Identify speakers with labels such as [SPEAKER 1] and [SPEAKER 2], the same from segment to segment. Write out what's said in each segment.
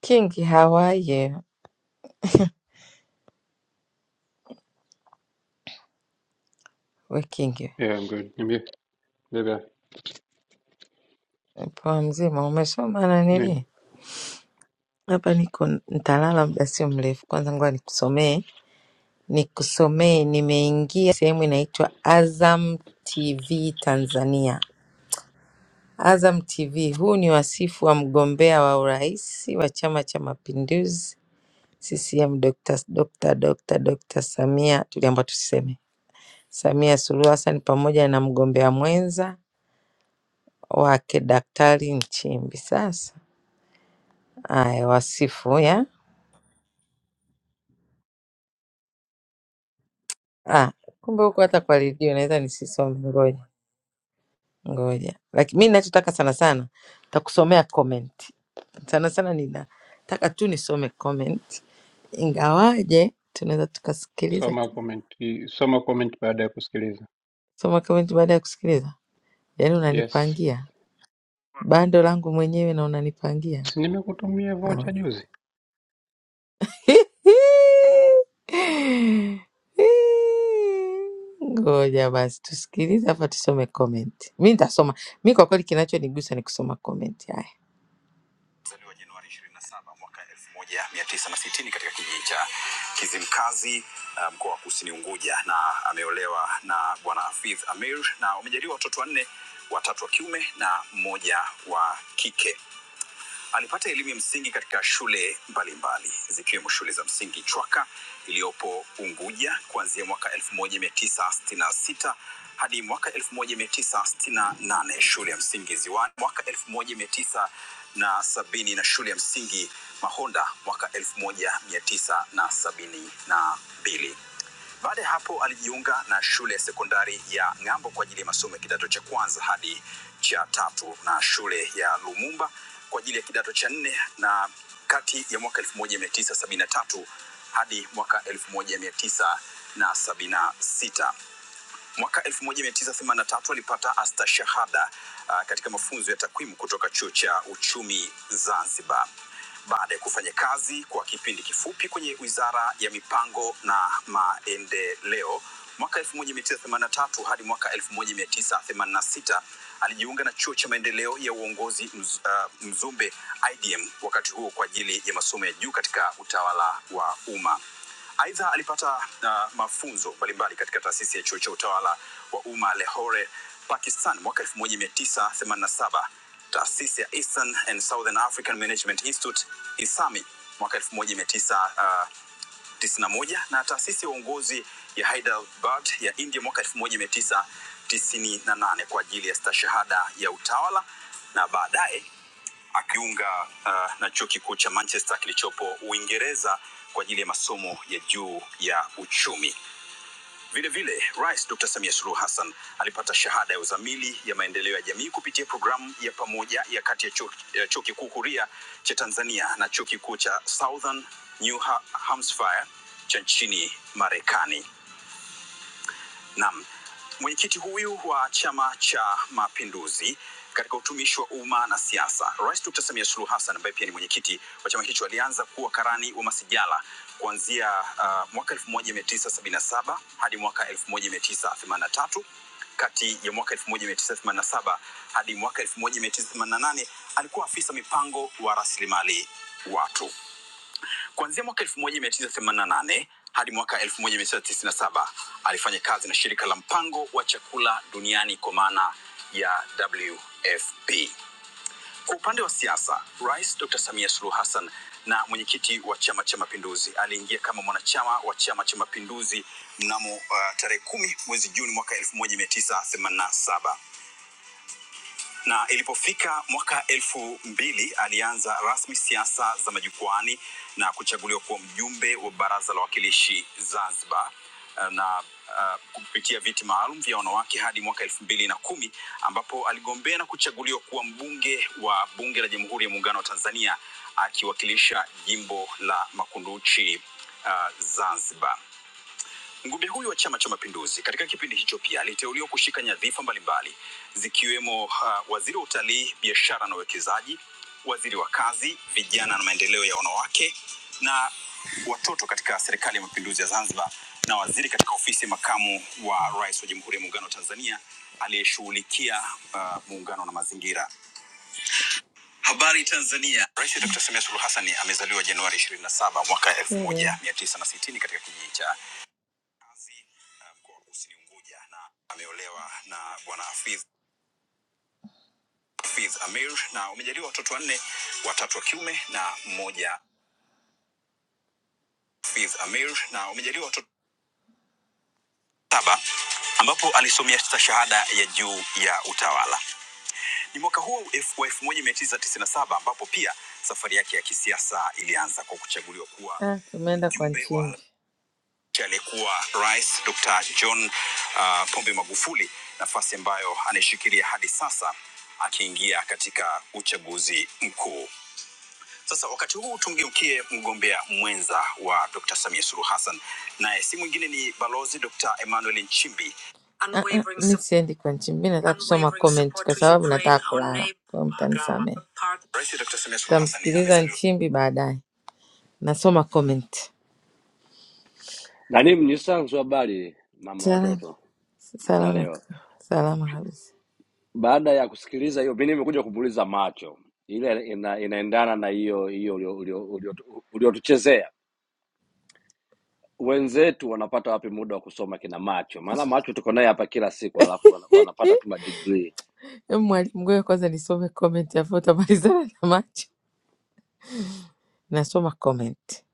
[SPEAKER 1] Kingi, how are you? We Kingi,
[SPEAKER 2] Yeah, I'm good. Niambie bebe
[SPEAKER 1] poa mzima, umesoma na
[SPEAKER 2] nini?
[SPEAKER 1] nini? Hapa niko nitalala muda sio mrefu. Kwanza ngoja nikusomee, nikusomee. Nimeingia sehemu inaitwa Azam TV Tanzania. Azam TV, huu ni wasifu wa mgombea wa urais wa Chama cha Mapinduzi CCM Dr. Dr. Dr. Dr. Samia, tuliambiwa tusiseme Samia Suluhu Hassan pamoja na mgombea mwenza wake Daktari Nchimbi. Sasa Aya, wasifu ya ah, kumbe huko hata kwa redio naweza nisisome. Ngoja ngoja, lakini mi nachotaka sana sana takusomea comment. Sana sana ninataka tu nisome comment, ingawaje tunaweza tukasikiliza
[SPEAKER 2] Soma
[SPEAKER 1] ki-
[SPEAKER 2] comment, soma comment baada ya kusikiliza.
[SPEAKER 1] soma comment baada ya kusikiliza. Yaani
[SPEAKER 2] Yes.
[SPEAKER 1] unanipangia bando langu mwenyewe na unanipangia
[SPEAKER 2] Si nimekutumia vocha juzi?
[SPEAKER 1] Ngoja basi tusikilize, afa tusome comment. Mi nitasoma mi, kwa kweli kinachonigusa ni kusoma comment. Haya, Alizaliwa Januari 27 mwaka 1960 katika kijiji cha Kizimkazi uh, mkoa wa Kusini Unguja, na ameolewa na bwana Hafidh Amir na wamejaliwa watoto wanne, watatu wa kiume na mmoja wa kike. Alipata elimu ya msingi katika shule mbalimbali zikiwemo shule za msingi Chwaka iliyopo Unguja kuanzia mwaka 1966 hadi mwaka 1968, shule ya msingi Ziwani mwaka 1970 na sabini na shule ya msingi Mahonda mwaka 1972. Baada ya hapo alijiunga na shule ya sekondari ya Ng'ambo kwa ajili ya masomo ya kidato cha kwanza hadi cha tatu na shule ya Lumumba kwa ajili ya kidato cha nne na kati ya mwaka 1973 hadi mwaka 1976. Mwaka 1983 alipata astashahada ah, katika mafunzo ya takwimu kutoka chuo cha uchumi Zanzibar. Baada ya kufanya kazi kwa kipindi kifupi kwenye wizara ya mipango na maendeleo mwaka 1983 hadi mwaka 1986 alijiunga na chuo cha maendeleo ya uongozi mz, uh, Mzumbe IDM, wakati huo kwa ajili ya masomo ya juu katika utawala wa umma. Aidha, alipata uh, mafunzo mbalimbali katika taasisi ya chuo cha utawala wa umma Lahore, Pakistan mwaka 1987, taasisi ya Eastern and Southern African Management Institute ISAMI mwaka 1991 na moja, na taasisi ya uongozi ya Hyderabad ya India mwaka 1998 kwa ajili ya stashahada ya utawala na baadaye akiunga uh, na chuo kikuu cha Manchester kilichopo Uingereza kwa ajili ya masomo ya juu ya uchumi. Vile vile Rais Dr. Samia Suluhu Hassan alipata shahada ya uzamili ya maendeleo ya jamii kupitia programu ya pamoja ya kati ya chuo ya chuo kikuu huria cha Tanzania na chuo kikuu cha Southern New Ha- Hampshire cha nchini Marekani. Naam, mwenyekiti huyu wa Chama cha Mapinduzi katika utumishi wa umma na siasa, Rais Dr. Samia Suluhu Hassan ambaye pia ni mwenyekiti wa chama hicho alianza kuwa karani wa masijala kuanzia uh, mwaka 1977 hadi mwaka 1983. Kati ya mwaka 1987 hadi mwaka 1988 alikuwa afisa mipango wa rasilimali watu. Kuanzia mwaka 1988 hadi mwaka 1997 alifanya kazi na shirika la mpango wa chakula duniani kwa maana ya WFP. Kwa upande wa siasa, Rais Dr. Samia Suluhu Hassan na mwenyekiti wa Chama cha Mapinduzi aliingia kama mwanachama wa Chama cha Mapinduzi mnamo uh, tarehe kumi mwezi Juni mwaka 1987 na ilipofika mwaka elfu mbili alianza rasmi siasa za majukwani na kuchaguliwa kuwa mjumbe wa baraza la wakilishi Zanzibar eh, na uh, kupitia viti maalum vya wanawake hadi mwaka elfu mbili na kumi ambapo aligombea na kuchaguliwa kuwa mbunge wa bunge la Jamhuri ya Muungano wa Tanzania akiwakilisha jimbo la Makunduchi uh, Zanzibar. Mgombea huyu wa Chama cha Mapinduzi katika kipindi hicho pia aliteuliwa kushika nyadhifa mbalimbali zikiwemo uh, waziri wa utalii, biashara na uwekezaji, waziri wa kazi, vijana na maendeleo ya wanawake na watoto katika serikali ya mapinduzi ya Zanzibar na waziri katika ofisi ya makamu wa rais wa Jamhuri ya Muungano wa Tanzania aliyeshughulikia uh, muungano na mazingira. Habari Tanzania. Rais Dr. Samia Suluhu Hassan amezaliwa Januari 27 mwaka 1960 katika kijiji cha Mkazi, uh, mkoa wa Kusini Unguja na ameolewa na bwana Hafidh Hafidh Amir na wamejaliwa watoto wanne, watatu wa kiume na mmoja Hafidh Amir na wamejaliwa watoto saba ambapo alisomea stashahada ya juu ya utawala. Ni mwaka huo elf- wa 1997 ambapo pia safari yake ya kisiasa ilianza kwa kuchaguliwa kuwa Ah, tumeenda kwa mjumbe wa- nchi. cha aliyekuwa rais Dr. John uh, Pombe Magufuli, nafasi ambayo anaishikilia hadi sasa akiingia katika uchaguzi mkuu. Sasa wakati huu tumgeukie mgombea mwenza wa Dr. Samia Suluhu Hassan, naye si mwingine ni balozi Dr. Emmanuel Nchimbi. Ah, ah, Mi siendi kwa Nchimbi, nataka kusoma comment kwa sababu nataka kulala, kwa mtanisamehe. Rais Dr. Samia Suluhu Hassan Tamsikiliza Nchimbi baadaye, nasoma comment.
[SPEAKER 3] Nanim Nyisanzu, habari mama
[SPEAKER 1] Salama,
[SPEAKER 3] watoto za
[SPEAKER 1] salama,
[SPEAKER 3] leo.
[SPEAKER 1] salama kabisa.
[SPEAKER 3] Baada ya kusikiliza hiyo, mimi nimekuja kupuliza macho ile ina, inaendana na hiyo hiyo ulio- ulio- ulio- uliotuchezea. Wenzetu wanapata wapi muda wa kusoma kina macho? Maana macho tuko naye hapa kila siku, alafu wana- wanapata tu madigrii.
[SPEAKER 1] Hebu mwalimu, ngoja kwanza nisome comment, alafu utamalizana na macho. Nasoma comment.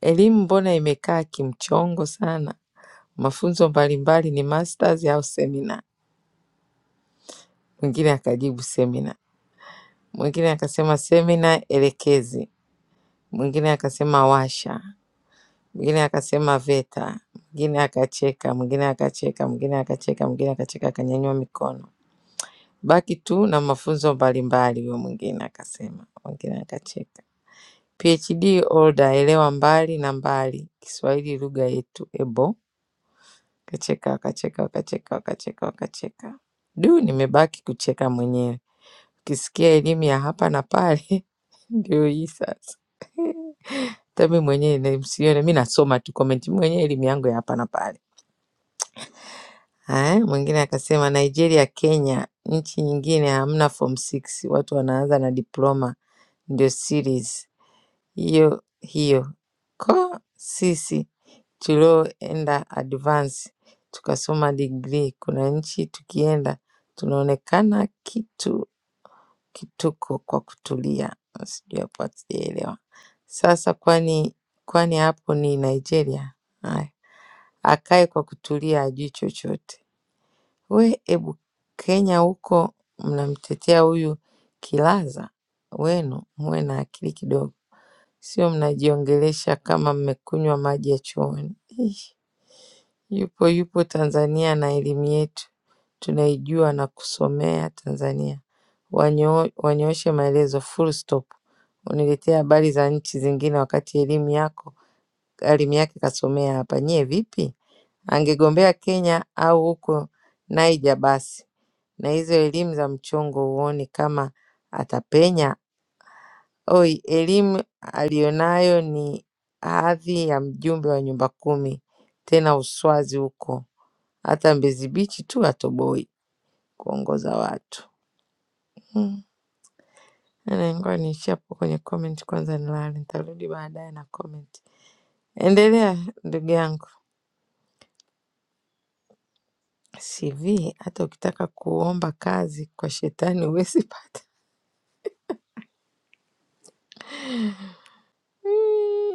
[SPEAKER 1] Elimu mbona imekaa kimchongo sana? Mafunzo mbalimbali ni masters au semina? Mwingine akajibu semina, mwingine akasema semina elekezi, mwingine akasema washa, mwingine akasema VETA, mwingine akacheka, mwingine akacheka, mwingine akacheka, mwingine akacheka, akanyanyua mikono. Baki tu na mafunzo mbalimbali, huyo mwingine akasema, mwingine akacheka. PhD holder elewa mbali na mbali Kiswahili lugha yetu ebo Kacheka wakacheka wakacheka wakacheka wakacheka. Du, nimebaki kucheka mwenyewe. Ukisikia elimu ya hapa na pale ndio hii sasa. Hata mi mwenyewe na- msione mi nasoma tu comment, mi mwenyewe elimu yangu ya hapa na pale. Haya, mwingine akasema Nigeria, Kenya, nchi nyingine hamna form 6 watu wanaanza na diploma ndio series. hiyo hiyo ko sisi tulioenda advance tukasoma degree, kuna nchi tukienda tunaonekana kitu kituko kwa kutulia. Sijui hapo hatujaelewa sasa. Kwani kwani hapo ni Nigeria? Haya, akae kwa kutulia, ajui chochote. We ebu Kenya huko mnamtetea huyu Kilaza, wenu muwe na akili kidogo sio mnajiongelesha kama mmekunywa maji ya chooni. Ih, Yupo yupo Tanzania na elimu yetu tunaijua na kusomea Tanzania. Wanyo, wanyooshe maelezo full stop. Uniletee habari za nchi zingine wakati elimu yako elimu yake kasomea hapa. Nyie vipi? Angegombea Kenya au huko Niger basi, na hizo elimu za mchongo huoni kama atapenya Oi elimu aliyonayo ni hadhi ya mjumbe wa nyumba kumi tena uswazi huko hata Mbezi Beach tu atoboi kuongoza watu hmm. Nene, Ngoja niishie hapo kwenye comment kwanza nilale, nitarudi baadaye na comment. Endelea ndugu yangu. CV hata ukitaka kuomba kazi kwa shetani huwezi pata.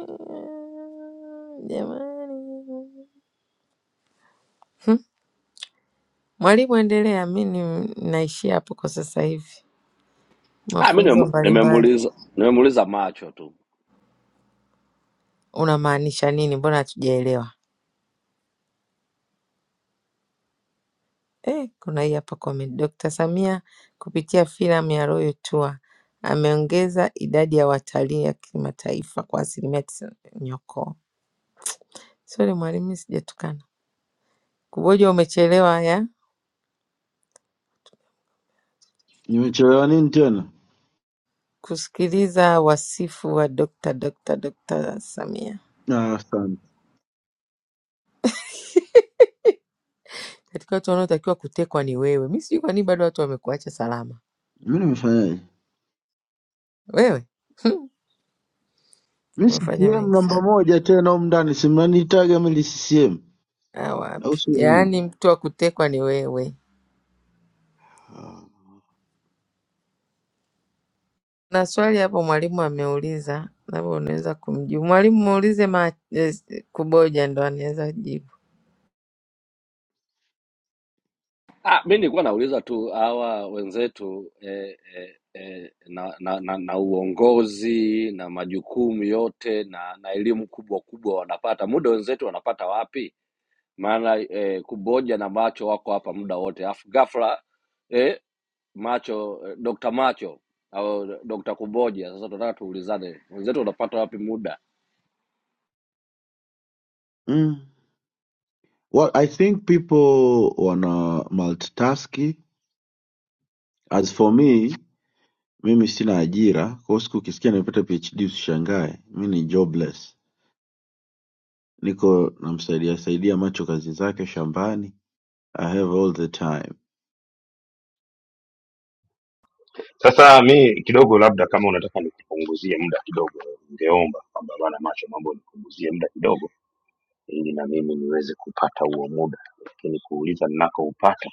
[SPEAKER 1] Jamani, mwalimu, endelea. Mi ni- naishia hapo kwa sasa hivi.
[SPEAKER 3] Ah, mi
[SPEAKER 1] Mafunzo
[SPEAKER 3] nimemu-
[SPEAKER 1] mbalimbali
[SPEAKER 3] nimemuuliza nimemuuliza macho tu.
[SPEAKER 1] unamaanisha nini? Mbona hatujaelewa? Eh, kuna hii hapa comment. Dr. Samia kupitia filamu ya Royal Tour ameongeza idadi ya watalii ya kimataifa kwa asilimia tisini. Nyoko sorry mwalimu, mimi sijatukana. Kuboja umechelewa ya
[SPEAKER 4] Nimechelewa nini tena?
[SPEAKER 1] kusikiliza wasifu wa Dr. Dr. Dr. Samia.
[SPEAKER 4] Ah, Asante.
[SPEAKER 1] Katika watu wanaotakiwa kutekwa ni wewe. Mimi sijui kwa nini bado watu wamekuacha salama.
[SPEAKER 4] Mi nimefanyaje?
[SPEAKER 1] Wewe
[SPEAKER 4] Mi
[SPEAKER 1] umefanya
[SPEAKER 4] CCM
[SPEAKER 1] mengi
[SPEAKER 4] namba
[SPEAKER 1] sana.
[SPEAKER 4] moja tena humu ndani, si mnanihitaga mimi ni CCM
[SPEAKER 1] Ah,
[SPEAKER 4] au
[SPEAKER 1] wapi?
[SPEAKER 4] sio nyinyi?
[SPEAKER 1] Yaani mtu wa kutekwa ni wewe.
[SPEAKER 4] Ah.
[SPEAKER 1] Kuna swali hapo mwalimu ameuliza, labda unaweza kumjibu. Mwalimu muulize ma, eh, Kuboja ndo anaweza jibu.
[SPEAKER 3] Ah, mi nilikuwa nauliza tu hawa wenzetu eh, eh, eh, na, na, na, na uongozi na majukumu yote na, na elimu kubwa kubwa wanapata muda, wenzetu wanapata wapi? Maana eh, kuboja na macho wako hapa muda wote, afu ghafla eh, macho eh, Dr. macho au Dr. kuboja. Sasa tunataka tuulizane, wenzetu wanapata wapi muda?
[SPEAKER 4] Mm. Well, I think people wana multitask. As for me, mimi sina ajira, kwa hiyo siku ukisikia nimepata PhD usishangae, mi ni jobless. Niko namsaidia saidia macho kazi zake shambani. I have all the time.
[SPEAKER 5] Sasa mi kidogo, labda kama unataka nikupunguzie muda kidogo, ningeomba kwamba bana macho, mambo nipunguzie muda kidogo, ili na mimi niweze kupata huo muda, lakini kuuliza ninakoupata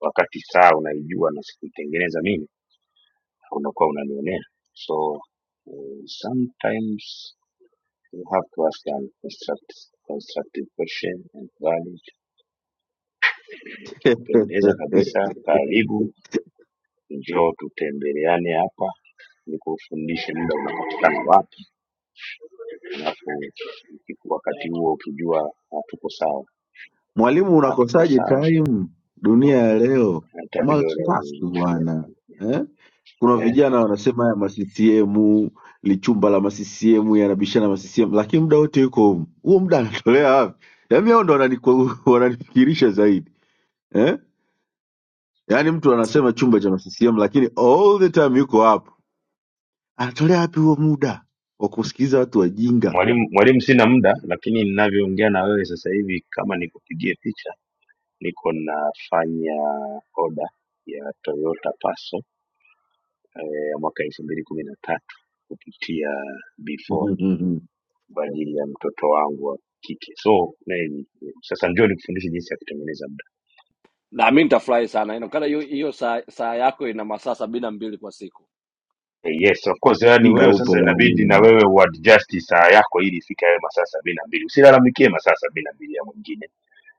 [SPEAKER 5] wakati saa unaijua na sikuitengeneza mimi, unakuwa unanionea. So uh, sometimes you have to ask an construct- constructive question and valid. Kupendeza kabisa, karibu, njoo tutembeleane hapa, nikufundishe muda unapatikana wapi Alafu wakati huo ukijua hatuko sawa,
[SPEAKER 4] Mwalimu
[SPEAKER 5] hatuko
[SPEAKER 4] unakosaje
[SPEAKER 5] sawa,
[SPEAKER 4] time? Dunia ya leo
[SPEAKER 5] hata vidole
[SPEAKER 4] multitask
[SPEAKER 5] haviingiliani.
[SPEAKER 4] bwana eh? Kuna
[SPEAKER 5] eh.
[SPEAKER 4] vijana wanasema haya maccm lichumba la maccm yanabishana maccm, lakini muda wote yuko humu. huo muda anatolea wapi? Yaani hao ndo wanani- wananifikirisha zaidi eh? Yaani mtu anasema chumba cha maccm, lakini all the time yuko hapo, anatolea wapi huo muda wa kusikiliza watu wajinga?
[SPEAKER 5] Mwalimu, mwalimu, sina muda, lakini ninavyoongea na wewe sasa hivi, kama nikupigie picha, niko nafanya oda ya Toyota Passo eh, ya mwaka elfu mbili kumi na tatu kupitia Beford kwa ajili ya mtoto wangu wa kike. So na- sasa njoo nikufundishe jinsi ya kutengeneza
[SPEAKER 3] Na mi nitafurahi sana inaonekana hiyo hiyo saa, saa yako ina masaa sabini na mbili kwa siku.
[SPEAKER 5] Yes, of course. Yani
[SPEAKER 4] muda
[SPEAKER 5] wewe
[SPEAKER 4] upo
[SPEAKER 5] sasa inabidi na
[SPEAKER 4] mwalimu.
[SPEAKER 5] wewe uadjust saa yako ili ifike hayo masaa sabini na mbili. Usilalamikie masaa sabini na mbili ya mwingine.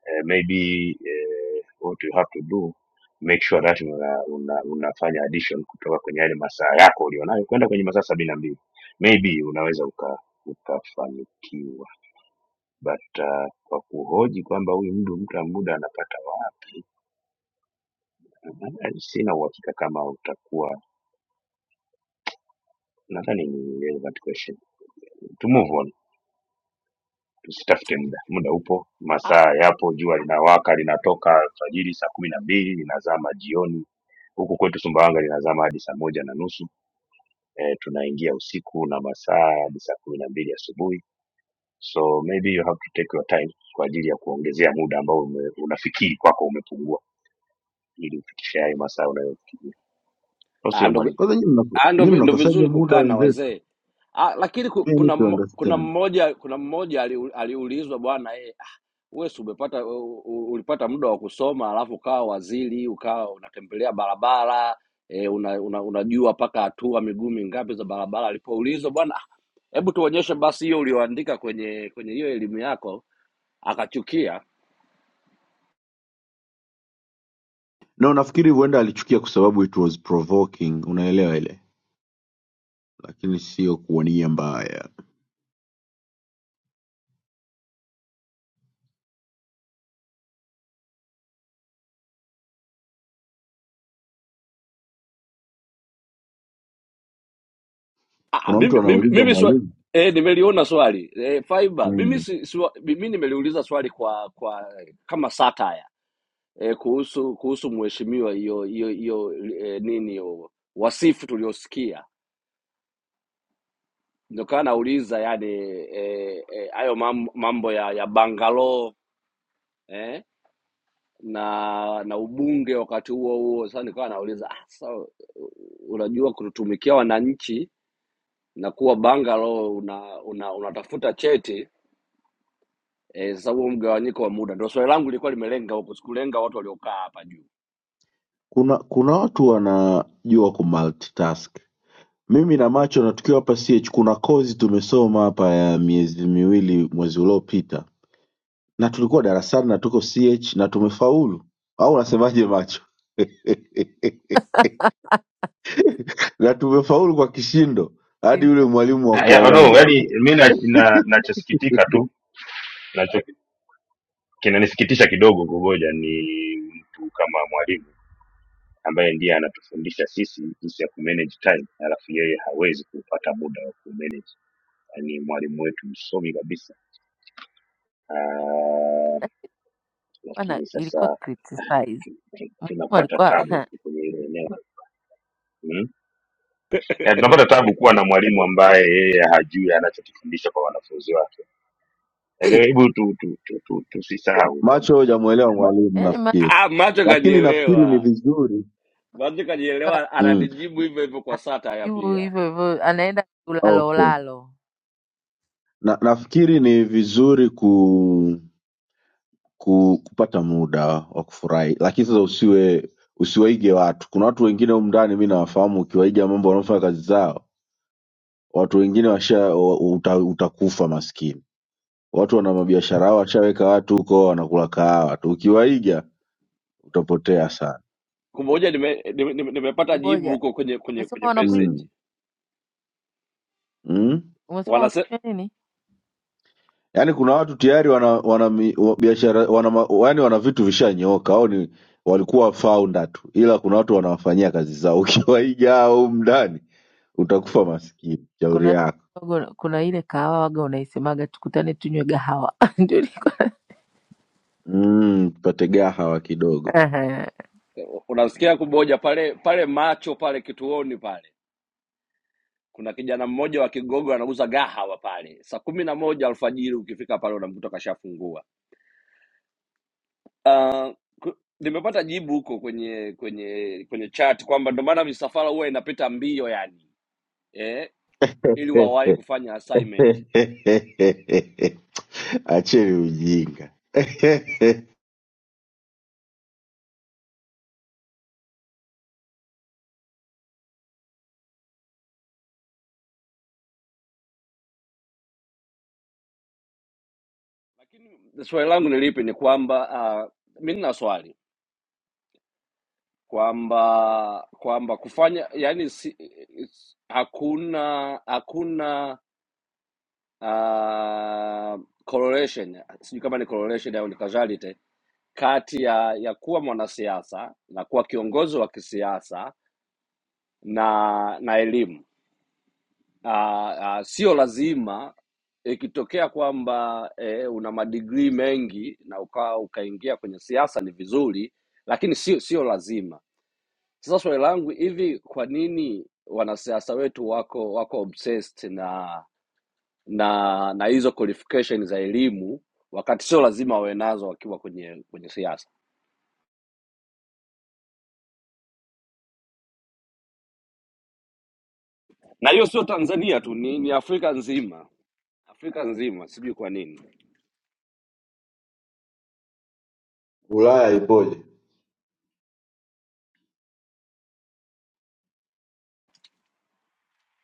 [SPEAKER 5] Eh, maybe eh, what you have to do make sure that una, una, unafanya addition kutoka kwenye yale masaa yako ulionayo kwenda kwenye masaa sabini na mbili. Maybe unaweza uka ukafanikiwa, but uh, kwa kuhoji kwamba huyu mdu mtu muda anapata wapi, eh, sina uhakika kama utakuwa, nadhani ni relevant question to move on. Tusitafute muda, muda upo,
[SPEAKER 3] Ah,
[SPEAKER 5] masaa yapo, jua linawaka, linatoka alfajiri saa kumi na mbili linazama jioni. Huku kwetu Sumbawanga linazama hadi saa moja na nusu eh, tunaingia usiku na masaa hadi saa kumi na mbili asubuhi. So maybe you have to take your time kwa ajili ya kuongezea muda ambao ume, unafikiri kwako umepungua ili ufikishe hayo masaa unayofikiria, au
[SPEAKER 3] ah,
[SPEAKER 5] sio
[SPEAKER 3] ndo
[SPEAKER 5] mwalimu?
[SPEAKER 4] Kwanza nyinyi mnako-
[SPEAKER 3] Ah, ndo
[SPEAKER 4] nyinyi
[SPEAKER 3] vi- ndo
[SPEAKER 4] mnakosaje
[SPEAKER 3] vizuri
[SPEAKER 4] muda
[SPEAKER 3] kukaa na
[SPEAKER 4] wenzetu?
[SPEAKER 3] wazee Ah, lakini ku-
[SPEAKER 4] Yeah, I
[SPEAKER 3] kuna
[SPEAKER 4] need to
[SPEAKER 3] mmo- kuna
[SPEAKER 4] understand.
[SPEAKER 3] mmoja kuna mmoja aliu- aliulizwa bwana eh, ah, wewe si umepata u- u- ulipata muda wa kusoma alafu ukawa waziri ukawa unatembelea barabara eh, una, una, unajua mpaka hatua miguu mingapi za barabara alipoulizwa bwana ah, hebu tuonyeshe basi hiyo ulioandika kwenye kwenye hiyo elimu yako akachukia
[SPEAKER 4] No, nafikiri huenda alichukia kwa sababu it was provoking, unaelewa ile, lakini sio kwa nia mbaya.
[SPEAKER 3] Ah, ah,
[SPEAKER 4] Kuna mtu
[SPEAKER 3] mimi mimi,
[SPEAKER 4] anauliza
[SPEAKER 3] mimi swa,
[SPEAKER 4] mwalimu.
[SPEAKER 3] eh, nimeliona swali eh, fiber mimi
[SPEAKER 4] Mm.
[SPEAKER 3] si, swa, mimi nimeliuliza swali kwa kwa kama satire eh, kuhusu kuhusu mheshimiwa hiyo hiyo hiyo eh, nini hiyo wasifu tuliosikia ndio kana nauliza yani eh, eh, hayo mam- mambo ya ya bangalo eh, na na ubunge wakati huo huo sasa nikawa nauliza ah, sasa unajua kututumikia wananchi na kuwa bangalo una, una, unatafuta cheti eh, sasa huo mgawanyiko wa muda ndio swali langu lilikuwa limelenga huko, sikulenga watu waliokaa hapa juu.
[SPEAKER 4] Kuna kuna watu wanajua ku multitask. Mimi na macho na tukiwa hapa CH kuna kozi tumesoma hapa ya miezi miwili mwezi uliopita na tulikuwa darasani na tuko CH na tumefaulu. Au unasemaje macho? na tumefaulu kwa kishindo
[SPEAKER 1] Si
[SPEAKER 4] hadi yule
[SPEAKER 1] ndio?
[SPEAKER 4] mwalimu
[SPEAKER 5] Ah, ya- No,
[SPEAKER 4] wa
[SPEAKER 5] yani mi na- na- nachosikitika tu nacho kinanisikitisha kidogo kungoja ni mtu kama mwalimu ambaye ndiye anatufundisha sisi jinsi ya kumanage time, alafu yeye hawezi kupata muda wa kumanage. Ni mwalimu wetu msomi kabisa Ah,
[SPEAKER 1] Eh, Bwana,
[SPEAKER 5] lakini
[SPEAKER 1] ilikuwa
[SPEAKER 5] sasa
[SPEAKER 1] criticize.
[SPEAKER 5] tu- tu-
[SPEAKER 1] Mwalimu
[SPEAKER 5] tunapata
[SPEAKER 1] alikuwa
[SPEAKER 5] tabu tu kwenye hilo eneo mm? Eh, tunapata tabu kuwa na mwalimu ambaye yeye hajui anachokifundisha kwa wanafunzi wake. Eh, Hebu tusisahau tu, tu, tu, tu, tusisahau
[SPEAKER 4] macho
[SPEAKER 5] kwamba
[SPEAKER 4] hujamuelewa mwalimu
[SPEAKER 1] yaani macho
[SPEAKER 4] nafikiri
[SPEAKER 3] Ah, macho
[SPEAKER 4] lakini nafikiri ni
[SPEAKER 3] kanielewa,
[SPEAKER 4] vizuri
[SPEAKER 3] macho kanielewa,
[SPEAKER 4] mm,
[SPEAKER 3] ananijibu hivyo hivyo kwa satire
[SPEAKER 1] anajibu
[SPEAKER 3] pia.
[SPEAKER 1] hivyo hivyo, anaenda
[SPEAKER 4] okay
[SPEAKER 1] ulalolalo.
[SPEAKER 4] na, nafikiri ni vizuri ku, ku kupata muda wa kufurahi lakini sasa usiwe usiwaige watu kuna watu wengine humu ndani mi nawafahamu ukiwaiga mambo wanaofanya kazi zao watu wengine washa wa- uta, utakufa maskini watu wana mabiashara yao washaweka watu huko wanakula kahawa tu ukiwaiga utapotea sana
[SPEAKER 3] Kumoja nimepata nime, nime nimepata jibu
[SPEAKER 1] Kuboja
[SPEAKER 3] huko kwenye kwenye
[SPEAKER 1] umesema
[SPEAKER 3] kwenye
[SPEAKER 1] wanakunywa,
[SPEAKER 3] message
[SPEAKER 4] mm. Mm?
[SPEAKER 1] umesema
[SPEAKER 3] wanase
[SPEAKER 1] wanakunywa nini?
[SPEAKER 4] Yaani kuna watu tayari wana wana mi- wa- biashara wana ma- yaani wana vitu vishanyooka au ni walikuwa founder tu, ila kuna watu wanawafanyia kazi zao. Ukiwaiga au mndani utakufa maskini. Shauri
[SPEAKER 1] Kuna
[SPEAKER 4] yako
[SPEAKER 1] kuna ile kahawa waga unaisemaga tukutane tunywe gahawa ndio ilikuwa.
[SPEAKER 4] mm, tupate gahawa kidogo.
[SPEAKER 1] Ehe,
[SPEAKER 3] unasikia kumoja pale pale macho pale kituoni pale kuna kijana mmoja wa Kigogo anauza gahawa pale, saa kumi na moja alfajiri ukifika pale unamkuta kashafungua. Uh, ku- nimepata jibu huko kwenye kwenye kwenye chat kwamba ndo maana misafara huwa inapita mbio yani eh, ili wawahi kufanya assignment.
[SPEAKER 4] Acheni ujinga.
[SPEAKER 3] Lakini swali langu ni lipi? Ni kwamba uh, mi nina swali kwamba kwamba kufanya yani si, is- hakuna hakuna uh, correlation sijui kama ni correlation au ni causality kati ya ya kuwa mwanasiasa na kuwa kiongozi wa kisiasa na na elimu. Ah, ah, Sio lazima ikitokea kwamba eh, una madigrii mengi na ukawa ukaingia kwenye siasa ni vizuri, lakini sio sio lazima. Sasa swali langu hivi, kwa nini wanasiasa wetu wako wako obsessed na na na hizo qualification za elimu wakati sio lazima wawe nazo wakiwa kwenye kwenye siasa? Na hiyo sio Tanzania tu, ni, ni Afrika nzima, Afrika nzima, sijui kwa nini.
[SPEAKER 4] Ulaya ipoje?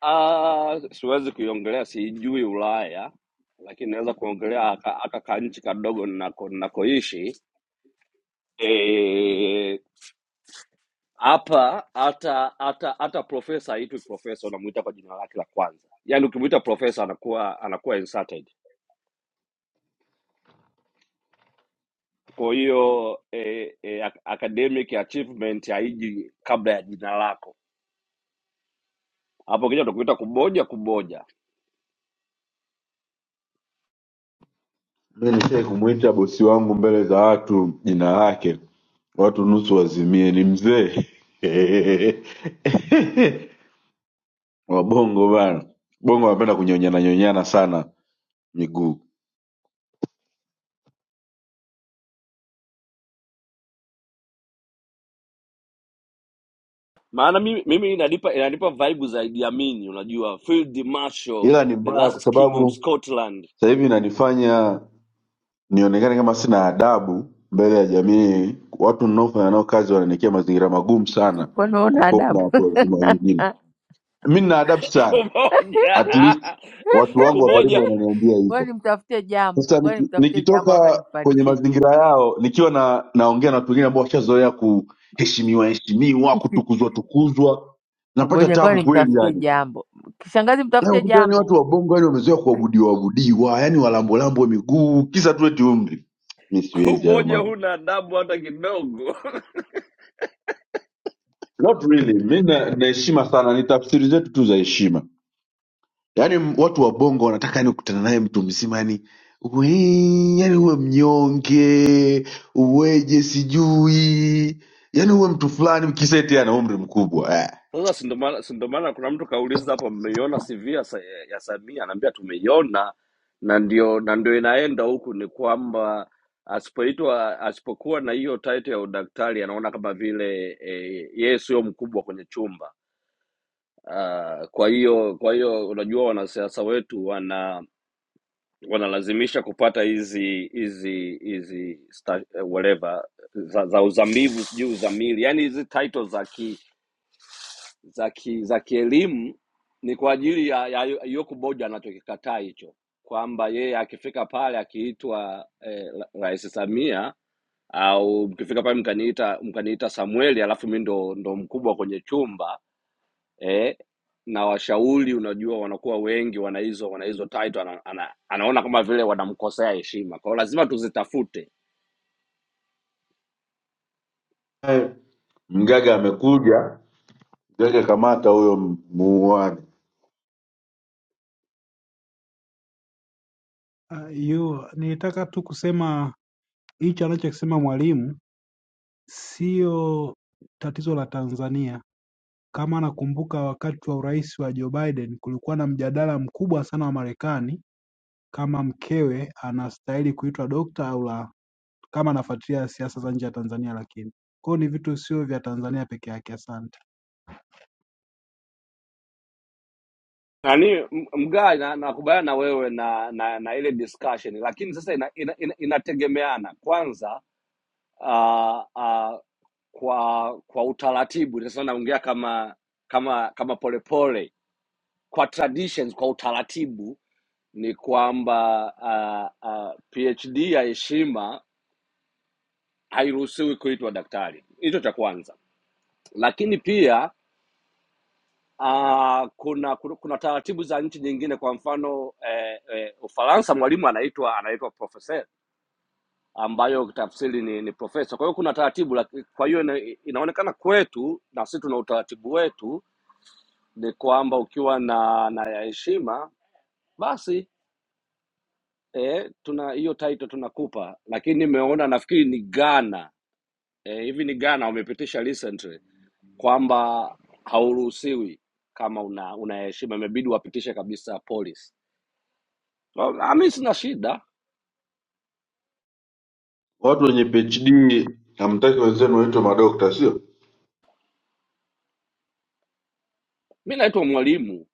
[SPEAKER 3] Ah, siwezi kuiongelea, siijui Ulaya, lakini naweza kuongelea aka aka kanchi kadogo ninako ninakoishi. Eh, hapa hata hata hata profesa haitwi profesa, unamuita kwa jina lake la kwanza. Yaani ukimuita profesa anakuwa anakuwa insulted. Kwa hiyo eh, eh, ac- academic achievement haiji kabla ya jina lako. Hapo kija utakuita kuboja kuboja.
[SPEAKER 4] Mi nishai kumwita bosi wangu mbele za watu jina lake, watu nusu wazimie, ni mzee Wabongo bana, Bongo wanapenda kunyonyana nyonyana sana miguu,
[SPEAKER 3] maana mimi, mimi inanipa inanipa vibe za Idi Amin, unajua Field Marshal
[SPEAKER 4] ila ni
[SPEAKER 3] the
[SPEAKER 4] mbaya kwa
[SPEAKER 3] last king of
[SPEAKER 4] sababu
[SPEAKER 3] Scotland.
[SPEAKER 4] sasa hivi inanifanya nionekane kama sina adabu mbele ya jamii. Watu ninaofanya nao kazi wananiwekea mazingira magumu sana
[SPEAKER 1] kwani unaona
[SPEAKER 4] kukopa na
[SPEAKER 1] adabu?
[SPEAKER 4] watu wazima wengine. Mi nina adabu sana,
[SPEAKER 3] Kumoja
[SPEAKER 4] at least watu wangu wa karibu
[SPEAKER 3] kumoja
[SPEAKER 4] wananiambia
[SPEAKER 1] Ngoja
[SPEAKER 4] hivyo.
[SPEAKER 1] nimtafutie jambo,
[SPEAKER 4] Sasa
[SPEAKER 1] ngoja
[SPEAKER 4] niki-
[SPEAKER 1] nimtafutie jambo hapa
[SPEAKER 4] nikitoka kwenye
[SPEAKER 1] nimpandishe juu.
[SPEAKER 4] mazingira yao nikiwa na naongea na watu wengine ambao washazoea kuheshimiwa heshimiwa, kutukuzwa tukuzwa, napata
[SPEAKER 1] Kuboja, ngoja
[SPEAKER 4] tabu kweli
[SPEAKER 1] nimtafutie
[SPEAKER 4] yani
[SPEAKER 1] jambo. Kishangazi,
[SPEAKER 4] Na
[SPEAKER 1] mtafute
[SPEAKER 4] ukuta yani
[SPEAKER 1] jambo.
[SPEAKER 4] watu wa bongo yani wamezoea kuabudiwa abudiwa, yani walambolambo miguu, kisa tu eti umri. Mi siwezi hayo
[SPEAKER 3] kumoja,
[SPEAKER 4] mambo,
[SPEAKER 3] huna adabu hata kidogo.
[SPEAKER 4] not really. Mi na- naheshima sana, ni tafsiri zetu tu za heshima. Yani m- watu wa bongo wanataka yani kukutana naye mtu mzima yani we, yani uwe mnyonge uweje, sijui yani uwe mtu fulani, kisa eti ana umri mkubwa eh.
[SPEAKER 3] Sasa si ndo maana si ndo maana kuna mtu kauliza hapo, mmeiona CV ya, Sa- ya Samia? Anaambia tumeiona, na ndio na ndio inaenda huku, ni kwamba asipoitwa asipokuwa na hiyo title ya udaktari anaona kama vile eh, yeye sio mkubwa kwenye chumba Uh, kwa hiyo kwa hiyo unajua wanasiasa wetu wana wanalazimisha kupata hizi hizi hizi sta- eh, whatever za, za uzamivu sijui uzamili, yani hizi titles za ki za ki, za kielimu ni kwa ajili ya, ya Yoku Boja anachokikataa hicho kwamba yeye akifika pale akiitwa eh, ra- Rais Samia au mkifika pale mkaniita mkaniita Samueli alafu mi ndo, ndo mkubwa kwenye chumba eh, na washauri unajua wanakuwa wengi wana hizo wana hizo title ana, ana, anaona kama vile wanamkosea heshima kwao lazima tuzitafute
[SPEAKER 4] Eh, Mgaga amekuja, mgaga kamata huyo m- muuane.
[SPEAKER 6] Uh, yu, nilitaka tu kusema hicho anachokisema mwalimu sio tatizo la Tanzania. Kama nakumbuka wakati wa urais wa Joe Biden kulikuwa na mjadala mkubwa sana wa Marekani kama mkewe anastahili kuitwa dokta au la, kama anafuatilia siasa za nje ya Tanzania, lakini kwao ni vitu sio vya Tanzania peke yake. Asante.
[SPEAKER 3] nani m- mgaa na- nakubaliana na wewe na, na na ile discussion lakini sasa ina, ina, ina, inategemeana kwanza uh, uh, kwa kwa utaratibu sasa naongea kama kama kama polepole kwa traditions kwa utaratibu ni kwamba uh, uh, phd ya heshima hairuhusiwi kuitwa daktari hicho cha kwanza lakini pia Uh, kuna, kuna kuna taratibu za nchi nyingine, kwa mfano eh, eh, Ufaransa mwalimu anaitwa anaitwa professeur ambayo tafsiri ni, ni profesa. Kwa hiyo kuna taratibu, laki- kwa hiyo ina, inaonekana kwetu na sisi tuna utaratibu wetu ni kwamba ukiwa na na ya heshima basi eh, tuna hiyo title tunakupa, lakini nimeona nafikiri ni Ghana eh, hivi ni Ghana wamepitisha recently kwamba hauruhusiwi kama una una heshima, imebidi wapitishe kabisa polisi Mi sina shida,
[SPEAKER 4] Watu wenye PhD hamtaki wenzenu waitwe madokta, sio?
[SPEAKER 3] mi naitwa mwalimu,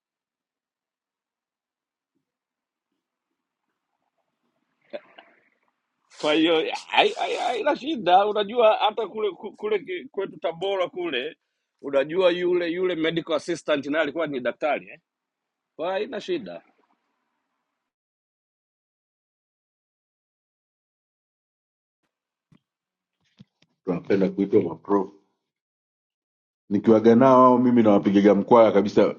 [SPEAKER 3] kwa hiyo hai- hai- haina shida. Unajua hata kule ku- kule ki- kwetu Tabora kule, unajua yule yule medical assistant naye alikuwa ni daktari eh? Kwa hiyo haina shida.
[SPEAKER 4] Tunapenda kuitwa maprof. Nikiwaga nao hao, mimi nawapigaga mkwaya kabisa,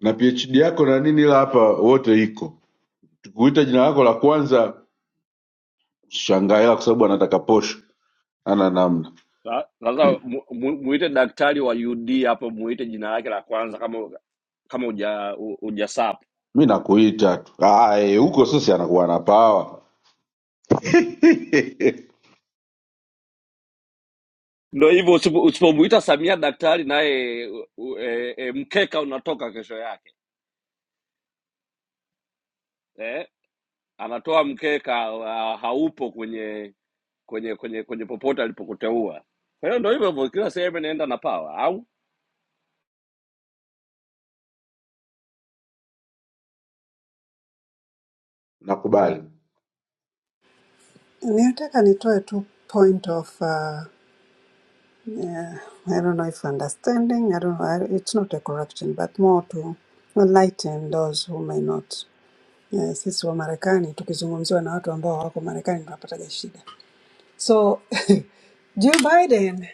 [SPEAKER 4] na PhD yako na nini, ila hapa wote iko. Tukuita jina lako la kwanza shangaa, ila kwa sababu anataka posho, ana namna.
[SPEAKER 3] Sa- Sasa mu- mu- muite daktari wa UD hapo, muite jina lake la kwanza kama kama uja u- hujasap.
[SPEAKER 4] Mi nakuita tu Ah, eh, huko sisi anakuwa na pawa.
[SPEAKER 3] Ndo hivyo, usipo- usipomuita Samia daktari naye u- u- e, e, mkeka unatoka kesho yake eh? Anatoa mkeka ha- haupo kwenye kwenye kwenye kwenye popote alipokuteua. Kwa hiyo ndo hivyo hivyo, kila sehemu inaenda na pawa au
[SPEAKER 4] Nakubali.
[SPEAKER 7] Nilitaka nitoe tu point of uh, yeah, I don't know if understanding, I don't know, I- it's not a correction but more to enlighten those who may not. Yeah, sisi wa Marekani tukizungumziwa na watu ambao hawako Marekani tunapataga shida. So Joe Biden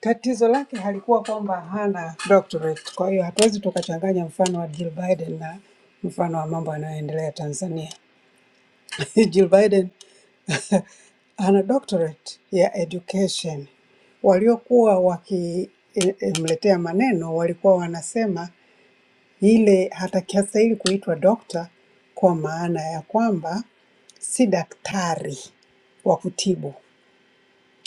[SPEAKER 7] tatizo lake halikuwa kwamba hana doctorate. Kwa hiyo hatuwezi tukachanganya mfano wa Jill Biden na mfano wa mambo yanayoendelea Tanzania. Jill Biden ana doctorate ya education. Waliokuwa wakimletea maneno walikuwa wanasema ile hatastahili kuitwa dokta, kwa maana ya kwamba si daktari wa kutibu,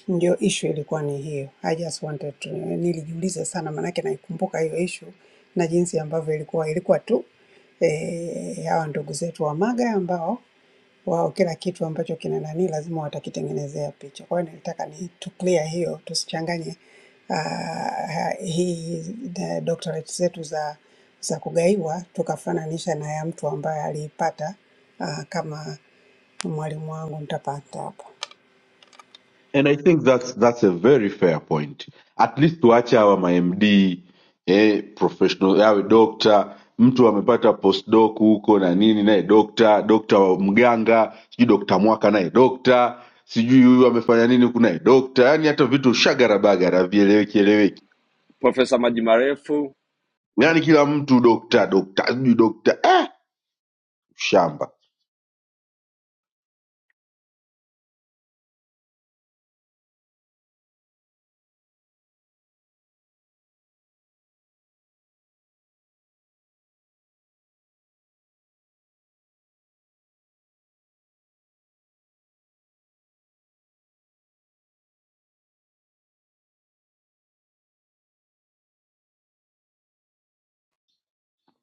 [SPEAKER 7] ndio issue ilikuwa ni hiyo. I just wanted to, nilijiuliza sana maanake naikumbuka hiyo issue na jinsi ambavyo ilikuwa ilikuwa tu eh, hawa ndugu zetu wa MAGA ambao wao kila kitu ambacho kina nani lazima watakitengenezea picha. Kwa hiyo nilitaka ni to clear hiyo, tusichanganye ah, hii the doctorate zetu za za kugaiwa tukafananisha na ya mtu ambaye aliipata ah, kama mwalimu wangu nitapata hapa.
[SPEAKER 4] And I think that's that's a very fair point. At least tuache hawa mamd eh, professional awe dokta, mtu amepata postdoc huko na nini, naye dokta, dokta wa mganga, sijui dokta mwaka naye dokta, sijui huyu amefanya nini huku naye dokta. Yani hata vitu shagarabagara havieleweki eleweki,
[SPEAKER 3] Profesa Maji Marefu
[SPEAKER 4] yani kila mtu dokta dokta sijui dokta eh, shamba.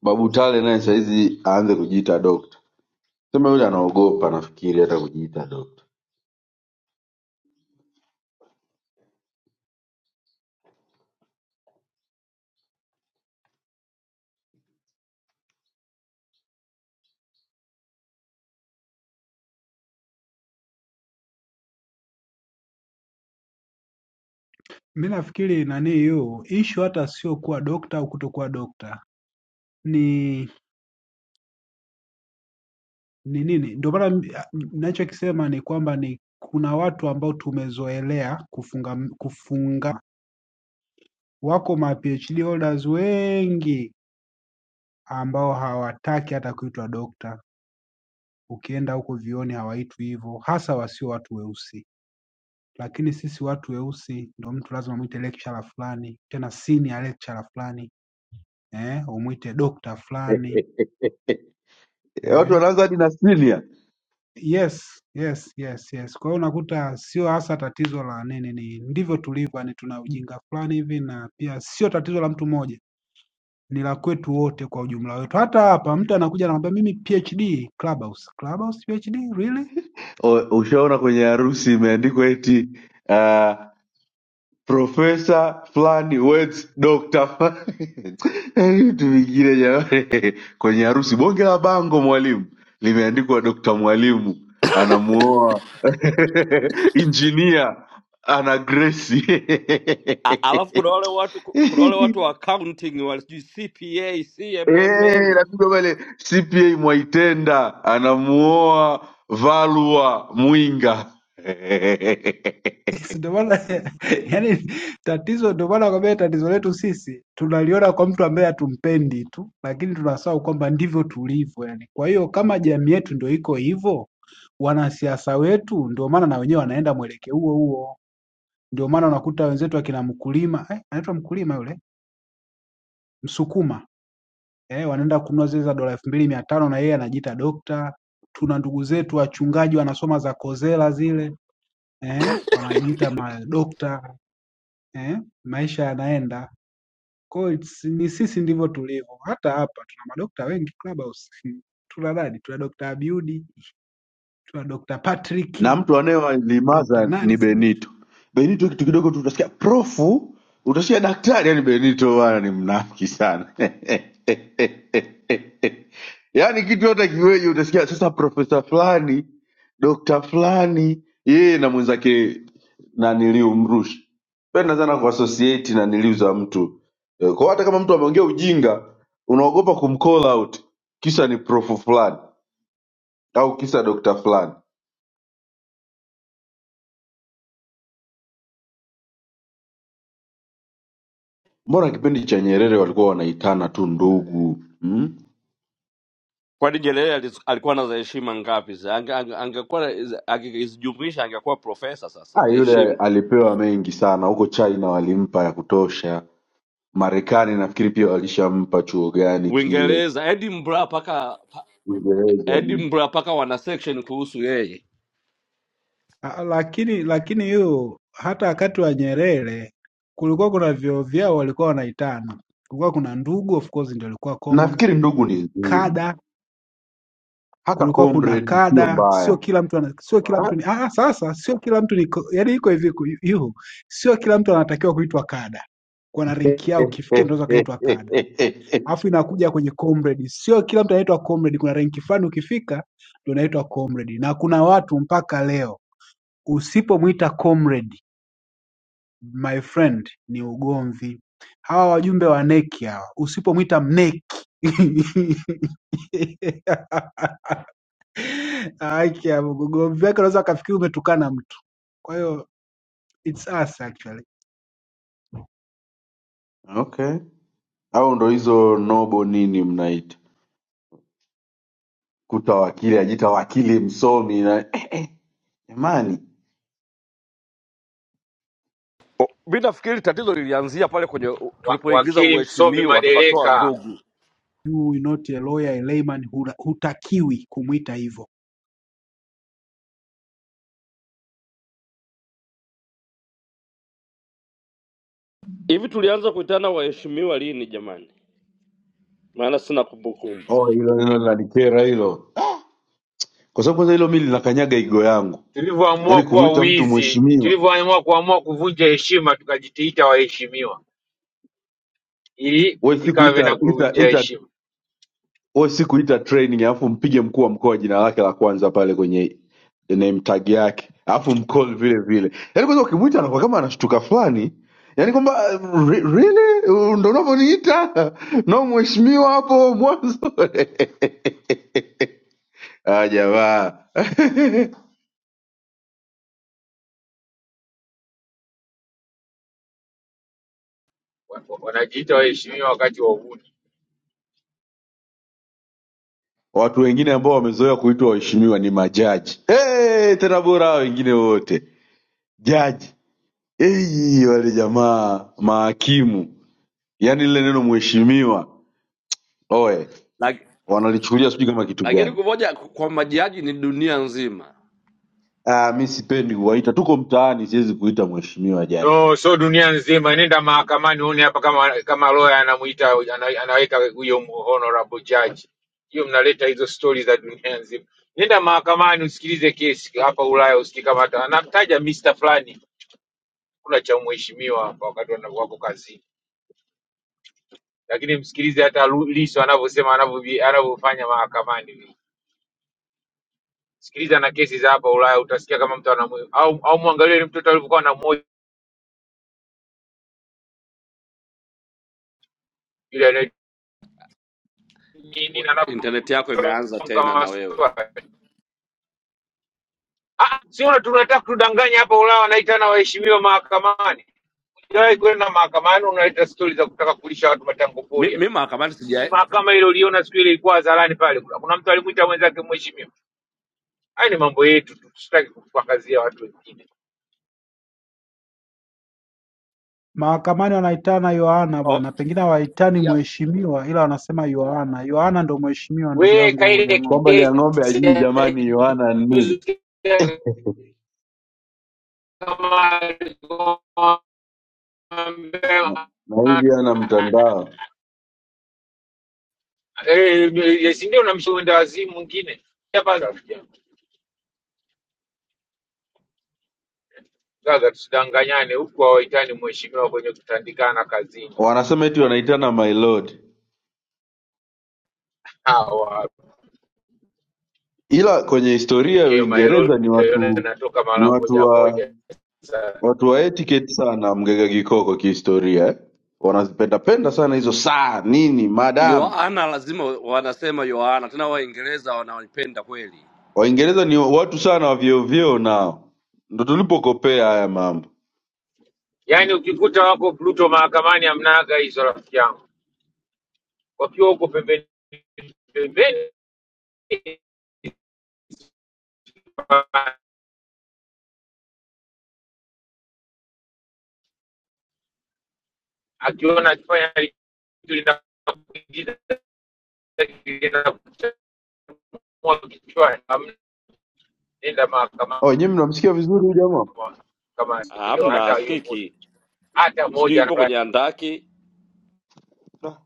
[SPEAKER 4] Babu Tale naye sahizi aanze kujiita dokta, sema yule anaogopa, nafikiri hata kujiita dokta.
[SPEAKER 6] Mi nafikiri nani yu ishu hata sio kuwa dokta au kutokuwa dokta, ni ni nini? Ndio maana m- a- m- ninachokisema ni kwamba ni kuna watu ambao tumezoelea kufunga kufunga. Wako ma PhD holders wengi ambao hawataki hata kuitwa dokta. Ukienda huko vioni hawaitwi hivyo, hasa wasio watu weusi. Lakini sisi watu weusi ndio mtu lazima mwite lecturer fulani, tena senior lecturer fulani, eh, umwite dokta fulani
[SPEAKER 4] Eh, Watu
[SPEAKER 6] eh.
[SPEAKER 4] wanaanza hadi na senior.
[SPEAKER 6] Yes, yes, yes, yes. Kwa hiyo unakuta sio hasa tatizo la nini, ni ndivyo tulivyo, yani tuna ujinga fulani hivi, na pia sio tatizo la mtu mmoja, ni la kwetu wote kwa ujumla wetu. Hata hapa mtu anakuja anakwambia mimi PhD Clubhouse. Clubhouse PhD really?
[SPEAKER 4] O- Ushaona kwenye harusi imeandikwa eti uh, profesa fulani weds doctor fulani. Yaani vitu vingine jamani, kwenye harusi bonge la bango mwalimu limeandikwa dokta mwalimu anamuoa injinia ana gresi
[SPEAKER 3] A- alafu kuna wale watu kuna wale watu wa accounting wa sijui CPA,
[SPEAKER 4] Eh,
[SPEAKER 3] CMMM.
[SPEAKER 4] napigwa pale CPA Mwaitenda anamuoa Valua Mwinga
[SPEAKER 6] Ndio maana yani tatizo, ndio maana nakwambia tatizo letu sisi tunaliona kwa mtu ambaye hatumpendi tu, lakini tunasahau kwamba ndivyo tulivyo yani. Kwa hiyo kama jamii yetu ndio iko hivyo, wanasiasa wetu ndio maana na wenyewe wanaenda mwelekeo huo huo. Ndio maana unakuta wenzetu akina mkulima eh, anaitwa mkulima yule Msukuma eh, wanaenda kununua zile za dola elfu mbili mia tano na yeye anajiita dokta. Tuna ndugu zetu wachungaji wanasoma za kozela zile eh, wanajiita madokta eh, maisha yanaenda. Kwa hiyo it's- ni sisi ndivyo tulivyo. Hata hapa tuna madokta wengi Clubhouse. Tuna nani? Tuna Dr. Abiudi, tuna Dr.
[SPEAKER 4] na
[SPEAKER 6] Patrick,
[SPEAKER 4] mtu
[SPEAKER 6] Dr.
[SPEAKER 4] anayewalimaza
[SPEAKER 6] nani
[SPEAKER 4] ni
[SPEAKER 6] sijui
[SPEAKER 4] Benito. Benito kitu kidogo tu utasikia profu, utasikia daktari. Yani Benito bwana ni mnafiki sana yaani kitu yote kiweje, utasikia sasa profesa fulani, dokta fulani, yeye na mwenzake naniliu Mrushi penda sana kuassociate na niliu za mtu Eh, kwa hiyo hata kama mtu ameongea ujinga unaogopa kumcall out, kisa ni profu fulani au kisa dokta fulani mbona kipindi cha nyerere walikuwa wanaitana tu ndugu mm?
[SPEAKER 3] Kwani Nyerere alis- alikuwa na za heshima ngapi? za- ange- ange- Angekuwa na- angezijumlisha angekuwa profesa sasa
[SPEAKER 4] ah,
[SPEAKER 3] wa
[SPEAKER 4] yule
[SPEAKER 3] heshima.
[SPEAKER 4] alipewa mengi sana huko china walimpa ya kutosha marekani nafikiri pia walishampa chuo gani kile
[SPEAKER 3] Uingereza, Edinburgh paka pa-
[SPEAKER 4] uingereza mm.
[SPEAKER 3] Edinburgh paka wana section kuhusu yeye.
[SPEAKER 6] Ah, Lakini lakini hiyo hata wakati wa Nyerere kulikuwa kuna vyoo vyao walikuwa wanaitana. Kulikuwa kuna ndugu, of course ndio ilikuwa common,
[SPEAKER 4] nafikiri ndugu ni nzuri
[SPEAKER 6] kada,
[SPEAKER 4] hata
[SPEAKER 6] kulikuwa kuna
[SPEAKER 4] comrade sio
[SPEAKER 6] kada, sio
[SPEAKER 4] mbaya
[SPEAKER 6] kila mtu ana, sio kila
[SPEAKER 4] Ah,
[SPEAKER 6] mtu ni ah, ah, sasa sio kila mtu ni ko- yaani iko hivi ku- yu, sio kila mtu anatakiwa kuitwa kada. Kuna rank yao ukifikia ndio unaweza kaitwa kada. Alafu inakuja kwenye comrade, sio kila mtu anaitwa comrade, kuna rank fulani ukifika ndio unaitwa comrade. Na kuna watu mpaka leo usipomwita comrade my friend ni ugomvi. Hawa wajumbe wa neki hawa, usipomwita mneki haki ya Mungu, ugomvi wake unaweza akafikiri umetukana mtu. Kwa hiyo it's us actually,
[SPEAKER 4] okay au ndo hizo nobo nini mnaita kuta wakili ajita wakili msomi na jamani
[SPEAKER 3] O, Mi nafikiri tatizo lilianzia pale kwenye u-
[SPEAKER 8] wa,
[SPEAKER 3] tulipoingiza
[SPEAKER 8] wakili msomi
[SPEAKER 3] uheshimiwa tukatoa
[SPEAKER 8] madereka,
[SPEAKER 3] ndugu.
[SPEAKER 6] you are not a lawyer, a layman, hula- hutakiwi kumwita hivyo.
[SPEAKER 3] Hivi tulianza kuitana waheshimiwa lini jamani? Maana sina kumbukumbu.
[SPEAKER 4] oh hilo hilo linanikera hilo kwa sababu kwanza hilo mi linakanyaga igo yangu
[SPEAKER 8] tulivyoamua
[SPEAKER 4] yaani
[SPEAKER 8] kuwa
[SPEAKER 4] kumwita mtu
[SPEAKER 8] wizi,
[SPEAKER 4] mheshimiwa
[SPEAKER 8] tulivyoamua kuamua kuvunja heshima, tukajitiita waheshimiwa ili
[SPEAKER 4] we si
[SPEAKER 8] tujikave
[SPEAKER 4] kuita
[SPEAKER 8] na
[SPEAKER 4] ita
[SPEAKER 8] kuvunja
[SPEAKER 4] ita
[SPEAKER 8] heshima.
[SPEAKER 4] we si kuita training alafu mpige mkuu wa mkoa jina lake la kwanza pale kwenye name tag yake alafu mcall vile vile yaani kwanza ukimwita anakuwa kama anashtuka fulani yaani kwamba uh, re- really Uh, ndo unavyoniita no mheshimiwa hapo mwanzo ah jamaa
[SPEAKER 8] Wa- wa- Wanajiita waheshimiwa wakati wa uhuni.
[SPEAKER 4] watu wengine ambao wamezoea kuitwa waheshimiwa ni majaji Eh, hey, tena bora hao wengine wote jaji eyi wale jamaa mahakimu yaani lile neno mheshimiwa oe
[SPEAKER 3] Lak-
[SPEAKER 4] wanalichukulia sijui kama kitu
[SPEAKER 3] lakini laki
[SPEAKER 4] gani
[SPEAKER 3] kumoja kwa majaji ni dunia nzima.
[SPEAKER 4] ah, mi sipendi kuwaita tuko mtaani siwezi kuita mheshimiwa jani
[SPEAKER 8] No, so dunia nzima, nenda mahakamani uone hapa kama kama lawyer anamuita ana- anaweka huyo mu- honorable judge. Hiyo mnaleta hizo stori za dunia nzima. Nenda mahakamani usikilize kesi hapa Ulaya, usikii kama hata anamtaja Mr fulani, kuna cha mheshimiwa hapa wakati wana- wako kazini. lakini msikilize hata Lu- Lissu anavyosema anavyovi- anavyofanya mahakamani. Sikiliza na kesi za hapa Ulaya, utasikia kama mtu anamu au, au mwangalie yule mtoto alivyokuwa na moyo yule anaye- nini
[SPEAKER 3] We-
[SPEAKER 8] na
[SPEAKER 3] Internet yako imeanza
[SPEAKER 8] anavyomtonga
[SPEAKER 3] tena na wewe.
[SPEAKER 8] maswali. Ah, si una tunataka kudanganya hapa Ulaya, wanaita na waheshimiwa mahakamani. Ujawahi kwenda mahakamani, unaleta stori za kutaka kulisha watu matango
[SPEAKER 3] Mi
[SPEAKER 8] pori. hapa.
[SPEAKER 3] mi mahakamani sija
[SPEAKER 8] Mahakama ile uliona siku ile ilikuwa hadharani pale, kuna kuna msitaki kumwita mwenzake mheshimiwa. Haya ni mambo yetu tu, tusitaki kuwakazia watu wengine.
[SPEAKER 6] Mahakamani wanaitana Yohana
[SPEAKER 3] oh,
[SPEAKER 6] bwana, pengine hawaitani
[SPEAKER 3] ya-
[SPEAKER 6] mheshimiwa, ila wanasema Yohana. Yohana ndo mheshimiwa, ndugu
[SPEAKER 8] we
[SPEAKER 6] yangu
[SPEAKER 8] kaile
[SPEAKER 6] Uliang'ombe.
[SPEAKER 4] kwamba lia ng'ombe
[SPEAKER 8] kesi
[SPEAKER 4] ajui
[SPEAKER 8] ya
[SPEAKER 4] jamani yohana ni nini
[SPEAKER 8] juzi kama aligombea
[SPEAKER 4] na na hivi ana mtandao
[SPEAKER 8] eh, si ndio namshuhuda wazimu mwingine hapa. Sasa tusidanganyane, huku hawaitani mheshimiwa kwenye kutandikana kazini
[SPEAKER 4] wanasema eti wanaitana my lord
[SPEAKER 8] hawa,
[SPEAKER 4] ila kwenye
[SPEAKER 8] yani
[SPEAKER 4] historia ya
[SPEAKER 8] hiyo
[SPEAKER 4] uingereza
[SPEAKER 8] maelodi
[SPEAKER 4] ni
[SPEAKER 8] utaiona
[SPEAKER 4] watu
[SPEAKER 8] inatoka
[SPEAKER 4] ni
[SPEAKER 8] mara
[SPEAKER 4] watu
[SPEAKER 8] moja
[SPEAKER 4] wa
[SPEAKER 8] moja sana.
[SPEAKER 4] watu wa etiquette sana mgega kikoko kihistoria eh? wanazipendapenda sana hizo saa nini madam
[SPEAKER 3] Yohana lazima wanasema Yohana tena, Waingereza wanaipenda kweli.
[SPEAKER 4] Waingereza ni watu sana wa vyeo vyeo, nao ndo tulipokopea haya mambo.
[SPEAKER 8] Yaani ukikuta wako Pluto mahakamani hamnaga hizo, rafiki yangu, wakiwa huko pembeni pembeni akiona akifanya kitu linakuingiza kinakuchomua kichwani, amnenda mahakamani
[SPEAKER 4] Oh, Wenyewe mnamsikia vizuri huyu jamaa?
[SPEAKER 8] kama hiyo,
[SPEAKER 3] Hamna,
[SPEAKER 8] hata hiyo moja,
[SPEAKER 3] askiki
[SPEAKER 8] hata
[SPEAKER 3] sijui
[SPEAKER 8] moja
[SPEAKER 3] ipo
[SPEAKER 8] anafurahi.
[SPEAKER 3] kwenye andaki,
[SPEAKER 4] Da.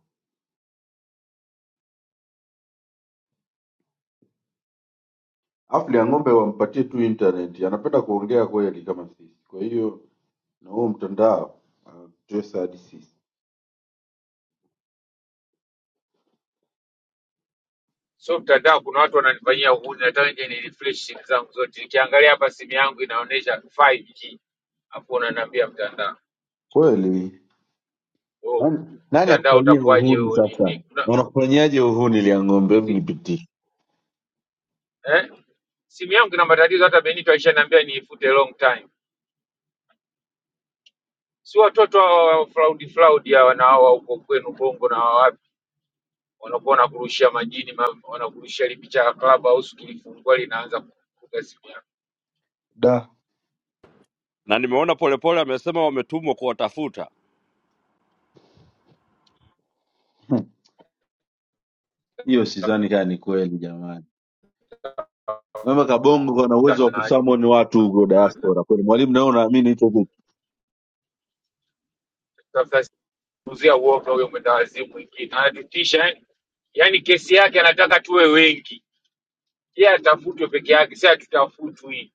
[SPEAKER 4] Afu ya ng'ombe wampatie tu internet, anapenda kuongea kweli kama sisi. Kwa hiyo na huo mtandao anatutesa hadi sisi
[SPEAKER 8] So mtandao, kuna watu wananifanyia uhuni, nataka nje ni refresh simu zangu zote. Nikiangalia hapa simu yangu inaonyesha 5G, afu unaniambia mtandao.
[SPEAKER 4] kweli.
[SPEAKER 8] Oh,
[SPEAKER 4] Nani, nani
[SPEAKER 8] mtandao
[SPEAKER 4] akufanyia
[SPEAKER 8] utakuwaje
[SPEAKER 4] uhuni
[SPEAKER 8] huo? Ni
[SPEAKER 4] sasa?
[SPEAKER 8] ni- kuna
[SPEAKER 4] Na unakufanyiaje uhuni lia ng'ombe? Hebu
[SPEAKER 8] si,
[SPEAKER 4] nipitie
[SPEAKER 8] eh? Simu yangu ina matatizo, hata Benito aishaniambia niifute long time. si watoto hawa wa fraudi fraudi hawa na hawa huko kwenu Bongo na hawa wapi, wanakuwa wanakurushia majini, ma- wanakurushia ile picha ya club au kilifungua linaanza kufunga simu yako,
[SPEAKER 4] da
[SPEAKER 3] na nimeona polepole amesema wametumwa kuwatafuta.
[SPEAKER 4] Hmm, hiyo sidhani kaa ni kweli jamani. Mama Kabongo ana uwezo wa
[SPEAKER 8] tafuta nani
[SPEAKER 4] kusamoni watu huko
[SPEAKER 8] bwana,
[SPEAKER 4] diaspora kweli? Mwalimu, nawe unaamini hicho kitu?
[SPEAKER 8] tafuta kuzia uoga huyo mwenda wazimu mwingine, anatutisha eh. Yaani kesi yake anataka tuwe wengi, yeye atafutwe peke yake, si hatutafutwi.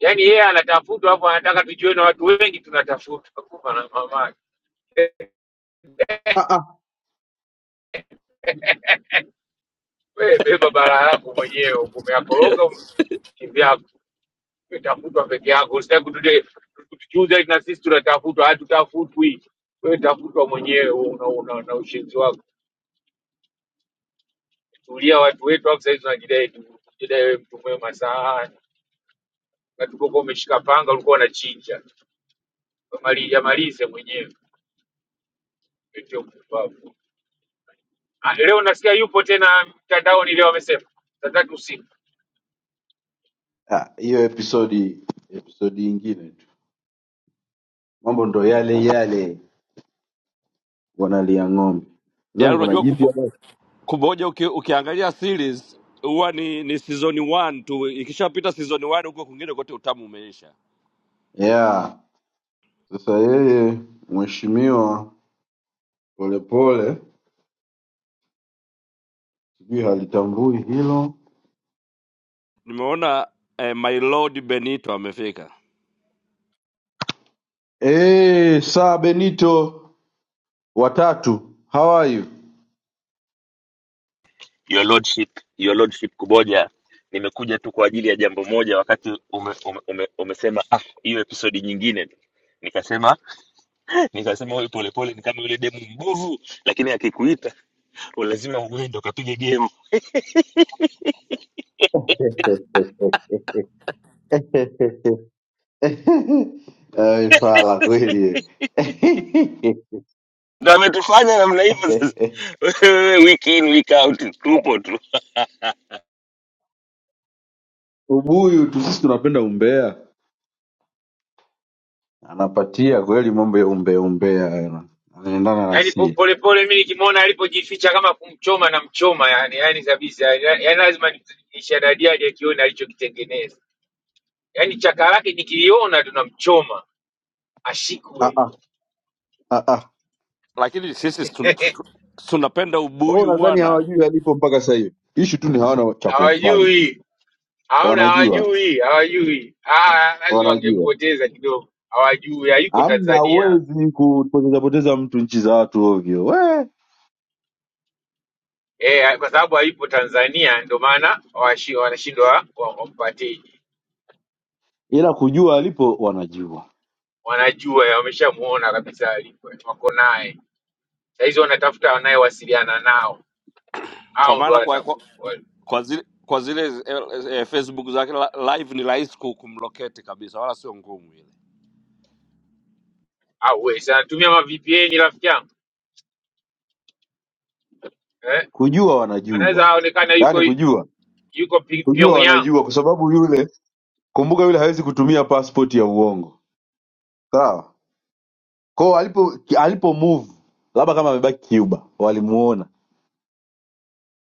[SPEAKER 8] Yaani yeye anatafutwa, alafu anataka tujione watu wengi tunatafutwa, kumbe na mama yake. Wewe beba bala yako mwenyewe, umeyakoroga ume- kivyako, umetafutwa peke yako. Usitaki kutuje- kutujuza eti na sisi tunatafutwa, hatutafutwi. Wewe tafutwa mwenyewe, una, una, una ushenzi wako. Tulia watu wetu hapo saizi, unajidai tu- unajidai wewe mtu mwema sana, na tuko kwa umeshika panga, ulikuwa unachinja. Maliza malize mwenyewe, ndio kupumbavu. Ah, Leo nasikia yupo tena mtandaoni, leo amesema tatatu usiku.
[SPEAKER 4] Ah, hiyo episodi episodi ingine tu, mambo ndo yale yale, wanalia ng'ombe.
[SPEAKER 3] Yaani
[SPEAKER 4] Nadhani kuna
[SPEAKER 3] unajua
[SPEAKER 4] jipya
[SPEAKER 3] kubo,
[SPEAKER 4] basi
[SPEAKER 3] kumoja uki, ukiangalia series huwa ni, ni season one tu ikishapita season one huko kwingine kote utamu umeisha
[SPEAKER 4] yeah. Sasa yeye mheshimiwa Polepole sijui halitambui hilo
[SPEAKER 3] nimeona eh, my lord benito amefika
[SPEAKER 4] eh. Saa Benito watatu, how are you?
[SPEAKER 9] Your Lordship, Your Lordship Kuboja, nimekuja tu kwa ajili ya jambo moja. Wakati ume, ume, ume, umesema ah, hiyo episodi nyingine, nikasema nikasema huyu polepole ni kama yule demu mbovu, lakini akikuita "Oh, lazima uende ukapige gemu.
[SPEAKER 4] Ai, Fala kweli eh.
[SPEAKER 9] Ndo ametufanya namna hivyo sasa. Wewe, week in week out tupo tu,
[SPEAKER 4] ubuyu tu, sisi tunapenda umbea anapatia kweli mambo ya umbea umbea hayo. anaendana na
[SPEAKER 8] Yaani po-
[SPEAKER 4] sie
[SPEAKER 8] polepole mimi nikimwona alipojificha kama kumchoma na mchoma yani, yani kabisa yani, yani lazima ni- nishadadiadi akione alichokitengeneza. Yaani chaka lake nikiliona tunamchoma
[SPEAKER 4] Ah,
[SPEAKER 8] ashikwe.
[SPEAKER 4] ah, ah, ah.
[SPEAKER 3] lakini sisi tun- tu- tu- tunapenda
[SPEAKER 4] Wao
[SPEAKER 3] ubuyu
[SPEAKER 4] nadhani
[SPEAKER 3] bwana
[SPEAKER 4] hawajui alipo mpaka sasa hivi ishu tu ni hawana cha kumfanya
[SPEAKER 8] Hawajui, hamna,
[SPEAKER 4] wanajua
[SPEAKER 8] hawajui, hawajui. Ah, lazima
[SPEAKER 4] wanajua
[SPEAKER 8] wangempoteza kidogo, hawajui, hayuko
[SPEAKER 4] amna
[SPEAKER 8] Tanzania.
[SPEAKER 4] uwezi kupoteza poteza mtu nchi za watu ovyo we
[SPEAKER 8] Eh, kwa sababu hayupo Tanzania ndio maana hawashi- wanashindwa wa- wampatie.
[SPEAKER 4] ila kujua alipo wanajua
[SPEAKER 8] Wanajua, wameshamuona kabisa alipo, wako naye. Saizi wanatafuta wanayewasiliana nao
[SPEAKER 3] kwa
[SPEAKER 8] au ndo
[SPEAKER 3] maana kwa, kwa,
[SPEAKER 8] anatafuta
[SPEAKER 3] kwa zile kwa zile eh, eh, facebook zake la- live ni rahisi ku- kumlocate kabisa wala sio ngumu ile
[SPEAKER 8] au wewe si anatumia ma VPN rafiki yangu eh,
[SPEAKER 4] kujua
[SPEAKER 8] anaweza
[SPEAKER 4] wanajua
[SPEAKER 8] aonekana
[SPEAKER 4] yaani
[SPEAKER 8] yuko
[SPEAKER 4] kujua
[SPEAKER 8] yuko Pi-
[SPEAKER 4] kujua
[SPEAKER 8] Pyongyang.
[SPEAKER 4] wanajua kwa sababu yule kumbuka yule hawezi kutumia passport ya uongo sawa kwao alipo alipo move labda kama amebaki cuba walimuona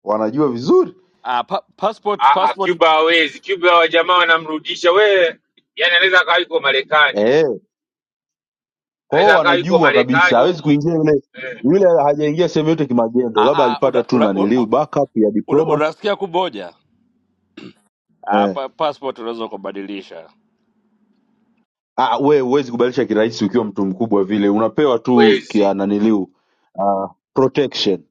[SPEAKER 4] wanajua vizuri
[SPEAKER 3] ah, pa, passport
[SPEAKER 8] Ah, ah,
[SPEAKER 3] passport
[SPEAKER 8] Cuba hawezi. Cuba wa jamaa wanamrudisha we, yani anaweza akawa yuko Marekani,
[SPEAKER 4] eh, kwao
[SPEAKER 8] anaweza akawa yuko
[SPEAKER 4] wanajua kabisa,
[SPEAKER 8] Marekani
[SPEAKER 4] hawezi
[SPEAKER 8] humo
[SPEAKER 4] kuingia yule
[SPEAKER 8] eh,
[SPEAKER 4] yule, hajaingia sehemu yote kimagendo,
[SPEAKER 3] ah,
[SPEAKER 4] labda
[SPEAKER 3] ah, una,
[SPEAKER 4] alipata tu
[SPEAKER 3] una, una,
[SPEAKER 4] naniliu backup ya
[SPEAKER 3] una,
[SPEAKER 4] diplomacy
[SPEAKER 3] unasikia kumoja Ah,
[SPEAKER 4] eh.
[SPEAKER 3] pa, passport unaweza ukabadilisha
[SPEAKER 4] Ah, we huwezi kubadilisha kirahisi ukiwa mtu mkubwa vile, unapewa tu kia
[SPEAKER 8] huwezi
[SPEAKER 4] naniliu ah, protection,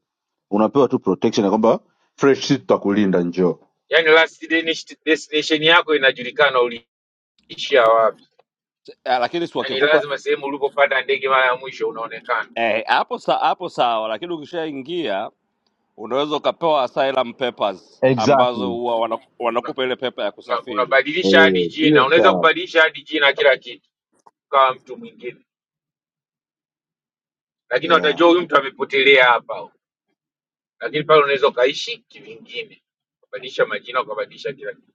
[SPEAKER 4] unapewa tu protection ya kwamba fresh seat tutakulinda, njoo
[SPEAKER 8] yani last deni- destination yako inajulikana uliishia wapi.
[SPEAKER 3] Ah, lakini si
[SPEAKER 8] Yani
[SPEAKER 3] wakikupa
[SPEAKER 8] lazima sehemu ulipopanda ndege mara ya mwisho unaonekana
[SPEAKER 3] eh, hapo sa, hapo sawa, lakini ukishaingia unaweza ukapewa asylum papers ambazo
[SPEAKER 4] exactly
[SPEAKER 3] huwa wana- wanakupa ile pepa ya
[SPEAKER 8] unabadilisha una, una,
[SPEAKER 3] kusafiri.
[SPEAKER 8] unabadilisha hadi
[SPEAKER 4] eh,
[SPEAKER 8] jina,
[SPEAKER 4] hiyo
[SPEAKER 8] unaweza
[SPEAKER 4] sawa
[SPEAKER 8] kubadilisha hadi jina kila kitu kama mtu mwingine lakini watajua
[SPEAKER 4] yeah.
[SPEAKER 8] huyu mtu amepotelea hapa, lakini pale unaweza ukaishi kivingine, ukabadilisha majina, ukabadilisha kila kitu.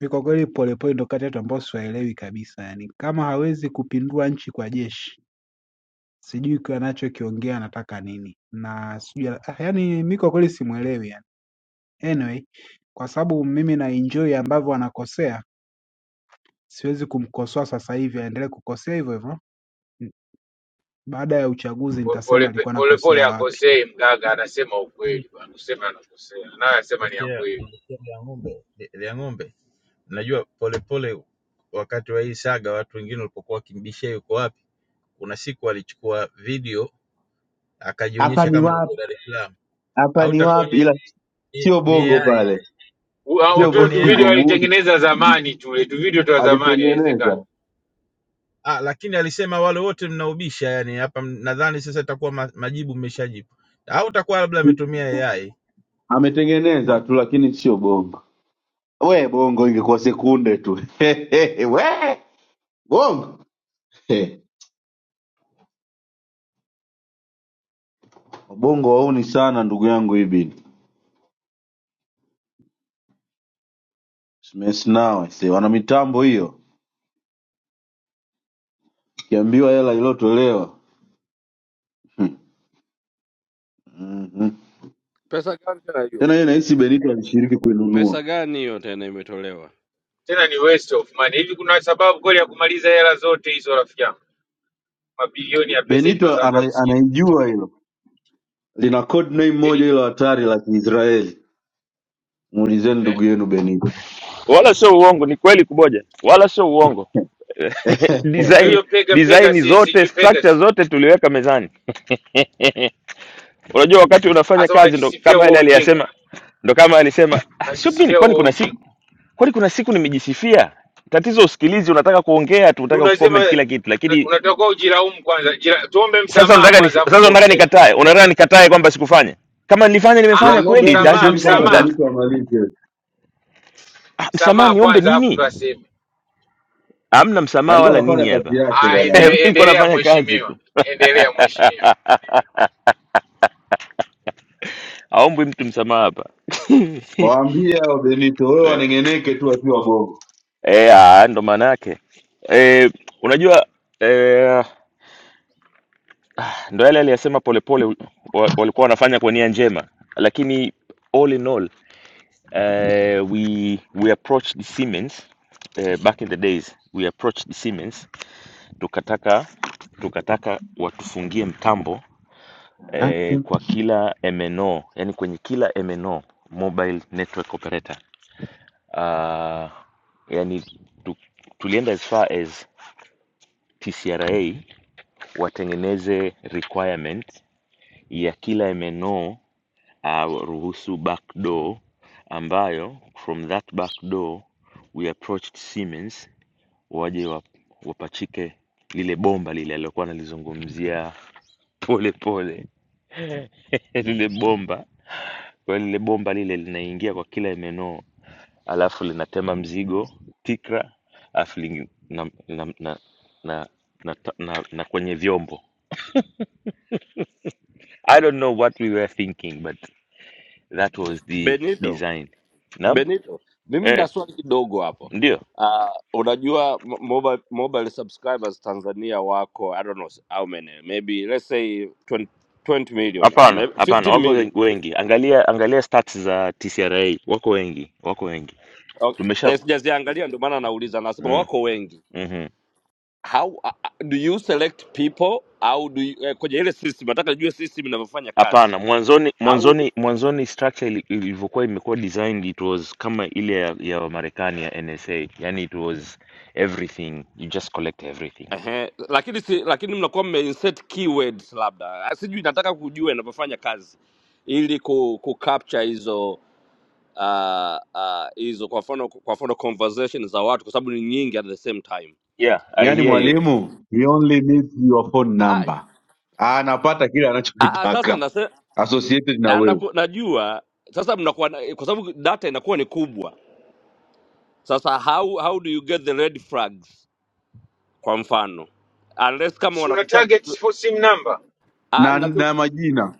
[SPEAKER 6] Ni kwa kweli Polepole ndo kati yetu ambao siwaelewi kabisa, yani kama hawezi kupindua nchi kwa jeshi sijui kwa anachokiongea anataka nini na sijui ah, yani mi kwa kweli simuelewi yani. Anyway, kwa sababu mimi na enjoy ambavyo anakosea, siwezi kumkosoa sasa hivi aendelee kukosea hivyo hivyo. N- Baada ya uchaguzi
[SPEAKER 8] Po-
[SPEAKER 6] nitasema
[SPEAKER 8] Pole pe-
[SPEAKER 6] alikuwa
[SPEAKER 8] pole pole
[SPEAKER 6] anakosea wapi.
[SPEAKER 8] akosei mganga, anasema ukweli bwana, useme anakosea, naye asema ni ya
[SPEAKER 10] Nasikia
[SPEAKER 8] kweli.
[SPEAKER 10] nasikia vya ng'ombe vya vya ng'ombe. Najua polepole, wakati wa hii saga, watu wengine walipokuwa wakimbishia yuko wapi, kuna siku alichukua video
[SPEAKER 4] Hapa
[SPEAKER 10] akajionyesha
[SPEAKER 4] ni
[SPEAKER 10] kama yuko
[SPEAKER 4] wapi?
[SPEAKER 10] Dar es Salaam,
[SPEAKER 4] Hapa
[SPEAKER 10] au
[SPEAKER 4] ni
[SPEAKER 10] itakuwa
[SPEAKER 4] wapi?
[SPEAKER 10] ni,
[SPEAKER 4] Ila
[SPEAKER 10] ni,
[SPEAKER 4] sio
[SPEAKER 10] ni
[SPEAKER 4] bongo
[SPEAKER 10] AI
[SPEAKER 4] pale,
[SPEAKER 10] ile?
[SPEAKER 8] U- ah,
[SPEAKER 4] sio
[SPEAKER 10] itakuwa
[SPEAKER 8] Utule
[SPEAKER 10] ni
[SPEAKER 8] tu
[SPEAKER 4] bongo,
[SPEAKER 8] video
[SPEAKER 10] AI au?
[SPEAKER 4] muli
[SPEAKER 8] alitengeneza zamani, tule tu video tu ya zamani,
[SPEAKER 4] alitengeneza
[SPEAKER 8] inawezekana
[SPEAKER 10] Ah, lakini alisema wale wote mnaubisha, yani hapa m- nadhani sasa itakuwa ma, majibu mmeshajibu, au itakuwa labda ametumia AI.
[SPEAKER 4] ametengeneza tu, lakini sio bongo. We bongo ingekuwa sekunde tu we bongo He. wabongo wauni sana ndugu yangu ibini Simes nawe se wana mitambo hiyo, ukiambiwa hela iliyotolewa Hmm. Mhm.
[SPEAKER 3] Pesa gani tena hiyo?
[SPEAKER 4] tena hiyo nahisi Benito alishiriki kuinunua.
[SPEAKER 3] Pesa gani hiyo tena imetolewa?
[SPEAKER 8] tena ni waste of money. Hivi kuna sababu kweli ya kumaliza hela zote hizo, rafiki yangu? Mabilioni ya pesa eti kwa
[SPEAKER 4] Benito
[SPEAKER 8] sababu ya
[SPEAKER 4] ana,
[SPEAKER 8] kusikia
[SPEAKER 4] anaijua hilo, lina code name
[SPEAKER 8] eti
[SPEAKER 4] moja
[SPEAKER 8] tu,
[SPEAKER 4] hilo hatari la Kiisraeli. Muulizeni ndugu
[SPEAKER 8] eh?
[SPEAKER 4] yenu Benito
[SPEAKER 9] wala sio uongo, ni kweli Kuboja, wala sio uongo.
[SPEAKER 8] Ndio
[SPEAKER 9] design
[SPEAKER 8] hiyo pega pega,
[SPEAKER 9] design
[SPEAKER 8] si
[SPEAKER 9] zote
[SPEAKER 8] sijui pega,
[SPEAKER 9] structure zote tuliweka mezani Unajua wakati unafanya
[SPEAKER 8] sasa
[SPEAKER 9] kazi ndo
[SPEAKER 8] unajisifia
[SPEAKER 9] kama
[SPEAKER 8] wewe
[SPEAKER 9] yale
[SPEAKER 8] ujinga
[SPEAKER 9] aliyasema, ndo kama alisema "Ah, sio mimi,
[SPEAKER 8] unajisifia
[SPEAKER 9] kwani
[SPEAKER 8] huo
[SPEAKER 9] kuna
[SPEAKER 8] ujinga
[SPEAKER 9] siku kwani kuna siku nimejisifia. Tatizo usikilizi, unataka kuongea tu, unataka kucomment
[SPEAKER 8] unasema
[SPEAKER 9] kila kitu, lakini
[SPEAKER 8] unatakiwa ujilaumu kwanza jira, tuombe
[SPEAKER 9] sasa
[SPEAKER 8] msamaha
[SPEAKER 9] unataka ni,
[SPEAKER 8] kwanza afu
[SPEAKER 9] sasa
[SPEAKER 8] ndo
[SPEAKER 9] unataka
[SPEAKER 8] useme
[SPEAKER 9] nikatae, unataka nikatae kwamba sikufanya. Kama nilifanya
[SPEAKER 4] ya
[SPEAKER 9] nimefanya
[SPEAKER 8] Aa,
[SPEAKER 4] ng'ombe.
[SPEAKER 9] kweli,
[SPEAKER 4] Hebu
[SPEAKER 9] that's
[SPEAKER 8] msamaha
[SPEAKER 9] I'm
[SPEAKER 4] subiri kwanza
[SPEAKER 9] saying
[SPEAKER 8] msamaha
[SPEAKER 9] that.
[SPEAKER 4] Benito amalize,
[SPEAKER 9] Ah, msamaha
[SPEAKER 8] msamaha
[SPEAKER 9] niombe
[SPEAKER 8] kwanza afu
[SPEAKER 9] nini?
[SPEAKER 8] ndo aseme
[SPEAKER 9] Hamna msamaha
[SPEAKER 4] alikuwa
[SPEAKER 9] wala
[SPEAKER 4] anafanya
[SPEAKER 9] nini
[SPEAKER 4] kazi
[SPEAKER 9] hapa.
[SPEAKER 4] yake
[SPEAKER 8] Aa,
[SPEAKER 4] bwana.
[SPEAKER 9] mimi
[SPEAKER 8] endele,
[SPEAKER 9] niko
[SPEAKER 8] endelea
[SPEAKER 9] nafanya kazi
[SPEAKER 8] mheshimiwa
[SPEAKER 9] tu,
[SPEAKER 8] endelea mheshimiwa
[SPEAKER 9] aombwi mtu msamaha hapa
[SPEAKER 4] Waambie hao Benito, wewe
[SPEAKER 9] eh,
[SPEAKER 4] waneng'eneke tu wakiwa gogo.
[SPEAKER 9] eh, ah, ndo maana yake eh, unajua eh, ndo yale aliyasema Polepole wa- walikuwa wanafanya kwa nia njema, lakini all in all uh, we we approached Siemens uh, back in the days we approached Siemens tukataka tukataka watufungie mtambo
[SPEAKER 4] Eh?
[SPEAKER 9] eh, kwa kila MNO, yani kwenye kila MNO mobile network operator uh, yani tu, tulienda as far as TCRA watengeneze requirement ya kila MNO uh, ruhusu back door ambayo from that back door we approached Siemens waje wa- wapachike lile bomba lile alilokuwa analizungumzia pole pole lile bomba kwa hiyo lile bomba lile linaingia kwa kila MNO alafu linatema mzigo tikra alafu lingi- na, na, na, na, na, na, na kwenye vyombo I don't know what we were thinking but that was the
[SPEAKER 3] Benito,
[SPEAKER 9] design naam
[SPEAKER 3] Benito, mimi nina
[SPEAKER 9] eh,
[SPEAKER 3] swali kidogo hapo.
[SPEAKER 9] ndio
[SPEAKER 3] Uh, unajua mo- mobile, mobile subscribers Tanzania wako I don't know how many maybe let's say 20, 20 million uh,
[SPEAKER 9] Hapana,
[SPEAKER 3] maybe
[SPEAKER 9] hapana,
[SPEAKER 3] 15
[SPEAKER 9] wako
[SPEAKER 3] million
[SPEAKER 9] wen- wengi. Angalia angalia stats za TCRA, wako wengi, wako wengi. Tumesha
[SPEAKER 3] okay. Sijaziangalia ndio maana nauliza, nasema
[SPEAKER 9] mm,
[SPEAKER 3] wako wengi
[SPEAKER 9] mhm.
[SPEAKER 3] how uh, uh, do you select people au do you, eh, kwenye ile system nataka nijue system inavyofanya kazi
[SPEAKER 9] Hapana, mwanzoni
[SPEAKER 3] au
[SPEAKER 9] mwanzoni mwanzoni structure ili- ilivyokuwa imekuwa designed it was kama ile ya, ya Marekani ya NSA. Yani it was everything. You just collect everything.
[SPEAKER 3] ehe, lakini si, lakini mnakuwa mme insert keywords labda Ah, sijui nataka kujua inavyofanya kazi ili ku, ku capture hizo ah, ah, hizo kwa mfano kwa mfano conversation za watu kwa sababu ni nyingi at the same time
[SPEAKER 9] Yeah, I
[SPEAKER 4] Yaani
[SPEAKER 9] hear you.
[SPEAKER 3] eh,
[SPEAKER 4] mwalimu, he only needs your phone
[SPEAKER 3] ah, ah,
[SPEAKER 4] number, anapata kile
[SPEAKER 3] ah, sasa
[SPEAKER 4] anachokitaka
[SPEAKER 3] nase,
[SPEAKER 4] associated na
[SPEAKER 3] ah,
[SPEAKER 4] wewe
[SPEAKER 3] naku, najua sasa mnakuwa na- kwa sababu data inakuwa ni kubwa sasa how, how do you get the red flags kwa mfano unless kama
[SPEAKER 8] si una
[SPEAKER 3] wanakutaje
[SPEAKER 8] target
[SPEAKER 3] tu
[SPEAKER 8] for sim number
[SPEAKER 3] ah,
[SPEAKER 4] na,
[SPEAKER 3] na tu
[SPEAKER 4] na majina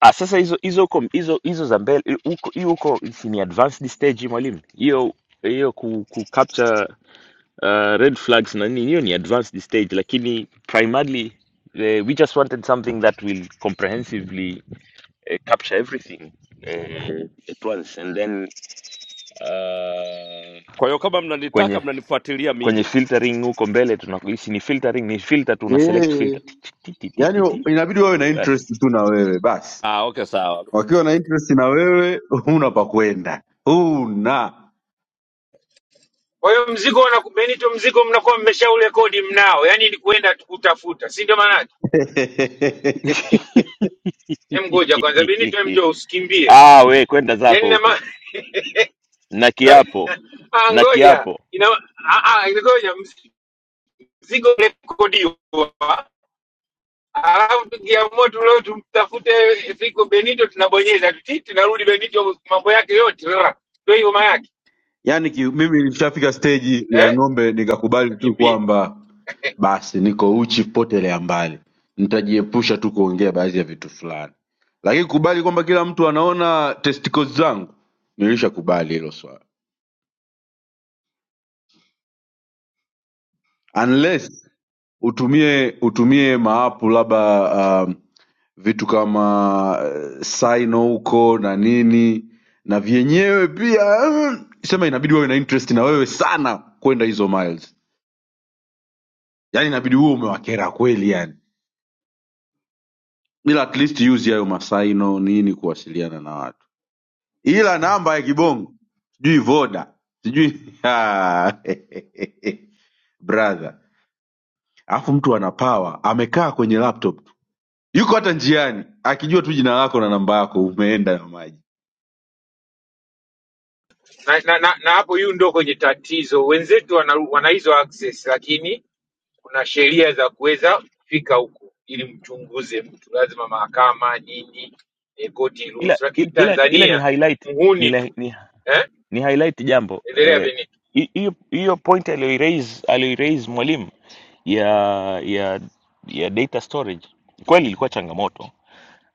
[SPEAKER 9] Ah, sasa hizo hizo huko hizo hizo za mbele hi- huko hiyo huko si ni advanced stage mwalimu. Hiyo hiyo ku, ku capture uh, red flags na nini hiyo ni advanced stage lakini primarily uh, we just wanted something that will comprehensively uh, capture everything uh, at once and then uh,
[SPEAKER 3] kwa hiyo kama mnanitaka
[SPEAKER 9] kwenye
[SPEAKER 3] mnanifuatilia
[SPEAKER 9] kwenye
[SPEAKER 3] mimi
[SPEAKER 9] filtering huko mbele tunahisi ni filtering ni filter tu una select filter
[SPEAKER 4] eh.
[SPEAKER 9] ti ti ti ti ti
[SPEAKER 4] Yaani
[SPEAKER 9] ti.
[SPEAKER 4] inabidi wawe na
[SPEAKER 9] Basi.
[SPEAKER 4] interest tu na wewe basi.
[SPEAKER 3] ah, okay sawa
[SPEAKER 4] Wakiwa na interest na wewe, huna pa kwenda, huna
[SPEAKER 8] kwa hiyo mzigo wanaku- Benito mzigo mnakuwa mmeshaurekodi mnao yani ni kwenda tu kutafuta si ndio maana yake Hem ngoja kwanza Benito hem njoo usikimbie
[SPEAKER 9] Ah, we kwenda
[SPEAKER 8] yani
[SPEAKER 9] zako
[SPEAKER 8] na
[SPEAKER 9] huko.
[SPEAKER 8] ma...
[SPEAKER 9] na kiapo
[SPEAKER 8] Ngo- ah,
[SPEAKER 9] na
[SPEAKER 8] ngoja
[SPEAKER 9] kiapo
[SPEAKER 8] ina ah, ah, ngoja ziko rekodiwa, alafu tukiamua tu leo tumtafute Fico Benito, tunabonyeza tu ti, tunarudi Benito, mambo yake yote ra, ndio hiyo maana yake
[SPEAKER 4] yaani ki, mimi nilishafika stage ya
[SPEAKER 8] eh,
[SPEAKER 4] ng'ombe nikakubali tu
[SPEAKER 8] akimbie
[SPEAKER 4] kwamba basi niko uchi kupotelea mbali nitajiepusha tu kuongea baadhi ya vitu fulani lakini kubali kwamba kila mtu anaona testicles zangu nilishakubali hilo swala unless utumie utumie maapu labda um, vitu kama uh, sino huko na nini na vyenyewe pia mm, sema inabidi wawe na interest na wewe sana kwenda hizo miles yaani inabidi huo umewakera kweli yani ila at least use hayo masaino nini kuwasiliana na watu ila namba ya kibongo sijui voda sijui Ah, brother alafu mtu ana power amekaa kwenye laptop tu yuko hata njiani akijua tu jina lako na namba yako umeenda na maji
[SPEAKER 8] na, na, na, na hapo hiyo ndio kwenye tatizo. Wenzetu wana, wana hizo access, lakini kuna sheria za kuweza kufika huko ili mchunguze mtu, lazima mahakama nini, eh, koti
[SPEAKER 9] ila
[SPEAKER 8] ruhusu, lakini
[SPEAKER 9] ila ila ni
[SPEAKER 8] Tanzania
[SPEAKER 9] highlight ni,
[SPEAKER 8] mhuni
[SPEAKER 9] la-
[SPEAKER 8] tu
[SPEAKER 9] ni,
[SPEAKER 8] eh,
[SPEAKER 9] ni highlight jambo
[SPEAKER 8] endelea
[SPEAKER 9] Eh,
[SPEAKER 8] Benito.
[SPEAKER 9] hi- hiyo hiyo point aliyoiraise aliyoiraise mwalimu ya ya ya data storage kweli ilikuwa changamoto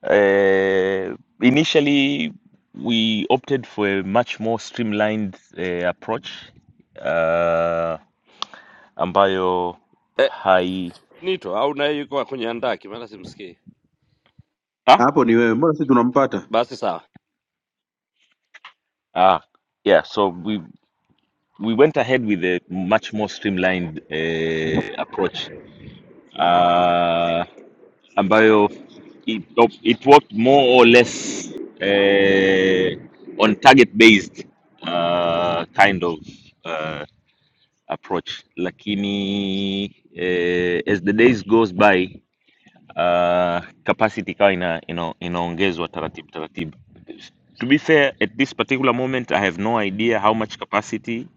[SPEAKER 9] eh, initially we opted for a much more streamlined eh, approach uh, ambayo
[SPEAKER 3] eh,
[SPEAKER 9] hai
[SPEAKER 3] benito au naye yuko kwenye andaki maana simsikii
[SPEAKER 9] ah,
[SPEAKER 4] hapo ni wewe mbona sisi tunampata
[SPEAKER 3] basi sawa
[SPEAKER 9] ah, yeah so we went ahead with a much more streamlined uh, approach uh, ambayo it, op- it worked more or less uh, on target based uh, kind of uh, approach lakini uh, as the days goes by uh, capacity ikawa ina, ina, inaongezwa taratibu taratibu to be fair at this particular moment i have no idea how much capacity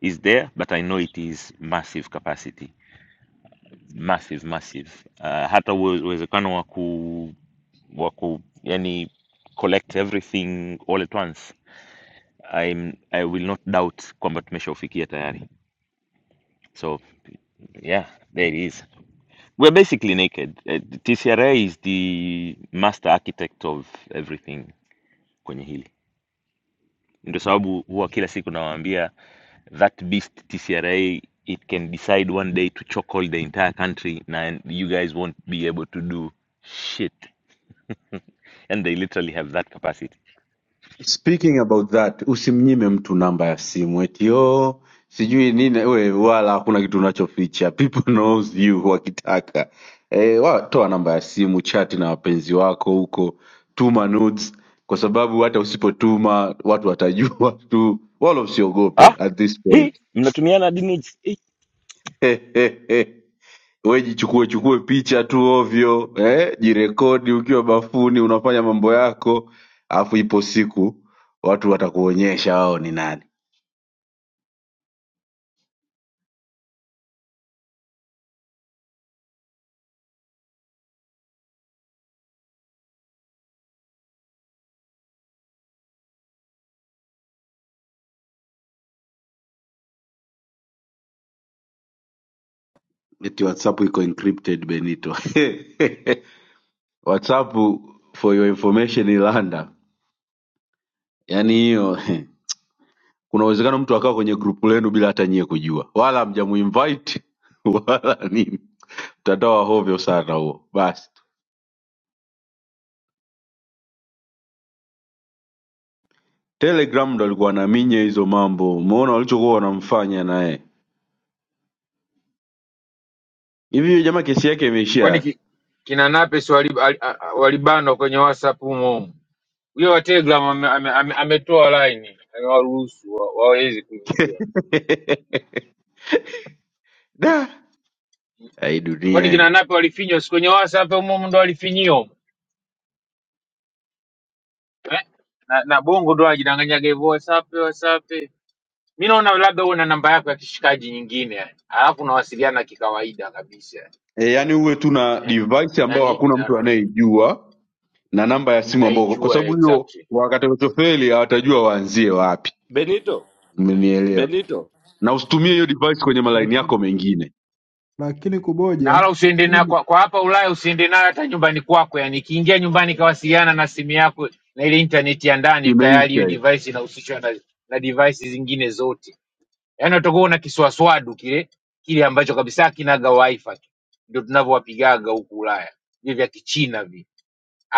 [SPEAKER 9] is there but i know it is massive capacity massive massive uh, hata uwe- uwezekano wa ku wa ku yani collect everything all at once I'm, i will not doubt kwamba tumeshaufikia tayari so yeah there it is We're basically naked. Eh, TCRA is the master architect of everything kwenye hili. Ndio sababu huwa kila siku nawaambia that beast TCRA it can decide one day to chokehold the entire country and you guys won't be able to do shit. And they literally have that capacity.
[SPEAKER 4] Speaking about that, usimnyime mtu namba ya simu eti oh, sijui nini we, wala hakuna kitu unachoficha. People knows you wakitaka. Eh, wa, toa namba ya simu, chati na wapenzi wako huko, tuma nudes kwa sababu hata usipotuma watu watajua tu, wala usiogope
[SPEAKER 9] Ah,
[SPEAKER 4] at this
[SPEAKER 9] hii
[SPEAKER 4] point.
[SPEAKER 9] mnatumiana dini hizi? Eh,
[SPEAKER 4] we jichukue chukue picha tu ovyo eh, jirekodi ukiwa bafuni unafanya mambo yako, alafu ipo siku watu watakuonyesha wao ni nani. Eti WhatsApp iko encrypted Benito. WhatsApp for your information Ilanda, yaani hiyo kuna uwezekano mtu akawa kwenye grupu lenu bila hata nyie kujua, wala hamjamuinvite wala nini. Mtandao wa hovyo sana huo. Basi Telegram ndo alikuwa anaminya hizo mambo, umeona walichokuwa wanamfanya naye Hivi huyo jamaa kesi yake imeishia
[SPEAKER 8] kwani
[SPEAKER 4] wapi?
[SPEAKER 8] ki, kina Nape's wali- ali- a- a- walibanwa kwenye WhatsApp humo humo. Huyo wa Telegram ame- ame- ame- ametoa line amewaruhusu wa- waweze kuingia.
[SPEAKER 4] Da, ai
[SPEAKER 8] Kwani
[SPEAKER 4] dunia
[SPEAKER 8] kina
[SPEAKER 4] hii.
[SPEAKER 8] Nape walifinywa si kwenye WhatsApp humo humo ndo walifinyiwa humo. eh? Na, na Bongo ndo ajidanganyaga hivyo WhatsApp WhatsApp. Mimi naona labda uwe na namba yako ya kishikaji nyingine yani. Alafu unawasiliana kikawaida kabisa.
[SPEAKER 4] E, yani uwe tu na
[SPEAKER 8] Eh?
[SPEAKER 4] device ambayo
[SPEAKER 8] Yaani
[SPEAKER 4] hakuna mtu
[SPEAKER 8] na-
[SPEAKER 4] anayeijua na namba ya simu ambayo, kwa
[SPEAKER 8] anaijua
[SPEAKER 4] sababu hiyo
[SPEAKER 8] exactly.
[SPEAKER 4] wakatotofeli hawatajua waanzie wapi.
[SPEAKER 3] benito
[SPEAKER 4] Umenielewa?
[SPEAKER 3] benito
[SPEAKER 4] Na usitumie hiyo device kwenye malaini
[SPEAKER 6] Lakini,
[SPEAKER 4] yako mengine.
[SPEAKER 6] lakini
[SPEAKER 8] na
[SPEAKER 6] kuboja
[SPEAKER 8] wala usiende nayo
[SPEAKER 6] hii
[SPEAKER 8] kwa, kwa hapa Ulaya usiende nayo hata nyumbani kwako. Yani ikiingia nyumbani ikawasiliana na simu yako na ile intaneti ya ndani, tayari hiyo
[SPEAKER 4] Imeisha hii.
[SPEAKER 8] device inahusishwa na, na device zingine zote. Yani utakuwa una kiswaswadu kile kile ambacho kabisa kinaga wifi tu, ndio tunavyowapigaga huku Ulaya vile vya kichina vi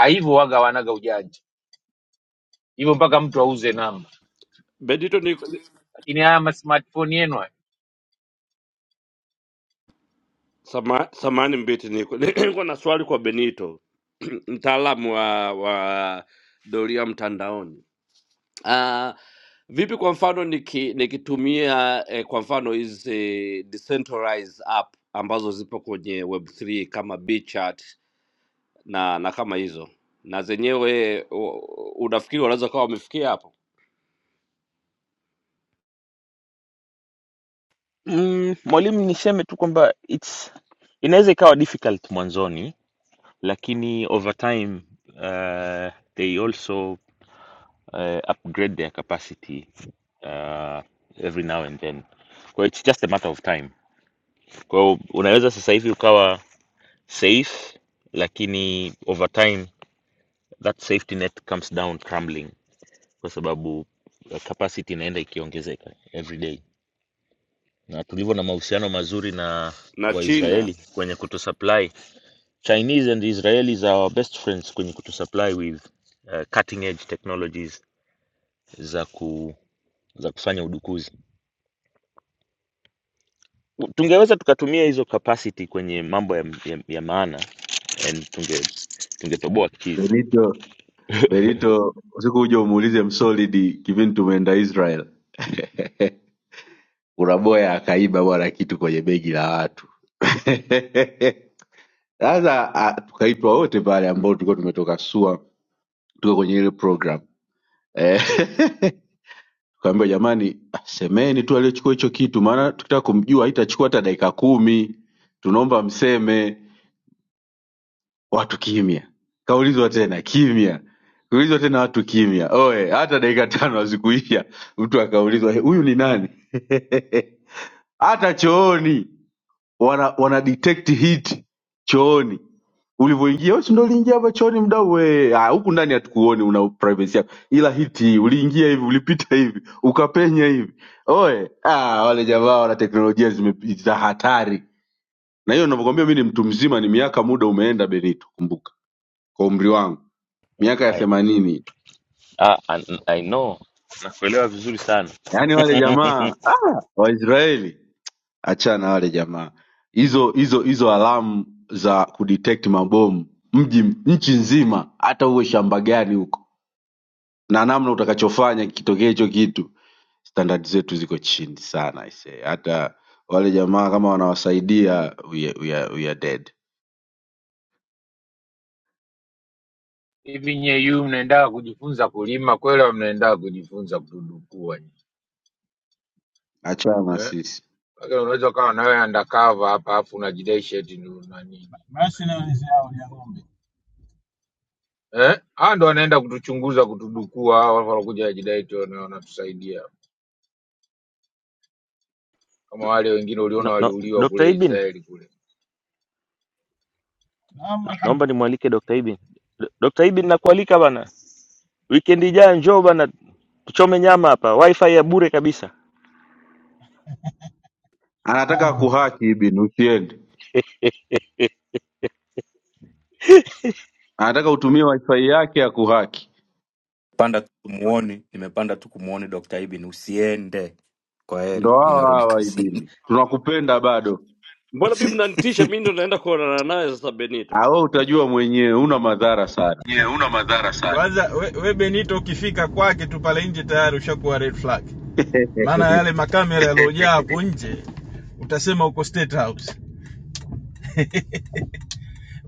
[SPEAKER 8] hivyo waga wanaga ujanja hivyo, mpaka mtu auze namba.
[SPEAKER 3] benito niko
[SPEAKER 8] Lakini haya ma smartphone yenu haya,
[SPEAKER 3] sama, samani mbiti niko niko na swali kwa benito mtaalamu wa wa doria mtandaoni Uh, vipi kwa mfano niki, nikitumia eh, kwa mfano hizi decentralized app ambazo zipo kwenye web3 kama Bchart na na kama hizo na zenyewe u- unafikiri wanaweza kawa wamefikia hapo
[SPEAKER 9] mm, mwalimu niseme tu kwamba it's inaweza ikawa difficult mwanzoni lakini over time uh, they also uh, upgrade their capacity uh, every now and then. Kwa hiyo it's just a matter of time. Kwa hiyo unaweza sasa hivi ukawa safe, lakini over time that safety net comes down crumbling, kwa sababu uh, capacity inaenda ikiongezeka every day, na tulivyo na mahusiano mazuri na
[SPEAKER 3] na China?
[SPEAKER 9] Waisraeli kwenye kutusupply. Chinese and Israelis are our best friends kwenye kutusupply with uh, cutting edge technologies za ku za kufanya udukuzi u- tungeweza tukatumia hizo capacity kwenye mambo ya, ya, ya maana and tunge tungetoboa kizi
[SPEAKER 4] Benito, Benito, usiku uje umuulize Msolidi kipindi tumeenda Israel. Uraboya akaiba bwana kitu kwenye begi la watu. Sasa ah, tukaitwa wote pale ambao tulikuwa tumetoka SUA tuko kwenye ile program eh, tukaambiwa jamani, ah, semeni tu aliochukua hicho kitu, maana tukitaka kumjua haitachukua hata dakika kumi. Tunaomba mseme. Watu kimya, kaulizwa tena kimya, kaulizwa tena watu kimya. Oe, hata dakika tano hazikuisha, mtu akaulizwa "Eh, huyu ni nani? hata chooni wana, wana detect heat chooni ulivyoingia wewe si ndio uliingia hapa chooni mdau we ah huku ndani hatukuoni una privacy yako ila hiti hii uliingia hivi ulipita hivi ukapenya hivi oe ah wale jamaa wana teknolojia zime- za hatari na hiyo ninavyokuambia mimi ni mtu mzima ni miaka muda umeenda benito kumbuka kwa umri wangu miaka ya
[SPEAKER 9] I,
[SPEAKER 4] themanini
[SPEAKER 9] ah, I, I know nakuelewa vizuri sana
[SPEAKER 4] yaani wale jamaa ah, waisraeli achana na wale jamaa hizo hizo hizo alamu za kudetect mabomu mji nchi nzima hata uwe shamba gani huko na namna utakachofanya kitokee hicho kitu standard zetu ziko chini sana ise hata wale jamaa kama wanawasaidia we are, we are, we are dead
[SPEAKER 8] hivi nyewe, yu mnaendaga kujifunza kulima kweli, au mnaendaga kujifunza kududukua?
[SPEAKER 4] achana na sisi
[SPEAKER 8] Lakini unaweza ukawa na wewe undercover hapa alafu unajidai sheti ndio na nini.
[SPEAKER 10] Basi naulizia hao ya ng'ombe.
[SPEAKER 8] Eh? Hao ndio wanaenda kutuchunguza, kutudukua, hao wale walokuja kujidai tu wana- wanatusaidia. Kama wale wengine uliona
[SPEAKER 9] no, no,
[SPEAKER 8] waliuliwa
[SPEAKER 9] Dr.
[SPEAKER 8] kule
[SPEAKER 9] Ibin
[SPEAKER 8] Israeli kule.
[SPEAKER 10] Naam
[SPEAKER 9] naomba nimwalike Dr. Ibin D- Dr. Ibin nakualika bana weekend ijayo njoo bana tuchome nyama hapa wifi ya bure kabisa
[SPEAKER 4] anataka
[SPEAKER 10] kabisa.
[SPEAKER 4] kuhaki ibini usiende anataka utumie wifi yake ya kuhaki
[SPEAKER 11] panda tu kumuoni, nimepanda tu kumuoni Dr. Ibin. Usiende, kwa
[SPEAKER 4] ndo
[SPEAKER 11] heri, mi
[SPEAKER 4] hawa
[SPEAKER 11] narudi
[SPEAKER 4] hawa
[SPEAKER 11] kazini.
[SPEAKER 4] ibini tunakupenda bado
[SPEAKER 3] Mbona mimi mnanitisha, mimi ndo naenda kuonana naye sasa Benito.
[SPEAKER 4] awe utajua mwenyewe una madhara sana
[SPEAKER 10] Ye yeah, una madhara sana. Kwanza we, we Benito ukifika kwake tu pale nje tayari ushakuwa red flag, maana yale makamera yaliyojaa hapo nje utasema uko State House,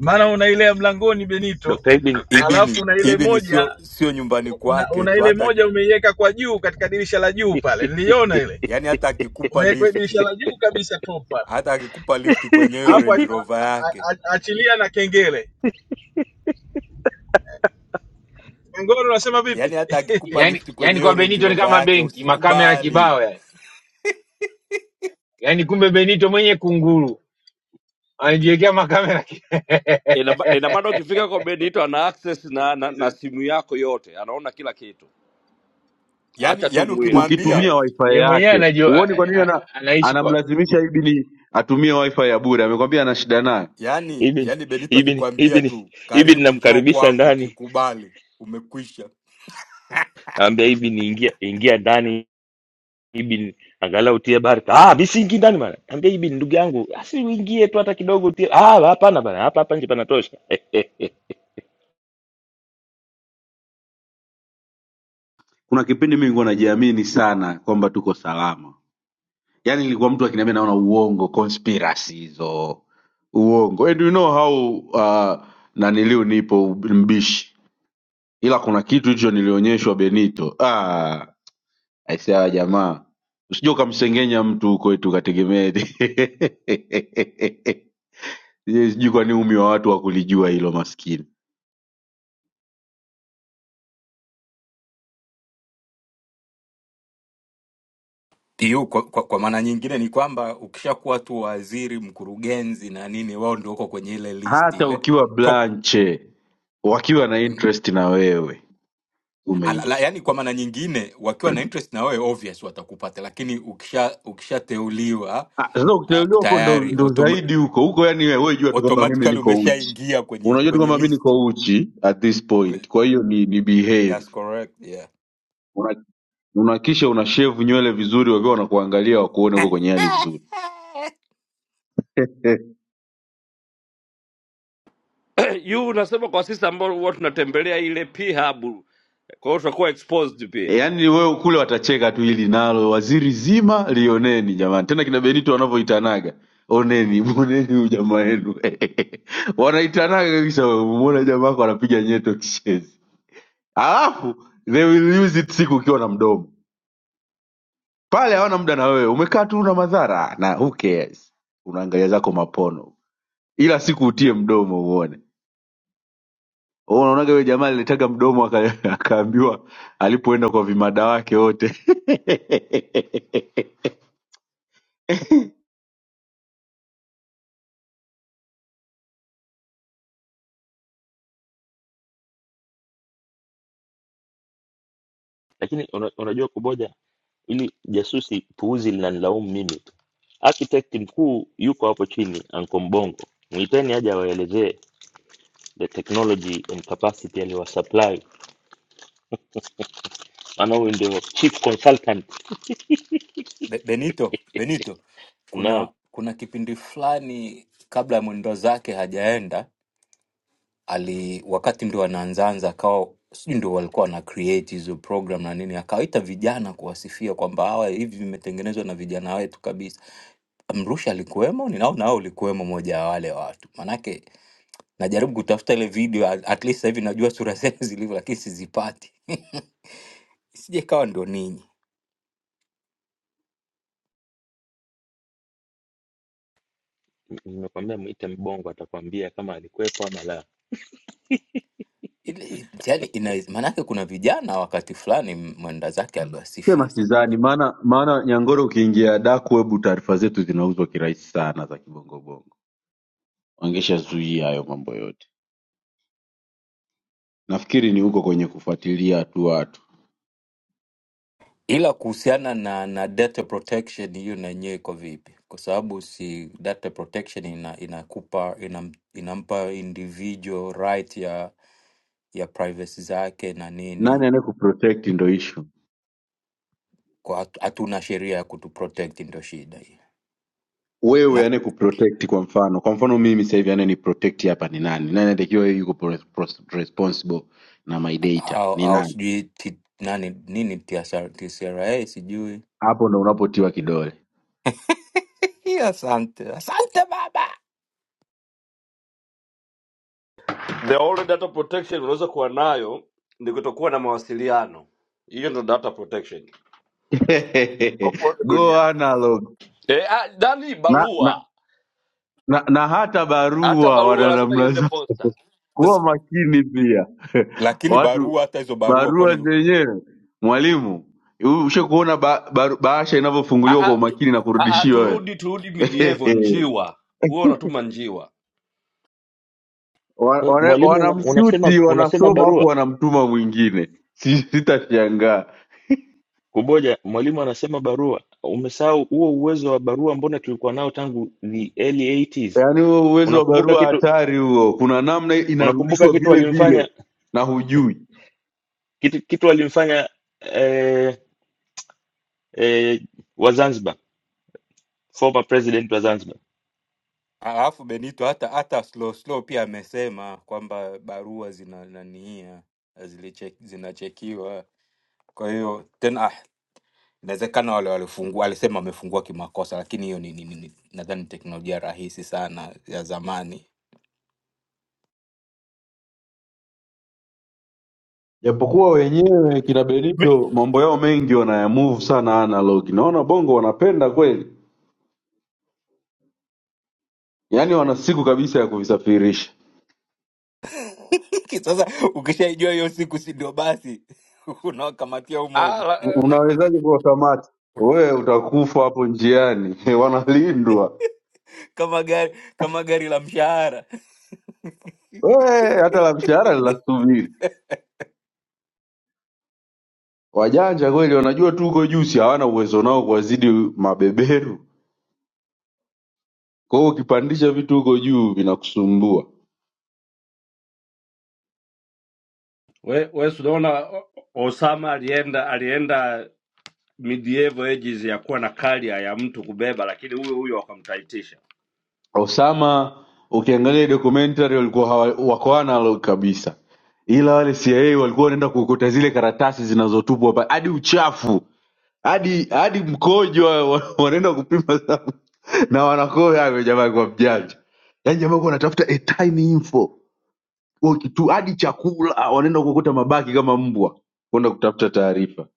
[SPEAKER 10] maana una ile ya mlangoni Benito,
[SPEAKER 9] Dr. Ibin
[SPEAKER 10] alafu
[SPEAKER 11] Ibini
[SPEAKER 10] una ile
[SPEAKER 11] Ibini
[SPEAKER 10] moja
[SPEAKER 11] sio sio nyumbani
[SPEAKER 10] una,
[SPEAKER 11] kwake
[SPEAKER 10] una
[SPEAKER 11] tu,
[SPEAKER 10] ile
[SPEAKER 11] hata
[SPEAKER 10] moja umeiweka kwa juu katika dirisha la juu pale, niliona
[SPEAKER 9] I-
[SPEAKER 10] ile
[SPEAKER 11] yani hata akikupa
[SPEAKER 10] umeweka dirisha
[SPEAKER 11] lifti,
[SPEAKER 10] la juu kabisa top pale
[SPEAKER 11] hata akikupa lifti kwenye hiyo
[SPEAKER 10] hapo, a-
[SPEAKER 11] Range Rover
[SPEAKER 10] a-
[SPEAKER 11] yake,
[SPEAKER 10] a- a- achilia na kengele. Ngoro unasema vipi?
[SPEAKER 11] yani hata akikupa
[SPEAKER 8] Yaani
[SPEAKER 11] lifti kwenye
[SPEAKER 8] yaani
[SPEAKER 11] hiyo
[SPEAKER 8] kwa
[SPEAKER 11] Range
[SPEAKER 8] Benito ni
[SPEAKER 11] Rover
[SPEAKER 8] kama
[SPEAKER 11] yake
[SPEAKER 8] benki, makamera
[SPEAKER 11] usikubali.
[SPEAKER 8] kibao yani. Yaani kumbe Benito mwenye kunguru anajiwekea makamera. ki-
[SPEAKER 3] Ina ba- ina maana ukifika kwa Benito ana access na, na, na simu yako yote, anaona kila kitu,
[SPEAKER 11] Yani
[SPEAKER 3] acha tu
[SPEAKER 11] yani
[SPEAKER 3] mwili.
[SPEAKER 11] ukimwambia
[SPEAKER 4] ukitumia
[SPEAKER 8] Eh?
[SPEAKER 4] wifi
[SPEAKER 8] Yeye mwenyewe
[SPEAKER 4] yake.
[SPEAKER 8] anajua
[SPEAKER 4] Huoni
[SPEAKER 8] a-
[SPEAKER 4] kwa
[SPEAKER 8] a-
[SPEAKER 4] nini
[SPEAKER 8] a-
[SPEAKER 4] ana,
[SPEAKER 8] anaishi kwa
[SPEAKER 4] anamlazimisha ibini atumie wifi ya bure? Amekwambia ana shida naye.
[SPEAKER 11] yani
[SPEAKER 9] Ibin
[SPEAKER 11] yani Benito
[SPEAKER 9] Ibin
[SPEAKER 11] akikwambia
[SPEAKER 9] Ibin
[SPEAKER 11] tu
[SPEAKER 9] Ibin
[SPEAKER 11] karibu njoo
[SPEAKER 9] namkaribisha
[SPEAKER 11] kwangu,
[SPEAKER 9] ndani
[SPEAKER 11] ukikubali umekwisha.
[SPEAKER 9] naambia Ibin ingia ingia ndani hii bin angalau utie barka. Ah, mimi siingi ndani bana. Ambia hii bin ndugu yangu, asi uingie tu hata kidogo utie. Ah, hapana bana. Hapa hapa nje panatosha.
[SPEAKER 4] Kuna kipindi mimi nilikuwa najiamini sana kwamba tuko salama, yaani nilikuwa mtu akiniambia naona uongo, conspiracy hizo uongo. And you know how uh, naniliu nipo mbishi, ila kuna kitu hicho nilionyeshwa Benito. Ah, aisee, hawa jamaa usije ukamsengenya mtu huko eti ukategemea eti. Yeye sijui kwa nini umi wa watu wakulijua hilo maskini.
[SPEAKER 11] Hiyo kwa, kwa, kwa maana nyingine ni kwamba ukishakuwa tu waziri, mkurugenzi na nini, wao ndio wako kwenye ile list
[SPEAKER 4] Hata
[SPEAKER 11] ile
[SPEAKER 4] ukiwa
[SPEAKER 11] top
[SPEAKER 4] blanche, wakiwa na
[SPEAKER 11] mm,
[SPEAKER 4] interest na wewe
[SPEAKER 11] ala, la,
[SPEAKER 4] umeishi.
[SPEAKER 11] yani kwa maana nyingine wakiwa na interest na wewe obvious watakupata, lakini ukisha ukishateuliwa
[SPEAKER 4] Ah, Sasa
[SPEAKER 11] uh,
[SPEAKER 4] ukiteuliwa huko ndo,
[SPEAKER 11] tayari
[SPEAKER 4] ndo
[SPEAKER 11] autom
[SPEAKER 4] zaidi huko huko, yani wewe wewe jua tu kwamba mimi
[SPEAKER 11] automatically
[SPEAKER 4] niko uchi,
[SPEAKER 11] umeshaingia kwenye
[SPEAKER 4] unajua tu
[SPEAKER 11] kwenye
[SPEAKER 4] kwamba mimi
[SPEAKER 11] list.
[SPEAKER 4] niko uchi at this point, kwa hiyo ni, ni behave
[SPEAKER 11] That's correct, yeah.
[SPEAKER 4] una, una kisha una shave nywele vizuri, wakiwa wanakuangalia wakuone huko kwenye hali nzuri. Eh,
[SPEAKER 3] yu unasema kwa sisi ambao huwa tunatembelea ile p hub kwa hiyo tutakuwa exposed pia
[SPEAKER 4] yaani wewe kule watacheka tu hili nalo waziri zima lioneni jamani tena kina benito wanavyoitanaga oneni mwoneni huyu jamaa wenu wanaitanaga kabisa mwona jamaa wako anapiga nyeto kishezi alafu they will use it siku ukiwa na mdomo pale hawana muda na wewe umekaa tu una madhara na who cares unaangalia zako mapono ila siku utie mdomo uone Wewe unaonaga huyo jamaa aliletaga mdomo aka- akaambiwa alipoenda kwa vimada wake wote
[SPEAKER 9] Lakini una- unajua kuboja ili jasusi puuzi linanilaumu mimi tu. Architect mkuu yuko hapo chini Anko Mbongo. Mwiteni aje awaelezee the technology and capacity aliwasupply. Maana huyu ndio chief consultant.
[SPEAKER 11] Be- Benito, Benito,
[SPEAKER 9] Na
[SPEAKER 11] kuna kuna kipindi fulani kabla ya mwendo zake hajaenda ali wakati ndio anaanzaanza akawa sijui ndio walikuwa wana create hizo program na nini, akawaita vijana kuwasifia kwamba hawa hivi vimetengenezwa na vijana wetu kabisa. Mrusha alikuwemo, ninaona wewe ulikuwemo moja ya wale watu, manake najaribu kutafuta ile video at at least sasa hivi najua sura zenu zilivyo, lakini sizipati sije kawa ndo ninyi
[SPEAKER 9] nimekwambia mwite Mbongo atakwambia kama alikuwepo ama la.
[SPEAKER 11] ile, yani ina maanake kuna vijana wakati fulani mwenda zake
[SPEAKER 4] Sema
[SPEAKER 11] aliwasifia.
[SPEAKER 4] sidhani, maana maana Nyangoro, ukiingia dark web taarifa zetu zinauzwa kirahisi sana za kibongobongo, wangeshazuia hayo mambo yote. Nafikiri ni huko kwenye kufuatilia tu watu,
[SPEAKER 11] ila kuhusiana na na data protection hiyo na yenyewe iko vipi kwa sababu si data protection ina inakupa ina, inampa individual right ya ya privacy zake na nini
[SPEAKER 4] nani anayekuprotect ndo issue.
[SPEAKER 11] kwa hatu- hatuna sheria ya kutu protect ndio shida hiyo
[SPEAKER 4] Wewe
[SPEAKER 11] na
[SPEAKER 4] anayekuprotect kwa mfano, kwa mfano mimi sasa hivi anayeniprotect hapa ni nani? Nani anatakiwa yuko pro- pro- responsible na my data
[SPEAKER 11] au,
[SPEAKER 4] ni
[SPEAKER 11] au
[SPEAKER 4] nani?
[SPEAKER 11] sijui ti, nani nini TSR TSRA sijui
[SPEAKER 4] Hapo ndo unapotiwa kidole.
[SPEAKER 11] Hii asante asante baba
[SPEAKER 3] the only data protection unaweza kuwa nayo ni kutokuwa na mawasiliano hiyo ndo data protection popote
[SPEAKER 4] Go
[SPEAKER 3] duniani
[SPEAKER 4] analog.
[SPEAKER 3] e, a, nani
[SPEAKER 4] Na, na
[SPEAKER 3] barua
[SPEAKER 4] na, na hata
[SPEAKER 3] hata
[SPEAKER 4] barua
[SPEAKER 3] barua
[SPEAKER 4] wana
[SPEAKER 3] lazima
[SPEAKER 4] namna
[SPEAKER 3] iende
[SPEAKER 4] zao.
[SPEAKER 3] posta
[SPEAKER 4] Kuwa
[SPEAKER 11] Sasa,
[SPEAKER 4] makini pia
[SPEAKER 11] lakini
[SPEAKER 4] watu,
[SPEAKER 11] barua hata hizo barua
[SPEAKER 4] barua
[SPEAKER 11] kwani
[SPEAKER 4] zenyewe. Mwalimu, ushe kuona ba, ba, bahasha
[SPEAKER 3] a,
[SPEAKER 4] inavyofunguliwa kwa
[SPEAKER 3] a, tu,
[SPEAKER 4] umakini na
[SPEAKER 3] a, a,
[SPEAKER 4] kurudishiwa wewe
[SPEAKER 3] turudi turudi midievo njiwa huo unatuma njiwa
[SPEAKER 4] Wa-
[SPEAKER 9] Wewe,
[SPEAKER 4] wana-
[SPEAKER 9] Mwalimu una- unasema
[SPEAKER 4] wanamshuti
[SPEAKER 9] unasema
[SPEAKER 4] wanasoma
[SPEAKER 9] barua
[SPEAKER 4] hapo wanamtuma mwingine Si- sitashangaa
[SPEAKER 9] Kuboja, mwalimu anasema barua. Umesahau huo uwezo wa barua, mbona tulikuwa nao tangu the early 80s.
[SPEAKER 4] yaani huo uwezo wa
[SPEAKER 9] Unakumbuka
[SPEAKER 4] barua
[SPEAKER 9] kitu,
[SPEAKER 4] hatari huo kuna namna
[SPEAKER 9] unakumbuka
[SPEAKER 4] inarudishwa
[SPEAKER 9] kitu
[SPEAKER 4] vile vile
[SPEAKER 9] walimfanya
[SPEAKER 4] na hujui
[SPEAKER 9] kitu, kitu walimfanya eh, eh, wa Zanzibar, former president wa Zanzibar.
[SPEAKER 11] Alafu Benito hata hata slow slow pia amesema kwamba barua zina nania ziliche- zinachekiwa. Kwa hiyo tena ah, inawezekana wale walifungua, alisema wamefungua kimakosa, lakini hiyo ni, ni, ni, ni- nadhani teknolojia rahisi sana ya zamani.
[SPEAKER 4] japokuwa wenyewe kina
[SPEAKER 3] Mi-
[SPEAKER 4] Benito mambo yao mengi wanayamove sana analog. Naona bongo wanapenda kweli, yaani wana siku kabisa ya kuvisafirisha.
[SPEAKER 11] Sasa ukishaijua hiyo siku, si ndio? Basi unawakamatia humo
[SPEAKER 3] Ah,
[SPEAKER 11] humo
[SPEAKER 3] la-
[SPEAKER 4] U- Unawezaje kuwakamata? Wewe utakufa hapo njiani wanalindwa
[SPEAKER 11] kama gari kama gari la mshahara
[SPEAKER 4] wewe, hata la mshahara linasubiri. Wajanja kweli, wanajua tu huko juu, si hawana uwezo nao kuwazidi mabeberu. Kwa hiyo ukipandisha vitu huko juu vinakusumbua.
[SPEAKER 3] we, we si unaona O- Osama alienda alienda medieval ages ya kuwa na carrier ya mtu kubeba, lakini huyo huyo wakamtaitisha.
[SPEAKER 4] Osama ukiangalia documentary walikuwa hawa- wako analog kabisa, ila wale CIA walikuwa wanaenda kuokota zile karatasi zinazotupwa hapa, hadi uchafu hadi hadi mkojo wa- wa- wanaenda kupima sana. na wanakoa hapo. Jamaa kwa mjanja, yaani jamaa kwa anatafuta a tiny info Kwa kitu, hadi chakula wanaenda kuokota mabaki kama mbwa kwenda kutafuta taarifa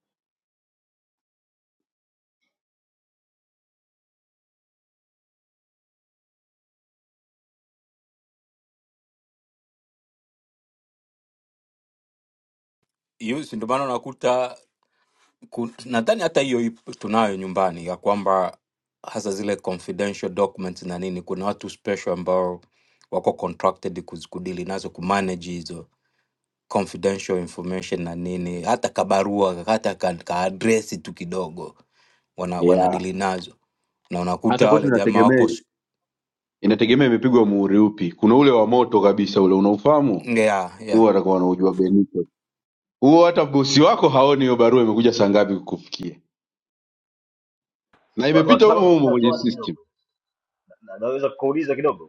[SPEAKER 11] hiyo, si ndio maana unakuta ku- nadhani hata hiyo ipo- tunayo nyumbani ya kwamba hasa zile confidential documents na nini kuna watu special ambao wako contracted kuz- kudili nazo kumanage hizo confidential information na nini hata kabarua hata ka, ka address tu kidogo wana
[SPEAKER 4] yeah.
[SPEAKER 11] wanadili nazo na
[SPEAKER 4] Sasa
[SPEAKER 11] unakuta
[SPEAKER 4] kwetu
[SPEAKER 11] wale jamaa wako
[SPEAKER 4] inategemea
[SPEAKER 11] s-
[SPEAKER 4] inategemea imepigwa muhuri upi. Kuna ule wa moto kabisa ule unaufahamu
[SPEAKER 11] yeah,
[SPEAKER 4] huo
[SPEAKER 11] yeah.
[SPEAKER 4] watakuwa wanaujua Benito. Huo hata bosi wako haoni hiyo barua imekuja saa ngapi kukufikia, na
[SPEAKER 12] Wa-
[SPEAKER 4] imepita humo
[SPEAKER 12] Wataalamu, mimi
[SPEAKER 4] humo
[SPEAKER 12] na
[SPEAKER 4] kwenye
[SPEAKER 12] swali
[SPEAKER 4] system.
[SPEAKER 12] kidogo, Na- na- naweza kukuuliza kidogo?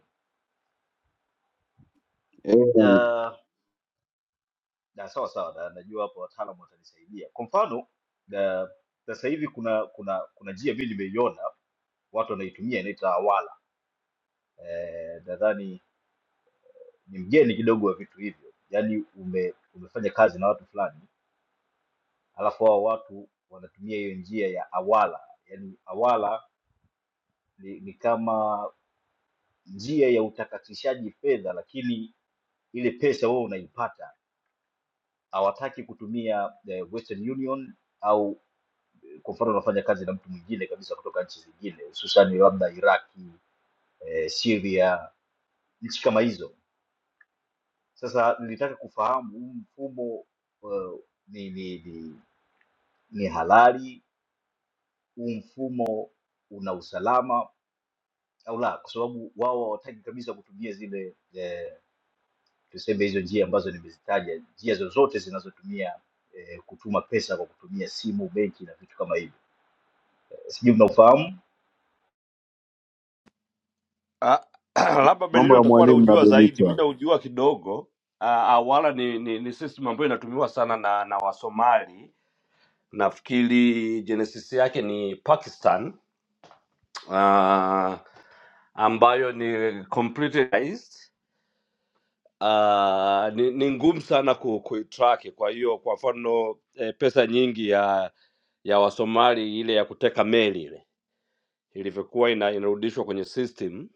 [SPEAKER 4] Eh,
[SPEAKER 12] Uh, na sawa sawa, na, najua hapo wataalamu watanisaidia. Kwa mfano na- sasa hivi kuna kuna kuna njia mimi nimeiona watu wanaitumia inaitwa Awala. Eh, nadhani ni mgeni kidogo wa vitu hivyo, yaani ume, umefanya kazi na watu fulani alafu hao watu wanatumia hiyo njia ya Awala, yaani Awala ni, ni kama njia ya utakatishaji fedha, lakini ile pesa wewe unaipata hawataki kutumia eh, Western Union au eh, kwa mfano unafanya kazi na mtu mwingine kabisa kutoka nchi zingine hususan labda Iraki, eh, Syria, nchi kama hizo. Sasa nilitaka kufahamu huu mfumo eh, ni, ni, ni, ni halali, huu mfumo una usalama au la, kwa sababu wao hawataki kabisa kutumia zile eh, tuseme hizo njia ambazo nimezitaja, njia zozote zinazotumia eh, kutuma pesa kwa kutumia simu, benki na vitu kama hivyo. Sijui mnaufahamu
[SPEAKER 3] Ah, labda Benito
[SPEAKER 4] mambo ya
[SPEAKER 3] atakuwa
[SPEAKER 4] mwalimu na
[SPEAKER 3] anaujua zaidi,
[SPEAKER 4] Benito.
[SPEAKER 3] mi
[SPEAKER 4] hayo.
[SPEAKER 3] naujua kidogo. Ah, awala ni, ni, ni system ambayo inatumiwa sana na, na Wasomali. Nafikiri genesis yake ni Pakistan ah, ambayo ni computerized. Ah, ni, ni ngumu sana ku, kuitrack. Kwa hiyo kwa mfano eh, pesa nyingi ya ya Wasomali ile ya kuteka meli ile ilivyokuwa ina, inarudishwa kwenye system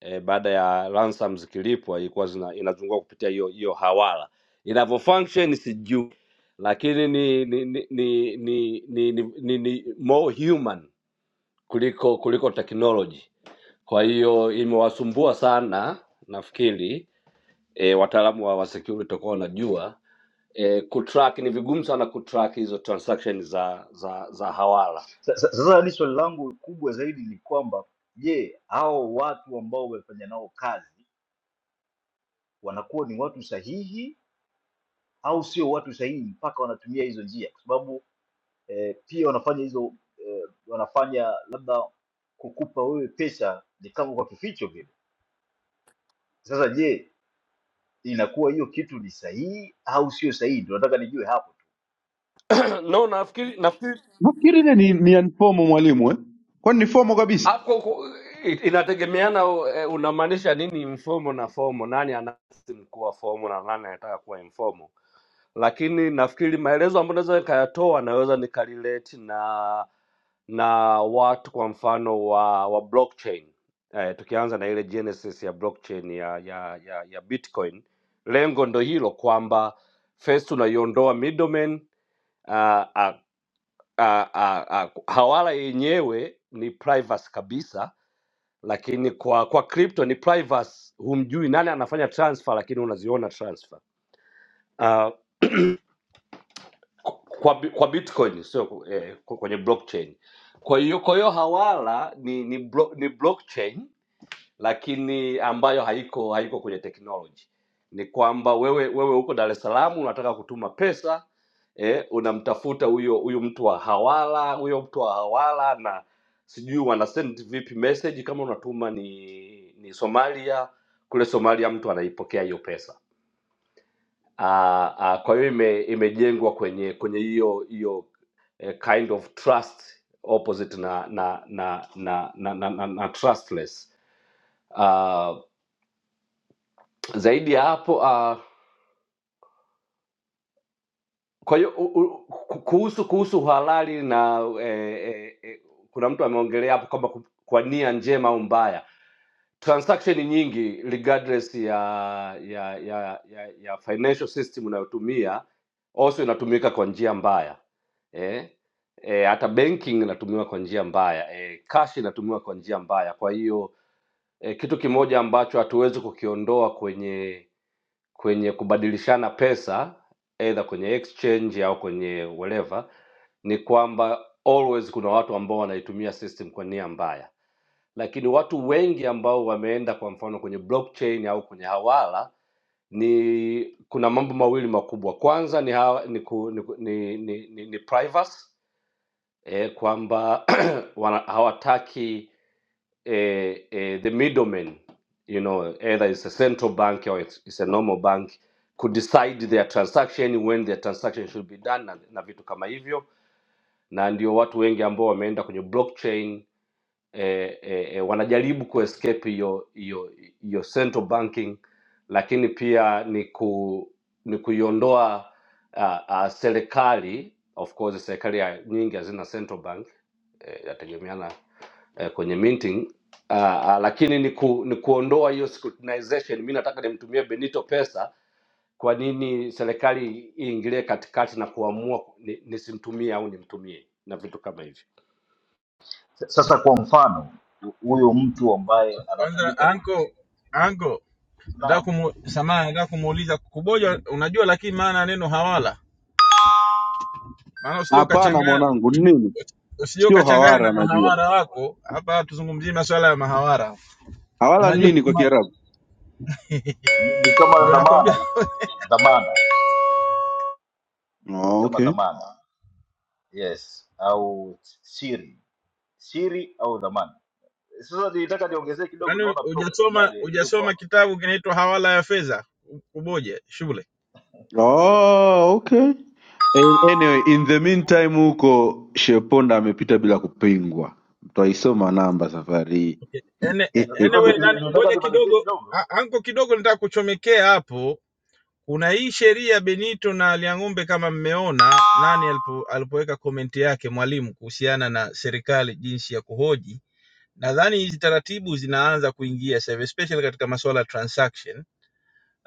[SPEAKER 3] eh, baada ya ransom zikilipwa ilikuwa zina, inazunguka kupitia hiyo hiyo hawala inavyo function sijui lakini ni ni ni ni ni, ni, ni, ni, ni more human kuliko kuliko technology kwa hiyo imewasumbua sana nafikiri e, wataalamu wa, wa security watakuwa wanajua e, kutrack ni vigumu sana kutrack hizo transaction za za za hawala
[SPEAKER 12] Sasa sasa hadi swali langu kubwa zaidi ni kwamba je, hao watu ambao wamefanya nao kazi wanakuwa ni watu sahihi au sio watu sahihi mpaka wanatumia hizo njia? Kwa sababu eh, pia wanafanya hizo eh, wanafanya labda kukupa wewe pesa ni kama kwa kificho vile. Sasa je, inakuwa hiyo kitu ni sahihi au sio sahihi? Ndio nataka nijue hapo tu.
[SPEAKER 3] no nafikiri nafikiri
[SPEAKER 4] Nafikiri ile ni, ni anfomo mwalimu eh? Kwani ni fomo kabisa?
[SPEAKER 3] Hapo ku- i- inategemeana u- eh, unamaanisha nini informal na formal, nani anasim kuwa formal na nani anataka kuwa informal. Lakini nafikiri maelezo ambayo naweza nikayatoa naweza nikarelate na na watu kwa mfano wa wa blockchain eh, tukianza na ile genesis ya blockchain ya ya ya, ya Bitcoin, lengo ndo hilo kwamba first unaiondoa middleman uh, uh, uh, uh, uh, hawala yenyewe ni privacy kabisa lakini kwa kwa crypto ni privacy, humjui nani anafanya transfer, lakini unaziona transfer uh, kwa, bi- kwa Bitcoin sio eh, kwenye blockchain. Kwa hiyo kwa hiyo Hawala ni ni, blo, ni blockchain lakini ambayo haiko haiko kwenye technology ni kwamba wewe wewe uko Dar es Salaam unataka kutuma pesa eh, unamtafuta huyo huyo mtu wa hawala huyo mtu wa hawala na sijui wana send vipi message kama unatuma ni ni Somalia kule Somalia mtu anaipokea hiyo pesa Ah, ah, kwa hiyo ime, imejengwa kwenye kwenye hiyo hiyo eh, kind of trust opposite na na na na na, na, na, na trustless Uh, zaidi ya hapo uh, kwa hiyo u- u- ku- kuhusu kuhusu uhalali na eh, eh, eh, kuna mtu ameongelea hapo kwamba ku- kwa nia njema au mbaya transaction nyingi regardless ya ya ya ya, ya financial system unayotumia also inatumika kwa njia mbaya eh? Eh, hata banking inatumiwa kwa njia mbaya eh, cash inatumiwa kwa njia mbaya kwa hiyo e, kitu kimoja ambacho hatuwezi kukiondoa kwenye kwenye kubadilishana pesa either kwenye exchange au kwenye whatever ni kwamba always kuna watu ambao wanaitumia system kwa nia mbaya lakini watu wengi ambao wameenda kwa mfano kwenye blockchain au kwenye hawala ni kuna mambo mawili makubwa kwanza ni, hawa, ni, ku, ni, ku- ni, ni, ni, ni privacy e, kwamba wana, hawataki e, e, the middlemen you know either it's a central bank or it's, it's a normal bank could decide their transaction when their transaction should be done na, na vitu kama hivyo na ndio watu wengi ambao wameenda kwenye blockchain eh, eh, eh, wanajaribu kuescape hiyo hiyo hiyo central banking lakini pia ni ku ni kuiondoa uh, uh, serikali of course serikali ya- nyingi hazina central bank eh, yategemeana eh, kwenye minting uh, uh, lakini ni, ku, ni kuondoa hiyo scrutinization mi nataka nimtumie benito pesa kwa nini serikali iingilie katikati na kuamua ni- nisimtumie ni au nimtumie na vitu kama hivyo
[SPEAKER 12] Sa- Sasa kwa mfano hu- huyo mtu ambaye
[SPEAKER 10] Kwanza
[SPEAKER 12] anatumika,
[SPEAKER 10] anko anko, nataka
[SPEAKER 12] naam,
[SPEAKER 10] kumu, samahani, nataka kumuuliza kuboja, unajua lakini maana ya neno hawala, maana usije
[SPEAKER 4] Hapana
[SPEAKER 10] ukachanganya
[SPEAKER 4] mwanangu, ni nini?
[SPEAKER 10] usije
[SPEAKER 4] Sio
[SPEAKER 10] ukachanganya na
[SPEAKER 4] hawara, najua
[SPEAKER 10] mahawara wako hapa. Tuzungumzie masuala ya mahawara,
[SPEAKER 4] hawara ni
[SPEAKER 10] unajua
[SPEAKER 4] nini kwa Kiarabu.
[SPEAKER 12] ni ni kama
[SPEAKER 10] ndio
[SPEAKER 12] dhamana
[SPEAKER 10] nakwambia,
[SPEAKER 12] hivi, dhamana ni
[SPEAKER 4] Oh,
[SPEAKER 12] kama
[SPEAKER 4] okay.
[SPEAKER 12] dhamana yes au siri siri au dhamana sasa nilitaka niongezee kidogo
[SPEAKER 10] yaani
[SPEAKER 12] naona prof
[SPEAKER 10] hujasoma
[SPEAKER 12] panyari yupo
[SPEAKER 10] hujasoma
[SPEAKER 12] hapa
[SPEAKER 10] kitabu kinaitwa Hawala ya Fedha, kuboja shule.
[SPEAKER 4] Oh, okay. Eh, Anyway, in the meantime huko Sheponda amepita bila kupingwa, mtu aisoma namba safari
[SPEAKER 10] Ene-
[SPEAKER 4] hii
[SPEAKER 12] sasa
[SPEAKER 10] Anyway,
[SPEAKER 12] ni- ni-
[SPEAKER 10] nani,
[SPEAKER 12] nilitaka
[SPEAKER 10] ngoja
[SPEAKER 12] nimalizie
[SPEAKER 10] kidogo
[SPEAKER 12] kidogo
[SPEAKER 10] a- anko kidogo, nataka kuchomekea hapo kuna hii sheria Benito na Liang'ombe, kama mmeona nani alipo, alipoweka komenti yake mwalimu kuhusiana na serikali jinsi ya kuhoji, nadhani hizi taratibu zinaanza kuingia sasa hivi, especially katika masuala ya transaction.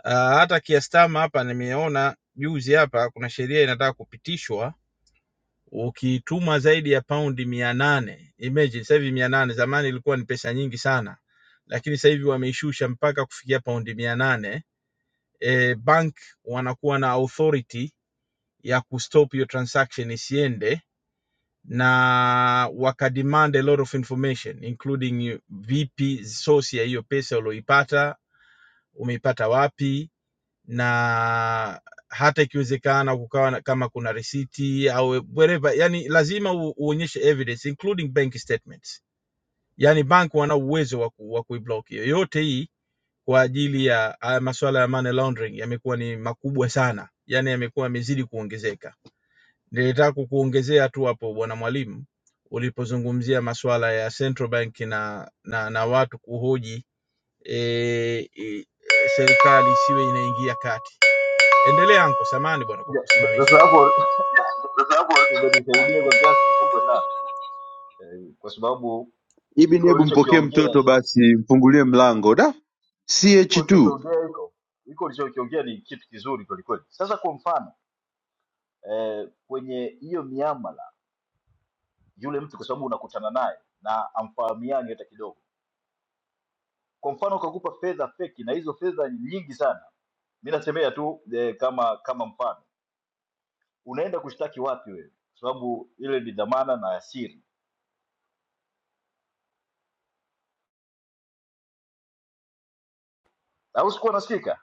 [SPEAKER 10] Uh, hata kiastama hapa nimeona juzi hapa kuna sheria inataka kupitishwa ukituma zaidi ya paundi mia nane imagine sasa hivi mia nane zamani ilikuwa ni pesa nyingi sana lakini sasa hivi wameishusha mpaka kufikia paundi mia nane e, bank wanakuwa na authority ya kustop hiyo transaction isiende na wakademand a lot of information including vipi source ya hiyo pesa ulioipata umeipata wapi na hata ikiwezekana kukawa na, kama kuna risiti au wherever yani lazima u, uonyeshe evidence including bank statements yani bank wana uwezo wa, ku, wa kuiblock hiyo yote hii kwa ajili ya haya masuala ya money laundering yamekuwa ni makubwa sana yani yamekuwa yamezidi kuongezeka Nilitaka kukuongezea tu hapo bwana mwalimu, ulipozungumzia masuala ya central bank na na, na watu kuhoji e, e, serikali isiwe inaingia kati. Endelea anko, samani bwana kwa
[SPEAKER 12] Ya, sasa
[SPEAKER 10] kusimamisha.
[SPEAKER 12] hapo
[SPEAKER 10] Sasa hapo
[SPEAKER 12] umenisaidia kwa kiasi kikubwa sana Eh, kwa sababu
[SPEAKER 4] Ibini,
[SPEAKER 12] iko
[SPEAKER 4] hebu mpokee
[SPEAKER 12] ulichokiongea
[SPEAKER 4] mtoto
[SPEAKER 12] iko
[SPEAKER 4] basi, mfungulie mlango. Da,
[SPEAKER 12] iko
[SPEAKER 4] ch tu
[SPEAKER 12] ulichokiongea iko iko ulichokiongea ni kitu kizuri kwelikweli sasa kwa mfano eh, kwenye hiyo miamala yule mtu kwa sababu unakutana naye na amfahamiani hata kidogo kwa mfano ukakupa fedha feki na hizo fedha ni nyingi sana mi nasemea tu eh, kama kama mfano unaenda kushtaki wapi wewe kwa sababu ile ni dhamana na asiri au sikuwa nasikika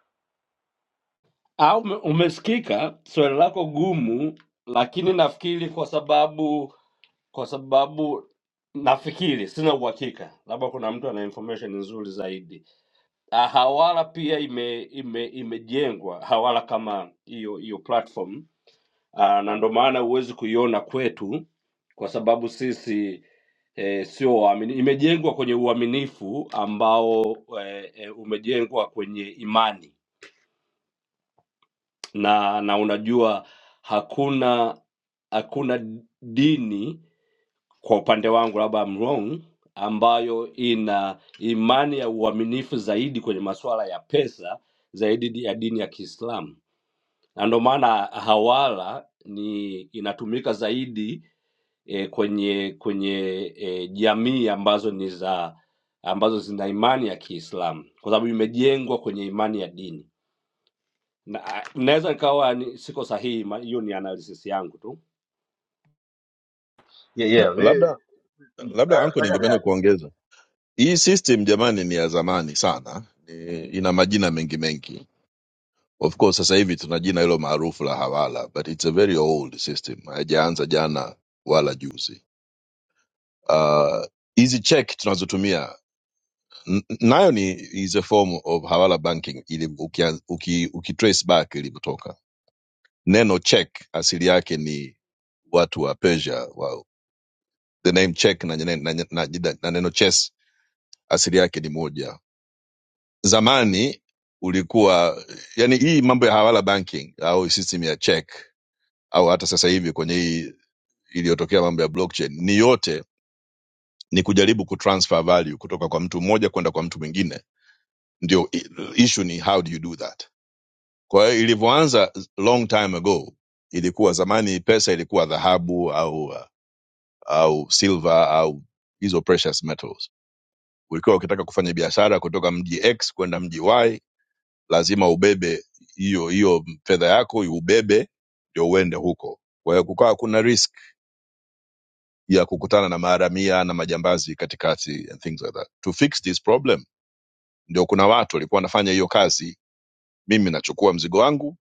[SPEAKER 3] au ume- umesikika swali lako gumu lakini nafikiri kwa sababu kwa sababu nafikiri, sina uhakika, labda kuna mtu ana information nzuri zaidi. Ah, Hawala pia ime ime imejengwa Hawala kama hiyo hiyo platform Ah, na ndo maana huwezi kuiona kwetu kwa sababu sisi e, sio waamini. Imejengwa kwenye uaminifu ambao e, e, umejengwa kwenye imani na na unajua hakuna hakuna dini kwa upande wangu labda I'm wrong ambayo ina imani ya uaminifu zaidi kwenye masuala ya pesa zaidi di- ya dini ya Kiislamu, na ndio maana hawala ni inatumika zaidi eh, kwenye kwenye eh, jamii ambazo ni za ambazo zina imani ya Kiislamu kwa sababu imejengwa kwenye imani ya dini. Na- Naweza nikawa ni- siko sahihi, ma- hiyo ni analysis yangu tu
[SPEAKER 12] yeah,
[SPEAKER 13] Yeah,
[SPEAKER 12] yeah,
[SPEAKER 13] labda
[SPEAKER 12] we- mm,
[SPEAKER 13] labda
[SPEAKER 12] eh,
[SPEAKER 13] anko
[SPEAKER 12] fanya
[SPEAKER 13] ningependa
[SPEAKER 12] react.
[SPEAKER 13] kuongeza hii system jamani ni ya zamani sana ni, ina majina mengi mengi of course sasa hivi tuna jina hilo maarufu la hawala but it's a very old system haijaanza jana wala juzi Ah, hizi check tunazotumia n- nayo ni is a form of hawala banking ili ukian- uki, uki trace back ilivyotoka neno check asili yake ni watu wa persia wa, the name check na, na, na, na, na, na neno chess asili yake ni moja zamani ulikuwa yani hii mambo ya hawala banking au system ya check au hata sasa hivi kwenye hii iliyotokea mambo ya blockchain ni yote ni kujaribu kutransfer value kutoka kwa mtu mmoja kwenda kwa mtu mwingine ndio i- issue ni how do you do that kwa hiyo ilivyoanza long time ago ilikuwa zamani pesa ilikuwa dhahabu au uh, au silver au hizo precious metals ulikuwa ukitaka kufanya biashara kutoka mji x kwenda mji y lazima ubebe hiyo hiyo fedha yako iubebe ndio uende huko kwa hiyo kukawa kuna risk ya kukutana na maharamia na majambazi katikati and things like that to fix this problem ndio kuna watu walikuwa wanafanya hiyo kazi mimi nachukua mzigo wangu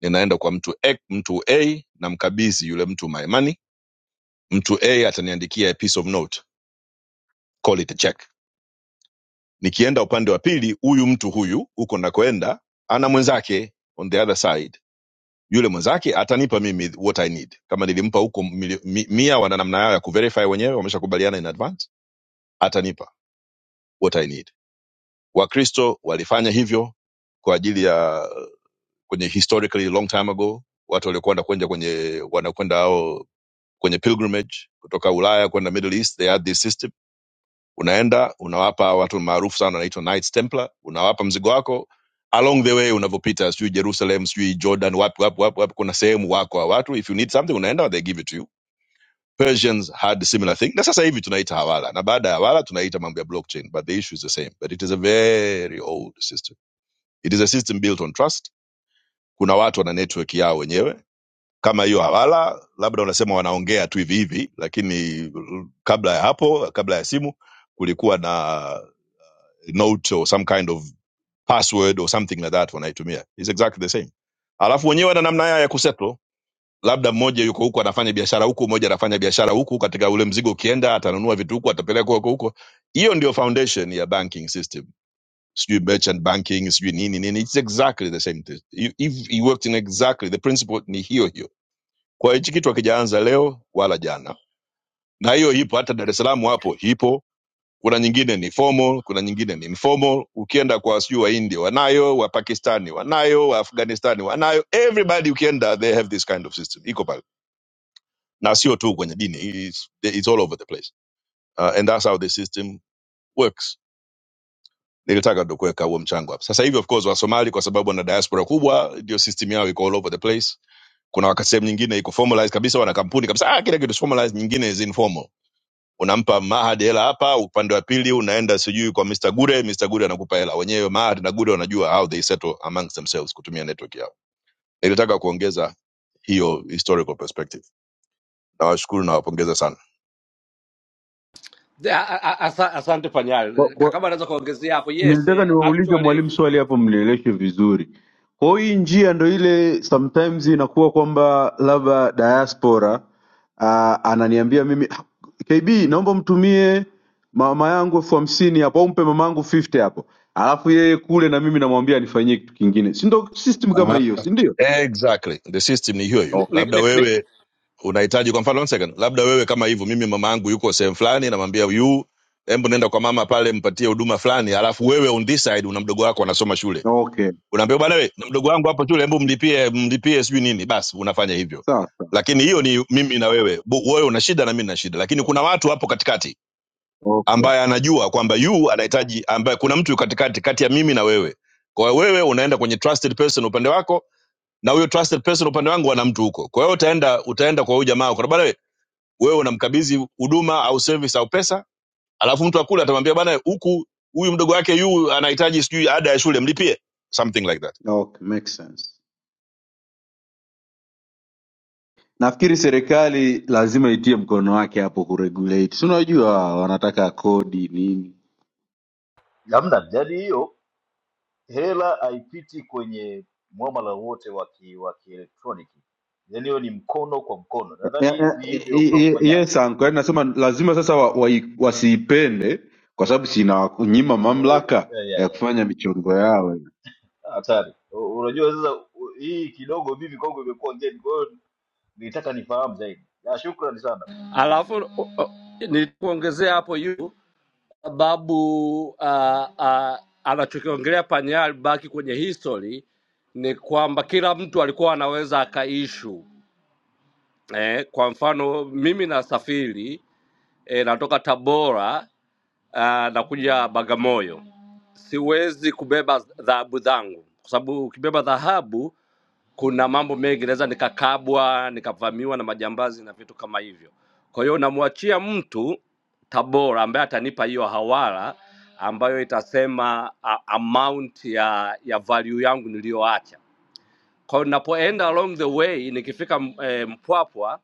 [SPEAKER 13] ninaenda kwa mtu a, mtu a namkabidhi yule mtu my money mtu a ataniandikia a piece of note call it a check nikienda upande wa pili huyu mtu huyu huko nakoenda ana mwenzake on the other side yule mwenzake atanipa mimi what i need kama nilimpa huko mili- mi- mia wana namna yao ya kuverify wenyewe wameshakubaliana in advance atanipa what i need wakristo walifanya hivyo kwa ajili ya kwenye historically long time ago watu waliokwenda kwenda kwenye wanakwenda ao kwenye pilgrimage kutoka ulaya kwenda middle east they had this system unaenda unawapa watu maarufu sana wanaitwa knights templar unawapa mzigo wako along the way unavopita sijui jerusalem sijui jordan wapi wapi wapi wapi kuna sehemu wako wa watu if you need something unaenda they give it to you persians had a similar thing na sasa hivi tunaita hawala na baada ya hawala tunaita mambo ya blockchain but the issue is the same but it is a very old system it is a system built on trust kuna watu wana network yao wenyewe kama hiyo hawala labda unasema wanaongea tu hivi hivi lakini kabla ya hapo kabla ya simu kulikuwa na note or some kind of password or something like that wanaitumia is exactly the same alafu wenyewe na namna yao ya kusettle labda mmoja yuko huku anafanya biashara huku mmoja anafanya biashara huku katika ule mzigo ukienda atanunua vitu huku atapeleka huko huko hiyo ndio foundation ya banking system sijui merchant banking sijui nini nini it's exactly the same thing. You- if he worked in exactly the principle ni hiyo hiyo kwa hiyo hichi kitu akijaanza leo wala jana na hiyo ipo hata dar es salaam hapo ipo kuna nyingine ni formal kuna nyingine ni informal ukienda kwa sijui waindia wanayo wapakistani wanayo waafghanistani wanayo everybody ukienda they have this kind of system iko pale na sio tu kwenye dini it's, it's all over the place uh, and that's how the system works nilitaka ndo kuweka huo mchango hapa sasa hivi of course wa wasomali kwa sababu wana diaspora kubwa ndio system yao iko all over the place kuna wakati sehemu nyingine iko formalized kabisa wana kampuni kabisa ah, kila kitu is formalized nyingine is informal unampa Mahad hela hapa, upande wa pili unaenda sijui kwa Mr. Gure, Mr. Gure anakupa hela wenyewe. Mahad na Gure wanajua how they settle amongst themselves kutumia network yao. Nilitaka kuongeza hiyo historical perspective. Nawashukuru, nawapongeza sana.
[SPEAKER 3] A- a- a- asa- Asante
[SPEAKER 4] kwa,
[SPEAKER 3] Panyal,
[SPEAKER 4] kwa,
[SPEAKER 3] kama anaweza kuongezea hapo. Yes,
[SPEAKER 4] nilitaka
[SPEAKER 3] eh,
[SPEAKER 4] niwaulize
[SPEAKER 3] actually
[SPEAKER 4] mwalimu swali hapo, mnieleweshe vizuri. Kwa hiyo hii njia ndo ile sometimes inakuwa kwamba labda diaspora uh, ananiambia mimi "Ah, KB, naomba mtumie mama yangu elfu hamsini hapo au mpe mama yangu 50 hapo, alafu yeye kule na mimi namwambia anifanyie kitu kingine, si ndo system kama
[SPEAKER 13] Aha.
[SPEAKER 4] hiyo, si ndio?
[SPEAKER 13] Exactly, the system ni hiyo hiyo.
[SPEAKER 3] ni, ni,
[SPEAKER 4] Okay,
[SPEAKER 13] Labda
[SPEAKER 3] ni, ni-
[SPEAKER 13] wewe unahitaji kwa mfano, one second, labda wewe kama hivyo, mimi mama yangu yuko sehemu fulani, namwambia yu, hebu nenda kwa mama pale, mpatie huduma fulani, alafu wewe on this side una mdogo wako anasoma shule
[SPEAKER 4] okay,
[SPEAKER 13] unaambia bwana we mdogo wangu hapo shule hebu mlipie mlipie sijui nini basi unafanya hivyo
[SPEAKER 4] sawa sawa,
[SPEAKER 13] lakini hiyo ni mimi na wewe Bu- wewe una shida na mimi na shida lakini kuna watu hapo katikati
[SPEAKER 4] okay,
[SPEAKER 13] ambaye anajua kwamba yu anahitaji ambaye kuna mtu katikati kati ya mimi na wewe kwa hiyo wewe unaenda kwenye trusted person upande wako na huyo trusted person upande wangu ana mtu huko kwa hiyo utaenda utaenda kwa huyo jamaa ukaona bwana we wewe unamkabidhi huduma au service au pesa alafu mtu akule atamwambia bwana huku huyu mdogo wake yu anahitaji sijui ada ya shule mlipie something like that
[SPEAKER 4] okay, makes sense. nafikiri serikali lazima itie mkono wake hapo kuregulate si unajua wanataka kodi nini
[SPEAKER 12] hamna yani hiyo hela haipiti kwenye mwamala wote wa ki- wa kielektroniki yani hiyo ni mkono kwa mkono
[SPEAKER 4] Ya-
[SPEAKER 12] nadhani
[SPEAKER 4] ya-
[SPEAKER 12] ni hivyo
[SPEAKER 4] i-
[SPEAKER 12] Prof.
[SPEAKER 4] i-
[SPEAKER 12] Panyati.
[SPEAKER 4] yes anko yani nasema lazima sasa wa, wa, wasiipende kwa sababu sinawanyima
[SPEAKER 12] Eh, eh,
[SPEAKER 4] mamlaka
[SPEAKER 12] eh,
[SPEAKER 4] ya
[SPEAKER 12] eh, eh.
[SPEAKER 4] kufanya michongo yao
[SPEAKER 12] hatari U- unajua sasa u- hii kidogo mimi kwangu imekuwa ngeni nilitaka nifahamu zaidi ya shukrani sana
[SPEAKER 3] alafu o- o- nilikuongezea hapo yu sababu uh, uh, anachokiongelea Panyal baki kwenye history ni kwamba kila mtu alikuwa anaweza akaishu eh, kwa mfano mimi nasafiri eh, natoka Tabora uh, nakuja Bagamoyo, siwezi kubeba dhahabu zangu kwa sababu ukibeba dhahabu kuna mambo mengi, naweza nikakabwa, nikavamiwa na majambazi na vitu kama hivyo. Kwa hiyo namwachia mtu Tabora ambaye atanipa hiyo hawala ambayo itasema a, amount ya ya value yangu niliyoacha. Kwa hiyo ninapoenda along the way, nikifika m- eh, Mpwapwa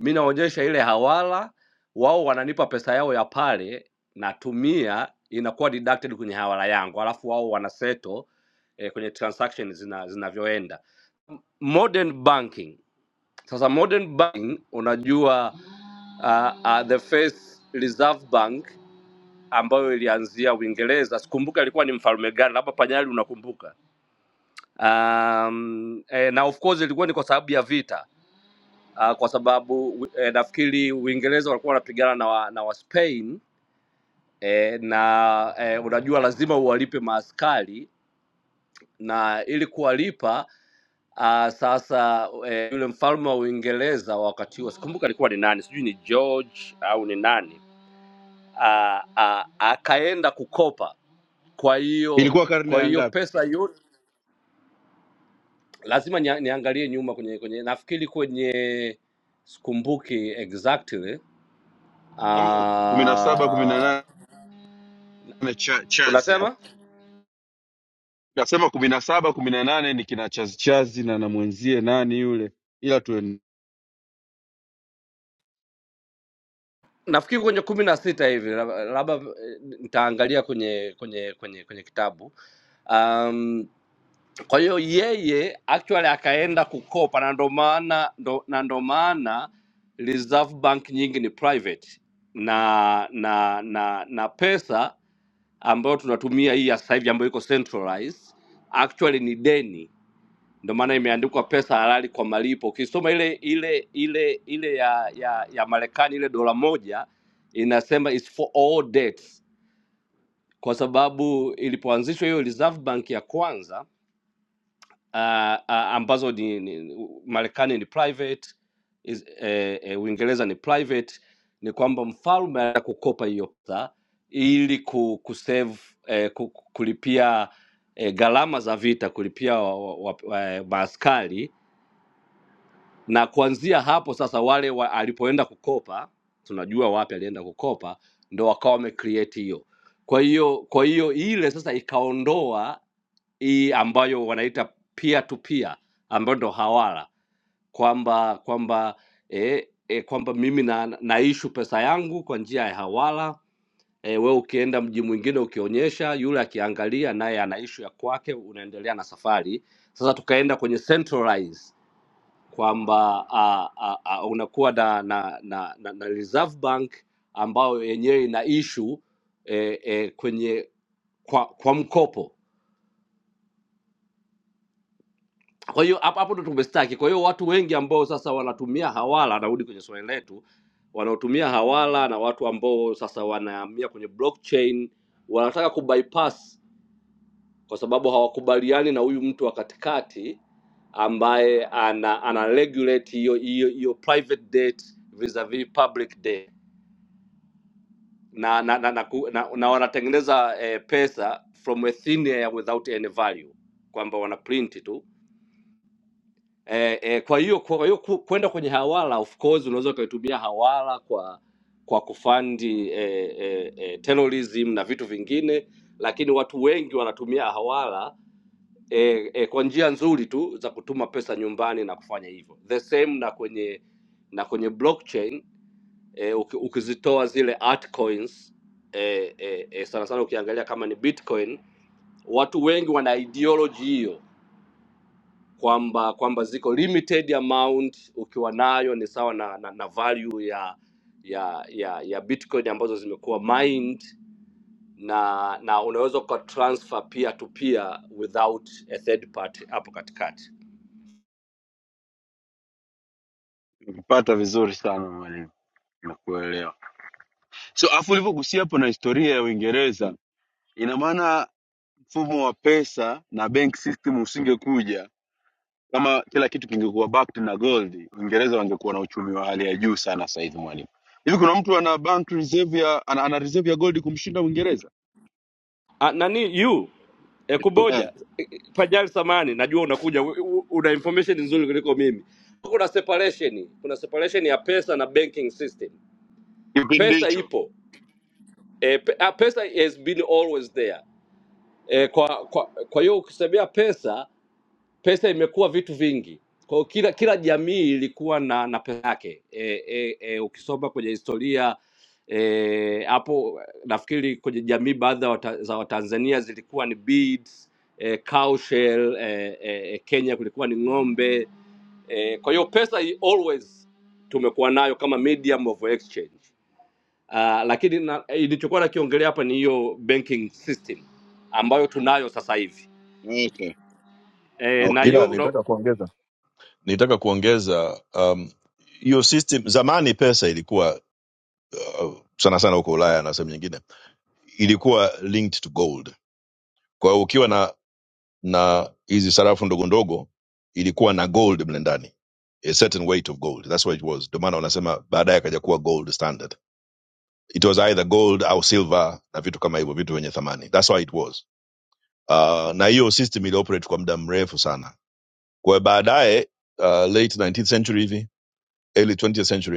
[SPEAKER 3] mi naonyesha ile hawala, wao wananipa pesa yao ya pale, natumia inakuwa deducted kwenye hawala yangu, alafu wao wanaseto eh, kwenye transaction zina- zinavyoenda modern banking sasa modern banking unajua uh, uh, the first reserve bank ambayo ilianzia uingereza sikumbuka ilikuwa ni mfalme gani labda panyali unakumbuka um, eh, na of course ilikuwa ni kwa sababu ya vita uh, kwa sababu eh, nafikiri uingereza walikuwa wanapigana na, wa, na wa spain eh, na eh, unajua lazima uwalipe maaskari na ili kuwalipa Uh, sasa eh, yule mfalme wa Uingereza wakati huo sikumbuka alikuwa ni nani, sijui ni George au ni nani, ah, ah, akaenda kukopa. Kwa hiyo
[SPEAKER 4] ilikuwa karne
[SPEAKER 3] kwa
[SPEAKER 4] ya
[SPEAKER 3] hiyo
[SPEAKER 4] ngapi
[SPEAKER 3] pesa yote lazima nia- niangalie nyuma kwenye kwenye nafikiri kwenye sikumbuki exactly.
[SPEAKER 4] kama kumi na saba kumi na
[SPEAKER 3] Ah,
[SPEAKER 4] nane cha, chazi hapo
[SPEAKER 3] unasema
[SPEAKER 4] nasema kumi na saba kumi na nane ni kina chazi chazi na namwenzie nani yule ila
[SPEAKER 3] nafikiri kwenye kumi na sita hivi lab- labda eh, nitaangalia kwenye kwenye kwenye kwenye kitabu um, Kwa hiyo yeye actually akaenda kukopa, na ndo maana ndo- na ndo maana Reserve Bank nyingi ni private na na na na pesa ambayo tunatumia hii ya sasa hivi ambayo iko centralized actually ni deni, ndo maana imeandikwa pesa halali kwa malipo. Ukisoma ile ile ile ile ya ya, ya Marekani ile dola moja inasema is for all debts, kwa sababu ilipoanzishwa hiyo Reserve Bank ya kwanza uh, uh, ambazo ni, ni, Marekani ni private is, eh, eh, Uingereza ni private, ni kwamba mfalme anataka kukopa hiyo pesa ili ku, ku save, eh, ku, ku- kulipia eh, gharama za vita, kulipia wa, wa, wa, wa, maaskari na kuanzia hapo sasa wale wa, alipoenda kukopa, tunajua wapi alienda kukopa, ndo wakawa wamecreate hiyo. Kwa hiyo kwa hiyo ile sasa ikaondoa hii ambayo wanaita peer to peer ambayo ndo hawala kwamba kwamba e, e, kwamba mimi na, naishu pesa yangu kwa njia ya hawala e, we ukienda mji mwingine ukionyesha yule akiangalia naye ana ishu ya kwake unaendelea na safari sasa tukaenda kwenye centralize kwamba a, a, a, unakuwa na na, na, na na reserve bank ambayo yenyewe ina ishu e, e, kwenye kwa, kwa mkopo kwa hiyo hapo hapo ndo tumestaki. Kwa hiyo watu wengi ambao sasa wanatumia hawala, narudi kwenye swali letu, wanaotumia hawala na watu ambao sasa wanahamia kwenye blockchain wanataka kubypass, kwa sababu hawakubaliani na huyu mtu wa katikati ambaye ana, ana regulate hiyo hiyo hiyo private debt vis-a-vis public debt na na, na, na, ku- na, na wanatengeneza eh, pesa from a thin air without any value, kwamba wana print tu eh, eh, kwa hiyo kwa hiyo ku- kwenda kwenye hawala of course unaweza ukaitumia hawala kwa kwa kufandi eh, eh, eh, terrorism na vitu vingine lakini watu wengi wanatumia hawala eh, eh, kwa njia nzuri tu za kutuma pesa nyumbani na kufanya hivyo the same na kwenye na kwenye blockchain eh, uki- ukizitoa zile altcoins eh, eh, eh, sana sana ukiangalia kama ni bitcoin watu wengi wana ideology hiyo kwamba kwamba ziko limited amount ukiwa nayo ni sawa na, na, na value ya ya ya ya bitcoin ambazo zimekuwa mined na na unaweza uka transfer peer to peer without a third party hapo katikati
[SPEAKER 4] tuempata vizuri sana mwalimu nakuelewa so afu ulivyogusia hapo na historia ya uingereza ina maana mfumo wa pesa na bank system usingekuja kama kila kitu kingekuwa backed na gold uingereza wangekuwa na uchumi wa hali ya juu sana sasa hivi mwalimu hivi kuna mtu ana bank reserve ya ana, ana reserve ya gold kumshinda uingereza
[SPEAKER 3] Ah, nani you ekuboja
[SPEAKER 4] eh,
[SPEAKER 3] pajali samani najua unakuja u- u- una information nzuri kuliko mimi kuna separation kuna separation ya pesa na banking system
[SPEAKER 4] kipindi
[SPEAKER 3] pesa
[SPEAKER 4] hicho
[SPEAKER 3] ipo e, pe, ah, pesa has been always there E, kwa, kwa, kwa hiyo ukisemea pesa, pesa imekuwa vitu vingi. Kwa hiyo kila kila jamii ilikuwa na na pesa yake. E, e, e, ukisoma kwenye historia eh, hapo nafikiri kwenye jamii baadhi ya wata, za Watanzania zilikuwa ni beads, e, cow shell, e, e, Kenya kulikuwa ni ng'ombe. E, kwa hiyo pesa i- always tumekuwa nayo kama medium of exchange. Uh, lakini na- eh, ilichokuwa nakiongelea hapa ni hiyo banking system ambayo tunayo sasa hivi
[SPEAKER 4] okay.
[SPEAKER 3] eh, na
[SPEAKER 4] okay
[SPEAKER 13] Ila
[SPEAKER 3] hiyo una-
[SPEAKER 13] nitaka kuongeza nitaka kuongeza um, hiyo system zamani pesa ilikuwa uh, sana sana huko ulaya na sehemu nyingine ilikuwa linked to gold kwa hiyo ukiwa na na hizi sarafu ndogo ndogo ilikuwa na gold mle ndani a certain weight of gold that's what it was ndio maana wanasema baadaye akaja kuwa gold standard it was either gold au silver na vitu kama hivyo vitu vyenye thamani that's why it was uh, na hiyo system ilioperate kwa muda mrefu sana kwa hiyo baadaye uh, late 19th century hivi early 20th century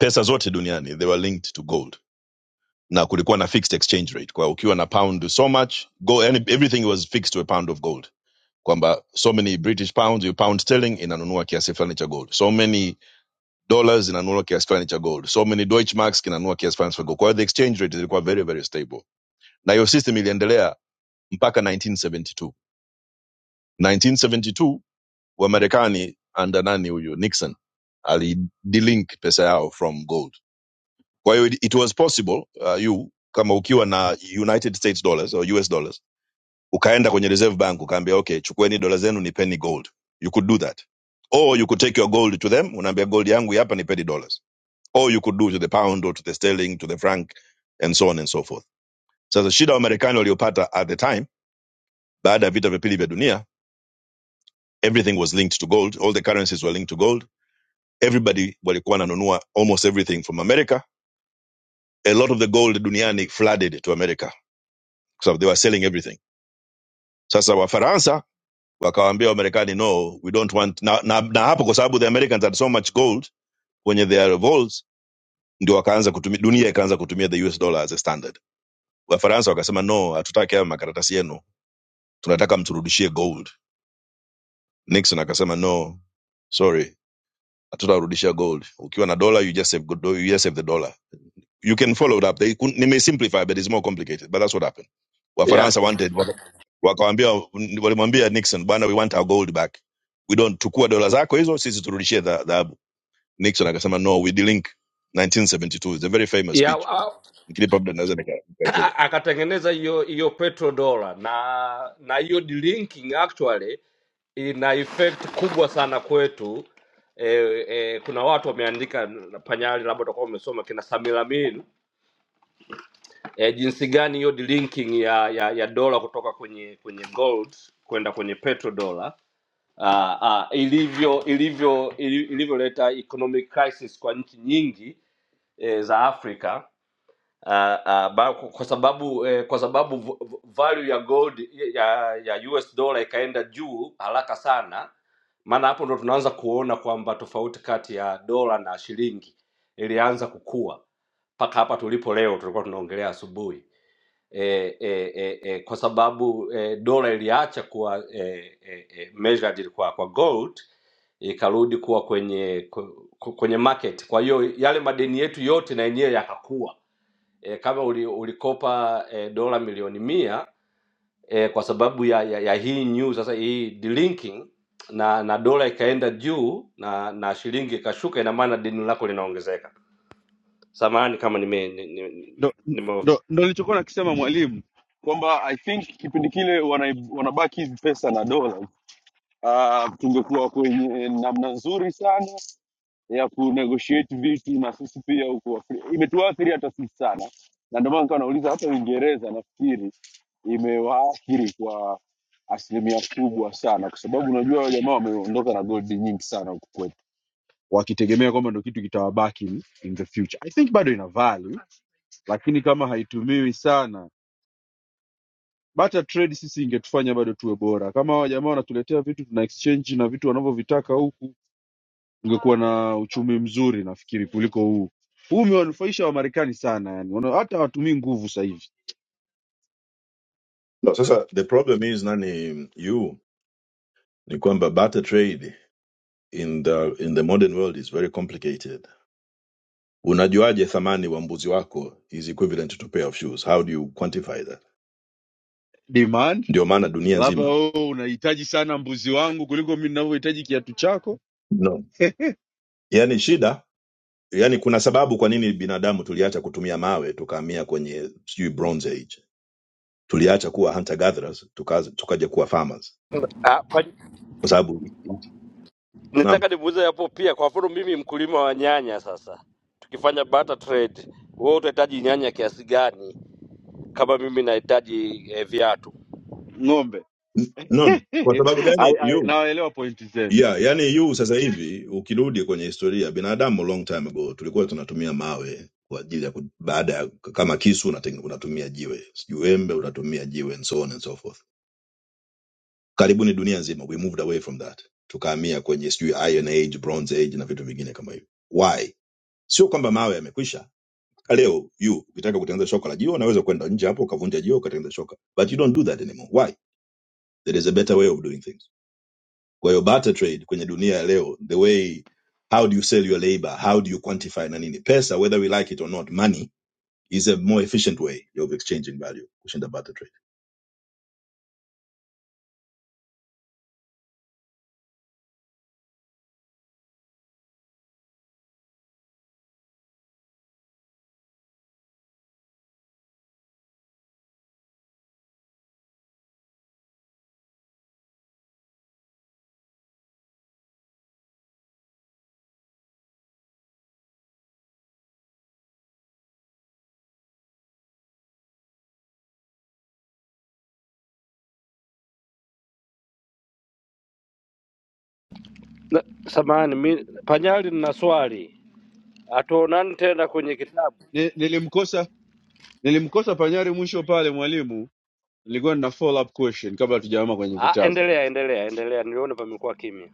[SPEAKER 13] pesa zote duniani they were linked to gold na kulikuwa na fixed exchange rate kwa ukiwa na pound so much gold, and everything was fixed to a pound of gold kwamba so many british pounds you pound sterling inanunua kiasi fulani cha gold so many dollars inanunua kiasi fulani cha gold so many deutschmarks kinanunua kiasi fulani cha gold kwa the exchange rate ilikuwa very very stable na hiyo system iliendelea mpaka 1972 1972 wa Marekani under nani huyu nixon ali delink pesa yao from gold kwa hiyo it was possible uh, you kama ukiwa na united states dollars or us dollars ukaenda kwenye reserve bank ukaambia okay chukueni dola zenu nipeni gold you could do that or you could take your gold to them unaambia gold yangu hii hapa nipeni dollars or you could do to the pound or to the sterling to the franc and so on and so forth sasa shida wamarekani waliopata at the time baada ya vita vya pili vya dunia everything was linked to gold all the currencies were linked to gold everybody walikuwa wananunua almost everything from america a lot of the gold duniani flooded to america So they were selling everything sasa wafaransa wakawaambia wamarekani no we don't want na, na, na hapo kwa sababu the americans had so much gold kwenye their revolts ndio wakaanza kutumia dunia ikaanza kutumia the us dollar as a standard wafaransa wakasema no hatutaki haya makaratasi yenu tunataka mturudishie gold nixon akasema no sorry hatutarudishia gold ukiwa na dollar you just save, you just save the dollar You can follow it up. They, couldn't- they may simplify, but it's more complicated. But that's what happened.
[SPEAKER 3] ya
[SPEAKER 13] Wafaransa wanted waka- wakawambia walimwambia Nixon, bwana, we want our gold back. We don't tukua dola zako hizo, sisi turudishie dha- dhahabu. Nixon akasema no, we delink 1972. It's a very famous
[SPEAKER 3] ya
[SPEAKER 13] speech.
[SPEAKER 3] a-
[SPEAKER 13] Nikilipa muda naweza nika- nikaicheza.
[SPEAKER 3] a- akatengeneza hiyo hiyo petrodollar na na hiyo delinking actually ina effect kubwa sana kwetu e, e, kuna watu wameandika n- panyali labda utakuwa umesoma kina samilamin e, jinsi gani hiyo delinking ya ya, ya dola kutoka kwenye kwenye gold kwenda kwenye petrodollar ah, ah, ilivyo ilivyo ili- ilivyoleta economic crisis kwa nchi nyingi e, za afrika uh, uh, ba, kwa sababu eh, kwa sababu v- v- value ya gold ya, ya US dollar ikaenda juu haraka sana, maana hapo ndo tunaanza kuona kwamba tofauti kati ya dola na shilingi ilianza kukua mpaka hapa tulipo leo, tulikuwa tunaongelea asubuhi e, e, e, e, kwa sababu e, dola iliacha kuwa e, e, e, measured kwa, kwa gold ikarudi kuwa kwenye ku- ku- kwenye market. Kwa hiyo yale madeni yetu yote na yenyewe yakakua e, kama uli, ulikopa e, dola milioni mia e, kwa sababu ya, ya, ya hii new sasa hii delinking na na dola ikaenda juu na na shilingi ikashuka, ina maana deni lako linaongezeka. Samahani kama nime nime, nime,
[SPEAKER 4] ndo
[SPEAKER 3] nime
[SPEAKER 4] ndo ndo nilichokuwa nakisema mwalimu kwamba i think kipindi kile wana- wanabaki hizi pesa na dola uh, tungekuwa kwenye namna nzuri sana ya kunegotiate vitu na sisi pia huku Afri- imetuathiri hata sisi sana, na ndio maana nikawa nauliza hata Uingereza nafikiri imewaathiri kwa asilimia kubwa sana, kwa sababu unajua wale jamaa wameondoka na goldi nyingi sana huku kwetu, wakitegemea kwamba ndio kitu kitawabaki in in the future. I think bado ina value, lakini kama haitumiwi sana bata trade sisi ingetufanya bado tuwe bora. Kama hawa jamaa wanatuletea vitu tuna exchange na vitu wanavyovitaka huku ungekuwa na uchumi mzuri nafikiri kuliko huu huu umewanufaisha wamarekani sana yani Wana- hata hawatumii nguvu sasa hivi
[SPEAKER 13] No, sasa the problem is nani you ni kwamba barter trade in the in the modern world is very complicated. Unajuaje thamani wa mbuzi wako is equivalent to pair of shoes? How do you quantify that?
[SPEAKER 4] demand
[SPEAKER 13] Ndio maana dunia
[SPEAKER 4] labda
[SPEAKER 13] nzima
[SPEAKER 4] wewe unahitaji sana mbuzi wangu kuliko mi ninavyohitaji kiatu chako
[SPEAKER 13] no. Yaani shida, yaani kuna sababu kwa nini binadamu tuliacha kutumia mawe tukahamia kwenye sijui bronze age. Tuliacha kuwa hunter gatherers tuka, tukaja kuwa farmers
[SPEAKER 3] Ah, kwa-
[SPEAKER 13] kwa sababu naam,
[SPEAKER 3] nitaka nimuuze hapo pia. Kwa mfano mimi mkulima wa nyanya, sasa tukifanya barter trade, wewe utahitaji nyanya kiasi gani kama mimi nahitaji eh, viatu?
[SPEAKER 4] ng'ombe
[SPEAKER 13] N- no, kwa sababu gani
[SPEAKER 4] I- I-
[SPEAKER 13] you
[SPEAKER 4] nawaelewa pointi zenu
[SPEAKER 13] yeah, yani you sasa hivi ukirudi kwenye historia binadamu long time ago tulikuwa tunatumia mawe kwa ajili ya ku- baada ya kama kisu unateng- unatumia jiwe, sijui wembe unatumia jiwe and so on and so forth karibuni dunia nzima we moved away from that tukahamia kwenye sijui iron age bronze age na vitu vingine kama hivyo why sio kwamba mawe yamekwisha leo you ukitaka kutengeneza shoka la jio unaweza kwenda nje hapo ukavunja jio ukatengeneza shoka but you don't do that anymore why there is a better way of doing things kwa hiyo barter trade kwenye dunia ya leo the way how do you sell your labor how do you quantify na nini pesa whether we like it or not money is a more efficient way of exchanging value kushinda barter trade
[SPEAKER 3] Na- Samahani, mi Panyali, nina swali. hatuonani tena kwenye kitabu.
[SPEAKER 4] Ni- nilimkosa nilimkosa panyari mwisho pale mwalimu nilikuwa nina follow up question kabla tujaama kwenye
[SPEAKER 3] Ah,
[SPEAKER 4] vitabu
[SPEAKER 3] endelea endelea endelea, niliona pamekuwa kimya.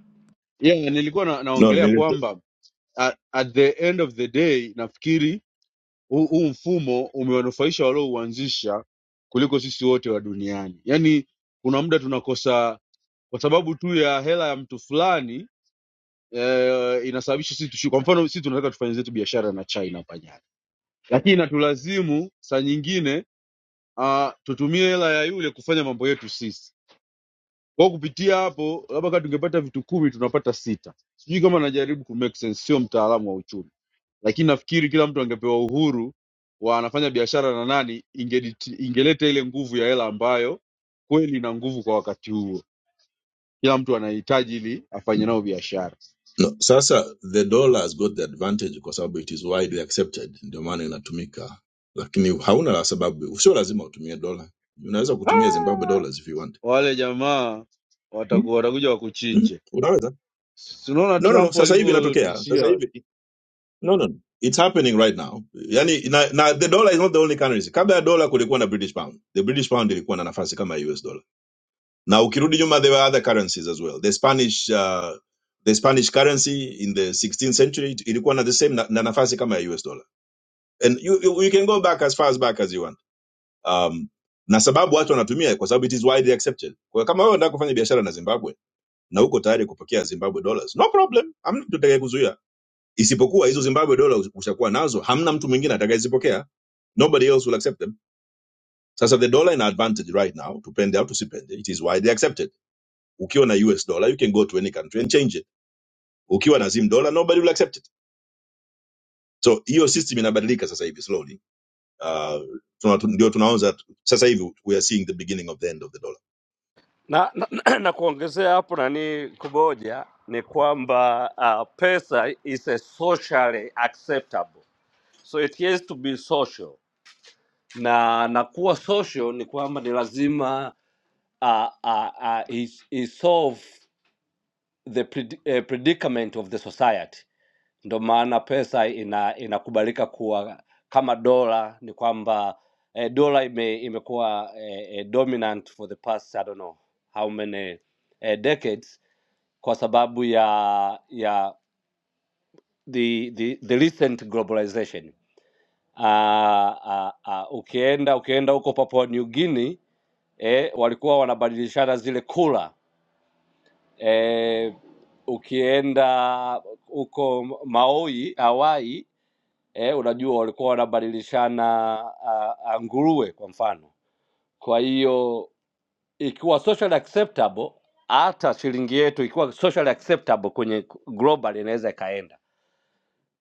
[SPEAKER 4] yeah nilikuwa na, naongelea
[SPEAKER 13] no
[SPEAKER 4] kwamba at, at the end of the day nafikiri huu huu mfumo umewanufaisha waliouanzisha kuliko sisi wote wa duniani. Yaani kuna muda tunakosa kwa sababu tu ya hela ya mtu fulani eh, inasababisha sisi tushi. Kwa mfano sisi tunataka tufanye zetu biashara na China hapa nyanya, lakini inatulazimu saa nyingine uh, tutumie hela ya yule kufanya mambo yetu sisi kwa kupitia hapo, labda kama tungepata vitu kumi tunapata sita. Sijui kama najaribu ku make sense, sio mtaalamu wa uchumi, lakini nafikiri kila mtu angepewa uhuru wa anafanya biashara na nani, ingediti- ingeleta ile nguvu ya hela ambayo kweli ina nguvu kwa wakati huo, kila mtu anahitaji ili afanye nao biashara.
[SPEAKER 13] No, sasa the dollar has got the advantage kwa sababu it is widely accepted, ndio maana inatumika, lakini hauna la sababu, sio lazima utumie dola. Unaweza kutumia Zimbabwe
[SPEAKER 4] Ah,
[SPEAKER 13] dollars if you want.
[SPEAKER 4] wale jamaa
[SPEAKER 13] Mm,
[SPEAKER 4] wataku- watakuja
[SPEAKER 13] mm,
[SPEAKER 4] wakuchinje.
[SPEAKER 13] Unaweza.
[SPEAKER 4] Si Unaona
[SPEAKER 13] No, no, no.
[SPEAKER 4] Trump
[SPEAKER 13] Sasa hivi inatokea. Sasa
[SPEAKER 4] alivyotishia watu,
[SPEAKER 13] hivi. No, no, no. It's happening right now. Yani na, na the dollar is not the only currency. Kabla ya dollar kulikuwa na British pound. The British pound ilikuwa na nafasi kama ya US dollar. Na ukirudi nyuma there were other currencies as well. The Spanish uh, the Spanish currency in the 16th century ilikuwa na the same na, na nafasi kama ya US dollar and you, you you can go back as far as back as you want um, na sababu watu wanatumia kwa sababu it is widely accepted kwa kama wewe unataka kufanya biashara na zimbabwe na uko tayari kupokea zimbabwe dollars no problem hamna mtu atakayekuzuia isipokuwa hizo zimbabwe dollars ushakuwa nazo hamna mtu mwingine atakayezipokea nobody else will accept them sasa the dollar in advantage right now tupende au tusipende it is widely accepted ukiwa na us dollar you can go to any country and change it ukiwa na zim dollar nobody will accept it so hiyo system inabadilika sasa hivi slowly Uh, tuna- ndio tunaanza sasa hivi we are seeing the beginning of the end of the dollar
[SPEAKER 3] Na, na, na kuongezea hapo nani kuboja ni kwamba uh, pesa is a socially acceptable so it has to be social, na na kuwa social ni kwamba ni lazima uh, uh, uh, is, is solve the pred eh, predicament of the society ndo maana pesa ina inakubalika kuwa kama dola ni kwamba eh, dola ime, imekuwa eh, eh, dominant for the past I don't know how many eh, decades kwa sababu ya ya the the, the recent globalization uh, uh, uh, ukienda ukienda huko Papua New Guinea eh, walikuwa wanabadilishana zile kula eh, ukienda huko Maui Hawaii eh, unajua walikuwa wanabadilishana ah, ah, nguruwe kwa mfano. Kwa hiyo ikiwa social acceptable, hata shilingi yetu ikiwa social acceptable kwenye global inaweza ikaenda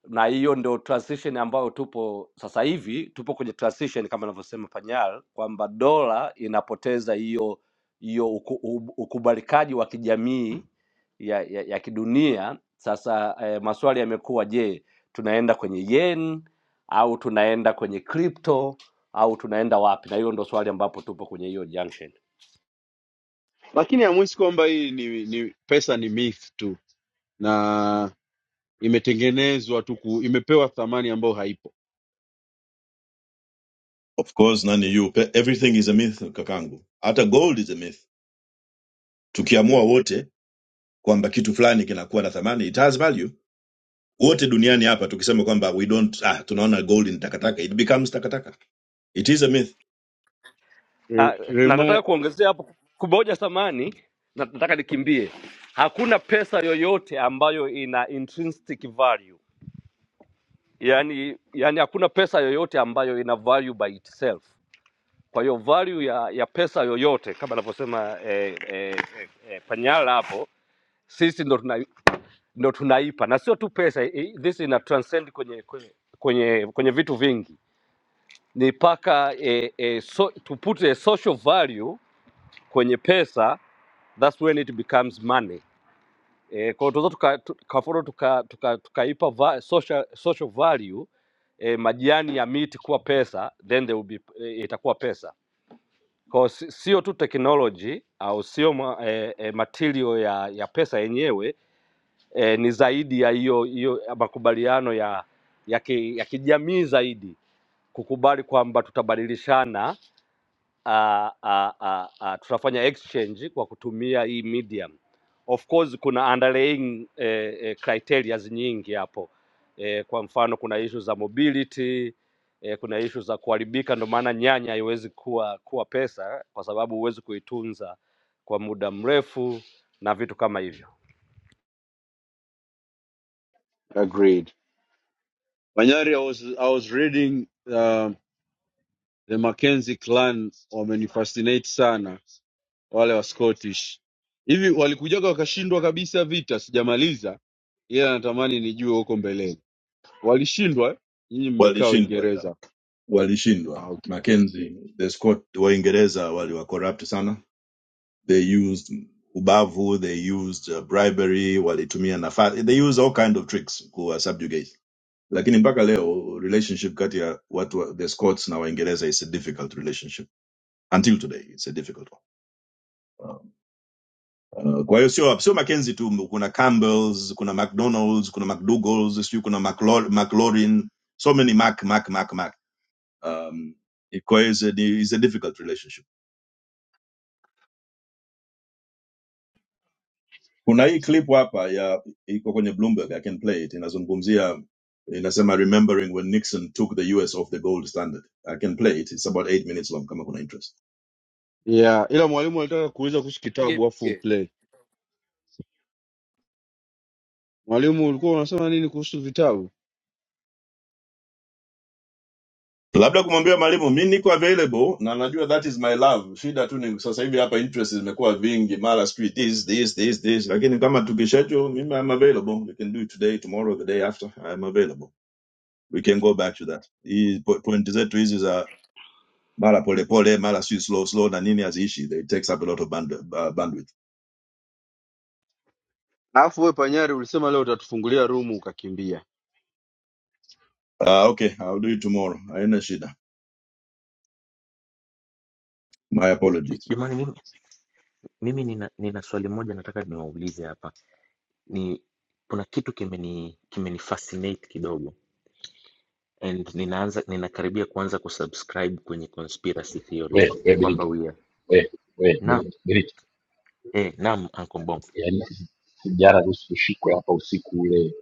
[SPEAKER 3] na hiyo ndo transition ambayo tupo sasa hivi tupo kwenye transition kama anavyosema panyal kwamba dola inapoteza hiyo hiyo uku, u- ukubalikaji wa kijamii ya, ya, ya kidunia sasa eh, maswali yamekuwa je tunaenda kwenye yen au tunaenda kwenye crypto au tunaenda wapi na hiyo ndo swali ambapo tupo kwenye hiyo junction
[SPEAKER 4] lakini hamwisi kwamba hii ni, ni pesa ni myth tu na imetengenezwa tu ku- imepewa thamani ambayo haipo
[SPEAKER 13] of course nani you everything is a myth kakangu hata gold is a myth tukiamua wote kwamba kitu fulani kinakuwa na thamani it has value wote duniani hapa tukisema kwamba we don't ah tunaona gold ni takataka it becomes takataka it is a myth
[SPEAKER 4] Re-
[SPEAKER 3] Ah, na
[SPEAKER 4] remi-
[SPEAKER 3] nataka kuongezea hapo kuboja samani na nataka nikimbie. Hakuna pesa yoyote ambayo ina intrinsic value. Yaani yani hakuna pesa yoyote ambayo ina value by itself. Kwa hiyo value ya, ya pesa yoyote kama anavyosema eh, eh, eh, eh, Panyala hapo sisi ndo tuna, ndo tunaipa na sio tu pesa eh, this ina transcend kwenye kwenye kwenye, kwenye vitu vingi. Ni paka eh, eh, so, tupute social value kwenye pesa that's when it becomes money. Eh, kwa hiyo tunaweza tuka- tu- tukaforo tukaipa tuka, tuka tukaipa va- social, social value eh, majani ya miti kuwa pesa then they will be, eh, itakuwa pesa kwa si- sio tu technology au sio ma, eh, eh, material ya, ya pesa yenyewe eh, ni zaidi ya hiyo hiyo makubaliano ya ya, ki, ya kijamii zaidi kukubali kwamba tutabadilishana uh, uh, uh, uh, tutafanya exchange kwa kutumia hii medium. Of course kuna underlying eh, eh, criterias nyingi hapo eh, kwa mfano kuna issue za mobility eh, kuna issue za kuharibika, ndio maana nyanya haiwezi kuwa kuwa pesa kwa sababu huwezi kuitunza kwa muda mrefu na vitu kama hivyo.
[SPEAKER 4] agreed Manyari, I was, I was reading um, the Mackenzie clan wamenifascinate sana wale wa Scottish hivi walikujaga wakashindwa kabisa vita, sijamaliza ila natamani nijue huko mbeleni walishindwa eh? Nyinyi mmekaa
[SPEAKER 13] walishindwa yeah.
[SPEAKER 4] Uingereza. Ah,
[SPEAKER 13] walishindwa
[SPEAKER 4] okay.
[SPEAKER 13] mackenzie the scott waingereza waliwa corrupt sana They used ubavu, they used uh, bribery, walitumia nafasi, they used all kind of tricks kuwa subjugate. Lakini mpaka leo relationship kati ya watu wa, the Scots na Waingereza is a difficult relationship until today, it's a difficult one. Uh, uh, kwa hiyo sio sio Mackenzie tu, kuna Campbells, kuna McDonald's, kuna McDougal's, sio kuna McLaur- McLaurin, so many Mac Mac Mac Mac. Um, it's a, it's a difficult relationship kuna hii clip hapa ya iko kwenye bloomberg i can play it inazungumzia inasema remembering when nixon took the us off the gold standard i can play it it's about eight minutes long kama kuna interest
[SPEAKER 4] Yeah, ila mwalimu alitaka kuuliza kuhusu
[SPEAKER 3] Pige,
[SPEAKER 4] kitabu afu
[SPEAKER 3] pige.
[SPEAKER 4] play. Mwalimu ulikuwa unasema nini kuhusu vitabu?
[SPEAKER 13] labda kumwambia mwalimu mi niko available na najua that is my love shida tu ni sasa hivi hapa interest zimekuwa vingi mara sijui this this this this lakini kama tukishecho mimi i'm available we can do it today tomorrow the day after i'm available we can go back to that hii po- point zetu hizi za mara polepole mara si slow slow na nini haziishi it takes up a lot of band, uh, bandwidth
[SPEAKER 4] Alafu we Panyari ulisema leo utatufungulia rumu ukakimbia.
[SPEAKER 13] uh, okay i'll do it tomorrow haina shida my apologies
[SPEAKER 9] Jamani, mimi, mimi nina, nina swali moja nataka niwaulize hapa. Ni kuna kitu kimeni kimeni fascinate kidogo and ninaanza ninakaribia kuanza kusubscribe kwenye conspiracy
[SPEAKER 14] we
[SPEAKER 9] theories
[SPEAKER 14] we
[SPEAKER 9] kwamba
[SPEAKER 14] Benito,
[SPEAKER 9] we are
[SPEAKER 14] we we
[SPEAKER 9] naam,
[SPEAKER 14] Benito, Benito,
[SPEAKER 9] eh, naam Uncle Bongo.
[SPEAKER 14] yaani si- jana tusishikwe hapa usiku ule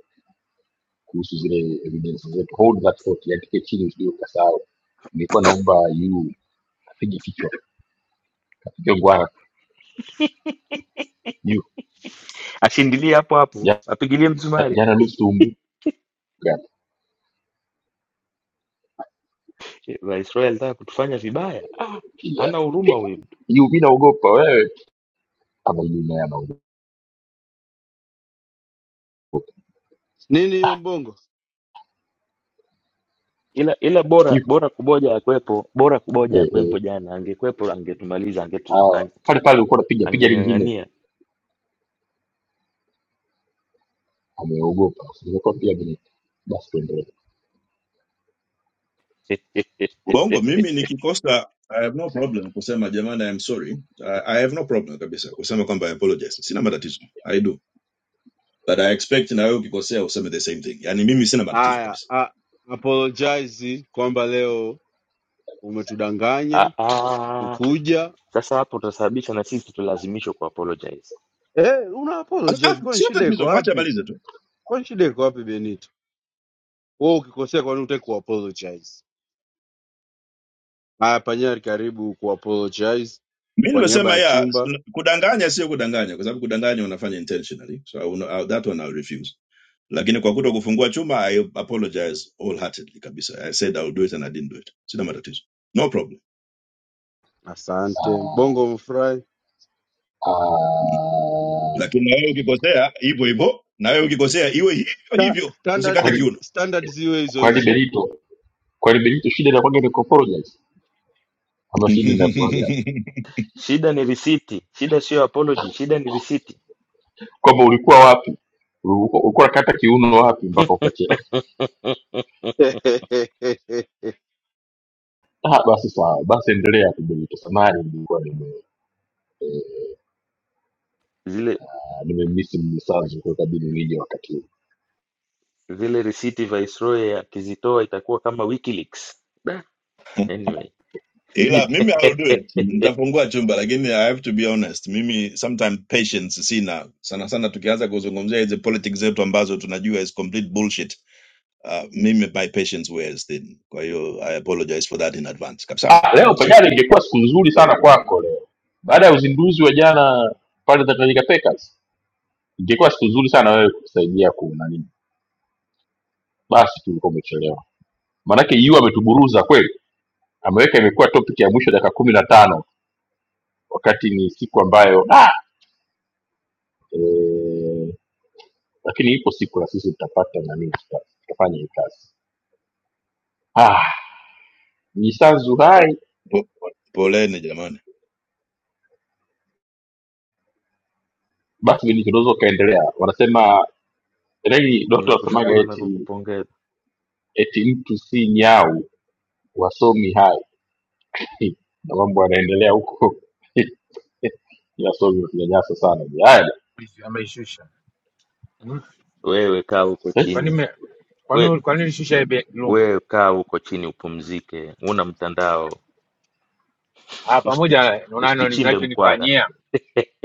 [SPEAKER 14] kuhusu zile evidence zetu. Hold that thought, yandike chini, usije ukasahau. Nilikuwa naomba yu apige kichwa, apige ngwara yu
[SPEAKER 9] ashindilie hapo hapo,
[SPEAKER 14] ja-
[SPEAKER 9] apigilie msumari.
[SPEAKER 14] jana nusu umbuka
[SPEAKER 9] Che, Viceroy alitaka kutufanya vibaya. Ah,
[SPEAKER 14] pia
[SPEAKER 9] ana huruma huyu mtu,
[SPEAKER 14] yu, mimi naogopa wewe, ama yu naye anaogopa
[SPEAKER 4] Nini hiyo mbongo?
[SPEAKER 9] ila ila bora
[SPEAKER 14] yu
[SPEAKER 9] bora kuboja akwepo, bora kuboja
[SPEAKER 14] eh, eh.
[SPEAKER 9] akwepo. Jana angekwepo angetumaliza, angetu,
[SPEAKER 14] Ah,
[SPEAKER 9] ange-
[SPEAKER 14] pale pale ulikuwa unapiga piga lingine,
[SPEAKER 9] angeng'ang'ania.
[SPEAKER 14] ameogopa. Nilikuwa pia Benito, basi tuendelee.
[SPEAKER 13] bongo mimi nikikosa i have no problem kusema jamani i'm sorry I, i have no problem kabisa kusema kwamba i apologize sina matatizo i do but i expect na wewe ukikosea useme the same thing yani mimi sina matatizo
[SPEAKER 4] Aya,
[SPEAKER 13] kabisa
[SPEAKER 4] a- apologize kwamba leo
[SPEAKER 9] Ah,
[SPEAKER 4] umetudanganya
[SPEAKER 9] ah,
[SPEAKER 4] ukuja.
[SPEAKER 9] sasa hapo utasababisha na sisi tulazimishwa ku apologize.
[SPEAKER 4] Eh, una
[SPEAKER 13] Ah, ah,
[SPEAKER 4] apologize. Kwani
[SPEAKER 13] sio
[SPEAKER 4] shida iko
[SPEAKER 13] tatizo mwache
[SPEAKER 4] wapi?
[SPEAKER 13] abalize tu
[SPEAKER 4] Kwani shida iko wapi Benito? Wewe ukikosea kwani utaki ku apologize? Haya Panyari karibu ku apologize
[SPEAKER 13] mi
[SPEAKER 4] kwa niaba
[SPEAKER 13] nimesema
[SPEAKER 4] ya
[SPEAKER 13] ya
[SPEAKER 4] chumba.
[SPEAKER 13] kudanganya sio kudanganya kwa sababu kudanganya unafanya intentionally so I will, not- uh, that one i'll refuse lakini kwa kuto kufungua chuma i apologize wholeheartedly kabisa i said i will do it and i didn't do it sina matatizo no problem
[SPEAKER 4] Asante.
[SPEAKER 14] Ah,
[SPEAKER 4] Mbongo umefurahi?
[SPEAKER 14] ah,
[SPEAKER 13] lakini na wewe ukikosea hivyo hivyo na wewe ukikosea iwe hivyo
[SPEAKER 4] Sta-
[SPEAKER 13] hivyo
[SPEAKER 14] Kwa,
[SPEAKER 13] usikate
[SPEAKER 4] Standard
[SPEAKER 14] li-
[SPEAKER 13] kiuno
[SPEAKER 4] standard ziwe hizo
[SPEAKER 14] kwa
[SPEAKER 4] hizo.
[SPEAKER 14] Liberito kwa Liberito shida inakuwaga ni kuapologize ama shida inakuwaga
[SPEAKER 9] Shida ni risiti, shida sio apology, shida ni risiti.
[SPEAKER 14] kwamba ulikuwa wapi ulikuwa ulikuwa unakata kiuno wapi mpaka ukachea ah basi sawa basi endelea hapo Benito samahani nilikuwa nime eh,
[SPEAKER 9] Zile
[SPEAKER 14] nimemiss mnisanzu kwa kabidi nije wakati huu
[SPEAKER 9] zile risiti Viceroy akizitoa itakuwa kama WikiLeaks. Da, anyway
[SPEAKER 13] ila
[SPEAKER 14] mimi
[SPEAKER 13] mimi i will do it
[SPEAKER 14] mimi-
[SPEAKER 13] nitafungua chumba lakini i have to be honest mimi sometimes patience sina sana sana tukianza kuzungumzia hizi politics zetu ambazo tunajua is complete bullshit uh, mimi my patience wears thin kwa hiyo i apologize for that in advance kabisa
[SPEAKER 14] ah
[SPEAKER 13] i
[SPEAKER 14] leo
[SPEAKER 13] will say it.
[SPEAKER 14] pajana ingekuwa siku nzuri sana kwako leo baada ya uzinduzi wa jana pale Tanganyika Packers ingekuwa siku nzuri sana wewe kusaidia ku nani basi tulikuwa umechelewa maanake yu ametuburuza kweli ameweka imekuwa topic ya mwisho dakika kumi na tano wakati ni siku ambayo ah! e, lakini ipo siku na sisi tutapata nani tuta- tutafanya hii kazi ah, jisanzu
[SPEAKER 13] Po-
[SPEAKER 14] hai
[SPEAKER 13] po- Poleni jamani,
[SPEAKER 14] basi vile tunaweza ukaendelea wanasema rei doto wasemaga
[SPEAKER 9] Ninakushukuru na
[SPEAKER 14] eti
[SPEAKER 9] kukupongeza.
[SPEAKER 14] eti mtu si nyau wasomi hai na mambo yanaendelea huko yasomi wakinyanyasa sana haya
[SPEAKER 15] ameishusha. Mm.
[SPEAKER 9] Wewe kaa huko
[SPEAKER 14] eh,
[SPEAKER 15] Kwani
[SPEAKER 9] chini,
[SPEAKER 15] me-
[SPEAKER 9] we
[SPEAKER 15] kwani kwani ulishusha hii bei ya Kirumi?
[SPEAKER 9] wewe kaa huko chini upumzike, una mtandao,
[SPEAKER 15] Ah, pamoja
[SPEAKER 9] usituch-
[SPEAKER 15] na unano-
[SPEAKER 9] usituchimbe mkwara.
[SPEAKER 15] unachonifanyia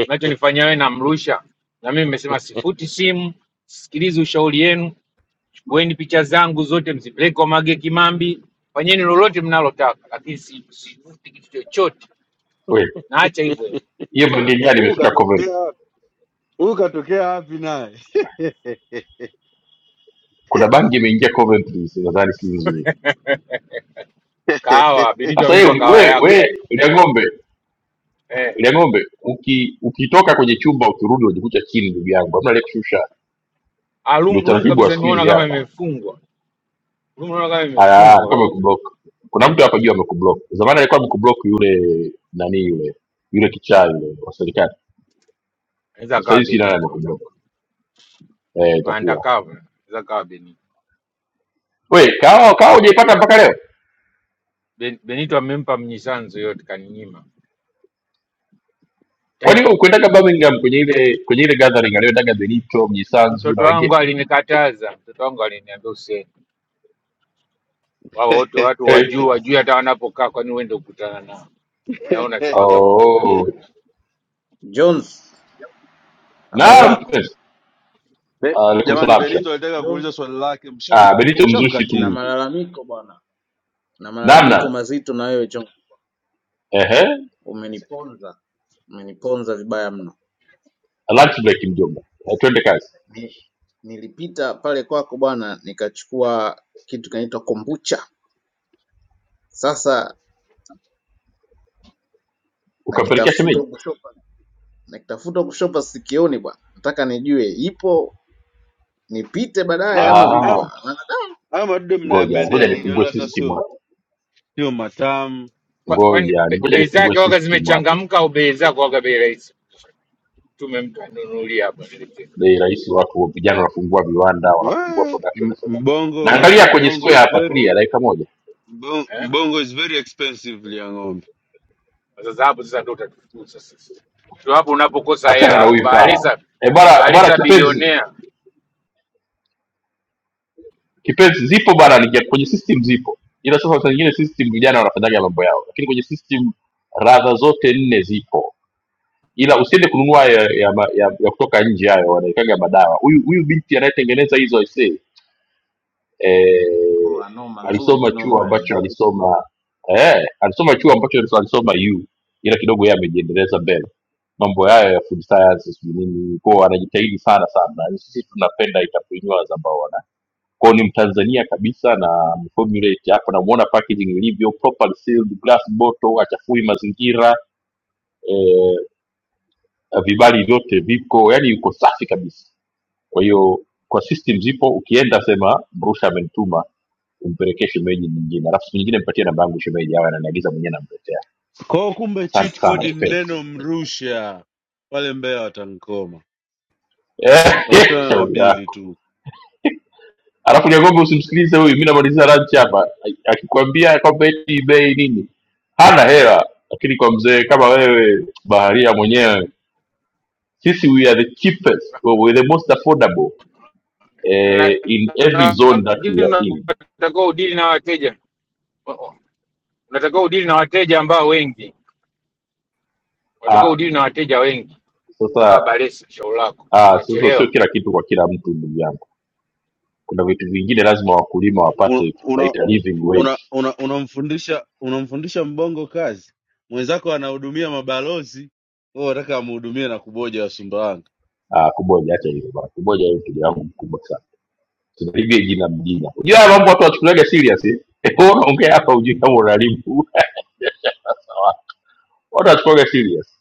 [SPEAKER 15] unachonifanyia wewe namrusha. Na mimi nimesema sifuti simu, sikilizi ushauri yenu, chukueni picha zangu zote mzipeleke kwa Mage Kimambi, fanyeni lolote mnalotaka, lakini si- sifuti kitu chochote.
[SPEAKER 14] kweli.
[SPEAKER 15] Naacha hivyo hivyo.
[SPEAKER 14] hiyo bangi nyani
[SPEAKER 4] Huku
[SPEAKER 14] imefika Coventry.
[SPEAKER 4] katokea huyu katokea wapi naye?
[SPEAKER 14] kuna bangi imeingia Coventry, nadhani si nzuri
[SPEAKER 15] Kahawa, Benito
[SPEAKER 14] Sasa yeye
[SPEAKER 15] amenipa
[SPEAKER 14] we
[SPEAKER 15] kahawa
[SPEAKER 14] we
[SPEAKER 15] yako.
[SPEAKER 14] ile ng'ombe
[SPEAKER 15] Eh,
[SPEAKER 14] ile ng'ombe uki, ukitoka kwenye chumba ukirudi unajikuta chini, ndugu yangu, hamna aliyekushusha.
[SPEAKER 15] ah,
[SPEAKER 14] Ndio
[SPEAKER 15] room, room
[SPEAKER 14] utaratibu wa
[SPEAKER 15] kabisa
[SPEAKER 14] siku
[SPEAKER 15] nimeona
[SPEAKER 14] hizi
[SPEAKER 15] kama
[SPEAKER 14] hapa.
[SPEAKER 15] imefungwa. Room naona kama
[SPEAKER 14] Haya,
[SPEAKER 15] imefungwa
[SPEAKER 14] alikuwa
[SPEAKER 15] kabisa.
[SPEAKER 14] amekublock. Kuna mtu hapa juu amekublock. Zamani alikuwa amekublock yule nani yule yule kichaa yule wa serikali.
[SPEAKER 15] Anaweza
[SPEAKER 14] Sasa
[SPEAKER 15] akawa
[SPEAKER 14] hivi sijui nani
[SPEAKER 15] Benito.
[SPEAKER 14] amekublock. Eh, itakuwa
[SPEAKER 15] Maandakavu, anaweza akawa Benito.
[SPEAKER 14] we kawa kawa hujaipata mpaka leo.
[SPEAKER 15] Ben- Benito amempa mnyisanzu yote, kaninyima.
[SPEAKER 14] Kwani
[SPEAKER 15] Tai-
[SPEAKER 14] wewe ukwendaga Birmingham kwenye ile kwenye ile gathering aliyoendaga Benito, Mjisanzu na
[SPEAKER 15] Mtoto
[SPEAKER 14] wengine?
[SPEAKER 15] wangu alinikataza, mtoto wangu aliniambia usiende, wao wote watu
[SPEAKER 14] Eh.
[SPEAKER 15] wajuu wajui hata wanapokaa, kwani uende kukutana nao? Nao unasemaga mambo mengi.
[SPEAKER 14] Oh.
[SPEAKER 16] Jones, habari
[SPEAKER 14] Naam.
[SPEAKER 16] yako
[SPEAKER 14] Yes.
[SPEAKER 4] Be-
[SPEAKER 14] Alaikum
[SPEAKER 4] Jamani,
[SPEAKER 14] salam.
[SPEAKER 4] Benito alitaka kuuliza
[SPEAKER 16] Jones?
[SPEAKER 4] swali lake, msham-
[SPEAKER 14] Ah,
[SPEAKER 16] u-
[SPEAKER 14] Benito mzushi
[SPEAKER 16] Na
[SPEAKER 14] tu
[SPEAKER 4] mshamkatili.
[SPEAKER 16] malalamiko bwana, na malalamiko
[SPEAKER 14] namna.
[SPEAKER 16] mazito na wewe Jones,
[SPEAKER 14] Ehe,
[SPEAKER 16] umeniponza, umeniponza vibaya mno.
[SPEAKER 14] lunch break mjomba. Eh, twende kazi.
[SPEAKER 16] Ni, nilipita pale kwako bwana, nikachukua kitu kinaitwa kombucha. Sasa
[SPEAKER 14] Ukampelekea
[SPEAKER 16] nakitafuta
[SPEAKER 14] shemeji?
[SPEAKER 16] huku shopa, nakitafuta huku shopa sikioni bwana, nataka nijue ipo nipite baadaye
[SPEAKER 4] Leo
[SPEAKER 16] ama vipi
[SPEAKER 14] Ah,
[SPEAKER 4] am-
[SPEAKER 16] bwana? Maana
[SPEAKER 4] haya madudu
[SPEAKER 14] ngoja
[SPEAKER 16] Miss
[SPEAKER 14] ngoja
[SPEAKER 4] mnayapendea nini?
[SPEAKER 16] kinoma,
[SPEAKER 14] nifungue
[SPEAKER 4] Wala hata
[SPEAKER 14] system
[SPEAKER 4] sio
[SPEAKER 14] hapa,
[SPEAKER 4] Sio matamu
[SPEAKER 15] Kwa- Kwani
[SPEAKER 14] ngoja
[SPEAKER 15] be-
[SPEAKER 14] ngoja
[SPEAKER 15] bei
[SPEAKER 14] nifungue
[SPEAKER 15] zake waga
[SPEAKER 14] system hapa.
[SPEAKER 15] zimechangamka au bei zako waga bei rahisi? Tume mtu anunulia hapa niletee.
[SPEAKER 14] Bei rahisi, watu wa vijana wanafungua viwanda, wanafungua
[SPEAKER 4] Wee,
[SPEAKER 14] production.
[SPEAKER 4] m-
[SPEAKER 14] Nasema
[SPEAKER 4] mbongo.
[SPEAKER 14] naangalia kwenye
[SPEAKER 4] Mbongo
[SPEAKER 14] square
[SPEAKER 4] is
[SPEAKER 14] hapa, tulia
[SPEAKER 4] very
[SPEAKER 14] dakika moja,
[SPEAKER 4] mbongo,
[SPEAKER 15] eh?
[SPEAKER 4] mbongo is very expensive ya ng'ombe.
[SPEAKER 15] Sasa hapo sasa ndio utatufukuza sasa, ndio hapo unapokosa
[SPEAKER 14] achana
[SPEAKER 15] hela
[SPEAKER 14] na
[SPEAKER 15] hapo.
[SPEAKER 14] huyu fala.
[SPEAKER 15] Bahalisa
[SPEAKER 14] E bana bana,
[SPEAKER 15] Bahalisa
[SPEAKER 14] kipenzi
[SPEAKER 15] bilionea
[SPEAKER 14] kipenzi, zipo bana, ni kwenye system zipo, ila sasa saa nyingine system vijana wanafanyaga mambo yao, lakini kwenye system radha zote nne zipo ila usiende kununua ya, ya, ma- ya, ya kutoka nje hayo wanaikaga madawa huyu huyu binti anayetengeneza hizo aisee eh,
[SPEAKER 16] Oa, noma nzuri
[SPEAKER 14] alisoma chuo
[SPEAKER 16] kinoma
[SPEAKER 14] ambacho
[SPEAKER 16] yani.
[SPEAKER 14] alisoma eh, alisoma chuo ambacho alisoma yu ila kidogo yeye amejiendeleza mbele mambo hayo ya food science sijui nini kwao anajitahidi sana sana na sisi tunapenda entrepreneurs ambao wana kwao ni mtanzania kabisa na formulate hapa namuona packaging ilivyo properly sealed glass bottle achafui mazingira eh, eh, vibali vyote viko yani yuko safi kabisa kwa hiyo kwa system zipo ukienda sema mrusha amenituma umpelekee shemeji nyingine alafu siku nyingine mpatie namba yangu shemeji awe ananiagiza mwenyewe namletea
[SPEAKER 4] kwao. Kumbe
[SPEAKER 14] asante
[SPEAKER 4] cheat
[SPEAKER 14] sana
[SPEAKER 4] code ni
[SPEAKER 14] kipenzi
[SPEAKER 4] neno mrusha, wale Mbeya watankoma,
[SPEAKER 14] Eh,
[SPEAKER 4] utakutana na
[SPEAKER 14] shauri
[SPEAKER 4] bili
[SPEAKER 14] yako
[SPEAKER 4] tu.
[SPEAKER 14] alafu nyangombe usimsikilize huyu mi namalizia lunch hapa akikwambia kwamba eti bei nini hana hela lakini kwa mzee kama wewe baharia mwenyewe sisi we are the cheapest we we are the most affordable eh,
[SPEAKER 15] Ana-
[SPEAKER 14] in every zone that
[SPEAKER 15] lakini
[SPEAKER 14] we are in
[SPEAKER 15] unatakiwa udili na wateja. unatakiwa udili na wateja ambao wengi,
[SPEAKER 14] Ah,
[SPEAKER 15] unatakiwa udili na wateja wengi.
[SPEAKER 14] Sasa
[SPEAKER 15] Kaa baresi shauri lako,
[SPEAKER 14] ah, sasa sio
[SPEAKER 15] utachelewa.
[SPEAKER 14] kila kitu kwa kila mtu ndugu yangu, kuna vitu vingine lazima wakulima wapate, tunaita living
[SPEAKER 4] una,
[SPEAKER 14] wage.
[SPEAKER 4] una, unamfundisha unamfundisha mbongo kazi mwenzako anahudumia mabalozi wewe unataka amhudumie na kuboja wa Sumbawanga
[SPEAKER 14] Ah, kuboja, acha hivyo bwana, kuboja hiyo mteja wangu mkubwa sana, tuna living jina mjina. Unajua haya mambo watu wachukuliaga serious eh? Eh, Wewe unaongea hapa hujui kama unalimu Sawa. watu wachukuliaga serious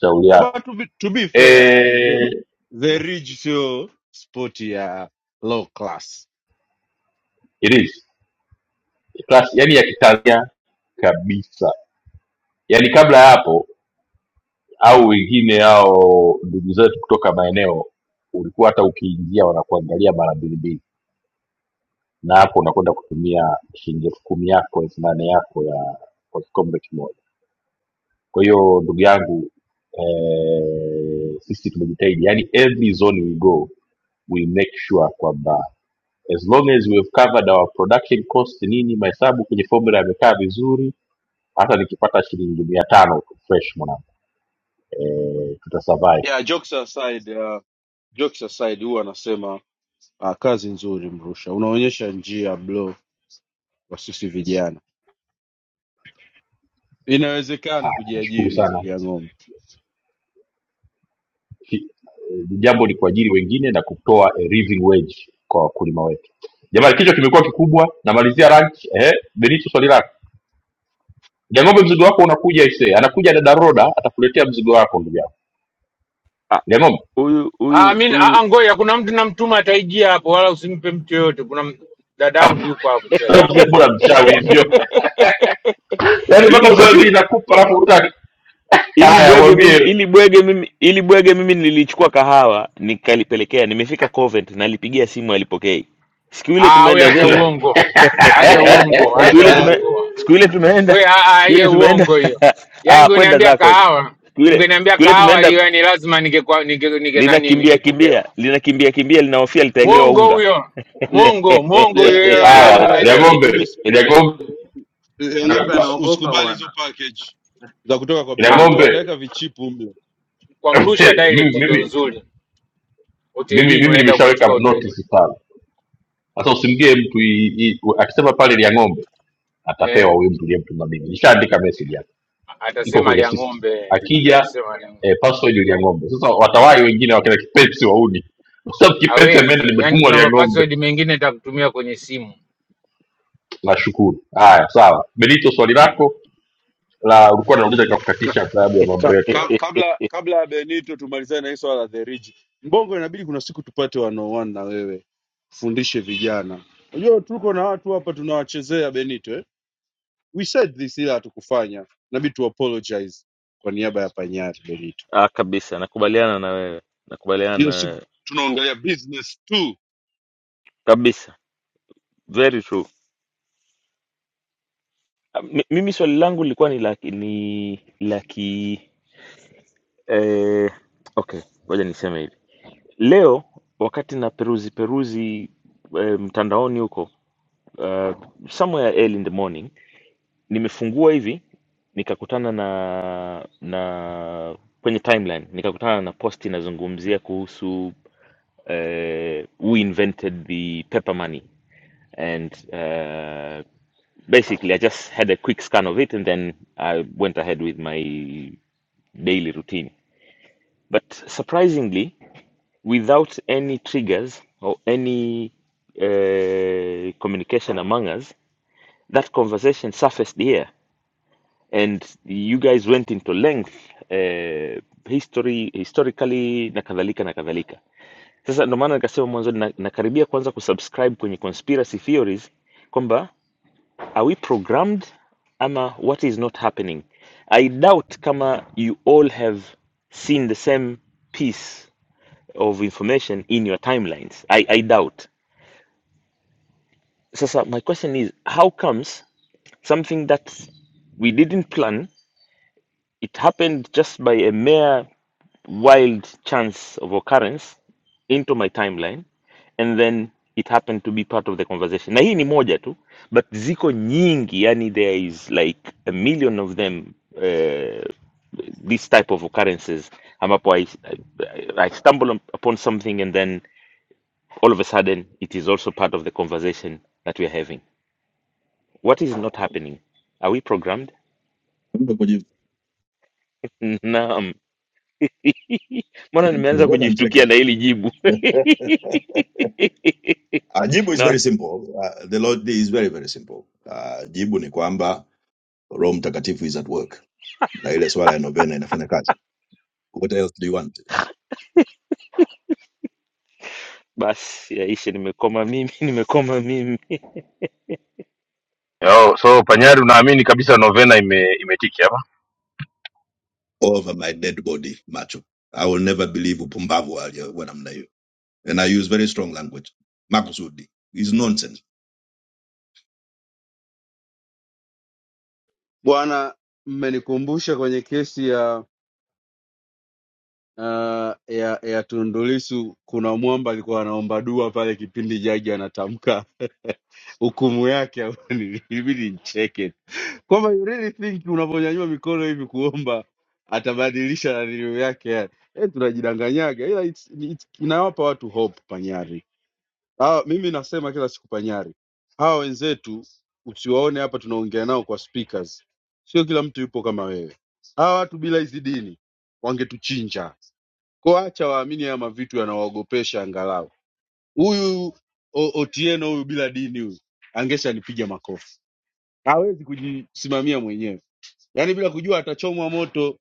[SPEAKER 14] shauri
[SPEAKER 4] no,
[SPEAKER 14] yako.
[SPEAKER 4] but to, be, to be fair the,
[SPEAKER 14] Eh,
[SPEAKER 4] the ridge sio sport ya low class
[SPEAKER 14] it is class, yani ya kitanzania kabisa, yani kabla ya hapo au wengine hao ndugu zetu kutoka maeneo ulikuwa hata ukiingia wanakuangalia mara mbili mbili na hapo unakwenda kutumia shilingi elfu kumi yako elfu nane yako ya kwa kikombe kimoja kwa hiyo ndugu yangu eh, sisi tumejitahidi yani every zone we go we make sure kwamba as long as we have covered our production cost nini mahesabu kwenye formula yamekaa vizuri hata nikipata shilingi mia tano tu fresh mwanangu eh, tutasurvive
[SPEAKER 4] yeah jokes aside uh, jokes aside huwa anasema uh, kazi nzuri mrusha unaonyesha njia blo kwa sisi vijana inawezekana
[SPEAKER 14] nashukuru
[SPEAKER 4] kujiajiri
[SPEAKER 14] sana
[SPEAKER 4] lia ng'ombe
[SPEAKER 14] Hi- Jambo ni kuajiri wengine na kutoa a living wage kwa wakulima wetu. Jamani, kichwa kimekuwa kikubwa. Namalizia rank. Eh, Benito, swali lako. Liang'ombe, mzigo wako unakuja ise, anakuja dada Roda atakuletea mzigo wako ndugu yangu.
[SPEAKER 9] Ah,
[SPEAKER 14] Liang'ombe
[SPEAKER 9] Huyu
[SPEAKER 15] Ah,
[SPEAKER 9] huyu
[SPEAKER 15] mimi
[SPEAKER 9] huyu
[SPEAKER 15] ah, ngoja, kuna mtu namtuma ataijia hapo, wala usimpe mtu yoyote. Kuna m- dadangu yuko hapo sasa hivi.
[SPEAKER 14] mzee, bora mchawi hivyo, yaani mpaka
[SPEAKER 9] ili
[SPEAKER 14] usafiri
[SPEAKER 9] bwege
[SPEAKER 14] inakupa alafu utaki.
[SPEAKER 9] ili
[SPEAKER 14] Haya,
[SPEAKER 9] bwege mimi
[SPEAKER 14] mwambie
[SPEAKER 9] ili bwege mimi ili bwege mimi nilichukua kahawa nikalipelekea, nimefika Covent, nalipigia simu alipokei. Siku ile
[SPEAKER 15] Ah, we
[SPEAKER 9] tumeenda
[SPEAKER 15] acha
[SPEAKER 9] zetu
[SPEAKER 15] uongo, acha uongo,
[SPEAKER 4] le,
[SPEAKER 9] siku
[SPEAKER 15] acha
[SPEAKER 9] ile
[SPEAKER 4] le,
[SPEAKER 9] tume
[SPEAKER 15] uongo
[SPEAKER 9] siku ile tumeenda
[SPEAKER 15] we, ah, ah,
[SPEAKER 9] siku ile
[SPEAKER 15] hiyo
[SPEAKER 9] tumeenda
[SPEAKER 15] uongo hiyo. Yani
[SPEAKER 9] ah, kwenda
[SPEAKER 15] ungeniambia
[SPEAKER 9] zako huko
[SPEAKER 15] kahawa,
[SPEAKER 9] siku ile
[SPEAKER 15] ungeniambia
[SPEAKER 9] siku ile
[SPEAKER 15] kahawa
[SPEAKER 9] tumeenda
[SPEAKER 15] hiyo, yani lazima ningekuwa ninge, ninge nani
[SPEAKER 9] linakimbia
[SPEAKER 15] ningepokewa.
[SPEAKER 9] kimbia linakimbia kimbia linahofia
[SPEAKER 4] le,
[SPEAKER 9] litawekewa
[SPEAKER 15] Mwongo
[SPEAKER 9] unga
[SPEAKER 15] huyo,
[SPEAKER 4] le,
[SPEAKER 15] mwongo, mwongo
[SPEAKER 4] le,
[SPEAKER 15] huyo, hiyo
[SPEAKER 4] lia
[SPEAKER 15] na- na-
[SPEAKER 14] haya,
[SPEAKER 15] nani
[SPEAKER 14] Liang'ombe,
[SPEAKER 4] ng'ombe
[SPEAKER 16] ya ng'ombe,
[SPEAKER 14] Liang'ombe
[SPEAKER 4] Eh,
[SPEAKER 16] ya
[SPEAKER 4] ng'ombe
[SPEAKER 16] ng'ombe
[SPEAKER 14] nakupa
[SPEAKER 4] us-
[SPEAKER 16] anaogopa
[SPEAKER 4] usikubali hizo
[SPEAKER 16] bwana.
[SPEAKER 4] package za kutoka kwa benito
[SPEAKER 14] Liang'ombe
[SPEAKER 15] ah,
[SPEAKER 4] wataweka vichipu mle
[SPEAKER 15] kwa mrusha
[SPEAKER 14] mimi
[SPEAKER 15] direct ndo
[SPEAKER 14] mimi
[SPEAKER 15] nzuri
[SPEAKER 14] mimi
[SPEAKER 15] hotelini,
[SPEAKER 14] mimi
[SPEAKER 15] unaenda
[SPEAKER 14] nimeshaweka
[SPEAKER 15] kuichukua hotelini
[SPEAKER 14] notice pale Sasa usimgie mtu i- i- u- akisema pale ni ya ng'ombe, atapewa
[SPEAKER 15] eh,
[SPEAKER 14] huyu mtu uliyemtuma mimi. Nishaandika message hapa, iko
[SPEAKER 15] atasema
[SPEAKER 14] kwenye
[SPEAKER 15] alia
[SPEAKER 14] system.
[SPEAKER 15] ng'ombe,
[SPEAKER 14] Akija
[SPEAKER 15] atasema alia ng'ombe.
[SPEAKER 14] eh, password ni ya ng'ombe. Sasa watawai wengine wakina kipenzi wauni, kwa sababu kipenzi ameenda,
[SPEAKER 15] Hawezi yani,
[SPEAKER 14] nimetumwa
[SPEAKER 15] kuna
[SPEAKER 14] ya ng'ombe.
[SPEAKER 15] mapassword mengine atakutumia kwenye simu
[SPEAKER 14] Nashukuru. Haya, sawa. Benito, swali
[SPEAKER 15] Mm.
[SPEAKER 14] lako la ulikuwa nauliza
[SPEAKER 4] ka,
[SPEAKER 14] nikakukatisha kwa sababu ya
[SPEAKER 4] ka,
[SPEAKER 14] mambo yetu
[SPEAKER 4] ka- kabla kabla ya benito tumalizane na hii swala la theriji mbongo inabidi kuna siku tupate wanaoan na wewe fundishe vijana unajua tuko na watu hapa tunawachezea benito eh? we said this ila hatukufanya inabidi tu apologize kwa niaba ya panyari benito
[SPEAKER 9] ah, kabisa nakubaliana na wewe nakubaliana na
[SPEAKER 4] hiyo siku
[SPEAKER 9] wewe
[SPEAKER 4] tunaongelea business tu
[SPEAKER 9] kabisa very true Ah, Mi- mimi swali langu lilikuwa ni la ni la ki eh, okay ngoja niseme hivi Leo wakati na peruzi peruzi eh, mtandaoni huko uh, somewhere early in the morning nimefungua hivi nikakutana na na kwenye timeline nikakutana na post inazungumzia kuhusu eh, who invented the paper money and uh, basically I just had a quick scan of it and then I went ahead with my daily routine but surprisingly without any triggers or any uh, communication among us, that conversation surfaced here, and you guys went into length uh, history historically na kadhalika na kadhalika. Sasa ndo maana nikasema mwanzoni na, nakaribia kwanza kusubscribe kwenye conspiracy theories kwamba are we programmed ama what is not happening. I doubt kama you all have seen the same piece of information in your timelines. I, I doubt. So, so my question is how comes something that we didn't plan, it happened just by a mere wild chance of occurrence into my timeline, and then it happened to be part of the conversation. Na hii ni moja tu, but ziko nyingi, yani there is like a million of them uh, this type of occurrences ambapo I, I, I stumble upon something and then all of a sudden it is also part of the conversation that we are having what is not happening are we programmed
[SPEAKER 13] Mtu kuji-
[SPEAKER 9] naam mbona nimeanza
[SPEAKER 13] mbona
[SPEAKER 9] kujishtukia
[SPEAKER 13] ncheka?
[SPEAKER 9] na hili jibu
[SPEAKER 13] Ah, jibu is
[SPEAKER 9] na
[SPEAKER 13] very simple. Ah, the Lord is very very simple. Ah, jibu ni kwamba Roho Mtakatifu is at work, na ile swala ya novena inafanya kazi. What else do you want?
[SPEAKER 9] basi yaishe nimekoma mimi nimekoma mimi
[SPEAKER 5] Yo, so Panyari, unaamini kabisa novena ime, imetiki hapa?
[SPEAKER 13] Over my dead body, macho. I will never believe upumbavu wa wa namna hiyo. And I use very strong language. Makusudi is nonsense.
[SPEAKER 4] bwana mmenikumbusha kwenye kesi ya uh, ya ya Tundu Lissu kuna mwamba alikuwa anaomba dua pale kipindi jaji anatamka hukumu yake ilibidi nicheke kwamba you really think unavyonyanyua mikono hivi kuomba atabadilisha nanilio yake yani e, tunajidanganyaga ila it's, it's, inawapa watu hope panyari hawa, mimi nasema kila siku panyari hawa wenzetu usiwaone hapa tunaongea nao kwa speakers sio kila mtu yupo kama wewe hawa watu bila hizi dini wangetuchinja kwa Acha waamini haya mavitu yanawaogopesha angalau. Huyu O- Otieno huyu bila dini huyu angesha nipiga makofi. Hawezi kujisimamia mwenyewe. Yaani bila kujua atachomwa moto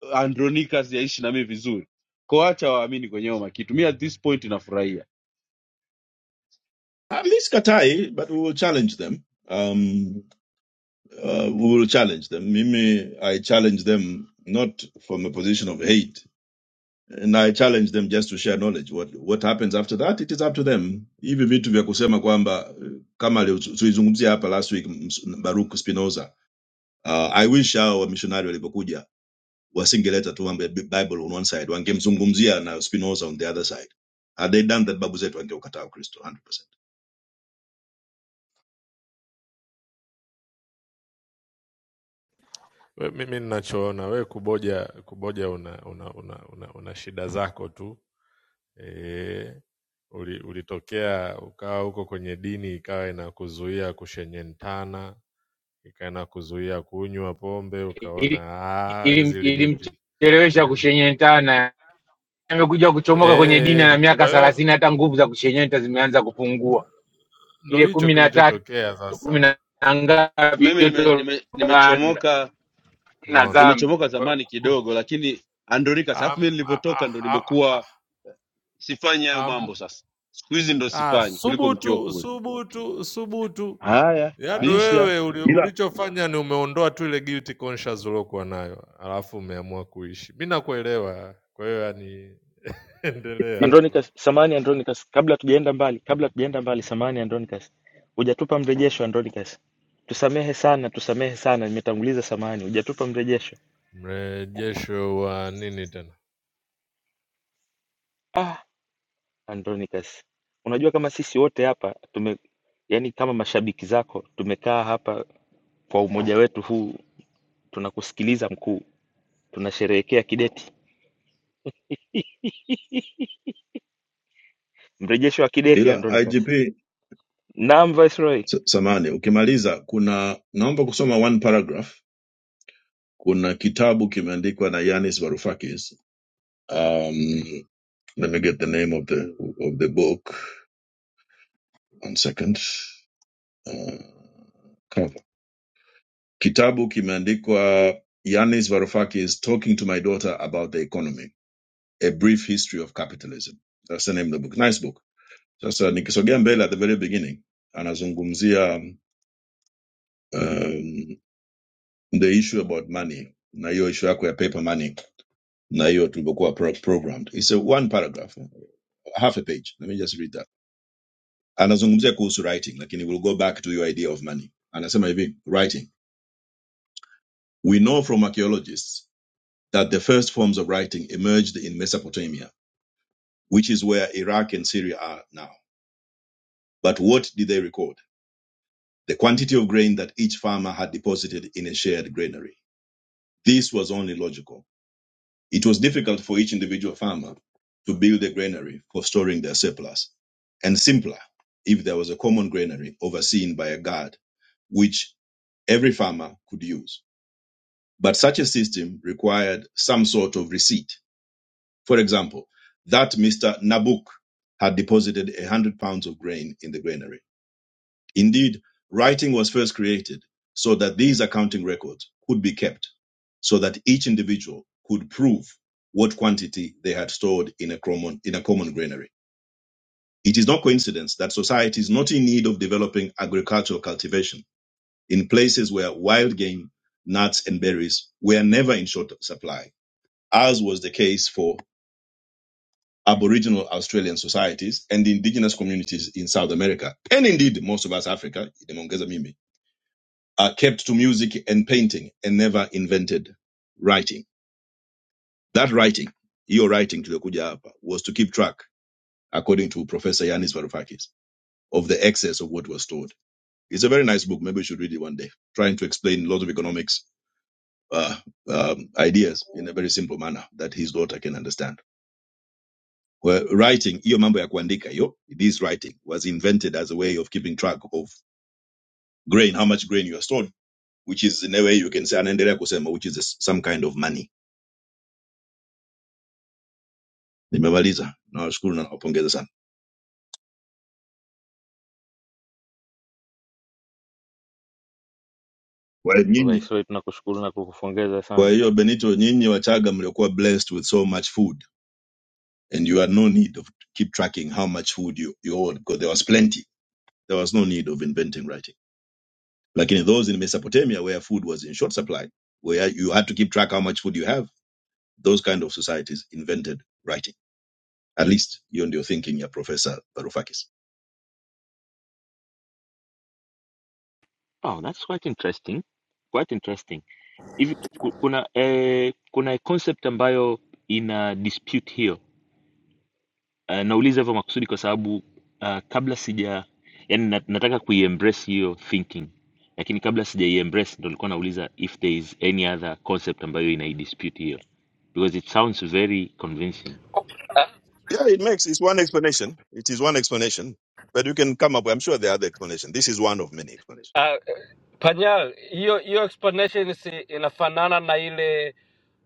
[SPEAKER 4] eh, Andronicus yaishi na mimi vizuri. Kwa acha waamini kwenye hayo makitu. Mimi at this point nafurahia.
[SPEAKER 13] At least Katai, but we will challenge them. Um, uh, we will challenge them. Mimi, I challenge them not from a position of hate, and I challenge them just to share knowledge. What what happens after that, it is up to them. Hivi vitu vya kusema kwamba eh, kama leo tu- tulizungumzia hapa last week ms- Baruch Spinoza. Uh, I wish hao wamishonari walipokuja wasingeleta tu mambo ya Bi- Bible on one side, wangemzungumzia na Spinoza on the other side. Had they done that, babu zetu wangeukataa Ukristo 100%.
[SPEAKER 17] We- Mimi ninachoona wewe kuboja kuboja una, una, una, una, una shida zako tu e, uli, ulitokea ukawa huko kwenye dini ikawa inakuzuia kushenyentana ikawa inakuzuia kunywa pombe
[SPEAKER 15] ili
[SPEAKER 17] ukaona "Ah,
[SPEAKER 15] ili-
[SPEAKER 17] hizi limiti
[SPEAKER 15] ilimchelewesha
[SPEAKER 17] limi.
[SPEAKER 15] kushenyentana. Amekuja kuchomoka kwenye dini
[SPEAKER 17] E,
[SPEAKER 15] na miaka
[SPEAKER 17] kwa hiyo
[SPEAKER 15] thelathini, hata nguvu za kushenyenta zimeanza kupungua.
[SPEAKER 17] ndo
[SPEAKER 15] Ile
[SPEAKER 17] hicho
[SPEAKER 15] kumi na tatu
[SPEAKER 17] kilichotokea
[SPEAKER 15] kumi
[SPEAKER 17] sasa,
[SPEAKER 15] na ngapi
[SPEAKER 4] Mimi nimechomoka
[SPEAKER 15] yote
[SPEAKER 4] nime, nime
[SPEAKER 15] bana
[SPEAKER 4] nimechomoka
[SPEAKER 15] na
[SPEAKER 17] umeona
[SPEAKER 15] dhambi,
[SPEAKER 4] nimechomoka
[SPEAKER 17] Kwa-
[SPEAKER 4] zamani
[SPEAKER 17] kwa-
[SPEAKER 4] kidogo lakini Andronicus alafu mimi
[SPEAKER 17] ham- ha-
[SPEAKER 4] nilivyotoka ndo
[SPEAKER 17] ha- ha- ha-
[SPEAKER 4] nimekuwa sifanyi hayo
[SPEAKER 17] ham-
[SPEAKER 4] mambo sasa. Siku hizi ndo
[SPEAKER 17] Ah,
[SPEAKER 4] sifanyi kuliko nikiwa
[SPEAKER 17] subutu,
[SPEAKER 4] kule.
[SPEAKER 17] subutu, subutu.
[SPEAKER 4] Haya,
[SPEAKER 17] Yaani
[SPEAKER 4] bisha.
[SPEAKER 17] wewe uli,
[SPEAKER 13] Ila,
[SPEAKER 17] ulichofanya ni umeondoa tu ile guilty conscious uliokuwa nayo, alafu umeamua kuishi. Mi nakuelewa, kwa hiyo yani endelea tu.
[SPEAKER 9] andronicus samani andronicus kabla tujaenda mbali kabla tujaenda mbali samani andronicus hujatupa mrejesho andronicus tusamehe sana tusamehe sana nimetanguliza samani hujatupa mrejesho
[SPEAKER 17] Mrejesho wa nini tena?
[SPEAKER 9] Ah, Andronicus, unajua kama sisi wote hapa tume, yani kama mashabiki zako tumekaa hapa kwa umoja wetu huu, tunakusikiliza mkuu, tunasherehekea kideti, mrejesho wa kideti
[SPEAKER 13] ila
[SPEAKER 9] Andronicus.
[SPEAKER 13] IGP
[SPEAKER 9] Naam Viceroy.
[SPEAKER 13] S- samani ukimaliza kuna naomba kusoma one paragraph kuna kitabu kimeandikwa na yanis Varoufakis. um, let me get the name of the, of the book one second uh, cover. kitabu kimeandikwa yanis Varoufakis talking to my daughter about the economy a brief history of capitalism that's the name of the book nice book sasa nikisogea mbele at the very beginning anazungumzia um, the issue about money na hiyo issue yako ya paper money na hiyo tulivyokuwa pro- programmed. It's a one paragraph, half a page. Let me just read that. Anazungumzia kuhusu writing, lakini we'll go back to your idea of money. Anasema hivi, writing. We know from archaeologists that the first forms of writing emerged in Mesopotamia, which is where Iraq and Syria are now. But what did they record? The quantity of grain that each farmer had deposited in a shared granary. This was only logical. It was difficult for each individual farmer to build a granary for storing their surplus, and simpler if there was a common granary overseen by a guard, which every farmer could use. But such a system required some sort of receipt. For example, that Mr. Nabuk had deposited 100 pounds of grain in the granary Indeed, writing was first created so that these accounting records could be kept, so that each individual could prove what quantity they had stored in a common, in a common granary. It is no coincidence that society is not in need of developing agricultural cultivation in places where wild game, nuts, and berries were never in short supply, as was the case for Aboriginal Australian societies and indigenous communities in South America, and indeed most of us Africa, Are kept to music and painting and never invented writing. That writing, your writing to the hapa, was to keep track, according to Professor Yanis Varoufakis, of the excess of what was stored. It's a very nice book. Maybe you should read it one day, trying to explain lots of economics uh, um, ideas in a very simple manner that his daughter can understand. Well, writing, iyo mambo ya kuandika, yo, this writing was invented as a way of keeping track of grain, how much grain you are stored, which is in a way you can say, anaendelea kusema, which is some kind of money nimemaliza nawashukuru na nawapongeza sana kwa hiyo nyinyi
[SPEAKER 9] Viceroy, tunakushukuru na kukupongeza
[SPEAKER 13] kwa
[SPEAKER 9] sana.
[SPEAKER 13] hiyo benito nyinyi wachaga mliokuwa blessed with so much food and you had no need of keep tracking how much food you, you owed because there was plenty there was no need of inventing writing lakini those in mesopotamia where food was in short supply where you had to keep track how much food you have those kind of societies invented writing at least you hiyo your thinking your professor varoufakis
[SPEAKER 9] Oh, that's quite interesting. Quite interesting. Hivi ku- kuna eh, kuna concept ambayo ina dispute hiyo Uh, nauliza hivyo makusudi kwa sababu uh, kabla sija yani na, nataka kuiembrace hiyo thinking lakini kabla sijaiembrace ndo nilikuwa nauliza if there is any other concept ambayo inaidispute hiyo because it sounds very convincing
[SPEAKER 3] Ah,
[SPEAKER 13] Yeah, it makes it's one explanation. It is one explanation, but you can come up. I'm sure there are other explanations. This is one of many explanations.
[SPEAKER 3] ah, panyal hiyo hiyo explanation si inafanana na ile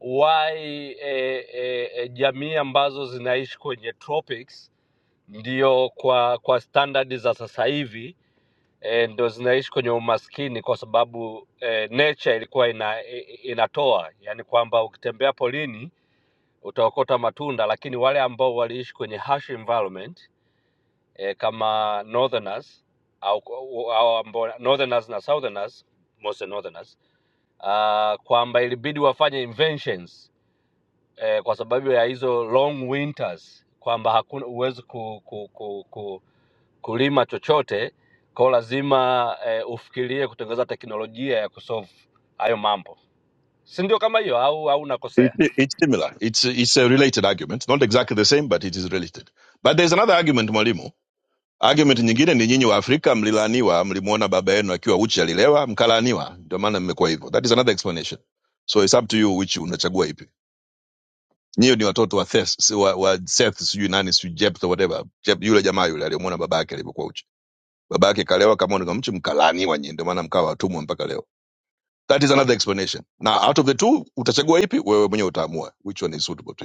[SPEAKER 3] why eh, eh, eh, jamii ambazo zinaishi kwenye tropics ndio kwa kwa standard za sasa hivi eh, ndio zinaishi kwenye umaskini kwa sababu eh, nature ilikuwa ina, i- i- inatoa yani kwamba ukitembea polini utaokota matunda lakini wale ambao waliishi kwenye harsh environment eh, kama northerners au, au ambao northerners na southerners mostly northerners uh, kwamba ilibidi wafanye inventions eh, kwa sababu ya hizo long winters kwamba hakuna huwezi ku, ku, ku, ku, kulima chochote kwao lazima eh, ufikirie kutengeneza teknolojia ya kusolve hayo mambo si ndio kama hiyo au au nakosea
[SPEAKER 13] It, it's similar. It's it's a related argument, not exactly the same, but it is related. But there's another argument mwalimu. Argument nyingine ni nyinyi wa Afrika mlilaniwa, mlimuona baba yenu akiwa uchi alilewa, mkalaniwa, ndio maana mmekuwa hivyo. That is another explanation. So it's up to you which unachagua ipi. Nyinyi ni watoto wa Seth, si wa, wa Seth sijui nani sijui Jephthah whatever. Jep, yule jamaa yule aliyemuona baba yake alivyokuwa uchi. Baba yake kalewa kama ni mchi mkalaniwa nyinyi, ndio maana mkawa watumwa mpaka leo. That is another explanation. Now out of the two utachagua ipi wewe mwenyewe utaamua which one is suitable to you.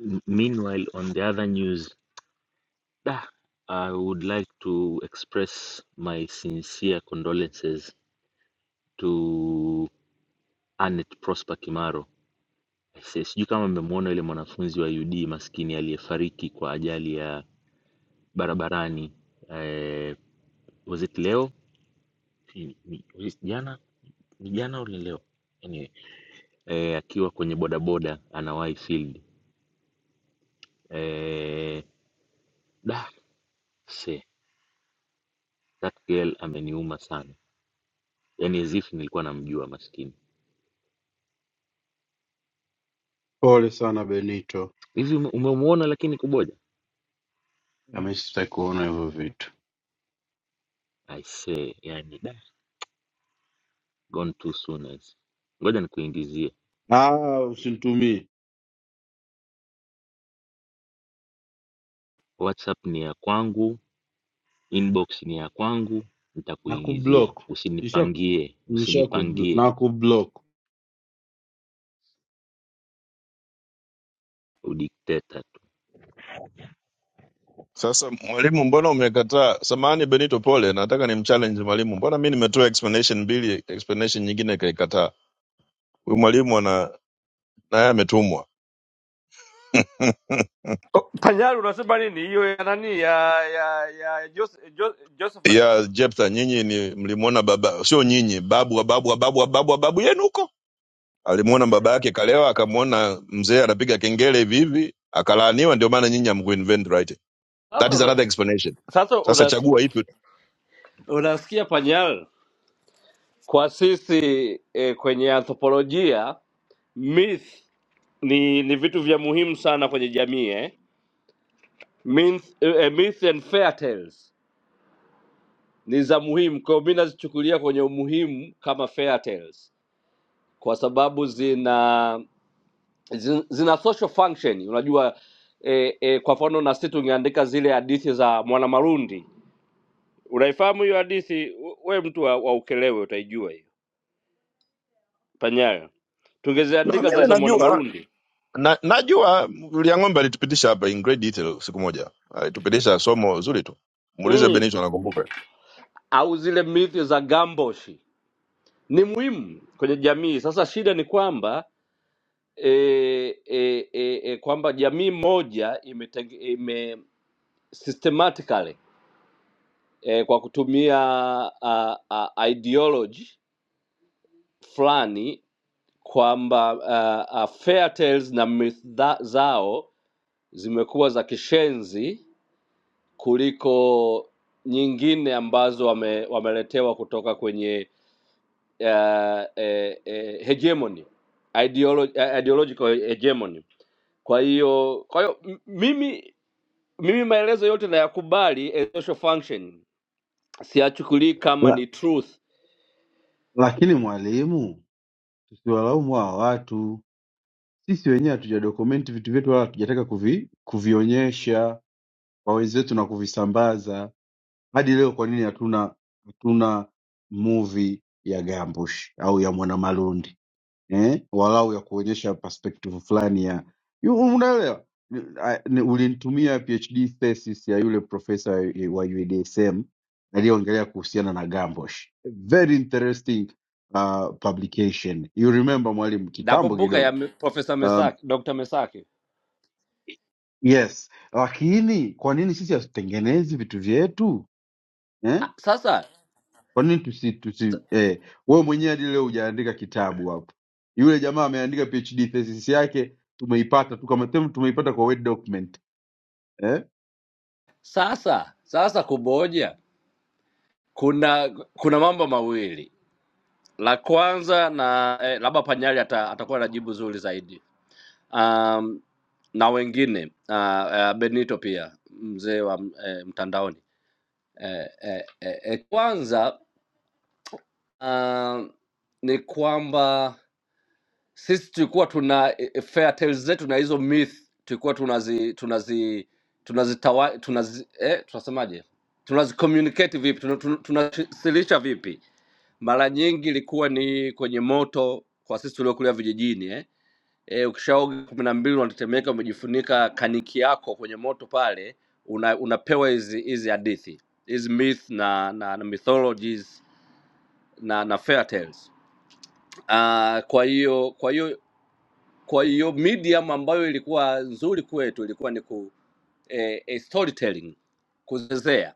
[SPEAKER 9] M meanwhile on the other news da, I would like to express my sincere condolences to Anet Prosper Kimaro Si- sijui kama mmemwona yule mwanafunzi wa UD maskini aliyefariki kwa ajali ya barabarani eh, was it leo Ni- ni- was it jana ni jana au ni leo anyway, eh, akiwa kwenye bodaboda anawahi field eh, da se that girl ameniuma sana yani as if nilikuwa namjua maskini
[SPEAKER 4] Pole sana Benito.
[SPEAKER 9] hivi ume- umemuona lakini kuboja
[SPEAKER 4] Kama sitaki kuona hivyo vitu.
[SPEAKER 9] i say yani da gone too soon as ngoja nikuingizie
[SPEAKER 4] Ah, usinitumie
[SPEAKER 9] whatsapp ni ya kwangu inbox ni ya kwangu
[SPEAKER 4] na
[SPEAKER 9] nitakuingizia
[SPEAKER 4] kublock. Nisha
[SPEAKER 9] usinipangie
[SPEAKER 4] nisha kublock
[SPEAKER 9] usinipangie
[SPEAKER 4] na kublock.
[SPEAKER 9] udikteta tu
[SPEAKER 13] Sasa mwalimu, mbona umekataa? Samahani Benito, pole, nataka ni mchallenge mwalimu. Mbona Mimi nimetoa explanation mbili, explanation nyingine kaikataa? Huyu mwalimu ana naye ametumwa
[SPEAKER 3] Oh, Panyari unasema nini hiyo ya nani ya ya ya Jos- Jo- Josephat?
[SPEAKER 13] ya Jepta. Nyinyi ni mlimwona baba, sio nyinyi, babu wa babu wa babu wa babu wa babu yenu huko alimwona baba yake kalewa, akamwona mzee anapiga kengele hivi hivi, akalaaniwa. Ndio maana nyinyi hamkuinvent right, that
[SPEAKER 3] Sasa
[SPEAKER 13] is
[SPEAKER 3] una,
[SPEAKER 13] another explanation.
[SPEAKER 3] sasa
[SPEAKER 13] Sasa
[SPEAKER 3] una,
[SPEAKER 13] chagua ipi?
[SPEAKER 3] unasikia Panyari kwa sisi eh, kwenye anthropolojia myth ni ni vitu vya muhimu sana kwenye jamii eh? Myth, eh, eh, myth and fair tales ni za muhimu kwa hiyo mi nazichukulia kwenye umuhimu kama fair tales kwa sababu zina zina, zina social function unajua eh, eh, kwa mfano na sisi tungeandika zile hadithi za mwanamarundi unaifahamu hiyo hadithi We- we mtu wa, wa ukelewe utaijua hiyo panyayo
[SPEAKER 13] Na
[SPEAKER 3] tungeziandika zile
[SPEAKER 13] mimi
[SPEAKER 3] za
[SPEAKER 13] najua
[SPEAKER 3] mwanamarundi
[SPEAKER 13] na najua liang'ombe alitupitisha hapa in great detail siku moja alitupitisha somo zuri tu muulize
[SPEAKER 3] mm.
[SPEAKER 13] benito anakumbuka
[SPEAKER 3] au zile mithi za gambosh ni muhimu kwenye jamii. Sasa shida ni kwamba e, e, e, e, kwamba jamii moja imetenge, ime systematically e, kwa kutumia a, a, ideology fulani kwamba a, a, fairy tales na myth tha- zao zimekuwa za kishenzi kuliko nyingine ambazo wame, wameletewa kutoka kwenye uh, eh, eh, hegemony ideolo, eh, ideological hegemony Kwa hiyo kwa hiyo m- mimi mimi maelezo yote nayakubali as social function, siyachukulii kama
[SPEAKER 4] La,
[SPEAKER 3] ni truth.
[SPEAKER 4] lakini mwalimu, tusiwalaumu hawa watu. Sisi wenyewe hatuja dokumenti vitu vyetu wala hatujataka kuvi, kuvionyesha kwa wenzetu na kuvisambaza. Hadi leo kwa nini hatuna hatuna movie ya Gambush au ya Mwanamalundi? eh, walau ya kuonyesha perspective fulani ya yu- unaelewa Ah, ni- ulinitumia phd thesis ya yule profesa wa UDSM aliyoongelea kuhusiana na Gambosh. Very interesting uh, publication. You remember mwalimu kitambo
[SPEAKER 3] Nakumbuka ya
[SPEAKER 4] kidogo.
[SPEAKER 3] me- Profesa
[SPEAKER 4] Um,
[SPEAKER 3] Mesaki, Dr. Mesaki.
[SPEAKER 4] yes, lakini kwa nini sisi hatutengenezi vitu vyetu? eh?
[SPEAKER 3] Ah, Sasa
[SPEAKER 4] Kwa nini tusi tusi eh, wewe mwenyewe hadi leo hujaandika kitabu hapo. Yule jamaa ameandika PhD thesis yake tumeipata tu kama tem tumeipata kwa word document. Eh?
[SPEAKER 3] sasa sasa kuboja, kuna kuna mambo mawili. La kwanza na eh, labda Panyali ata, atakuwa na jibu zuri zaidi um, na wengine uh, uh, Benito pia mzee wa eh, mtandaoni eh, eh, eh, kwanza um, ni kwamba sisi tulikuwa tuna e, e, fair tales zetu na hizo myth tulikuwa tunazi tunazi tunazitawa tunazi eh, tunasemaje tunazi communicate vipi tunawasilisha tuna, tuna- tunawasilisha vipi mara nyingi ilikuwa ni kwenye moto kwa sisi tuliokulia vijijini eh. E, ukishaoga kumi na mbili unatetemeka umejifunika kaniki yako kwenye moto pale una, unapewa hizi hizi hadithi hizi myth na, na, na mythologies na na fair tales. Uh, kwa hiyo kwa hiyo kwa hiyo medium ambayo ilikuwa nzuri kwetu ilikuwa ni ku, eh, eh, storytelling, kuzezea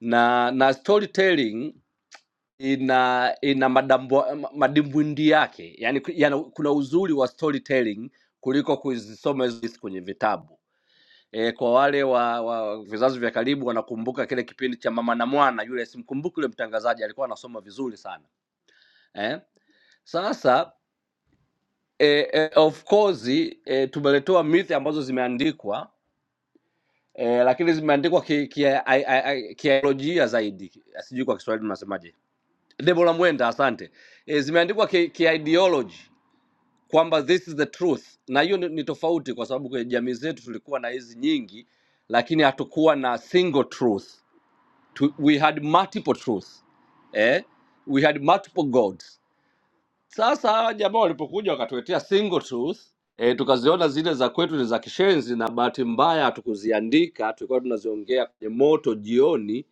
[SPEAKER 3] na na storytelling ina ina madambo, ma- madimbwindi yake yani, yani kuna uzuri wa storytelling kuliko kuzisoma hizo hizi kwenye vitabu e, kwa wale wa, wa vizazi vya karibu wanakumbuka kile kipindi cha mama na mwana yule simkumbuki yule mtangazaji alikuwa anasoma vizuri sana eh? sasa e, e, of course e, tumeletewa mithi ambazo zimeandikwa e, lakini zimeandikwa kiaikolojia ki, ki, ai- ai- ai- kiaikolojia zaidi, sijui kwa Kiswahili tunasemaje. Debora Mwenda, asante. E, zimeandikwa ki, ki ideology kwamba this is the truth, na hiyo ni ni tofauti, kwa sababu kwenye jamii zetu tulikuwa na hizi nyingi, lakini hatukuwa na single truth. Tu, we had multiple truth eh? we had multiple gods Sasa hawa jamaa walipokuja wakatuletea single truth e, tukaziona zile za kwetu ni za kishenzi, na bahati mbaya hatukuziandika, tulikuwa tunaziongea kwenye moto jioni.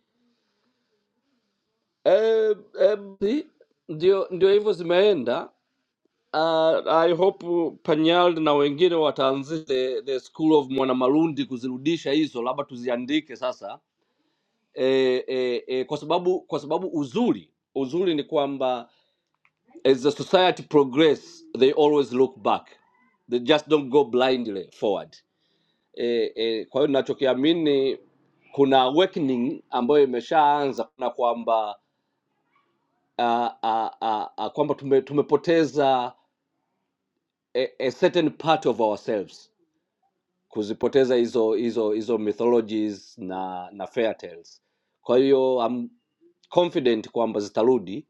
[SPEAKER 3] e, e, si? ndio ndio hivyo zimeenda. Uh, I hope Panyal na wengine wataanzisha the, the school of Mwanamalundi kuzirudisha hizo, labda tuziandike sasa e, e, e, kwa sababu kwa sababu uzuri uzuri ni kwamba as the society progress they always look back they just don't go blindly forward eh, eh, kwa hiyo ninachokiamini kuna awakening ambayo imeshaanza na kwamba uh, uh, uh, uh, kwamba tume, tumepoteza a, a certain part of ourselves kuzipoteza hizo hizo hizo mythologies na na fairy tales kwa hiyo I'm confident kwamba zitarudi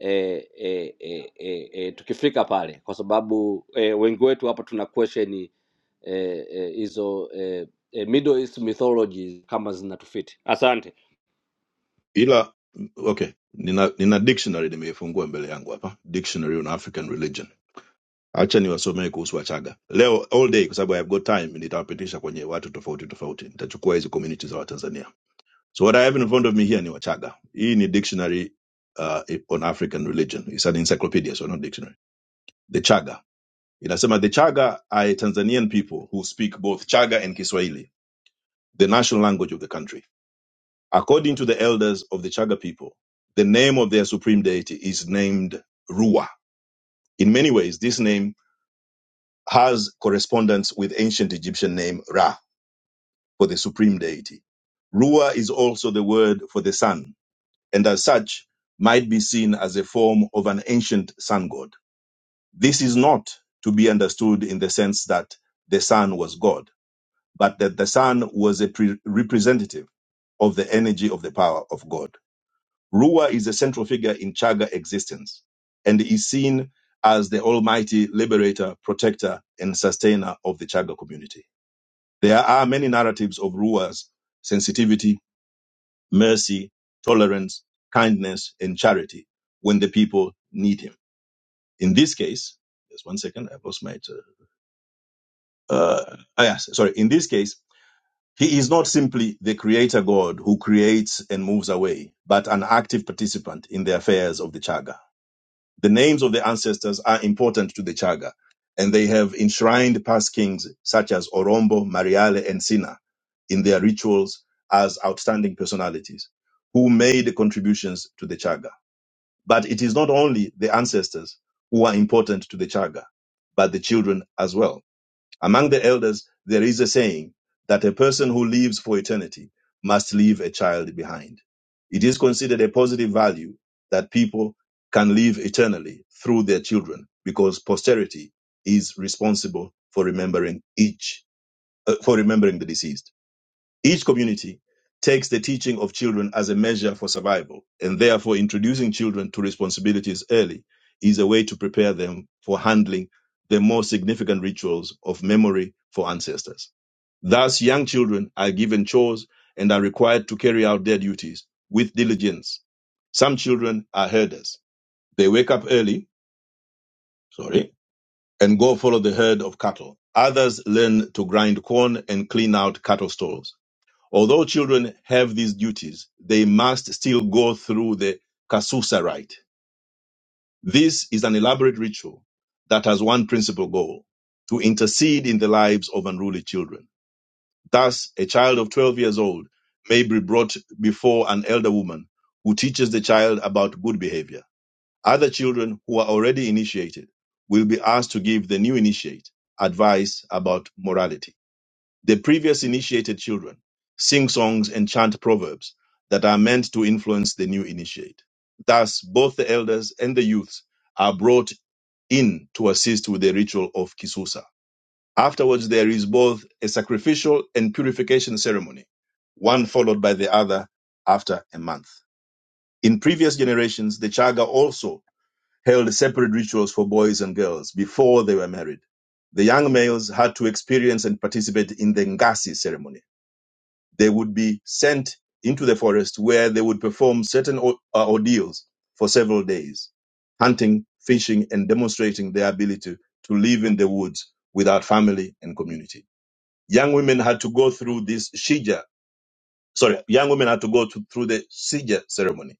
[SPEAKER 3] e, e, e, e, e, tukifika pale, kwa sababu e, wengi wetu hapa tuna question hizo e, e, hizo, e, e, Middle East mythologies kama zinatufiti. Asante
[SPEAKER 13] ila okay nina, nina dictionary nimeifungua mbele yangu hapa dictionary on african religion hacha niwasomee kuhusu wachaga leo all day kwa sababu i have got time nitawapitisha kwenye watu tofauti tofauti nitachukua hizi communities za watanzania so what i have in front of me here ni wachaga hii ni dictionary uh, on african religion It's an encyclopedia so not dictionary the chaga Inasema the Chaga are Tanzanian people who speak both Chaga and Kiswahili, the national language of the country. According to the elders of the Chaga people, the name of their supreme deity is named Rua. In many ways, this name has correspondence with ancient Egyptian name Ra for the supreme deity. Rua is also the word for the sun, and as such, might be seen as a form of an ancient sun god. This is not to be understood in the sense that the sun was God but that the sun was a pre- representative of the energy of the power of God. Ruwa is a central figure in Chaga existence and is seen as the almighty liberator, protector, and sustainer of the Chaga community. There are many narratives of Ruwa's sensitivity, mercy, tolerance, kindness, and charity when the people need him. In this case, just one second, I've lost my. Uh, uh, ah, yes, sorry. In this case, He is not simply the creator God who creates and moves away, but an active participant in the affairs of the Chaga. The names of the ancestors are important to the Chaga, and they have enshrined past kings such as Orombo, Mariale, and Sina in their rituals as outstanding personalities who made contributions to the Chaga. But it is not only the ancestors who are important to the Chaga, but the children as well. Among the elders, there is a saying that a person who lives for eternity must leave a child behind. It is considered a positive value that people can live eternally through their children because posterity is responsible for remembering each, uh, for remembering the deceased. Each community takes the teaching of children as a measure for survival, and therefore introducing children to responsibilities early is a way to prepare them for handling the more significant rituals of memory for ancestors. Thus, young children are given chores and are required to carry out their duties with diligence. Some children are herders. They wake up early, sorry, and go follow the herd of cattle. Others learn to grind corn and clean out cattle stalls. Although children have these duties, they must still go through the Kasusa rite. This is an elaborate ritual that has one principal goal to intercede in the lives of unruly children. Thus, a child of 12 years old may be brought before an elder woman who teaches the child about good behavior. Other children who are already initiated will be asked to give the new initiate advice about morality. The previous initiated children sing songs and chant proverbs that are meant to influence the new initiate. Thus, both the elders and the youths are brought in to assist with the ritual of Kisusa. Afterwards, there is both a sacrificial and purification ceremony, one followed by the other after a month. In previous generations, the Chaga also held separate rituals for boys and girls before they were married. The young males had to experience and participate in the Ngasi ceremony they would be sent into the forest where they would perform certain o- uh, ordeals for several days, hunting, fishing, and demonstrating their ability to live in the woods without family and community. Young women had to go through this shija, sorry, young women had to go to, through the shija ceremony,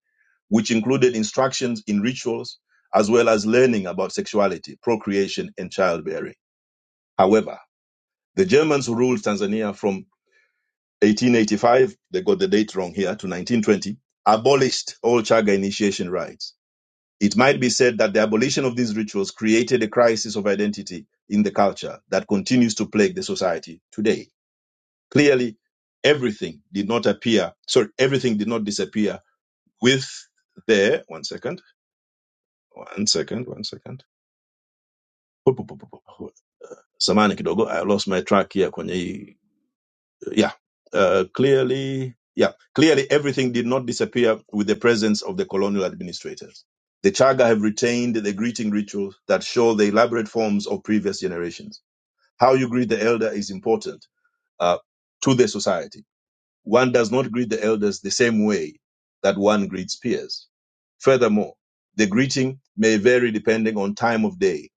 [SPEAKER 13] which included instructions in rituals as well as learning about sexuality, procreation, and childbearing. However, the Germans ruled Tanzania from 1885, they got the date wrong here, to 1920, abolished all Chaga initiation rites. It might be said that the abolition of these rituals created a crisis of identity in the culture that continues to plague the society today. Clearly, everything did not appear, sorry, everything did not disappear with the, one second, one second, one second. Samani kidogo, I lost my track here kwenye hii yeah uh, clearly yeah clearly everything did not disappear with the presence of the colonial administrators the chaga have retained the greeting rituals that show the elaborate forms of previous generations how you greet the elder is important uh, to the society one does not greet the elders the same way that one greets peers. Furthermore, the greeting may vary depending on time of day,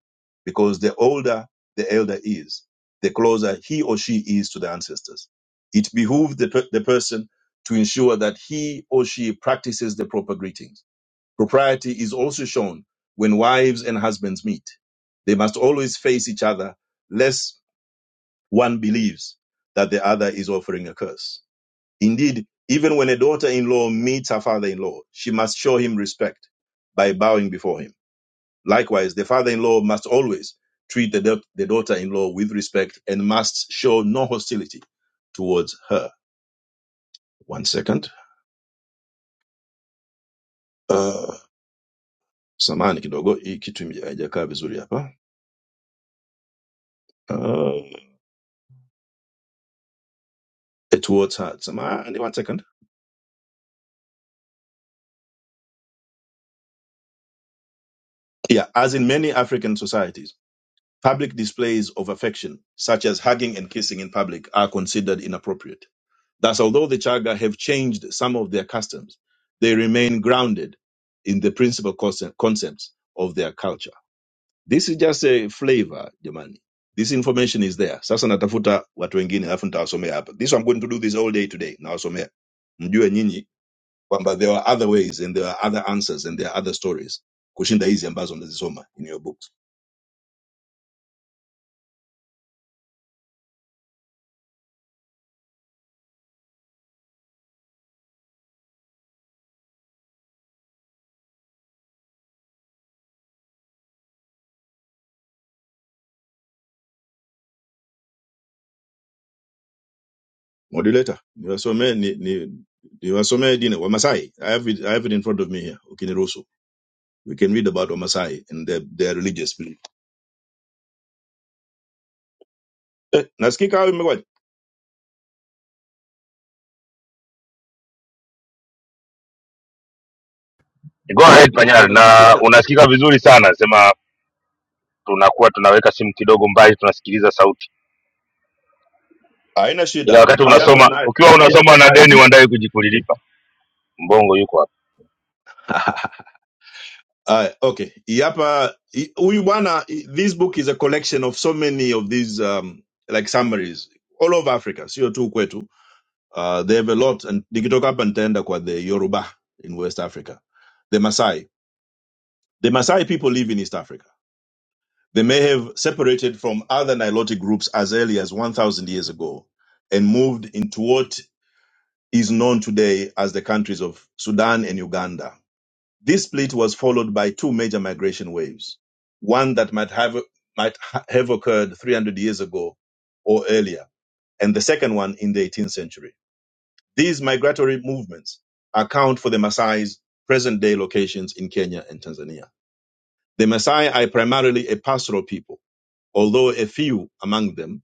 [SPEAKER 13] because the older the elder is, the closer he or she is to the ancestors. It behooves the, per- the person to ensure that he or she practices the proper greetings. Propriety is also shown when wives and husbands meet. They must always face each other, lest one believes that the other is offering a curse. Indeed, even when a daughter in law meets her father in law, she must show him respect by bowing before him. Likewise, the father in law must always treat the, da- the daughter in law with respect and must show no hostility towards her. One second. Uh, samani kidogo, hii kitu ime- haijakaa vizuri hapa. Uh, towards her. Samani, one second. Yeah, as in many African societies, public displays of affection, such as hugging and kissing in public, are considered inappropriate Thus, although the Chaga have changed some of their customs, they remain grounded in the principal conce- concepts of their culture. This is just a flavor, jamani. This information is there. Sasa natafuta watu wengine alafu nitawasomea hapa. This I'm going to do this all day today. Nawasomea. Mjue nyinyi kwamba there are other ways and there are other answers and there are other stories kushinda hizi ambazo mnazisoma in your books. Moderator, niwasomee ni, ni, niwasomee dine Wamasai. I have it, I have it in front of me here. Ukiniruhusu. We can read about Omasai and their, their religious belief. Eh, Nasikika wewe imekuwaje?
[SPEAKER 5] Go ahead Panyari, na unasikika vizuri sana, sema tunakuwa tunaweka simu kidogo mbali, tunasikiliza sauti,
[SPEAKER 13] Haina
[SPEAKER 5] ila
[SPEAKER 13] shida.
[SPEAKER 5] wakati
[SPEAKER 13] Hii hapa
[SPEAKER 5] unasoma
[SPEAKER 13] nayo.
[SPEAKER 5] ukiwa unasoma na deni uandae kujikulilipa. Mbongo yuko hapa.
[SPEAKER 13] Aye, okay. Hii hapa hii- huyu bwana hii- this book is a collection of so many of these um, like summaries all over Africa, sio tu kwetu. Uh, they have a lot and nikitoka hapa nitaenda kwa the Yoruba in West Africa. The Masai. The Masai people live in East Africa. They may have separated from other Nilotic groups as early as 1000 years ago and moved into what is known today as the countries of Sudan and Uganda. This split was followed by two major migration waves, one that might have, might ha- have occurred 300 years ago or earlier, and the second one in the 18th century. These migratory movements account for the Maasai's present day locations in Kenya and Tanzania. The Maasai are primarily a pastoral people, although a few among them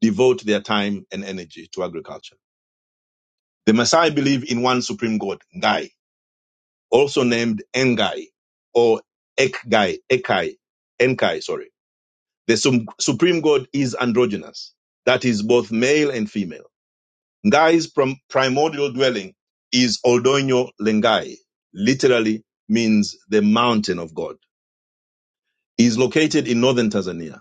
[SPEAKER 13] devote their time and energy to agriculture. The Maasai believe in one supreme god, Ngai, also named Engai or Ekgai, Ekai, Enkai, sorry. The sum- supreme god is androgynous, that is both male and female. Ngai's prim- primordial dwelling is Oldoño Lengai, literally means the mountain of God. He is located in northern Tanzania.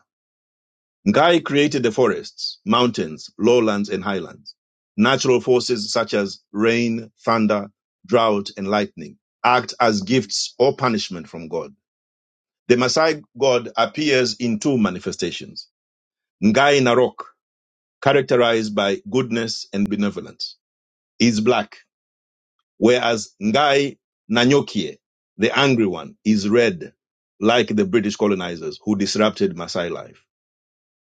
[SPEAKER 13] Ngai created the forests, mountains, lowlands, and highlands. Natural forces such as rain, thunder, drought, and lightning act as gifts or punishment from God. The Maasai god appears in two manifestations. Ngai Narok, characterized by goodness and benevolence, is black, whereas Ngai Nanyokie, the angry one, is red, like the British colonizers who disrupted Maasai life.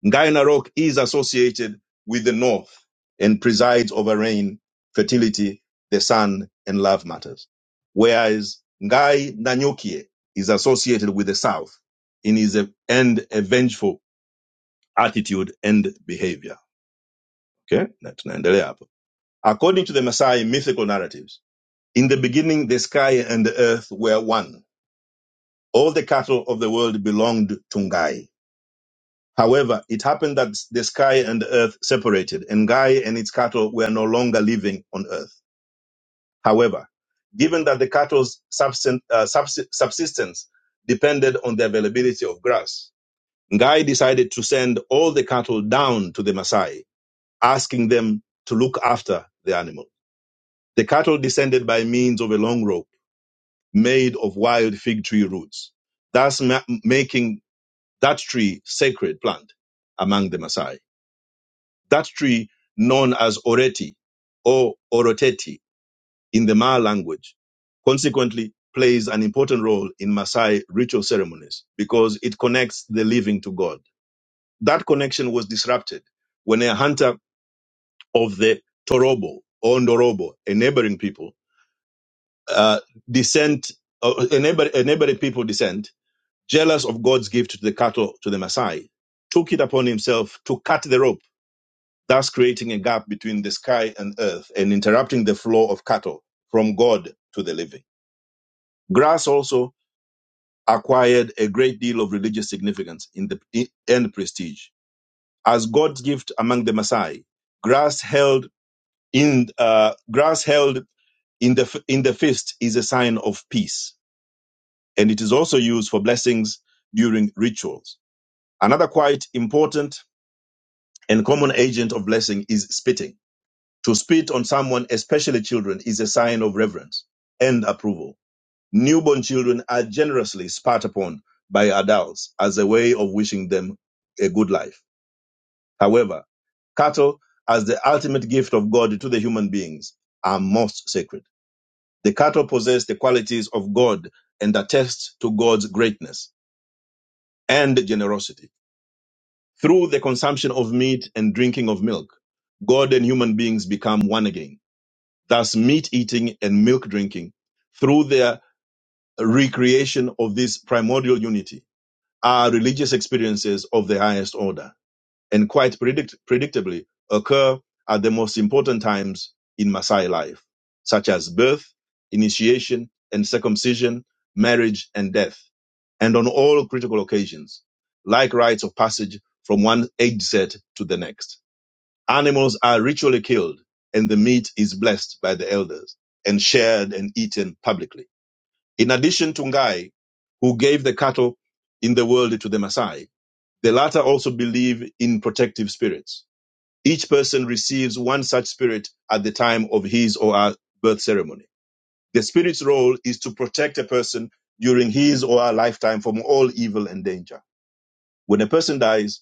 [SPEAKER 13] Ngai Narok is associated with the north and presides over rain, fertility, the sun, and love matters, whereas Ngai Nanyokie is associated with the south and is a, and a vengeful attitude and behavior. Okay, na tunaendelea hapo. According to the Maasai mythical narratives, in the beginning the sky and the earth were one. All the cattle of the world belonged to Ngai. However, it happened that the sky and the earth separated, and Ngai and its cattle were no longer living on earth. However, given that the cattle's subsisten- uh, subs- subsistence depended on the availability of grass, Ngai decided to send all the cattle down to the Maasai asking them to look after the animal. The cattle descended by means of a long rope made of wild fig tree roots, thus ma- making that tree sacred plant among the Maasai. That tree, known as Oreti or Oroteti in the Ma language, consequently plays an important role in Maasai ritual ceremonies because it connects the living to God. That connection was disrupted when a hunter of the Torobo or Ndorobo, a neighboring people, uh, descent, uh, a, neighbor, a neighboring people descent, jealous of God's gift to the cattle to the Maasai, took it upon himself to cut the rope, thus creating a gap between the sky and earth and interrupting the flow of cattle from God to the living. Grass also acquired a great deal of religious significance in the, in, and prestige. As God's gift among the Maasai, grass held in uh, grass held In the, in the fist is a sign of peace, and it is also used for blessings during rituals. Another quite important and common agent of blessing is spitting. To spit on someone, especially children, is a sign of reverence and approval. Newborn children are generously spat upon by adults as a way of wishing them a good life. However, cattle, as the ultimate gift of God to the human beings, are most sacred. The cattle possess the qualities of God and attest to God's greatness and generosity. Through the consumption of meat and drinking of milk, God and human beings become one again. Thus, meat eating and milk drinking, through their recreation of this primordial unity, are religious experiences of the highest order. and quite predict- predictably occur at the most important times in Maasai life, such as birth, initiation and circumcision, marriage and death, and on all critical occasions, like rites of passage from one age set to the next. Animals are ritually killed and the meat is blessed by the elders and shared and eaten publicly. In addition to Ngai, who gave the cattle in the world to the Maasai, the latter also believe in protective spirits each person receives one such spirit at the time of his or her birth ceremony. The spirit's role is to protect a person during his or her lifetime from all evil and danger. When a person dies,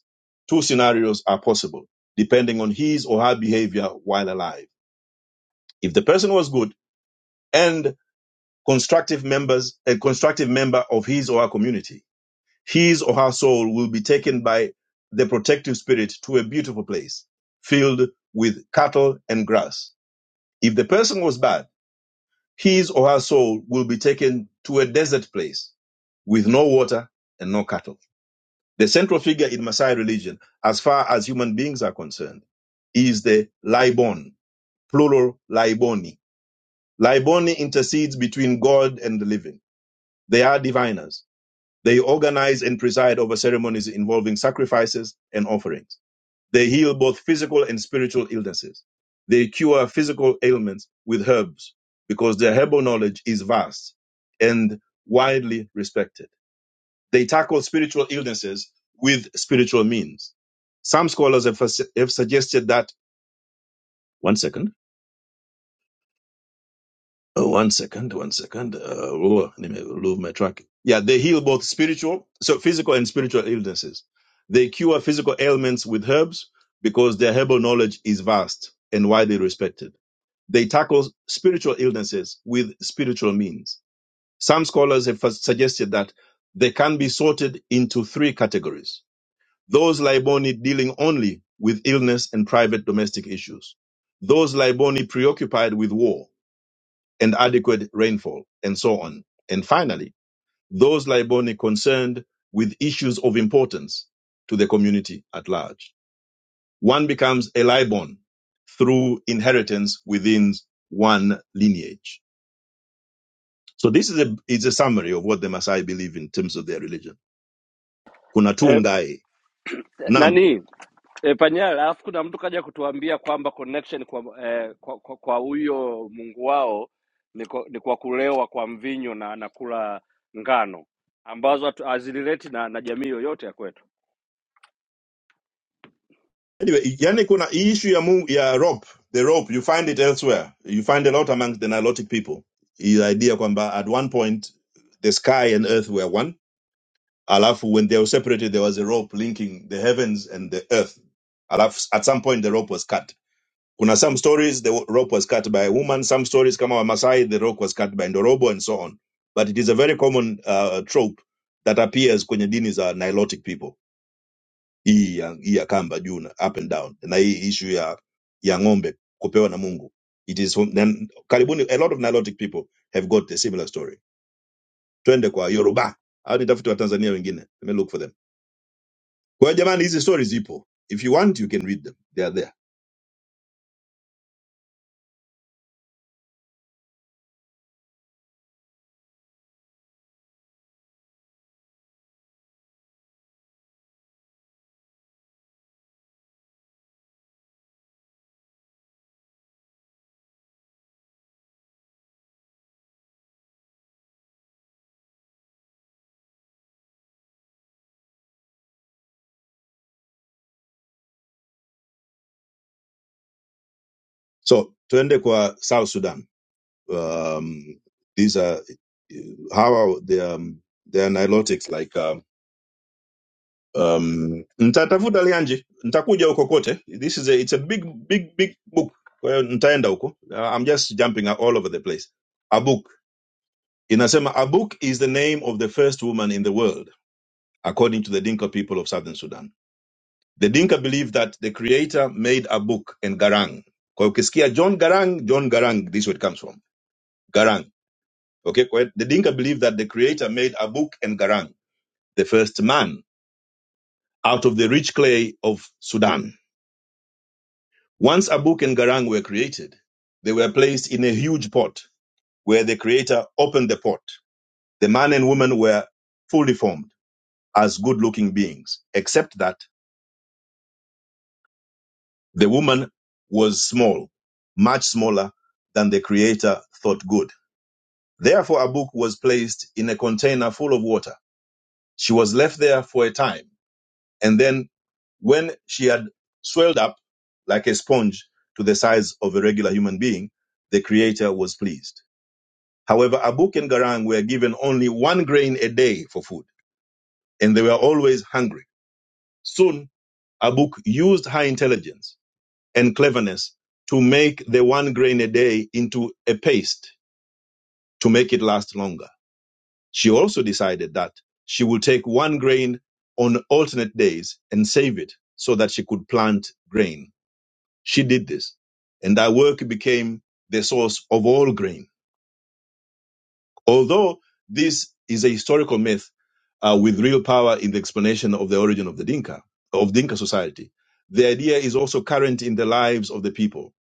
[SPEAKER 13] two scenarios are possible, depending on his or her behavior while alive. If the person was good and constructive members, a constructive member of his or her community, his or her soul will be taken by the protective spirit to a beautiful place filled with cattle and grass If the person was bad, his or her soul will be taken to a desert place with no water and no cattle. The central figure in Maasai religion, as far as human beings are concerned, is the Laibon, plural Laiboni. Laiboni intercedes between God and the living. They are diviners. They organize and preside over ceremonies involving sacrifices and offerings. They heal both physical and spiritual illnesses. They cure physical ailments with herbs because their herbal knowledge is vast and widely respected. They tackle spiritual illnesses with spiritual means. Some scholars have, have suggested that. One second. Oh, one second. One second. Uh, oh, let me remove my track. Yeah, they heal both spiritual, so physical and spiritual illnesses. They cure physical ailments with herbs because their herbal knowledge is vast and widely respected They tackle spiritual illnesses with spiritual means. Some scholars have suggested that they can be sorted into three categories. Those Liboni dealing only with illness and private domestic issues. Those Liboni preoccupied with war and adequate rainfall and so on. And finally, those Liboni concerned with issues of importance to the community at large. One becomes a Libon through inheritance within one lineage. So this is a is a summary of what the Maasai believe in terms of their religion. Kuna
[SPEAKER 3] e,
[SPEAKER 13] tungai nam.
[SPEAKER 3] nani e, Panyala, alafu kuna mtu kaja kutuambia kwamba connection kwa e, kwa kwa kwa huyo mungu wao ni kwa, ni kwa kulewa kwa mvinyo na na kula ngano ambazo hatu- hazilileti na, na jamii yoyote ya kwetu.
[SPEAKER 13] Anyway, yani kuna hii issue ya, mu, ya rope, the rope you find it elsewhere. You find a lot amongst the Nilotic people. The idea kwamba at one point the sky and earth were one. Alafu when they were separated there was a rope linking the heavens and the earth. Alafu at some point the rope was cut Kuna some stories the rope was cut by a woman, some stories kama wa Masai the rope was cut by Ndorobo and so on. But it is a very common uh, trope that appears kwenye dini za Nilotic people. Hii ya, hii ya kamba juu na up and down na hii issue ya ya ng'ombe kupewa na Mungu. It is from, then, karibuni a lot of Nilotic people have got a similar story. Twende kwa Yoruba. Hao ni tafiti wa Tanzania wengine. Let me look for them. Kwa hiyo jamani hizi stories zipo. If you want you can read them. They are there. So twende kwa South Sudan. Um, these are how are the um, they are nilotics like um, um, nitatafuta lianji nitakuja huko kote this is a, it's a big big big book kwa hiyo nitaenda huko Uh, i'm just jumping all over the place a book inasema a book is the name of the first woman in the world according to the dinka people of southern sudan the dinka believe that the creator made a book and garang kwa hiyo ukisikia john garang john garang this is where it comes from garang Okay, the Dinka believe that the creator made Abuk and Garang, the first man, out of the rich clay of Sudan. Once Abuk and Garang were created, they were placed in a huge pot where the creator opened the pot. The man and woman were fully formed as good looking beings, except that the woman was small, much smaller than the creator thought good. Therefore, Abuk was placed in a container full of water. She was left there for a time And then when she had swelled up like a sponge to the size of a regular human being, the creator was pleased. However, Abuk and Garang were given only one grain a day for food, and they were always hungry. Soon, Abuk used her intelligence and cleverness to make the one grain a day into a paste to make it last longer. She also decided that she would take one grain on alternate days and save it so that she could plant grain She did this. And that work became the source of all grain. Although this is a historical myth uh, with real power in the explanation of the origin of the Dinka, of Dinka society, the idea is also current in the lives of the people.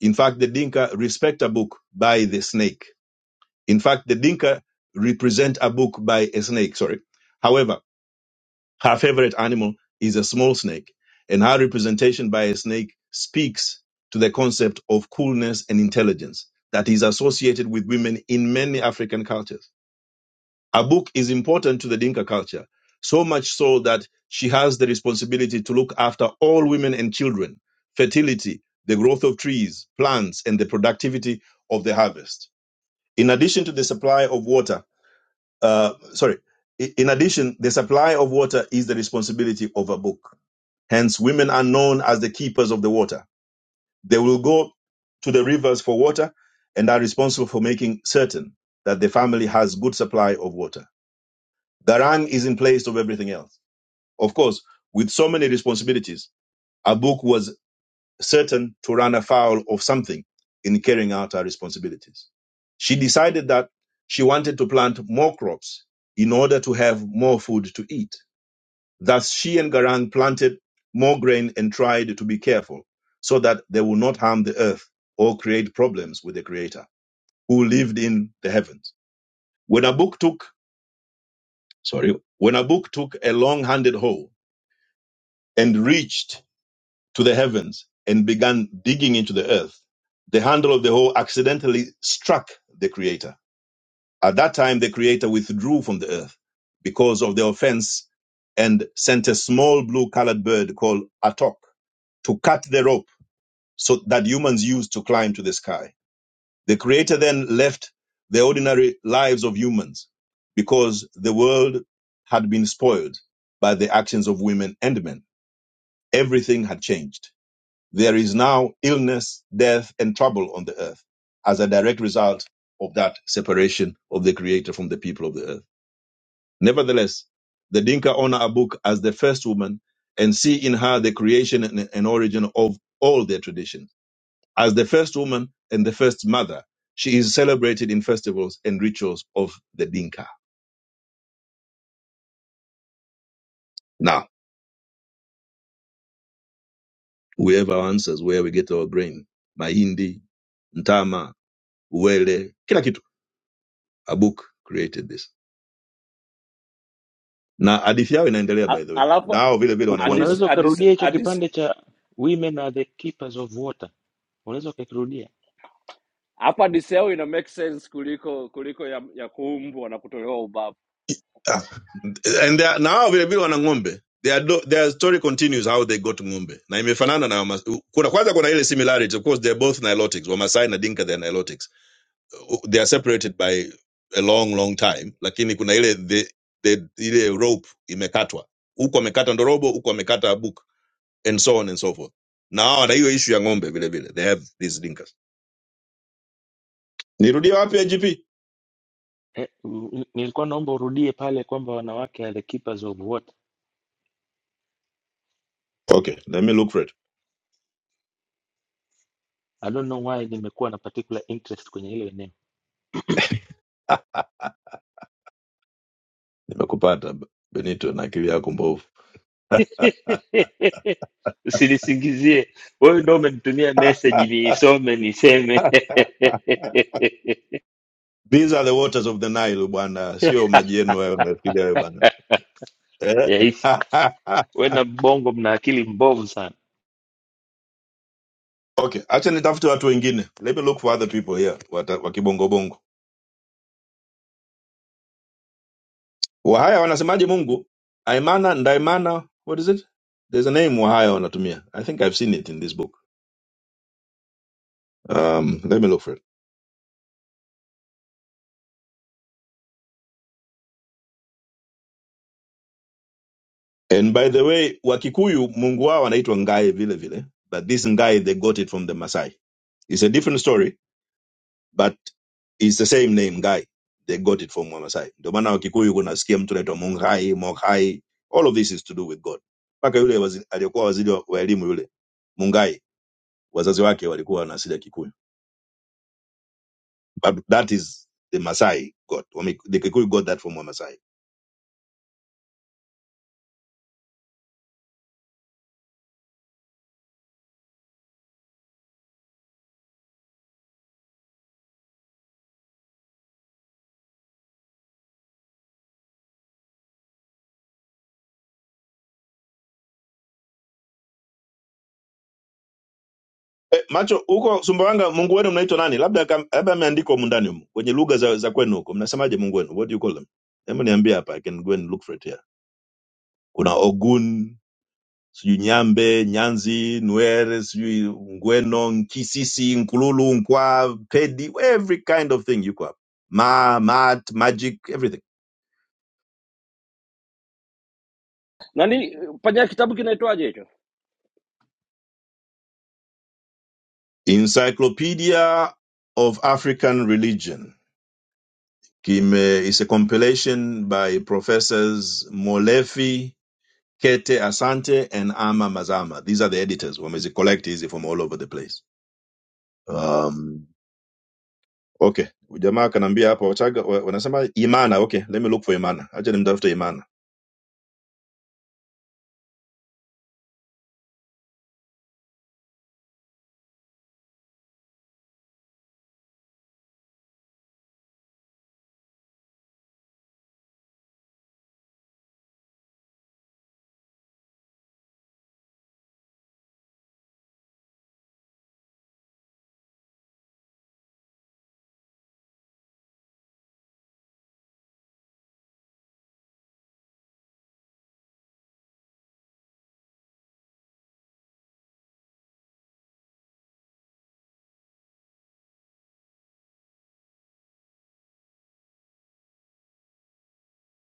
[SPEAKER 13] In fact, the Dinka respect a book by the snake. In fact, the Dinka represent a book by a snake, sorry. However, Her favorite animal is a small snake, and her representation by a snake speaks to the concept of coolness and intelligence that is associated with women in many African cultures. Her book is important to the Dinka culture, so much so that she has the responsibility to look after all women and children, fertility, the growth of trees, plants, and the productivity of the harvest. In addition to the supply of water, uh, sorry, in addition, the supply of water is the responsibility of a book. Hence, women are known as the keepers of the water. They will go to the rivers for water and are responsible for making certain that the family has good supply of water. The rank is in place of everything else. Of course, with so many responsibilities, Abuk was certain to run afoul of something in carrying out her responsibilities. She decided that she wanted to plant more crops in order to have more food to eat. Thus, she and Garang planted more grain and tried to be careful so that they would not harm the earth or create problems with the Creator who lived in the heavens. When Abuk took, sorry, when Abuk took a long handled hoe and reached to the heavens and began digging into the earth, the handle of the hoe accidentally struck the Creator At that time, the Creator withdrew from the earth because of the offense and sent a small blue colored bird called Atok to cut the rope so that humans used to climb to the sky. The Creator then left the ordinary lives of humans because the world had been spoiled by the actions of women and men. Everything had changed. There is now illness, death, and trouble on the earth as a direct result of that separation of the Creator from the people of the earth. Nevertheless, the Dinka honor Abuk as the first woman and see in her the creation and, and origin of all their traditions. As the first woman and the first mother, she is celebrated in festivals and rituals of the Dinka. Now, whoever answers where we get our grain, mahindi, mtama, uwele, kila kitu, Abuk created this. Na hadithi yao inaendelea
[SPEAKER 3] A-
[SPEAKER 13] by the way. Na
[SPEAKER 3] Alafu
[SPEAKER 13] hao vile vile
[SPEAKER 9] U-
[SPEAKER 13] wana ng'ombe
[SPEAKER 3] hadis-
[SPEAKER 9] Unaweza
[SPEAKER 3] hadis-
[SPEAKER 9] ukarudia hicho
[SPEAKER 3] hadis-
[SPEAKER 9] kipande cha women are the keepers of water. Unaweza ukakirudia.
[SPEAKER 3] hapa diseo ina make sense kuliko kuliko ya, ya kuumbwa na kutolewa ubavu
[SPEAKER 13] Ah, and they are, nao vile wana ng'ombe their, do, their story continues how they got ng'ombe na imefanana na wamas- kuna kwanza kuna ile similarities of course they're both nilotics wamasai na dinka they're nilotics Uh, they are separated by a long long time lakini kuna ile the, the, ile rope imekatwa huku amekata ndorobo huku amekata book and so on and so forth na hawa na hiyo issue ya ng'ombe vile vile they have these dinkas nirudie wapi ya gp
[SPEAKER 9] Eh, u- u- nilikuwa naomba urudie pale kwamba wanawake are the keepers of water.
[SPEAKER 13] okay let me look for it
[SPEAKER 9] I don't know why nimekuwa na particular interest kwenye hilo eneo.
[SPEAKER 13] nimekupata benito na akili yako mbovu
[SPEAKER 9] Usinisingizie. Wewe ndio umenitumia
[SPEAKER 13] Ah,
[SPEAKER 9] message niisome niseme.
[SPEAKER 13] These are the waters of the Nile bwana, sio maji yenu hayo unayofikiria wewe bwana. Eh?
[SPEAKER 9] Yes. Wewe na mbongo mna akili mbovu sana.
[SPEAKER 13] okay, acha nitafute watu wengine. Let me look for other people here wata- wa kibongo bongo. Wahaya wanasemaje Mungu? Aimana, Ndaimana, what is it? There's a name Wahaya wanatumia. I think I've seen it in this book. Um, let me look for it. And by the way, Wakikuyu Mungu wao anaitwa Ngai vile vile, but this Ngai they got it from the Masai. It's a different story but it's the same name guy they got it from wamasai ndio maana wakikuyu kunasikia mtu naitwa Mungai, moghai all of this is to do with god mpaka yule wazi- aliyekuwa waziri wa wa elimu yule mungai wazazi wake walikuwa na asili ya kikuyu but that is the masai god Wame- the kikuyu got that from wamasai Eh, macho huko sumbawanga mungu wenu mnaitwa nani labda kam- labda ameandikwa humu ndani humu kwenye lugha za, za kwenu huko mnasemaje mungu wenu what do you call them hebu niambie hapa i can go and look for it here kuna ogun sijui Nyambe, Nyanzi, Nwere, sijui Ngweno, Nkisisi, Nkululu, Nkwa, Pedi, every kind of thing you have. Ma, mat, magic, everything.
[SPEAKER 3] nani panya kitabu kinaitwaje hicho
[SPEAKER 13] Encyclopedia of African Religion Kime, is a compilation by professors Molefi, Kete Asante, and Ama Mazama. These are the editors. Wamezi collect hizi from all over the place. Um, okay. Jamaa kanambia hapa Wachaga wa- wanasema Imana. Okay, let me look for Imana. Acha nimtafute Imana.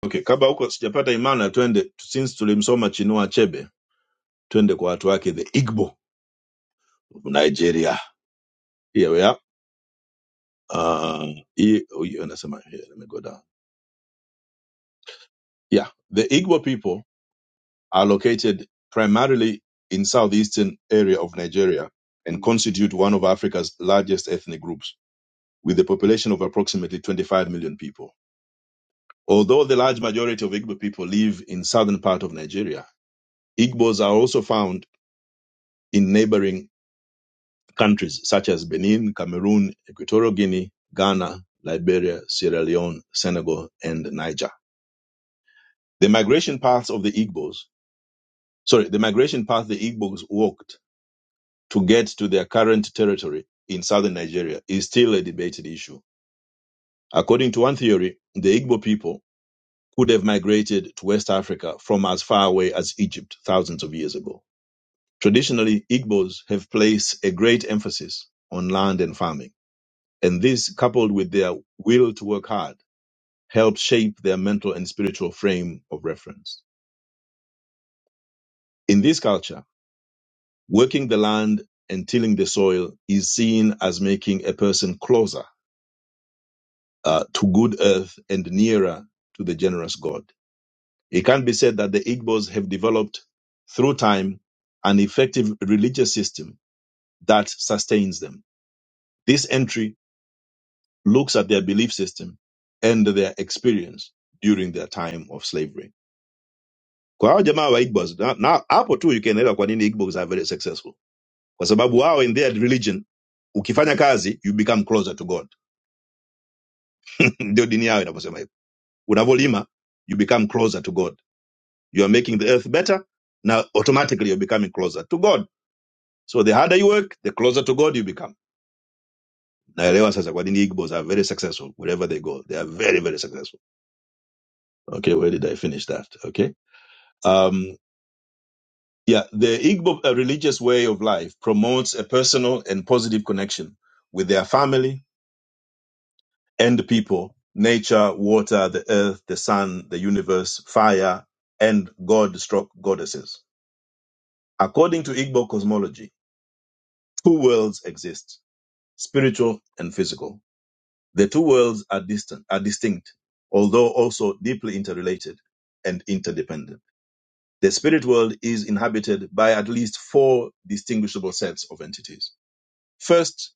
[SPEAKER 13] Okay, kabla huko sijapata imana, twende since tulimsoma Chinua Achebe, twende kwa watu wake the Igbo of Nigeria. Here we are. Uh, hii- hii anasema here, let me go down. Yeah, the Igbo people are located primarily in southeastern area of Nigeria and constitute one of Africa's largest ethnic groups with a population of approximately 25 million people. Although the large majority of Igbo people live in southern part of Nigeria, Igbos are also found in neighboring countries such as Benin, Cameroon, Equatorial Guinea, Ghana, Liberia, Sierra Leone, Senegal, and Niger. The migration paths of the Igbos, sorry, the migration path the Igbos walked to get to their current territory in southern Nigeria is still a debated issue. According to one theory, the Igbo people could have migrated to West Africa from as far away as Egypt thousands of years ago. Traditionally, Igbos have placed a great emphasis on land and farming And this, coupled with their will to work hard, helps shape their mental and spiritual frame of reference. In this culture, working the land and tilling the soil is seen as making a person closer uh, to good earth and nearer to the generous God. It can be said that the Igbos have developed through time an effective religious system that sustains them. This entry looks at their belief system and their experience during their time of slavery. kwa hao jamaa wa igbos na na hapo tu you can elewa kwa nini igbos are very successful kwa sababu wao in their religion ukifanya kazi you become closer to god ndio dini yao inavyosema hivyo unavyolima you become closer to god you are making the earth better Now automatically you're becoming closer to god so the harder you work the closer to god you become naelewa sasa kwa nini igbos are very successful wherever they go they are very very successful okay where did i finish that okay um Yeah, the Igbo uh, religious way of life promotes a personal and positive connection with their family and the people, nature, water, the earth, the sun, the universe, fire, and God stroke goddesses. According to Igbo cosmology, two worlds exist, spiritual and physical. The two worlds are distant, are distinct, although also deeply interrelated and interdependent. The spirit world is inhabited by at least four distinguishable sets of entities. First,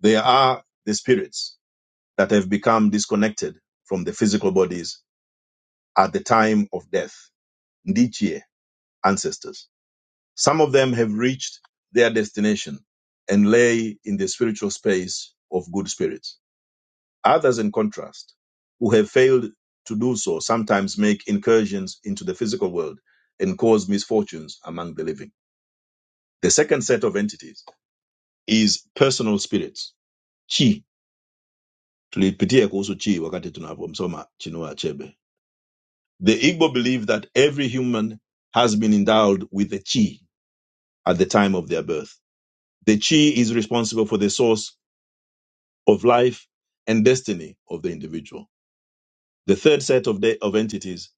[SPEAKER 13] They are the spirits that have become disconnected from the physical bodies at the time of death. Ndichie, ancestors. Some of them have reached their destination and lay in the spiritual space of good spirits. Others, in contrast, who have failed to do so, sometimes make incursions into the physical world and cause misfortunes among the living. The second set of entities is personal spirits, chi, tulipitia kuhusu chi wakati tunapomsoma chinua achebe the igbo believe that every human has been endowed with a chi at the time of their birth the chi is responsible for the source of life and destiny of the individual the third set of, de- of entities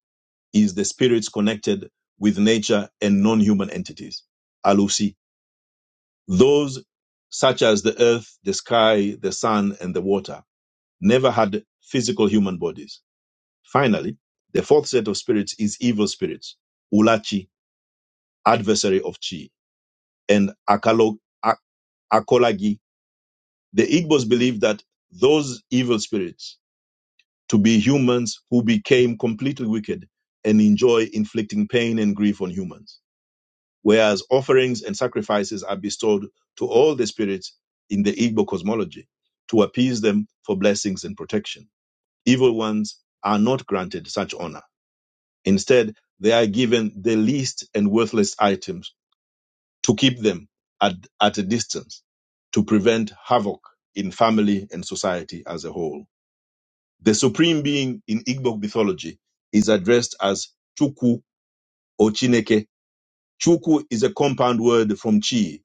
[SPEAKER 13] is the spirits connected with nature and non-human entities alusi those such as the earth the sky the sun and the water never had physical human bodies Finally, the fourth set of spirits is evil spirits, Ulachi, adversary of Chi, and Akalo, A- Akolagi. The Igbos believe that those evil spirits to be humans who became completely wicked and enjoy inflicting pain and grief on humans, whereas offerings and sacrifices are bestowed to all the spirits in the Igbo cosmology to appease them for blessings and protection. Evil ones are not granted such honor Instead, they are given the least and worthless items to keep them at, at a distance to prevent havoc in family and society as a whole. The supreme being in Igbo mythology is addressed as Chukwu or Chineke. Chukwu is a compound word from Chi,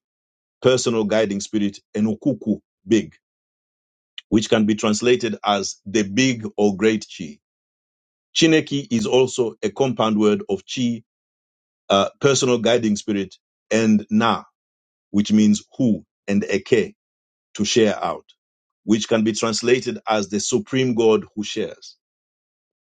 [SPEAKER 13] personal guiding spirit, and Ukuku, big, which can be translated as the big or great Chi. Chineke is also a compound word of Chi uh, personal guiding spirit, and na, which means who, and eke, to share out, which can be translated as the supreme God who shares.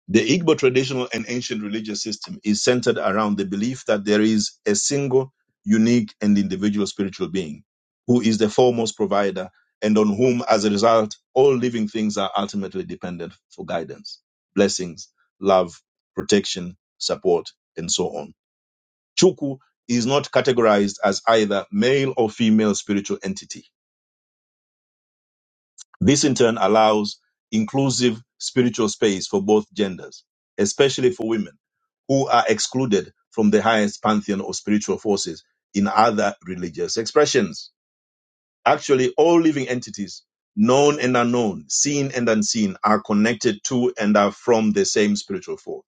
[SPEAKER 13] The Igbo traditional and ancient religious system is centered around the belief that there is a single, unique, and individual spiritual being who is the foremost provider and on whom, as a result, all living things are ultimately dependent for guidance, blessings, love, protection, support, and so on. Chuku is not categorized as either male or female spiritual entity. This in turn allows inclusive spiritual space for both genders, especially for women who are excluded from the highest pantheon of spiritual forces in other religious expressions. Actually, all living entities, known and unknown, seen and unseen, are connected to and are from the same spiritual force.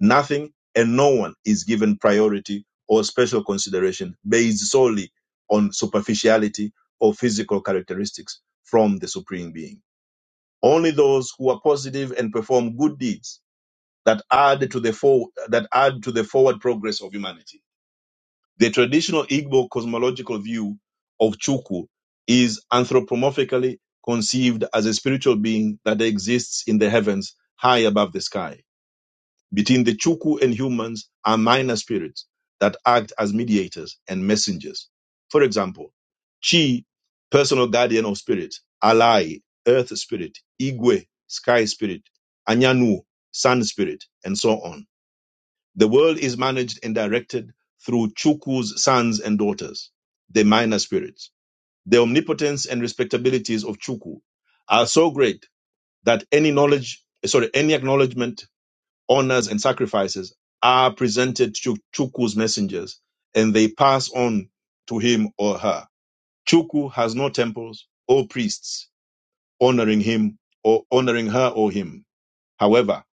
[SPEAKER 13] Nothing and no one is given priority or special consideration based solely on superficiality or physical characteristics from the Supreme Being. Only those who are positive and perform good deeds that add to the for- that add to the forward progress of humanity. The traditional Igbo cosmological view of Chukwu is anthropomorphically conceived as a spiritual being that exists in the heavens high above the sky between the Chuku and humans are minor spirits that act as mediators and messengers. For example, Chi, personal guardian of spirit, Alai, earth spirit, Igwe, sky spirit, Anyanu, sun spirit, and so on. The world is managed and directed through Chuku's sons and daughters, the minor spirits. The omnipotence and respectabilities of Chuku are so great that any knowledge, sorry, any acknowledgement honors, and sacrifices are presented to Chuku's messengers and they pass on to him or her. Chuku has no temples or priests honoring him or honoring her or him. However,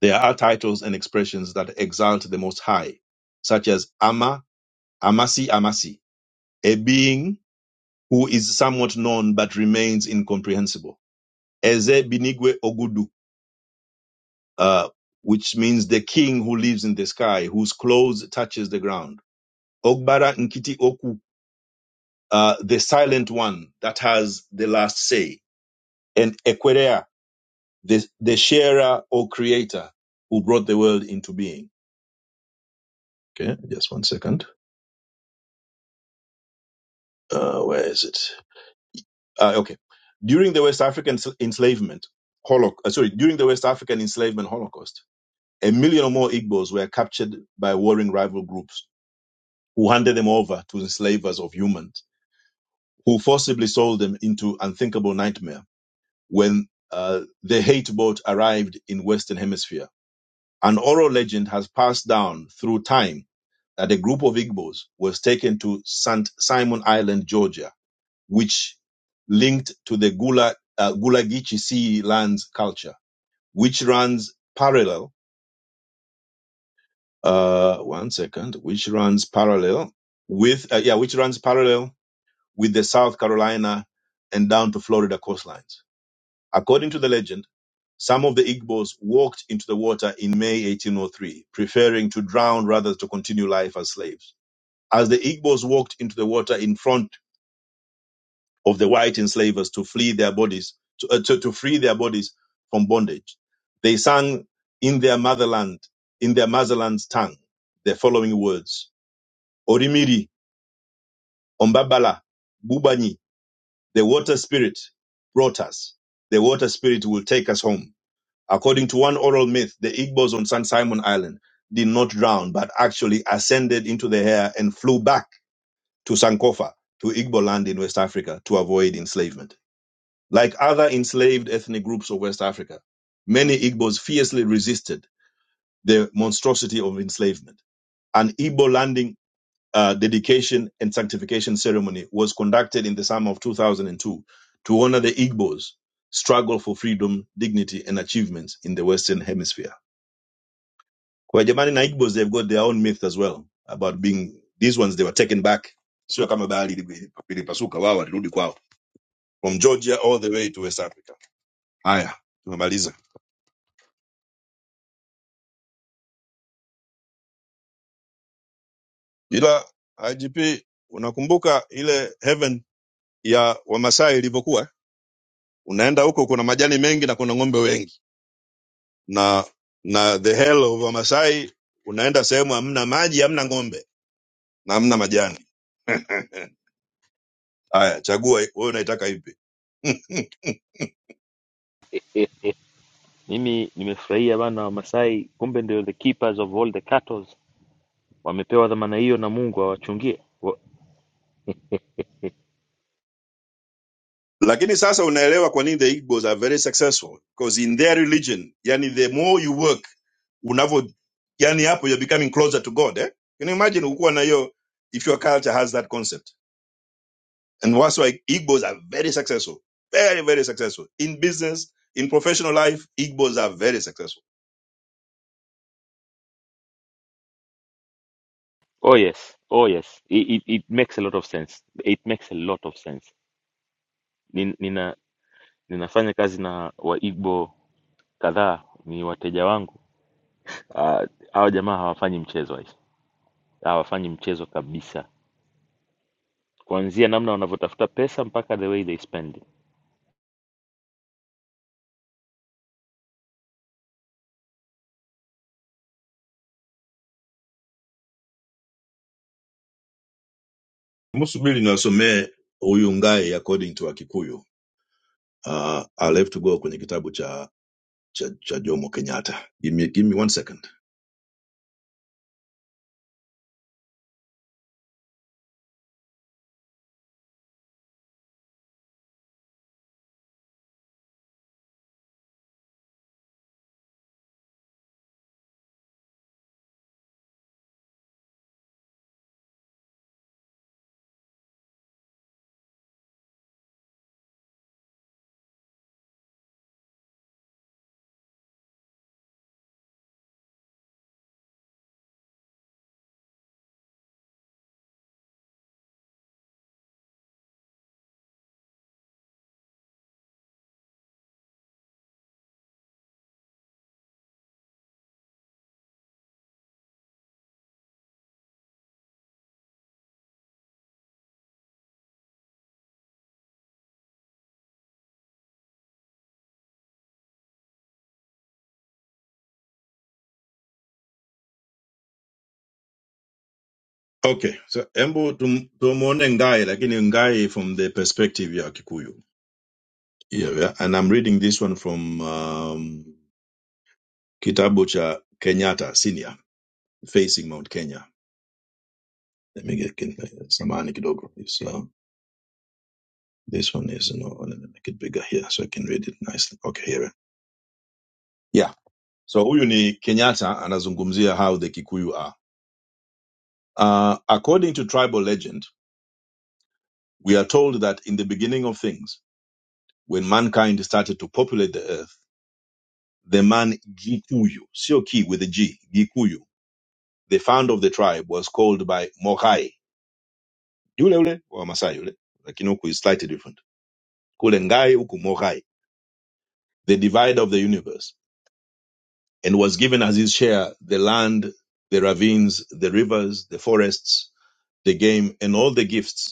[SPEAKER 13] there are titles and expressions that exalt the Most High, such as Ama, Amasi, Amasi, a being who is somewhat known but remains incomprehensible. Eze Binigwe Ogudu, uh, which means the king who lives in the sky, whose clothes touches the ground. Ogbara Nkiti Oku, uh, the silent one that has the last say, and Ekwerea, the, the sharer or creator who brought the world into being. Okay, just one second. Uh, where is it? Uh, okay. During the West African enslavement, holoc uh, sorry, during the West African enslavement Holocaust, a million or more Igbos were captured by warring rival groups who handed them over to enslavers of humans who forcibly sold them into unthinkable nightmare when uh, the hate boat arrived in Western Hemisphere. An oral legend has passed down through time that a group of Igbos was taken to St. Simon Island, Georgia, which linked to the Gula, uh, Gulagichi Sea lands culture, which runs parallel, uh, one second, which runs parallel with, uh, yeah, which runs parallel with the South Carolina and down to Florida coastlines. According to the legend, some of the Igbos walked into the water in May 1803, preferring to drown rather to continue life as slaves. As the Igbos walked into the water in front of the white enslavers to flee their bodies, to, uh, to, to free their bodies from bondage, they sang in their motherland, in their motherland's tongue, the following words: Orimiri, Ombabala, Bubanyi, the water spirit brought us. The water spirit will take us home. According to one oral myth, the Igbos on St. Simon Island did not drown, but actually ascended into the air and flew back to Sankofa, to Igbo land in West Africa, to avoid enslavement. Like other enslaved ethnic groups of West Africa, many Igbos fiercely resisted the monstrosity of enslavement. An Igbo landing uh, dedication and sanctification ceremony was conducted in the summer of 2002 to honor the Igbos' struggle for freedom, dignity, and achievements in the Western Hemisphere. Kwa Jamani na Igbos, they've got their own myth as well about being these ones they were taken back. Sio kama bahari ili- ilipasuka, wao walirudi kwao from Georgia all the way to West Africa. Haya, tumemaliza. Ila IGP, unakumbuka ile heaven ya Wamasai ilivyokuwa? Unaenda huko kuna majani mengi na kuna ng'ombe wengi, na na the hell of Wamasai, unaenda sehemu hamna maji, hamna ng'ombe na hamna majani. Haya, chagua wewe unaitaka ipi?
[SPEAKER 9] Mimi nimefurahia bana Wamasai, kumbe ndio the keepers of all the cattle. wamepewa dhamana hiyo na Mungu awachungie. Wa-
[SPEAKER 13] lakini sasa unaelewa kwa nini the igbos are very successful because in their religion yani the more you work unavo yani hapo you're becoming closer to god eh? can you imagine ukuwa na hiyo if your culture has that concept and that's why igbos are very successful very very successful in business in professional life igbos are very successful
[SPEAKER 9] Oh yes, oh yes. It, it, it makes a lot of sense. It makes a lot of sense. Nin- Nina, ninafanya kazi na Waigbo kadhaa, ni wateja wangu. Ah, Hawa jamaa hawafanyi mchezo hii, hawafanyi mchezo kabisa, kuanzia namna wanavyotafuta pesa mpaka the way they spend it.
[SPEAKER 13] msubiri niwasomee huyu ngai according to akikuyu uh, i'll have to go kwenye kitabu cha Cha, Cha Jomo Kenyatta. Give me give me one second. Okay, so embo tum- tumuone Ngai, lakini Ngai from the perspective ya Kikuyu. Yeah, yeah. And I'm reading this one from um, kitabu cha Kenyatta Senior, Facing Mount Kenya. Let me get kin- samahani kidogo. It's, uh, this one is, you know, let me make it bigger here so I can read it nicely. Okay, here. Yeah. So huyu ni Kenyatta anazungumzia how the Kikuyu are. Uh, according to tribal legend, we are told that in the beginning of things, when mankind started to populate the earth, the man Gikuyu, sio ki with a G, Gikuyu, the founder of the tribe was called by Mogai. Yule yule wa Masai yule, lakini huku is slightly different. Kule Ngai huku Mogai, the divider of the universe, and was given as his share the land, the ravines, the rivers, the forests, the game, and all the gifts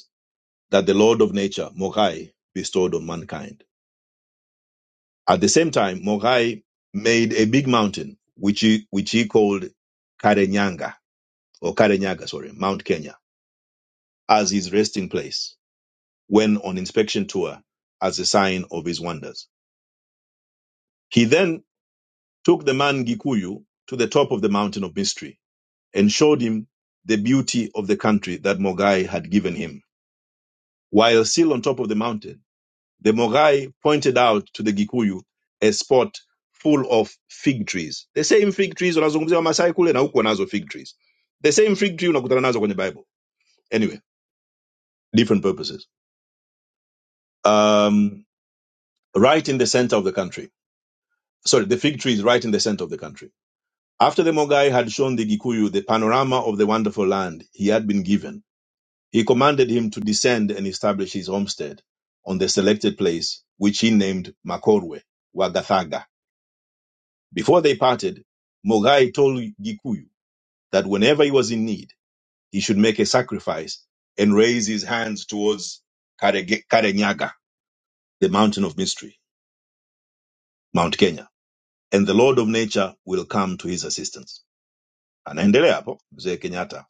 [SPEAKER 13] that the Lord of nature, Mogai, bestowed on mankind. At the same time, Mogai made a big mountain, which he, which he called Karenyaga, or Karenyaga, sorry, Mount Kenya, as his resting place when on inspection tour as a sign of his wonders. He then took the man Gikuyu to the top of the mountain of mystery and showed him the beauty of the country that Mogai had given him. While still on top of the mountain, The Morai pointed out to the Gikuyu a spot full of fig trees. The same fig trees wanazungumzia Wamasai kule na huku wanazo fig trees. The same fig tree unakutana nazo kwenye Bible. Anyway, different purposes. Um, right in the center of the country. Sorry, the fig tree is right in the center of the country. After the Mogai had shown the Gikuyu the panorama of the wonderful land he had been given, he commanded him to descend and establish his homestead on the selected place, which he named Makorwe, Wagathaga Before they parted, Mogai told Gikuyu that whenever he was in need, he should make a sacrifice and raise his hands towards Karege- Karenyaga, the mountain of mystery, Mount Kenya, and the Lord of nature will come to his assistance. Anaendelea hapo mzee Kenyatta.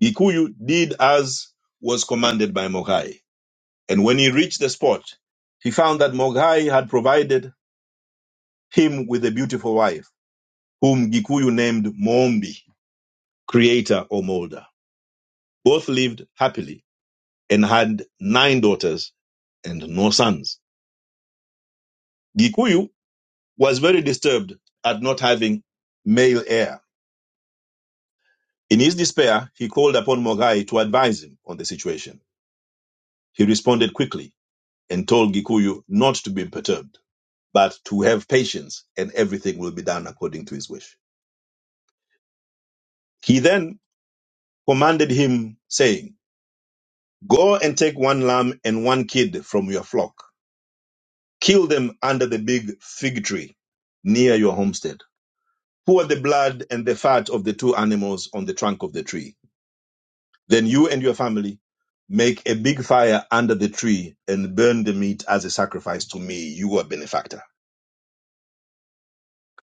[SPEAKER 13] Gikuyu did as was commanded by Mogai, and when he reached the spot, he found that Mogai had provided him with a beautiful wife, whom Gikuyu named Mombi, creator or molder. Both lived happily and had nine daughters and no sons. Gikuyu was very disturbed at not having male heir. In his despair, he called upon Mogai to advise him on the situation. He responded quickly and told Gikuyu not to be perturbed, but to have patience and everything will be done according to his wish. He then commanded him, saying, Go and take one lamb and one kid from your flock. Kill them under the big fig tree near your homestead pour the blood and the fat of the two animals on the trunk of the tree. Then you and your family make a big fire under the tree and burn the meat as a sacrifice to me, your benefactor.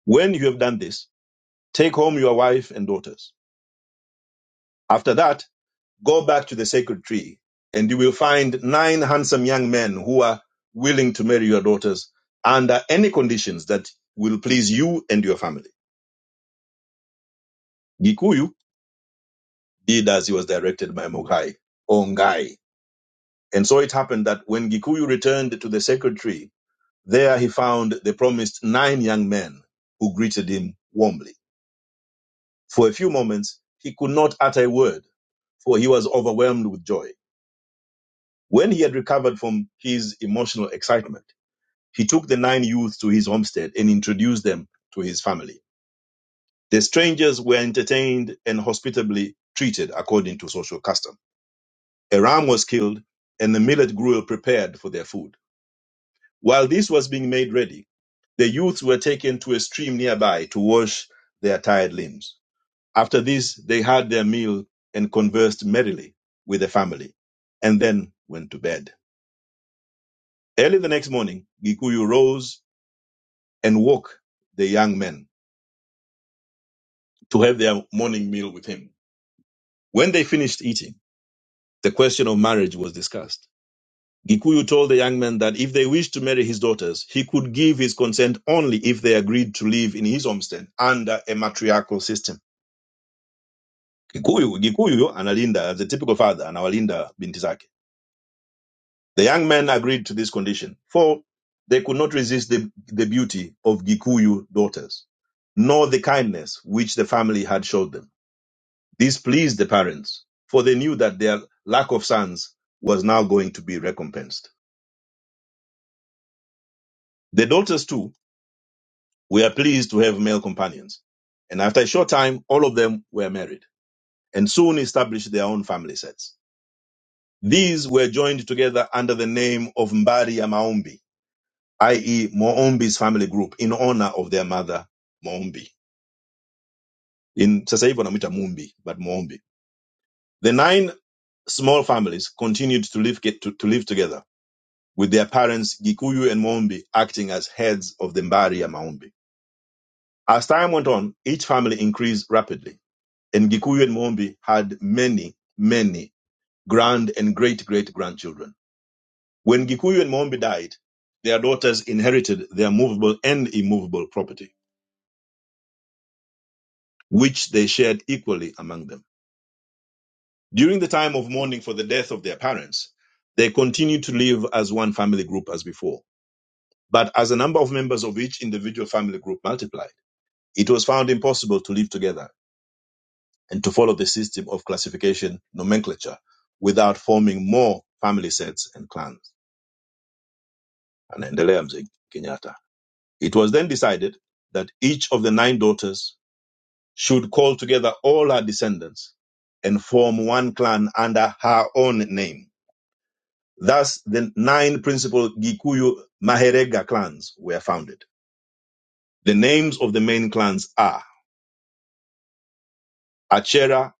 [SPEAKER 13] When you have done this, take home your wife and daughters. After that, go back to the sacred tree and you will find nine handsome young men who are willing to marry your daughters under any conditions that will please you and your family. Gikuyu did as he was directed by Mogai, Ongai. And so it happened that when Gikuyu returned to the secretary, there he found the promised nine young men who greeted him warmly. For a few moments, he could not utter a word, for he was overwhelmed with joy. When he had recovered from his emotional excitement, he took the nine youths to his homestead and introduced them to his family. The strangers were entertained and hospitably treated according to social custom. A ram was killed and the millet gruel prepared for their food. While this was being made ready, the youths were taken to a stream nearby to wash their tired limbs. After this, they had their meal and conversed merrily with the family, and then went to bed. Early the next morning, Gikuyu rose and woke the young men to have their morning meal with him. When they finished eating, the question of marriage was discussed. Gikuyu told the young man that if they wished to marry his daughters, he could give his consent only if they agreed to live in his homestead under a matriarchal system. Gikuyu, Gikuyu analinda as a typical father anawalinda binti zake. The young man agreed to this condition, for they could not resist the, the beauty of Gikuyu daughters, nor the kindness which the family had showed them. This pleased the parents, for they knew that their lack of sons was now going to be recompensed. The daughters too We are pleased to have male companions. And after a short time, all of them were married and soon established their own family sets. These were joined together under the name of Mbari ya Maombi, i.e. Moombi's family group in honor of their mother, Moombi. In sasa hivi wanamuita Mumbi, but Moombi. The nine small families continued to live, get to, to live together with their parents Gikuyu and Moombi acting as heads of the Mbari ya Maombi. As time went on, each family increased rapidly And Gikuyu and Mombi had many, many grand and great great grandchildren. When Gikuyu and Mombi died, their daughters inherited their movable and immovable property, which they shared equally among them. During the time of mourning for the death of their parents, they continued to live as one family group as before. But as the number of members of each individual family group multiplied, it was found impossible to live together and to follow the system of classification nomenclature without forming more family sets and clans. anaendelea mzee kenyatta it was then decided that each of the nine daughters should call together all her descendants and form one clan under her own name thus the nine principal gikuyu maherega clans were founded the names of the main clans are achera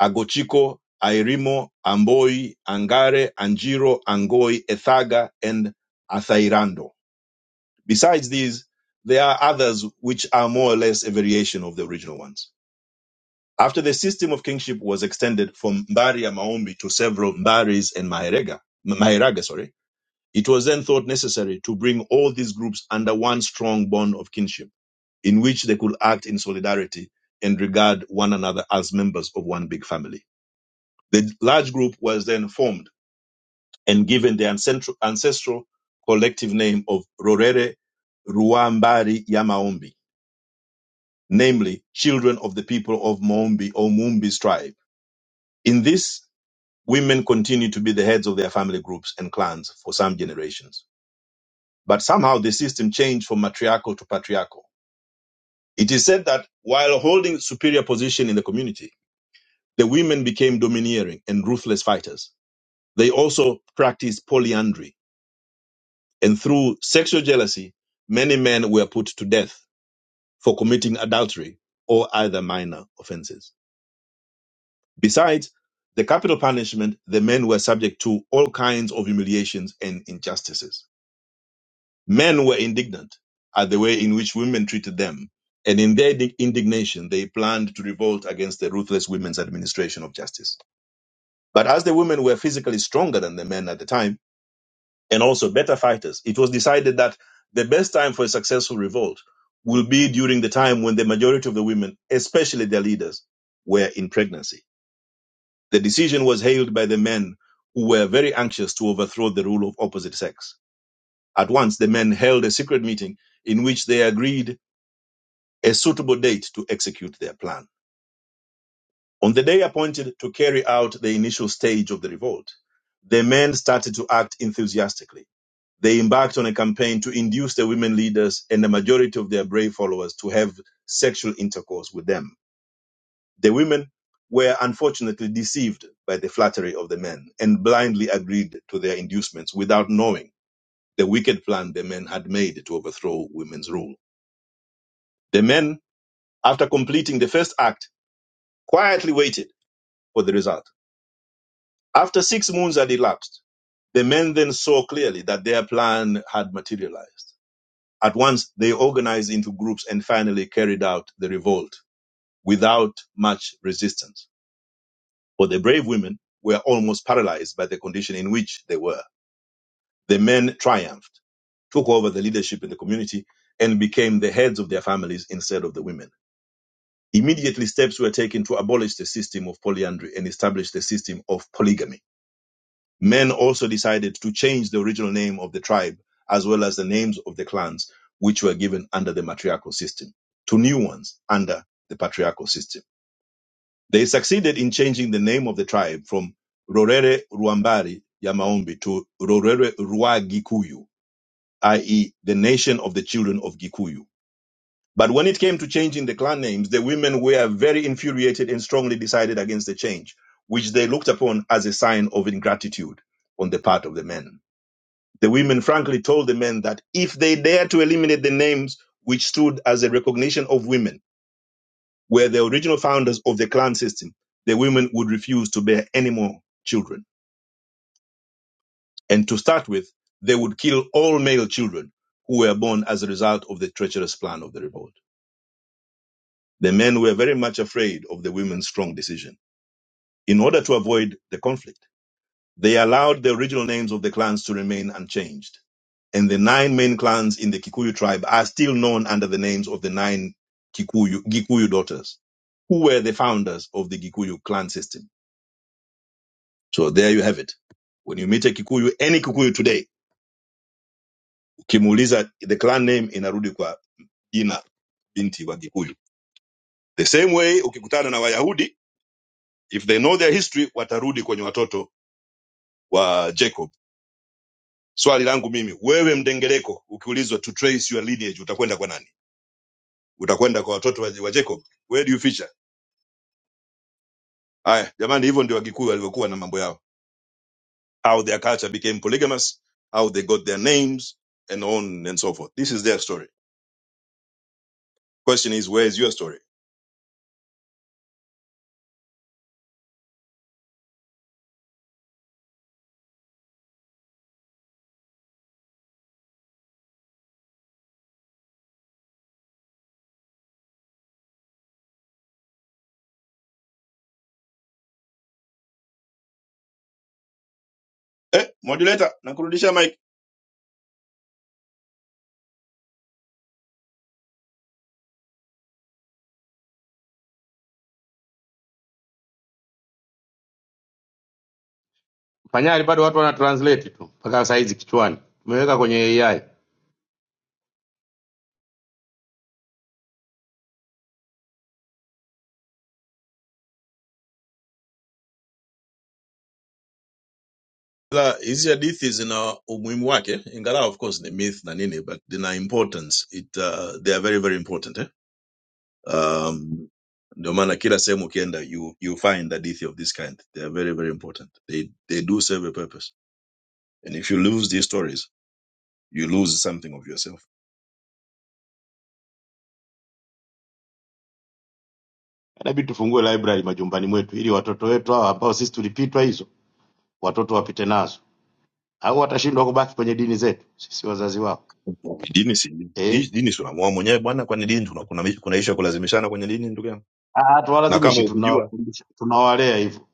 [SPEAKER 13] agochiko airimo amboi angare anjiro angoi ethaga and athairando Besides these, there are others which are more or less a variation of the original ones. After the system of kingship was extended from Mbaria Maombi to several Mbaris and Maheraga, Maheraga, sorry, it was then thought necessary to bring all these groups under one strong bond of kinship, in which they could act in solidarity and regard one another as members of one big family. The large group was then formed and given the ancestral, ancestral collective name of Rorere Ruambari Yamaombi namely children of the people of Moombi or Mumbi's tribe. In this, women continue to be the heads of their family groups and clans for some generations. But somehow the system changed from matriarchal to patriarchal. It is said that while holding superior position in the community, the women became domineering and ruthless fighters. They also practiced polyandry, and through sexual jealousy, many men were put to death for committing adultery or other minor offenses. Besides the capital punishment, the men were subject to all kinds of humiliations and injustices. Men were indignant at the way in which women treated them, and in their di- indignation, they planned to revolt against the ruthless women's administration of justice. But as the women were physically stronger than the men at the time, and also better fighters, it was decided that the best time for a successful revolt will be during the time when the majority of the women, especially their leaders, were in pregnancy. The decision was hailed by the men who were very anxious to overthrow the rule of opposite sex. At once, the men held a secret meeting in which they agreed a suitable date to execute their plan. On the day appointed to carry out the initial stage of the revolt, the men started to act enthusiastically. They embarked on a campaign to induce the women leaders and the majority of their brave followers to have sexual intercourse with them The women were unfortunately deceived by the flattery of the men and blindly agreed to their inducements without knowing the wicked plan the men had made to overthrow women's rule. The men, after completing the first act, quietly waited for the result. After six moons had elapsed, the men then saw clearly that their plan had materialized. At once, they organized into groups and finally carried out the revolt without much resistance. But the brave women were almost paralyzed by the condition in which they were. The men triumphed, took over the leadership in the community, and became the heads of their families instead of the women. Immediately, steps were taken to abolish the system of polyandry and establish the system of polygamy. Men also decided to change the original name of the tribe as well as the names of the clans, which were given under the matriarchal system, to new ones under the patriarchal system. They succeeded in changing the name of the tribe from Rorere Ruambari ya Maombi to Rorere Rua Gikuyu, i.e., the nation of the children of Gikuyu. But when it came to changing the clan names, the women were very infuriated and strongly decided against the change, which they looked upon as a sign of ingratitude on the part of the men. The women frankly told the men that if they dared to eliminate the names which stood as a recognition of women, were the original founders of the clan system, the women would refuse to bear any more children. And to start with, they would kill all male children who were born as a result of the treacherous plan of the revolt. The men were very much afraid of the women's strong decision. In order to avoid the conflict, they allowed the original names of the clans to remain unchanged. And the nine main clans in the Kikuyu tribe are still known under the names of the nine Kikuyu, Gikuyu daughters, who were the founders of the Gikuyu clan system So there you have it. When you meet a Kikuyu, any Kikuyu today, ukimuuliza the clan name inarudi kwa jina binti wa Kikuyu. The same way ukikutana na Wayahudi, if they know their history, watarudi kwenye watoto wa Jacob. Swali langu mimi, wewe mdengereko, ukiulizwa to trace your lineage, utakwenda kwa nani? Utakwenda kwa watoto wa, wa Jacob? Where do you feature? Haya, jamani, hivyo ndio Wakikuyu walivyokuwa na mambo yao. How their culture became polygamous, how they got their names and on and so forth. This is their story. Question is, where is your story? Eh, modulator, nakurudisha mic.
[SPEAKER 5] Panyari bado watu wana translate tu mpaka saa hizi kichwani, tumeweka kwenye AI.
[SPEAKER 13] La, hizi hadithi zina umuhimu wake, ingawa of course ni myth na nini, but zina importance. It, uh, they are very very important eh? Um, ndio maana kila sehemu ukienda you, you find hadithi of this kind. They are very very important. They, they do serve a purpose. And if you lose these stories, you lose something of yourself.
[SPEAKER 5] inabidi tufungue library majumbani mwetu ili watoto wetu hawa ambao sisi tulipitwa hizo watoto wapite nazo au watashindwa kubaki kwenye dini zetu sisi wazazi wao
[SPEAKER 13] Dini si
[SPEAKER 5] eh
[SPEAKER 13] hii dini si unaamua mwenyewe bwana, kwani dini tuna- kuna kuna issue ya kulazimishana kwenye dini ndugu yangu?
[SPEAKER 5] Ah,
[SPEAKER 13] Na kama
[SPEAKER 5] tuwalazimishi
[SPEAKER 13] ukijua
[SPEAKER 5] tunawafundisha tunawalea hivyo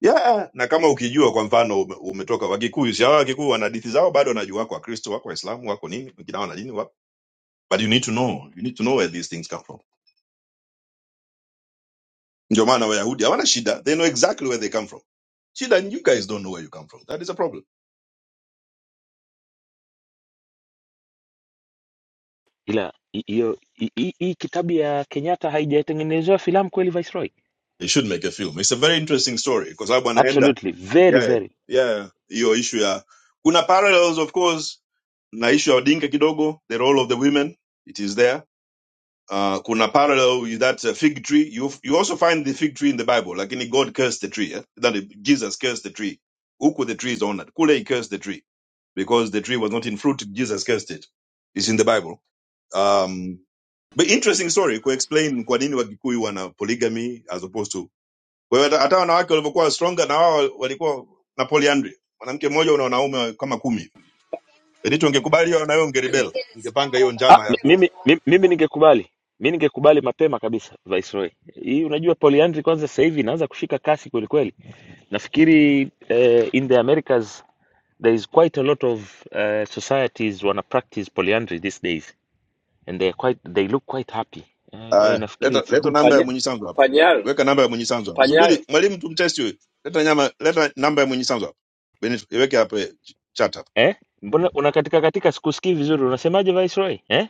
[SPEAKER 13] yeah, na kama ukijua kwa mfano ume- umetoka Wakikuyu, si hawa Wakikuyu wana hadithi zao bado, wanajua wako Wakristo, wako Waislamu, wako nini, wengine wana dini wako, but you need to know, you need to know where these things come from. Ndio maana Wayahudi hawana shida, they know exactly where they come from. Shida ni you guys don't know where you come from, that is a problem.
[SPEAKER 9] Ila hi- hiyo hi- hi- hii kitabu ya Kenyatta haijatengenezewa filamu kweli, Viceroy?
[SPEAKER 13] They should make a film, it's a very interesting story, kwa sababu anaenda
[SPEAKER 9] Absolutely, very
[SPEAKER 13] yeah,
[SPEAKER 9] very
[SPEAKER 13] yeah, hiyo issue ya kuna parallels of course na issue ya Odinga kidogo, the role of the women, it is there Uh, kuna parallel that's a fig tree. You you also find the fig tree in the Bible. Like in God cursed the tree. Yeah? That is, Jesus cursed the tree. Huku the tree is honored. Kule he cursed the tree because the tree was not in fruit. Jesus cursed it. It's in the Bible. Um, but interesting story. Ku explain kwa nini Wakikuyu wana polygamy as opposed to kwa hiyo hata hata wanawake walivyokuwa stronger na wao walikuwa na polyandry. Mwanamke mmoja una wanaume kama kumi. Benito ungekubali hiyo na wewe ungerebel. Ungepanga hiyo
[SPEAKER 9] Ah,
[SPEAKER 13] njama
[SPEAKER 9] mi-
[SPEAKER 13] ya ku
[SPEAKER 9] mimi, mimi, mimi ningekubali mi ningekubali mapema kabisa Viceroy. Hii unajua polyandry kwanza sasa hivi inaanza kushika kasi kweli kweli. Nafikiri eh, in the Americas there is quite a lot of eh, societies wana practice polyandry these days and they are quite they look quite happy. Eh, kwa hiyo
[SPEAKER 13] Aya,
[SPEAKER 9] nafikiri
[SPEAKER 13] leta
[SPEAKER 9] it's a
[SPEAKER 13] leta
[SPEAKER 9] good
[SPEAKER 13] namba ya
[SPEAKER 3] Panya,
[SPEAKER 9] system.
[SPEAKER 13] mwenye sanzu hapa,
[SPEAKER 3] panyal
[SPEAKER 13] weka namba ya mwenye sanzu hapa.
[SPEAKER 3] panyal
[SPEAKER 13] Subiri mwalimu tumtesti huyu. Leta nyama, leta namba ya mwenye sanzu hapa. Benito, iweke hapa eh, ch- chat hapa.
[SPEAKER 9] Eh? Mbona unakatika katika sikusikii vizuri unasemaje Viceroy? Eh?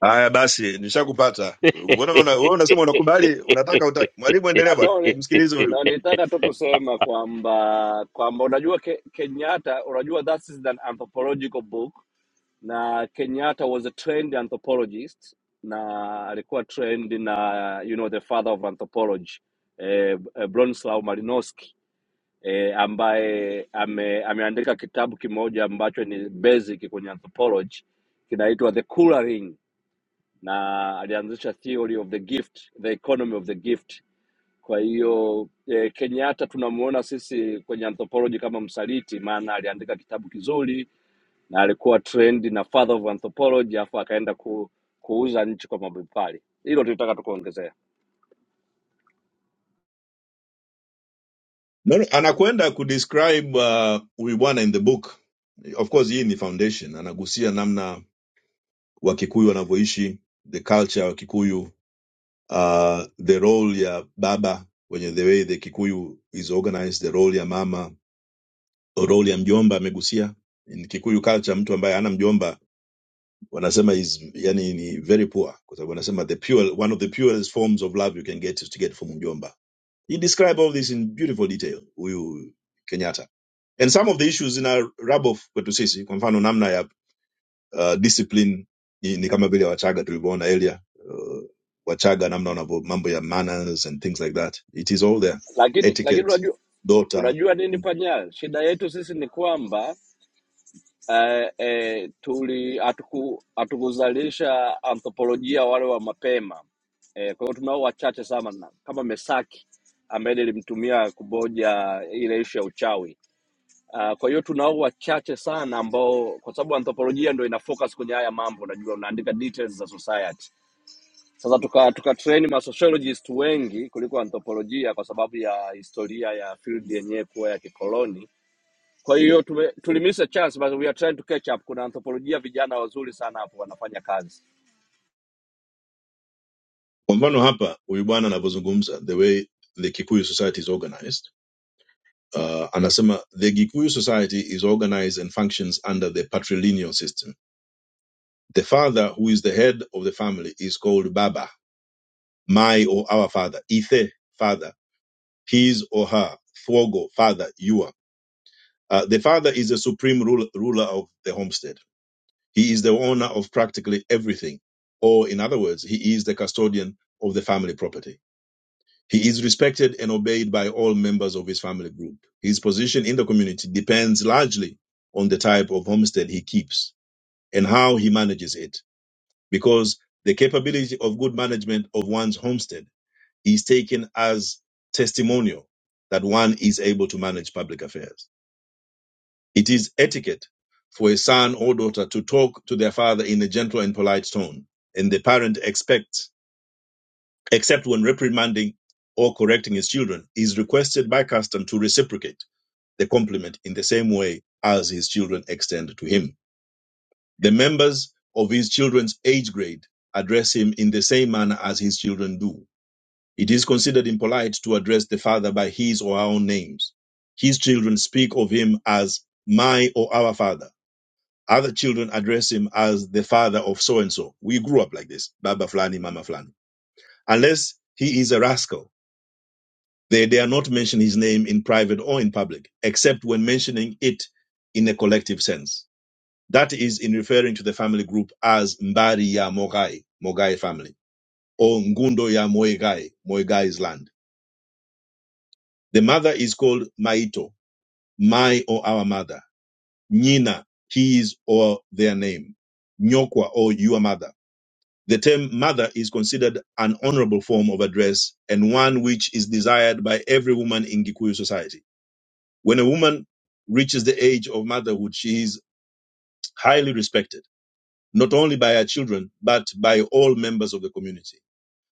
[SPEAKER 13] Aya basi, nishakupata. Mbona una wewe unasema unakubali, unataka utaki. Mwalimu endelea bwana,
[SPEAKER 3] anoni
[SPEAKER 13] tumsikilize huyu.
[SPEAKER 3] na nitaka tu kusema kwamba kwamba unajua ke, Kenyatta unajua that is an anthropological book na Kenyatta was a trained anthropologist na alikuwa trained na you know the father of anthropology eh, eh, Bronislaw Malinowski eh, ambaye ame, ameandika kitabu kimoja ambacho ni basic kwenye anthropology kinaitwa The Colouring, na alianzisha theory of the gift, the economy of the gift. Kwa hiyo eh, Kenyatta tunamuona sisi kwenye anthropology kama msaliti, maana aliandika kitabu kizuri na alikuwa trend na father of anthropology, afu akaenda ku, kuuza nchi kwa mabepari. Hilo tulitaka tukuongezea,
[SPEAKER 13] No, no, anakwenda kudescribe uh, huyu bwana in the book. Of course hii ni foundation, anagusia namna Wakikuyu wanavyoishi, the culture ya Wakikuyu uh, the role ya baba wenye the way the kikuyu is organized the role ya mama role ya mjomba amegusia in kikuyu culture mtu ambaye ana mjomba wanasema is yani ni very poor kwa sababu wanasema the pure one of the purest forms of love you can get is to get from mjomba he described all this in beautiful detail huyu kenyatta and some of the issues in our rub off kwetu sisi kwa mfano namna ya uh, discipline ni, ni kama vile wachaga tulivyoona earlier uh, wachaga namna wanavyo mambo ya manners and things like that it is all there
[SPEAKER 3] lakini lakini
[SPEAKER 13] etiquette
[SPEAKER 3] unajua
[SPEAKER 13] dota
[SPEAKER 3] unajua nini panya, shida yetu sisi ni kwamba eh, eh, tuli hatuku- hatukuzalisha anthropolojia wale wa mapema eh, kwa hiyo tunao wachache sana na- kama Mesaki ambaye nilimtumia kuboja ile ishu ya uchawi uh, kwa hiyo tunao wachache sana ambao kwa sababu anthropolojia ndo ina focus kwenye haya mambo unajua unaandika details za society sasa tuka, tuka train ma sociologist wengi kuliko anthropolojia kwa sababu ya historia ya field yenyewe kuwa ya kikoloni kwa hiyo tume- tulimiss a chance but we are trying to catch up kuna anthropolojia vijana wazuri sana hapo wanafanya kazi
[SPEAKER 13] kwa mfano hapa huyu bwana anavyozungumza the way the kikuyu society is organized uh, anasema the gikuyu society is organized and functions under the patrilineal system the father who is the head of the family is called baba my or our father ithe father his or her fogo father you. Uh, the father is the supreme ruler, ruler of the homestead. He is the owner of practically everything. Or, in other words, he is the custodian of the family property. He is respected and obeyed by all members of his family group. His position in the community depends largely on the type of homestead he keeps and how he manages it, because the capability of good management of one's homestead is taken as testimonial that one is able to manage public affairs. It is etiquette for a son or daughter to talk to their father in a gentle and polite tone, and the parent expects, except when reprimanding or correcting his children, is requested by custom to reciprocate the compliment in the same way as his children extend to him. The members of his children's age grade address him in the same manner as his children do. It is considered impolite to address the father by his or her own names. His children speak of him as my or our father Other children address him as the father of so and so. We grew up like this, Baba Flani, Mama Flani. Unless he is a rascal, they dare not mention his name in private or in public, except when mentioning it in a collective sense. That is in referring to the family group as Mbari ya Mogai, Mogai family, or Ngundo ya Moigai, Moigai's land. The mother is called Maito, my or our mother, Nina, his or their name, Nyokwa or your mother. The term mother is considered an honorable form of address and one which is desired by every woman in Gikuyu society. When a woman reaches the age of motherhood, she is highly respected, not only by her children, but by all members of the community.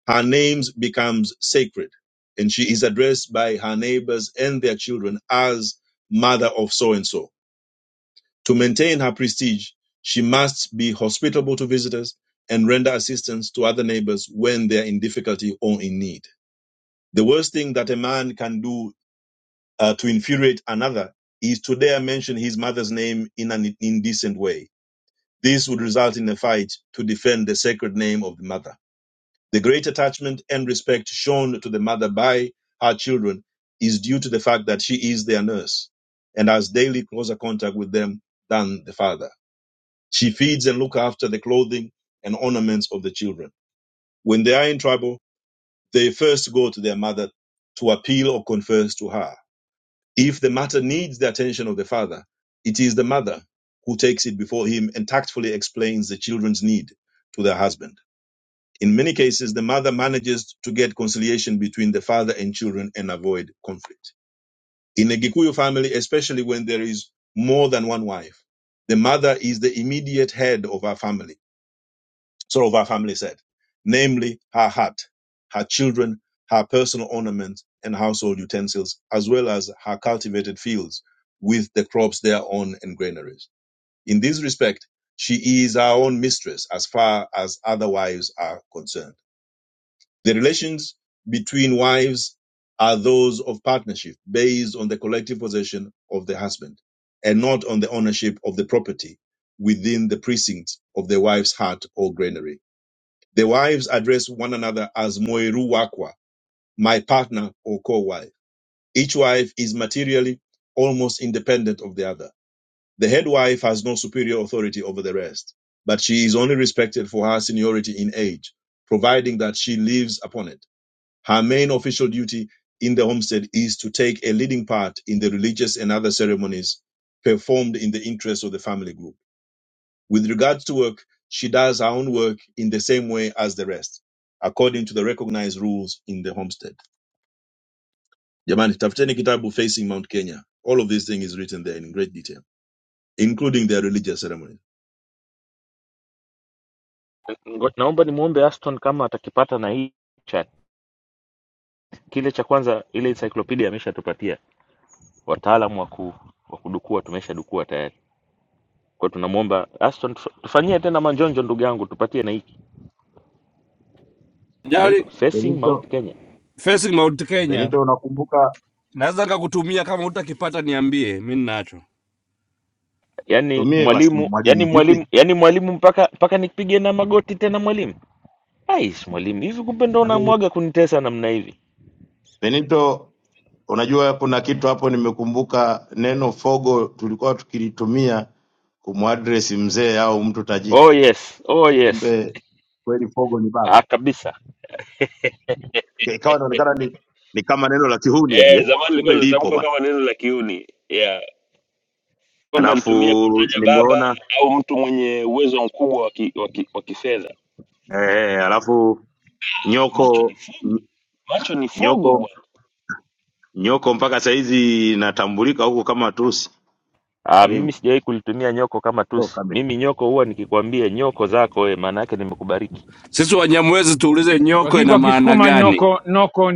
[SPEAKER 13] Her name becomes sacred and she is addressed by her neighbors and their children as mother of so and so. To maintain her prestige, she must be hospitable to visitors and render assistance to other neighbors when they are in difficulty or in need. The worst thing that a man can do uh, to infuriate another is to dare mention his mother's name in an indecent way. This would result in a fight to defend the sacred name of the mother. The great attachment and respect shown to the mother by her children is due to the fact that she is their nurse and has daily closer contact with them than the father. She feeds and looks after the clothing and ornaments of the children. When they are in trouble, they first go to their mother to appeal or confess to her. If the matter needs the attention of the father, it is the mother who takes it before him and tactfully explains the children's need to their husband. In many cases, the mother manages to get conciliation between the father and children and avoid conflict. In a Gikuyu family, especially when there is more than one wife, the mother is the immediate head of our family sort of our family said, namely her hat, her children, her personal ornaments and household utensils, as well as her cultivated fields with the crops thereon and granaries. In this respect, she is our own mistress as far as other wives are concerned. The relations between wives are those of partnership based on the collective possession of the husband and not on the ownership of the property within the precincts of the wife's hut or granary the wives address one another as Moiru Wakwa, my partner or co-wife. Each wife is materially almost independent of the other. The head wife has no superior authority over the rest, but she is only respected for her seniority in age, providing that she lives upon it. Her main official duty in the homestead is to take a leading part in the religious and other ceremonies performed in the interest of the family group. With regards to work, she does her own work in the same way as the rest, according to the recognized rules in the homestead. Jamani, tafuteni kitabu Facing Mount Kenya. All of this thing is written there in great detail, including their religious ceremonies.
[SPEAKER 9] Ngo- Naomba nimuombe Aston kama atakipata na hii chat. kile cha kwanza ile encyclopedia ameshatupatia wataalamu wa ku wa kudukua tumeshadukua tayari kwa hiyo tunamwomba Aston tufa- tufanyie tena manjonjo ndugu yangu tupatie na hiki
[SPEAKER 3] Jali,
[SPEAKER 9] kinaitwa Facing
[SPEAKER 5] Benito
[SPEAKER 9] Mount Kenya
[SPEAKER 3] facing Mount Kenya
[SPEAKER 5] Benito unakumbuka
[SPEAKER 3] naweza nikakutumia kama utakipata, niambie, mi ninacho.
[SPEAKER 9] yani
[SPEAKER 5] tumie basi
[SPEAKER 9] mwalimu yani
[SPEAKER 5] mwalimu vipi
[SPEAKER 9] mwalimu yani mwalimu mpaka mpaka nipige na magoti tena mwalimu ais mwalimu hivi kumbe ndo
[SPEAKER 5] Yaani,
[SPEAKER 9] unamwaga kunitesa namna hivi
[SPEAKER 5] Benito unajua kuna kitu hapo nimekumbuka neno fogo tulikuwa tukilitumia kumwadresi mzee au mtu tajiri
[SPEAKER 9] oh yes oh yes
[SPEAKER 5] kumbe kweli fogo ni baba
[SPEAKER 9] ah kabisa
[SPEAKER 5] ikawa inaonekana ni, ni kama neno la kihuni hivi eh?
[SPEAKER 9] Eh, zamani
[SPEAKER 5] kumbe
[SPEAKER 9] ilikuwa
[SPEAKER 5] lipo
[SPEAKER 9] inatamkwa
[SPEAKER 5] bana.
[SPEAKER 9] kama neno la kiuni yeah. Kwenda nitumie
[SPEAKER 5] Alafu
[SPEAKER 9] kumtaja baba
[SPEAKER 5] nimeona
[SPEAKER 9] au mtu mwenye uwezo mkubwa wa ki- wa ki- wa kifedha.
[SPEAKER 5] eh, alafu
[SPEAKER 9] Macho ni
[SPEAKER 5] nyoko
[SPEAKER 9] fugo,
[SPEAKER 5] ny-
[SPEAKER 9] macho ni fugo
[SPEAKER 5] nyoko
[SPEAKER 9] bwana.
[SPEAKER 5] nyoko mpaka saizi inatambulika huku kama tusi
[SPEAKER 9] Ah, mimi
[SPEAKER 5] karibu
[SPEAKER 9] sijawahi kulitumia nyoko kama
[SPEAKER 5] oh,
[SPEAKER 9] tusi.
[SPEAKER 5] kame.
[SPEAKER 9] Mimi nyoko huwa nikikwambia nyoko zako wewe, maana yake nimekubariki.
[SPEAKER 3] Sisi Wanyamwezi tuulize nyoko
[SPEAKER 15] lakini
[SPEAKER 3] ina
[SPEAKER 15] kwa
[SPEAKER 3] maana
[SPEAKER 15] Kisukuma
[SPEAKER 3] gani?
[SPEAKER 15] noko noko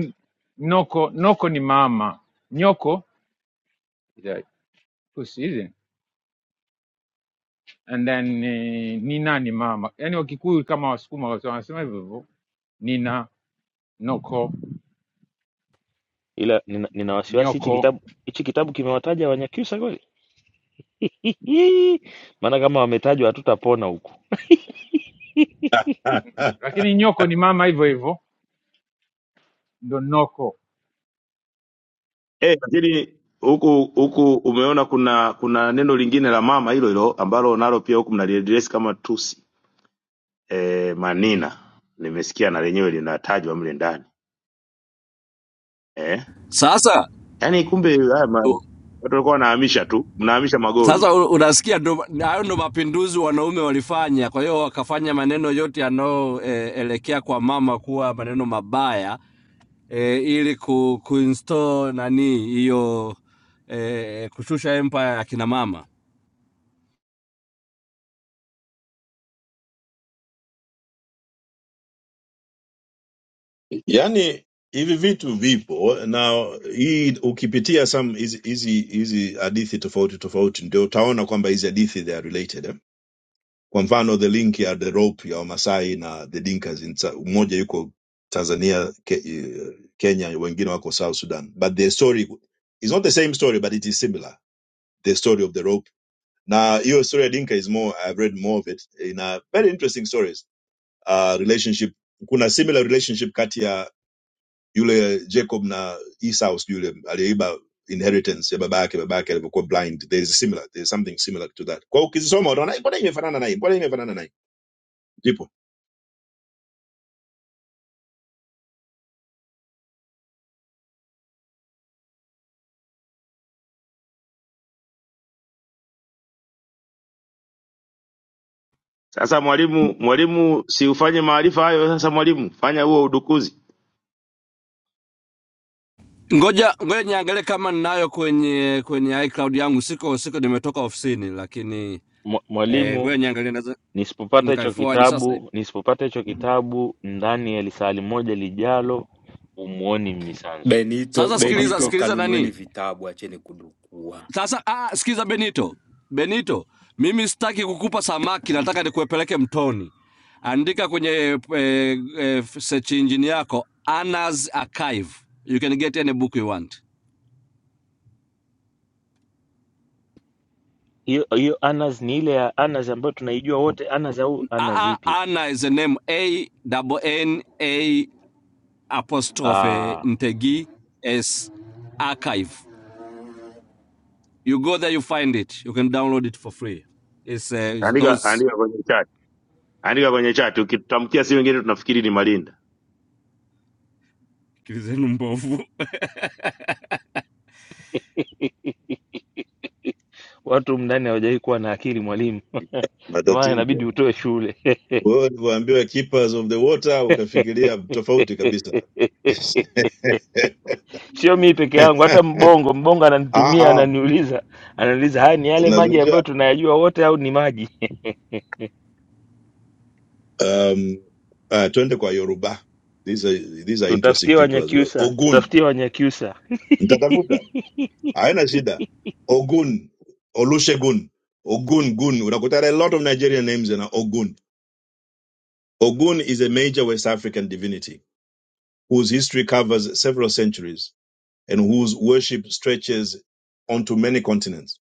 [SPEAKER 15] noko noko ni mama nyoko Tusi- and then eh, nina ni mama, yaani Wakikuyu kama Wasukuma wote wanasema hivyo hivyo, nina noko
[SPEAKER 9] Ila nina, nina wasiwasi hichi
[SPEAKER 15] nyoko,
[SPEAKER 9] kitabu hichi kitabu kimewataja Wanyakyusa kweli? Maana kama wametajwa hatutapona huku.
[SPEAKER 15] lakini nyoko ni mama hivyo hivyo, ndo noko.
[SPEAKER 5] Eh, lakini huku huku umeona kuna kuna neno lingine la mama hilo hilo ambalo nalo pia huku mnaliadresi kama tusi eh, manina nimesikia na lenyewe linatajwa mle ndani eh?
[SPEAKER 3] Sasa
[SPEAKER 5] Yaani kumbe haya ma- watu
[SPEAKER 3] u-
[SPEAKER 5] walikuwa wanahamisha tu mnahamisha magoli tu.
[SPEAKER 3] sasa u- unasikia, ndo- hayo ndo mapinduzi wanaume walifanya. Kwa hiyo wakafanya maneno yote yanayoelekea eh, elekea kwa mama kuwa maneno mabaya, e, ili ku, kuinstall nani hiyo e, kushusha empire ya kina mama.
[SPEAKER 13] yani hivi vitu vipo now hii ukipitia some hizi hizi hizi hadithi tofauti tofauti ndio utaona kwamba hizi hadithi they are related eh? kwa mfano the link ya the rope ya wamasai na the dinkas in Sa- mmoja yuko tanzania ke, eh, kenya wengine wako south sudan but the story is not the same story but it is similar the story of the rope Now your story ya dinka is more i've read more of it in a very interesting stories uh, relationship kuna similar relationship kati ya yule jacob na esau yule aliyeiba inheritance ya baba yake baba yake alivyokuwa blind there is a similar there is something similar to that kwa hiyo ukizisoma utaona "Eh, mbona imefanana naye mbona imefanana naye Ndipo
[SPEAKER 5] Sasa mwalimu, mwalimu, si ufanye maarifa hayo sasa. Mwalimu, fanya huo udukuzi,
[SPEAKER 3] Ngoja ngoja niangalie kama ninayo kwenye kwenye iCloud yangu. Siko siko, nimetoka ofisini, lakini
[SPEAKER 9] Mwa-
[SPEAKER 3] e,
[SPEAKER 9] Mwalimu,
[SPEAKER 3] ngoja niangalie, naweza
[SPEAKER 9] nisipopata hicho
[SPEAKER 3] nikaiforward sasa hivi.
[SPEAKER 9] kitabu, nisipopata hicho kitabu ndani ya lisali moja lijalo, umuoni Mnyisanzu.
[SPEAKER 11] Benito,
[SPEAKER 3] Sasa
[SPEAKER 9] Ngoma
[SPEAKER 3] sikiliza,
[SPEAKER 11] Benito,
[SPEAKER 9] draw.
[SPEAKER 3] sikiliza
[SPEAKER 11] kanunueni
[SPEAKER 3] nani
[SPEAKER 11] vitabu, acheni kudukua.
[SPEAKER 3] sasa. Ah, sikiliza Benito, Benito, mimi sitaki kukupa samaki, nataka nikuepeleke mtoni. Andika kwenye eh, eh, search engine yako Anna's Archive, you can get any book you want.
[SPEAKER 9] Hiyo hiyo anas ni ile ya anas ambayo tunaijua wote, anas au anas
[SPEAKER 3] Aa,
[SPEAKER 9] ipi?
[SPEAKER 3] Anna is the name A double N A apostrophe
[SPEAKER 9] Ah,
[SPEAKER 3] Ntegi S archive. You go there, you find it. You can download it for free. It's, uh, it's
[SPEAKER 5] andika
[SPEAKER 3] those
[SPEAKER 5] andika kwenye chat, andika kwenye chat. Ukitutamkia si wengine tunafikiri ni Malinda.
[SPEAKER 3] akili zenu mbovu.
[SPEAKER 9] Watu humu ndani hawajawahi kuwa na akili mwalimu, ndio maana inabidi
[SPEAKER 13] matatizo.
[SPEAKER 9] utoe shule.
[SPEAKER 13] Wewe ulivyoambiwa keepers of the water ukafikiria tofauti kabisa.
[SPEAKER 9] Sio mii peke yangu, hata Mbongo. Mbongo
[SPEAKER 13] ah,
[SPEAKER 9] ananitumia,
[SPEAKER 13] ah.
[SPEAKER 9] ananiuliza, ananiuliza haya ni yale maji ambayo
[SPEAKER 13] Nazungumzia
[SPEAKER 9] tunayajua wote au ni maji?
[SPEAKER 13] um, uh, twende kwa Yoruba. These are, these are interesting
[SPEAKER 9] Tutafutie
[SPEAKER 13] people as well.
[SPEAKER 9] Wanyakyusa,
[SPEAKER 13] Ogun
[SPEAKER 9] tutafutie Wanyakyusa.
[SPEAKER 13] mtatafuta, haina shida. Ogun, Olusegun, Ogun Gun. Unakuta there are a lot of Nigerian names in Ogun. Ogun is a major West African divinity whose history covers several centuries. and whose worship stretches onto many continents.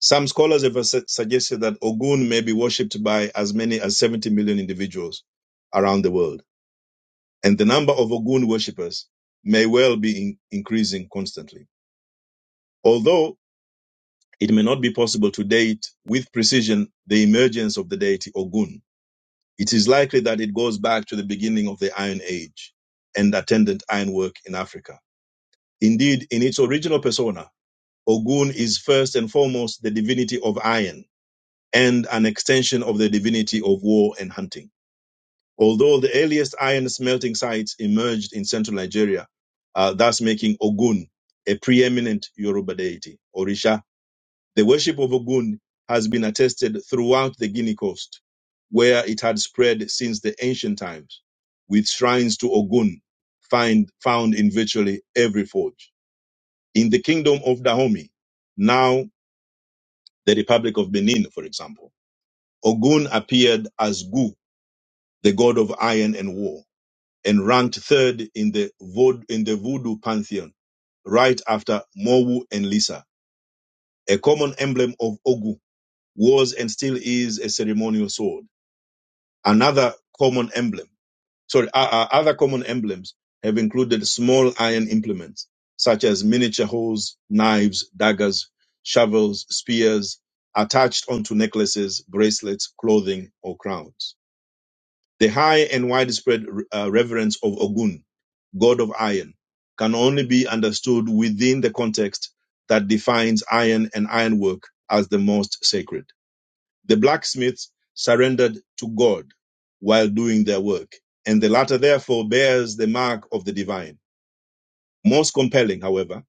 [SPEAKER 13] Some scholars have su- suggested that Ogun may be worshipped by as many as 70 million individuals around the world, and the number of Ogun worshippers may well be in- increasing constantly. Although it may not be possible to date with precision the emergence of the deity Ogun, it is likely that it goes back to the beginning of the Iron Age and attendant ironwork in Africa. Indeed, in its original persona, Ogun is first and foremost the divinity of iron and an extension of the divinity of war and hunting. Although the earliest iron smelting sites emerged in central Nigeria, uh, thus making Ogun a preeminent Yoruba deity, Orisha. The worship of Ogun has been attested throughout the Guinea coast, where it had spread since the ancient times, with shrines to Ogun find, found in virtually every forge. In the kingdom of Dahomey, now. the Republic of Benin, for example. Ogun appeared as Gu, the god of iron and war, and ranked third in the, Vod- in the voodoo pantheon, right after Mowu and Lisa. A common emblem of Ogu was and still is a ceremonial sword. Another common emblem Sorry, uh, uh, other common emblems have included small iron implements such as miniature hoes, knives, daggers, shovels, spears, attached onto necklaces, bracelets, clothing, or crowns. The high and widespread uh, reverence of Ogun, god of iron, can only be understood within the context that defines iron and ironwork as the most sacred. The blacksmiths surrendered to God while doing their work, and the latter therefore bears the mark of the divine. Most compelling, however,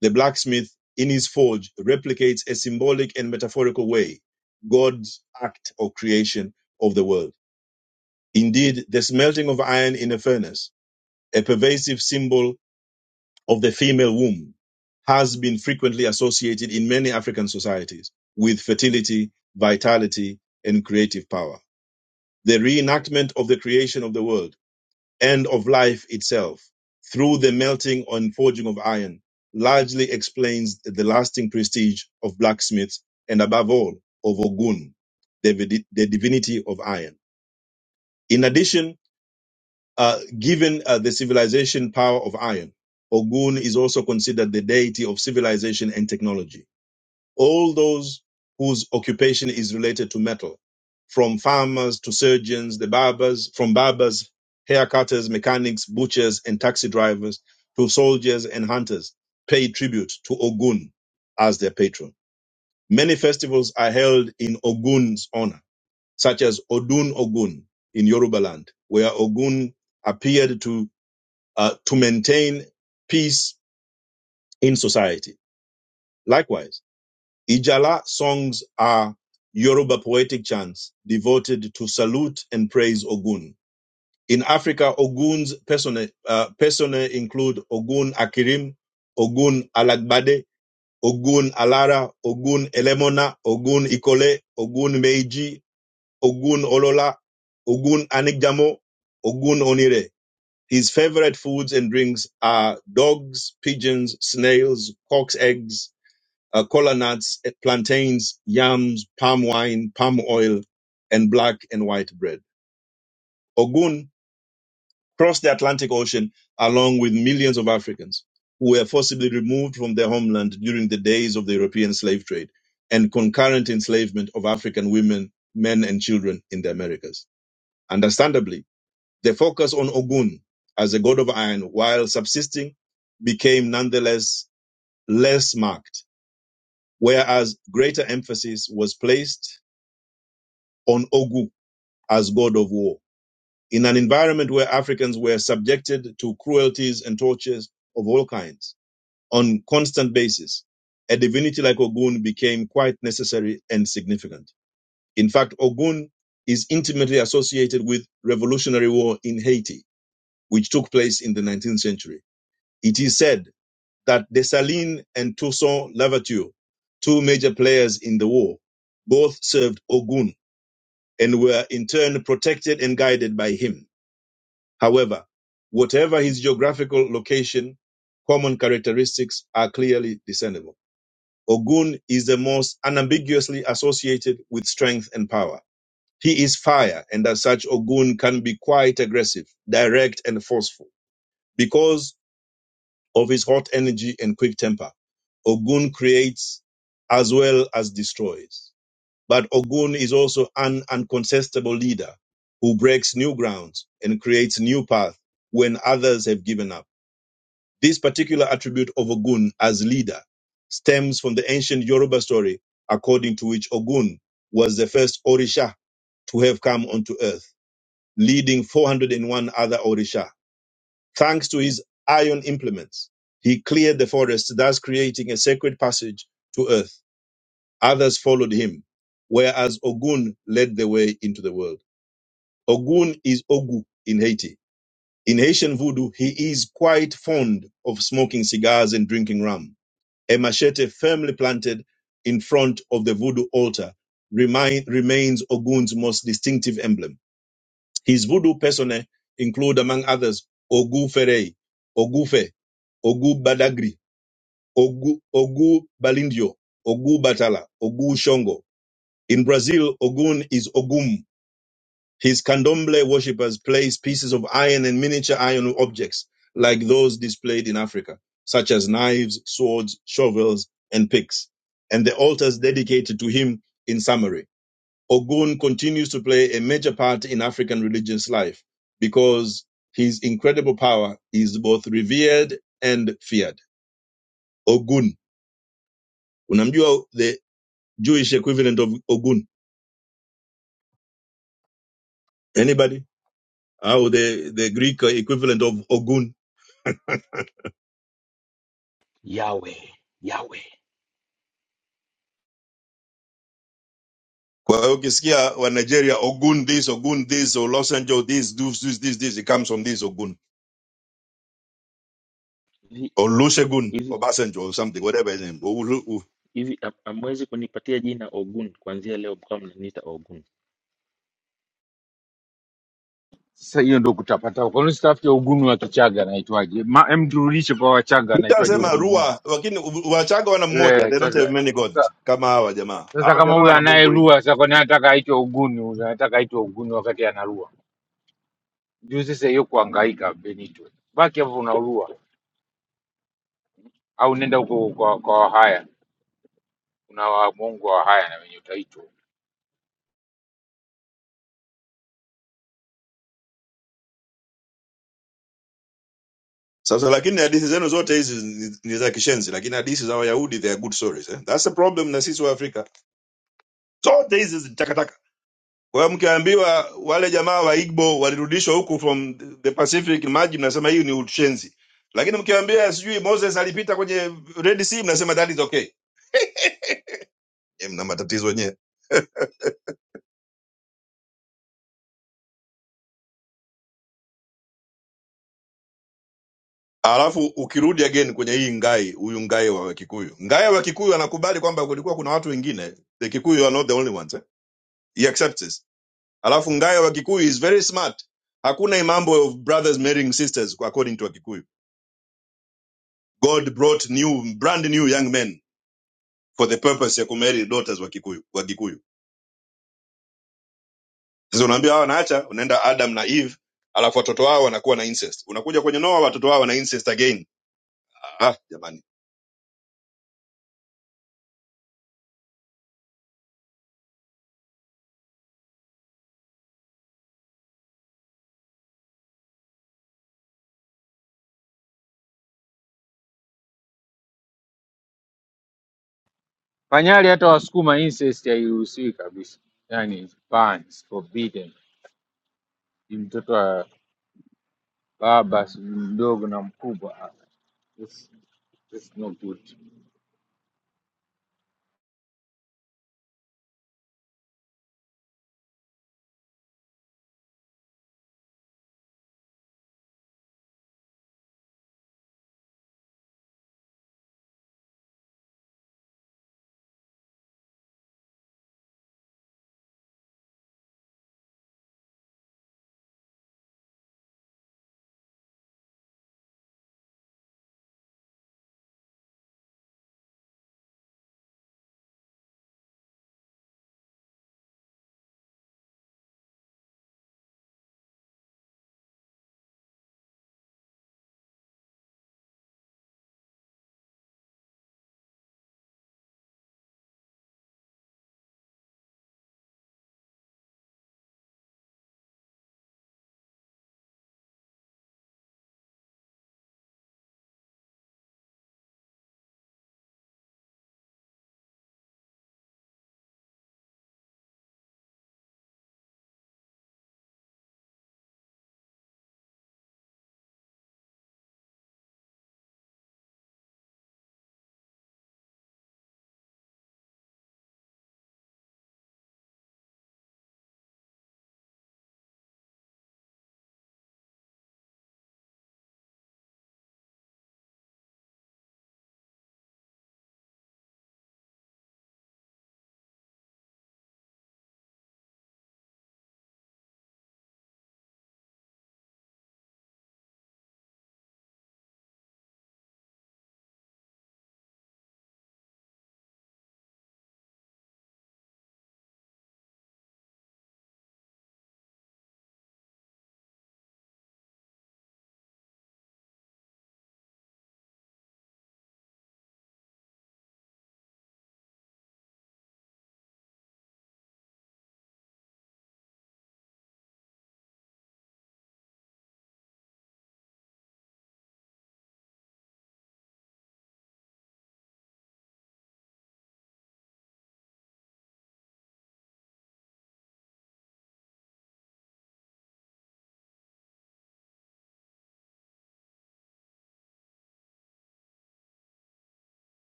[SPEAKER 13] the blacksmith in his forge replicates a symbolic and metaphorical way God's act of creation of the world. Indeed, the smelting of iron in a furnace, a pervasive symbol of the female womb, has been frequently associated in many African societies with fertility, vitality, and creative power. the reenactment of the creation of the world and of life itself through the melting and forging of iron largely explains the lasting prestige of blacksmiths and above all of Ogun, the, the divinity of iron. In addition, uh, given uh, the civilization power of iron, Ogun is also considered the deity of civilization and technology all those whose occupation is related to metal, from farmers to surgeons, the barbers, from barbers, haircutters, mechanics, butchers, and taxi drivers to soldiers and hunters, pay tribute to Ogun as their patron. Many festivals are held in Ogun's honor, such as Odun Ogun in Yoruba land, where Ogun appeared to, uh, to maintain peace in society. Likewise, Ijala songs are Yoruba poetic chants devoted to salute and praise Ogun. In Africa, Ogun's personae, uh, personae include Ogun Akirim, Ogun Alagbade, Ogun Alara, Ogun Elemona, Ogun Ikole, Ogun Meiji, Ogun Olola, Ogun Anigjamo, Ogun Onire. His favorite foods and drinks are dogs, pigeons, snails, cock's eggs, uh, cola nuts, eh, plantains, yams, palm wine, palm oil, and black and white bread. Ogun crossed the Atlantic Ocean along with millions of Africans who were forcibly removed from their homeland during the days of the European slave trade and concurrent enslavement of African women, men, and children in the Americas. Understandably, the focus on Ogun as a god of iron while subsisting became nonetheless less marked, whereas greater emphasis was placed on Ogu as god of war. In an environment where Africans were subjected to cruelties and tortures of all kinds on constant basis, a divinity like Ogun became quite necessary and significant. In fact, Ogun is intimately associated with revolutionary war in Haiti, which took place in the 19th century. It is said that Dessalines and Toussaint Louverture, two major players in the war, both served Ogun and were in turn protected and guided by him. However, whatever his geographical location, common characteristics are clearly discernible. Ogun is the most unambiguously associated with strength and power. He is fire, and as such, Ogun can be quite aggressive, direct, and forceful. Because of his hot energy and quick temper, Ogun creates as well as destroys. But Ogun is also an uncontestable leader who breaks new grounds and creates new paths when others have given up. This particular attribute of Ogun as leader stems from the ancient Yoruba story according to which Ogun was the first Orisha to have come onto earth, leading 401 other Orisha. Thanks to his iron implements, he cleared the forest, thus creating a sacred passage to earth Others followed him, whereas Ogun led the way into the world. Ogun is Ogu in Haiti. In Haitian voodoo, he is quite fond of smoking cigars and drinking rum. A machete firmly planted in front of the voodoo altar remind, remains Ogun's most distinctive emblem. His voodoo personae include, among others, Ogu Ferei, Ogu Fe, Ogu Badagri, Ogu, Ogu Balindio, Ogu Batala, Ogu Shongo, in Brazil, Ogun is Ogum. His candomblé worshippers place pieces of iron and miniature iron objects like those displayed in Africa, such as knives, swords, shovels, and picks, and the altars dedicated to him in summary. Ogun continues to play a major part in African religious life because his incredible power is both revered and feared. Ogun. Unamjua the Jewish equivalent of Ogun? Anybody? au the, the greek equivalent of ogun
[SPEAKER 9] Yawe, yawe.
[SPEAKER 13] kwa hiyo ukisikia wa nigeria ogun this ogun this or Los Angeles this do this this this it comes from this ogun
[SPEAKER 9] Hivi
[SPEAKER 13] or lushegun or
[SPEAKER 9] hivi
[SPEAKER 13] basenjo or something whatever his name U- u- u-
[SPEAKER 9] hivi am- hamwezi kunipatia jina Ogun kuanzia leo mkawa mnaniita Ogun.
[SPEAKER 15] Sasa hiyo ndo kutapata kwa nini usitafute ugunu wa Kichaga anaitwaje? Ma- em turudishe kwa Wachaga anaitwaje
[SPEAKER 13] utasema
[SPEAKER 15] ugunu wao?
[SPEAKER 13] rua lakini u- wachaga wana mmoja
[SPEAKER 15] Le,
[SPEAKER 13] they don't
[SPEAKER 15] sasa
[SPEAKER 13] have many gods
[SPEAKER 15] sasa
[SPEAKER 13] kama hawa jamaa
[SPEAKER 15] sasa
[SPEAKER 13] hawa
[SPEAKER 15] kama
[SPEAKER 13] jamaa
[SPEAKER 15] huyo
[SPEAKER 13] wana mungu wengi
[SPEAKER 15] anayerua sasa, kwa nini anataka aitwe ugunu? Huyu Anataka aitwe ugunu wakati anarua juu. Sasa hiyo kuhangaika, Benito, baki hapo unarua au nenda huko kwa, kwa Wahaya kuna Wamongo wa haya na wenye utaitwa
[SPEAKER 13] sasa lakini hadithi zenu zote hizi ni ni za kishenzi lakini hadithi za wayahudi they are good stories eh? that's the problem na sisi wa afrika zote hizi takataka Kwa hiyo mkiambiwa wale jamaa wa Igbo walirudishwa huku from the Pacific maji, mnasema hiyo ni ushenzi, lakini mkiambia sijui Moses alipita kwenye Red Sea, mnasema that is okay. E, mna matatizo wenyewe. Alafu ukirudi again kwenye hii ngai, huyu ngai wa Kikuyu, ngai wa Kikuyu anakubali kwamba kulikuwa kuna watu wengine, the Kikuyu are not the only ones eh? He accepts this. Alafu ngai wa Kikuyu is very smart. Hakuna hii mambo of brothers marrying sisters according to Wakikuyu. God brought new brand new young men for the purpose ya kumarry daughters wa kikuyu wa kikuyu sasa unaambia hawa naacha unaenda adam na eve alafu watoto wao wanakuwa na incest unakuja kwenye noa watoto wao wana incest again ah jamani
[SPEAKER 15] Panyali, hata Wasukuma incest hairuhusiwi kabisa, yani bans forbidden. Ni mtoto wa baba sijui mdogo na mkubwa. Ah, That's, that's not good.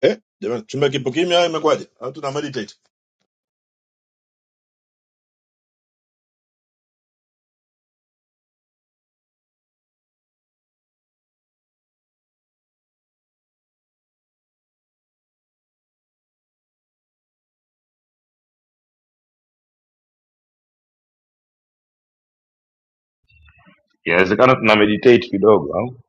[SPEAKER 13] eh jamani chumba kipo kimya imekwaje Hatu na meditate.
[SPEAKER 5] Inawezekana tuna meditate kidogo au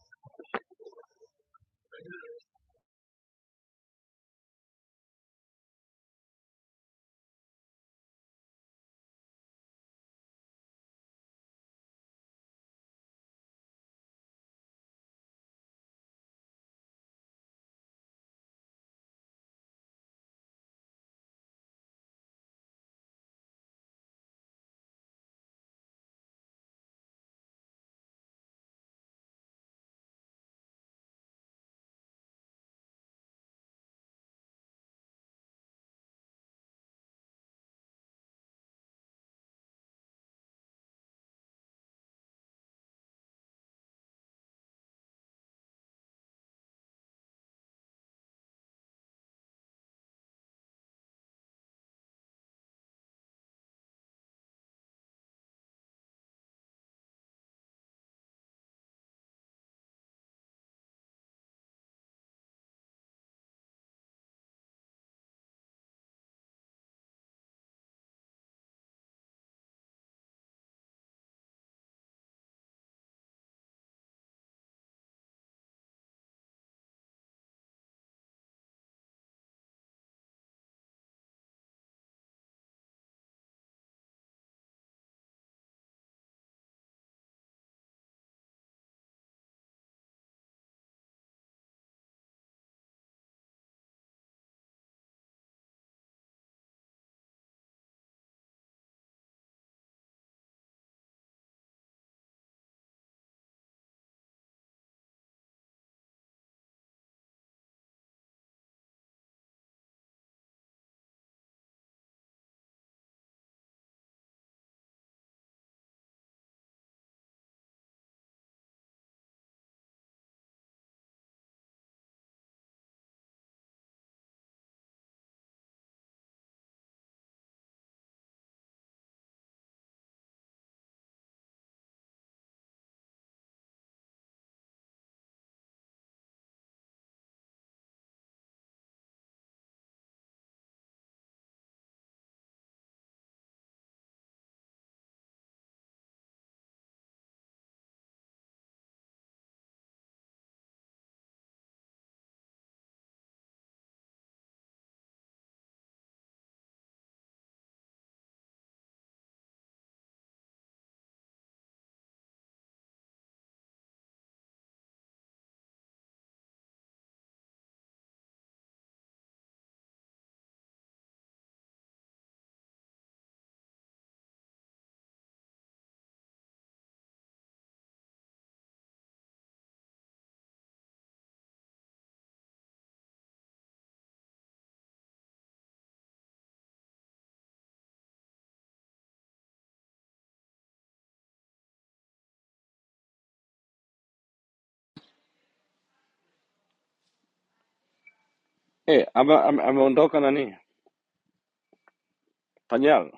[SPEAKER 3] Eh, ame- ame- ameondoka nani Panyal,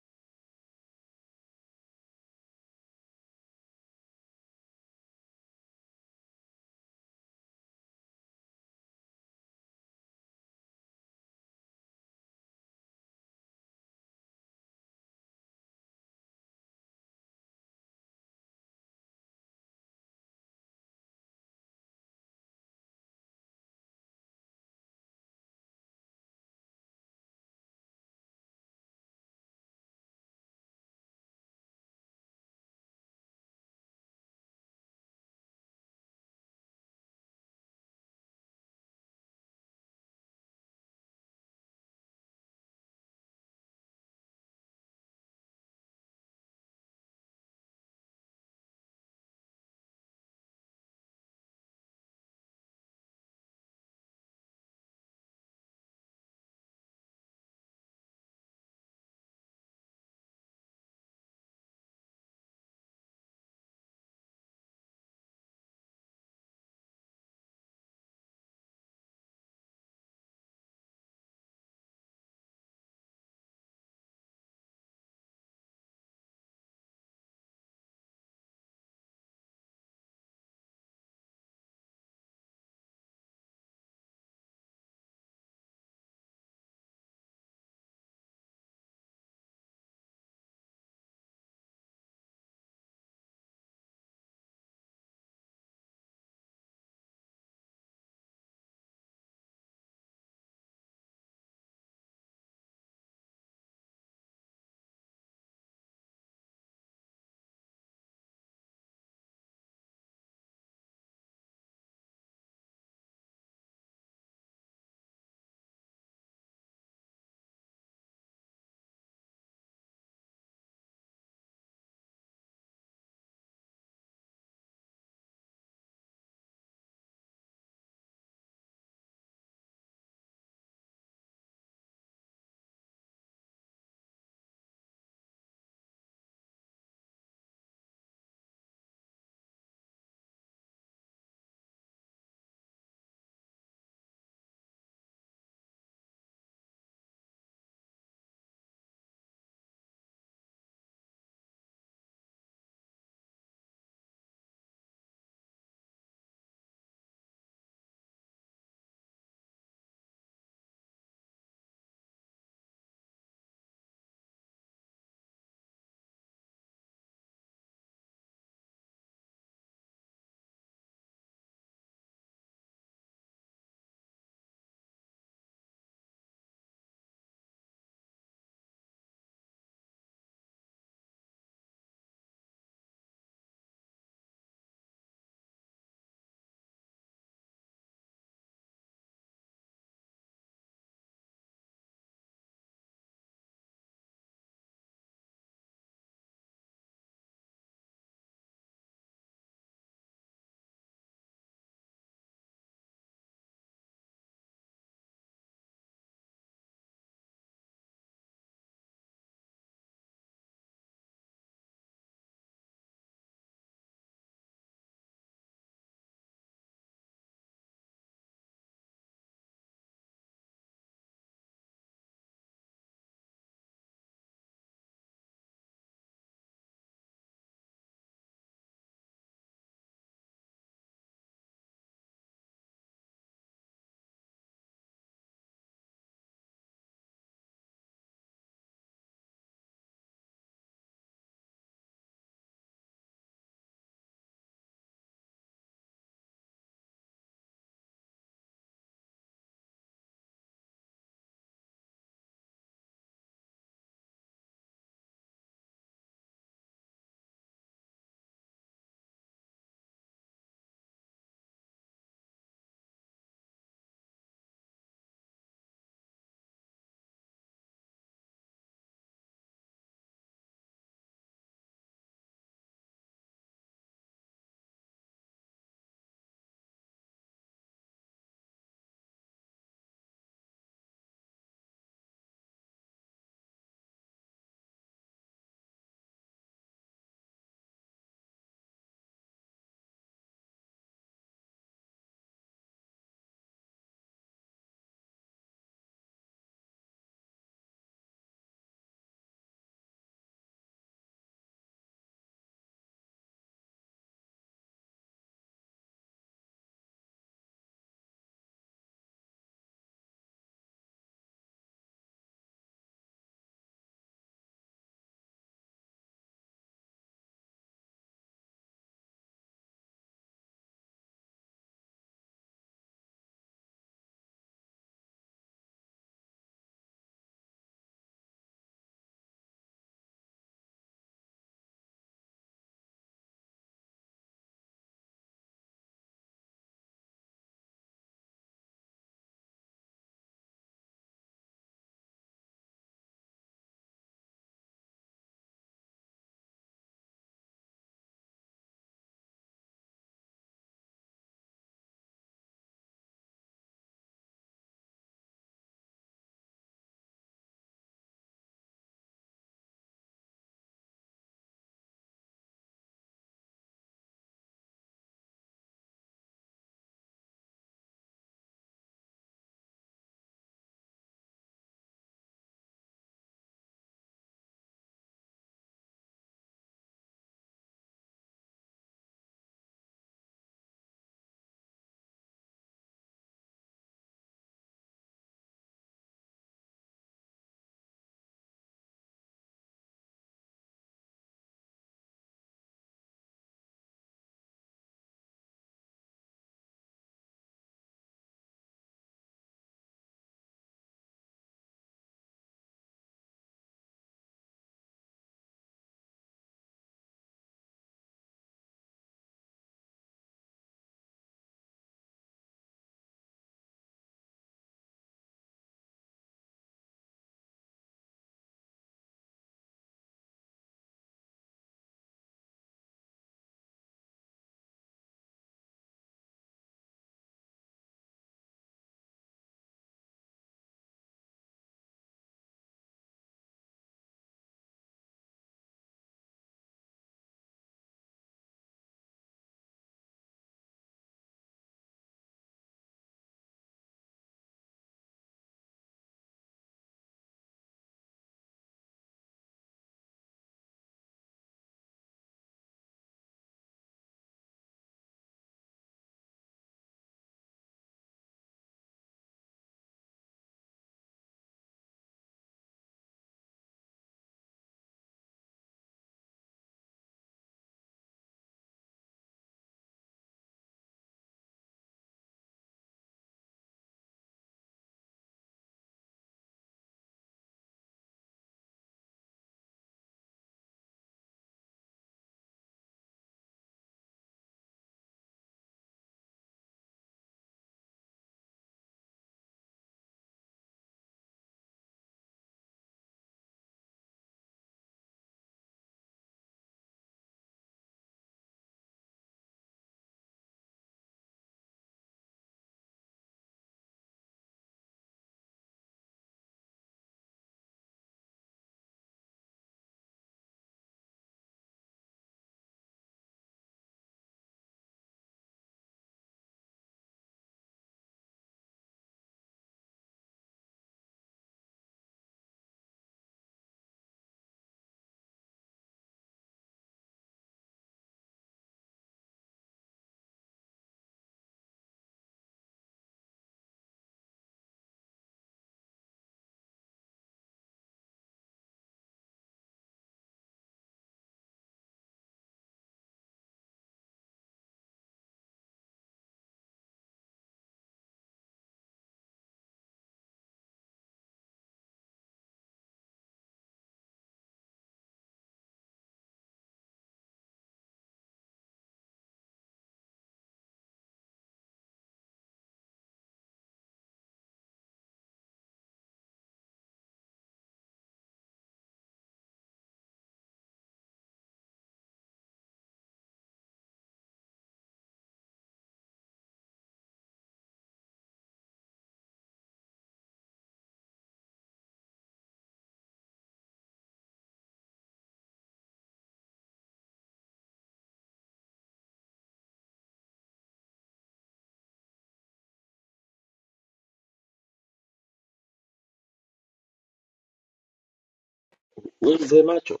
[SPEAKER 9] Wewe mzee macho,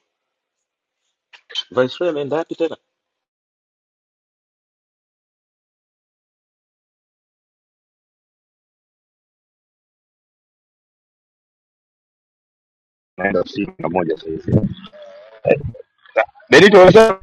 [SPEAKER 9] Viceroy ameenda wapi tena?
[SPEAKER 5] naenda ofisini na moja sasa hivi. Benito unasema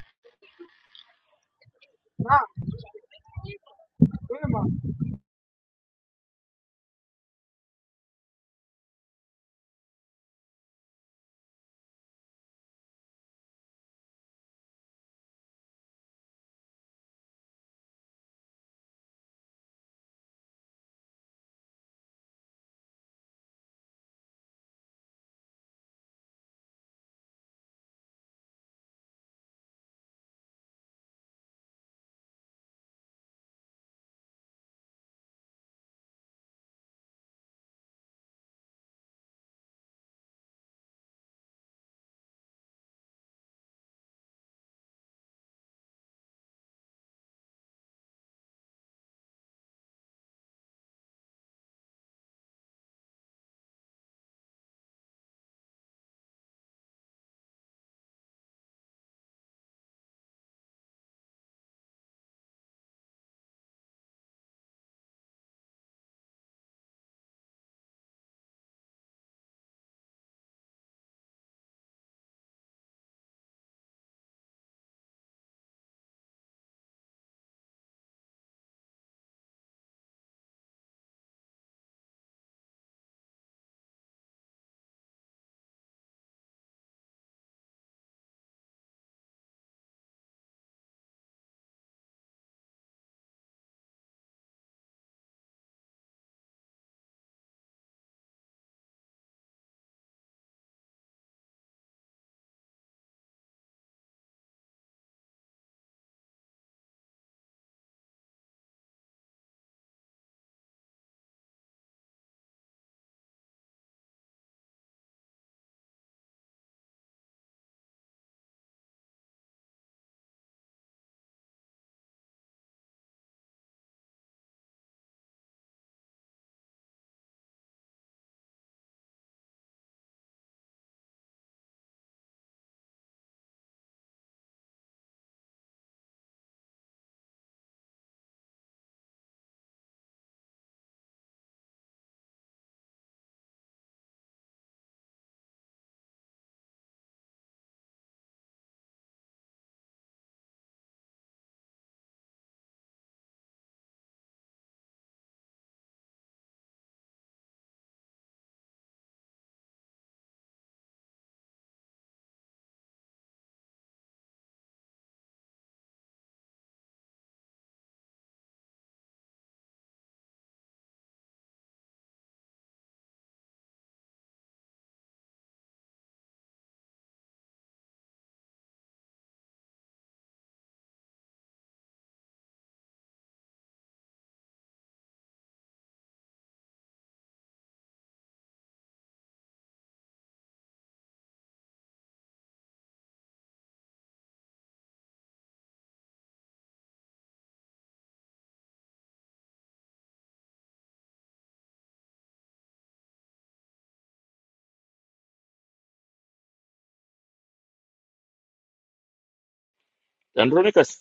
[SPEAKER 9] Andronicus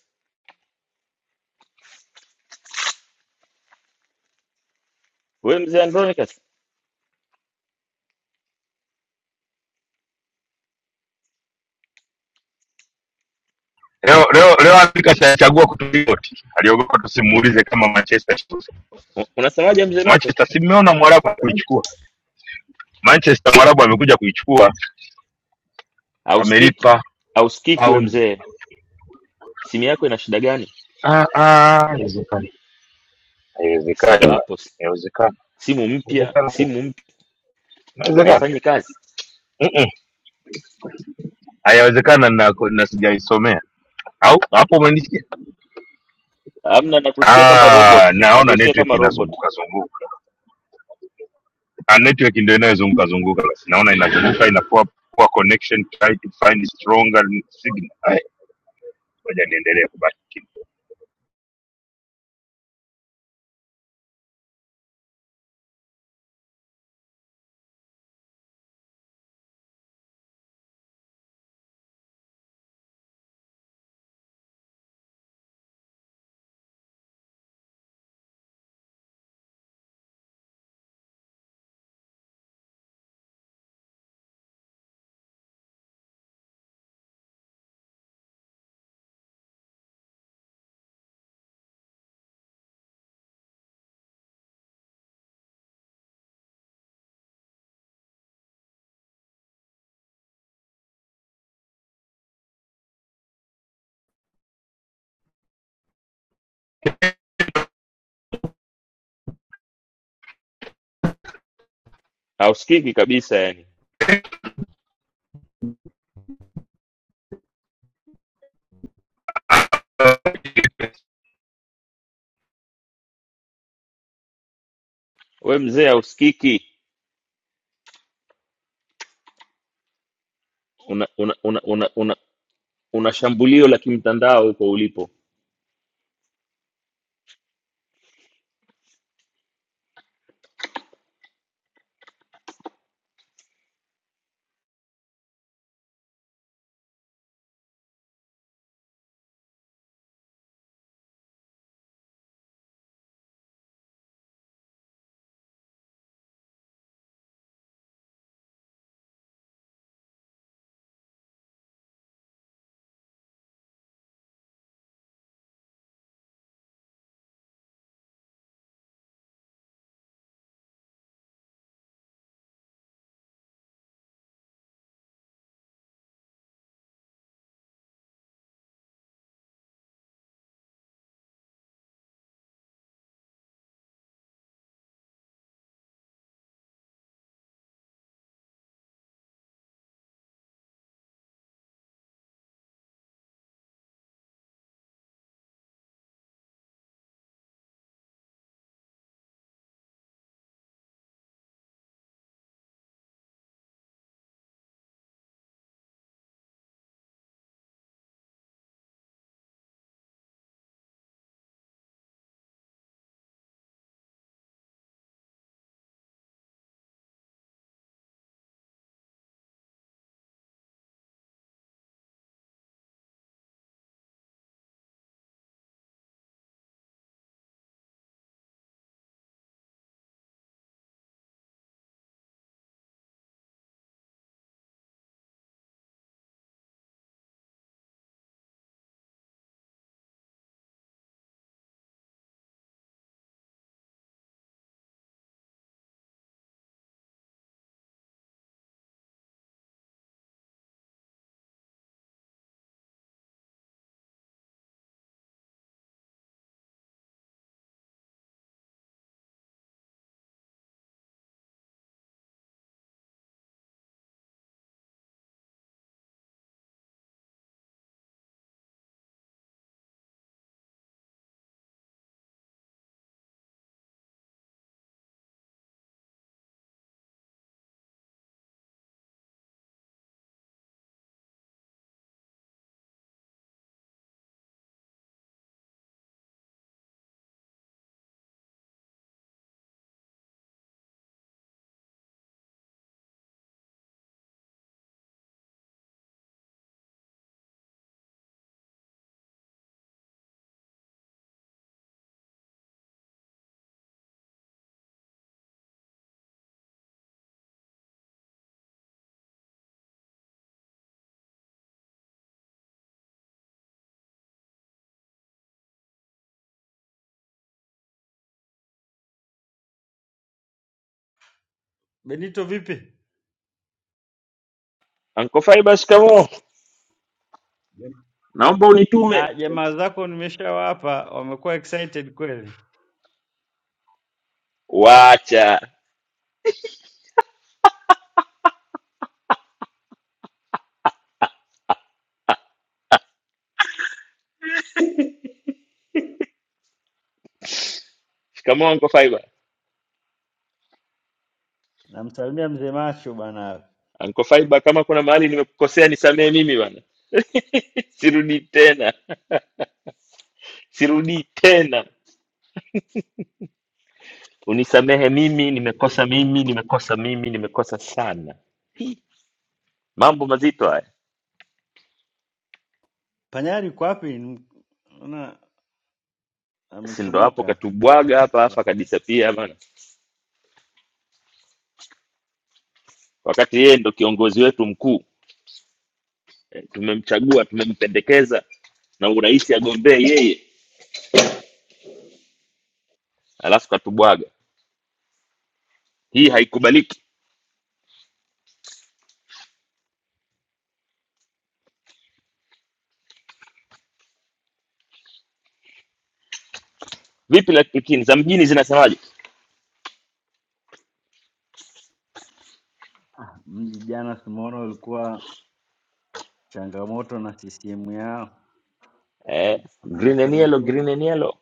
[SPEAKER 9] we mzee Andronicus
[SPEAKER 5] leo leo leo Afrika chagua kuturipoti, aliogopa tusimuulize kama Manchester Chelsea.
[SPEAKER 9] u- unasemaje mzee macho
[SPEAKER 5] Manchester si mmeona Mwarabu kuichukua Manchester, Mwarabu amekuja kuichukua,
[SPEAKER 9] auskiki
[SPEAKER 5] amelipa
[SPEAKER 9] auskiki we
[SPEAKER 5] paundi.
[SPEAKER 9] mzee simu yako ina shida gani
[SPEAKER 5] Ah, ah, haiwezekani,
[SPEAKER 9] si
[SPEAKER 5] haiwezekani,
[SPEAKER 9] ndo
[SPEAKER 5] bwana.
[SPEAKER 9] hapo si-
[SPEAKER 5] haiwezekani,
[SPEAKER 9] simu mpya
[SPEAKER 5] haiwezekani, kweli.
[SPEAKER 9] simu mpya
[SPEAKER 5] Haiwezekani.
[SPEAKER 9] haifanyi kazi
[SPEAKER 5] Mm-mm. Haiwezekana na, na sijaisomea au hapo umenisikia?
[SPEAKER 9] amna nakusikia kama
[SPEAKER 5] Ah,
[SPEAKER 9] robot
[SPEAKER 5] naona
[SPEAKER 9] nakusikia
[SPEAKER 5] network
[SPEAKER 9] kama robot
[SPEAKER 5] inazunguka zunguka. Ah, network ndio inayozunguka zunguka basi naona inazunguka inakuwa poor connection try to find stronger signal Ai, ngoja niendelee kubaki kimya.
[SPEAKER 9] hausikiki kabisa yani we mzee hausikiki una una una una, una, una shambulio la kimtandao huko ulipo
[SPEAKER 18] Benito vipi?
[SPEAKER 9] anko faiba shikamo naomba
[SPEAKER 18] Ah,
[SPEAKER 9] unitume
[SPEAKER 18] jamaa zako nimeshawapa, wamekuwa excited kweli.
[SPEAKER 9] wacha shikamo anko faiba
[SPEAKER 18] Namsalimia mzee macho bana.
[SPEAKER 9] anko faiba kama kuna mahali nimekukosea nisamee mimi bana sirudi tena, sirudi tena. Unisamehe mimi, nimekosa mimi, nimekosa mimi, nimekosa sana. Mambo mazito haya,
[SPEAKER 18] Panyari yuko wapi? N- Naona
[SPEAKER 9] si ndo hapo
[SPEAKER 18] amechomoka.
[SPEAKER 9] katubwaga hapa
[SPEAKER 18] hapa.
[SPEAKER 9] hapa kabisa pia bana, wakati yeye ndo kiongozi wetu mkuu Eh, tumemchagua, tumempendekeza na urais agombee yeye, alafu katubwaga. Hii haikubaliki. Vipi lakini za mjini zinasemaje?
[SPEAKER 18] Mji jana simuona ulikuwa changamoto na CCM yao
[SPEAKER 9] Eh,
[SPEAKER 18] na
[SPEAKER 9] green and
[SPEAKER 18] chama
[SPEAKER 9] yellow, green
[SPEAKER 18] chenu
[SPEAKER 9] and yellow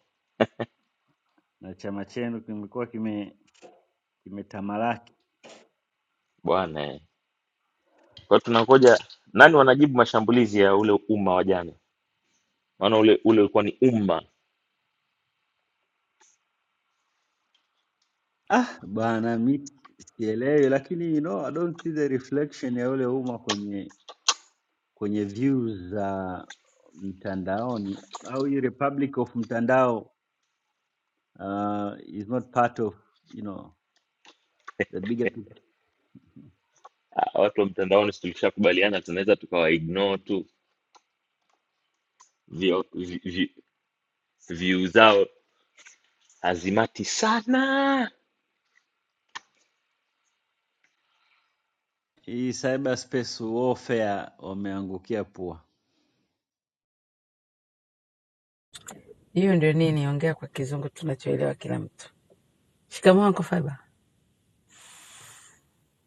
[SPEAKER 18] na chama chenu kimekuwa kime kimetamalaki.
[SPEAKER 9] bwana. eh. Kwa hiyo tunangoja nani wanajibu mashambulizi ya ule umma wa jana, maana ule ule ulikuwa ni umma
[SPEAKER 18] Ah bana, mi sielewi, lakini you know, I don't see the reflection ya ule umma kwenye kwenye views za mtandaoni au hii republic of mtandao uh, is not part of you know the bigger picture.
[SPEAKER 9] Ah, watu wa mtandaoni si tulishakubaliana tunaweza tukawa ignore tu view vi- vi- view zao hazimati sana
[SPEAKER 18] Hii cyber space warfare wameangukia pua.
[SPEAKER 1] Hiyo ndio nini, ongea kwa kizungu tunachoelewa kila mtu. Shikamoo Uncle Faiba.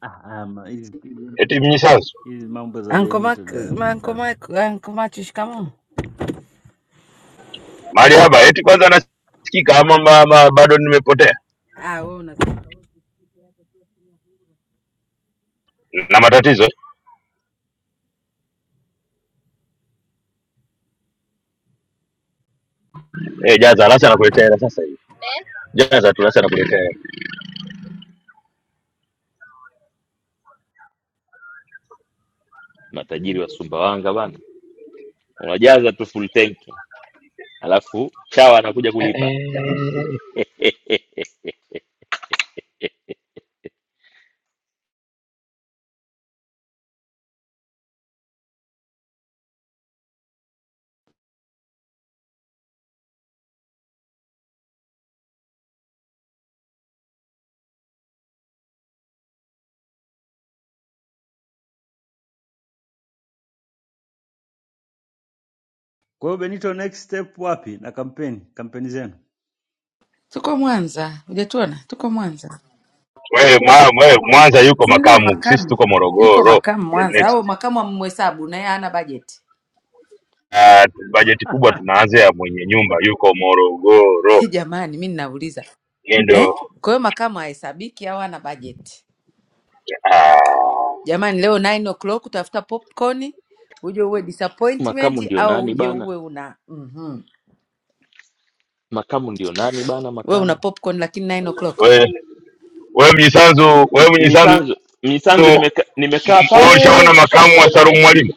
[SPEAKER 18] Ah, ah, ma- hizi hizi-
[SPEAKER 5] eti mnyisanzu
[SPEAKER 18] hizi mambo za
[SPEAKER 1] Uncle
[SPEAKER 18] Benito
[SPEAKER 1] Mark,
[SPEAKER 18] dada
[SPEAKER 1] ma-
[SPEAKER 18] mimi
[SPEAKER 1] Uncle
[SPEAKER 18] sana.
[SPEAKER 1] Mark, Uncle Machu, shikamoo.
[SPEAKER 5] mahali hapa eti kwanza nasikika ama ma- ma- bado nimepotea
[SPEAKER 1] Ah, wewe una
[SPEAKER 5] na matatizo eh, jaza lasi anakuletea hela sasa hivi jaza tu lasi anakuletea hela
[SPEAKER 9] matajiri wa sumbawanga bana unajaza tu full tanki alafu chawa anakuja
[SPEAKER 5] Eh,
[SPEAKER 9] kulipa
[SPEAKER 5] eh,
[SPEAKER 18] Kwa hiyo Benito, next step wapi na kampeni kampeni zenu?
[SPEAKER 1] Tuko Mwanza, hujatuona? Tuko Mwanza.
[SPEAKER 5] wewe mwa, wewe, mwanza yuko
[SPEAKER 1] Si ndio
[SPEAKER 5] makamu sisi
[SPEAKER 1] makamu?
[SPEAKER 5] tuko
[SPEAKER 1] Yuko
[SPEAKER 5] morogoro
[SPEAKER 1] makamu
[SPEAKER 5] the
[SPEAKER 1] Mwanza
[SPEAKER 5] next
[SPEAKER 1] au makamu amhesabu na yeye hana bajeti.
[SPEAKER 5] Ah, bajeti kubwa tunaanza ya mwenye nyumba yuko morogoro
[SPEAKER 1] Jamani, mimi ninauliza.
[SPEAKER 5] yeye
[SPEAKER 1] Eh?
[SPEAKER 5] ndio
[SPEAKER 1] Kwa hiyo makamu hahesabiki au hana bajeti?
[SPEAKER 5] ah,
[SPEAKER 1] Jamani, leo 9 o'clock utafuta popcorn uje uwe
[SPEAKER 9] makamu
[SPEAKER 1] disappointment
[SPEAKER 9] ndio
[SPEAKER 1] au
[SPEAKER 9] nani
[SPEAKER 1] uje
[SPEAKER 9] bana
[SPEAKER 1] uwe una mm-hmm.
[SPEAKER 9] makamu ndio nani bana
[SPEAKER 1] we una
[SPEAKER 9] makamu
[SPEAKER 1] popcorn lakini 9 o'clock.
[SPEAKER 5] wewe Wewe Mnyisanzu, wewe Mnyisanzu,
[SPEAKER 9] mnyisanzu mnyisanzu
[SPEAKER 5] wewe
[SPEAKER 9] nimeka, nimekaa pale
[SPEAKER 5] ushaona makamu wa Salum Mwalimu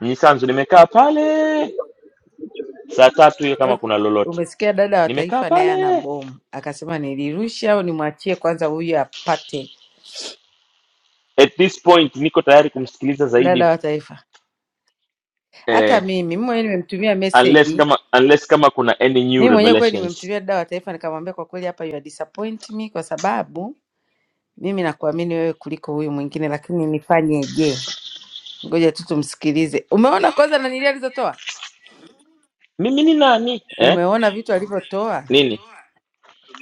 [SPEAKER 9] mnyisanzu nimekaa pale saa tatu hiyo kama
[SPEAKER 1] Kwa-
[SPEAKER 9] kuna lolote
[SPEAKER 1] Umesikia dada wa
[SPEAKER 9] nimekaa
[SPEAKER 1] taifa naye ana
[SPEAKER 9] pale
[SPEAKER 1] bomu, akasema nilirushe au nimwachie kwanza huyu apate.
[SPEAKER 9] at this point niko tayari kumsikiliza
[SPEAKER 1] Dada
[SPEAKER 9] zaidi
[SPEAKER 1] wa taifa, hata
[SPEAKER 9] eh,
[SPEAKER 1] mimi mimi mwenyewe nimemtumia
[SPEAKER 9] unless
[SPEAKER 1] meseji,
[SPEAKER 9] kama unless kama kuna any new
[SPEAKER 1] mimi mwenyewe kweli
[SPEAKER 9] revelations
[SPEAKER 1] nimemtumia dada wa taifa, nikamwambia kwa kweli, hapa you are disappoint me kwa sababu mimi nakuamini wewe kuliko huyu mwingine, lakini nifanyeje? Ngoja tu tumsikilize. Umeona kwanza nanili alizotoa
[SPEAKER 9] mimi ni nani eh
[SPEAKER 1] Umeona vitu alivyotoa
[SPEAKER 9] nini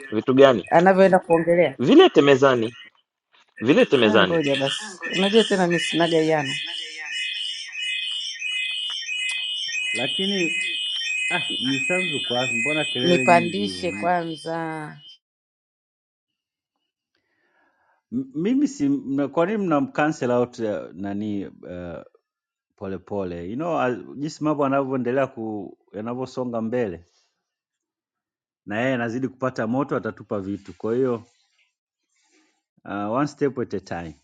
[SPEAKER 9] vitu gani
[SPEAKER 1] anavyoenda kuongelea.
[SPEAKER 9] vilete mezani vilete
[SPEAKER 1] Ah,
[SPEAKER 9] mezani
[SPEAKER 1] ngoja basi, unajua tena mimi sinaga yana
[SPEAKER 18] Lakini ah, Mnyisanzu kwa wapi? mbona kelele nyingi hivyo?
[SPEAKER 1] nipandishe
[SPEAKER 18] Ni-
[SPEAKER 1] kwanza,
[SPEAKER 18] M- Mimi si mna, kwa nini mnamcancel out eh, nani eh, polepole you know, as- jinsi mambo yanavyoendelea ku yanavyosonga mbele na yeye anazidi kupata moto, atatupa vitu. Kwa hiyo uh, one step at a time,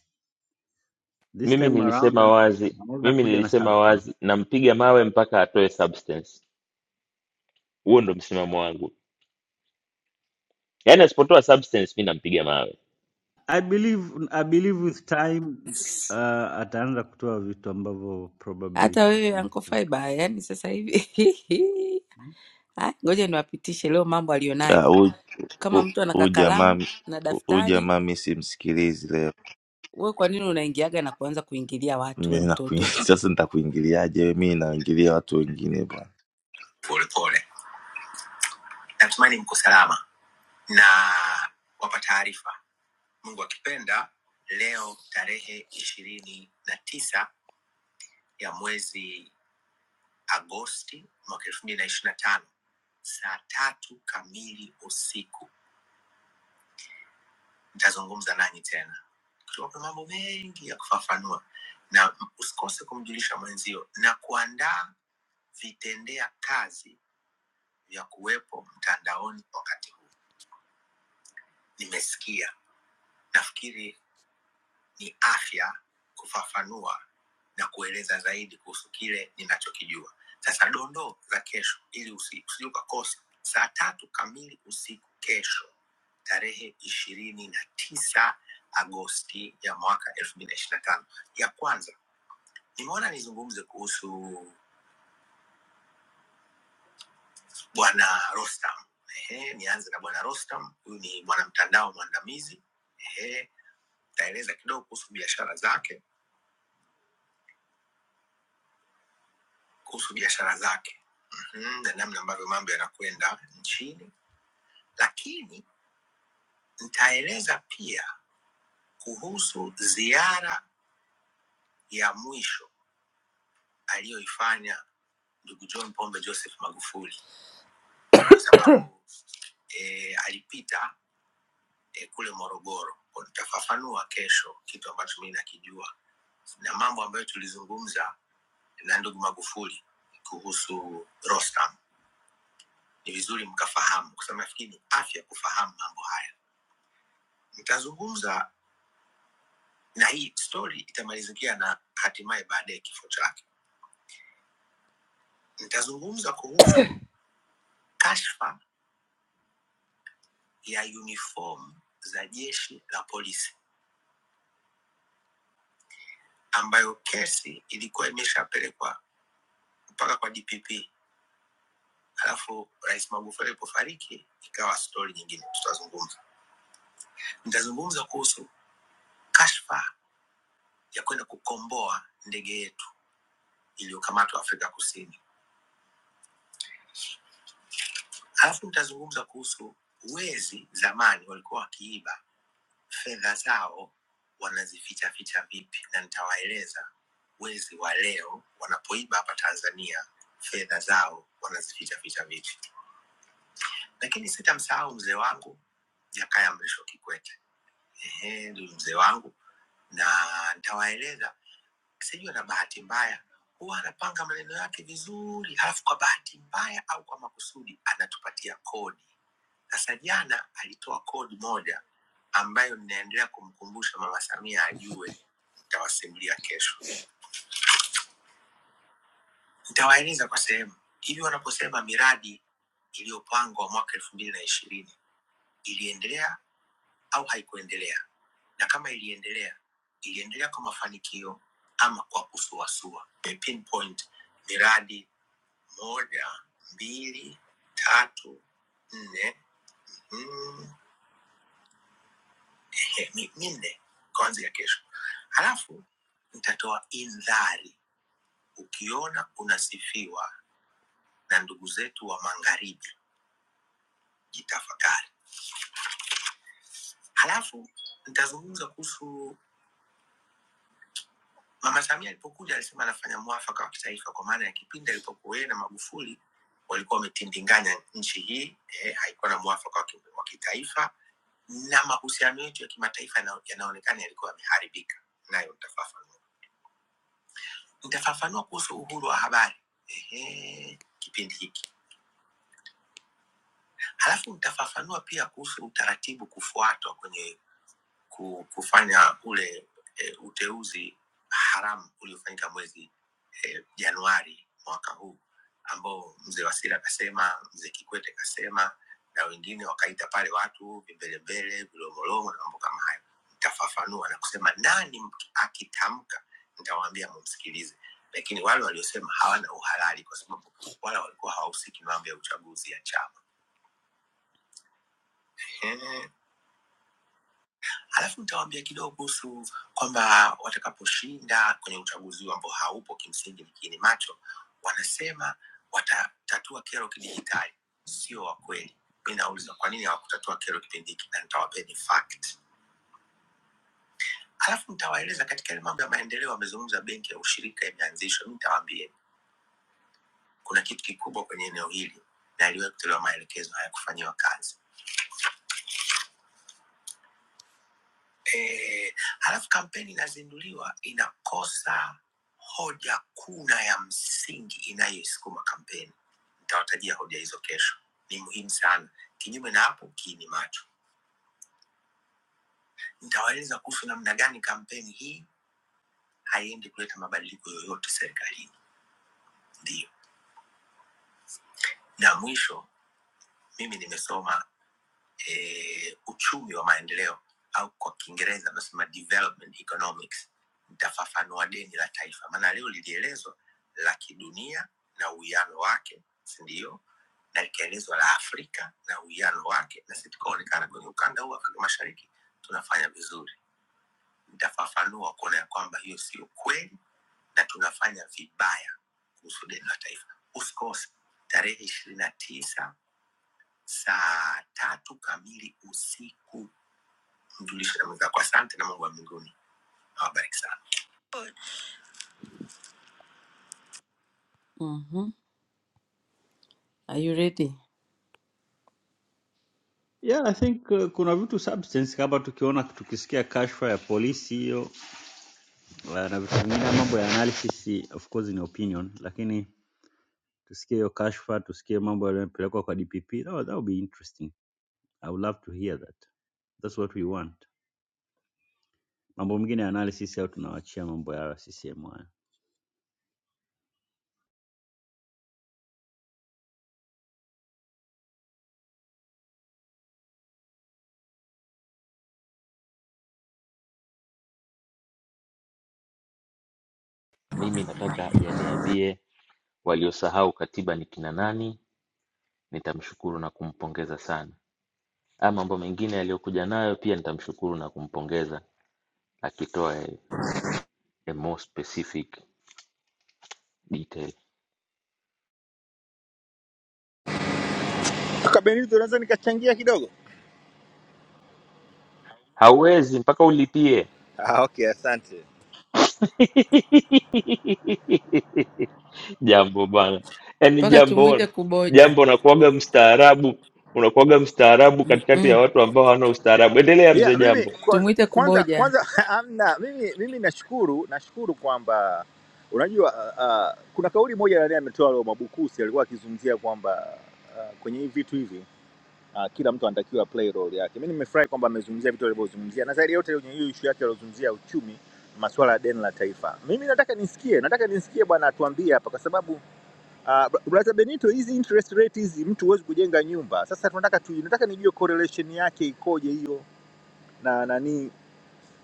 [SPEAKER 18] this
[SPEAKER 9] mimi
[SPEAKER 18] time around
[SPEAKER 9] nilisema
[SPEAKER 18] an-
[SPEAKER 9] wazi
[SPEAKER 18] anaweza
[SPEAKER 9] mimi
[SPEAKER 18] kuja na
[SPEAKER 9] nilisema
[SPEAKER 18] something.
[SPEAKER 9] wazi nampiga mawe mpaka atoe substance huo ndo msimamo wangu yaani asipotoa substance mi nampiga mawe
[SPEAKER 18] I believe, I believe with time uh, ataanza kutoa vitu ambavyo probably
[SPEAKER 19] hata wewe Uncle
[SPEAKER 18] hmm?
[SPEAKER 19] Faiba, yani sasa hivi Ah, ngoja niwapitishe leo mambo
[SPEAKER 20] Ah,
[SPEAKER 19] aliyonayo.
[SPEAKER 20] Huyu
[SPEAKER 19] Kama
[SPEAKER 20] hu-
[SPEAKER 19] mtu ana
[SPEAKER 20] huyu jamaa
[SPEAKER 19] kakalamu na
[SPEAKER 20] hu- huyu
[SPEAKER 19] daftari,
[SPEAKER 20] jamaa mi simsikilizi leo.
[SPEAKER 19] wewe kwa nini unaingiaga na kuanza kuingilia watu, we
[SPEAKER 20] Mimi nakuing-
[SPEAKER 19] mtoto?
[SPEAKER 20] Sasa nitakuingiliaje? wewe? Mi naingilia watu wengine bwana,
[SPEAKER 19] Polepole, natumani mko salama na wapa taarifa. Mungu akipenda, leo tarehe ishirini na tisa ya mwezi Agosti mwaka elfu mbili na ishirini na tano saa tatu kamili usiku Nitazungumza nanyi tena. Tuwape mambo mengi ya kufafanua, na usikose kumjulisha mwenzio na kuandaa vitendea kazi vya kuwepo mtandaoni wakati huu. Nimesikia, nafikiri ni afya kufafanua na kueleza zaidi kuhusu kile ninachokijua sasa dondoo za kesho ili usi- usije ukakosa saa tatu kamili usiku kesho tarehe ishirini na tisa agosti ya mwaka elfu mbili na ishiri na tano ya kwanza nimeona nizungumze kuhusu bwana rostam Ehe, nianze na bwana rostam huyu ni mwanamtandao mwandamizi Ehe, taeleza kidogo kuhusu biashara zake kuhusu biashara zake mm, na namna ambavyo mambo yanakwenda nchini, lakini nitaeleza pia kuhusu ziara ya mwisho aliyoifanya ndugu John Pombe Joseph Magufuli kwa sababu e, alipita e, kule Morogoro. Kwa Nitafafanua kesho kitu ambacho mimi nakijua na mambo ambayo tulizungumza na ndugu Magufuli kuhusu Rostam. Ni vizuri mkafahamu, kwa sababu nafikiri ni afya kufahamu mambo haya. Nitazungumza na hii story itamalizikia na hatimaye baadaye kifo chake. Nitazungumza kuhusu kashfa ya uniform za jeshi la polisi ambayo kesi ilikuwa imeshapelekwa mpaka kwa DPP, alafu Rais Magufuli alipofariki ikawa stori nyingine. Tutazungumza, nitazungumza kuhusu kashfa ya kwenda kukomboa ndege yetu iliyokamatwa Afrika Kusini, alafu nitazungumza kuhusu wezi zamani walikuwa wakiiba fedha zao wanazificha ficha vipi, na nitawaeleza wezi wa leo wanapoiba hapa Tanzania fedha zao wanazificha ficha vipi. Lakini sitamsahau mzee wangu Jakaya Mrisho Kikwete, ehe, ndio mzee wangu, na nitawaeleza Sijui ana bahati mbaya, huwa anapanga maneno yake vizuri, halafu kwa bahati mbaya au kwa makusudi anatupatia kodi. Sasa jana alitoa kodi moja ambayo ninaendelea kumkumbusha Mama Samia ajue, nitawasimulia kesho, nitawaeleza kwa sehemu hivi. Wanaposema miradi iliyopangwa mwaka elfu mbili na ishirini iliendelea au haikuendelea, na kama iliendelea, iliendelea kwa mafanikio ama kwa kusuasua. Nimepinpoint miradi moja, mbili, tatu, nne, mm, he, mi- minne kuanzia kesho. Halafu nitatoa indhari, ukiona unasifiwa na ndugu zetu wa magharibi, jitafakari. Halafu nitazungumza kuhusu Mama Samia alipokuja, alisema anafanya mwafaka wa kitaifa, kwa maana ya kipindi alipokuwa yeye na Magufuli walikuwa wametindinganya nchi hii eh, haikuwa na mwafaka wa ki- wa kitaifa na mahusiano yetu ya kimataifa yana- yanaonekana yalikuwa yameharibika. Nayo nitafafanua, nitafafanua kuhusu uhuru wa habari ehe, kipindi hiki, halafu nitafafanua pia kuhusu utaratibu kufuatwa kwenye ku- kufanya ule e, uteuzi haramu uliofanyika mwezi eh, Januari mwaka huu, ambao mzee Wasira akasema, mzee Kikwete kasema, na wengine wakaita pale watu vimbelembele, vilomolomo na mambo kama hayo. Nitafafanua na kusema nani mtu akitamka, nitawaambia mumsikilize, lakini wale waliosema hawana uhalali, kwa sababu wala walikuwa hawahusiki na mambo ya uchaguzi ya chama. Alafu nitawaambia kidogo kuhusu kwamba watakaposhinda kwenye uchaguzi huu ambao haupo kimsingi ni kiini macho, wanasema watatatua kero kidijitali. Sio wa kweli. Mi nauliza kwa nini hawakutatua kero kipindi hiki, na nitawapeni fact. Alafu nitawaeleza katika ile mambo ya maendeleo, wamezungumza benki ya ushirika imeanzishwa. Mi nitawaambia kuna kitu kikubwa kwenye eneo hili na aliwahi kutolewa maelekezo hayakufanyiwa kazi. eh, halafu kampeni inazinduliwa inakosa hoja kuu na ya msingi inayoisukuma kampeni. Nitawatajia hoja hizo kesho, ni muhimu sana. Kinyume na hapo, kii ni macho. Nitawaeleza kuhusu namna gani kampeni hii haiendi kuleta mabadiliko yoyote serikalini. Ndiyo, na mwisho, mimi nimesoma eh, uchumi wa maendeleo au kwa kiingereza wanasema development economics nitafafanua deni la taifa maana leo lilielezwa la kidunia na uwiano wake sindio na likaelezwa la afrika na uwiano wake na si tukaonekana kwenye ukanda huu wa afrika mashariki tunafanya vizuri nitafafanua kuona ya kwamba hiyo sio kweli na tunafanya vibaya kuhusu deni la taifa usikose tarehe ishirini na tisa saa tatu kamili usiku mjulishe damu zako. Asante na Mungu wa mbinguni awabariki sana. Mhm. Are you ready?
[SPEAKER 18] Yeah, I think uh, kuna vitu substance kama tukiona tukisikia kashfa ya polisi hiyo uh, na vitu vingine, mambo ya analysis of course ni opinion, lakini tusikie hiyo kashfa tusikie mambo yanayopelekwa kwa dpp that would, that would be interesting i would love to hear that that's what we want mambo mengine ya analysis au tunawachia mambo ya ccm hayo
[SPEAKER 9] mimi nataka aje aniambie waliosahau katiba ni kina nani nitamshukuru na kumpongeza sana ama mambo mengine yaliyokuja nayo pia nitamshukuru na kumpongeza akitoa a, a more specific detail.
[SPEAKER 21] Kaka Benito, naweza nikachangia kidogo?
[SPEAKER 9] Hauwezi mpaka ulipie.
[SPEAKER 21] Ah, okay, asante.
[SPEAKER 9] Jambo bana, yaani
[SPEAKER 19] Mpaka
[SPEAKER 9] jambo
[SPEAKER 19] tumwite kuboja.
[SPEAKER 9] jambo, unakuwaga mstaarabu, unakuwaga mstaarabu katikati ya
[SPEAKER 19] Mm-mm.
[SPEAKER 9] watu ambao hawana ustaarabu. Endelea mzee
[SPEAKER 21] Yeah, mimi
[SPEAKER 9] Jambo.
[SPEAKER 21] kwanza
[SPEAKER 19] Tumwite
[SPEAKER 21] kwanza
[SPEAKER 19] kuboja.
[SPEAKER 21] kwanza amna, mimi mimi nashukuru nashukuru kwamba unajua uh, uh, kuna kauli moja ndani ametoa leo Mabukusi alikuwa akizungumzia kwamba uh, kwenye hivi vitu hivi uh, kila mtu anatakiwa play role yake. Mimi nimefurahi kwamba amezungumzia vitu alivyozungumzia na zaidi ya yote kwenye hiyo issue yake aliyozungumzia uchumi, masuala ya deni la taifa. Mimi nataka nisikie, nataka nisikie bwana atuambie hapa kwa sababu Uh, brother Benito, hizi interest rate hizi mtu huwezi kujenga nyumba. Sasa tunataka tu, nataka nijue correlation yake ikoje hiyo na nani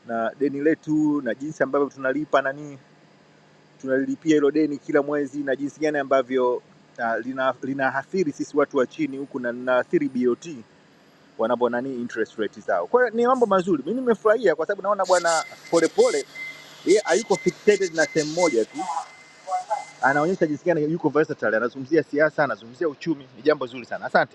[SPEAKER 21] na deni letu na jinsi ambavyo tunalipa nani tunalilipia hilo deni kila mwezi na jinsi gani ambavyo uh, lina linaathiri sisi watu wa chini huku na linaathiri BOT wanapo nani interest rate zao. Kwa hiyo ni mambo mazuri, mimi nimefurahia kwa sababu naona bwana Polepole yeye hayuko fixated na sehemu moja tu, anaonyesha jinsi gani yuko versatile, anazungumzia siasa, anazungumzia uchumi, ni jambo zuri sana. Asante.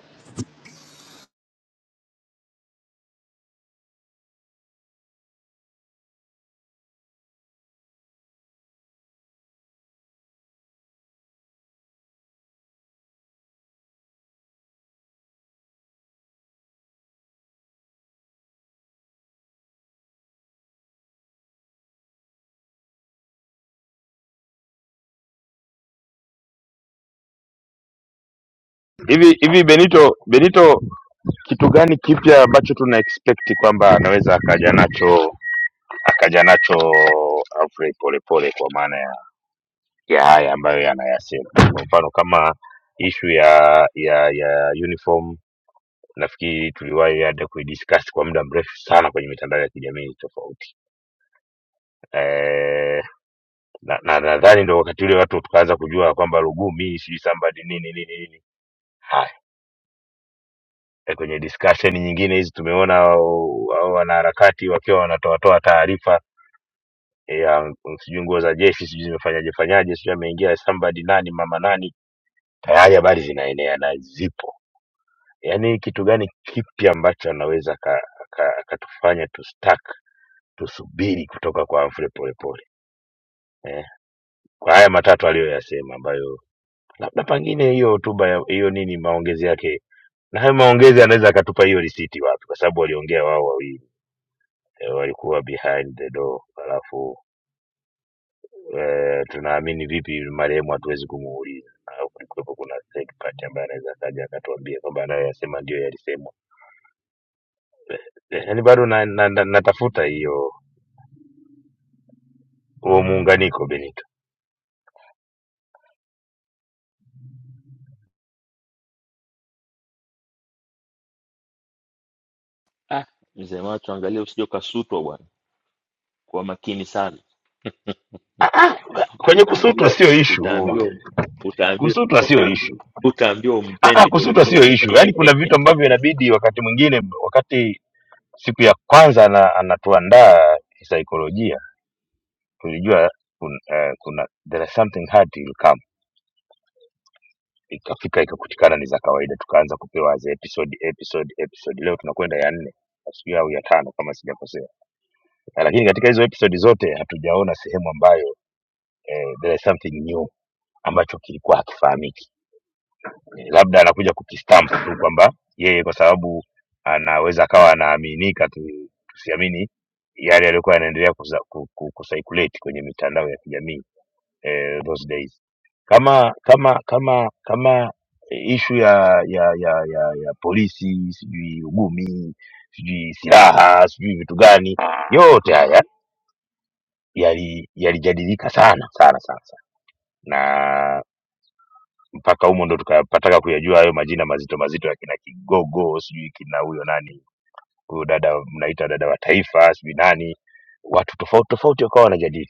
[SPEAKER 5] hivi hivi. Benito, Benito, kitu gani kipya ambacho tuna expect kwamba anaweza akaja nacho akaja nacho Humphrey Polepole kwa maana ya, ya haya ambayo yanayasema, kwa mfano kama ishu ya ya ya uniform nafikiri tuliwahi hata kuidiscuss kwa muda mrefu sana kwenye mitandao ya kijamii tofauti eh na na- nadhani ndo wakati ule watu tukaanza kujua kwamba Lugumi sijui somebody nini nini nini. Haya, eh, kwenye discussion nyingine hizi tumeona hao hao wanaharakati wakiwa wanatoatoa taarifa eh, ya mm, sijui nguo za jeshi sijui zimefanyaje fanyaje sijui ameingia somebody nani mama nani, tayari habari zinaenea na zipo. Yaani kitu gani kipi ambacho anaweza akatufanya ka, ka, akatufanya tustuck tusubiri kutoka kwa Humphrey Polepole eh, kwa haya matatu aliyoyasema ambayo labda pengine hiyo hotuba ya- hiyo nini maongezi yake na hayo maongezi anaweza akatupa hiyo risiti wapi kwa sababu waliongea wao wawili eh, walikuwa behind the door alafu eh, tunaamini vipi marehemu hatuwezi kumuuliza au kulikuwepo kuna third party ambaye anaweza akaja akatuambia kwamba anayoyasema ndio yalisemwa Eh, yaani bado na, na, na, natafuta hiyo huo muunganiko benito
[SPEAKER 9] Ah, mzee macho, angalia usije ukasutwa bwana, kuwa makini sana,
[SPEAKER 5] ah, ah, kwenye kusutwa sio ishu
[SPEAKER 9] utaambiwa utaambiwa
[SPEAKER 5] kusutwa sio ishu
[SPEAKER 9] utaambiwa
[SPEAKER 5] Ah, ah,
[SPEAKER 9] umpendi
[SPEAKER 5] kusutwa sio
[SPEAKER 9] polepole.
[SPEAKER 5] ishu. Yaani kuna vitu ambavyo inabidi wakati mwingine, wakati siku ya kwanza ana, anatuandaa kisaikolojia tulijua kuna, eh, kuna there is something hard will come ikafika ikakutikana ni za kawaida tukaanza kupewa za episode episode episode leo tunakwenda ya nne sijui au ya tano kama sijakosea lakini katika hizo episode zote hatujaona sehemu ambayo eh, there is something new ambacho kilikuwa hakifahamiki labda anakuja kukistamp tu kwamba yeye kwa sababu anaweza akawa anaaminika tu, tusiamini yale yaliyokuwa yanaendelea kusa- ku- ku- kucirculate kwenye mitandao ya kijamii eh, those days kama kama kama kama ishu ya ya ya ya, ya polisi sijui ugumi sijui silaha sijui vitu gani yote haya yali- yalijadilika sana sana sana sana na mpaka humo ndo tukapataka kuyajua hayo majina mazito mazito ya kina kigogo sijui kina huyo nani huyo dada mnaita dada wa taifa sijui nani watu tofauti tofauti wakawa wanajadili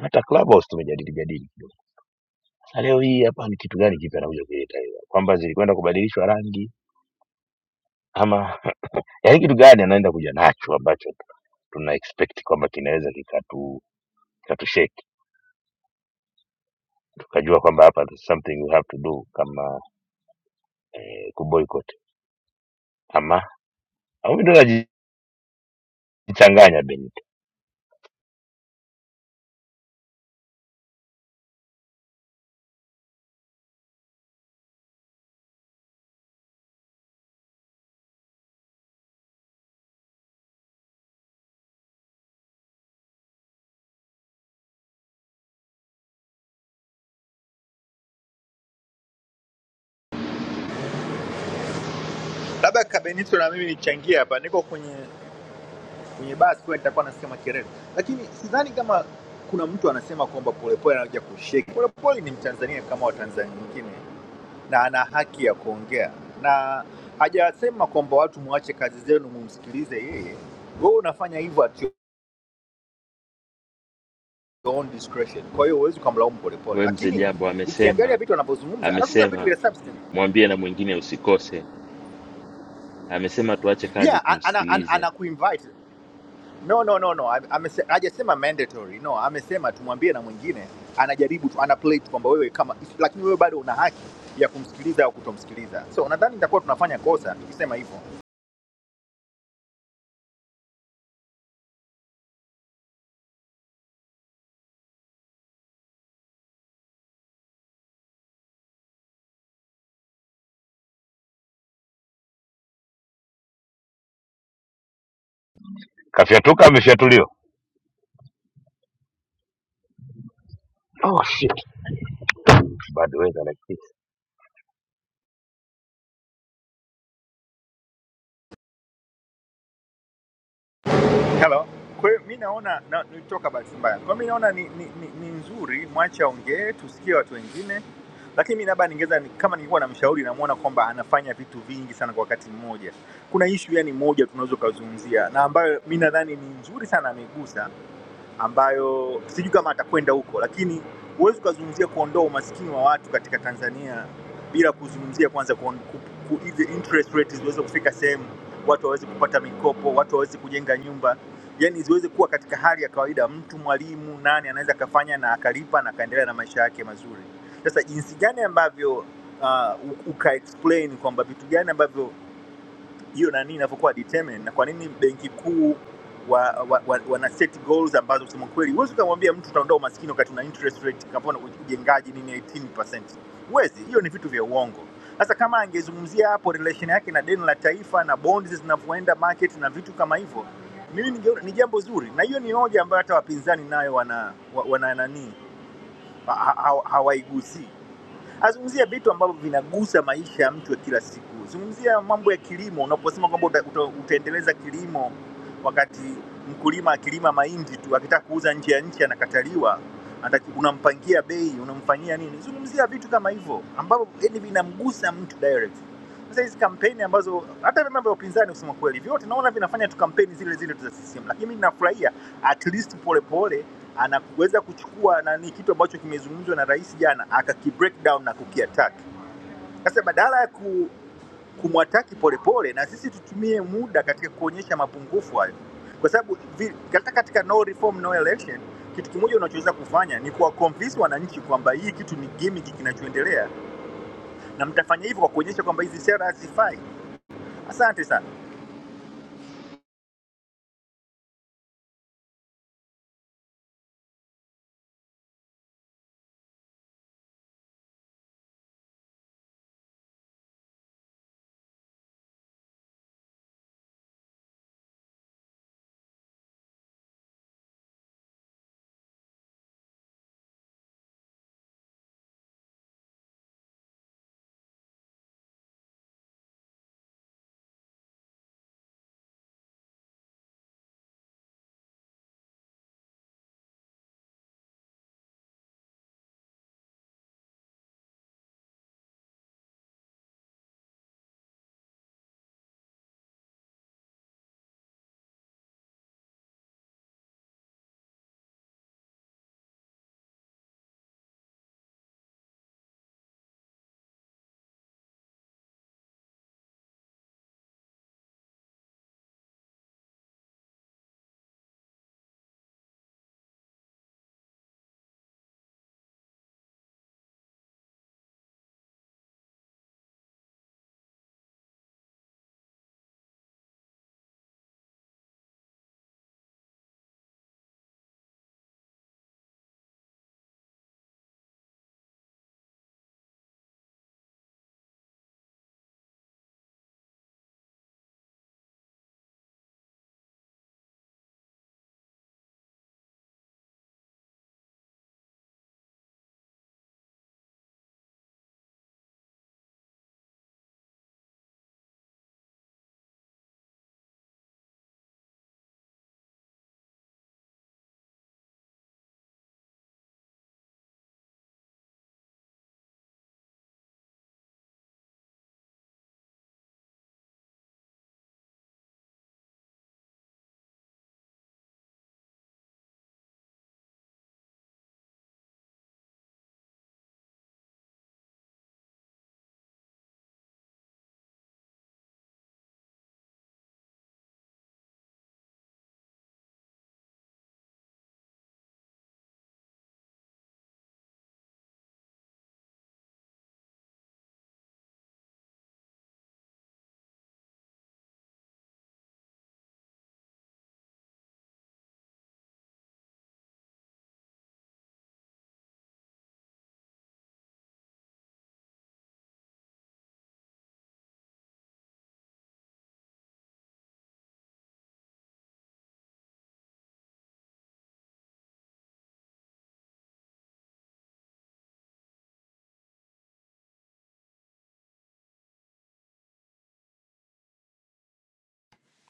[SPEAKER 5] hata clubhouse tumejadili jadili kidogo. sasa leo hii hapa ni kitu gani kipya anakuja kuleta hiyo kwamba zilikwenda kubadilishwa rangi ama yaani kitu gani anaenda kuja nacho ambacho tuna expect kwamba kinaweza kikatu kikatusheki tukajua kwamba hapa there's something we have to do kama eh, kuboycott ama au mimi ndo najichanganya Benny.
[SPEAKER 21] labda Kabenito na mimi nichangie hapa. Niko kwenye kwenye basi, kwa nitakuwa nasikia makelele, lakini sidhani kama kuna mtu anasema kwamba Polepole anakuja kusheki. Polepole ni Mtanzania kama Watanzania wengine, na ana haki ya kuongea, na hajasema kwamba watu mwache kazi zenu mumsikilize yeye. Wewe unafanya hivyo at your own discretion, kwa hiyo huwezi ukamlaumu Polepole,
[SPEAKER 9] We mzee
[SPEAKER 21] lakini
[SPEAKER 9] Jambo
[SPEAKER 21] ukiangalia
[SPEAKER 9] amesema
[SPEAKER 21] vitu anavyozungumza anazungumza vitu
[SPEAKER 9] amesema
[SPEAKER 21] vya substance
[SPEAKER 9] mwambie na mwingine usikose. Amesema tuache kazi
[SPEAKER 21] yeah,
[SPEAKER 9] tumsikilize.
[SPEAKER 21] anakuinvite ana, ana, ana No, no, no, no. Ame- amese- Hajasema mandatory. No, amesema tumwambie na mwingine anajaribu tu ana play tu kwamba wewe kama lakini wewe bado una haki ya kumsikiliza au kutomsikiliza. So nadhani itakuwa tunafanya kosa tukisema hivyo.
[SPEAKER 5] Kafyatuka amefyatuliwa. Oh shit. Bado weza lakini.
[SPEAKER 21] Hello. Kwa hiyo mi naona na, nilitoka bahati mbaya. Kwa hiyo mi naona ni, ni, ni, ni nzuri mwache aongee, tusikie watu wengine. Lakini mi labda ningeweza ni- kama ningekuwa namshauri namuona kwamba anafanya vitu vingi sana kwa wakati mmoja. Kuna ishu yani moja tunaweza ukazungumzia na ambayo mi nadhani ni nzuri sana ameigusa ambayo sijui kama atakwenda huko, lakini huwezi ukazungumzia kuondoa umasikini wa watu katika Tanzania bila kuzungumzia kwanza kuon- ku- ku- hizi interest rates ziweze kufika sehemu watu waweze kupata mikopo, watu waweze kujenga nyumba, yani ziweze kuwa katika hali ya kawaida. Mtu mwalimu nani anaweza akafanya na akalipa na akaendelea na maisha yake mazuri. Sasa jinsi gani ambavyo uh, uka explain kwamba vitu gani ambavyo hiyo nani inavyokuwa determined na kwa nini benki kuu wana wa, wa, wa, wana set goals ambazo kusema kweli huwezi ukamwambia mtu utaondoa umaskini wakati una interest rate kapona ujengaji nini 18%. Huwezi, hiyo ni vitu vya uongo. Sasa kama angezungumzia hapo relation yake na deni la taifa na bonds zinavyoenda market na vitu kama hivyo, mimi ninge- ni jambo zuri, na hiyo ni hoja ambayo hata wapinzani nayo wana, wa- wana nani ha- ha- hawaigusii azungumzia vitu ambavyo vinagusa maisha ya mtu ya kila siku. Zungumzia mambo ya kilimo, unaposema kwamba uta, uta, utaendeleza kilimo wakati mkulima akilima mahindi tu akitaka kuuza nje ya nchi anakataliwa, anataki- unampangia bei, unamfanyia nini? Zungumzia vitu kama hivyo ambavyo yani vinamgusa mtu direct. Sasa hizi kampeni ambazo hata vyama vya upinzani kusema kweli vyote naona vinafanya tu kampeni zile zile tu za CCM, lakini mimi nafurahia at least Polepole anaweza kuchukua nani, kitu ambacho kimezungumzwa na rais jana akaki break down na kukiattack. Sasa badala ya ku, kumwataki Polepole na sisi tutumie muda katika kuonyesha mapungufu hayo, kwa sababu vi- hata katika no reform no election kitu kimoja unachoweza kufanya ni kuwaconvince wananchi kwamba hii kitu ni gimmick kinachoendelea, na mtafanya hivyo kwa kuonyesha kwamba hizi sera hazifai. Asante sana.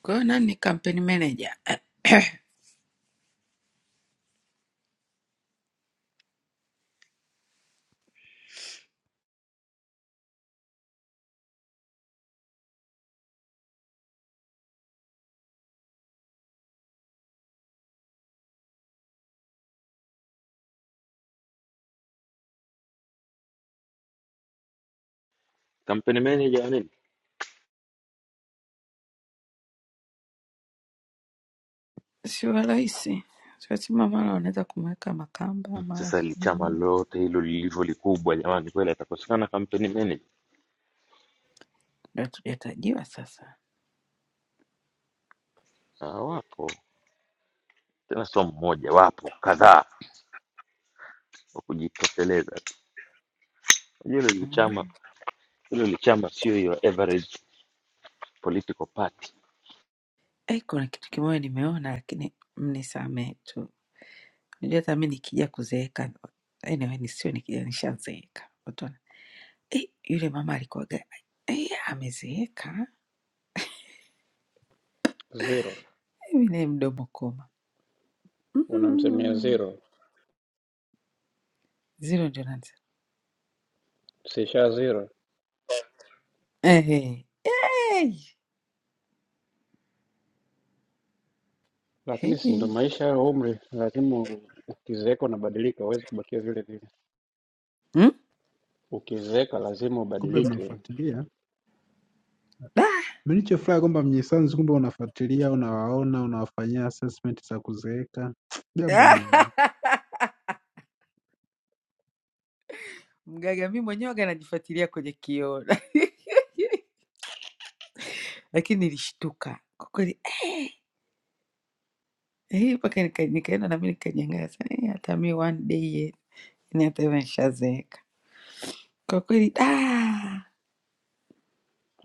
[SPEAKER 19] Kwa hiyo nani ni campaign manager? Eh,
[SPEAKER 9] Kampeni manager wa nini?
[SPEAKER 19] Sio rahisi. Tunasema mara wanaweza kumweka Makamba, mara
[SPEAKER 9] Sasa li-
[SPEAKER 19] sijui
[SPEAKER 9] chama
[SPEAKER 19] nini.
[SPEAKER 9] lote hilo lilivyo likubwa, jamani, kweli atakosekana kampeni manager?
[SPEAKER 19] Ndio hatujatajiwa sasa.
[SPEAKER 9] Ah, wapo tena, sio mmoja, wapo kadhaa wa kujitosheleza tu. Unajua hilo lichama,
[SPEAKER 19] Mm.
[SPEAKER 9] hilo lichama sio your average political party.
[SPEAKER 19] Eh, kuna kitu kimoja nimeona lakini mnisamee tu. Najua hata mimi nikija kuzeeka anyway nisio nikija nishazeeka. Watu wana- eh, yule mama alikuwaga eh, amezeeka
[SPEAKER 2] Zero.
[SPEAKER 19] Mimi naye mdomo koma.
[SPEAKER 2] Unamsemea
[SPEAKER 19] Mm.
[SPEAKER 2] zero.
[SPEAKER 19] Zero ndio nansa.
[SPEAKER 2] Sisha zero.
[SPEAKER 19] Ehe. Hey.
[SPEAKER 2] Lakini si ndo
[SPEAKER 19] Hey.
[SPEAKER 2] maisha ya umri, lazima u- ukizeeka unabadilika, huwezi kubakia vile vile.
[SPEAKER 19] Mm?
[SPEAKER 2] Ukizeeka lazima
[SPEAKER 6] kumbe
[SPEAKER 2] ubadilike.
[SPEAKER 6] mnafuatilia.
[SPEAKER 19] Da.
[SPEAKER 6] Mimi nilichofurahi kwamba mnyisanzu kumbe unafuatilia, unawaona, unawafanyia assessment za kuzeeka. Jambo
[SPEAKER 19] Ah.
[SPEAKER 6] jema.
[SPEAKER 19] Mganga mi mwenyewe waga najifuatilia kwenye kioo lakini nilishtuka kwa kweli eh, eh, mpaka nika- nikaenda nami nikanyangaza eh, hata mi one day eh, ni hata hivyo nishazeeka kwa kweli da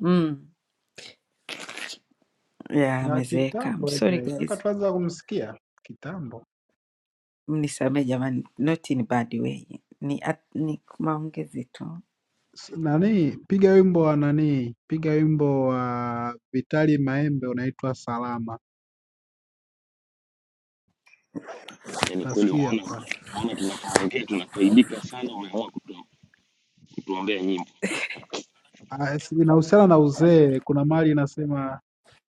[SPEAKER 19] mm, ya
[SPEAKER 6] Ni wa
[SPEAKER 19] amezeeka I'm
[SPEAKER 6] kitambo
[SPEAKER 19] sorry
[SPEAKER 6] anyway, toka
[SPEAKER 19] guys
[SPEAKER 6] tuanza kumsikia kitambo.
[SPEAKER 19] mnisamee jamani not in bad way ni, at, ni maongezi tu
[SPEAKER 6] S- nani piga wimbo wa nani piga wimbo wa vitali maembe unaitwa salama
[SPEAKER 9] Yani kweli
[SPEAKER 6] utasikia
[SPEAKER 9] waona,
[SPEAKER 6] pa
[SPEAKER 9] waona tunavyoongea tunafaidika sana, wameamua kutu, kutuombea nyimbo.
[SPEAKER 6] Ah, si- inahusiana na uzee kuna mali inasema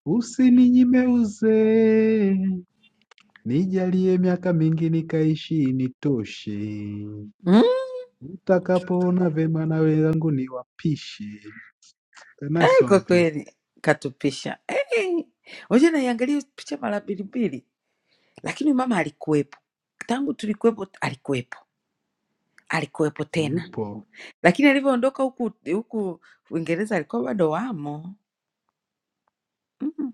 [SPEAKER 6] usininyime uzee nijalie miaka mingi nikaishi nitoshe
[SPEAKER 19] Hmm?
[SPEAKER 6] utakapoona vema na wenzangu niwapishe A nice
[SPEAKER 19] Kwa
[SPEAKER 6] song please.
[SPEAKER 19] kweli katupisha. Hey, unajua naiangalia picha mara mbili mbili, lakini mama alikuwepo tangu tulikuwepo, alikuwepo alikuwepo tena,
[SPEAKER 6] yupo
[SPEAKER 19] lakini alivyoondoka huku huku Uingereza alikuwa bado wamo. Mm,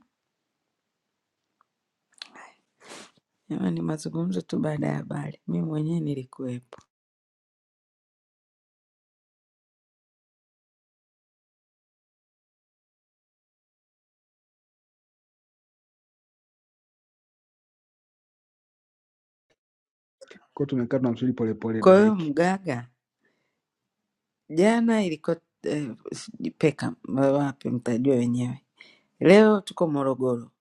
[SPEAKER 19] Jamani, ni mazungumzo tu baada ya habari. Mi mwenyewe nilikuwepo.
[SPEAKER 6] ko tumekaa tunamsubiri polepole
[SPEAKER 19] Kwa hiyo
[SPEAKER 6] dadeki
[SPEAKER 19] mgaga, jana ilikuwa eh, sijui Peka wapi, mtajua wenyewe. Leo tuko Morogoro,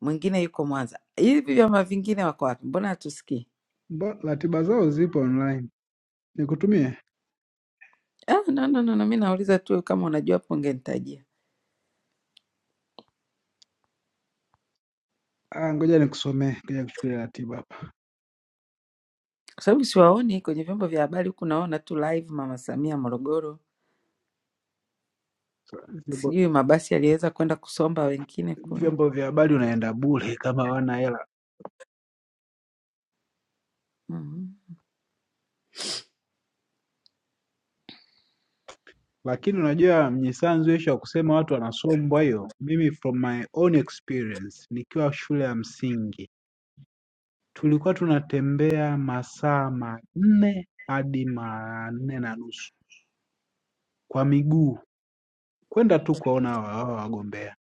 [SPEAKER 19] mwingine yuko Mwanza. Hivi vyama vingine wako wapi? Mbona hatusikii?
[SPEAKER 6] Mba- ratiba zao zipo online nikutumie
[SPEAKER 19] Ah, no, no, no, no. Mi nauliza tu kama unajua hapo ungenitajia,
[SPEAKER 6] Ah, ngoja nikusomee, ngoja nikuchukulie ratiba hapa.
[SPEAKER 19] kwa sababu siwaoni kwenye vyombo vya habari. Huku naona tu live Mama Samia Morogoro,
[SPEAKER 6] So, vyombo,
[SPEAKER 19] sijui mabasi yaliweza kwenda kusomba wengine kule.
[SPEAKER 6] vyombo vya habari unaenda bure kama hawana hela,
[SPEAKER 19] mm
[SPEAKER 6] lakini unajua mnyisanzu ishu ya kusema watu wanasombwa hiyo. Mimi from my own experience, nikiwa shule ya msingi tulikuwa tunatembea masaa manne hadi manne na nusu kwa miguu kwenda tu kuwaona hawa hawa wagombea.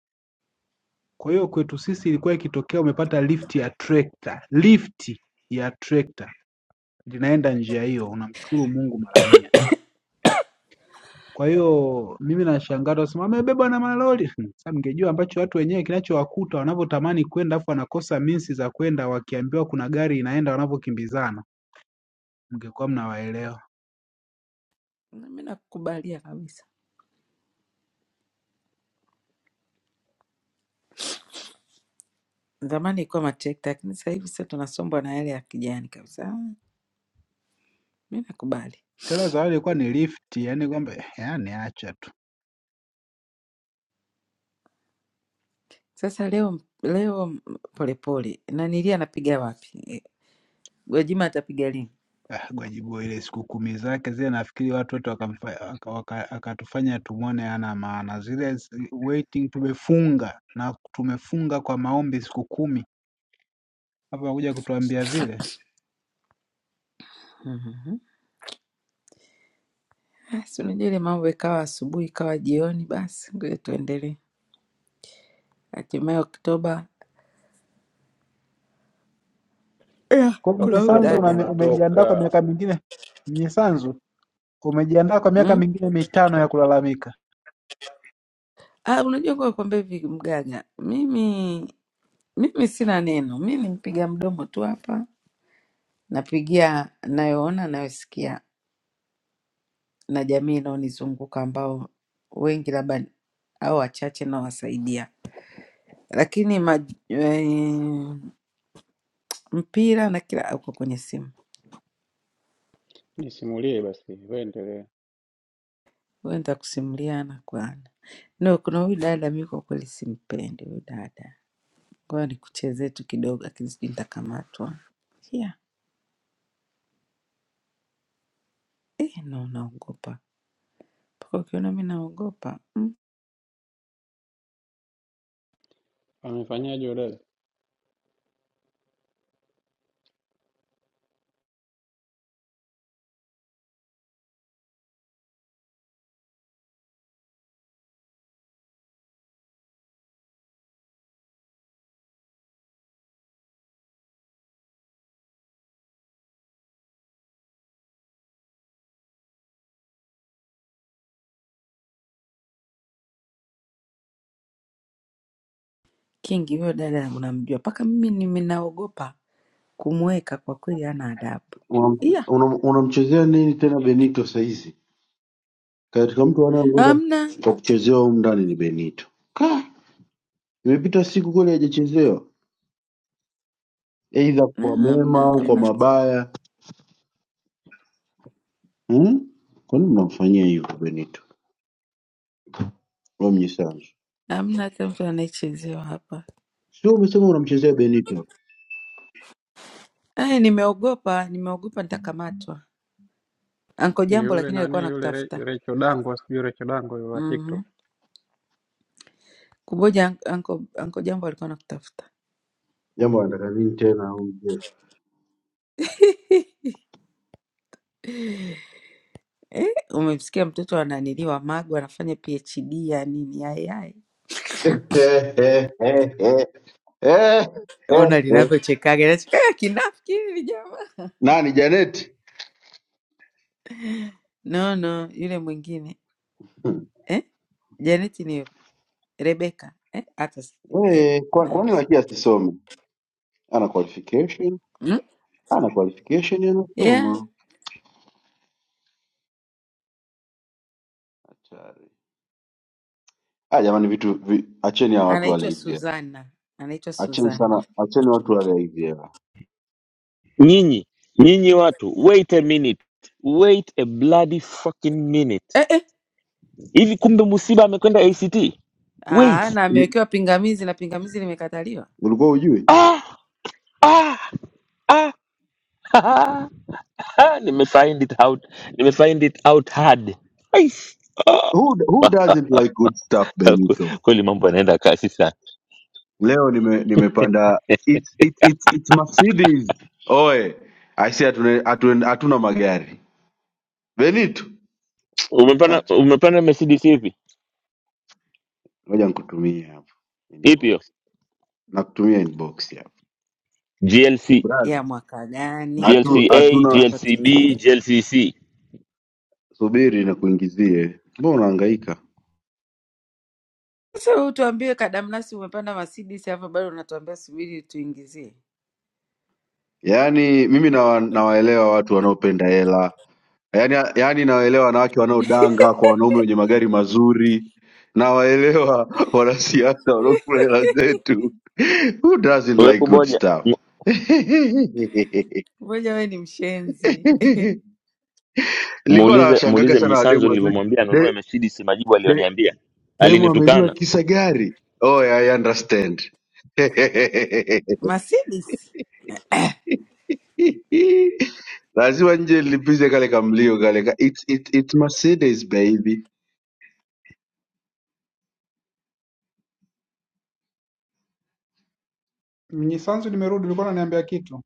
[SPEAKER 6] Kwa hiyo kwetu sisi ilikuwa ikitokea umepata lifti ya trekta, lifti ya trekta linaenda njia hiyo, unamshukuru Mungu mara mia. Kwa hiyo mimi nashangaa watu wasema amebebwa na malori. Sasa mngejua ambacho watu wenyewe kinachowakuta wanavyotamani kwenda afu wanakosa minsi za kwenda, wakiambiwa kuna gari inaenda wanavyokimbizana, mngekuwa mnawaelewa.
[SPEAKER 19] Mi nakukubalia kabisa. Zamani ilikuwa matrekta, lakini sasa hivi sasa tunasombwa na yale ya kijani kabisa. Ah, Mi nakubali.
[SPEAKER 6] Tena zawadi ilikuwa ni lifti, yani kwamba eh, yani acha tu.
[SPEAKER 19] Sasa leo leo m- polepole nanilia anapiga wapi? Eh, Gwajima atapiga lini?
[SPEAKER 6] Ah, Gwajibu ile siku kumi zake zile nafikiri watu wote wakamfa- waka- waka- akatufanya tumwone hana maana. Zile zi- waiting tumefunga na tumefunga kwa maombi siku kumi, hapa wakuja kutuambia vile.
[SPEAKER 19] Mhm. Ah, Si unajua ile mambo ikawa asubuhi ikawa jioni, basi ngoja tuendelee. hatimaye Oktoba eh,
[SPEAKER 6] Kwa hiyo
[SPEAKER 19] kuna huyu
[SPEAKER 6] Mnyisanzu
[SPEAKER 2] Oktoba
[SPEAKER 19] dada
[SPEAKER 6] una- umejiandaa kwa
[SPEAKER 2] tunatoka.
[SPEAKER 6] miaka mingine Mnyisanzu umejiandaa kwa miaka
[SPEAKER 19] mm?
[SPEAKER 6] mingine mitano ya kulalamika
[SPEAKER 19] ah, unajua kwa kwamba hivi mganga, mimi mimi sina neno, mi ni mpiga mdomo tu hapa, napigia nayoona nayosikia na jamii inaonizunguka ambao wengi labda ni- au wachache nawasaidia, lakini ma, eh, mpira na kila uko kwenye simu,
[SPEAKER 2] Nisimulie basi, wewe endelea.
[SPEAKER 19] wewe nitakusimulia ana kwa ana. No, kuna huyu dada mi kwa kweli simpendi huyu dada Ngoja nikuchezee tu kidogo, lakini sijui nitakamatwa. Yeah. Eh, no, naogopa mpaka ukiona mi naogopa mm.
[SPEAKER 2] Amefanyaje yule?
[SPEAKER 19] Kingi huyo dada unamjua, mpaka mimi nimi naogopa kumweka kwa kweli, hana adabu
[SPEAKER 4] Unamchezea
[SPEAKER 19] yeah.
[SPEAKER 4] una, una unamchezea nini tena Benito saizi? Katika mtu anayeongoza
[SPEAKER 19] Amna
[SPEAKER 4] kwa kuchezewa humu ndani ni Benito. Ka, imepita siku kweli hajachezewa, aidha kwa mema
[SPEAKER 19] amna
[SPEAKER 4] au kwa
[SPEAKER 19] amna
[SPEAKER 4] mabaya hmm? Kwa nini mnamfanyia hivyo Benito? Romney Sanzu,
[SPEAKER 19] amna hata mtu anayechezewa hapa.
[SPEAKER 4] sio umesema unamchezea Benito?
[SPEAKER 19] Eh, nimeogopa nimeogopa nitakamatwa. Anko
[SPEAKER 2] Ni
[SPEAKER 19] Jambo
[SPEAKER 2] yule
[SPEAKER 19] lakini alikuwa
[SPEAKER 2] nani yule Re-
[SPEAKER 19] anakutafuta.
[SPEAKER 2] Recho Dango, sijui Recho Dango yule wa TikTok.
[SPEAKER 19] Mhm. Kuboja anko, anko Jambo alikuwa anakutafuta.
[SPEAKER 4] Jambo anataka nini tena?
[SPEAKER 19] Eh, umemsikia mtoto ananiliwa Magu anafanya PhD ya nini? Ayai, ona linavyochekaga Nasema, "Eh, kinafiki hili jamaa.
[SPEAKER 4] nani Janet
[SPEAKER 19] No, no, yule mwingine eh? Janeti ni yupi? Rebeka eh? Hata si- eh,
[SPEAKER 4] eh, kwa, kwa
[SPEAKER 19] nani?
[SPEAKER 4] nini lakini asisome? Ana qualification,
[SPEAKER 19] Hmm?
[SPEAKER 4] ana qualification,
[SPEAKER 19] Yeah,
[SPEAKER 4] anasoma. Hatari. Ah, jamani, vitu vi, acheni hawa watu wale
[SPEAKER 19] anaitwa
[SPEAKER 4] hizi hela,
[SPEAKER 19] Suzana, anaitwa
[SPEAKER 4] acheni sana,
[SPEAKER 19] Suzana
[SPEAKER 4] acheni watu wale hizi hela.
[SPEAKER 9] Nyinyi nyinyi watu, wait a minute, wait a bloody fucking minute.
[SPEAKER 19] eh, eh.
[SPEAKER 9] Hivi kumbe Musiba amekwenda ACT?
[SPEAKER 19] Aa,
[SPEAKER 9] Wait
[SPEAKER 19] na
[SPEAKER 4] I-
[SPEAKER 19] amewekewa pingamizi na pingamizi limekataliwa
[SPEAKER 4] Ulikuwa ujui
[SPEAKER 9] ah, ah, ah. nimefind it out nimefind it out hard Aish.
[SPEAKER 4] who, who doesn't like good stuff Benito?
[SPEAKER 9] kweli mambo yanaenda kasi sana
[SPEAKER 4] Leo nime, nimepanda it's, it's, it's, it's Mercedes. Oe, aisi hatuna hatuna hatuna magari Benito,
[SPEAKER 9] umepanda
[SPEAKER 4] acha.
[SPEAKER 9] umepanda mercedes ipi
[SPEAKER 4] Ngoja nikutumie hapo
[SPEAKER 9] ipi
[SPEAKER 4] inbox,
[SPEAKER 9] hiyo
[SPEAKER 4] nakutumia inbox hapo
[SPEAKER 9] glc
[SPEAKER 4] brother.
[SPEAKER 19] ya mwaka gani?
[SPEAKER 9] glca
[SPEAKER 4] Hatu
[SPEAKER 19] Tupe vitu
[SPEAKER 4] hatuna
[SPEAKER 19] hapa tu.
[SPEAKER 9] glcb glcc
[SPEAKER 4] subiri na kuingizie, mbona unahangaika?
[SPEAKER 19] Sasa wewe tuambie kadamnasi umepanda Mercedes hapa bado unatuambia subiri tuingizie.
[SPEAKER 4] Yaani mimi nawa, nawaelewa watu wanaopenda hela yaani, yaani nawaelewa wanawake wanaodanga kwa wanaume wenye magari mazuri, nawaelewa wanasiasa wanaokula hela zetu. Who doesn't
[SPEAKER 9] we
[SPEAKER 4] like good
[SPEAKER 9] kuboja
[SPEAKER 4] stuff?
[SPEAKER 9] Mu-
[SPEAKER 19] Ngoja wewe ni mshenzi.
[SPEAKER 4] Nilikuwa
[SPEAKER 9] muulize
[SPEAKER 4] nawashangaga
[SPEAKER 9] muulize
[SPEAKER 4] sana wademu
[SPEAKER 9] mnyisanzo
[SPEAKER 4] wazuri.
[SPEAKER 9] nilivyomwambia anunue mercedes majibu aliyoniambia
[SPEAKER 4] Demu ameliwa
[SPEAKER 9] alinitukana
[SPEAKER 4] kisa gari. Oh, yeah, I understand.
[SPEAKER 19] Mercedes.
[SPEAKER 4] Lazima nje nilipize kale kamlio kale ka it's it, it's Mercedes baby.
[SPEAKER 6] Mnyisanzu, nimerudi, ulikuwa unaniambia kitu.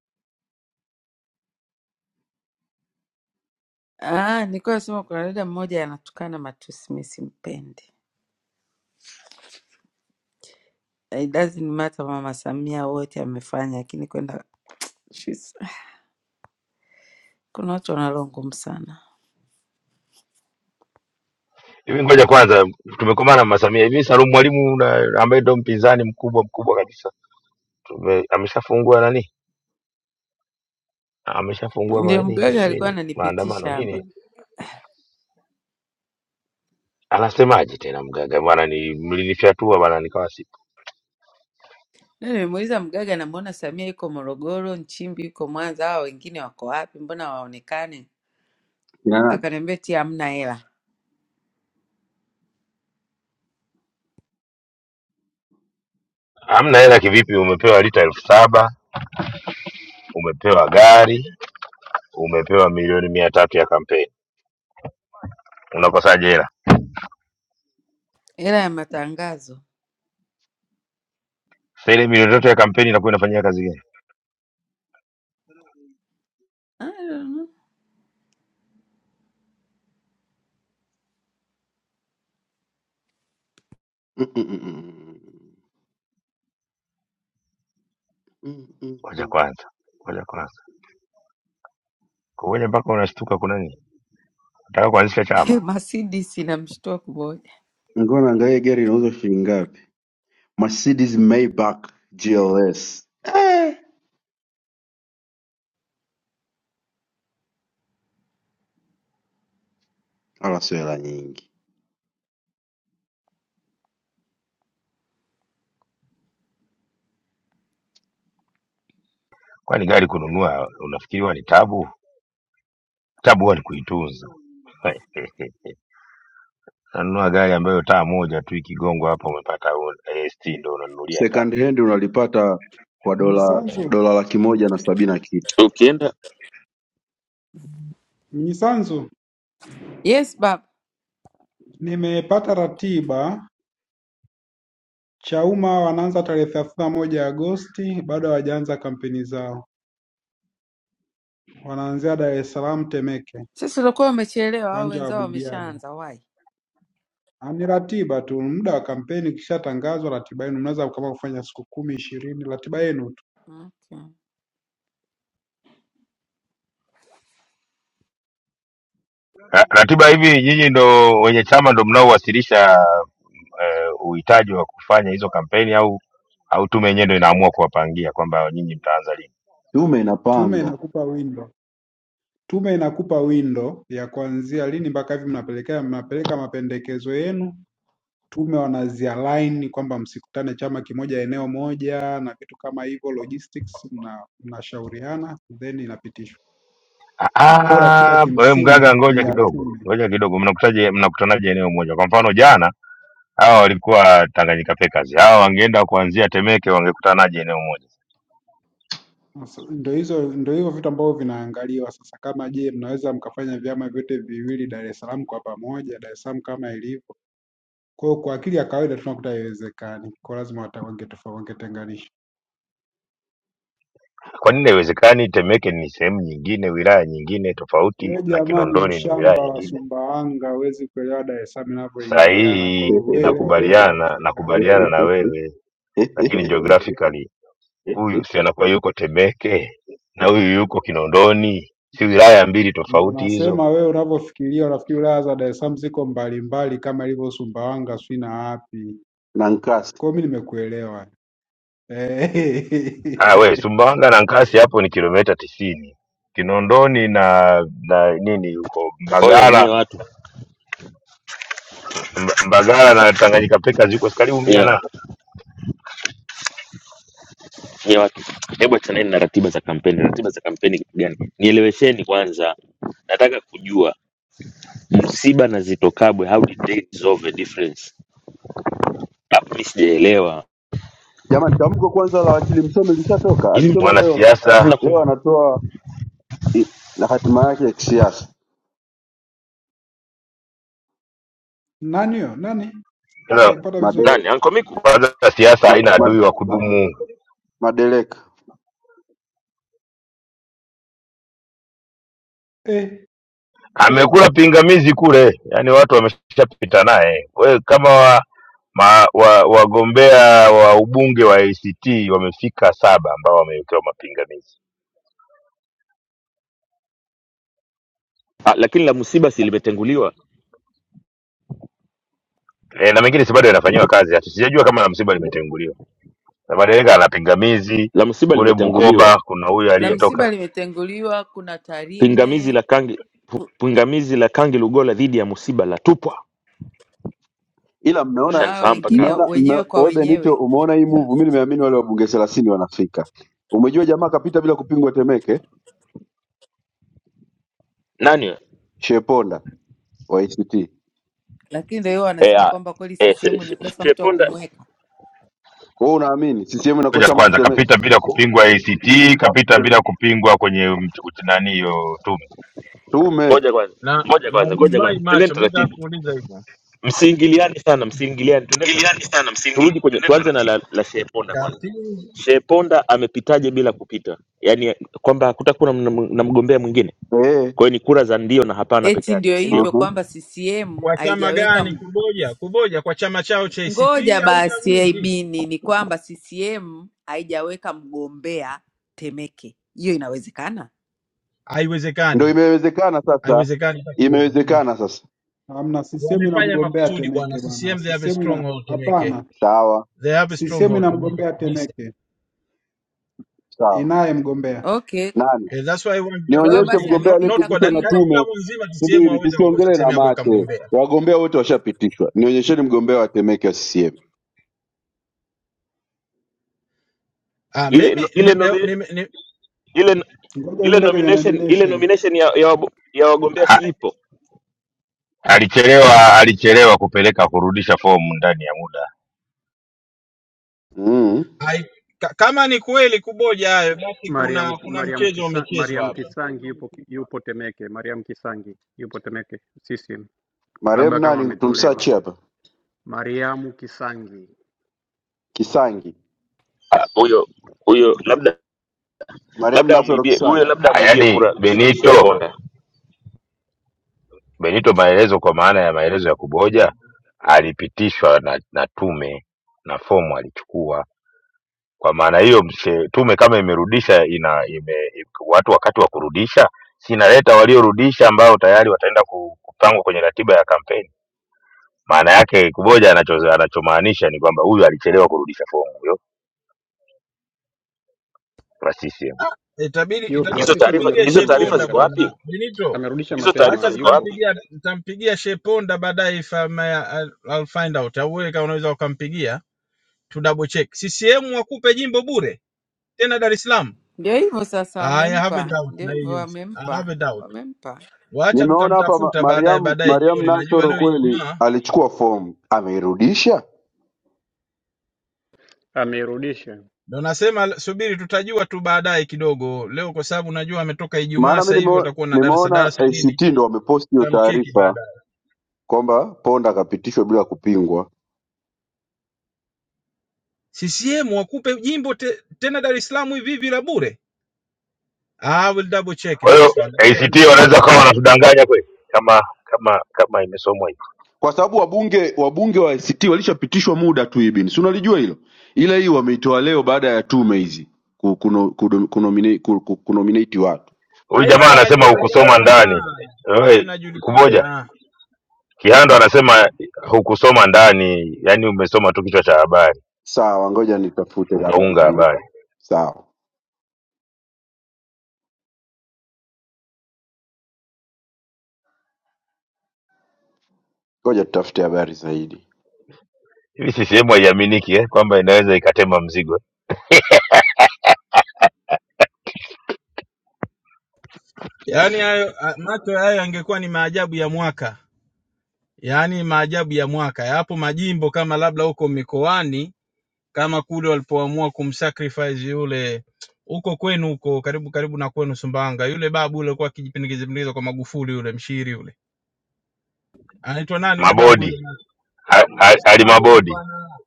[SPEAKER 19] Ah, nilikuwa nasema kuna dada mmoja anatukana matusi, mimi simpendi. It doesn't matter Mama Samia wote amefanya, lakini kwenda she's- kuna watu wanaloa ngumu sana.
[SPEAKER 5] Hivi ngoja kwanza tumekomana Mama Samia. Hivi Salum Mwalimu na- ambaye ndio mpinzani mkubwa mkubwa kabisa. Tume, ameshafungua nani? Ameshafungua ma,
[SPEAKER 19] Ndio
[SPEAKER 5] nini,
[SPEAKER 19] mgaga alikuwa
[SPEAKER 5] nini maandamano
[SPEAKER 19] ananipitisha hapa.
[SPEAKER 5] nini? Anasemaje tena mgaga bwana ni mlinifyatua bwana nikawa sipo.
[SPEAKER 19] Na nimemuuliza mgaga, namuona Samia yuko Morogoro, Nchimbi yuko Mwanza, hao wengine wako wapi? Mbona waonekane?
[SPEAKER 4] Kina nani?
[SPEAKER 19] Akaniambia ti hamna hela,
[SPEAKER 5] Hamna hela kivipi umepewa lita elfu saba, umepewa gari, umepewa milioni mia tatu ya kampeni. Unakosaje hela?
[SPEAKER 19] hela ya matangazo.
[SPEAKER 5] Sasa ile milioni tatu ya kampeni inakuwa inafanyia kazi gani?
[SPEAKER 19] I don't know.
[SPEAKER 4] Mm, mm, mm, mm, mm,
[SPEAKER 5] Ngoja
[SPEAKER 4] mm.
[SPEAKER 5] kwanza. Ngoja kwanza. Kumoja mpaka unashtuka kuna nini? Nataka kuanzisha chama.
[SPEAKER 19] Mercedes inamshtua kumoja.
[SPEAKER 4] Ngoja naangalia gari inauzwa shilingi ngapi. Mercedes Maybach GLS. Eh, ala sio hela nyingi.
[SPEAKER 5] Kwani gari kununua unafikiri huwa ni tabu? Tabu huwa ni kuitunza. Unanunua gari ambayo taa moja tu ikigongwa hapa umepata AST ndo unanunulia taa.
[SPEAKER 4] Second hand unalipata kwa dola
[SPEAKER 6] Mnyisanzu
[SPEAKER 4] dola laki moja na sabini na kitu.
[SPEAKER 9] ukienda
[SPEAKER 6] Mnyisanzu,
[SPEAKER 19] Yes baba.
[SPEAKER 6] nimepata ratiba. Chauma wanaanza tarehe thelathini na moja Agosti, bado hawajaanza kampeni zao, wanaanzia Dar es Salaam Temeke,
[SPEAKER 19] Sisi tulikuwa wamechelewa au
[SPEAKER 6] uwanja wa
[SPEAKER 19] wenzao
[SPEAKER 6] Budiaga.
[SPEAKER 19] wameshaanza wai.
[SPEAKER 6] Ah, Ni ratiba tu, muda wa kampeni ukishatangazwa, ratiba yenu mnaweza kama kufanya siku kumi ishirini, ratiba yenu tu,
[SPEAKER 19] Okay.
[SPEAKER 5] Ra- Ratiba hivi nyinyi ndo wenye chama ndo mnaowasilisha eh, uhitaji wa kufanya hizo kampeni au au tume yenyewe ndo inaamua kuwapangia kwamba nyinyi mtaanza lini?
[SPEAKER 4] Tume
[SPEAKER 6] tume
[SPEAKER 4] inapanga.
[SPEAKER 6] inakupa window. Tume inakupa windo ya kuanzia lini mpaka hivi mnapelekea mnapeleka mapendekezo yenu, tume wanazialign kwamba msikutane chama kimoja eneo moja na vitu kama hivyo logistics, mna- mnashauriana then inapitishwa. Kwa hiyo ratiba
[SPEAKER 5] Ah, wewe
[SPEAKER 6] kimsingi
[SPEAKER 5] mganga,
[SPEAKER 6] ni
[SPEAKER 5] ngoja
[SPEAKER 6] ya
[SPEAKER 5] kidogo,
[SPEAKER 6] tume.
[SPEAKER 5] ngoja kidogo. Mnakutaje, mnakutanaje eneo moja? Kwa mfano jana hawa walikuwa Tanganyika Packers, hawa wangeenda kuanzia Temeke, wangekutanaje eneo moja?
[SPEAKER 6] Sasa, Ndo hizo ndo hivyo vitu ambavyo vinaangaliwa sasa, kama je, mnaweza mkafanya vyama vyote viwili Dar es Salaam kwa pamoja, Dar es Salaam kama ilivyo. Kwa hiyo kwa akili ya kawaida tunakuta haiwezekani, kwa lazima wata- wangetofa- wangetenganisha.
[SPEAKER 5] Kwa nini haiwezekani? Temeke ni sehemu nyingine, wilaya nyingine tofauti,
[SPEAKER 6] We
[SPEAKER 5] na
[SPEAKER 6] jamani,
[SPEAKER 5] Kinondoni ni wilaya
[SPEAKER 6] mshamba wa
[SPEAKER 5] nyingine.
[SPEAKER 6] Sumbawanga huwezi kuelewa Dar es Salaam inavyoingiliana. Kwa
[SPEAKER 5] Sahihi,
[SPEAKER 6] hiyo wewe watu kwamba
[SPEAKER 5] nakubaliana,
[SPEAKER 6] haiwezekani,
[SPEAKER 5] nakubaliana na wewe, lakini geographically huyu si anakuwa yuko Temeke na huyu yuko Kinondoni, si wilaya mbili
[SPEAKER 6] ndio
[SPEAKER 5] tofauti hizo?
[SPEAKER 6] nasema wewe unavyofikiria, unafikiri wilaya za Dar es Salaam ziko mbalimbali kama ilivyo Sumbawanga, sijui na wapi.
[SPEAKER 4] na Nkasi.
[SPEAKER 6] Kwa hiyo mi nimekuelewa. Eh,
[SPEAKER 5] Ah, we Sumbawanga na Nkasi hapo ni kilomita tisini. Kinondoni na na nini huko
[SPEAKER 9] oya nyie
[SPEAKER 5] Mbagala
[SPEAKER 9] watu
[SPEAKER 5] Mba- Mbagala na Tanganyika Packers ziko si karibu mia
[SPEAKER 9] nyie,
[SPEAKER 5] na
[SPEAKER 9] nyie watu hebu achaneni na ratiba za kampeni ratiba za kampeni kitu gani nielewesheni kwanza nataka kujua Msiba na Zito Kabwe, how did they dissolve the difference? Hapo mimi sijaelewa.
[SPEAKER 4] Jamani, tamko kwanza la wakili Msome lishatoka,
[SPEAKER 9] Hivi mtu-
[SPEAKER 4] alisema leo
[SPEAKER 5] mwanasiasa
[SPEAKER 9] hivi
[SPEAKER 4] leo
[SPEAKER 9] nakumbu-
[SPEAKER 4] anatoa i- na hatima yake ya kisiasa
[SPEAKER 6] nani huyo? Nani
[SPEAKER 5] sasa,
[SPEAKER 6] sijakupata vizuri
[SPEAKER 9] nani
[SPEAKER 4] madereka
[SPEAKER 9] Anko Miku?
[SPEAKER 5] kwanza siasa
[SPEAKER 4] ma,
[SPEAKER 5] haina
[SPEAKER 4] ma,
[SPEAKER 5] adui wa kudumu,
[SPEAKER 4] madereka.
[SPEAKER 6] eh?
[SPEAKER 5] amekula pingamizi kule, yaani watu wameshapita naye. Wewe kama wa, ma, wa, wagombea wa ubunge wa ACT wamefika saba ambao wamewekewa mapingamizi
[SPEAKER 9] Ah, lakini la msiba si limetenguliwa,
[SPEAKER 5] e, na mengine si bado yanafanyiwa kazi, hata sijajua kama la msiba limetenguliwa. na madereka ana pingamizi
[SPEAKER 9] la msiba
[SPEAKER 5] kule
[SPEAKER 9] limetenguliwa.
[SPEAKER 5] Bukoba. Kuna huyu
[SPEAKER 19] La
[SPEAKER 5] aliyetoka
[SPEAKER 19] msiba limetenguliwa, kuna
[SPEAKER 9] Pingamizi
[SPEAKER 19] Tarime,
[SPEAKER 9] la Kangi pingamizi la Kangi Lugola dhidi ya msiba la tupwa.
[SPEAKER 4] Ila
[SPEAKER 19] kuna
[SPEAKER 4] mmeona
[SPEAKER 19] hao
[SPEAKER 9] Shanifahamu mpaka
[SPEAKER 19] wengine
[SPEAKER 9] hapo.
[SPEAKER 4] mmeona mme,
[SPEAKER 19] wenyewe kwa
[SPEAKER 4] wewe Benito,
[SPEAKER 19] wenyewe.
[SPEAKER 4] umeona hii
[SPEAKER 19] No.
[SPEAKER 4] move? Mimi nimeamini wale wabunge thelathini wanafika. Umejua jamaa kapita bila kupingwa Temeke,
[SPEAKER 9] Nani? wewe?
[SPEAKER 4] Sheponda wa ACT.
[SPEAKER 19] Lakini ndio hiyo
[SPEAKER 9] Eh,
[SPEAKER 19] wanasema
[SPEAKER 9] ah,
[SPEAKER 19] kwamba kweli
[SPEAKER 9] eh, she-
[SPEAKER 19] CCM
[SPEAKER 9] she-
[SPEAKER 19] imekosa mtu wa
[SPEAKER 9] Sheponda,
[SPEAKER 19] kumweka.
[SPEAKER 4] Wewe unaamini CCM
[SPEAKER 5] moja
[SPEAKER 4] inakosa mtu
[SPEAKER 5] kwanza
[SPEAKER 4] Temeke?
[SPEAKER 5] kapita bila kupingwa ACT, kapita bila kupingwa kwenye mch- uch- nani hiyo tume.
[SPEAKER 4] Tume
[SPEAKER 9] ngoja kwanza,
[SPEAKER 10] Na
[SPEAKER 9] ngoja
[SPEAKER 10] na
[SPEAKER 9] kwanza, ngoja
[SPEAKER 10] umeniwahi
[SPEAKER 9] kwanza, twendeni
[SPEAKER 10] macho, mi nataka
[SPEAKER 9] taratibu,
[SPEAKER 10] kuuliza hivyo,
[SPEAKER 9] msiingiliane sana, msiingiliane, twendeni
[SPEAKER 10] ingiliani
[SPEAKER 9] taratibu.
[SPEAKER 10] sana msingi,
[SPEAKER 9] Turudi kwenye,
[SPEAKER 10] tuende
[SPEAKER 9] tuanze na la,
[SPEAKER 10] taratibu.
[SPEAKER 9] la Sheponda kwanza.
[SPEAKER 10] katili
[SPEAKER 9] Sheponda amepitaje bila kupita? Yaani kwamba hakutakuwa na, na, na mgombea mwingine.
[SPEAKER 4] eh,
[SPEAKER 9] Kwa hiyo ni kura za ndio na hapana peke
[SPEAKER 19] Eti
[SPEAKER 9] yake,
[SPEAKER 19] ndio
[SPEAKER 9] si ndio?
[SPEAKER 19] hivyo
[SPEAKER 4] uh
[SPEAKER 19] kwamba CCM
[SPEAKER 10] kwa chama
[SPEAKER 19] haijaweka
[SPEAKER 10] gani
[SPEAKER 19] m-
[SPEAKER 10] kuboja? Kuboja kwa chama chao cha ACT
[SPEAKER 19] ngoja
[SPEAKER 10] au
[SPEAKER 19] basi
[SPEAKER 10] chaguzi?
[SPEAKER 19] aibini ni kwamba CCM haijaweka mgombea Temeke. Hiyo inawezekana?
[SPEAKER 4] ndio
[SPEAKER 10] Haiwezekani,
[SPEAKER 4] imewezekana sasa,
[SPEAKER 10] haiwezekani hata kidogo.
[SPEAKER 4] imewezekana sasa.
[SPEAKER 6] Hamna, CCM
[SPEAKER 10] Wamefanya
[SPEAKER 6] inamgombea
[SPEAKER 10] makusudi bwana.
[SPEAKER 6] Temeke bwana.
[SPEAKER 10] CCM they have a
[SPEAKER 6] CCM ina
[SPEAKER 10] stronghold Temeke.
[SPEAKER 6] hapana,
[SPEAKER 4] Sawa
[SPEAKER 10] They have a
[SPEAKER 6] CCM
[SPEAKER 10] stronghold Temeke
[SPEAKER 6] inamgombea
[SPEAKER 10] kabisa.
[SPEAKER 6] Temeke,
[SPEAKER 4] sawa,
[SPEAKER 6] inaye mgombea.
[SPEAKER 19] Okay.
[SPEAKER 4] nani
[SPEAKER 10] Eh, that's why I want to
[SPEAKER 19] Kwa hiyo
[SPEAKER 10] double
[SPEAKER 4] nionyeshe
[SPEAKER 10] check.
[SPEAKER 19] basi
[SPEAKER 4] mgombea
[SPEAKER 10] Not, not
[SPEAKER 19] amepita
[SPEAKER 10] kwa da-
[SPEAKER 4] aliyepitishwa na
[SPEAKER 10] Dar
[SPEAKER 19] kupingwa
[SPEAKER 10] es Salaam
[SPEAKER 4] tume.
[SPEAKER 10] nzima CCM
[SPEAKER 4] Subiri,
[SPEAKER 10] hawezi kukosa
[SPEAKER 4] tusiongele
[SPEAKER 10] sehemu
[SPEAKER 4] na
[SPEAKER 10] ya kuweka
[SPEAKER 4] mate,
[SPEAKER 10] mgombea.
[SPEAKER 4] wagombea wote washapitishwa. Nionyesheni mgombea wa Temeke wa CCM.
[SPEAKER 10] Ah,
[SPEAKER 9] Ile
[SPEAKER 10] mimi
[SPEAKER 9] no- ile
[SPEAKER 10] nime,
[SPEAKER 9] nomi,
[SPEAKER 10] nime, nime,
[SPEAKER 9] ile
[SPEAKER 6] Ngoja
[SPEAKER 9] ile
[SPEAKER 6] niende kwenye
[SPEAKER 9] nomination ile
[SPEAKER 6] nomination.
[SPEAKER 9] nomination ya ya, wabu- ya wagombea
[SPEAKER 5] A-
[SPEAKER 9] si ipo.
[SPEAKER 5] Alichelewa, alichelewa kupeleka kurudisha fomu ndani ya muda.
[SPEAKER 4] Mm.
[SPEAKER 10] I, ka, kama ni kweli kuboja hayo basi
[SPEAKER 2] Mariam
[SPEAKER 10] kuna kuna
[SPEAKER 2] Mariam
[SPEAKER 10] mchezo
[SPEAKER 2] Kisa,
[SPEAKER 10] umechezwa
[SPEAKER 2] Mariam
[SPEAKER 10] hapa.
[SPEAKER 2] Kisangi yupo yupo Temeke. Mariam Kisangi yupo Temeke CCM,
[SPEAKER 4] Mariam
[SPEAKER 2] labda kama
[SPEAKER 4] nani
[SPEAKER 2] ametolewa.
[SPEAKER 4] tumsachi hapa?
[SPEAKER 2] Mariamu Kisangi
[SPEAKER 4] Kisangi.
[SPEAKER 9] Ah, Huyo huyo labda
[SPEAKER 4] Mariam
[SPEAKER 9] labda
[SPEAKER 4] Nasoro
[SPEAKER 9] amuibie huyo
[SPEAKER 4] Kisangi.
[SPEAKER 9] labda
[SPEAKER 5] Ah,
[SPEAKER 9] amuibie
[SPEAKER 5] Yaani
[SPEAKER 9] kura She-
[SPEAKER 5] Benito,
[SPEAKER 9] Sheponda.
[SPEAKER 5] Benito maelezo kwa maana ya maelezo ya kuboja, alipitishwa na, na tume na fomu alichukua Kwa maana hiyo, mse- tume kama imerudisha ina ime, watu wakati wa kurudisha, si inaleta waliorudisha ambao tayari wataenda ku- kupangwa kwenye ratiba ya kampeni. Maana yake Kuboja anacho anachomaanisha ni kwamba huyu alichelewa kurudisha fomu huyo wa CCM.
[SPEAKER 10] Ah, itabidi
[SPEAKER 2] yupi
[SPEAKER 10] itabidi
[SPEAKER 2] wa
[SPEAKER 9] Hizo
[SPEAKER 2] CCM
[SPEAKER 9] taarifa
[SPEAKER 10] kumpigia
[SPEAKER 9] hizo
[SPEAKER 2] amerudisha
[SPEAKER 9] taarifa
[SPEAKER 2] mapema
[SPEAKER 10] Sheponda
[SPEAKER 9] ziko
[SPEAKER 10] bwana.
[SPEAKER 2] kabisa,
[SPEAKER 9] wapi?
[SPEAKER 10] Benito,
[SPEAKER 2] amerudisha
[SPEAKER 9] Hizo taarifa
[SPEAKER 2] mapema,
[SPEAKER 10] wacha
[SPEAKER 9] ziko
[SPEAKER 2] yupo
[SPEAKER 9] wapi?
[SPEAKER 10] tutampigia tutampigia Sheponda baadaye if I may, I'll, I'll find out. Au wewe kama unaweza ukampigia to double check. CCM wakupe jimbo bure tena Dar es Salaam?
[SPEAKER 19] Ndio hivyo sasa,
[SPEAKER 10] I have a
[SPEAKER 19] wamempa,
[SPEAKER 10] doubt
[SPEAKER 19] ndio
[SPEAKER 10] na
[SPEAKER 19] hivyo
[SPEAKER 10] hiyo. I have
[SPEAKER 19] wamempa,
[SPEAKER 10] a doubt.
[SPEAKER 19] wamempa
[SPEAKER 10] Wacha
[SPEAKER 4] Nimeona hapa ma-
[SPEAKER 10] tutamtafuta baadaye
[SPEAKER 4] Mariam
[SPEAKER 10] baadaye
[SPEAKER 4] Mariam
[SPEAKER 10] jioni. Najua
[SPEAKER 4] Nasoro
[SPEAKER 10] leo
[SPEAKER 4] kweli
[SPEAKER 10] Ijumaa
[SPEAKER 4] alichukua fomu, ameirudisha
[SPEAKER 2] amerudisha.
[SPEAKER 10] ndio nasema subiri, tutajua tu baadaye kidogo leo, kwa sababu najua ametoka Ijumaa,
[SPEAKER 4] Maana mi
[SPEAKER 10] sasa hivi
[SPEAKER 4] nimeo-
[SPEAKER 10] watakuwa na darasa
[SPEAKER 4] nimeona
[SPEAKER 10] darasa nini,
[SPEAKER 4] ACT ndo wameposti hiyo
[SPEAKER 10] tutamcheki
[SPEAKER 4] taarifa
[SPEAKER 10] baadaye.
[SPEAKER 4] kwamba Ponda akapitishwa bila kupingwa,
[SPEAKER 10] CCM wakupe jimbo te, tena Dar es Salaam hivi hivi la bure? I will double check
[SPEAKER 5] Kwa hiyo
[SPEAKER 10] this one.
[SPEAKER 5] ACT
[SPEAKER 10] Guarantee I'll
[SPEAKER 5] wanaweza
[SPEAKER 10] double-
[SPEAKER 5] kama wanatudanganya kweli, kama kama kama imesomwa hivi.
[SPEAKER 4] kwa sababu wabunge wabunge wa ACT walishapitishwa muda tu ibin, si unalijua hilo, ila hii wameitoa leo baada ya tume hizi ku- kuno- kudo- kunomine- ku- ku- kunominate watu.
[SPEAKER 5] Huyu
[SPEAKER 10] Ah,
[SPEAKER 5] jamaa
[SPEAKER 10] Hiyo
[SPEAKER 5] anasema hukusoma
[SPEAKER 10] inajulikana,
[SPEAKER 5] ndani.
[SPEAKER 10] hiyo
[SPEAKER 5] Oi, Kuboja
[SPEAKER 10] inajulikana.
[SPEAKER 5] Kihando anasema hukusoma ndani, yani umesoma tu kichwa cha habari
[SPEAKER 4] Sawa, ngoja nitafute habari
[SPEAKER 5] ukaunga habari.
[SPEAKER 4] zaidi. Sawa, ngoja tutafute habari zaidi.
[SPEAKER 5] hivi CCM haiaminiki eh, kwamba inaweza ikatema mzigo.
[SPEAKER 10] Yaani hayo a- macho hayo yangekuwa ni maajabu ya mwaka, yaani maajabu ya mwaka. Yapo majimbo kama labda huko mikoani, kama kule walipoamua kumsacrifice yule huko kwenu huko karibu karibu na kwenu Sumbawanga, yule babu yule alikuwa akijipindikiza pindikiza kwa Magufuli, yule mshiri yule, anaitwa nani yule babu yule?
[SPEAKER 5] Mabodi a- a-
[SPEAKER 10] Sio Mabodi
[SPEAKER 5] alimabodi
[SPEAKER 10] bwana,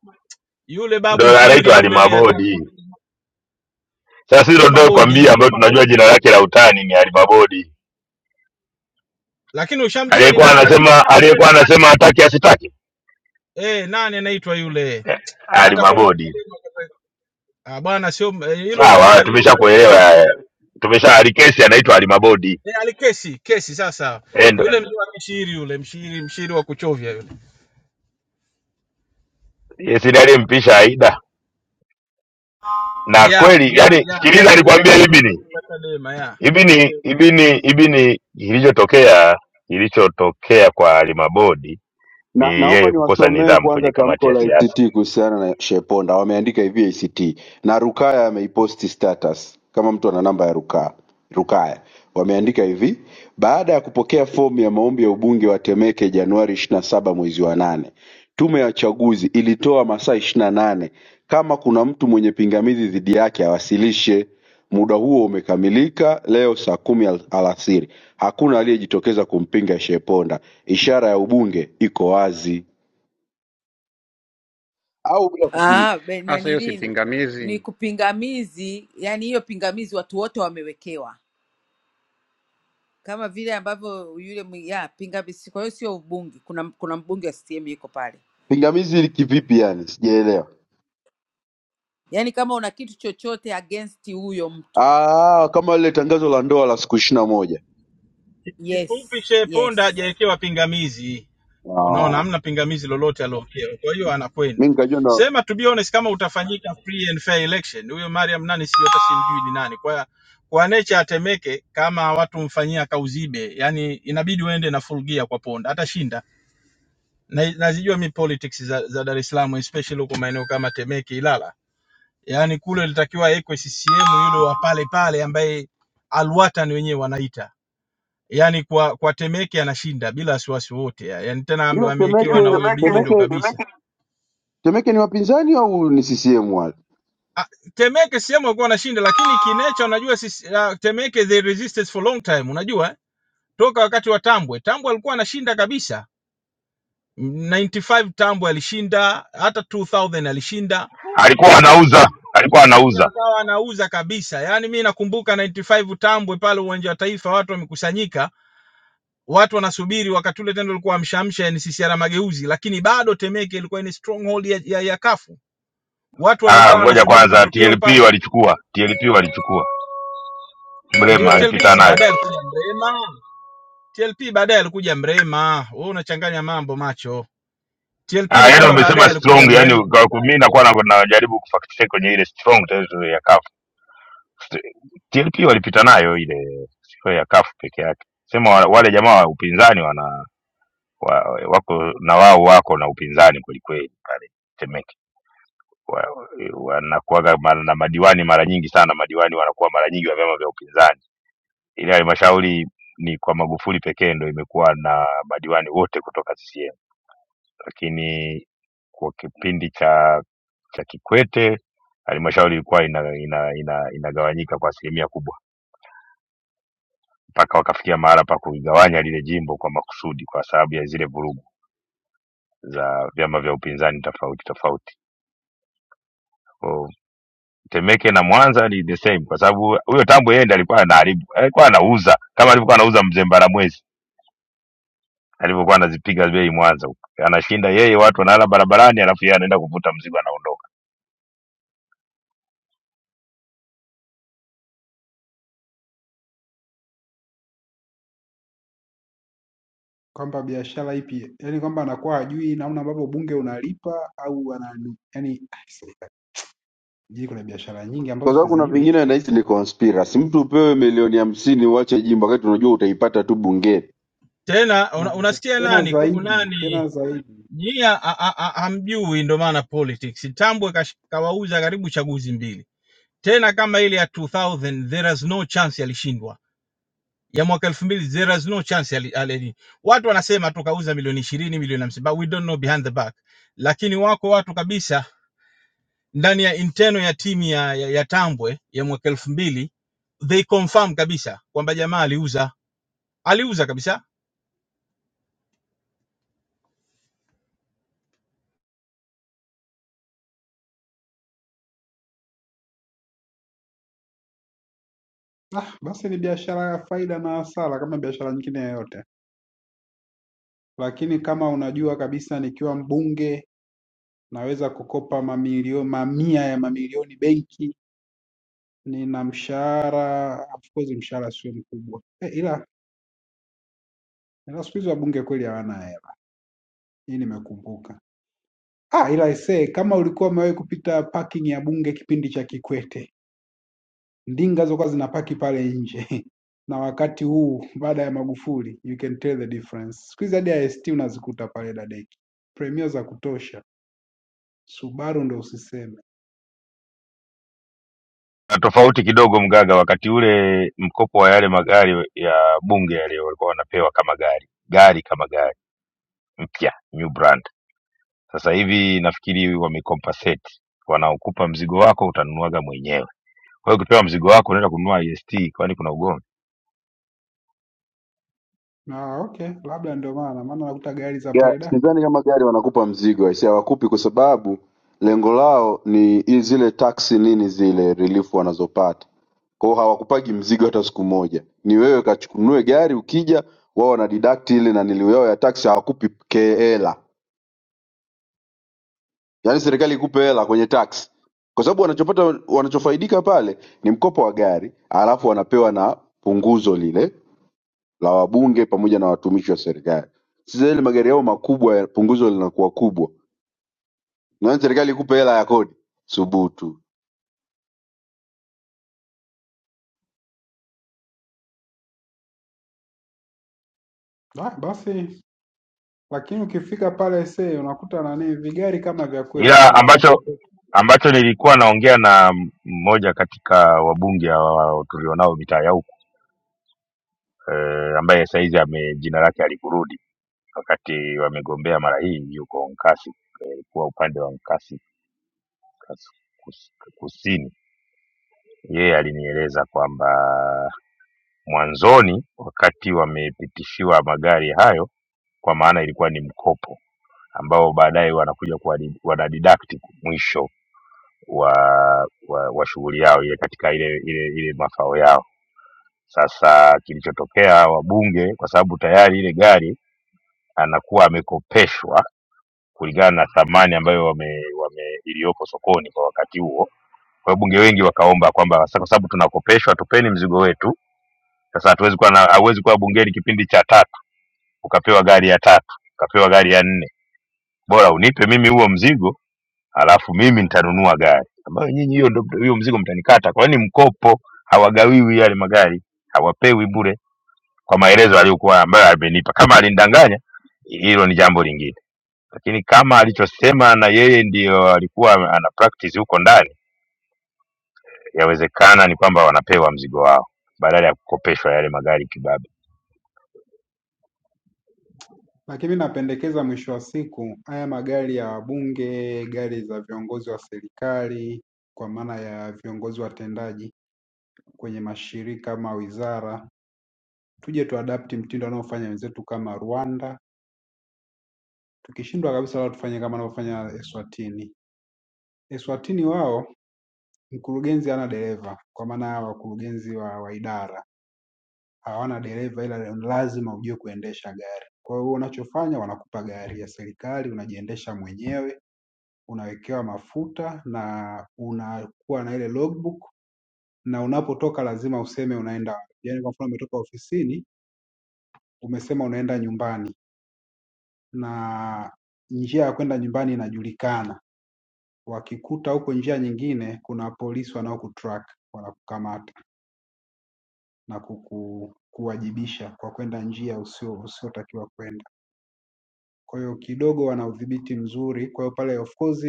[SPEAKER 10] yule babu
[SPEAKER 5] ndo
[SPEAKER 10] mshiri
[SPEAKER 5] anaitwa
[SPEAKER 10] yule, hata
[SPEAKER 5] alimabodi. Sasa sisi ndo
[SPEAKER 10] sio
[SPEAKER 5] tunaokuambia,
[SPEAKER 10] Mabodi,
[SPEAKER 5] ambayo tunajua jina lake la utani ni alimabodi,
[SPEAKER 10] lakini ushamjua ni
[SPEAKER 5] aliyekuwa
[SPEAKER 10] nani?
[SPEAKER 5] anasema aliyekuwa anasema hataki asitaki,
[SPEAKER 10] Eh, nani anaitwa yule? Hata kule
[SPEAKER 5] alimabodi.
[SPEAKER 10] Ah, bwana sio eh, hilo ni
[SPEAKER 5] Sawa,
[SPEAKER 10] jina leo.
[SPEAKER 5] tumeshakuelewa, eh, tumesha alikesi anaitwa alimabodi
[SPEAKER 10] Eh, alikesi kesi sasa.
[SPEAKER 5] Eh, ndo
[SPEAKER 10] Yule mjua mshiri yule mshiri mshiri wa kuchovya yule.
[SPEAKER 5] yes, ndiye aliyempisha Aida na
[SPEAKER 10] Ya
[SPEAKER 5] kweli,
[SPEAKER 10] ya
[SPEAKER 5] yani
[SPEAKER 10] ya
[SPEAKER 5] sikiliza,
[SPEAKER 10] ya yule
[SPEAKER 5] alikwambia ibini
[SPEAKER 10] mkumbuka Chadema ya.
[SPEAKER 5] ibini ibini ibini, kilichotokea kilichotokea kwa alimabodi ni
[SPEAKER 4] Na, naomba
[SPEAKER 5] yeye kukosa
[SPEAKER 4] niwasomee
[SPEAKER 5] nidhamu kwenye
[SPEAKER 4] kwanza
[SPEAKER 5] kamati
[SPEAKER 4] tamko
[SPEAKER 5] ya
[SPEAKER 4] la
[SPEAKER 5] siasa.
[SPEAKER 4] ACT kuhusiana na Sheponda. Wameandika hivi ACT na Rukaya ameiposti status, kama mtu ana namba ya Rukaya. Rukaya wameandika hivi: baada ya kupokea fomu ya maombi ya ubunge wa Temeke Januari 27 mwezi wa nane, tume ya uchaguzi ilitoa masaa 28 kama kuna mtu mwenye pingamizi dhidi yake awasilishe. Muda huo umekamilika leo saa kumi al alasiri hakuna aliyejitokeza kumpinga Sheponda ishara ya ubunge iko wazi au bila kuping-
[SPEAKER 19] ah, be-
[SPEAKER 2] Sasa hiyo si
[SPEAKER 19] nanili ni
[SPEAKER 2] pingamizi.
[SPEAKER 19] kupingamizi, yani hiyo pingamizi watu wote wamewekewa kama vile ambavyo yule mwi- ya pingamizi. Kwa hiyo sio ubungi, kuna kuna mbunge wa CCM yuko pale,
[SPEAKER 4] pingamizi hili kivipi yani sijaelewa
[SPEAKER 19] yani kama una kitu chochote against huyo mtu,
[SPEAKER 4] ah kama lile tangazo la ndoa la siku ishirini na moja
[SPEAKER 10] Kifupi
[SPEAKER 19] yes
[SPEAKER 10] Shehe Ponda
[SPEAKER 19] yes
[SPEAKER 10] hajawekewa pingamizi. Unaona
[SPEAKER 4] ah,
[SPEAKER 10] hamna pingamizi lolote aliowekewa. Kwa hiyo
[SPEAKER 4] mi
[SPEAKER 10] anakwenda.
[SPEAKER 4] nikajua ndo
[SPEAKER 10] Sema to be honest kama utafanyika free and fair election. Huyo Mariam nani sio hata simjui ni nani. Kwa kwa nature atemeke kama watu mfanyia kauzibe. Yaani inabidi uende na full gear kwa Ponda. Atashinda. na, nazijua mi politics za, za Dar es Salaam especially huko maeneo kama Temeke, Ilala, yaani kule ilitakiwa awekwe CCM yule wa pale pale ambaye alwatan wenyewe wanaita yaani kwa kwa Temeke anashinda bila wasiwasi wote, ya- yaani tena ame-
[SPEAKER 4] ila
[SPEAKER 10] wamewekewa hiyo na
[SPEAKER 4] temeke
[SPEAKER 10] huyo bibi Temeke, ndo
[SPEAKER 4] temeke
[SPEAKER 10] kabisa. A, Temeke
[SPEAKER 4] temeke ni wapinzani au ni ccm wale
[SPEAKER 10] Ah, Temeke CCM walikuwa wanashinda, lakini kinecha, unajua sisi uh, Temeke they resisted for long time, unajua eh? toka wakati wa Tambwe. Tambwe alikuwa anashinda kabisa, 95 Tambwe alishinda, hata 2000 alishinda
[SPEAKER 5] Alikuwa anauza, alikuwa
[SPEAKER 10] lakini
[SPEAKER 5] anauza.
[SPEAKER 10] akawa anauza kabisa. Yaani mi nakumbuka 95 Tambwe pale uwanja wa Taifa, watu wamekusanyika, watu wanasubiri. Wakati ule tendo ulikuwa amshamsha NCCR Mageuzi, lakini bado Temeke ilikuwa ni stronghold ya, ya, ya kafu. Watu
[SPEAKER 5] Ah,
[SPEAKER 10] wamekaa
[SPEAKER 5] ngoja
[SPEAKER 10] wanasubiri
[SPEAKER 5] kwanza,
[SPEAKER 10] matokeo pa
[SPEAKER 5] TLP walichukua, TLP walichukua,
[SPEAKER 10] ndio
[SPEAKER 5] Mrema alipita
[SPEAKER 10] TLPC.
[SPEAKER 5] nayo.
[SPEAKER 10] Baadaye alikuja Mrema TLP, baadaye alikuja Mrema. Wewe unachanganya mambo macho. TLP
[SPEAKER 5] Ah,
[SPEAKER 10] ni
[SPEAKER 5] yani
[SPEAKER 10] kwamba
[SPEAKER 5] umesema
[SPEAKER 10] baadaye alikuja
[SPEAKER 5] strong,
[SPEAKER 10] Mrema
[SPEAKER 5] yani kwa- kwa- mimi nakuwa na- najaribu kufact check kwenye ile strong territory ya CAF. St- TLP walipita nayo ile sio ya CAF peke yake. Sema wa- wale jamaa wa upinzani wana wa, wako na wao wako na upinzani kweli kweli pale Temeke. wa- wanakuwaga mara- na madiwani mara nyingi sana, madiwani wanakuwa mara nyingi wa vyama vya upinzani, ili halmashauri ni kwa Magufuli pekee ndo imekuwa na madiwani wote kutoka CCM, lakini kwa kipindi cha cha Kikwete halmashauri ilikuwa ina, ina, ina, inagawanyika kwa asilimia kubwa mpaka wakafikia mahala pa kuigawanya lile jimbo kwa makusudi, kwa sababu ya zile vurugu za vyama vya upinzani tofauti tofauti. Temeke na Mwanza ni the same, kwa sababu huyo Tambo yeye ndiye alikuwa anaharibu, alikuwa anauza kama alivyokuwa anauza mzee Mbaramwezi alivyokuwa anazipiga bei Mwanza huko, anashinda yeye, watu wanalala barabarani, alafu yeye anaenda kuvuta mzigo anaondoka.
[SPEAKER 6] Kwamba biashara ipi? Yaani kwamba anakuwa hajui namna ambavyo ubunge unalipa au ana yaani sijui kuna biashara nyingi
[SPEAKER 4] kwa
[SPEAKER 6] ambazo
[SPEAKER 4] sababu kuna
[SPEAKER 6] sizijui.
[SPEAKER 4] vingine nahisi ni conspiracy mtu upewe milioni hamsini uache jimbo wakati unajua utaipata tu bungeni
[SPEAKER 10] tena.
[SPEAKER 6] Na
[SPEAKER 10] Una,
[SPEAKER 6] za-
[SPEAKER 10] unasikia
[SPEAKER 6] tena
[SPEAKER 10] nani ku,
[SPEAKER 6] zaidi, tena
[SPEAKER 10] nani
[SPEAKER 6] zaidi.
[SPEAKER 10] Jia a- a- a- hamjui, ndo maana politics. Tambwe kash- kawauza karibu chaguzi mbili tena, kama ile ya 2000 there is no chance alishindwa, ya mwaka elfu mbili there is no chance ali, ali, watu wanasema tu kauza milioni ishirini milioni hamsini, but we don't know behind the back. Lakini wako watu kabisa ndani ya interno ya timu ya, ya, ya Tambwe ya mwaka elfu mbili they confirm kabisa kwamba jamaa aliuza, aliuza kabisa.
[SPEAKER 6] Ah, basi ni biashara ya faida na hasara kama biashara nyingine yoyote. Lakini kama unajua kabisa nikiwa mbunge naweza kukopa mamilioni mamia ya mamilioni benki, nina mshahara, of course mshahara sio mkubwa. Eh, ila ila siku hizi wabunge kweli hawana hela. Hii nimekumbuka. Ah, ila aisee, kama ulikuwa umewahi kupita parking ya Bunge kipindi cha Kikwete, ndinga zilikuwa zinapaki pale nje na wakati huu baada ya Magufuli, you can tell the difference. Siku hizi hadi IST unazikuta pale dadeki, Premier za kutosha, Subaru ndo usiseme.
[SPEAKER 5] Na Tofauti kidogo Mgaga, wakati ule mkopo wa yale magari ya bunge yale walikuwa wanapewa kama gari gari kama gari mpya, new brand. Sasa hivi nafikiri wamecompensate, wanaokupa mzigo wako utanunuaga mwenyewe. Kwa hiyo ukipewa mzigo wako unaenda kununua est kwani kuna ugomvi?
[SPEAKER 6] Ah, okay, labda ndio maana maana nakuta gari za
[SPEAKER 4] Ga-
[SPEAKER 6] pale da.
[SPEAKER 4] sidhani kama gari wanakupa mzigo aisee, hawakupi kwa sababu lengo lao ni i- zile taksi nini zile relief wanazopata. Kwa hiyo hawakupagi mzigo hata siku moja, ni wewe kachukunue gari, ukija wao wana deduct ile na nilio yao ya taksi, hawakupi ke- hela, yaani serikali ikupe hela kwenye taksi, kwa sababu wanachopata wanachofaidika pale ni mkopo wa gari, alafu wanapewa na punguzo lile la wabunge pamoja na watumishi wa serikali. Sasa ile magari yao makubwa, ya- punguzo linakuwa kubwa Naona serikali ikupe hela ya kodi, subutu.
[SPEAKER 6] da basi, lakini ukifika pale see unakuta nani vigari kama vya kwetu tu
[SPEAKER 5] Ila
[SPEAKER 6] hivi.
[SPEAKER 5] ambacho ambacho nilikuwa naongea na mmoja katika wabunge hawa tulionao mitaa ya huku eh, ambaye saizi ame jina lake alikurudi wakati wamegombea mara hii, yuko Nkasi, alikuwa upande wa Nkasi kas- kus- kusini. Yeye alinieleza kwamba mwanzoni wakati wamepitishiwa magari hayo kwa maana ilikuwa ni mkopo ambao baadaye wanakuja kuwa- wanadidact mwisho wa wa, wa shughuli yao ile katika ile ile ile mafao yao sasa kilichotokea wabunge kwa sababu tayari ile gari anakuwa amekopeshwa kulingana na thamani ambayo wame, wame iliyoko sokoni kwa wakati huo kwa hiyo bunge wengi wakaomba kwamba sasa kwa sababu tunakopeshwa tupeni mzigo wetu sasa hatuwezi kuwa na hauwezi kuwa bungeni kipindi cha tatu ukapewa gari ya tatu ukapewa gari ya nne bora unipe mimi huo mzigo alafu mimi nitanunua gari ambayo nyinyi hiyo ndio hiyo mzigo mtanikata kwani mkopo hawagawiwi yale magari hawapewi bure kwa maelezo aliyokuwa ambayo amenipa kama alinidanganya hilo ni jambo lingine lakini kama alichosema na yeye ndio alikuwa ana practice huko ndani yawezekana ni kwamba wanapewa mzigo wao badala ya kukopeshwa yale magari kibabe
[SPEAKER 6] Lakini napendekeza mwisho wa siku haya magari ya wabunge, gari za viongozi wa serikali kwa maana ya viongozi watendaji kwenye mashirika ama wizara, tuje tuadapti mtindo wanaofanya wenzetu kama Rwanda. Tukishindwa kabisa, wala tufanye kama wanaofanya Eswatini. Eswatini wao mkurugenzi hana dereva, kwa maana ya wakurugenzi wa, wa idara hawana dereva ila lazima ujue kuendesha gari. Kwa hiyo unachofanya wanakupa gari ya serikali, unajiendesha mwenyewe, unawekewa mafuta na unakuwa na ile logbook na unapotoka lazima useme unaenda wapi. Yaani kwa mfano umetoka ofisini umesema unaenda nyumbani na njia ya kwenda nyumbani inajulikana. Wakikuta huko njia nyingine, kuna polisi wanaokutrack wanakukamata na kuku, kuwajibisha kwa kwenda njia usio usiotakiwa kwenda. kwa hiyo kidogo wana udhibiti mzuri. Kwa hiyo pale of course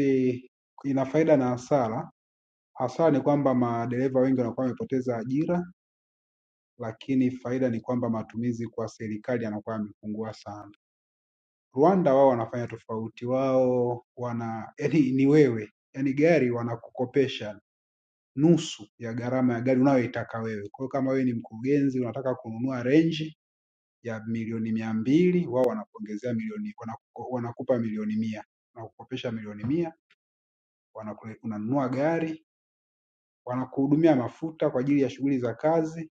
[SPEAKER 6] ina faida na hasara. Hasara ni kwamba madereva wengi wanakuwa wamepoteza ajira, lakini faida ni kwamba matumizi kwa serikali yanakuwa yamepungua sana. Rwanda wao wanafanya tofauti, wao wana yani ni wewe yani gari wanakukopesha nusu ya gharama ya gari unayoitaka wewe. Kwa hiyo kama wewe ni mkurugenzi unataka kununua Range ya milioni mia mbili wao wanakuongezea milioni wanaku- wanakupa milioni mia wanakukopesha milioni mia wanakule, unanunua gari wanakuhudumia mafuta kwa ajili ya shughuli za kazi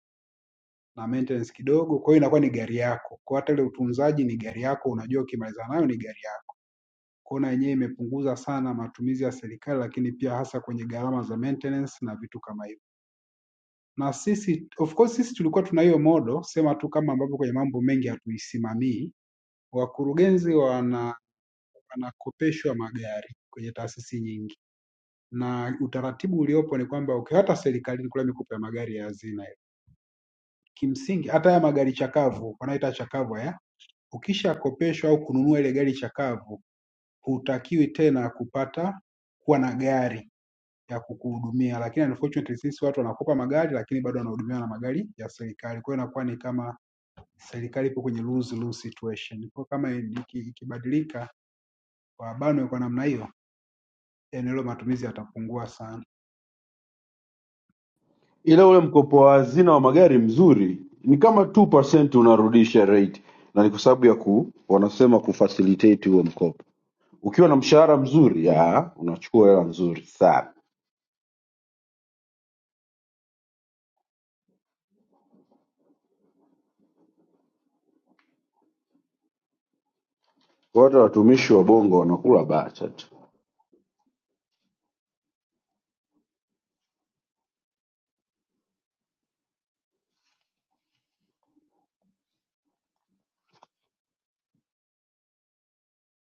[SPEAKER 6] na maintenance kidogo, kwa hiyo inakuwa ni gari yako. Kwa hata ile utunzaji ni gari yako, unajua ukimaliza nayo ni gari yako. Kwa hiyo na yenyewe imepunguza sana matumizi ya serikali, lakini pia hasa kwenye gharama za maintenance na vitu kama hivyo. Na sisi of course, sisi tulikuwa tuna hiyo modo, sema tu kama ambavyo kwenye mambo mengi hatuisimamii, wakurugenzi wana wanakopeshwa magari kwenye taasisi nyingi, na utaratibu uliopo ni kwamba uki- hata serikalini kule mikopo ya magari ya hazina kimsingi, hata haya magari chakavu wanaita chakavu haya, ukishakopeshwa au kununua ile gari chakavu, hutakiwi tena kupata kuwa na gari ya kukuhudumia, lakini unfortunately sisi watu wanakopa magari lakini bado wanahudumiwa na magari ya serikali. Kwa hiyo inakuwa ni kama serikali ipo kwenye lose lose situation. Kwa hiyo kama iki- ikibadilika wabanwe kwa namna hiyo, eneo hilo matumizi yatapungua sana.
[SPEAKER 4] ila ule mkopo wa hazina wa magari mzuri ni kama 2% unarudisha rate na ni kwa sababu ya ku wanasema kufacilitate huo mkopo ukiwa na mshahara mzuri ya unachukua hela nzuri sana Kwa hata watumishi wa bongo wanakula bacha tu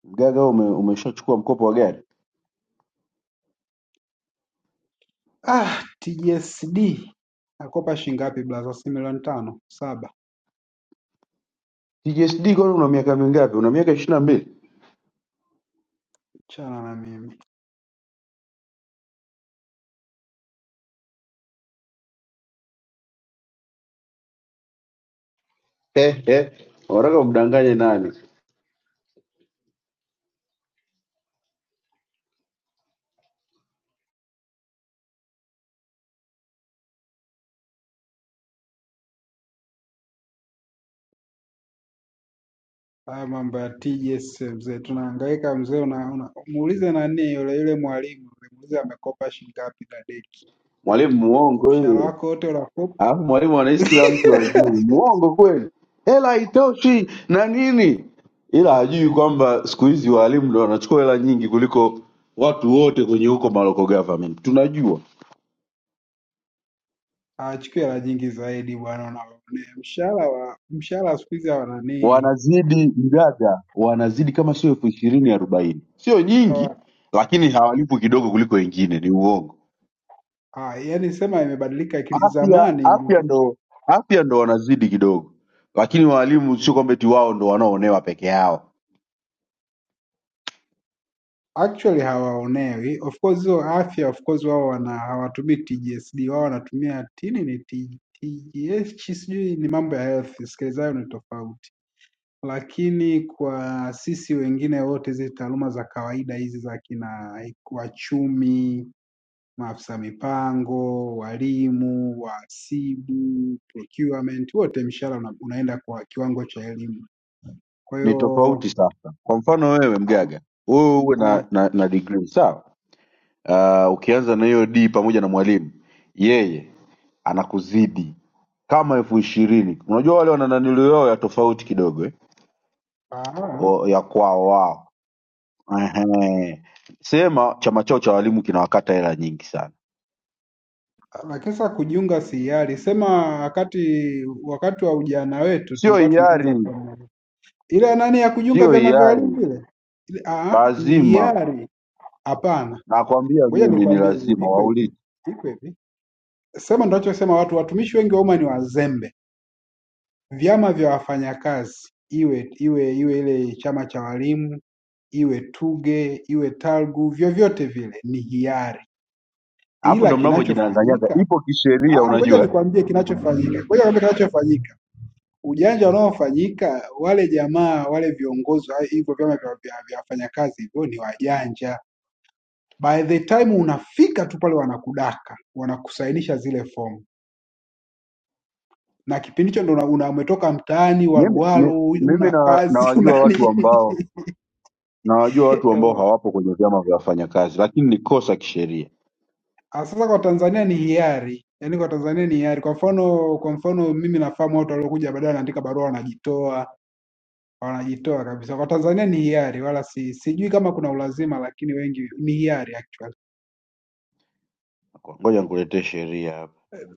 [SPEAKER 4] mgaga wewe ume, umeshachukua mkopo wa gari
[SPEAKER 6] Ah, TGSD nakopa shilingi ngapi blaza? Si milioni tano saba.
[SPEAKER 4] TGSD kwani una miaka mingapi una miaka 22 mbili
[SPEAKER 6] Chana na mimi
[SPEAKER 4] Eh eh. unataka umdanganye nani
[SPEAKER 6] haya mambo ya TGS mzee, tunahangaika mzee. Una, una, muulize nani yule yule mwalimu yule, muulize amekopa shilingi ngapi na deki
[SPEAKER 4] mwalimu
[SPEAKER 6] kwa
[SPEAKER 4] muongo
[SPEAKER 6] mshahara
[SPEAKER 4] huyo.
[SPEAKER 6] wako wote unakopa,
[SPEAKER 4] alafu mwalimu anaishi kila mtu wazuri, muongo kweli, hela haitoshi na nini, ila hajui kwamba siku hizi walimu ndo wanachukua hela nyingi kuliko watu wote kwenye huko maloko government. Tunajua
[SPEAKER 6] achukue hela nyingi zaidi bwana. Unaonea mshahara wa mshahara siku hizi hawa nani
[SPEAKER 4] wanazidi mgaga, wanazidi kama sio elfu ishirini arobaini, sio nyingi,
[SPEAKER 6] hawa
[SPEAKER 4] lakini hawalipwi kidogo kuliko wengine. Ni uongo.
[SPEAKER 6] Ah, yani sema imebadilika akili.
[SPEAKER 4] Afya
[SPEAKER 6] Zamani
[SPEAKER 4] afya ndo afya ndo wanazidi kidogo, lakini walimu sio kwamba eti wao ndo wanaoonewa peke yao
[SPEAKER 6] actually hawaonewi of course hiyo afya of course wao wana hawatumii TGSD wao wanatumia tini ni T- TGH sijui ni mambo ya health sikilizayo ni tofauti lakini kwa sisi wengine wote hizi taaluma za kawaida hizi za kina wachumi maafisa mipango walimu wahasibu procurement wote mshahara una, unaenda kwa kiwango cha elimu kwa
[SPEAKER 4] ni
[SPEAKER 6] hiyo
[SPEAKER 4] tofauti sasa. Kwa mfano wewe mgaga, wewe uwe
[SPEAKER 6] ah,
[SPEAKER 4] na, na, na degree sawa. Uh, ukianza na hiyo D pamoja na mwalimu, yeye anakuzidi kama elfu ishirini. Unajua wale wana naniliu yao ya tofauti kidogo eh?
[SPEAKER 6] ah,
[SPEAKER 4] O, ya kwao wao. Ehe. Sema chama chao cha walimu kinawakata hela nyingi sana,
[SPEAKER 6] Lakini kujiunga si hiari, sema wakati wakati wa ujana wetu
[SPEAKER 4] sio
[SPEAKER 6] tulikuwa tunaanza
[SPEAKER 4] hiari,
[SPEAKER 6] pamoja, ile nani ya kujiunga
[SPEAKER 4] sio
[SPEAKER 6] vyama vya walimu
[SPEAKER 4] hiari,
[SPEAKER 6] vile ile, ah, ni
[SPEAKER 4] lazima
[SPEAKER 6] hiari. Hapana,
[SPEAKER 4] nakwambia
[SPEAKER 6] ngoja
[SPEAKER 4] mimi ni
[SPEAKER 6] nikwambie hivyo,
[SPEAKER 4] lazima
[SPEAKER 6] iko hivi,
[SPEAKER 4] waulize,
[SPEAKER 6] iko hivi. Sema ndachosema, watu watumishi wengi wa umma ni wazembe. Vyama vya wafanyakazi, iwe iwe iwe ile chama cha walimu, iwe TUGE, iwe TALGU, vyovyote vile ni hiari,
[SPEAKER 4] alafu
[SPEAKER 6] ila
[SPEAKER 4] ndo mnavyojidanganyaga,
[SPEAKER 6] kinachofanyika
[SPEAKER 4] ipo
[SPEAKER 6] Ah,
[SPEAKER 4] kisheria
[SPEAKER 6] ah, ngoja
[SPEAKER 4] unajua eh?
[SPEAKER 6] nikwambie kinachofanyika. Ngoja nikwambie kinachofanyika. ujanja unaofanyika wale jamaa wale viongozi wa hivyo vyama vya, vya, vya wafanyakazi hivyo ni wajanja. By the time unafika tu pale wanakudaka, wanakusainisha zile fomu na kipindi hicho ndo una- una- umetoka mtaani
[SPEAKER 4] Mimi, mi-
[SPEAKER 6] waluwalu,
[SPEAKER 4] mimi
[SPEAKER 6] una
[SPEAKER 4] na
[SPEAKER 6] kazi
[SPEAKER 4] nawajua
[SPEAKER 6] una
[SPEAKER 4] watu
[SPEAKER 6] nini.
[SPEAKER 4] ambao nawajua watu ambao
[SPEAKER 6] Ewe.
[SPEAKER 4] hawapo kwenye vyama vya wafanyakazi, lakini ni kosa kisheria.
[SPEAKER 6] Ah, Sasa kwa Tanzania ni hiari, yaani kwa Tanzania ni hiari. Kwa mfano, kwa mfano mimi nafahamu watu waliokuja baadaye wanaandika barua, wanajitoa wanajitoa kabisa. Kwa Tanzania ni hiari, wala si sijui kama kuna ulazima, lakini wengi ni hiari actually.
[SPEAKER 4] Ngoja nikuletee sheria hapa.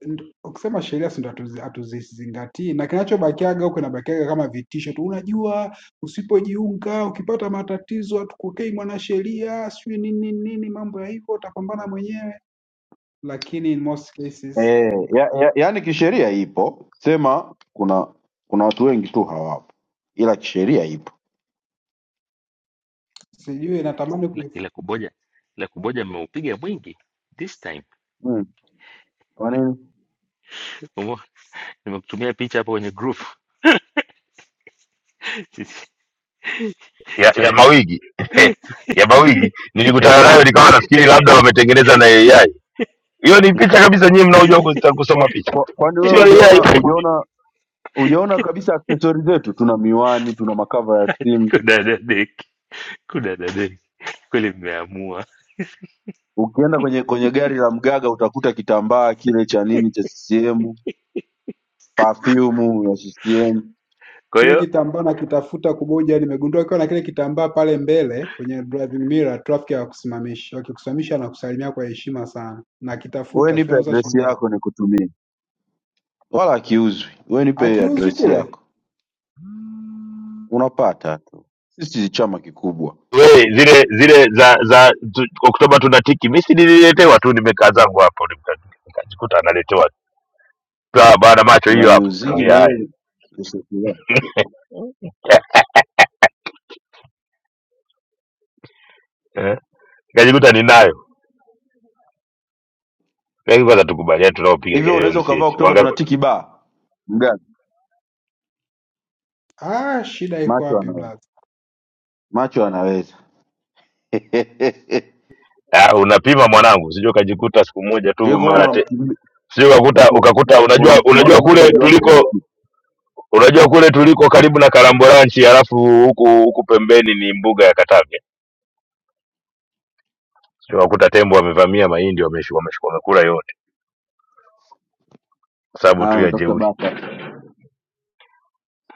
[SPEAKER 6] ndo- ukisema sheria si ndo hatuzi- hatuzizingatii, na kinachobakiaga huko kinabakiaga kama vitisho tu. Unajua, usipojiunga ukipata matatizo hatukukei mwanasheria, sijui nini nini, mambo ya hivyo, utapambana mwenyewe. Lakini in most cases
[SPEAKER 4] Eh, ya, ya, yaani kisheria ipo, sema kuna kuna watu wengi tu hawapo, ila kisheria ipo.
[SPEAKER 6] sijui, natamani
[SPEAKER 9] Ila
[SPEAKER 6] kui-
[SPEAKER 9] ila kuboja ila kuboja ameupiga mwingi this time.
[SPEAKER 4] Hmm. Kwa nini?
[SPEAKER 9] Umo- Nimekutumia picha hapo kwenye group
[SPEAKER 5] ya, ya
[SPEAKER 9] chama.
[SPEAKER 5] mawigi ya mawigi nilikutana nayo nikawa nafikiri labda wametengeneza na AI. Hiyo ni picha kabisa, nyinyi mnaojua kus- kusoma
[SPEAKER 4] Kwa,
[SPEAKER 5] picha,
[SPEAKER 4] kwa, kwani wewe
[SPEAKER 5] sio AI.
[SPEAKER 4] hujaona hujaona hujaona kabisa aksesori zetu? Tuna miwani, tuna makava ya simu.
[SPEAKER 9] kuna dadeki kuna dadeki kweli mmeamua
[SPEAKER 4] Ukienda kwenye kwenye gari la mgaga utakuta kitambaa kile cha nini cha CCM, perfume ya CCM
[SPEAKER 9] kwa
[SPEAKER 6] kile
[SPEAKER 9] hiyo
[SPEAKER 6] kitambaa nakitafuta kuboja. Nimegundua ukiwa na kile kitambaa pale mbele kwenye driving mirror, traffic hawakusimamishi, wakikusimamisha na kusalimia kwa heshima sana,
[SPEAKER 4] we
[SPEAKER 6] nakitafuta, sio
[SPEAKER 4] nipe
[SPEAKER 6] nauza
[SPEAKER 4] adresi
[SPEAKER 6] shilingi ngapi,
[SPEAKER 4] yako nikutumie, wala akiuzwi. We nipe
[SPEAKER 6] akiuzwi
[SPEAKER 4] adresi
[SPEAKER 6] kile.
[SPEAKER 4] yako, unapata tu. Sisi ni chama kikubwa,
[SPEAKER 5] Wewe zile zile za za tu, Oktoba tunatiki, mimi si nililetewa tu, nimekaa zangu hapo nika- nikajikuta naletewa Baa, bana macho hiyo hapo,
[SPEAKER 4] unaniuzigi
[SPEAKER 5] kaambia
[SPEAKER 4] na
[SPEAKER 5] haya
[SPEAKER 4] ile usikilia
[SPEAKER 5] Eh, nikajikuta ninayo. Hebu kwanza tukubaliane tunaopiga
[SPEAKER 4] hivyo.
[SPEAKER 5] kelele
[SPEAKER 4] Unaweza ukavaa
[SPEAKER 5] msieti.
[SPEAKER 4] Oktoba
[SPEAKER 5] Wangapi?
[SPEAKER 4] tunatiki baa mgani?
[SPEAKER 6] Ah, shida iko
[SPEAKER 4] Macho
[SPEAKER 6] wapi
[SPEAKER 4] anaweza,
[SPEAKER 6] blaza?
[SPEAKER 4] macho anaweza.
[SPEAKER 5] Ah, unapima mwanangu, usije ukajikuta siku moja
[SPEAKER 4] Sijui
[SPEAKER 5] tu mara
[SPEAKER 4] kuona
[SPEAKER 5] te.
[SPEAKER 4] unamkimbi-
[SPEAKER 5] Usije ukakuta
[SPEAKER 4] u-
[SPEAKER 5] ukakuta unajua unajua
[SPEAKER 4] unamkimbia
[SPEAKER 5] kule
[SPEAKER 4] mtaji wako kwenye
[SPEAKER 5] tuliko
[SPEAKER 4] kitu,
[SPEAKER 5] unajua kule tuliko karibu na Karamboranchi alafu huku huku pembeni ni mbuga ya Katavi. Usije ukakuta tembo wamevamia mahindi wameshika wameshika wamekula yote kwa sababu
[SPEAKER 4] ah,
[SPEAKER 5] tu ya
[SPEAKER 4] unatafuta
[SPEAKER 5] jeuri.
[SPEAKER 4] baa pale.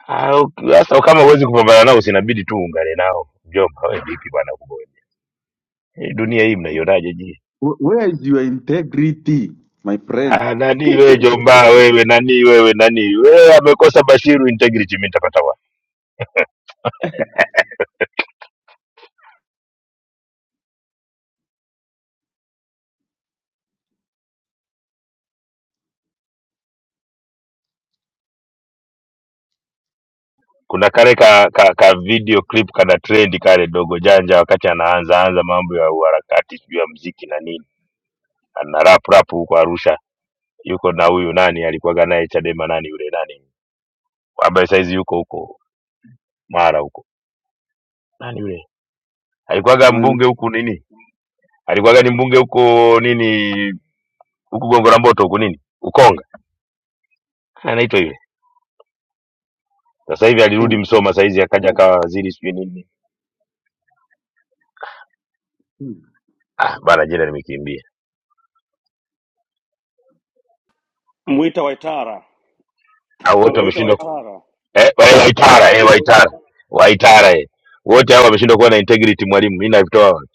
[SPEAKER 5] Ah, uki- sasa kama huwezi kupambana nao usinabidi tu uungane nao. Mjomba, wewe vipi bwana kuboja? Hii dunia hii mnaionaje
[SPEAKER 4] Wh- Where is your integrity my friend?
[SPEAKER 5] nani wewe jombaa wewe nani wewe nani wewe amekosa bashiru integrity mi nitapata wapi kuna kale ka, ka, ka video clip kana trend kale dogo janja wakati anaanza anza mambo ya uharakati sijui ya mziki na nini ana rap rap huko arusha yuko na huyu nani alikuwaga naye chadema nani yule nani ambaye saizi yuko huko mara huko nani yule alikuwaga mbunge
[SPEAKER 4] Nani?
[SPEAKER 5] huku nini alikuwaga ni mbunge huko nini huku gongo la mboto huku nini ukonga anaitwa yule sasa hivi alirudi
[SPEAKER 4] Mkonga.
[SPEAKER 5] msoma saizi akaja akawa waziri sijui nini
[SPEAKER 4] Hmm.
[SPEAKER 5] Ah, bana jina nimekimbia.
[SPEAKER 3] mwita Waitara,
[SPEAKER 5] Au wote
[SPEAKER 3] mwita
[SPEAKER 5] wameshindwa ku-
[SPEAKER 3] Waitara.
[SPEAKER 5] eh, eh, Waitara, eh, Waitara. Waitara eh. Wote hao wameshindwa kuwa na integrity mwalimu. Mimi navitoa wapi?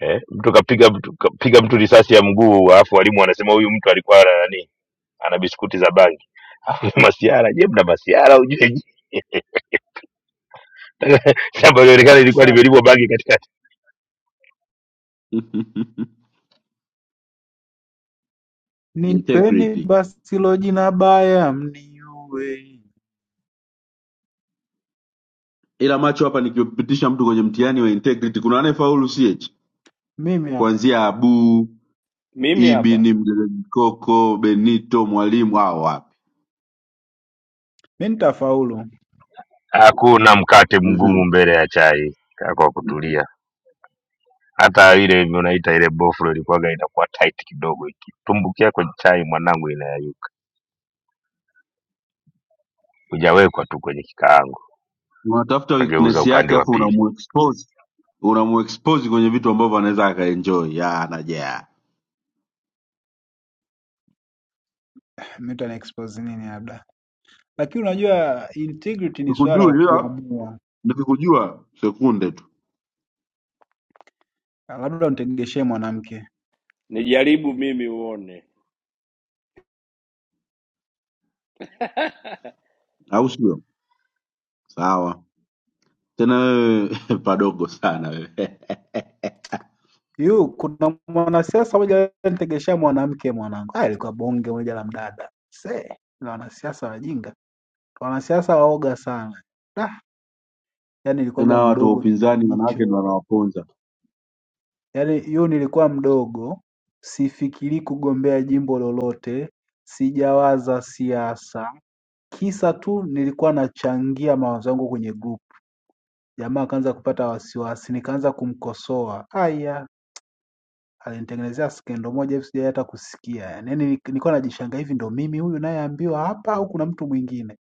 [SPEAKER 5] Eh, mtu kapiga mtu kapiga mtu risasi ya mguu alafu walimu wanasema huyu mtu alikuwa ana nani? Ana biskuti za bangi. Alafu Masiara, je, mna Masiara hujui? shamba lilionekana lilikuwa
[SPEAKER 6] Kashata.
[SPEAKER 5] limelimwa bangi katikati
[SPEAKER 6] Nipeni
[SPEAKER 4] integrity
[SPEAKER 6] basi hilo jina baya mniue.
[SPEAKER 4] ila macho hapa nikimpitisha mtu kwenye mtihani wa integrity kuna anayefaulu ch
[SPEAKER 6] Mimi hapa.
[SPEAKER 4] kuanzia abu
[SPEAKER 3] Mimi hapa
[SPEAKER 4] ibini mdelekoko benito mwalimu hao wapi
[SPEAKER 6] Mimi nitafaulu. Mimi
[SPEAKER 5] hakuna mkate mgumu
[SPEAKER 4] mm-hmm.
[SPEAKER 5] mbele ya chai kaa kwa kutulia hata ile yenye unaita ile boflo ilikuwaga inakuwa tight kidogo ikitumbukia kwenye chai mwanangu inayayuka hujawekwa tu kwenye kikaango
[SPEAKER 4] unatafuta
[SPEAKER 5] kageuza
[SPEAKER 4] weakness
[SPEAKER 5] upande
[SPEAKER 4] yake
[SPEAKER 5] wa
[SPEAKER 4] afu
[SPEAKER 5] pili
[SPEAKER 4] unamuexpose unamuexpose kwenye vitu ambavyo anaweza akaenjoy ya naja
[SPEAKER 6] nitaniexpose nini labda. Lakini unajua integrity ni swala la
[SPEAKER 4] sikujui ila
[SPEAKER 6] kuamua.
[SPEAKER 4] nikikujua sekunde tu
[SPEAKER 6] Labda unitegeshee mwanamke.
[SPEAKER 3] nijaribu mimi uone,
[SPEAKER 4] au sio sawa tena wewe padogo sana wewe
[SPEAKER 6] Yu, kuna mwanasiasa moja alinitegeshea mwanamke mwanangu. Ah, ilikuwa bonge moja la mdada. Se, na wanasiasa wajinga. Wanasiasa waoga sana. Da, yani
[SPEAKER 4] tena
[SPEAKER 6] ilikuwaga
[SPEAKER 4] hawa watu wa
[SPEAKER 6] mdogo kipindi
[SPEAKER 4] upinzani wanawake
[SPEAKER 6] hicho.
[SPEAKER 4] ndo wanawaponza
[SPEAKER 6] yaani yu nilikuwa mdogo sifikirii kugombea jimbo lolote sijawaza siasa kisa tu nilikuwa nachangia mawazo yangu kwenye group jamaa akaanza kupata wasiwasi nikaanza kumkosoa aya alinitengenezea skendo moja hivi sijawahi hata kusikia yani Yaani ni- nilikuwa najishanga hivi ndo mimi huyu nayeambiwa hapa au kuna mtu mwingine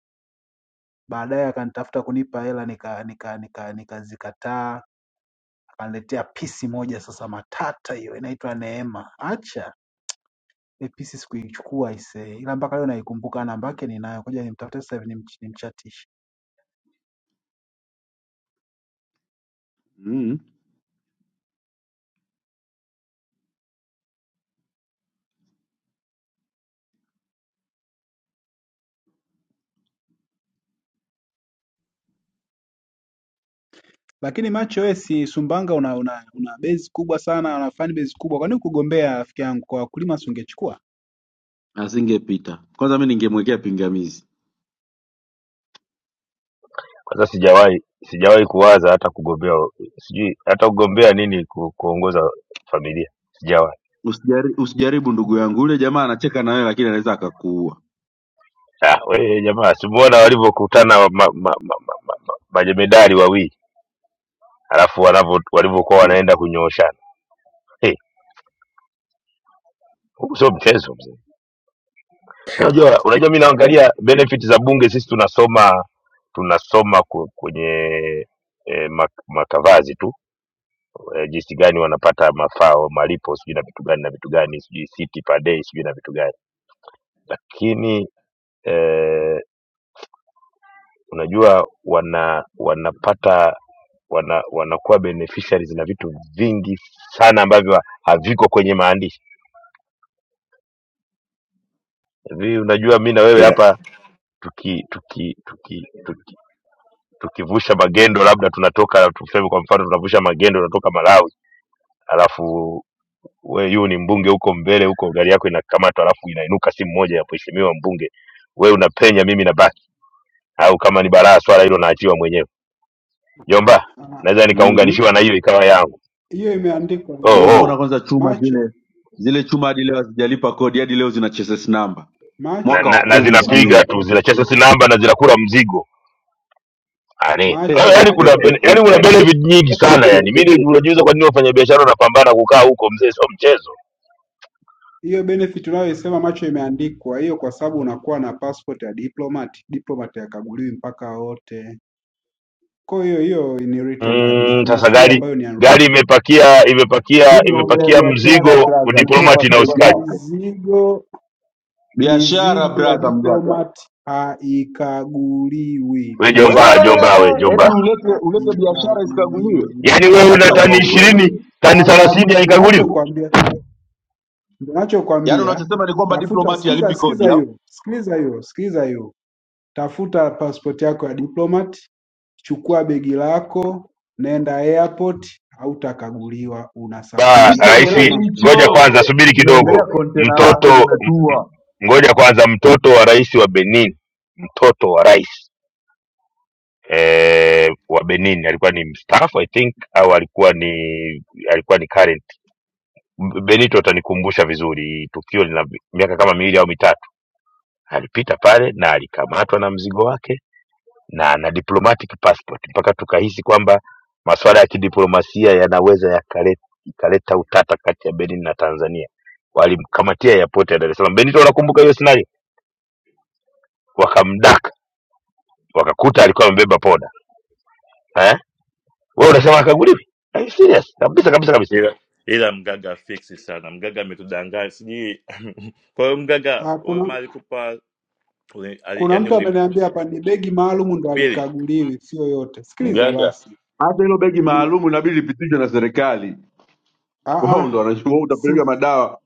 [SPEAKER 6] baadaye akanitafuta kunipa hela nika nika nika nikazikataa akaniletea pisi moja sasa matata hiyo inaitwa neema acha Episi sikuichukua aisee ila mpaka leo naikumbuka namba yake ninayo ngoja nimtafute sasa hivi nimch- nimchatishe
[SPEAKER 4] mm.
[SPEAKER 6] lakini macho wewe si Sumbawanga una una, una base kubwa sana una fan base kubwa kwa nini kugombea rafiki yangu kwa wakulima si ungechukua
[SPEAKER 4] asingepita kwanza mi ningemwekea pingamizi
[SPEAKER 5] kwanza sijawahi sijawahi kuwaza hata kugombea sijui hata kugombea nini ku, kuongoza familia sijawahi
[SPEAKER 4] Usijari, usijaribu ndugu yangu, yule jamaa anacheka na wewe, lakini anaweza akakuua.
[SPEAKER 5] ah, we jamaa simuona walivyokutana wa- ma, ma, ma, ma, ma, ma, majemedari wawili alafu wanavyo walivyokuwa
[SPEAKER 4] mm
[SPEAKER 5] wanaenda kunyooshana hey, huku sio mchezo mzee unajua unajua mi naangalia benefit za bunge sisi tunasoma tunasoma ku- kwenye E, makavazi tu e, jinsi gani wanapata mafao malipo sijui na vitu gani na vitu gani sijui city per day sijui na vitu gani lakini eh, unajua wana wanapata wana, wanakuwa beneficiaries na vitu vingi sana ambavyo haviko kwenye maandishi hivi unajua mi na wewe
[SPEAKER 20] ila
[SPEAKER 5] hapa tuki tuki tuki, tuki tukivusha magendo labda tunatoka tuseme kwa mfano tunavusha magendo tunatoka malawi alafu we yu ni mbunge huko mbele huko gari yako inakamatwa alafu inainuka simu moja ya mheshimiwa mbunge we unapenya mimi nabaki au kama ni balaa swala hilo naachiwa mwenyewe Jomba,
[SPEAKER 6] Ah,
[SPEAKER 5] naweza nikaunganishiwa na hiyo ikawa yangu.
[SPEAKER 6] hiyo imeandikwa
[SPEAKER 5] Oh,
[SPEAKER 4] Wewe
[SPEAKER 6] nani?
[SPEAKER 4] umeona
[SPEAKER 5] oh.
[SPEAKER 4] kwanza chuma
[SPEAKER 6] Macho,
[SPEAKER 4] zile zile chuma hadi leo hazijalipa kodi, hadi leo zina chassis namba
[SPEAKER 5] Na,
[SPEAKER 4] mwaka
[SPEAKER 6] macho,
[SPEAKER 5] na,
[SPEAKER 4] wa
[SPEAKER 5] na
[SPEAKER 4] kumi sijui
[SPEAKER 5] zinapiga
[SPEAKER 4] huu.
[SPEAKER 5] tu zinacheza sinamba na zinakula mzigo yani,
[SPEAKER 6] macho.
[SPEAKER 5] yani kuna bene- yani kuna benefit nyingi sana yani. Mimi ndio unajiuliza kwa nini wafanyabiashara wanapambana kukaa huko mzee, sio mchezo.
[SPEAKER 6] Hiyo benefit unayoisema macho imeandikwa hiyo, kwa sababu unakuwa na passport ya diplomat. Diplomat yakaguliwi mpaka wote. Kwa hiyo hiyo ni written kabisa,
[SPEAKER 5] Mm,
[SPEAKER 6] na
[SPEAKER 5] sasa
[SPEAKER 6] shule
[SPEAKER 5] gari
[SPEAKER 6] ambayo ni
[SPEAKER 5] gari
[SPEAKER 6] unwritten.
[SPEAKER 5] imepakia
[SPEAKER 4] Sisi
[SPEAKER 5] imepakia
[SPEAKER 4] tunaongelea
[SPEAKER 5] imepakia
[SPEAKER 4] biashara
[SPEAKER 5] mzigo
[SPEAKER 4] braza, sio
[SPEAKER 5] diplomati na
[SPEAKER 4] pasipoti
[SPEAKER 5] usikaji.
[SPEAKER 4] yako.
[SPEAKER 6] Mizigo
[SPEAKER 4] Biashara
[SPEAKER 6] Mizigo ya
[SPEAKER 4] braza, mgaga
[SPEAKER 6] diplomat haikaguliwi
[SPEAKER 5] We
[SPEAKER 4] we,
[SPEAKER 5] jomba,
[SPEAKER 6] mizigo ya
[SPEAKER 5] jomba we
[SPEAKER 4] eti
[SPEAKER 6] diplomat
[SPEAKER 5] jomba,
[SPEAKER 4] ulete ulete biashara isikaguliwe?
[SPEAKER 6] haikaguliwi
[SPEAKER 5] yani wewe una
[SPEAKER 4] Acha
[SPEAKER 5] tani
[SPEAKER 4] uongo wewe.
[SPEAKER 5] ishirini tani
[SPEAKER 6] panda
[SPEAKER 5] thelathini
[SPEAKER 6] ndo
[SPEAKER 5] haikaguliwi
[SPEAKER 6] nachokwambia ndo
[SPEAKER 4] Yaani
[SPEAKER 6] nachokwambia
[SPEAKER 4] unachosema ni kwamba
[SPEAKER 6] tafuta
[SPEAKER 4] diplomati
[SPEAKER 6] sikiza
[SPEAKER 4] alipi
[SPEAKER 6] sikiza
[SPEAKER 4] kodi au?
[SPEAKER 6] hiyo sikiza hiyo sikiza hiyo tafuta pasipoti yako ya diplomat chukua begi lako nenda airport hautakaguliwa
[SPEAKER 5] ba
[SPEAKER 4] mi
[SPEAKER 6] unasafiri
[SPEAKER 4] siongelee
[SPEAKER 5] rahisi.
[SPEAKER 6] kama
[SPEAKER 5] Ngoja
[SPEAKER 6] mtaji
[SPEAKER 4] hicho,
[SPEAKER 5] kwanza, subiri
[SPEAKER 4] tunaongelea
[SPEAKER 5] kidogo,
[SPEAKER 4] kontena lako
[SPEAKER 5] mtoto
[SPEAKER 4] limetua.
[SPEAKER 5] ngoja kwanza mtoto wa rais wa benin mtoto wa rais eh, wa benin alikuwa ni mstaafu i think au alikuwa ni alikuwa ni current M- benito atanikumbusha vizuri tukio lina miaka kama miwili au mitatu alipita pale na alikamatwa na mzigo wake na na diplomatic passport mpaka tukahisi kwamba masuala ya kidiplomasia yanaweza yakale- yakaleta ikaleta utata kati ya benin na tanzania walimkamatia ya pote ya dar es salaam benito unakumbuka hiyo scenario wakamdaka wakakuta alikuwa amebeba poda eh? Wewe unasema akaguliwi? Are you serious? Kabisa kabisa kabisa.
[SPEAKER 20] ila ila mgaga fiksi sana mgaga ametudanganya sijui kwa hiyo mgaga
[SPEAKER 6] Ah,
[SPEAKER 20] wewe ma
[SPEAKER 6] kuna
[SPEAKER 20] alikupa uli- ali-
[SPEAKER 6] kuna
[SPEAKER 20] yaani
[SPEAKER 6] mtu ameniambia hapa ni begi maalum ndo
[SPEAKER 20] ulimsubiri
[SPEAKER 6] alikaguliwi sio yote sikiliza
[SPEAKER 20] mgaga
[SPEAKER 6] basi
[SPEAKER 4] Hata hilo begi
[SPEAKER 6] Ni
[SPEAKER 4] maalumu inabidi lipitishwe na serikali,
[SPEAKER 6] ah
[SPEAKER 4] wao ndo
[SPEAKER 6] ah,
[SPEAKER 4] wanachukua. Wewe
[SPEAKER 6] si
[SPEAKER 4] Utapeleka madawa,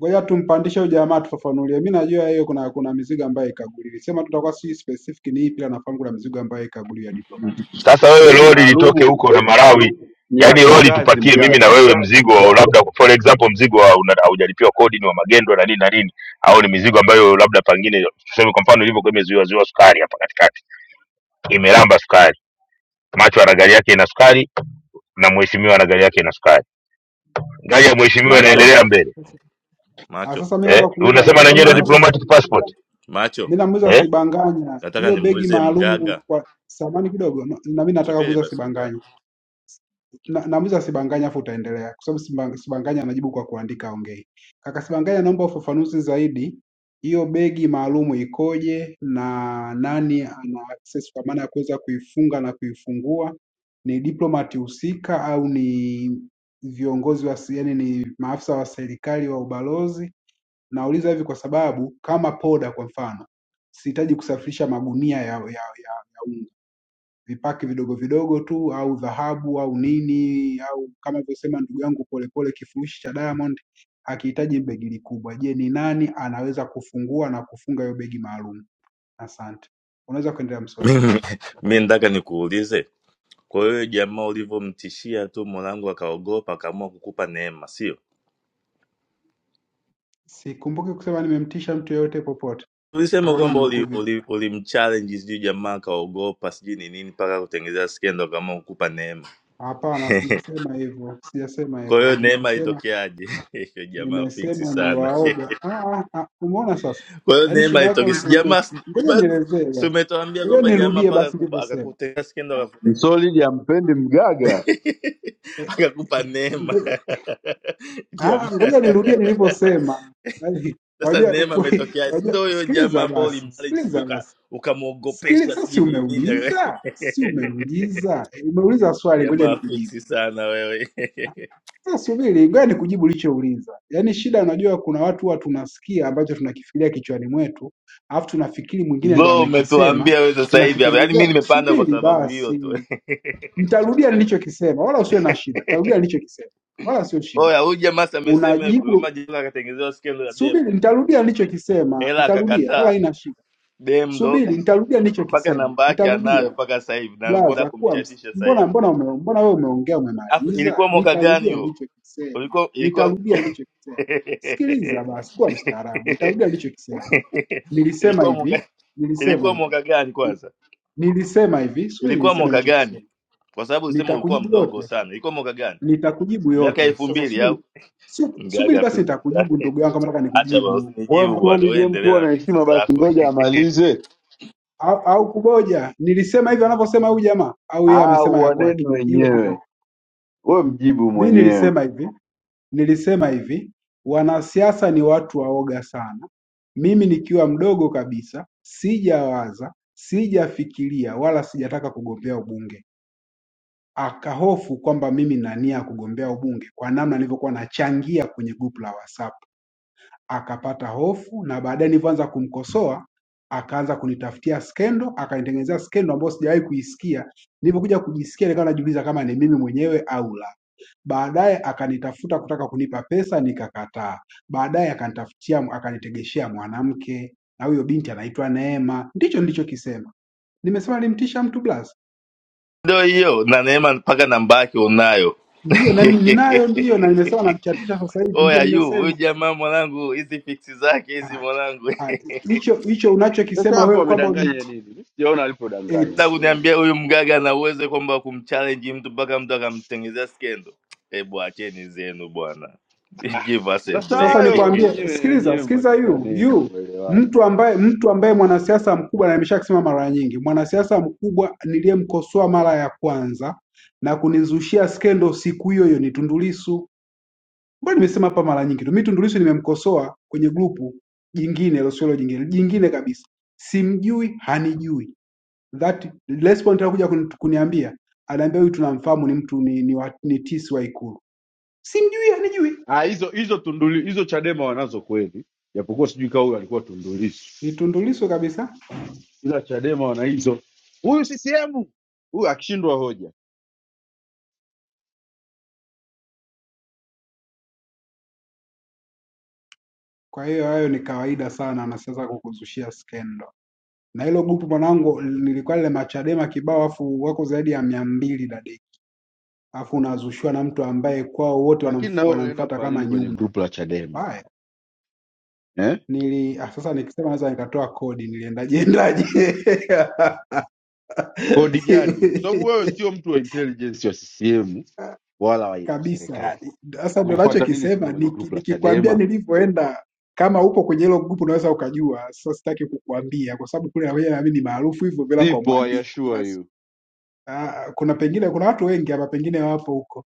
[SPEAKER 6] ngoja tumpandishe huyu jamaa tufafanulie. Mimi najua hiyo kuna kuna mizigo ambayo haikaguliwi. Sema tutakuwa si specific ni ipi, ila nafahamu kuna mizigo ambayo haikaguliwi ya diplomatic.
[SPEAKER 5] Sasa wewe
[SPEAKER 4] begi
[SPEAKER 5] lori litoke
[SPEAKER 4] maalumu
[SPEAKER 5] huko na Malawi,
[SPEAKER 4] ni la
[SPEAKER 5] yaani lori
[SPEAKER 4] kikazi.
[SPEAKER 5] tupakie mimi na
[SPEAKER 4] Mgaga
[SPEAKER 5] wewe mzigo wa labda, for example, mzigo wa una- haujalipiwa kodi, ni wa magendo na nini na nini, au ni mizigo ambayo labda pengine, tuseme kwa mfano ilivyokuwa imezuiwa zuiwa sukari hapa katikati, imelamba sukari, macho ana gari yake ina sukari na mheshimiwa ana gari yake ina sukari, gari ya mheshimiwa
[SPEAKER 20] macho
[SPEAKER 5] inaendelea mbele
[SPEAKER 6] Ah,
[SPEAKER 20] macho
[SPEAKER 6] sasa mimi
[SPEAKER 5] eh?
[SPEAKER 6] naomba kuuliza,
[SPEAKER 5] Unasema
[SPEAKER 6] nataka
[SPEAKER 5] na nyie
[SPEAKER 6] mimi
[SPEAKER 5] ndio
[SPEAKER 6] namuuliza
[SPEAKER 20] macho
[SPEAKER 6] si-
[SPEAKER 5] diplomatic passport
[SPEAKER 20] macho
[SPEAKER 6] mimi namuuliza
[SPEAKER 5] eh?
[SPEAKER 6] Sibanganya
[SPEAKER 20] nataka
[SPEAKER 6] hiyo begi
[SPEAKER 20] nimuulize
[SPEAKER 6] maalum
[SPEAKER 20] mgaga
[SPEAKER 6] kwa samani kidogo no, na mimi nataka
[SPEAKER 20] subiri
[SPEAKER 6] kuuliza
[SPEAKER 20] basi
[SPEAKER 6] Sibanganya
[SPEAKER 20] mgaga
[SPEAKER 6] na, namuuliza Sibanganya afu utaendelea kwa sababu Sibang- Sibanganya anajibu kwa kuandika ongei. Kaka Sibanganya, naomba ufafanuzi zaidi, hiyo begi maalumu ikoje na nani ana access kwa maana ya kuweza kuifunga na kuifungua? Ni diplomati husika au ni viongozi wa se- yaani ni maafisa wa serikali wa ubalozi? Nauliza hivi kwa sababu kama poda kwa mfano, sihitaji kusafirisha magunia ya, ya, ya, ya unga vipaki vidogo vidogo tu au dhahabu au nini au kama alivyosema ndugu yangu Polepole, kifurushi cha Diamond hakihitaji begi kubwa. Je, ni nani anaweza kufungua na kufunga hiyo begi maalum? Asante, unaweza kuendelea msori.
[SPEAKER 20] Mimi mi nataka nikuulize Kwa wewe jamaa ulivyomtishia tu mwanangu akaogopa akaamua kukupa neema, sio?
[SPEAKER 6] Sikumbuki kusema nimemtisha mtu yeyote popote,
[SPEAKER 20] Ulisema
[SPEAKER 6] tokama
[SPEAKER 20] kwamba
[SPEAKER 6] ninukuu
[SPEAKER 20] ulimchallenge uli,
[SPEAKER 6] vibaya.
[SPEAKER 20] uli ulimchallenge sijui jamaa akaogopa sijui ni nini mpaka kutengeneza skendo akaamua kukupa neema.
[SPEAKER 6] Hapana, sijasema hivyo, sijasema
[SPEAKER 20] Kwa hiyo
[SPEAKER 6] hivyo.
[SPEAKER 20] neema
[SPEAKER 6] Nimesema
[SPEAKER 20] ilitokeaje? Hiyo jamaa fiksi
[SPEAKER 6] nimesema ni
[SPEAKER 20] sana.
[SPEAKER 6] waoga. Ah, ah, ah, umeona sasa,
[SPEAKER 20] Kwa hiyo
[SPEAKER 6] yaani
[SPEAKER 20] neema
[SPEAKER 6] shida yako
[SPEAKER 20] ilitoke si
[SPEAKER 6] ume...
[SPEAKER 20] jamaa si
[SPEAKER 6] Ngoja
[SPEAKER 20] but-
[SPEAKER 6] nielezee
[SPEAKER 20] si
[SPEAKER 6] basi,
[SPEAKER 20] umetuambia
[SPEAKER 6] ngoja
[SPEAKER 20] kwamba jamaa
[SPEAKER 6] nirudie
[SPEAKER 20] mpaka
[SPEAKER 6] basi
[SPEAKER 20] akupa-
[SPEAKER 6] nilivyosema.
[SPEAKER 20] akakutengeneza skendo akakutengeneza
[SPEAKER 4] msolidi ampendi mgaga,
[SPEAKER 20] akakupa
[SPEAKER 6] Eh,
[SPEAKER 20] neema
[SPEAKER 6] Ah, ah, ngoja nirudie
[SPEAKER 20] jamaa.
[SPEAKER 6] nilivyosema. Yaani,
[SPEAKER 20] sasa
[SPEAKER 6] Unajua,
[SPEAKER 20] neema
[SPEAKER 6] ukweli-
[SPEAKER 20] ametokea si ndo
[SPEAKER 6] unajua,
[SPEAKER 20] huyo jamaa
[SPEAKER 6] sikiliza
[SPEAKER 20] ambao
[SPEAKER 6] basi,
[SPEAKER 20] ulimbariji sijui
[SPEAKER 6] sikiliza
[SPEAKER 20] uka-
[SPEAKER 6] basi, sikiliza.
[SPEAKER 20] ukamwogopesha
[SPEAKER 6] Sasa
[SPEAKER 20] sijui
[SPEAKER 6] si
[SPEAKER 20] ni nini
[SPEAKER 6] umeuliza, si umeuliza, Eh, umeuliza swali, ngoja
[SPEAKER 20] jamaa
[SPEAKER 6] nikujibu.
[SPEAKER 20] fiksi sana wewe
[SPEAKER 6] Sasa subiri, ngoja nikujibu ulichouliza. Yaani shida, unajua, kuna watu huwa tunasikia ambacho tunakifikiria kichwani mwetu, alafu tunafikiri mwingine ndo
[SPEAKER 20] bro
[SPEAKER 6] amekisema,
[SPEAKER 20] umetuambia wewe sasa hivi hapa yaani mi
[SPEAKER 6] tunakitengenezea.
[SPEAKER 20] nimepanda kwa
[SPEAKER 6] Subiri
[SPEAKER 20] sababu hiyo tu
[SPEAKER 6] basi, nitarudia nilichokisema, wala usiwe na shida. Nitarudia nilichokisema, wala sio shida.
[SPEAKER 20] oya huyu jamaa si amesema hivyo
[SPEAKER 6] Unajibu
[SPEAKER 20] majila akatengezewa skendo ya dem
[SPEAKER 6] subiri, nitarudia nilichokisema,
[SPEAKER 20] ela
[SPEAKER 6] nitarudia, wala
[SPEAKER 20] akakataa
[SPEAKER 6] haina shida.
[SPEAKER 20] dem ndo
[SPEAKER 6] Subiri, nitarudia
[SPEAKER 20] mpaka
[SPEAKER 6] nilichokisema,
[SPEAKER 20] namba yake anayo
[SPEAKER 6] nitarudia.
[SPEAKER 20] mpaka sasa hivi na alikuwa anataka
[SPEAKER 6] Blaza, kuwa ms-
[SPEAKER 20] kumchatisha sasa
[SPEAKER 6] mbona
[SPEAKER 20] hivi
[SPEAKER 6] mbona ume, mbona wewe umeongea
[SPEAKER 20] Alafu,
[SPEAKER 6] umemaliza?
[SPEAKER 20] ilikuwa mwaka gani
[SPEAKER 6] Nitarudia
[SPEAKER 20] huo
[SPEAKER 6] nilichokisema,
[SPEAKER 20] ulikuwa ilikuwa
[SPEAKER 6] nitarudia nilichokisema. Sikiliza basi, kuwa mstaarabu. Nitarudia nilichokisema. Nilisema
[SPEAKER 20] ilikuwa
[SPEAKER 6] hivi,
[SPEAKER 20] mwaka
[SPEAKER 6] nilisema
[SPEAKER 20] ilikuwa
[SPEAKER 6] hivi,
[SPEAKER 20] mwaka gani kwanza?
[SPEAKER 6] nilisema hivi. Subiri,
[SPEAKER 20] Ilikuwa
[SPEAKER 6] nilisema
[SPEAKER 20] mwaka gani?
[SPEAKER 6] nilichokisema.
[SPEAKER 20] Kwa sababu ulisema ulikuwa
[SPEAKER 6] Nitakujibu
[SPEAKER 20] mdogo
[SPEAKER 6] yote,
[SPEAKER 20] sana. Ilikuwa mwaka gani?
[SPEAKER 6] nitakujibu
[SPEAKER 20] Miaka
[SPEAKER 6] yote.
[SPEAKER 20] elfu
[SPEAKER 6] Sasa
[SPEAKER 20] mbili
[SPEAKER 6] subiri,
[SPEAKER 20] au
[SPEAKER 6] sio subiri
[SPEAKER 20] mgaga?
[SPEAKER 6] basi,
[SPEAKER 20] Fiksi zako,
[SPEAKER 6] nitakujibu ndugu yangu, kama nataka
[SPEAKER 20] acha bwana,
[SPEAKER 6] nikujibu
[SPEAKER 4] wewe
[SPEAKER 20] usinijibu bwana, wewe
[SPEAKER 4] msolidi mkuu
[SPEAKER 20] endelea na
[SPEAKER 4] na
[SPEAKER 20] fiksi
[SPEAKER 4] heshima, basi
[SPEAKER 20] zako.
[SPEAKER 4] ngoja amalize.
[SPEAKER 6] au, au kuboja. Nilisema hivyo anavyosema huyu jamaa au yeye
[SPEAKER 4] Ah,
[SPEAKER 6] amesema ya kwake?
[SPEAKER 4] uaneni
[SPEAKER 6] Hilo tu. tatizo.
[SPEAKER 4] wenyewe, wewe mjibu
[SPEAKER 6] Mimi
[SPEAKER 4] mwenyewe.
[SPEAKER 6] nilisema hivi, nilisema hivi, wanasiasa ni watu waoga sana. Mimi nikiwa mdogo kabisa, sijawaza, sijafikiria wala sijataka kugombea ubunge. Akahofu kwamba mimi na nia ya kugombea ubunge kwa namna nilivyokuwa nachangia kwenye grupu la WhatsApp akapata hofu na baadaye nilivyoanza kumkosoa akaanza kunitafutia skendo, akanitengenezea skendo ambayo sijawahi kuisikia. Nilipokuja kujisikia nikawa najiuliza kama ni mimi mwenyewe au la. Baadaye akanitafuta kutaka kunipa pesa nikakataa. Baadaye akanitafutia akanitegeshea mwanamke na huyo binti anaitwa Neema. Ndicho nilichokisema. Nimesema nilimtisha mtu Blas?
[SPEAKER 20] Ndio hiyo, na Neema mpaka namba yake unayo.
[SPEAKER 6] Ndiyo, na nim- ninayo ndiyo, na nimesema namchatisha sasa hivi, ndiyo
[SPEAKER 20] Oya yu huyu
[SPEAKER 6] nimesema.
[SPEAKER 20] jamaa mwanangu, hizi fiksi zake hizi
[SPEAKER 6] Haya,
[SPEAKER 20] mwanangu.
[SPEAKER 6] haya. Hicho hicho
[SPEAKER 4] Sasa
[SPEAKER 6] unachokisema
[SPEAKER 4] hapo
[SPEAKER 6] wewe kwamba ulimti-
[SPEAKER 4] wamedanganya nini? Mimi sijaona alipodanganya
[SPEAKER 6] eti
[SPEAKER 20] na
[SPEAKER 4] msolidi.
[SPEAKER 20] kuniambia huyu mgaga ana uwezo kwamba wa kumchallenge mtu mpaka mtu akamtengenezea skendo. Hebu acheni zenu bwana, give us a
[SPEAKER 4] Sasa
[SPEAKER 6] Sasa
[SPEAKER 20] break.
[SPEAKER 4] hayo
[SPEAKER 6] nikwambie,
[SPEAKER 4] ninyewe
[SPEAKER 6] sikiliza
[SPEAKER 4] wenyewe
[SPEAKER 6] sikiliza, yu
[SPEAKER 4] malizaneni,
[SPEAKER 6] yu
[SPEAKER 4] mwelewane.
[SPEAKER 6] mtu ambaye mtu ambaye mwanasiasa mkubwa, na nimeshakisema mara nyingi, mwanasiasa mkubwa niliyemkosoa mara ya kwanza na kunizushia skendo siku hiyo hiyo ni Tundu Lissu, ambayo nimesema hapa mara nyingi tu. Mimi Tundu Lissu nimemkosoa kwenye grupu jingine, hilo sio hilo jingine, jingine kabisa, simjui, hanijui. That respond alikuja kuni- kuniambia, anaambia huyu tunamfahamu, ni mtu ni, ni, wa- ni tisi wa Ikulu, simjui, hanijui,
[SPEAKER 4] Ah, hizo hizo tunduli hizo Chadema wanazo kweli, japokuwa sijui kama huyu alikuwa tundulisu,
[SPEAKER 6] ni Tundu Lissu kabisa
[SPEAKER 4] ila Chadema wana hizo. Huyu CCM huyu akishindwa hoja,
[SPEAKER 6] Kwa hiyo hayo ni kawaida sana na sasa kukuzushia skendo. Na hilo gupu mwanangu nilikuwa lile machadema kibao afu wako zaidi ya mia mbili dadeki. Afu unazushiwa na mtu ambaye kwao wote wanamf,
[SPEAKER 4] lakini na wewe unaenda
[SPEAKER 6] wanamfuata
[SPEAKER 4] kufanya
[SPEAKER 6] kama
[SPEAKER 4] nini kwenye
[SPEAKER 6] nyumbu.
[SPEAKER 4] grupu la Chadema
[SPEAKER 6] Mbaya.
[SPEAKER 4] eh?
[SPEAKER 6] Nili ah, sasa nikisema naweza nikatoa kodi niliendaje endaje.
[SPEAKER 4] Kodi gani hiyo? Kwa sababu wewe sio mtu wa intelligence wa CCM wala wa, wa
[SPEAKER 6] kabisa.
[SPEAKER 4] serikali.
[SPEAKER 6] Sasa ndo
[SPEAKER 4] Ulifuata nini sasa
[SPEAKER 6] nachokisema,
[SPEAKER 4] kwenye
[SPEAKER 6] niki-
[SPEAKER 4] grupu la
[SPEAKER 6] nikikwambia
[SPEAKER 4] Chadema?
[SPEAKER 6] nilivyoenda, kama upo kwenye hilo grupu unaweza ukajua. Sasa sitaki kukuambia kwa sababu kule nawe nami ni maarufu hivyo bila kwa
[SPEAKER 4] Sipo, I
[SPEAKER 6] mwandiko.
[SPEAKER 4] assure
[SPEAKER 6] Basi,
[SPEAKER 4] you.
[SPEAKER 6] ah, Kuna pengine kuna watu wengi hapa pengine wapo huko.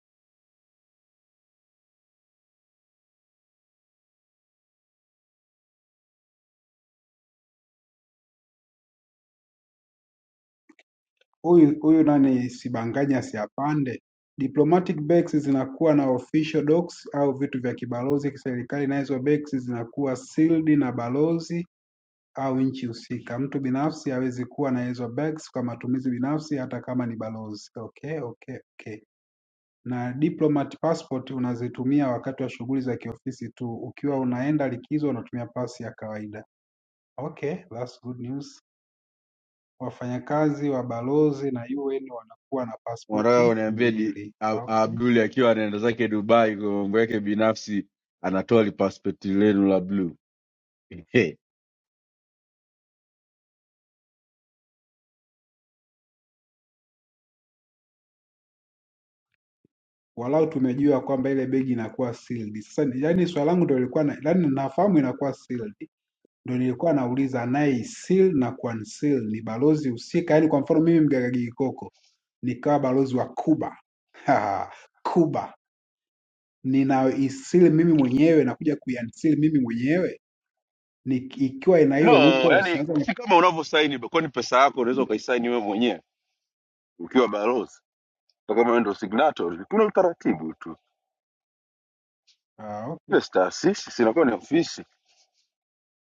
[SPEAKER 6] Huyu huyu nani Sibanganya siapande. Diplomatic backs zinakuwa na official docs au vitu vya kibalozi kiserikali, nazo backs zinakuwa sealed na balozi au nchi husika. Mtu binafsi hawezi kuwa na hizo bags kwa matumizi binafsi hata kama ni balozi. Okay, okay, okay. Na diplomat passport unazitumia wakati wa shughuli za kiofisi tu. Ukiwa unaenda likizo unatumia pasi ya kawaida. Okay, that's good news. Wafanyakazi wa balozi na UN wanakuwa na
[SPEAKER 4] Unataka
[SPEAKER 6] pasipoti
[SPEAKER 4] uniambie di-
[SPEAKER 6] mbili.
[SPEAKER 4] A-
[SPEAKER 6] Okay.
[SPEAKER 4] Abduli akiwa anaenda zake Dubai kwa mambo yake binafsi anatoa lipaspeti lenu la blue
[SPEAKER 6] Walau tumejua kwamba ile begi inakuwa sealed. Sasa yani swali langu ndio lilikuwa na, yani nafahamu inakuwa sealed Ndio nilikuwa nauliza anayeisiil na kuansil ni balozi husika, yaani kwa mfano mimi Mgagagi Gikoko nikawa balozi wa Cuba Haha, Cuba ninayoisil mimi mwenyewe na kuja kuiansil mimi mwenyewe ni, ikiwa ina
[SPEAKER 4] no
[SPEAKER 6] hiyo loophole
[SPEAKER 4] yani
[SPEAKER 6] sasa ni...
[SPEAKER 4] si kama unavyosaini kwani pesa yako unaweza ukaisaini wewe mwenyewe ukiwa balozi Kwa kama wewe ndio signatory kuna utaratibu tu
[SPEAKER 6] ah, okay.
[SPEAKER 4] ile si taasisi sinakuwa ni ofisi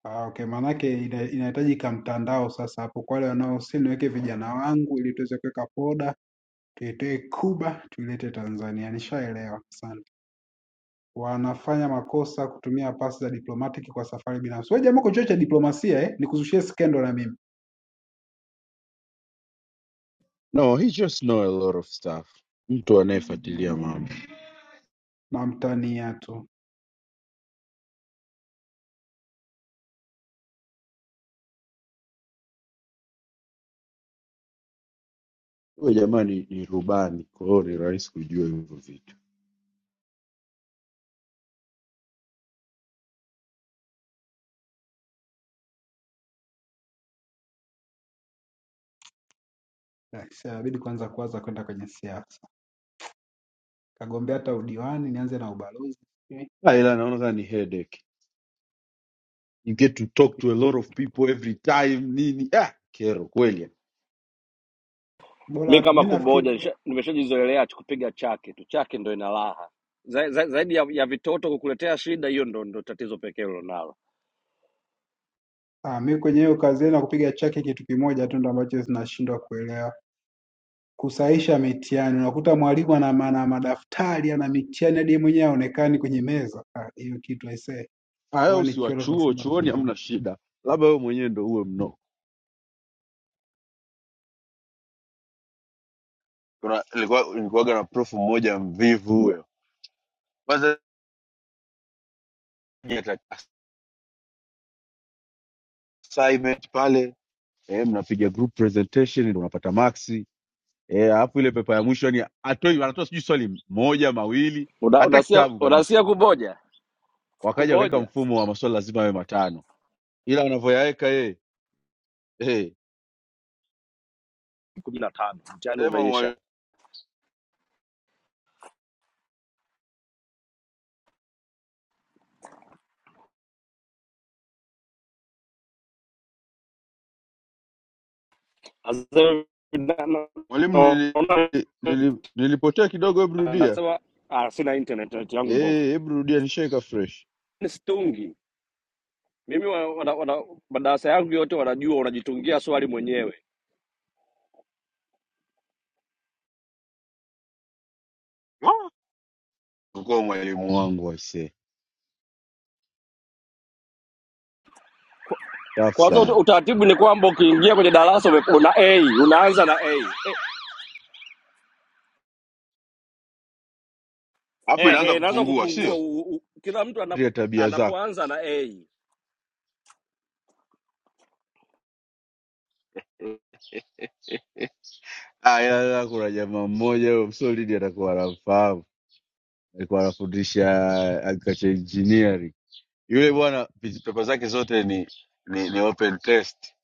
[SPEAKER 6] Ah, okay. Maanake ina- inahitajika mtandao sasa hapo kwa wale wanaosil, niweke vijana wangu ili tuweze kuweka poda tuitoe Cuba tuilete Tanzania. Nishaelewa, asante. wanafanya makosa kutumia pasi za diplomatic kwa safari binafsi. Wewe jamaa uko chuo cha diplomasia eh? Nikuzushie skendo na mimi
[SPEAKER 4] No, he just know a lot of stuff. Mtu anayefuatilia mambo
[SPEAKER 6] mamtania tu.
[SPEAKER 4] huyo jamani ni ni rubani, kwa hiyo ni rahisi kujua hivyo vitu.
[SPEAKER 6] Yes, yeah, inabidi kwanza kuanza kwenda kwenye siasa, kagombea hata udiwani, nianze na ubalozi Eh,
[SPEAKER 4] Ah, ila naona kama ni headache. You get to talk to a lot of people every time nini. Ah, kero kweli.
[SPEAKER 3] mi
[SPEAKER 6] bora. Mi
[SPEAKER 3] kama
[SPEAKER 6] nafikiri
[SPEAKER 3] kuboja nisha- nimeshajizoelea tu kupiga chake tu, chake ndo ina raha za, za, zaidi ya, ya vitoto kukuletea shida. Hiyo ndo, ndo tatizo pekee ulilonalo.
[SPEAKER 6] ah, mi kwenye hiyo kazi yenu ya kupiga chaki, kitu kimoja tu ndo ambacho zinashindwa kuelewa, kusahisha mitihani. Unakuta mwalimu ana ana madaftari ana mitihani hadi yeye mwenyewe haonekani kwenye meza. Ah, Hiyo kitu aisee,
[SPEAKER 4] Haya
[SPEAKER 6] huwa
[SPEAKER 4] usiwa
[SPEAKER 6] nikiona
[SPEAKER 4] chuo,
[SPEAKER 6] tunasema
[SPEAKER 4] chuoni
[SPEAKER 6] hapana.
[SPEAKER 4] hamna shida, labda wewe mwenyewe ndo uwe mnoko. kuna ilikuwa ilikuwaga na prof mmoja mvivu huyo kwanza ya assignment pale eh, mnapiga group presentation ndio unapata maxi eh, alafu ile pepa ya mwisho yani atoi anatoa sijui swali moja mawili
[SPEAKER 3] Una-
[SPEAKER 4] hata
[SPEAKER 3] Unasia
[SPEAKER 4] kitabu kabisa
[SPEAKER 3] unasia kumoja
[SPEAKER 4] wakaja wakaweka
[SPEAKER 3] kumoja
[SPEAKER 4] mfumo wa maswali lazima yawe matano ila wanavyoyaweka yeye eh,
[SPEAKER 3] kumi na tano mtihani
[SPEAKER 4] sema
[SPEAKER 3] umeisha.
[SPEAKER 4] mwalimu
[SPEAKER 3] Sasa na- na-
[SPEAKER 4] mwalimu nili,
[SPEAKER 3] naona
[SPEAKER 4] nili, nilipotea kidogo hebu rudia
[SPEAKER 3] anasema ah, sina internet net yangu mbovu.
[SPEAKER 4] eh, hebu rudia nishaika fresh
[SPEAKER 3] Ni Situngi mimi, wa- wana- wana- madarasa yangu yote wanajua, unajitungia swali mwenyewe.
[SPEAKER 4] Ah, kwa mwalimu wangu aisee safi
[SPEAKER 3] Kwanza ut-
[SPEAKER 4] sana
[SPEAKER 3] utaratibu ni kwamba ukiingia kwenye darasa ume- una A, unaanza na A.
[SPEAKER 4] alafu inaanza
[SPEAKER 3] Ehe, naweza
[SPEAKER 4] kupungua sio
[SPEAKER 3] kupungua u, u, kila mtu anap,
[SPEAKER 4] dhidi ya tabia zako.
[SPEAKER 3] anapoanza na A
[SPEAKER 4] Ah, ila ila kuna jamaa mmoja huyo msolidi atakuwa anamfahamu, alikuwa anafundisha agriculture engineering. Yule bwana pepa zake zote ni, ni, ni open test,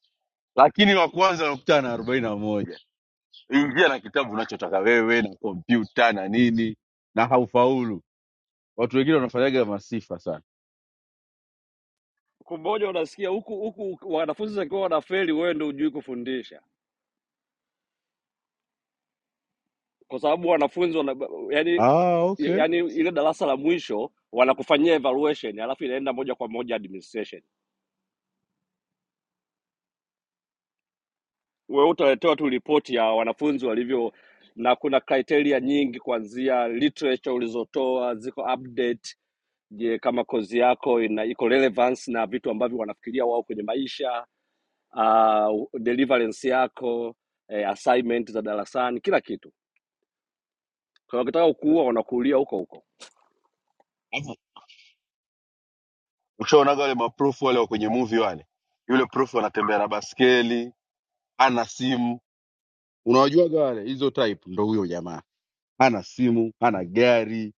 [SPEAKER 4] lakini wa kwanza anakutana na arobaini na moja. Ingia na kitabu unachotaka wewe na kompyuta na nini na haufaulu. Watu wengine wanafanyaga masifa sana.
[SPEAKER 3] kumoja, unasikia huku huku wanafunzi wakiwa wanafeli, wewe ndio hujui kufundisha. kwa sababu wanafunzi wana, yani,
[SPEAKER 4] Ah, okay.
[SPEAKER 3] yani ile darasa la mwisho wanakufanyia evaluation alafu inaenda moja kwa moja administration. Wewe utaletewa tu ripoti ya wanafunzi walivyo, na kuna criteria nyingi kuanzia literature ulizotoa ziko update. Je, kama kozi yako ina iko relevance na vitu ambavyo wanafikiria wao kwenye maisha uh, deliverance yako eh, assignment za darasani, kila kitu. Kwa hiyo wakitaka kukuua wanakuulia huko huko.
[SPEAKER 4] Alafu, Ushaonaga wale maprofu wale wa kwenye movie wale, yule profu anatembea na baskeli, hana simu unawajuaga wale hizo type, ndo huyo jamaa hana simu hana gari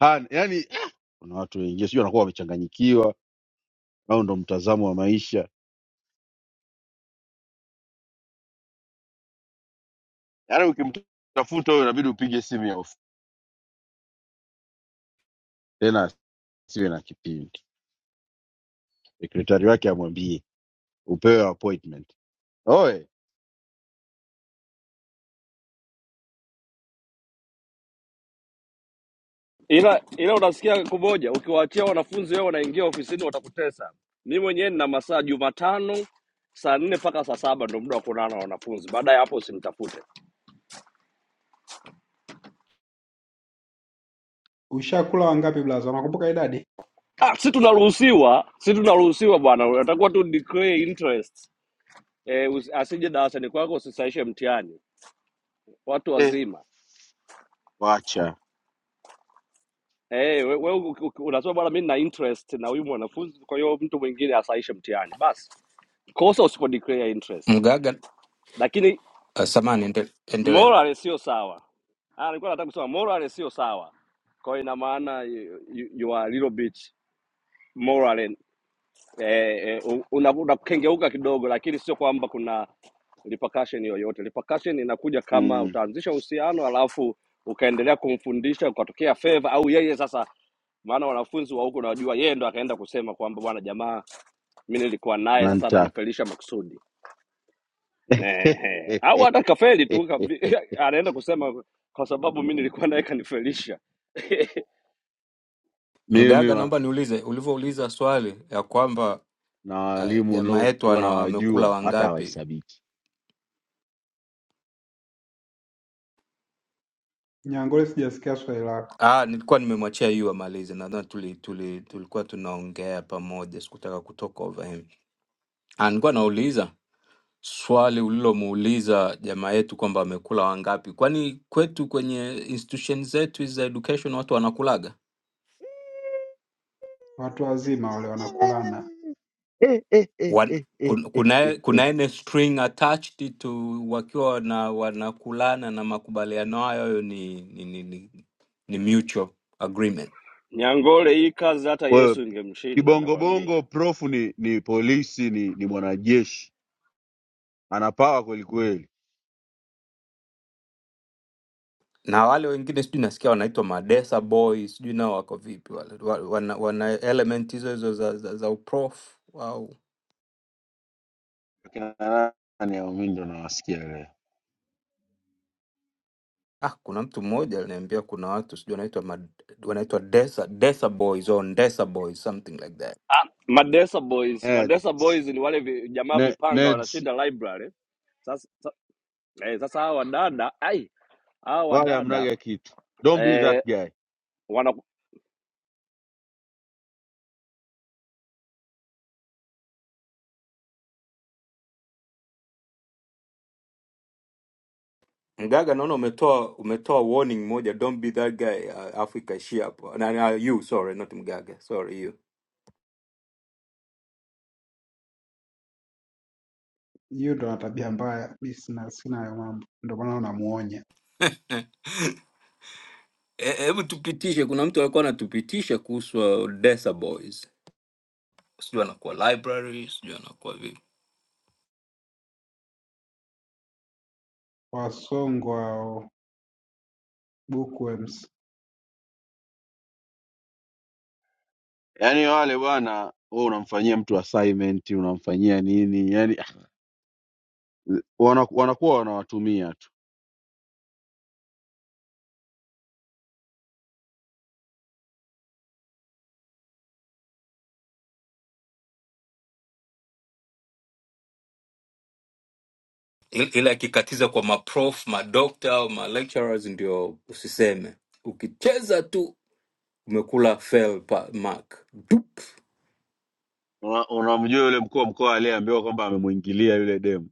[SPEAKER 4] hana yani, eh, kuna watu wengine sijui wanakuwa wamechanganyikiwa au ndo mtazamo wa maisha. Yani ukimtafuta huyo inabidi upige simu ya ofisi, tena siwe na kipindi, sekretari wake amwambie upewe appointment. Oe
[SPEAKER 3] ila ila unasikia kumoja, ukiwaachia wanafunzi wao wanaingia ofisini watakutesa. Mi mwenyewe nina masaa Jumatano saa nne mpaka saa saba ndo muda wa kuonana na wanafunzi. Baada ya hapo usinitafute.
[SPEAKER 6] Ushakula wangapi blaza? Unakumbuka idadi?
[SPEAKER 3] Ah, si tunaruhusiwa, si tunaruhusiwa bwana, atakuwa tu declare interest eh, usi- asije darasani kwako usisaishe mtihani. Watu
[SPEAKER 4] eh,
[SPEAKER 3] wazima
[SPEAKER 4] wacha
[SPEAKER 3] eh, we, we, u- u- unasema bwana, mi nina interest na huyu mwanafunzi, kwa hiyo mtu mwingine asaishe mtihani. Basi kosa usipo declare interest,
[SPEAKER 11] mgaga
[SPEAKER 3] Lakini
[SPEAKER 11] uh, samani endele
[SPEAKER 3] Morale sio sawa. Ah, alikuwa nataka kusema morale sio sawa, kwa hiyo ina maana you, you you are a little bit morale eh, eh, u- una- unakengeuka kidogo, lakini sio kwamba kuna repercussion yoyote. Repercussion inakuja kama
[SPEAKER 4] mm,
[SPEAKER 3] utaanzisha uhusiano alafu ukaendelea kumfundisha ukatokea favor, au yeye sasa maana wanafunzi wa huko najua yeye ndo akaenda kusema kwamba bwana jamaa mi nilikuwa naye sasa
[SPEAKER 4] unanitaka
[SPEAKER 3] ananifelisha makusudi Ehe. Au hata kafeli tu kavi- anaenda kusema kwa sababu mi nilikuwa naye kanifelisha.
[SPEAKER 4] mimi
[SPEAKER 11] Mgaga,
[SPEAKER 4] wa-
[SPEAKER 11] naomba niulize, ulivyouliza swali ya kwamba
[SPEAKER 4] na
[SPEAKER 11] ah,
[SPEAKER 4] walimu
[SPEAKER 11] jamaa yetu
[SPEAKER 4] niliokuwa
[SPEAKER 11] ana- amekula
[SPEAKER 4] nawajua hata
[SPEAKER 11] wangapi?
[SPEAKER 4] hawahesabiki.
[SPEAKER 6] Nyangole sijasikia swali lako.
[SPEAKER 11] Ah, nilikuwa nimemwachia yu amalize, nadhani tuli, tuli, tulikuwa tunaongea pamoja, sikutaka kutoka over him. Ah, nilikuwa nauliza swali ulilomuuliza jamaa yetu kwamba amekula wangapi, kwani kwetu kwenye institution zetu za education watu wanakulaga
[SPEAKER 6] Watu wazima wale wanakulana.
[SPEAKER 11] Wan- kun- kuna kuna ene string attached to wakiwa wana, wanakulana na makubaliano hayo hayo ni ni, ni, ni ni mutual agreement
[SPEAKER 3] Nyangole hii kazi hata
[SPEAKER 4] Kwa hiyo
[SPEAKER 3] Yesu ingemshinda nakwambia.
[SPEAKER 4] kibongobongo profu ni, ni polisi ni, ni mwanajeshi ana pawa kwelikweli.
[SPEAKER 11] na wale wengine sijui nasikia wanaitwa madesa boy sijui nao wako vipi wale wa- wana, wana element hizo hizo za, za, za uprof au
[SPEAKER 4] Akina nani hao? Mimi ndo nawasikia leo.
[SPEAKER 11] ah, kuna mtu mmoja aliniambia kuna watu sijui wanaitwa mad- wanaitwa desa, desa boys or desa boys something like that
[SPEAKER 3] Madesa Boys, Madesa
[SPEAKER 4] Neds.
[SPEAKER 3] Boys ni wale vi, jamaa
[SPEAKER 4] Ne,
[SPEAKER 3] vipanga
[SPEAKER 4] Neds.
[SPEAKER 3] wanashinda library. Sasa sa, eh, sasa hawa wadada, ai, hawa
[SPEAKER 4] Wale
[SPEAKER 3] wadada
[SPEAKER 4] hamnaga kitu. Don't be
[SPEAKER 3] eh,
[SPEAKER 4] that guy.
[SPEAKER 3] wana
[SPEAKER 11] Mgaga, naona umetoa umetoa warning moja, don't be that guy. Uh, Africa ishia hapo na, na you sorry, not Mgaga, sorry you.
[SPEAKER 6] Hiyo ndo na tabia mbaya. Mimi sina sina hayo mambo. Ndio maana namuonya.
[SPEAKER 11] Eh, Hebu tupitishe, kuna mtu alikuwa anatupitisha kuhusu uh, Desa Boys, sijui anakuwa library, sijui anakuwa vipi,
[SPEAKER 6] Wasongwa hao bookworms.
[SPEAKER 4] Yaani wale bwana wewe unamfanyia mtu assignment, unamfanyia nini? Yaani ah, wana- wanakuwa wanawatumia tu.
[SPEAKER 11] Il- ila akikatiza kwa maprof madokta au malecturers, ndio usiseme. Ukicheza tu umekula fail pa- mark. Dup.
[SPEAKER 4] Una- Unamjua yule mkuu wa mkoa aliyeambiwa kwamba amemwingilia yule demu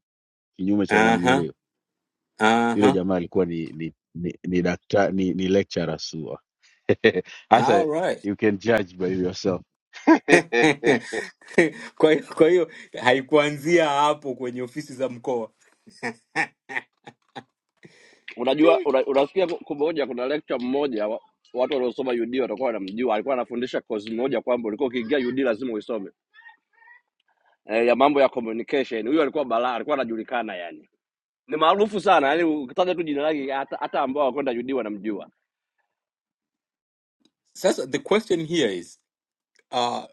[SPEAKER 4] kinyume cha
[SPEAKER 11] Aha,
[SPEAKER 4] nanili Yule
[SPEAKER 11] aha.
[SPEAKER 4] jamaa alikuwa ni ni ni, ni, dakta, ni, ni lecturer SUA. Hasa
[SPEAKER 11] All right.
[SPEAKER 4] you can judge by yourself.
[SPEAKER 11] kwa hiyo kwa hiyo haikuanzia hapo kwenye ofisi za mkoa
[SPEAKER 3] unajua
[SPEAKER 11] Ti.
[SPEAKER 3] una- unasikia ku- kumoja kuna lecture mmoja wa, watu waliosoma UD watakuwa wanamjua, alikuwa anafundisha course moja kwamba ulikuwa ukiingia UD lazima uisome eh, ya mambo ya communication. Huyo alikuwa balaa, alikuwa anajulikana yani, ni maarufu sana yani, ukitaja tu jina lake hata, hata ambao hawakwenda judi wanamjua.
[SPEAKER 11] sasa the question here is uh,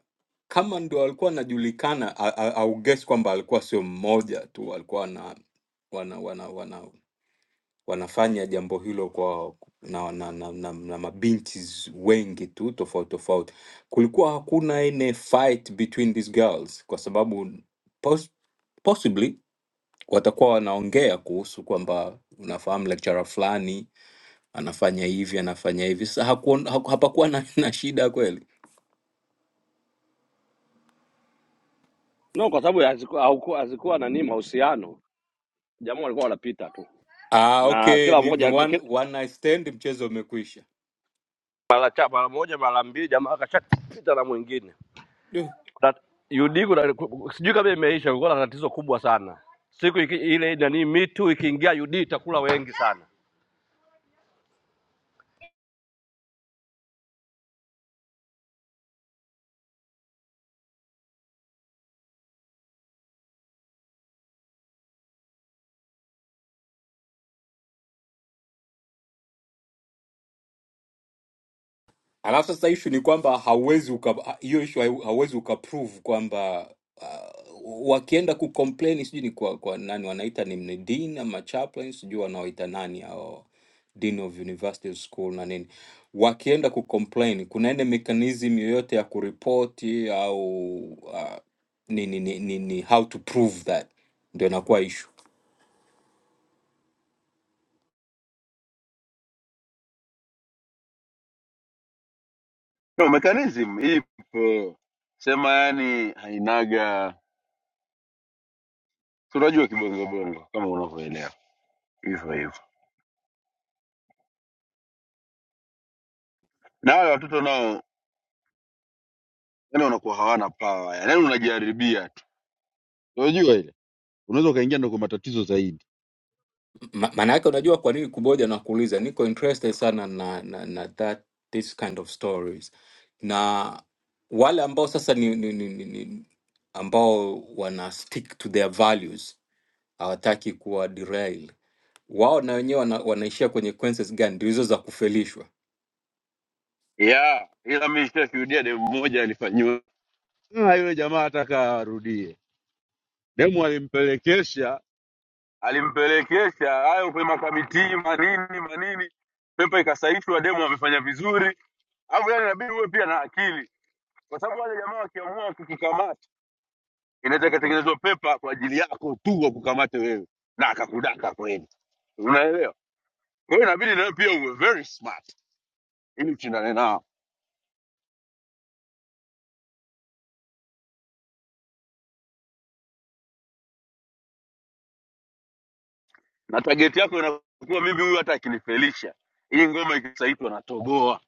[SPEAKER 11] kama ndo alikuwa anajulikana a- a- au guess kwamba alikuwa sio mmoja tu alikuwa na wana, wana, wana, wanafanya jambo hilo kwa na, na, na, na, na mabinti z- wengi tu tofauti tofauti kulikuwa hakuna ine fight between these girls kwa sababu pos, possibly watakuwa wanaongea kuhusu kwamba unafahamu lecturer fulani anafanya hivi anafanya hivi. Sasa hakuon- haku- hapakuwa na, na shida kweli.
[SPEAKER 3] No, kwa sababu hazikuwa hauku- hazikuwa nani mahusiano, jamaa walikuwa wanapita tu
[SPEAKER 11] Ah,
[SPEAKER 3] na
[SPEAKER 11] okay,
[SPEAKER 3] kila
[SPEAKER 11] ni, ni
[SPEAKER 3] mmoja
[SPEAKER 11] one,
[SPEAKER 3] kila,
[SPEAKER 11] one night stand, mchezo umekwisha.
[SPEAKER 3] mara cha- mara moja mara mbili, jamaa akashapita na mwingine. Na UD kuna sijui kama imeisha, kulikuwa na tatizo kubwa sana siku iki, ile nani mitu ikiingia UD itakula wengi sana
[SPEAKER 11] Alafu sasa issue ni kwamba hauwezi uka- hiyo issue hau- hauwezi ukaprove kwamba uh, wakienda kucomplain sijui ni kwa, kwa nani wanaita ni ni dean ama chaplain sijui wanaoita nani hao dean of university school na nini, wakienda kucomplain kuna ile mechanism yoyote ya kuripoti au uh, ni, ni, ni, ni, ni how to prove that ndio inakuwa issue.
[SPEAKER 4] no, mechanism ipo sema, yani hainaga, tunajua kibongobongo kama unavyoelewa hivyo hivyo, na wale watoto nao yani wanakuwa hawana pawa, yani unajaribia tu Unajua ile unaweza ukaingia ndo kwa matatizo zaidi.
[SPEAKER 11] Ma- Maana yake unajua kwa nini kuboja na kuuliza, niko interested sana na, na, na that this kind of stories, na wale ambao sasa ni, ni, ni, ni, ni ambao wana stick to their values, hawataki kuwa derail wao, na wenyewe wana, wanaishia kwenye consequences gani? Ndio hizo za kufelishwa
[SPEAKER 4] yeah. Ila mi sijashuhudia demu mmoja alifanyiwa Ah, yule jamaa hataka arudie, demu alimpelekesha alimpelekesha hayo kwenye makamitii manini manini, pepa ikasaishwa, demu amefanya vizuri. Alafu yani inabidi uwe pia na akili, kwa sababu wale jamaa wakiamua kukukamata, inaweza ikatengenezwa pepa kwa ajili yako tu wakukamate wewe na akakudaka kweli, unaelewa? Kwa hiyo inabidi nawe pia uwe very smart ili ushindane nao, na target yako inakuwa mimi huyu hata akinifelisha hii ngoma ikisaitwa natoboa,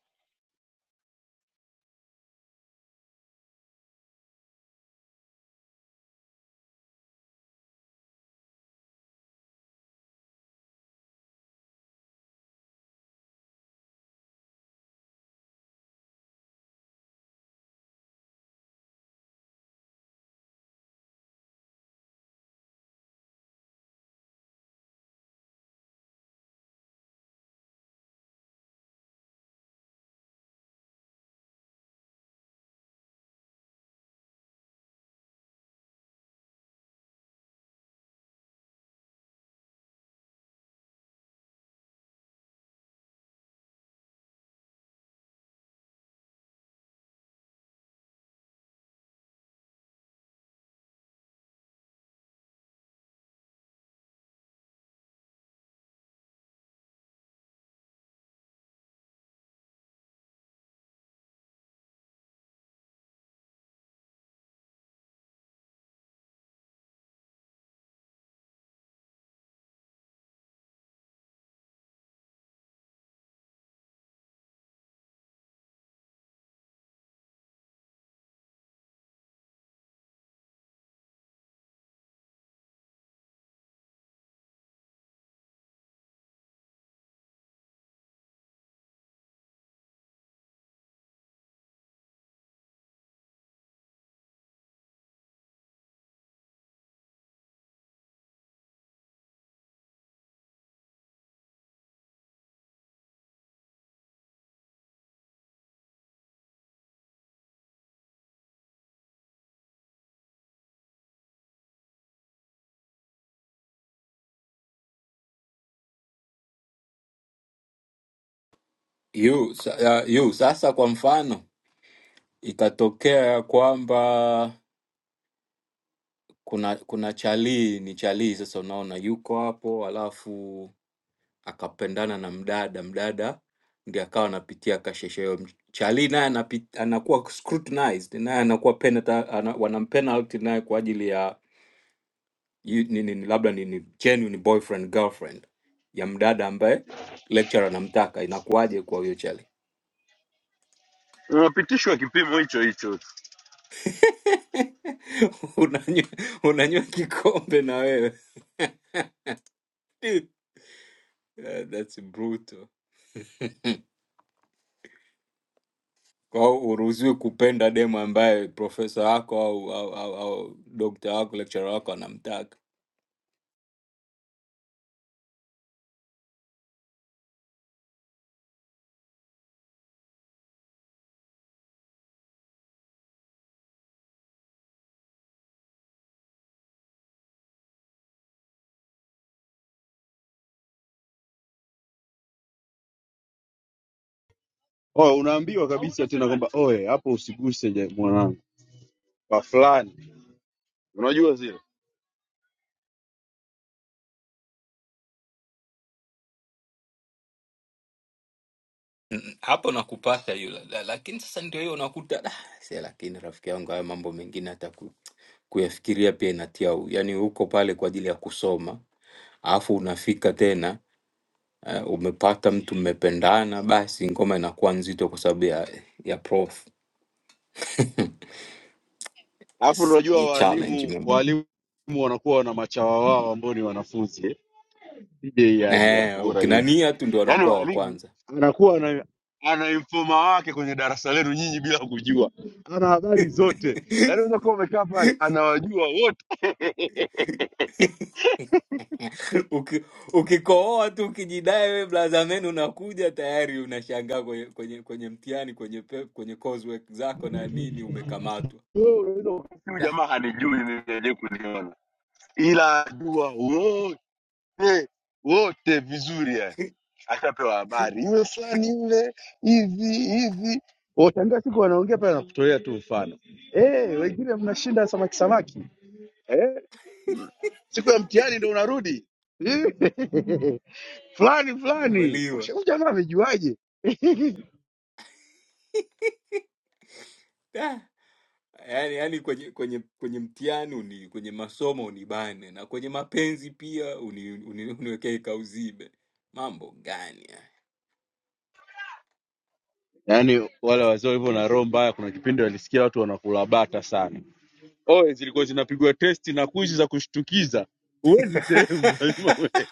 [SPEAKER 11] yu, sa, uh, yu, sasa kwa mfano ikatokea ya kwamba kuna kuna chalii ni chalii sasa, unaona yuko hapo alafu Akapendana na mdada, mdada ndiye akawa anapitia kasheshe hiyo. Charlie naye anapi- anakuwa scrutinized, naye anakuwa penalty, ana, wanampenalty naye kwa ajili ya yu- nini, ni- ni- labda ni, ni genuine boyfriend girlfriend ya mdada ambaye lecturer anamtaka. Inakuwaje kwa huyo Charlie?
[SPEAKER 4] unapitishwa kipimo hicho hicho.
[SPEAKER 11] unanywa unanywa kikombe na wewe Dude, that- that's brutal. Kwa hiyo huruhusiwi kupenda demu ambaye profesa wako au au, au, au dokta wako lecturer wako anamtaka.
[SPEAKER 4] Oh, unaambiwa kabisa tena kwamba oe hapo usiguse ja- mwanangu. kwa fulani, unajua zile.
[SPEAKER 11] Mm, Hapo nakupata yule, la- lakini sasa ndio hiyo unakuta "Ah, see, lakini rafiki yangu hayo mambo mengine hata ku, kuyafikiria pia inatia u, yani uko pale kwa ajili ya kusoma alafu unafika tena uh, umepata mtu mmependana, basi ngoma inakuwa nzito kwa sababu ya, ya prof
[SPEAKER 4] Alafu
[SPEAKER 11] S-
[SPEAKER 4] unajua
[SPEAKER 11] ni challenge
[SPEAKER 4] waalimu
[SPEAKER 11] mambo
[SPEAKER 4] waalimu wanakuwa na machawa wao ambao ni wanafunzi eh. DJ aje hapo
[SPEAKER 11] eh,
[SPEAKER 4] bora yote,
[SPEAKER 11] ukinania tu ndio
[SPEAKER 4] yaani
[SPEAKER 11] wanakuwa wa
[SPEAKER 4] waalimu
[SPEAKER 11] kwanza.
[SPEAKER 4] anakuwa ana, ana informa wake kwenye darasa lenu nyinyi bila kujua, ana habari zote, yaani unaweza kuwa umekaa pale anawajua wote
[SPEAKER 11] Uki- ukikohoa tu ukijidai we blaza menu unakuja tayari unashangaa kwenye, kwenye, kwenye mtihani kwenye pe, kwenye coursework zako na nini umekamatwa
[SPEAKER 4] Wewe unaweza ukasikia huyu
[SPEAKER 11] da
[SPEAKER 4] jamaa hanijui mimi hajawahi kuniona, ila anajua wote wote vizuri yani. ashapewa habari yule fulani yule hivi hivi, watangaa siku wanaongea pale, nakutolea tu mfano eh, wengine mnashinda samaki samaki eh, siku ya mtihani ndo unarudi fulani fulani,
[SPEAKER 11] umeliwa
[SPEAKER 4] Washa- huyu jamaa amejuaje?
[SPEAKER 11] da yani, yani kwenye, kwenye, kwenye mtihani uni, kwenye masomo unibane na kwenye mapenzi pia uni, uni, uniwekee kauzibe mambo gani haya
[SPEAKER 4] Yaani wale wazee walivyo na roho mbaya, kuna kipindi walisikia watu wanakula bata sana. Oe zilikuwa zinapigwa testi na kuishi za kushtukiza, huwezi sehemu, lazima uwe-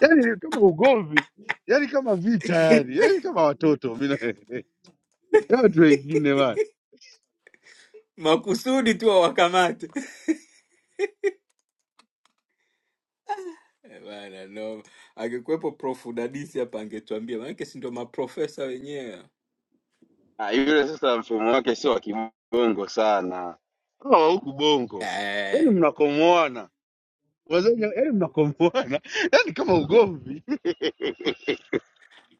[SPEAKER 4] yaani ni kama ugomvi, yaani kama vita, yani yaani kama watoto mimi na Ya watu wengine bana
[SPEAKER 11] makusudi tu wawakamate Eh, bana no angekuwepo prof dadisi hapa angetuambia maanake si ndio maprofesa wenyewe
[SPEAKER 4] Ah, yule sasa mfumo wake sio wa kibongo sana. hawa wa huku bongo, yaani
[SPEAKER 11] eh,
[SPEAKER 4] mnakomoana wazee, wenye- yaani mnakomoana, yaani kama ugomvi.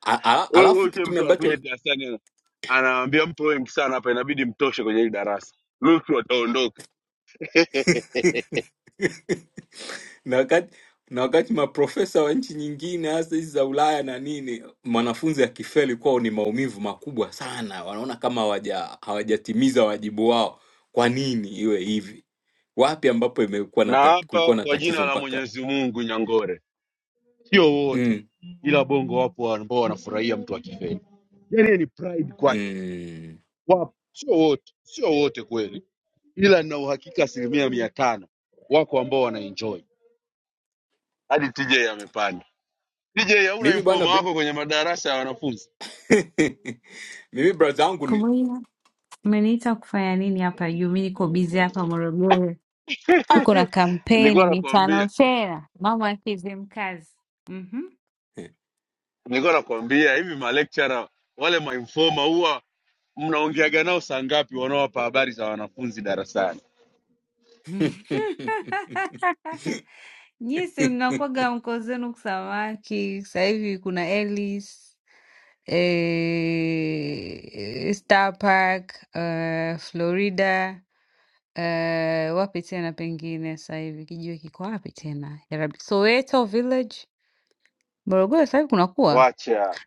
[SPEAKER 11] a- a-
[SPEAKER 4] Wewe
[SPEAKER 11] alafu
[SPEAKER 4] wewe sio
[SPEAKER 11] kitu
[SPEAKER 4] mtu anakuja
[SPEAKER 11] ambacho
[SPEAKER 4] darasani ana- anaambia mtu wewe mkisana hapa inabidi mtoshe kwenye hili darasa, nusu wataondoka.
[SPEAKER 11] na wakati na wakati maprofesa wa nchi nyingine hasa hizi za Ulaya na nini, mwanafunzi akifeli kwao ni maumivu makubwa sana, wanaona kama hawaja hawajatimiza wajibu wao. Kwa nini iwe hivi? Wapi ambapo imekuwa na
[SPEAKER 4] Na
[SPEAKER 11] tat,
[SPEAKER 4] hapa
[SPEAKER 11] kulikuwa na
[SPEAKER 4] kwa jina
[SPEAKER 11] tatizo
[SPEAKER 4] la
[SPEAKER 11] mpaka
[SPEAKER 4] Mwenyezi Mungu Nyangore, sio
[SPEAKER 11] mm.
[SPEAKER 4] wote, ila bongo wapo ambao wanafurahia mtu akifeli, yaani hiyo ni pride kwake,
[SPEAKER 11] Mm.
[SPEAKER 4] wapo, sio wote, sio wote kweli. ila na uhakika asilimia mia tano wako ambao wanaenjoy. Hadi TJ amepanda. TJ, hauna
[SPEAKER 11] Mimi bwana
[SPEAKER 4] informa
[SPEAKER 11] bro...
[SPEAKER 4] wako kwenye madarasa ya wanafunzi?
[SPEAKER 11] mimi braza yangu ni
[SPEAKER 22] Kubuya, umeniita kufanya nini hapa juu? Mi niko bizi hapa Morogoro,
[SPEAKER 11] ah.
[SPEAKER 22] tuko na kampeni
[SPEAKER 4] Nilikuwa
[SPEAKER 22] mitano
[SPEAKER 4] nakwambia,
[SPEAKER 22] tena, mama akize mkazi. Mhm.
[SPEAKER 4] nilikuwa nakwambia hivi, malecturer wale mainforma huwa mnaongeaga nao saa ngapi, wanaowapa habari za wanafunzi darasani?
[SPEAKER 22] Nyisi mnakwaga mko zenu kusamaki sasa hivi, kuna Ellis eh, Star Park eh, Florida eh, wapi tena pengine sasa hivi kijiwe kiko wapi tena yarabi, Soweto Village, Morogoro sasa hivi kunakuwa
[SPEAKER 4] Wacha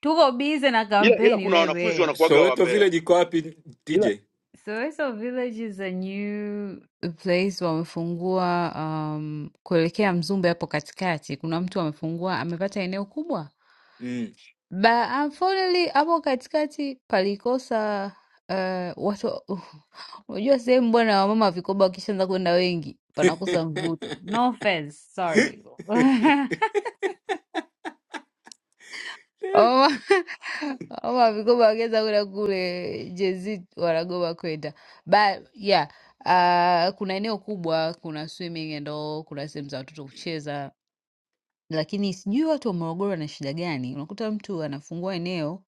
[SPEAKER 22] tuko bize na
[SPEAKER 4] ila, ila
[SPEAKER 22] kampeni
[SPEAKER 4] kuna wanafunzi
[SPEAKER 22] wewe.
[SPEAKER 4] wanakuaga
[SPEAKER 11] Soweto
[SPEAKER 4] wambea,
[SPEAKER 11] Village iko wapi
[SPEAKER 4] ila
[SPEAKER 11] TJ?
[SPEAKER 22] Soweto Village is a new place wamefungua, um, kuelekea Mzumbe hapo katikati. Kuna mtu amefungua, amepata eneo kubwa.
[SPEAKER 11] Mm.
[SPEAKER 22] But unfortunately hapo katikati palikosa uh, watu unajua sehemu bwana, wamama vikoba wakishaanza kwenda wengi panakosa mvuto. No offense, sorry. Oma Oma vigoba wageza kwenda kule jezi wanagoba kwenda but yeah uh, kuna eneo kubwa kuna swimming and all kuna sehemu za watoto kucheza lakini sijui watu wa morogoro wana shida gani unakuta mtu anafungua eneo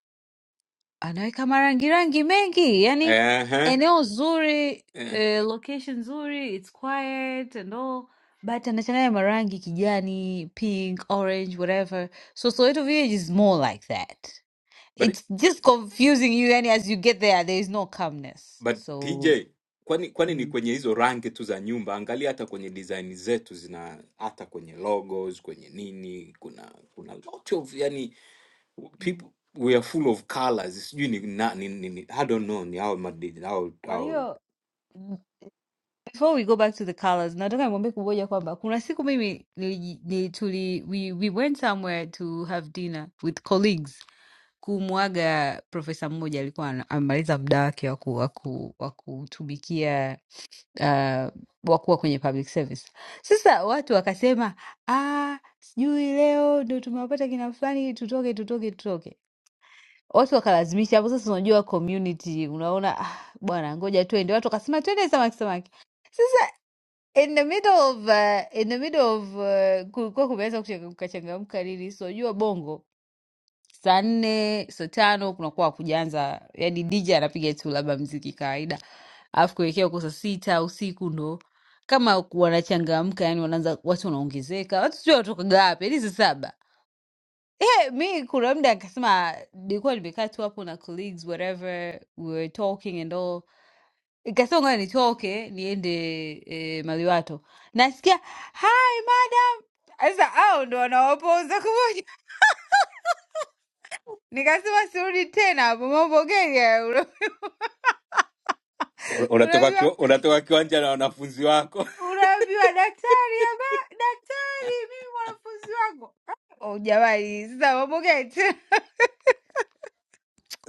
[SPEAKER 22] anaweka marangi rangi mengi yani
[SPEAKER 11] Aha.
[SPEAKER 22] eneo zuri
[SPEAKER 11] Eh.
[SPEAKER 22] eh, location nzuri it's quiet and all but anachanganya marangi kijani pink orange whatever so soweto village is more like that
[SPEAKER 11] But,
[SPEAKER 22] It's just confusing you, and as you get there, there is no calmness.
[SPEAKER 11] but
[SPEAKER 22] So
[SPEAKER 11] TJ kwani kwani ni
[SPEAKER 22] mm.
[SPEAKER 11] kwenye hizo rangi tu za nyumba, angalia hata kwenye design zetu zina hata kwenye logos, kwenye nini, kuna kuna lot of yani
[SPEAKER 22] Mm.
[SPEAKER 11] people we are full of colors sijui ni, na- ni, ni, ni i don't know ni au madini au
[SPEAKER 22] Kwa
[SPEAKER 11] au
[SPEAKER 22] hiyo before we go back to the colors, nataka nimwambie kuboja kwamba kuna siku mimi niliji- ni- tuli we, we went somewhere to have dinner with colleagues kumwaga profesa mmoja alikuwa ana- amemaliza muda wake wa ku- wa ku- wa kutumikia uh, wa kuwa kwenye public service. Sasa watu wakasema ah, sijui leo ndo tumewapata kina fulani, tutoke tutoke tutoke. watu wakalazimisha hapo. Sasa unajua community, unaona ah, bwana, ngoja twende. Watu wakasema twende samaki samaki, in the middle of uh, in the middle of uh, kulikuwa kumeweza kuchanga- kukachangamka nini, so unajua bongo saa nne saa tano kunakuwa hakujaanza, yani DJ anapiga tu labda mziki kawaida, alafu kuelekea huko saa sita usiku ndo kama wanachangamka, yani wanaanza watu wanaongezeka, watu sio watokaga wapi, yani saa saba mi kuna mda akasema nilikuwa nimekaa tu hapo na colleagues whatever we were talking and all ikasema ngoja nitoke niende e, maliwato nasikia hi madam sasa au ndo wanawapoza kumoja nikasema sirudi tena hapo mambo gani haya? Una-
[SPEAKER 11] Una- unatoka
[SPEAKER 22] unaambiwa
[SPEAKER 11] kiwa- unatoka kiwanja na wanafunzi wako
[SPEAKER 22] unaambiwa daktari ama daktari mimi mwanafunzi wako oh jamani sasa mambo gani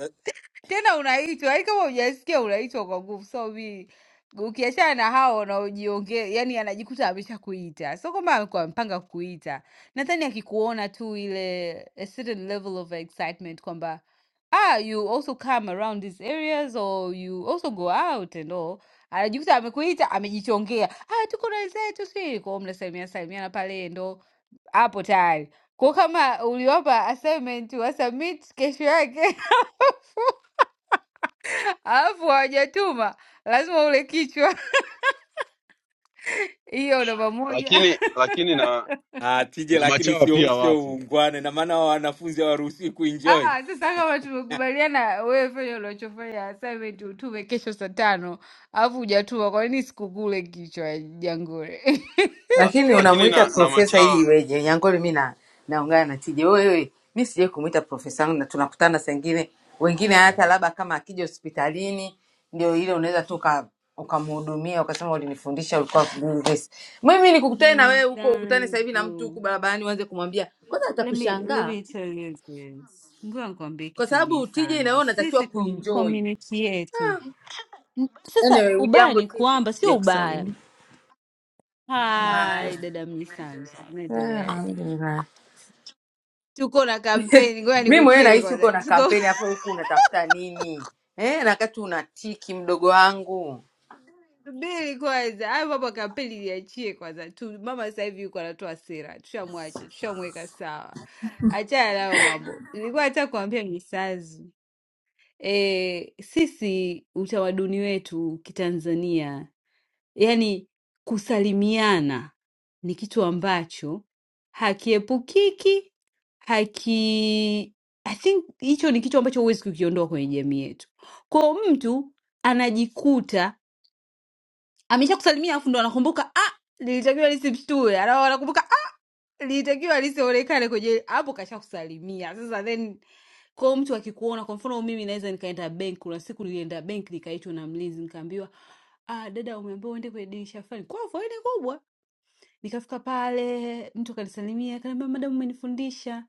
[SPEAKER 22] tena unaitwa yaani kama hujasikia unaitwa kwa nguvu so mi ukiachana na hao wanaojiongea yani anajikuta amesha kuita so kwamba alikuwa amepanga kuita nadhani akikuona tu ile a certain level of excitement kwamba ah you also come around these areas or you also go out and all anajikuta amekuita amejichongea ah tuko na wenzetu si kwao mnasalimia salimiana pale ndo hapo tayari kwa kama uliwapa assignment wasubmit kesho yake alafu hawajatuma lazima ule kichwa hiyo namba moja.
[SPEAKER 4] lakini lakini na
[SPEAKER 11] ah, tije
[SPEAKER 4] na
[SPEAKER 11] lakini
[SPEAKER 4] machawa
[SPEAKER 11] sio
[SPEAKER 4] pia
[SPEAKER 11] sio
[SPEAKER 4] wapo
[SPEAKER 11] uungwana na maana wa wanafunzi hawaruhusiwi
[SPEAKER 22] Ah,
[SPEAKER 11] kuenjoy
[SPEAKER 22] ah, sasa kama tumekubaliana wewe fanya unachofanya assignment utume kesho saa tano alafu hujatuma, kwa nini sikukule kichwa jangore?
[SPEAKER 4] la,
[SPEAKER 1] lakini
[SPEAKER 4] lakini
[SPEAKER 1] unamwita
[SPEAKER 4] na na
[SPEAKER 1] profesa ili
[SPEAKER 4] machawa
[SPEAKER 1] iweje? Nyangole, mi na naungana na tija. Wewe mi sijai kumwita profesa wangu, na tunakutana sengine wengine, hata labda kama akija hospitalini ndio ile unaweza tu uka- ukamhudumia ukasema ulinifundisha, ulikuwa vizuri this." Mimi nikukutane na wewe huko, ukutane sasa hivi na mtu
[SPEAKER 22] Mzangu,
[SPEAKER 1] huku barabarani, uanze kumwambia kwanza,
[SPEAKER 22] let me let
[SPEAKER 1] atakushangaa
[SPEAKER 22] me tell you this. Ngoja nikwambie
[SPEAKER 1] kwa
[SPEAKER 22] kitu
[SPEAKER 1] sababu tija inawewe
[SPEAKER 22] Misanzu,
[SPEAKER 1] unatakiwa
[SPEAKER 22] sisi com-
[SPEAKER 1] kuenjoy.
[SPEAKER 22] community yetu N- sasa,
[SPEAKER 1] Anyway,
[SPEAKER 22] ubaya
[SPEAKER 1] ujambo
[SPEAKER 22] ni
[SPEAKER 1] tija,
[SPEAKER 22] kwamba sio ubaya.
[SPEAKER 1] sijakusalimia.
[SPEAKER 22] Hai
[SPEAKER 1] Haya.
[SPEAKER 22] dada Misanzu,
[SPEAKER 1] Ah,
[SPEAKER 22] unaendeleaje?
[SPEAKER 1] alhamdulillah.
[SPEAKER 22] tuko na kampeni, ngoja
[SPEAKER 1] Mi mwenyewe
[SPEAKER 22] nikukere
[SPEAKER 1] nahisi uko
[SPEAKER 22] kwanza,
[SPEAKER 1] na
[SPEAKER 22] tuko
[SPEAKER 1] kampeni hapo, huku unatafuta nini eh, na wakati una tiki mdogo wangu.
[SPEAKER 22] subiri kwanza, hayo mambo ya kampeni liachie kwanza tu. Mama sasa hivi yuko anatoa sera, tushamwacha, tushamweka sawa, achana nayo mambo. Nilikuwa nataka kuambia Misazu, e, sisi utamaduni wetu kitanzania yani kusalimiana ni kitu ambacho hakiepukiki haki I think hicho ni kitu ambacho huwezi kukiondoa kwenye jamii yetu kwao mtu anajikuta ameshakusalimia afu ndo anakumbuka ah nilitakiwa nisimshtue litakiwa lisionekane kwenye hapo, kashakusalimia sasa. Then kwa mtu akikuona, kwa mfano mimi naweza nikaenda benki. Kuna siku nilienda benki, nikaitwa na mlinzi, nikaambiwa ah, dada, umeambiwa uende kwenye dirisha fulani, kwa faida kubwa. Nikafika pale, mtu akanisalimia, akaniambia madam, umenifundisha.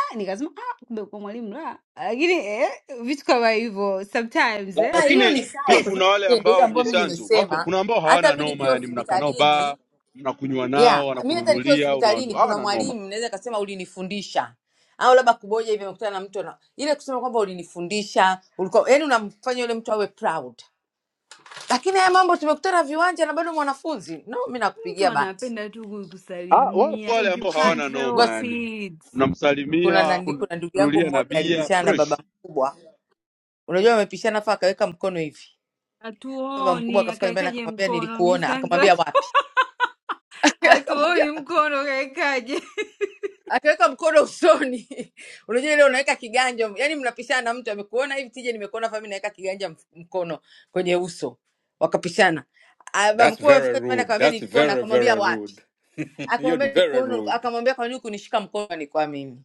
[SPEAKER 22] Ah, nikasema ah, kumbe kwa mwalimu la. Lakini eh, vitu kama hivyo sometimes
[SPEAKER 4] La,
[SPEAKER 22] eh,
[SPEAKER 1] Ah, hiyo
[SPEAKER 4] lakini
[SPEAKER 1] ni sawa,
[SPEAKER 4] pia
[SPEAKER 1] kwa
[SPEAKER 4] kuna
[SPEAKER 1] sababu
[SPEAKER 4] wale
[SPEAKER 1] tija ndio hiyo
[SPEAKER 4] ambao
[SPEAKER 1] ambayo mi
[SPEAKER 4] mjisanzu wako,
[SPEAKER 1] nimesema,
[SPEAKER 4] kuna ambao
[SPEAKER 1] hata
[SPEAKER 4] hawana
[SPEAKER 1] mi
[SPEAKER 4] noma,
[SPEAKER 1] nikiwa
[SPEAKER 4] yani mnakaa nao baa,
[SPEAKER 1] hospitalini
[SPEAKER 4] mnakunywa
[SPEAKER 1] yeah,
[SPEAKER 4] nao,
[SPEAKER 1] mi hata nikiwa
[SPEAKER 4] wanakununulia, unawandu,
[SPEAKER 1] hospitalini kuna
[SPEAKER 4] hawana noma.
[SPEAKER 1] mwalimu naweza kasema ulinifundisha au labda kuboja hivi amekutana na mtu ana- ile kusema kwamba ulinifundisha ulikuwa yani unamfanya yule mtu awe proud lakini haya mambo tumekutana viwanja na bado mwanafunzi no mi
[SPEAKER 22] mtu
[SPEAKER 1] nakupigia bati
[SPEAKER 22] anapenda tu
[SPEAKER 4] Ah, wapo
[SPEAKER 22] kukusalimia
[SPEAKER 4] wale
[SPEAKER 22] and you
[SPEAKER 4] ambao
[SPEAKER 22] can't
[SPEAKER 4] hawana noma,
[SPEAKER 1] Ngoja
[SPEAKER 22] help
[SPEAKER 1] si-
[SPEAKER 4] yani
[SPEAKER 22] it.
[SPEAKER 1] kuna
[SPEAKER 4] mnamsalimia,
[SPEAKER 1] nandi, kuna ndugu yangu
[SPEAKER 4] kununulia na
[SPEAKER 1] mmoja
[SPEAKER 4] bia
[SPEAKER 1] alipishana na baba
[SPEAKER 4] fresh.
[SPEAKER 1] mkubwa unajua amepishana fa akaweka mkono hivi baba mkubwa
[SPEAKER 22] Hatuoni
[SPEAKER 1] akafika nyumbani
[SPEAKER 22] akaekaje
[SPEAKER 1] akamwambia
[SPEAKER 22] mkono
[SPEAKER 1] nilikuona akamwambia
[SPEAKER 22] mjisanzo
[SPEAKER 1] wapi
[SPEAKER 22] hatuoni
[SPEAKER 1] akamwambia wapi?
[SPEAKER 22] mkono kaekaje?
[SPEAKER 1] akaweka mkono usoni unajua ile unaweka kiganja yani mnapishana na mtu amekuona hivi tije nimekuona fa mi naweka kiganja mf- mkono kwenye uso wakapishana Ah, baba
[SPEAKER 11] that's
[SPEAKER 1] mkubwa
[SPEAKER 11] very
[SPEAKER 1] amefika nyumbani
[SPEAKER 11] rude
[SPEAKER 1] akamwambia
[SPEAKER 11] that's
[SPEAKER 1] nilikuona
[SPEAKER 11] very
[SPEAKER 1] akamwambia
[SPEAKER 11] very
[SPEAKER 1] wapi
[SPEAKER 11] rude hiyo ni
[SPEAKER 1] akamwambia
[SPEAKER 11] very
[SPEAKER 1] nikuona uliko-"
[SPEAKER 11] rude
[SPEAKER 1] akamwambia kwa nini kunishika mkono nilikuwa mimi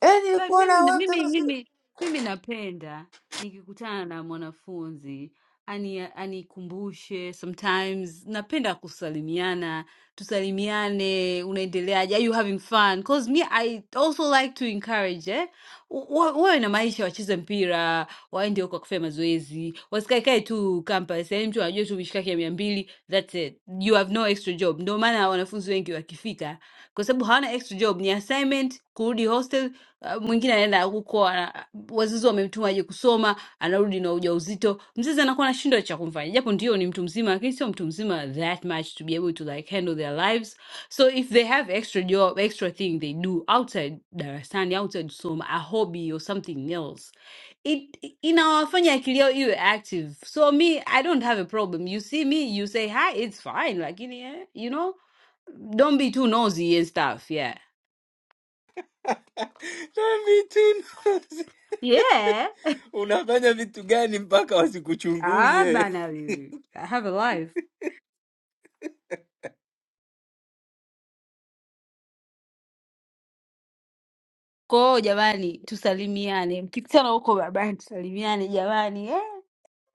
[SPEAKER 1] eh
[SPEAKER 22] Ba, mimi,
[SPEAKER 1] nilikuona wewe
[SPEAKER 22] mimi,
[SPEAKER 1] mtoto si-"
[SPEAKER 22] mimi, mimi napenda nikikutana na mwanafunzi ani anikumbushe sometimes napenda kusalimiana tusalimiane unaendeleaje are you having fun cause me I also like to encourage eh U- wa- wawe na maisha wacheze mpira waende huko wakafanya mazoezi wasikaekae tu campus yaani mtu anajua tu mishikaki ya mia mbili that's it you have no extra job ndio maana wanafunzi wengi wakifika kwa sababu hawana extra job ni assignment kurudi hostel Uh, mwingine anaenda huko ana- wazazi wamemtuma aje kusoma, anarudi na ujauzito. Mzazi anakuwa anashindwa cha kumfanya, japo ndio ni mtu mzima, lakini sio mtu mzima that much to be able to like handle their lives. So if they have extra job, extra thing they do outside darasani, outside kusoma, a hobby or something else, it inawafanya akili yao iwe active. So me, I don't have a problem. You see me, you say hi, it's fine, lakini eh, you know, don't be too nosy and stuff, yeah.
[SPEAKER 11] na vitu
[SPEAKER 22] Yeah.
[SPEAKER 11] unafanya vitu gani mpaka
[SPEAKER 22] Ah
[SPEAKER 11] wasikuchunguze
[SPEAKER 22] bana, I have a life. Kwa hiyo jamani, tusalimiane, mkikutana huko barabarani tusalimiane jamani. Eh,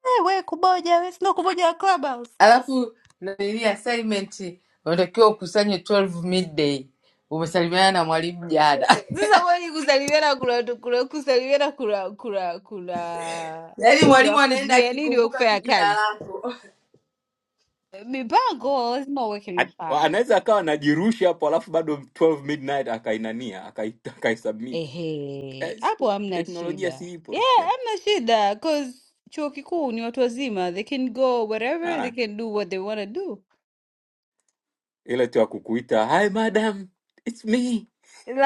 [SPEAKER 22] eh, we kuboja, we sio kuboja wa Clubhouse.
[SPEAKER 1] alafu nanili assignment unatakiwa ukusanye 12 midday umesalimiana na mwalimu jana
[SPEAKER 22] Sasa kwani kusalimiana kuna kuna kusalimiana kuna kuna kuna
[SPEAKER 1] yaani
[SPEAKER 22] kuna
[SPEAKER 1] mwalimu anaenda
[SPEAKER 22] kuzuia nini wa
[SPEAKER 1] akikumbuka tu
[SPEAKER 22] kufanya
[SPEAKER 1] jina
[SPEAKER 22] kazi?
[SPEAKER 1] lako
[SPEAKER 22] Mipango lazima uweke
[SPEAKER 11] At-
[SPEAKER 22] mipango.
[SPEAKER 11] anaweza akawa anajirusha hapo alafu bado 12 midnight akainania akai- akaisubmit.
[SPEAKER 22] Ehe,
[SPEAKER 11] eh,
[SPEAKER 22] hapo
[SPEAKER 11] siku-
[SPEAKER 22] hamna
[SPEAKER 11] teknolojia
[SPEAKER 22] shida.
[SPEAKER 11] si ipo
[SPEAKER 22] Yeah,
[SPEAKER 11] rafiki yangu.
[SPEAKER 22] hamna shida cause chuo kikuu ni watu wazima, they can go whatever, they
[SPEAKER 11] Ah,
[SPEAKER 22] can do what they wanna do.
[SPEAKER 11] ila tu ya kukuita hi madam it's me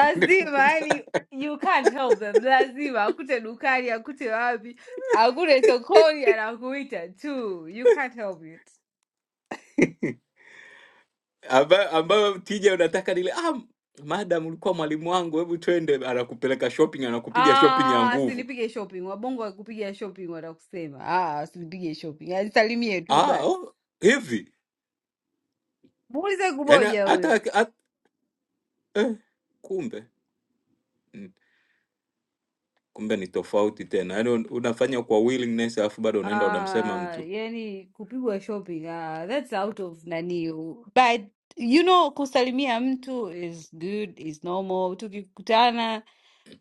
[SPEAKER 22] yani you can't help them lazima akute dukani akute wapi akute sokoni anakuita tu you can't help it
[SPEAKER 11] ambayo ambayo tija unataka nile ah, madam ulikuwa mwalimu wangu hebu twende anakupeleka shopping anakupiga shopping ya
[SPEAKER 22] ah
[SPEAKER 11] nguvu
[SPEAKER 22] sinipige shopping wabongo wakupiga shopping watakusema ah sinipige shopping alisalimie tu
[SPEAKER 11] ah,
[SPEAKER 22] basi
[SPEAKER 11] oh, hivi
[SPEAKER 22] muulize
[SPEAKER 11] yani
[SPEAKER 22] kuboja
[SPEAKER 11] hata
[SPEAKER 22] huyo
[SPEAKER 11] hata- eh, kumbe mm, kumbe ni tofauti tena yani unafanya kwa willingness alafu bado unaenda unamsema
[SPEAKER 22] ah
[SPEAKER 11] mtu
[SPEAKER 22] yani kupigwa shopping ah that's out of nani but you know kusalimia mtu is good is normal tukikutana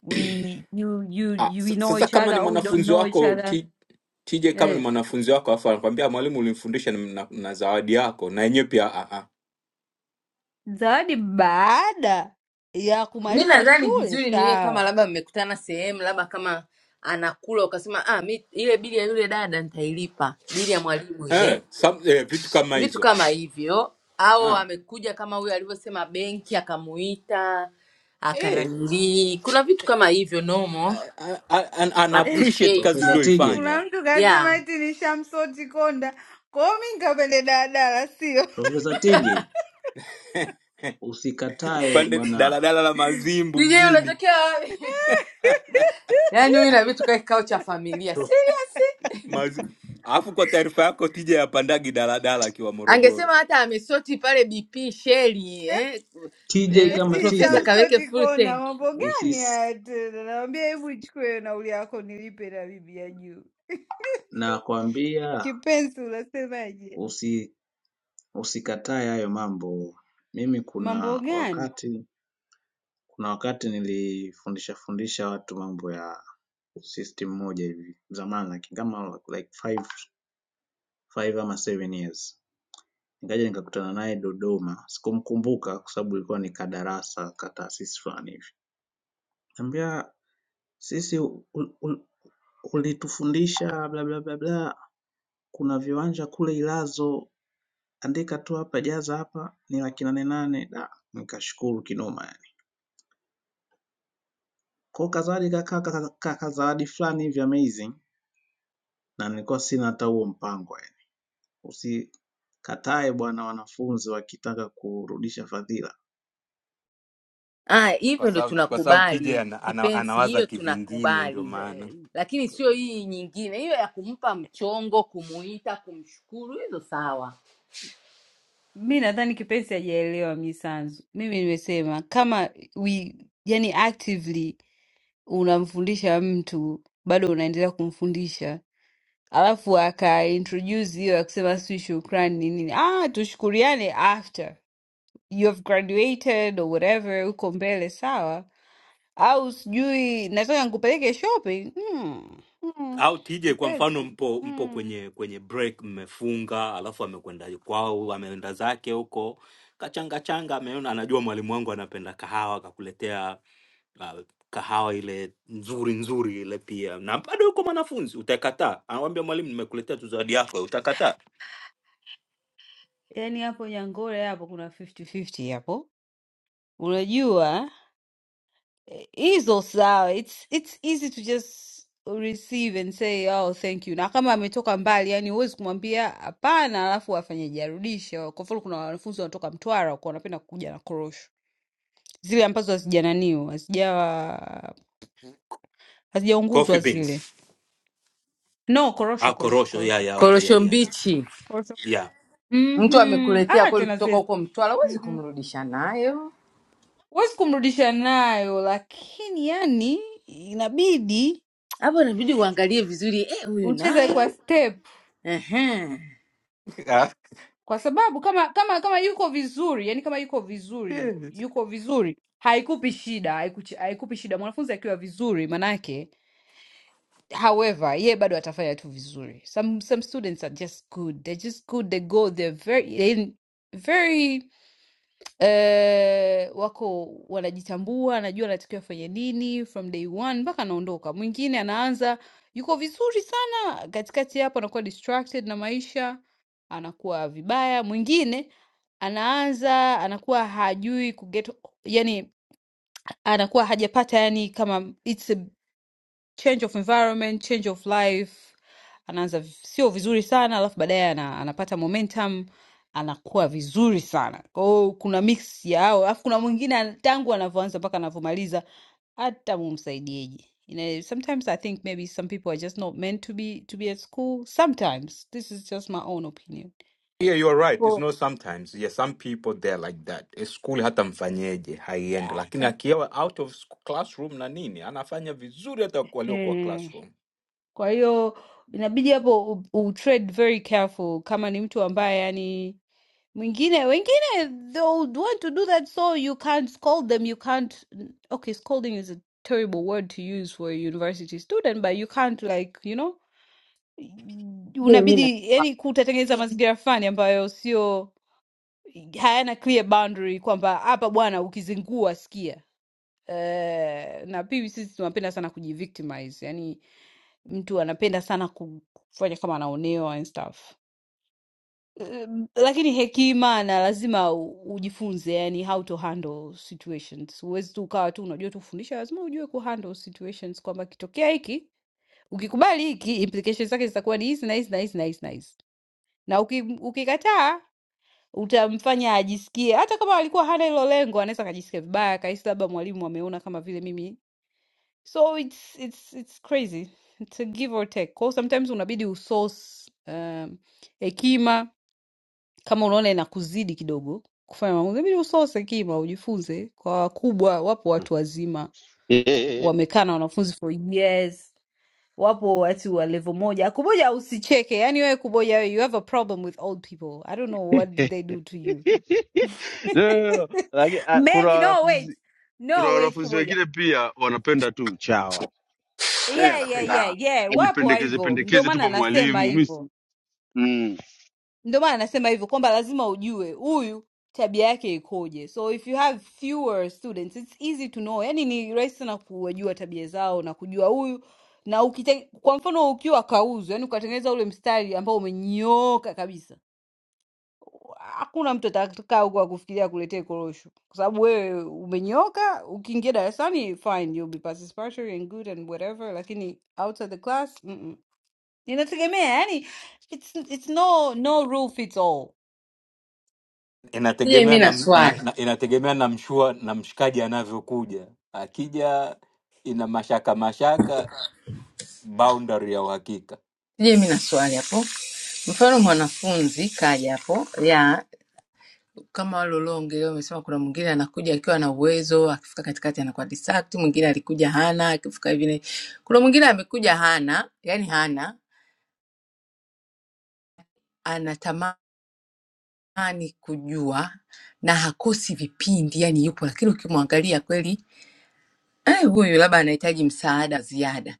[SPEAKER 22] we you you
[SPEAKER 11] Ah,
[SPEAKER 22] you
[SPEAKER 11] s-
[SPEAKER 22] we know
[SPEAKER 11] sasa
[SPEAKER 22] each
[SPEAKER 11] kama
[SPEAKER 22] other
[SPEAKER 11] ni
[SPEAKER 22] or we don't
[SPEAKER 11] mwanafunzi
[SPEAKER 22] know each
[SPEAKER 11] wako
[SPEAKER 22] other
[SPEAKER 11] ti, TJ kama ni
[SPEAKER 22] eh.
[SPEAKER 11] mwanafunzi wako afu anakwambia mwalimu ulimfundisha na, na, na zawadi yako na yenyewe pia ah, ah.
[SPEAKER 22] Zawadi baada ya
[SPEAKER 1] mi
[SPEAKER 22] kumaliza
[SPEAKER 1] nadhani
[SPEAKER 22] shule
[SPEAKER 1] vizuri ni ile kama
[SPEAKER 22] sawa.
[SPEAKER 1] labda mmekutana sehemu labda kama anakula ukasema ah mi ile bili ya yule dada nitailipa bili ya mwalimu ile
[SPEAKER 11] Eh, some, eh, vitu kama
[SPEAKER 1] vitu
[SPEAKER 11] hizo
[SPEAKER 1] kama hivyo au
[SPEAKER 11] ah.
[SPEAKER 1] amekuja kama huyo alivyosema benki akamuita
[SPEAKER 11] Eh,
[SPEAKER 1] akananilii kuna vitu kama hivyo normal
[SPEAKER 11] a- a- a- an, an appreciate
[SPEAKER 1] appreciate
[SPEAKER 11] kazi
[SPEAKER 16] Profesa Tije,
[SPEAKER 11] ulioifanya
[SPEAKER 22] Kuna mtu kasema
[SPEAKER 1] yeah
[SPEAKER 22] eti ni shamsoti konda, kwa hiyo mi nikapende daladala, sio
[SPEAKER 16] Profesa TJ usikatae
[SPEAKER 11] pande
[SPEAKER 16] bwana
[SPEAKER 11] daladala la Mazimbu
[SPEAKER 1] sije
[SPEAKER 11] mjini
[SPEAKER 1] unatokea wapi yaani huyu inabidi tukae kikao cha familia
[SPEAKER 16] Prof
[SPEAKER 1] si
[SPEAKER 11] Mazi. Alafu kwa taarifa yako TJ yapandagi daladala akiwa Morogoro
[SPEAKER 1] angesema hata amesoti pale bp sheli eh?
[SPEAKER 16] TJ
[SPEAKER 1] Eh,
[SPEAKER 16] kama
[SPEAKER 22] eti
[SPEAKER 16] TJ
[SPEAKER 1] profesa kaweke
[SPEAKER 22] shamsoti
[SPEAKER 1] full
[SPEAKER 22] konda.
[SPEAKER 1] tank
[SPEAKER 22] Mambo gani
[SPEAKER 16] usis
[SPEAKER 22] haya tena? Nawambia hebu ichukue nauli yako nilipe na bibi ya juu.
[SPEAKER 16] nakwambia
[SPEAKER 22] Kipenzi, unasemaje?
[SPEAKER 16] usi, usikatae hayo mambo. Mimi
[SPEAKER 22] Mambo
[SPEAKER 16] kuna
[SPEAKER 22] gani?
[SPEAKER 16] wakati kuna wakati nilifundisha fundisha watu mambo ya system moja hivi zamani like, kama like five, five ama seven years nikaja nikakutana naye Dodoma, sikumkumbuka kwa sababu ilikuwa ni kadarasa kataasisi fulani hivi, Nikamwambia sisi Ulitufundisha bla bla bla bla, kuna viwanja kule Ilazo, andika tu hapa, jaza hapa, ni laki nane nane. Da, nikashukuru kinoma yani. Kwa kadhalika kaka kaka kaka zawadi fulani hivi amazing, na nilikuwa sina hata huo mpango yani. Usikatae bwana, wanafunzi wakitaka kurudisha fadhila.
[SPEAKER 19] Ah,
[SPEAKER 11] kwa
[SPEAKER 19] hivyo ndo
[SPEAKER 11] sababu kwa sababu TJ
[SPEAKER 19] tunakubali
[SPEAKER 11] ana, ana,
[SPEAKER 19] kipenzi,
[SPEAKER 11] anawaza
[SPEAKER 19] hiyo
[SPEAKER 11] kivingine ndio
[SPEAKER 19] tunakubali,
[SPEAKER 11] maana
[SPEAKER 22] Eh,
[SPEAKER 19] lakini sio hii nyingine, hiyo ya kumpa mchongo, kumuita, kumshukuru, hizo sawa.
[SPEAKER 22] Mi nadhani Kipenzi hajaelewa Misanzu. Mimi nimesema kama we, yani actively unamfundisha mtu bado unaendelea kumfundisha, alafu aka introduce hiyo ya kusema si shukrani ni nini, ah, tushukuriane after you have graduated or whatever, uko mbele sawa, au sijui nataka nikupeleke shopping hmm. Hmm.
[SPEAKER 11] au tije kwa mfano
[SPEAKER 22] Kipenzi
[SPEAKER 11] mpo mpo
[SPEAKER 22] hmm.
[SPEAKER 11] kwenye kwenye break mmefunga alafu amekwenda kwao ameenda zake huko kachanga changa ameona anajua mwalimu wangu anapenda kahawa akakuletea uh, kahawa ile nzuri nzuri ile pia na bado yuko mwanafunzi utakataa anawambia mwalimu nimekuletea tu zawadi yako utakataa
[SPEAKER 22] Yani hapo Nyangore hapo kuna 50-50 hapo, unajua Hizo sawa, it's it's easy to just receive and say oh thank you. Na kama ametoka mbali, yani huwezi kumwambia hapana, alafu afanyeje, arudishe. Kwa mfano, kuna wanafunzi wanatoka Mtwara wako wanapenda kuja na korosho zile ambazo hazijananiwa hazijawa
[SPEAKER 11] coffee
[SPEAKER 22] hazijaunguzwa zile,
[SPEAKER 11] beans
[SPEAKER 22] no korosho,
[SPEAKER 11] ah
[SPEAKER 22] korosho,
[SPEAKER 11] korosho ya
[SPEAKER 22] korosho,
[SPEAKER 11] ya okay
[SPEAKER 1] korosho
[SPEAKER 11] ya
[SPEAKER 1] mbichi
[SPEAKER 22] korosho.
[SPEAKER 11] ya
[SPEAKER 1] mtu
[SPEAKER 22] Mhm,
[SPEAKER 1] amekuletea
[SPEAKER 22] ah,
[SPEAKER 1] kweli
[SPEAKER 22] tena
[SPEAKER 1] kutoka
[SPEAKER 22] zile
[SPEAKER 1] huko mtwala huwezi
[SPEAKER 22] Mhm.
[SPEAKER 1] kumrudisha nayo
[SPEAKER 22] huwezi kumrudisha nayo, lakini yani inabidi
[SPEAKER 1] hapo inabidi uangalie vizuri eh, huyu
[SPEAKER 22] ucheze kwa
[SPEAKER 1] naye
[SPEAKER 22] step
[SPEAKER 1] Ehe.
[SPEAKER 22] kwa sababu kama kama kama yuko vizuri yani kama yuko vizuri
[SPEAKER 11] ya
[SPEAKER 22] yuko vizuri haikupi shida haikuchi- haikupi shida mwanafunzi akiwa vizuri manake however ye bado atafanya tu vizuri some some students are just good they're just good they go they're very they're very eh, wako wanajitambua, anajua anatakiwa afanye nini from day one mpaka anaondoka. Mwingine anaanza yuko vizuri sana, katikati hapo anakuwa distracted na maisha, anakuwa vibaya. Mwingine anaanza anakuwa hajui kuget, yani anakuwa hajapata, yani kama it's a change of environment, change of life, anaanza v- sio vizuri sana, alafu baadaye ana, anapata momentum anakuwa vizuri sana. Kwa hiyo kuna mix ya hao, alafu kuna mwingine ana- tangu anavyoanza mpaka anavyomaliza hata mumsaidieje. You know, sometimes I think maybe some people are just not meant to be to be at school. Sometimes this is just my own opinion.
[SPEAKER 11] Yeah, you are right. It's
[SPEAKER 22] Well,
[SPEAKER 11] not sometimes. Yeah, some people they're like that. Eh, School hata mfanyeje haiendi,
[SPEAKER 22] yeah.
[SPEAKER 11] lakini akiwa out of sc- classroom na nini anafanya vizuri hata kwa- waliokuwa
[SPEAKER 22] Eh,
[SPEAKER 11] classroom.
[SPEAKER 22] Kwa hiyo inabidi hapo u, u trade very careful kama ni mtu ambaye yani Mwingine wengine they would want to do that so you can't scold them. You can't. Okay, scolding is a terrible word to use for a university student, but you can't like you know,
[SPEAKER 1] Je, mimi na
[SPEAKER 22] unabidi yani kutatengeneza mazingira fulani ambayo sio hayana clear boundary kwamba hapa bwana ukizingua sikia. Uh, na pia sisi tunapenda sana kujivictimize, yani mtu anapenda sana ku- kufanya kama anaonewa and stuff. Um, lakini hekima na lazima u- ujifunze yani how to handle situations. Huwezi tu ukawa tu unajua tu kufundisha, lazima ujue ku handle situations kwamba kitokea hiki, ukikubali hiki, implications zake zitakuwa ni hizi na hizi na hizi na hizi na hizi, na uki, ukikataa utamfanya ajisikie, hata kama alikuwa hana hilo lengo, anaweza akajisikia vibaya, akahisi labda mwalimu ameona kama vile mimi. So it's it's it's crazy, it's a give or take. Kwa hiyo sometimes unabidi usource um, hekima kama unaona inakuzidi kidogo kufanya maamuzi, inabidi usose kima, ujifunze. Kwa wakubwa, wapo watu wazima wamekaa na wanafunzi for years, wapo watu wa level moja. Kuboja, usicheke, yani wewe Kuboja, you have a problem with old people. I don't know what did they do to you.
[SPEAKER 4] no, no, no. Lakini ah, kuna
[SPEAKER 22] Maybe no, wait,
[SPEAKER 4] wanafunzi Kuna
[SPEAKER 22] no, wait,
[SPEAKER 4] wanafunzi
[SPEAKER 22] Kuboja,
[SPEAKER 4] wengine pia wanapenda tu chawa, yani
[SPEAKER 22] yeah, yeah,
[SPEAKER 4] anapenda
[SPEAKER 22] yeah, yeah, wapo wa
[SPEAKER 4] ajipendekeze
[SPEAKER 22] hivyo, ndio
[SPEAKER 4] pendekeze tu
[SPEAKER 22] maana
[SPEAKER 4] kwa
[SPEAKER 22] nasema
[SPEAKER 4] mwalimu mimi
[SPEAKER 22] hivyo.
[SPEAKER 4] mm.
[SPEAKER 22] Ndio maana nasema hivyo kwamba lazima ujue huyu tabia yake ikoje. So if you have fewer students it's easy to know, yani ni rahisi sana kuwajua tabia zao na kujua huyu na ukite, kwa mfano ukiwa kauzu, yani ukatengeneza ule mstari ambao umenyooka kabisa, hakuna mtu atakaa huko akufikiria kuletea korosho, kwa sababu wewe umenyooka. Ukiingia darasani fine, you'll be participatory and good and whatever, lakini outside the class mm -mm. Inategemea yani, it's, it's no, no rule fits all
[SPEAKER 1] Sije
[SPEAKER 11] inategemea
[SPEAKER 1] mimi
[SPEAKER 11] na,
[SPEAKER 1] na
[SPEAKER 11] na,
[SPEAKER 1] swali,
[SPEAKER 11] na inategemea na mshua na mshikaji anavyokuja. Akija ina mashaka mashaka, boundary ya uhakika,
[SPEAKER 1] sije mimi na swali hapo. Mfano mwanafunzi kaja hapo ya kama wale ulioongelea, umesema kuna mwingine anakuja akiwa na uwezo, akifika katikati anakuwa distract, mwingine alikuja hana, akifika hivi. na- Kuna mwingine amekuja hana, yani hana, anatamani kujua na hakosi vipindi, yani yupo, lakini ukimwangalia kweli eh, huyu labda anahitaji msaada ziada.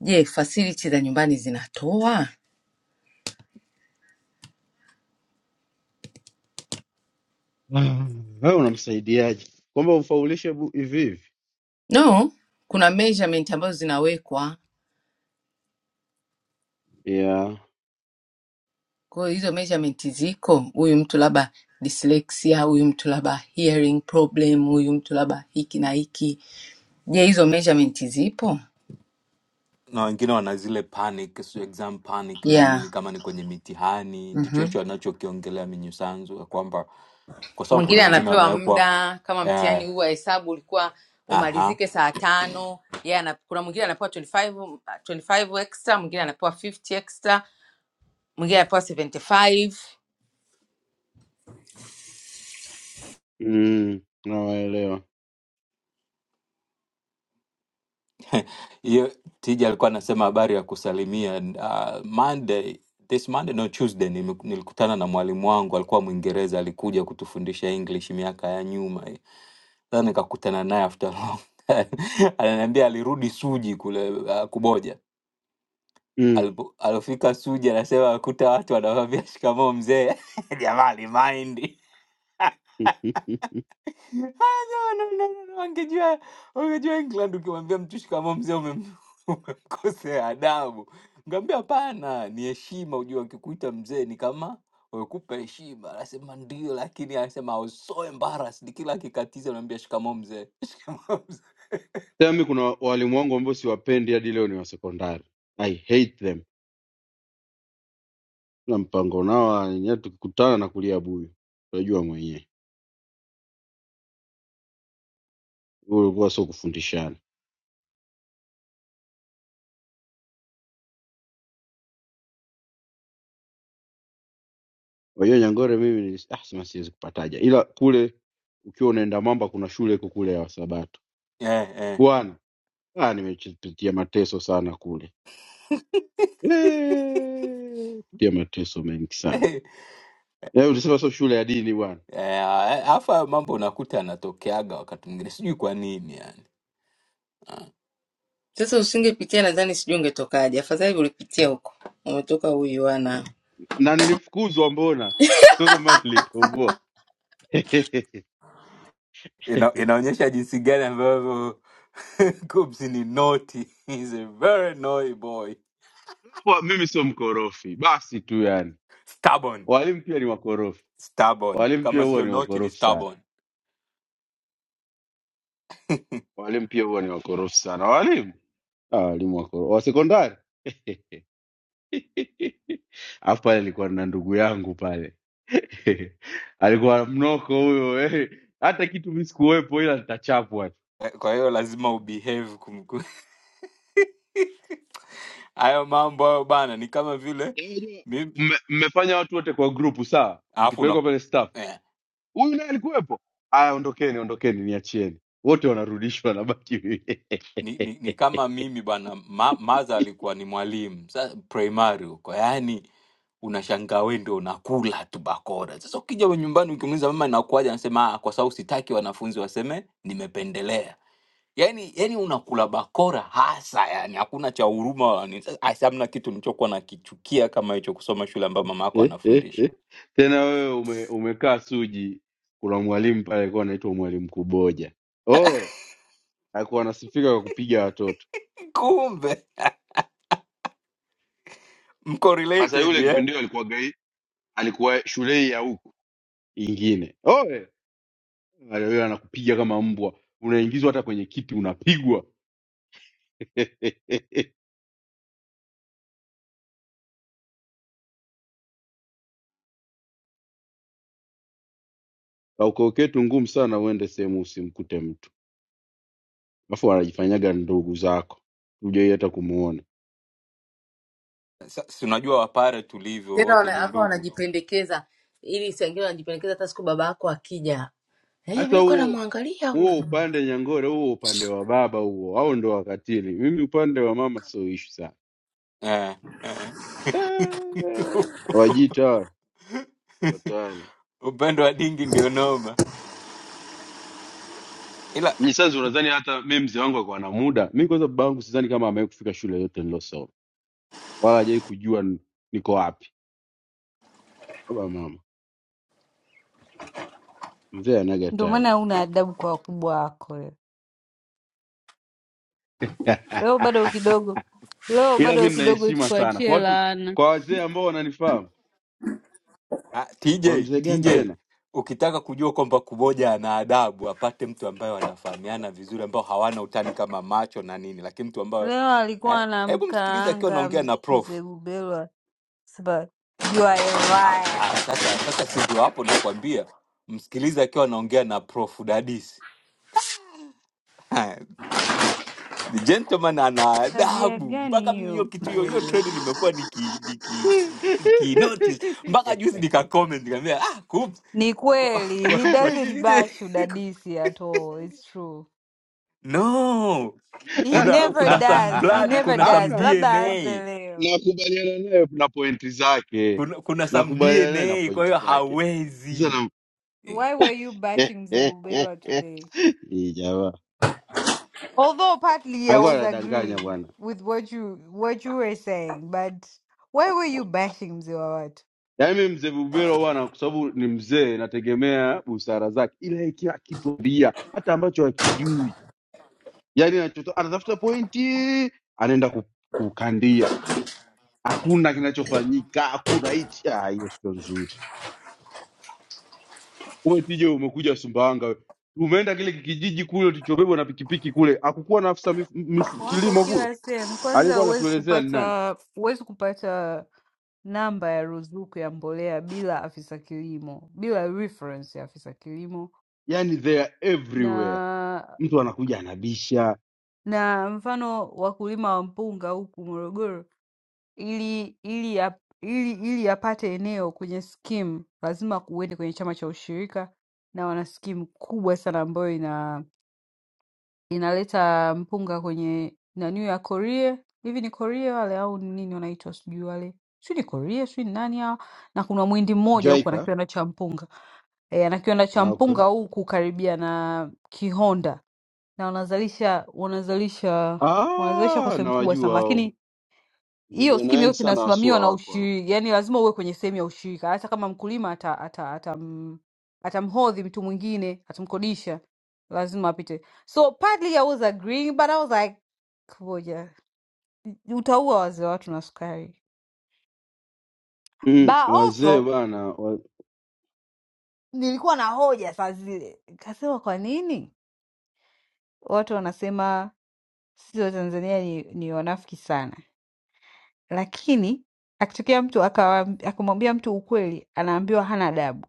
[SPEAKER 1] Je, facility za nyumbani zinatoa?
[SPEAKER 4] Ah, Wewe unamsaidiaje? Kwamba umfaulishe bu- hivi hivi?
[SPEAKER 1] No, kuna measurement ambazo zinawekwa.
[SPEAKER 4] Yeah.
[SPEAKER 1] Kwa hiyo hizo measurement ziko, huyu mtu labda dyslexia, huyu mtu labda hearing problem, huyu mtu labda hiki na hiki. Je, hizo measurement zipo?
[SPEAKER 11] na wengine wana zile panic, sio exam panic na nini,
[SPEAKER 1] Yeah.
[SPEAKER 11] kama ni kwenye mitihani. Ndicho
[SPEAKER 1] Mhm.
[SPEAKER 11] hicho anachokiongelea Minyisanzu ya kwamba kwa sababu
[SPEAKER 1] mwingine
[SPEAKER 11] kuna wengine
[SPEAKER 1] anapewa
[SPEAKER 11] wanawekwa
[SPEAKER 1] muda kama
[SPEAKER 11] eh,
[SPEAKER 1] mtihani huu wa hesabu ulikuwa
[SPEAKER 11] Aha.
[SPEAKER 1] umalizike saa tano yeye ana, kuna mwingine anapewa 25, 25 extra mwingine anapewa 50 extra mwingine anapewa 75
[SPEAKER 4] Mm, nawaelewa.
[SPEAKER 11] Hiyo Tija alikuwa anasema habari ya kusalimia. Uh, Monday, this Monday, no Tuesday, nime- nilikutana na mwalimu wangu alikuwa Mwingereza, alikuja kutufundisha English miaka ya nyuma. hii. Sasa nikakutana naye after long time. Ananiambia alirudi Suji kule uh, Kuboja.
[SPEAKER 4] Mm.
[SPEAKER 11] Alipo- Alofika Suji anasema akuta watu wanamwambia shikamoo mzee. Jamaa alimind. Ah, no, no, no, no, no. Wangejua, wangejua England, ukimwambia mtu shikamoo mzee umem- umemkosea adabu. Ngambia hapana, ni heshima. Ujua akikuita mzee ni kama wekupa heshima. Anasema ndio, lakini anasema I was so embarrassed. Kila akikatiza unaambia shikamoo mzee, shikamoo mzee.
[SPEAKER 4] Tami, kuna walimu wangu ambao siwapendi hadi leo ni wa sekondari. I hate them. Na mpango nao wenyewe tukikutana na kulia buyu. Unajua mwenyewe. Huo ulikuwa sio kufundishana. Unajua Nyangore mimi nilis- ah, sema siwezi kupataja. Ila kule ukiwa unaenda Mamba kuna shule iko kule ya Wasabato.
[SPEAKER 11] Eh, eh.
[SPEAKER 4] Bwana, ah nimepitia mateso sana kule. Eh, pia mateso mengi sana
[SPEAKER 11] Eh,
[SPEAKER 4] Eh, ulisema sio shule ya dini bwana
[SPEAKER 11] eh, Alafu hayo mambo unakuta yanatokeaga wakati mwingine, sijui kwa nini yani.
[SPEAKER 1] Sasa usingepitia nadhani sijui ungetokaje. Afadhali ulipitia huko. Umetoka uyuana.
[SPEAKER 4] na nilifukuzwa mbona sio kwamba nilitoboa
[SPEAKER 11] ina, inaonyesha jinsi gani ambavyo Cubs ni naughty. He's a very naughty boy.
[SPEAKER 4] Kwa- mimi sio mkorofi basi tu yani
[SPEAKER 11] Stubborn.
[SPEAKER 4] walimu pia ni wakorofi
[SPEAKER 11] Stubborn.
[SPEAKER 4] walimu pia
[SPEAKER 11] Kama
[SPEAKER 4] huwa
[SPEAKER 11] sio
[SPEAKER 4] ni
[SPEAKER 11] naughty ni
[SPEAKER 4] wakorofi sana
[SPEAKER 11] stubborn.
[SPEAKER 4] walimu pia huwa ni wakorofi sana walimu ah, walimu wakorofi wa sekondari alafu pale nilikuwa na ndugu yangu pale alikuwa mnoko huyo eh. hata kitu mi sikuwepo ila nitachapwa tu.
[SPEAKER 11] Eh, Kwa hiyo lazima ubehave kumku. Hayo mambo hayo bana ni kama vile
[SPEAKER 4] Unajua,
[SPEAKER 11] mimi
[SPEAKER 4] mme- mmefanya watu wote kwa grupu sawa,
[SPEAKER 11] alafu una
[SPEAKER 4] mkipelekwa pale staff,
[SPEAKER 11] eh.
[SPEAKER 4] huyu naye alikuwepo. Aya, ondokeni, ondokeni, niachieni. Wote wanarudishwa na baki mimi.
[SPEAKER 11] ni, ni, ni kama mimi bwana ma, maza alikuwa ni mwalimu sasa primary huko yaani unashangaa wewe ndio unakula tu bakora sasa ukija we nyumbani ukimuuliza mama inakuaje anasema "Ah, kwa sababu sitaki wanafunzi waseme nimependelea yaani yaani unakula bakora hasa yani hakuna cha huruma wala nini. Sasa, asi- hamna kitu nilichokuwa nakichukia kama hicho kusoma shule ambayo mama yako anafundisha
[SPEAKER 4] Tena wewe ume, umekaa Suji, kuna mwalimu pale alikuwa anaitwa mwalimu Kuboja, oe alikuwa anasifika kwa kupiga watoto.
[SPEAKER 11] kumbe mko
[SPEAKER 4] Sasa
[SPEAKER 11] related
[SPEAKER 4] yule
[SPEAKER 11] eh?
[SPEAKER 4] kipindi hiyo alikuwa gai, alikuwa shule hii ya huku ingine, oe wewe anakupiga kama mbwa, unaingizwa hata kwenye kiti unapigwa. Kauko kwetu ngumu sana uende sehemu usimkute mtu, alafu wanajifanyaga ndugu zako, hujai hata kumuona.
[SPEAKER 11] Sa- si unajua wapare tulivyo
[SPEAKER 1] tena
[SPEAKER 11] wote
[SPEAKER 1] wana-
[SPEAKER 11] ni
[SPEAKER 1] alafu
[SPEAKER 11] ndugu
[SPEAKER 1] wanajipendekeza ili sangine wanajipendekeza hata siku baba yako akija eh
[SPEAKER 4] Hasa
[SPEAKER 1] mimi kwa
[SPEAKER 4] huo
[SPEAKER 1] namwangalia
[SPEAKER 4] huo
[SPEAKER 1] huyu
[SPEAKER 4] upande Nyangore, huo upande wa baba huo, au ndo wakatili. Mimi upande wa mama sio ishu sana.
[SPEAKER 11] Eh, eh.
[SPEAKER 4] Eh, Wajita hawa, hatari.
[SPEAKER 11] Upande wa dingi ndio noma, ila
[SPEAKER 4] Mimi sasa unadhani hata mimi mzee wangu akawa na muda? Mimi kwanza baba yangu sidhani kama amewahi kufika shule yote nilosoma, wala hajawahi kujua n- niko wapi. Baba mama mzee anaga
[SPEAKER 22] Ndio maana
[SPEAKER 4] time
[SPEAKER 22] huna adabu kwa wakubwa wako wewe. Leo bado kidogo, leo
[SPEAKER 4] ila mi
[SPEAKER 22] bado
[SPEAKER 4] nina
[SPEAKER 22] kidogo
[SPEAKER 4] heshima sana kwa
[SPEAKER 22] tukuachie
[SPEAKER 4] watu
[SPEAKER 22] laana.
[SPEAKER 4] kwa wazee ambao wananifahamu
[SPEAKER 11] ah, TJ
[SPEAKER 4] kwa mzee gani
[SPEAKER 11] TJ,
[SPEAKER 4] tena
[SPEAKER 11] ukitaka kujua kwamba kumoja ana adabu, apate mtu ambaye wanafahamiana vizuri, ambao hawana utani kama macho na nini, lakini mtu ambayo
[SPEAKER 22] Leo
[SPEAKER 11] eh,
[SPEAKER 22] alikuwa
[SPEAKER 11] hebu msikilize akiwa
[SPEAKER 22] anamkaanga
[SPEAKER 11] anaongea
[SPEAKER 22] mz-
[SPEAKER 11] na prof.
[SPEAKER 22] mzee Bubelwa, sema you are a
[SPEAKER 11] Ah,
[SPEAKER 22] liar.
[SPEAKER 11] ah, sasa sasa, si ndio hapo nakwambia, msikilize akiwa anaongea na prof Dadisi Haya, the, the, the gentleman ana
[SPEAKER 22] Tabia
[SPEAKER 11] adabu
[SPEAKER 22] gani
[SPEAKER 11] mpaka mimi
[SPEAKER 22] hiyo
[SPEAKER 11] hiyo kitu hiyo hiyo
[SPEAKER 22] kuoja?
[SPEAKER 11] trend nimekuwa niki niki niki, niki notice mpaka juzi nika comment nikamwambia ah kup
[SPEAKER 22] Ni
[SPEAKER 11] kwa
[SPEAKER 22] kweli,
[SPEAKER 11] kwa,
[SPEAKER 22] he
[SPEAKER 11] kwa
[SPEAKER 22] doesn't
[SPEAKER 11] TJ
[SPEAKER 22] bash udadisi at all, it's true.
[SPEAKER 11] no
[SPEAKER 22] He
[SPEAKER 11] kuna
[SPEAKER 22] never
[SPEAKER 11] kuna some
[SPEAKER 22] does, he
[SPEAKER 11] blood
[SPEAKER 22] never
[SPEAKER 11] kuna some
[SPEAKER 22] does.
[SPEAKER 4] amna
[SPEAKER 22] Labda
[SPEAKER 4] na-
[SPEAKER 22] aanze
[SPEAKER 11] DNA
[SPEAKER 22] leo.
[SPEAKER 4] nakubaliana naye na pointi zake
[SPEAKER 11] kuna kuna some
[SPEAKER 4] nakubaliana naye na
[SPEAKER 11] DNA kwa
[SPEAKER 4] pointi
[SPEAKER 11] hiyo
[SPEAKER 4] zake Sasa
[SPEAKER 11] hawezi
[SPEAKER 4] na-
[SPEAKER 11] Eh,
[SPEAKER 22] Why were you bashing mzee Bubelwa today?
[SPEAKER 4] Hii jamaa
[SPEAKER 22] Although partly I
[SPEAKER 4] alikuwa
[SPEAKER 22] was
[SPEAKER 4] anadanganya
[SPEAKER 22] agreeing
[SPEAKER 4] bwana
[SPEAKER 22] with what you what you were saying, but why were you bashing mzee wa watu?
[SPEAKER 4] yaani mi mzee bubero bwana kwa sababu ni mzee nategemea busara zake ila yeye kila kitu bia hata ambacho hakijui yani anachoto- anatafuta pointi anaenda ku- kukandia hakuna kinachofanyika hakuna hichi Ah, hiyo sio nzuri umetija umekuja sumbawanga we. umeenda kile kijiji kule tulichobebwa na pikipiki kule hakukuwa na afisa mif, mif,
[SPEAKER 22] Wapo
[SPEAKER 4] kilimo kule
[SPEAKER 22] kila sehemu. Kwanza
[SPEAKER 4] alikuwa
[SPEAKER 22] huwezi
[SPEAKER 4] anatuelezea ni nani
[SPEAKER 22] kupata huwezi kupata namba ya ruzuku ya mbolea bila afisa kilimo, bila reference ya afisa kilimo
[SPEAKER 4] yani they are everywhere
[SPEAKER 22] na
[SPEAKER 4] mtu anakuja anabisha
[SPEAKER 22] na mfano wakulima wa mpunga huku Morogoro Ili ili ya- ili ili yapate eneo kwenye skimu lazima uende kwenye chama cha ushirika, na wana skimu kubwa sana ambayo ina inaleta mpunga kwenye nani ya korie hivi ni korie wale au ni nini wanaitwa, sijui wale, sijui ni korie, sijui ni nani hao. Na kuna mwindi mmoja huko ana
[SPEAKER 4] jaika
[SPEAKER 22] kiwanda cha mpunga e, ana kiwanda cha
[SPEAKER 4] ah, okay.
[SPEAKER 22] mpunga huku karibia na Kihonda, na wanazalisha wanazalisha wanazalisha kwa
[SPEAKER 4] ah,
[SPEAKER 22] sehemu kubwa
[SPEAKER 4] nawajua
[SPEAKER 22] sana,
[SPEAKER 4] hao
[SPEAKER 22] lakini hiyo
[SPEAKER 4] vijana
[SPEAKER 22] skimu
[SPEAKER 4] wengi
[SPEAKER 22] yote
[SPEAKER 4] sana
[SPEAKER 22] inasimamiwa
[SPEAKER 4] wasua
[SPEAKER 22] na
[SPEAKER 4] wako hao.
[SPEAKER 22] ushirika, yani lazima uwe kwenye sehemu ya ushirika. Hata kama mkulima ata, ata, atam, atamhodhi mtu mwingine atamkodisha, lazima apite. So partly I was agreeing but I was like kuboja, utaua wazee watu na sukari. But
[SPEAKER 4] mm, wazee
[SPEAKER 22] also
[SPEAKER 4] bana wa,
[SPEAKER 22] nilikuwa na hoja saa zile, kasema kwa nini watu wanasema sisi wa Tanzania ni, ni wanafiki sana, lakini akitokea mtu akawa- akamwambia mtu ukweli, anaambiwa hana adabu.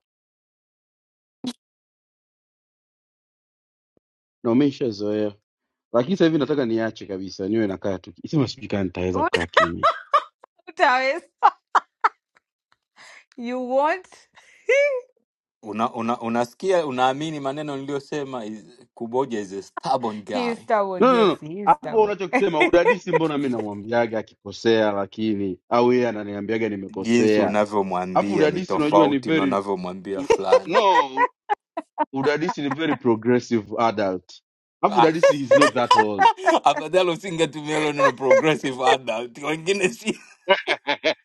[SPEAKER 4] na wameshazoea lakini sasa hivi nataka niache kabisa, niwe nakaa tu, sema sijui kama nitaweza kukaa kimya.
[SPEAKER 22] You want?
[SPEAKER 11] una, una, unasikia unaamini maneno niliyosema is- Kuboja is a stubborn
[SPEAKER 22] He is
[SPEAKER 11] guy
[SPEAKER 22] stubborn.
[SPEAKER 4] No, no,
[SPEAKER 22] Yes,
[SPEAKER 4] no.
[SPEAKER 22] he is
[SPEAKER 4] Hapo
[SPEAKER 22] stubborn.
[SPEAKER 4] unachokisema udadisi, mbona mi namwambiaga akikosea, lakini au yeye ananiambiaga
[SPEAKER 11] jinsi
[SPEAKER 4] nimekosea, alafu
[SPEAKER 11] unavyomwambia ni
[SPEAKER 4] udadisi unajua ni
[SPEAKER 11] tofauti na
[SPEAKER 4] very
[SPEAKER 11] unavyomwambia
[SPEAKER 4] u-
[SPEAKER 11] fulani.
[SPEAKER 4] no, u- udadisi ni very progressive adult, alafu
[SPEAKER 11] Ah,
[SPEAKER 4] udadisi is not that old
[SPEAKER 11] Afadhali usingetumia hilo neno progressive adult, wengine si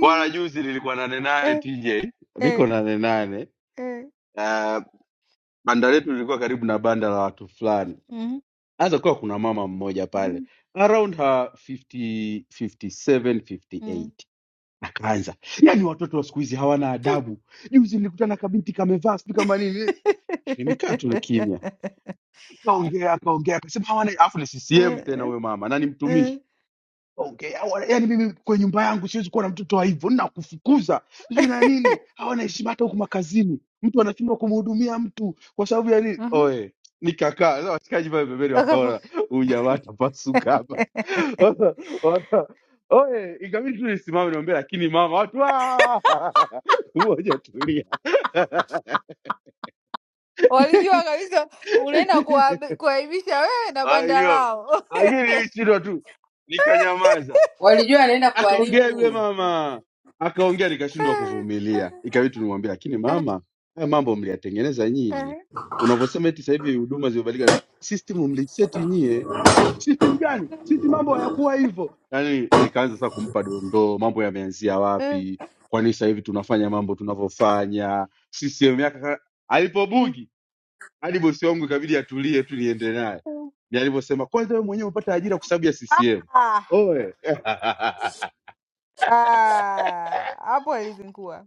[SPEAKER 4] bwana. Juzi nilikuwa nane nane
[SPEAKER 22] eh,
[SPEAKER 4] TJ, niko
[SPEAKER 22] eh,
[SPEAKER 4] nane nane.
[SPEAKER 22] eh.
[SPEAKER 4] Uh, banda letu lilikuwa karibu na banda la watu fulani
[SPEAKER 22] Mm,
[SPEAKER 4] anza kuwa kuna mama mmoja pale
[SPEAKER 22] mm,
[SPEAKER 4] around her 50, 57,
[SPEAKER 22] mm.
[SPEAKER 4] 58 akaanza yani watoto wa siku hizi hawana adabu juzi nilikutana na kabinti kamevaa sijui kama nini nimekaa tu kimya akaongea akaongea akasema hawana alafu ni
[SPEAKER 22] Eh,
[SPEAKER 4] ccm tena
[SPEAKER 22] eh,
[SPEAKER 4] huyo mama na ni mtumishi
[SPEAKER 22] eh.
[SPEAKER 4] okay yani mimi kwenye nyumba yangu siwezi kuwa na mtoto wa hivyo nakufukuza sijui na nini hawana heshima hata huku makazini mtu anashindwa kumhudumia mtu kwa sababu ya nini
[SPEAKER 22] Mhm.
[SPEAKER 4] oe nikakaa sasa washikaji pale pembeni
[SPEAKER 22] Akaku-
[SPEAKER 4] wakaona huyu jamaa atapasuka hapa Wana- wana- oe ikabidi tu nisimame niombe lakini mama watu "Ah!" mmoja tulia
[SPEAKER 22] Walijua kabisa unaenda kuwaab- kuwaibisha wewe na
[SPEAKER 4] Kwa
[SPEAKER 22] banda
[SPEAKER 4] hiyo
[SPEAKER 22] lao.
[SPEAKER 4] lakini nilishindwa tu nikanyamaza
[SPEAKER 1] Walijua anaenda
[SPEAKER 4] akaongea yule
[SPEAKER 1] kuharibu,
[SPEAKER 4] mama akaongea, nikashindwa kuvumilia, ikabidi nimwambia, lakini mama, haya mambo mliyatengeneza nyinyi. Unavyosema eti sasa hivi huduma zimebadilika, system mliseti nyie. System gani? Sisi mambo hayakuwa hivyo. Yani nikaanza sasa kumpa dondoo, mambo yameanzia wapi, kwa nini sasa hivi tunafanya mambo tunavyofanya. CCM yake alipobugi hadi bosi wangu ikabidi atulie tu niende naye, ni alivyosema, kwanza wewe mwenyewe umepata ajira kwa sababu ya CCM.
[SPEAKER 22] Ah,
[SPEAKER 4] Oe
[SPEAKER 22] ah, hapo alizingua,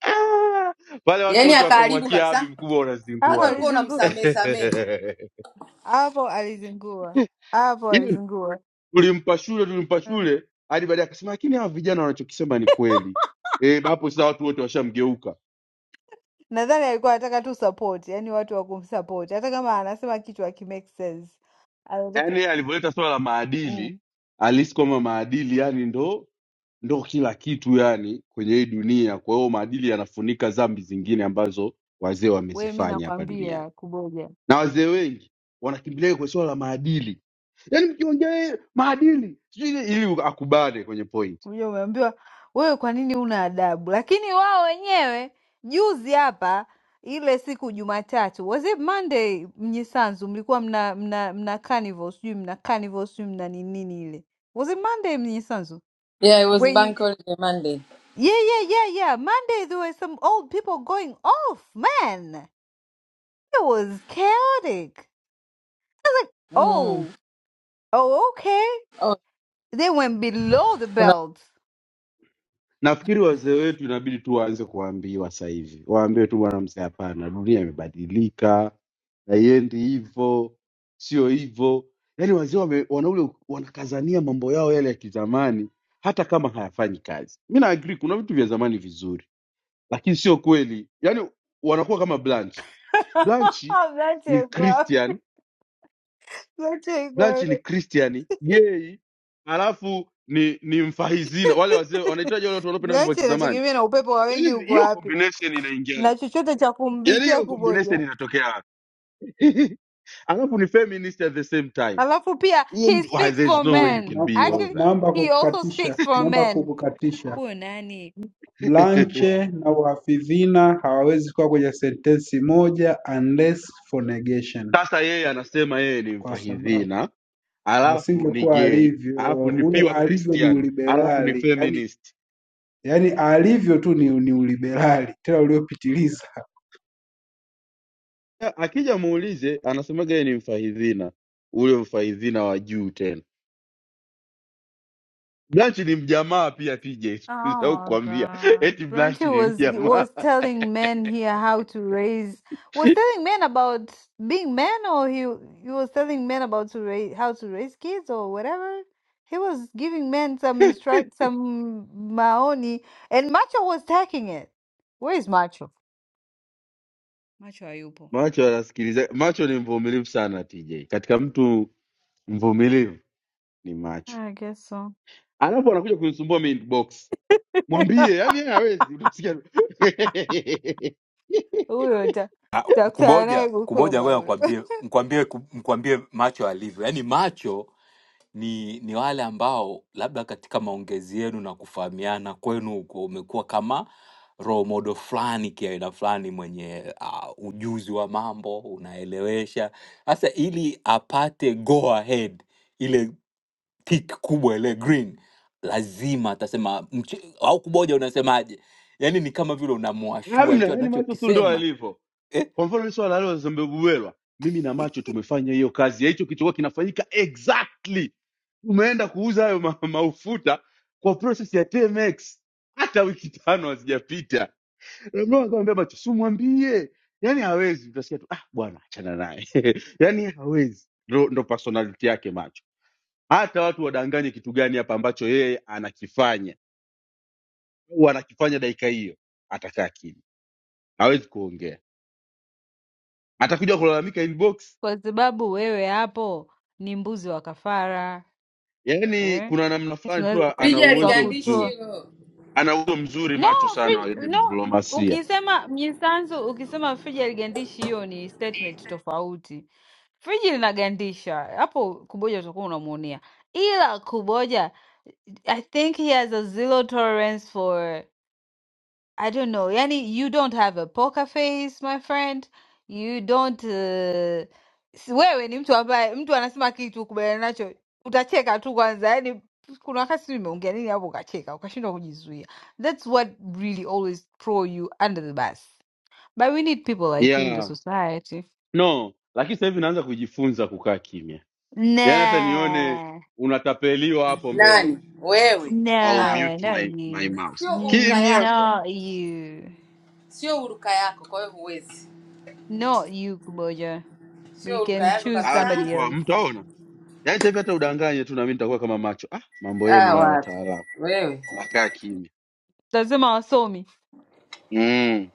[SPEAKER 4] Ah, wale watu
[SPEAKER 1] yaani
[SPEAKER 4] wote
[SPEAKER 1] akaharibu
[SPEAKER 4] wakamwakia abi
[SPEAKER 1] kabisa.
[SPEAKER 4] mkubwa
[SPEAKER 22] hapo
[SPEAKER 1] Hata
[SPEAKER 4] unazingua sasa
[SPEAKER 1] ulikuwa
[SPEAKER 22] alizingua.
[SPEAKER 1] unamsamehe samehe.
[SPEAKER 22] hapo alizingua, hapo
[SPEAKER 4] ila
[SPEAKER 22] alizingua.
[SPEAKER 4] tulimpa shule tulimpa
[SPEAKER 22] Mm.
[SPEAKER 4] shule hadi baadaye akasema lakini hawa vijana wanachokisema ni kweli Eh, hapo sasa watu wote washamgeuka
[SPEAKER 22] Nadhani alikuwa anataka tu support, yani watu wa kumsupport, hata kama anasema kitu hakimake sense. Anataka
[SPEAKER 4] yaani alivyoleta swala la
[SPEAKER 22] mm.
[SPEAKER 4] maadili alisi kwamba maadili yani ndo ndo kila kitu yani kwenye hii dunia kwa hiyo maadili yanafunika dhambi zingine ambazo wazee
[SPEAKER 22] Wewe, mi
[SPEAKER 4] wamezifanya hapa duniani
[SPEAKER 22] nakwambia kuboja,
[SPEAKER 4] na wazee wengi wanakimbilia kwenye swala la maadili yaani mkiongea yeye, maadili sijui ile- ili akubale kwenye point
[SPEAKER 22] kuja umeambiwa wewe, kwa nini una adabu? Lakini wao wenyewe juzi hapa ile siku Jumatatu, was it Monday, Mnyisanzu mlikuwa mna mna mna carnival, sijui mna carnival, sijui mna nini nini ile, was it Monday Mnyisanzu?
[SPEAKER 1] Yeah, it was bank holiday Monday.
[SPEAKER 22] Yeah, yeah, yeah, yeah. Monday there were some old people going off, man. It was chaotic. Oh, oh, okay.
[SPEAKER 1] Oh,
[SPEAKER 22] They went below the
[SPEAKER 1] kuna
[SPEAKER 22] belt.
[SPEAKER 4] nafikiri wazee wetu inabidi tu waanze kuwaambiwa sasa hivi waambiwe tu bwana mzee hapana dunia imebadilika haiendi hivyo sio hivyo yaani wazee wame- wana ule wanakazania mambo yao yale ya kizamani hata kama hayafanyi kazi mi naagri kuna vitu vya zamani vizuri lakini sio kweli yaani wanakuwa kama blanchi
[SPEAKER 22] Blanche
[SPEAKER 4] blanchi ni
[SPEAKER 22] kwa-
[SPEAKER 4] christian
[SPEAKER 22] Blanche
[SPEAKER 4] Blanchi ni
[SPEAKER 22] iko-
[SPEAKER 4] Christian, gay, alafu ni ni mfahizina, wale wazee wanaitwaje wale watu wanaopenda mambo ya
[SPEAKER 22] Blanche
[SPEAKER 4] kizamani.
[SPEAKER 22] inategemea na upepo wa wengi
[SPEAKER 4] Yaani
[SPEAKER 22] uko
[SPEAKER 4] hiyo
[SPEAKER 22] wapi
[SPEAKER 4] combination inaingia,
[SPEAKER 22] na chochote cha
[SPEAKER 4] yaani
[SPEAKER 22] kumbishia
[SPEAKER 4] hiyo
[SPEAKER 22] kuboja.
[SPEAKER 4] combination inatokea wapi? alafu ni feminist at the same time.
[SPEAKER 22] Alafu pia
[SPEAKER 4] Huyo
[SPEAKER 22] he
[SPEAKER 4] mtu why,
[SPEAKER 22] speaks
[SPEAKER 4] there's
[SPEAKER 22] for
[SPEAKER 4] no way
[SPEAKER 6] Hapana,
[SPEAKER 4] you
[SPEAKER 22] men.
[SPEAKER 4] can
[SPEAKER 6] na-
[SPEAKER 4] be
[SPEAKER 6] na-
[SPEAKER 4] all
[SPEAKER 22] Actually,
[SPEAKER 4] that.
[SPEAKER 6] naomba
[SPEAKER 22] he also speaks
[SPEAKER 6] kukukatisha.
[SPEAKER 22] for
[SPEAKER 6] Naomba
[SPEAKER 22] men.
[SPEAKER 6] kukukatisha.
[SPEAKER 22] Huyo nani?
[SPEAKER 6] Blanche na uhafidhina hawawezi kuwa kwenye sentensi moja unless for negation.
[SPEAKER 4] Sasa yeye anasema yeye ni
[SPEAKER 6] Kwa sababu
[SPEAKER 4] mfahidhina, alafu ni
[SPEAKER 6] asingekuwa
[SPEAKER 4] gay,
[SPEAKER 6] alivyo,
[SPEAKER 4] alafu ni
[SPEAKER 6] ule
[SPEAKER 4] pure
[SPEAKER 6] alivyo ni
[SPEAKER 4] Christian, alafu ni
[SPEAKER 6] uliberali. Yaani
[SPEAKER 4] feminist.
[SPEAKER 6] yaani alivyo tu ni, ni uliberali tena uliopitiliza.
[SPEAKER 4] A- Akija muulize, anasemaga yeye ni mfahidhina, ule mfahidhina wa juu tena. Blanchi ni mjamaa pia TJ, usisahau
[SPEAKER 22] Oh my
[SPEAKER 4] kukwambia
[SPEAKER 22] God.
[SPEAKER 4] eti
[SPEAKER 22] Blanche
[SPEAKER 4] Blanchi ni
[SPEAKER 22] was
[SPEAKER 4] mjamaa.
[SPEAKER 22] was telling men here how to raise was telling men about being men or he he was telling men about to raise how to raise kids or whatever. He was giving men some instruct some maoni and Macho was taking it. Where is Macho? Macho hayupo.
[SPEAKER 4] Macho anasikiliza, macho ni mvumilivu sana TJ, katika mtu mvumilivu ni macho.
[SPEAKER 22] I guess so.
[SPEAKER 4] Alafu anakuja kunisumbua mimi inbox, mwambie yani, yeye hawezi, utasikia
[SPEAKER 22] Huyo da-
[SPEAKER 11] Ah,
[SPEAKER 22] daktari
[SPEAKER 11] kuboja kuboja.
[SPEAKER 22] anayekukoba
[SPEAKER 11] Ngoja
[SPEAKER 22] huyo.
[SPEAKER 11] mkwambie mkwambie mkwambie macho alivyo, yaani macho ni ni wale ambao labda katika maongezi yenu na kufahamiana kwenu huko umekuwa kama role model fulani kiaina fulani mwenye uh, ujuzi wa mambo unaelewesha. Sasa ili apate go ahead ile tik kubwa ile green lazima atasema mche, au kuboja unasemaje yani ni kama vile unamwashua
[SPEAKER 4] hamna,
[SPEAKER 11] hicho
[SPEAKER 4] yani macho tu ndo
[SPEAKER 11] anachokisema
[SPEAKER 4] alivyo.
[SPEAKER 11] eh?
[SPEAKER 4] Kwa mfano hili swala la Zambegubelwa, mimi na macho tumefanya hiyo kazi ya hicho kilichokuwa kinafanyika exactly. Umeenda kuuza hayo ma maufuta kwa process ya TMX, hata wiki tano hazijapita. Na Mlowa akamwambia macho, simwambie, yaani hawezi. Utasikia tu ah, bwana achana naye yaani hawezi. Ndo, ndo personality yake macho. Hata watu wadanganye kitu gani hapa ambacho yeye anakifanya au anakifanya dakika hiyo, atakaa kimya, hawezi kuongea, atakuja kulalamika inbox
[SPEAKER 22] Kwa sababu wewe hapo ni mbuzi wa kafara.
[SPEAKER 4] yaani
[SPEAKER 22] Eh?
[SPEAKER 4] kuna namna fulani
[SPEAKER 22] tunaweza
[SPEAKER 4] tu
[SPEAKER 22] tuka-
[SPEAKER 4] ana
[SPEAKER 1] Lija
[SPEAKER 4] uwezo
[SPEAKER 1] aligandishi
[SPEAKER 4] mzuri,
[SPEAKER 22] tukakutoa
[SPEAKER 1] hilo.
[SPEAKER 4] ana uwezo mzuri
[SPEAKER 22] no
[SPEAKER 4] macho sana
[SPEAKER 22] free,
[SPEAKER 4] wa
[SPEAKER 22] no
[SPEAKER 4] diplomasia
[SPEAKER 22] ukisema misanzu ukisema friji aligandishi hiyo ni statement tofauti friji linagandisha hapo kuboja utakuwa unamuonea ila kuboja i think he has a zero tolerance for I don't know. Yani, you don't have a poker face, my friend. You don't uh... si- wewe ni mtu ambaye mtu anasema kitu ukubaliana nacho utacheka tu kwanza. Yani kuna wakati sijui umeongea nini hapo ukacheka ukashindwa kujizuia. That's what really always throw you under the bus. But we need people like you in the
[SPEAKER 4] yeah.
[SPEAKER 22] society.
[SPEAKER 4] No, lakini sasa hivi naanza kujifunza kukaa kimya, yaani hata nione
[SPEAKER 22] Nah,
[SPEAKER 4] unatapeliwa hapo mbele
[SPEAKER 1] Nani? Wewe.
[SPEAKER 4] I'll
[SPEAKER 1] Hawa.
[SPEAKER 22] no,
[SPEAKER 4] mute
[SPEAKER 22] not
[SPEAKER 4] my, my
[SPEAKER 22] you.
[SPEAKER 4] mouse
[SPEAKER 1] Sio huruka
[SPEAKER 4] kimya,
[SPEAKER 1] yako.
[SPEAKER 22] Not you.
[SPEAKER 1] Sio huruka yako, kwa hiyo huwezi.
[SPEAKER 22] Not you, Kuboja.
[SPEAKER 1] Sio
[SPEAKER 22] We
[SPEAKER 1] huruka
[SPEAKER 22] can
[SPEAKER 1] yako
[SPEAKER 22] choose
[SPEAKER 4] ah,
[SPEAKER 22] somebody
[SPEAKER 4] tupo
[SPEAKER 1] kabisa.
[SPEAKER 22] else.
[SPEAKER 4] hamtaona. Yaani sasa hivi hata udanganye tu, nami nitakuwa kama macho. Ah, mambo yenu
[SPEAKER 1] Ah,
[SPEAKER 4] haya
[SPEAKER 1] wapi
[SPEAKER 4] wataalamu,
[SPEAKER 1] wewe
[SPEAKER 4] nakaa kimya
[SPEAKER 22] Lazima wasome.
[SPEAKER 4] mm.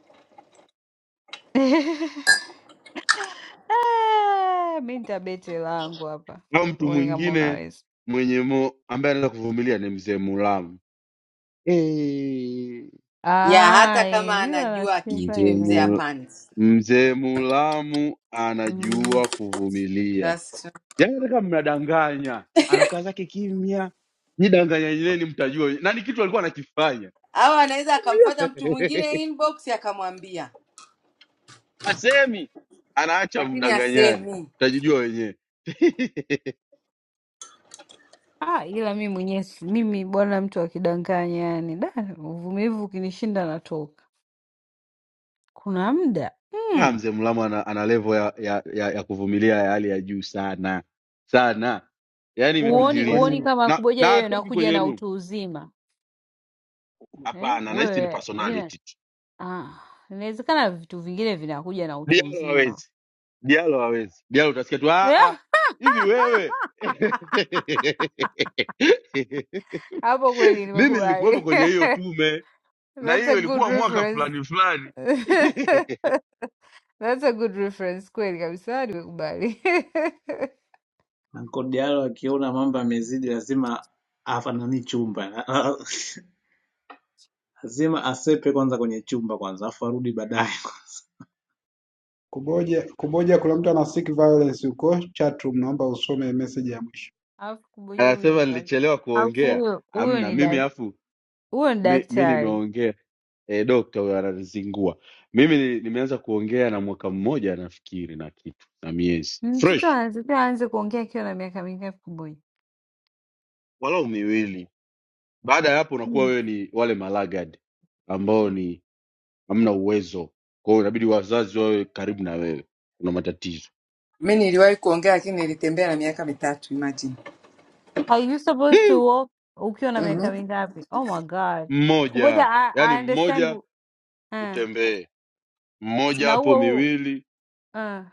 [SPEAKER 22] Ah, Mi nitabete langu hapa,
[SPEAKER 4] Au mtu
[SPEAKER 22] tuone kama
[SPEAKER 4] mwingine
[SPEAKER 22] unaweza.
[SPEAKER 4] mwenye mo, ambaye anaweza kuvumilia ni mzee Mulamu hey.
[SPEAKER 1] ya
[SPEAKER 22] Ah,
[SPEAKER 1] hata kama
[SPEAKER 22] eh, ila
[SPEAKER 1] anajua kitu
[SPEAKER 22] nasikiza
[SPEAKER 1] yule
[SPEAKER 4] Mzee
[SPEAKER 22] eh.
[SPEAKER 1] mzee
[SPEAKER 4] Mu-
[SPEAKER 1] hapandi
[SPEAKER 4] Mzee Mulamu
[SPEAKER 22] Mm.
[SPEAKER 4] anajua kuvumilia.
[SPEAKER 1] That's true.
[SPEAKER 4] Yaani hata kama mnadanganya, anakaa zake kimya, nidanganya nyinyi mtajua. wenyewe. Na ni kitu alikuwa anakifanya,
[SPEAKER 1] au anaweza akamfata mtu mwingine inbox akamwambia
[SPEAKER 4] asemi, anaacha
[SPEAKER 1] lakini
[SPEAKER 4] mdanganyani,
[SPEAKER 1] asemi
[SPEAKER 4] mtajijua wenyewe.
[SPEAKER 22] Ah, ila mi mwenyewe si- mimi bwana, mtu akidanganya yani, da, uvumilivu ukinishinda natoka. Kuna muda
[SPEAKER 4] Ah,
[SPEAKER 22] mm.
[SPEAKER 4] Mzee Mulamu ana, ana level ya, ya, ya, ya kuvumilia ya hali ya juu sana sana, yaani
[SPEAKER 6] Kwani
[SPEAKER 22] Uoni
[SPEAKER 4] imepitiliza,
[SPEAKER 22] uoni
[SPEAKER 6] kwani
[SPEAKER 22] kama
[SPEAKER 4] na
[SPEAKER 22] kuboja
[SPEAKER 4] na
[SPEAKER 22] wewe
[SPEAKER 4] atoki
[SPEAKER 22] inakuja
[SPEAKER 4] kwenye
[SPEAKER 22] na
[SPEAKER 4] room.
[SPEAKER 22] utu uzima eh?
[SPEAKER 4] Hapana, nahisi ni
[SPEAKER 22] Wewe ina
[SPEAKER 4] personality
[SPEAKER 22] ah, inawezekana vitu vingine vinakuja na utu
[SPEAKER 4] Diallo
[SPEAKER 22] uzima.
[SPEAKER 4] hawezi, Diallo hawezi. Diallo utasikia tu "Ah, ah,
[SPEAKER 22] Yeah,
[SPEAKER 4] hivi wewe
[SPEAKER 22] hapo kweli
[SPEAKER 4] mimi nilikuwepo
[SPEAKER 22] nimekubali.
[SPEAKER 4] kwenye hiyo tume na
[SPEAKER 22] That's a
[SPEAKER 4] hiyo
[SPEAKER 22] good
[SPEAKER 4] ilikuwa mwaka
[SPEAKER 22] reference.
[SPEAKER 4] fulani fulani.
[SPEAKER 22] That's a good reference kweli kabisa, nimekubali.
[SPEAKER 16] Anko Diallo akiona mambo yamezidi, lazima afanani chumba lazima asepe kwanza kwenye chumba kwanza, afu arudi baadaye kwanza,
[SPEAKER 6] kuboja kuboja, kuna mtu ana seek violence huko chatroom, naomba usome message ya mwisho.
[SPEAKER 22] Alafu kumoja huyu ni
[SPEAKER 4] Anasema
[SPEAKER 22] dak-
[SPEAKER 4] nilichelewa
[SPEAKER 22] alafu
[SPEAKER 4] kuongea,
[SPEAKER 22] huyo huyo
[SPEAKER 4] amna
[SPEAKER 22] ni
[SPEAKER 4] mimi
[SPEAKER 22] dak-
[SPEAKER 4] afu
[SPEAKER 22] huyo ni
[SPEAKER 4] mi, mi
[SPEAKER 22] daktari.
[SPEAKER 4] nimeongea e, dokta huyo ananizingua mimi ni- nimeanza kuongea na mwaka mmoja nafikiri na kitu na miezi
[SPEAKER 22] Mm, Mtoto
[SPEAKER 4] fresh
[SPEAKER 22] anatakiwa aanze kuongea akiwa na miaka mingapi kumoja?
[SPEAKER 4] walau miwili. Baada ya hapo unakuwa
[SPEAKER 22] Hmm.
[SPEAKER 4] wewe ni wale malagad ambao ni hamna uwezo kwa hiyo inabidi wazazi wawe karibu na wewe kuna matatizo
[SPEAKER 1] Mi niliwahi kuongea lakini nilitembea na miaka mitatu, imagine.
[SPEAKER 22] Are you supposed
[SPEAKER 4] Hmm,
[SPEAKER 22] to walk ukiwa na miaka
[SPEAKER 1] mm-hmm.
[SPEAKER 22] mingapi? Oh my God. Kumoja
[SPEAKER 4] mmoja
[SPEAKER 22] I,
[SPEAKER 4] yaani
[SPEAKER 22] I understand
[SPEAKER 4] mmoja
[SPEAKER 22] uh,
[SPEAKER 4] utembee mmoja
[SPEAKER 22] na
[SPEAKER 4] hapo
[SPEAKER 22] huo huo
[SPEAKER 4] miwili
[SPEAKER 22] uh,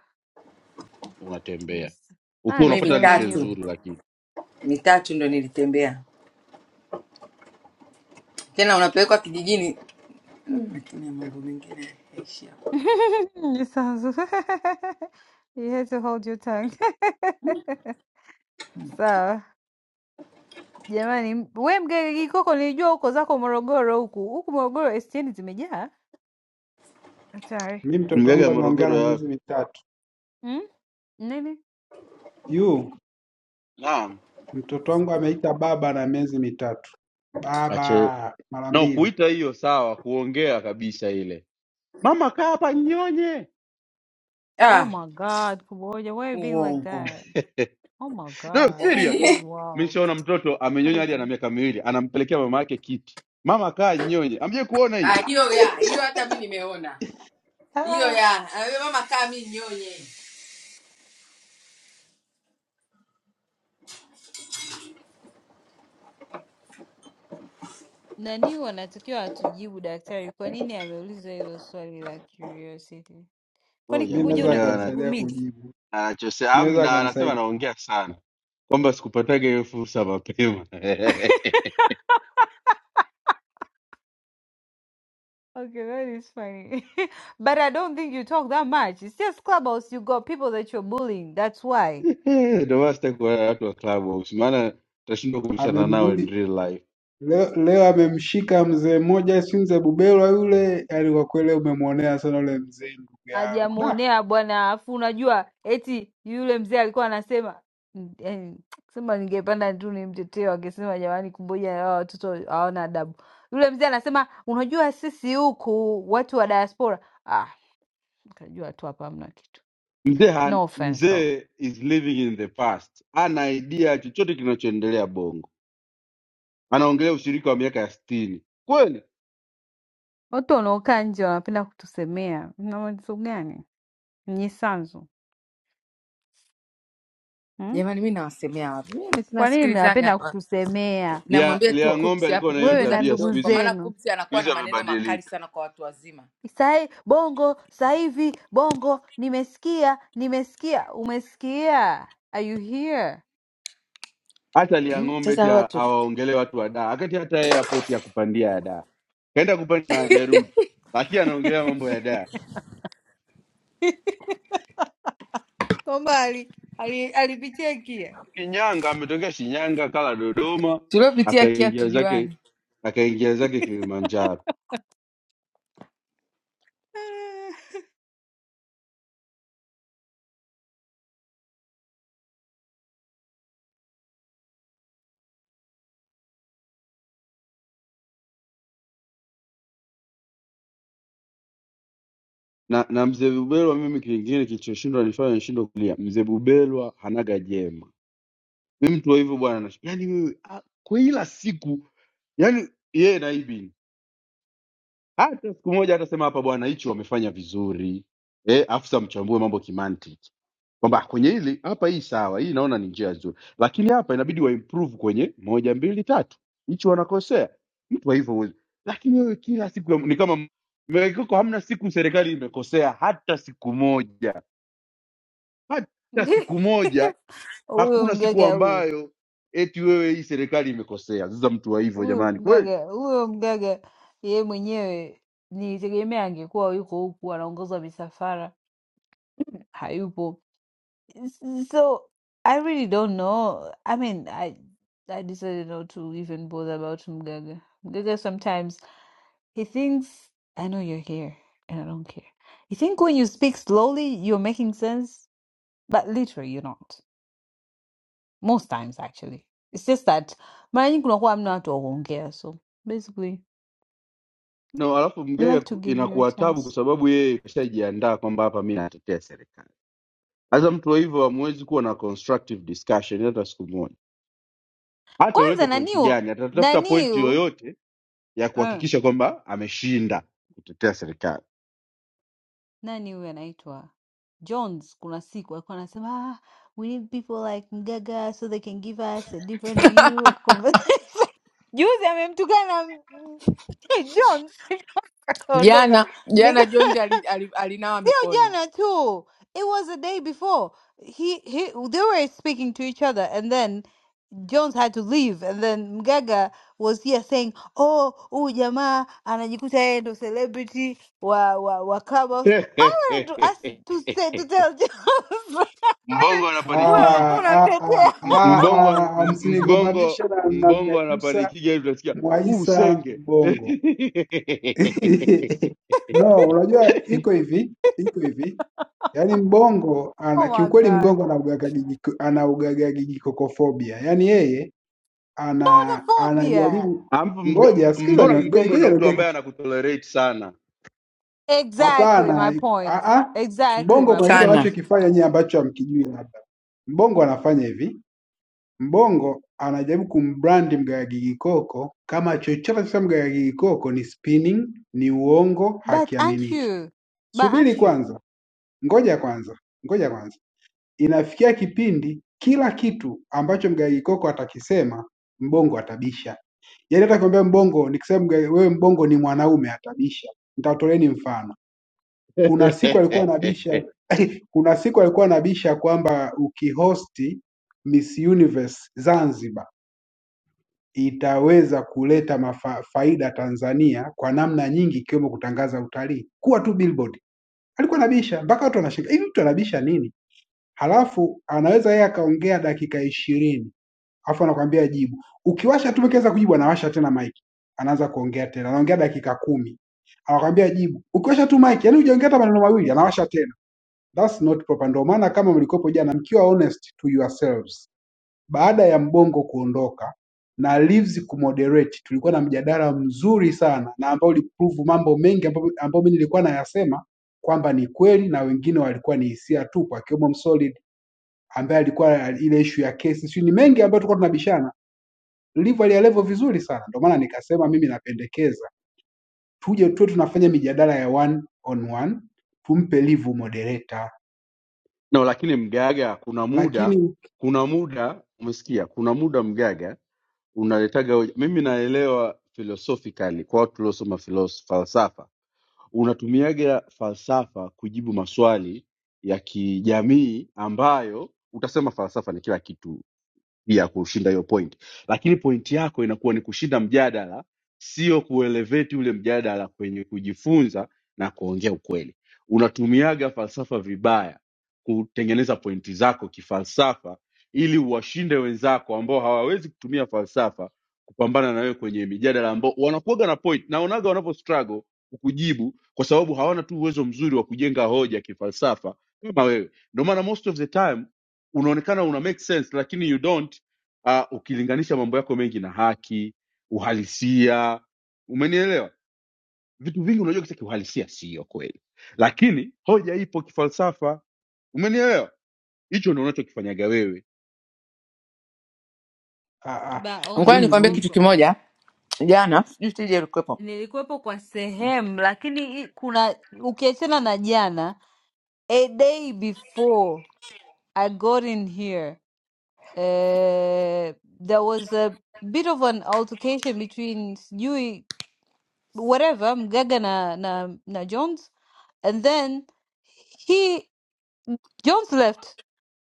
[SPEAKER 4] unatembea
[SPEAKER 22] understand. I
[SPEAKER 4] ukiwa
[SPEAKER 1] mi
[SPEAKER 4] unapata
[SPEAKER 22] understand
[SPEAKER 4] lishe
[SPEAKER 22] when you
[SPEAKER 1] mitatu
[SPEAKER 4] nzuri lakini
[SPEAKER 1] mitatu ndo nilitembea tena unapelekwa kijijini Mm, Lakini ya mambo mengine yaishi hapo.
[SPEAKER 22] you sounds you had to hold your tongue. Sawa jamani, m- we Mgege Gikoko, nilijua huko zako Morogoro, huku huku Morogoro STN zimejaa hatari.
[SPEAKER 6] Mi mtoto
[SPEAKER 4] mgaga
[SPEAKER 6] wangu
[SPEAKER 4] ya
[SPEAKER 6] ameongea
[SPEAKER 4] morogoro
[SPEAKER 6] na
[SPEAKER 4] ya
[SPEAKER 6] miezi
[SPEAKER 4] wapi?
[SPEAKER 6] mitatu.
[SPEAKER 22] mm? Nini?
[SPEAKER 6] Yu
[SPEAKER 4] naam
[SPEAKER 6] mtoto wangu ameita baba na miezi mitatu,
[SPEAKER 4] kache
[SPEAKER 6] baba mara
[SPEAKER 4] na
[SPEAKER 6] mbili.
[SPEAKER 4] kuita hiyo sawa kuongea kabisa ile mama kaa hapa nyonye
[SPEAKER 22] Oh
[SPEAKER 1] ah,
[SPEAKER 22] my God, Kuboja, why are you being like
[SPEAKER 1] uongo
[SPEAKER 22] that? Oh my
[SPEAKER 4] no
[SPEAKER 22] God,
[SPEAKER 4] serious
[SPEAKER 22] that is wild,
[SPEAKER 4] mishaona mtoto amenyonya hadi ana
[SPEAKER 22] crazy.
[SPEAKER 4] miaka miwili anampelekea mama yake kiti mama kaa nyonye amje kuona
[SPEAKER 1] Ah,
[SPEAKER 4] hiyo
[SPEAKER 1] hiyo ya hiyo hata mi nimeona hiyo ya Ah, we mama kaa mi nyonye
[SPEAKER 22] Nani wanatakiwa atujibu daktari, kwa nini ameuliza hilo swali la curiosity?
[SPEAKER 4] oh,
[SPEAKER 22] Kwani
[SPEAKER 6] Mi
[SPEAKER 22] Kuboja
[SPEAKER 6] naweza
[SPEAKER 22] una
[SPEAKER 4] jamuelewa
[SPEAKER 6] akamsaidia
[SPEAKER 22] kigugumizi?
[SPEAKER 6] kujibu,
[SPEAKER 4] Anachose
[SPEAKER 6] mi naweza
[SPEAKER 4] amna, anasema
[SPEAKER 6] akamsaidia.
[SPEAKER 4] anaongea sana kwamba sikupataga hiyo fursa mapema
[SPEAKER 22] Okay, that is funny. But I don't think you talk that much. It's just clubhouse. You got people that you're bullying. That's why.
[SPEAKER 4] ndio maana sitaki kuwa na watu wa Clubhouse, maana tutashindwa kubishana nao in
[SPEAKER 6] Amembuli
[SPEAKER 4] real life.
[SPEAKER 6] leo, leo amemshika mzee mmoja sinze Bubelwa yule, yani kwa kweli umemwonea sana yule mzee, ndugu yangu da.
[SPEAKER 22] hajamuonea bwana. Afu unajua eti yule mzee alikuwa anasema eh, sema ningepanda tu nimtetee, wangesema jamani, kumboja hawa watoto hawana adabu. Yule mzee anasema unajua, sisi huku watu wa diaspora ah, nikajua tu hapa hamna kitu.
[SPEAKER 4] Mzee han-
[SPEAKER 22] No offense though,
[SPEAKER 4] mzee is living in the past, hana idea chochote kinachoendelea Bongo. Anaongelea ushirika wa miaka ya sitini kweli.
[SPEAKER 22] watu wanaokaa nje wanapenda kutusemea. Mna matatizo gani nyie Sanzu hmm?
[SPEAKER 19] Jamani, mi nawasemea wapi? Mimi
[SPEAKER 22] Kwa nini
[SPEAKER 19] tunasikilizaga
[SPEAKER 22] mnapenda
[SPEAKER 19] hapa,
[SPEAKER 22] kutusemea
[SPEAKER 4] Lia,
[SPEAKER 19] namwambia tu
[SPEAKER 4] Lia ng'ombe
[SPEAKER 19] Kubsi hapo,
[SPEAKER 4] alikuwa na hiyo
[SPEAKER 22] wewe
[SPEAKER 19] punguza
[SPEAKER 22] na
[SPEAKER 4] tabia,
[SPEAKER 22] ndugu
[SPEAKER 19] kidogo,
[SPEAKER 4] siku
[SPEAKER 19] kwa
[SPEAKER 4] hizi
[SPEAKER 19] maana
[SPEAKER 22] zenu?
[SPEAKER 19] Kubsi
[SPEAKER 4] siku
[SPEAKER 19] anakuwa na
[SPEAKER 4] hizi
[SPEAKER 19] maneno
[SPEAKER 4] amebadilika.
[SPEAKER 19] makali sana kwa watu wazima.
[SPEAKER 22] Sai bongo sasa hivi bongo, nimesikia nimesikia, umesikia? Are you here?
[SPEAKER 4] hata lia
[SPEAKER 19] Mm,
[SPEAKER 4] ng'ombe ti
[SPEAKER 19] Sasa watu
[SPEAKER 4] awaongele watu wa daa akati hata yeye apoti ya kupandia ya daa kaenda kupanda na hajarudi lakini anaongelea mambo ya daa
[SPEAKER 22] kwamba ali- ali- alipitia kia
[SPEAKER 4] shinyanga ametokea shinyanga kala dodoma
[SPEAKER 19] tuliopitia kia
[SPEAKER 4] akaingia zake
[SPEAKER 19] tujuane
[SPEAKER 4] akaingia zake kilimanjaro
[SPEAKER 22] Ah.
[SPEAKER 4] na na mzee bubelwa mimi kingine kilichoshindwa nifanya nishindwe kulia mzee bubelwa hanaga jema mi mtu wa hivyo bwana nash- yaani wewe ah, kwa ila siku yaani yeye naibi hata siku moja atasema hapa bwana hichi wamefanya vizuri eh afisa mchambue mambo kimantiki kwamba "Ah, kwenye hili hapa hii sawa hii naona ni njia nzuri lakini hapa inabidi waimprove kwenye moja mbili tatu hichi wanakosea mtu wa hivyo huwezi lakini wewe kila siku ya- ni kama mekoko hamna siku serikali imekosea hata siku moja hata siku moja
[SPEAKER 22] Huyo
[SPEAKER 4] hakuna siku
[SPEAKER 22] mgaga huyo,
[SPEAKER 4] ambayo eti wewe hii serikali imekosea sasa mtu wa hivyo
[SPEAKER 22] huyo
[SPEAKER 4] jamani kweli
[SPEAKER 22] mgaga, huyo mgaga yeye mwenyewe nilitegemea angekuwa yuko huku anaongoza misafara, hayupo. S- So I really don't know. I mean, I I decided not to even bother about mgaga. Mgaga sometimes. He thinks, I know you're here and I don't care. You think when you speak slowly, you're making sense, but literally, you're not. Most times, actually. It's just that mara nyingi unakuwa hamna watu wa kuongea. So basically,
[SPEAKER 4] no alafu
[SPEAKER 22] we
[SPEAKER 4] mgega
[SPEAKER 22] like to
[SPEAKER 4] ku-
[SPEAKER 22] give you a
[SPEAKER 4] inakuwa tabu kwa
[SPEAKER 22] chance.
[SPEAKER 4] sababu yeye kashajiandaa kwamba hapa mi natetea serikali sasa mtu wa hivyo hamwezi kuwa na constructive discussion hata siku moja hata
[SPEAKER 22] Kwanza
[SPEAKER 4] ulete pointi
[SPEAKER 22] naniu,
[SPEAKER 4] gani atatafuta pointi
[SPEAKER 22] naniu.
[SPEAKER 4] yoyote ya kuhakikisha kwamba ameshinda kutetea serikali
[SPEAKER 22] nani huyu anaitwa Jones, kuna siku alikuwa anasema ah, we need people like Mgaga so they can give us a different view of conversation. Juzi amemtukana mm, Jones akaondoka,
[SPEAKER 19] jana jana,
[SPEAKER 22] Nika-
[SPEAKER 19] Jonzi ali- ali- alinawa
[SPEAKER 22] sio
[SPEAKER 19] mikono
[SPEAKER 22] jana tu, it was the day before he, he they were speaking to each other and then Jones had to leave and then Mgaga was here saying, oh, huyu jamaa anajikuta yeye ndo celebrity wa wa wa clubhouse to 아스투세 to say to tell jokes.
[SPEAKER 4] mbongo anapanikigi
[SPEAKER 6] Ah,
[SPEAKER 22] 우여곡절한
[SPEAKER 6] ah,
[SPEAKER 22] 대체.
[SPEAKER 6] ah,
[SPEAKER 4] m- mbongo
[SPEAKER 6] ah, ah,
[SPEAKER 4] m-
[SPEAKER 6] msinigombanishe
[SPEAKER 4] mbongo
[SPEAKER 6] na, na
[SPEAKER 4] mbongo
[SPEAKER 6] Mnyakyusa
[SPEAKER 4] anapanikiga hivi utasikia huu
[SPEAKER 6] Mwaisa
[SPEAKER 4] usenge
[SPEAKER 6] Mbongo. No, unajua iko hivi, iko hivi. Yaani Mbongo ana
[SPEAKER 22] Oh my
[SPEAKER 6] kiukweli
[SPEAKER 22] god.
[SPEAKER 6] Mgongo ana ugagagigi- ana ugagagigikokofobia. Yaani yeye
[SPEAKER 22] Not a
[SPEAKER 6] ana
[SPEAKER 22] phobia.
[SPEAKER 6] anajaribu
[SPEAKER 4] Alafu mga- m-
[SPEAKER 6] ngoja sikiza ni
[SPEAKER 4] mbona
[SPEAKER 6] ngoja
[SPEAKER 4] mbongo
[SPEAKER 6] ngoja
[SPEAKER 4] ndo mtu
[SPEAKER 6] niongee
[SPEAKER 4] ambaye
[SPEAKER 6] kitu.
[SPEAKER 4] anakutolerate sana
[SPEAKER 22] Exactly my
[SPEAKER 6] Hapana,
[SPEAKER 22] point.
[SPEAKER 6] a a
[SPEAKER 22] Exactly
[SPEAKER 6] Mbongo
[SPEAKER 22] my
[SPEAKER 6] kuna kitu
[SPEAKER 19] sana.
[SPEAKER 22] point.
[SPEAKER 6] anachokifanya nyie ambacho hamkijui labda. Mbongo anafanya hivi. Mbongo anajaribu kumbrandi Mgalla Gigikoko kama chochote sasa Mgalla Gigikoko ni spinning ni uongo
[SPEAKER 22] But aren't
[SPEAKER 6] hakiaminiki.
[SPEAKER 22] you? But
[SPEAKER 6] Subiri
[SPEAKER 22] aren't you?
[SPEAKER 6] kwanza, ngoja kwanza, ngoja kwanza. Inafikia kipindi kila kitu ambacho Mgalla Gigikoko atakisema Mbongo atabisha. Yaani hata kumwambia Mbongo nikisema Mgalla- wewe Mbongo ni mwanaume atabisha. Nitatoleeni mfano. Kuna siku alikuwa anabisha kuna siku alikuwa anabisha kwamba ukihosti Miss Universe Zanzibar itaweza kuleta mafa, faida Tanzania kwa namna nyingi ikiwemo kutangaza utalii. Kuwa tu billboard. Alikuwa anabisha mpaka watu wanashangaa, hivi mtu anabisha nini? Halafu anaweza yeye akaongea dakika ishirini alafu anakwambia jibu. Ukiwasha tu ukiweza kujibu anawasha tena mic. Anaanza kuongea tena. Anaongea dakika kumi. Anakwambia jibu. Ukiwasha tu mic, yani hujaongea hata maneno mawili, anawasha tena. That's not proper. Ndio maana kama mlikopo jana mkiwa honest to yourselves baada ya Mbongo kuondoka na Lissu kumoderate, tulikuwa na mjadala mzuri sana na ambao uliprove mambo mengi ambayo ambayo mimi nilikuwa nayasema kwamba ni kweli na wengine walikuwa ni hisia tupu, akiwemo Msolid ambaye alikuwa ile ishu ya kesi, sio ni mengi ambayo tulikuwa tunabishana. Live alielevo vizuri sana, ndio maana nikasema mimi napendekeza tuje tu tunafanya mijadala ya one on one, tumpe Live moderator,
[SPEAKER 4] no lakini mgaga kuna muda
[SPEAKER 6] lakini
[SPEAKER 4] kuna muda umesikia kuna muda mgaga unaletaga hoja. mimi naelewa philosophically kwa watu tuliosoma filos- falsafa unatumiaga falsafa kujibu maswali ya kijamii ambayo utasema falsafa ni kila kitu ya kushinda hiyo point lakini point yako inakuwa ni kushinda mjadala sio kuelevate ule mjadala kwenye kujifunza na kuongea ukweli unatumiaga falsafa vibaya kutengeneza pointi zako kifalsafa ili uwashinde wenzako ambao hawawezi kutumia falsafa kupambana na wewe kwenye mijadala ambao wanakuaga na point naonaga wanavyo struggle kukujibu kwa sababu hawana tu uwezo mzuri wa kujenga hoja kifalsafa kama wewe ndio maana most of the time unaonekana una make sense lakini you don't uh, ukilinganisha mambo yako mengi na haki uhalisia umenielewa vitu vingi unajua kisa kiuhalisia sio kweli lakini hoja ipo kifalsafa umenielewa hicho ndo unachokifanyaga wewe
[SPEAKER 6] ah, ah,
[SPEAKER 22] But
[SPEAKER 19] Ngoja
[SPEAKER 22] also,
[SPEAKER 6] mimi
[SPEAKER 19] nikwambie
[SPEAKER 6] mimi
[SPEAKER 19] kitu
[SPEAKER 22] also.
[SPEAKER 19] kimoja, jana sijui tija ilikuwepo
[SPEAKER 22] Nilikuwepo kwa sehemu lakini hii kuna ukiachana na jana, a day before I got in here, uh, there was a bit of an altercation between sijui whatever Mgaga na, na na Jones, and then he Jones left.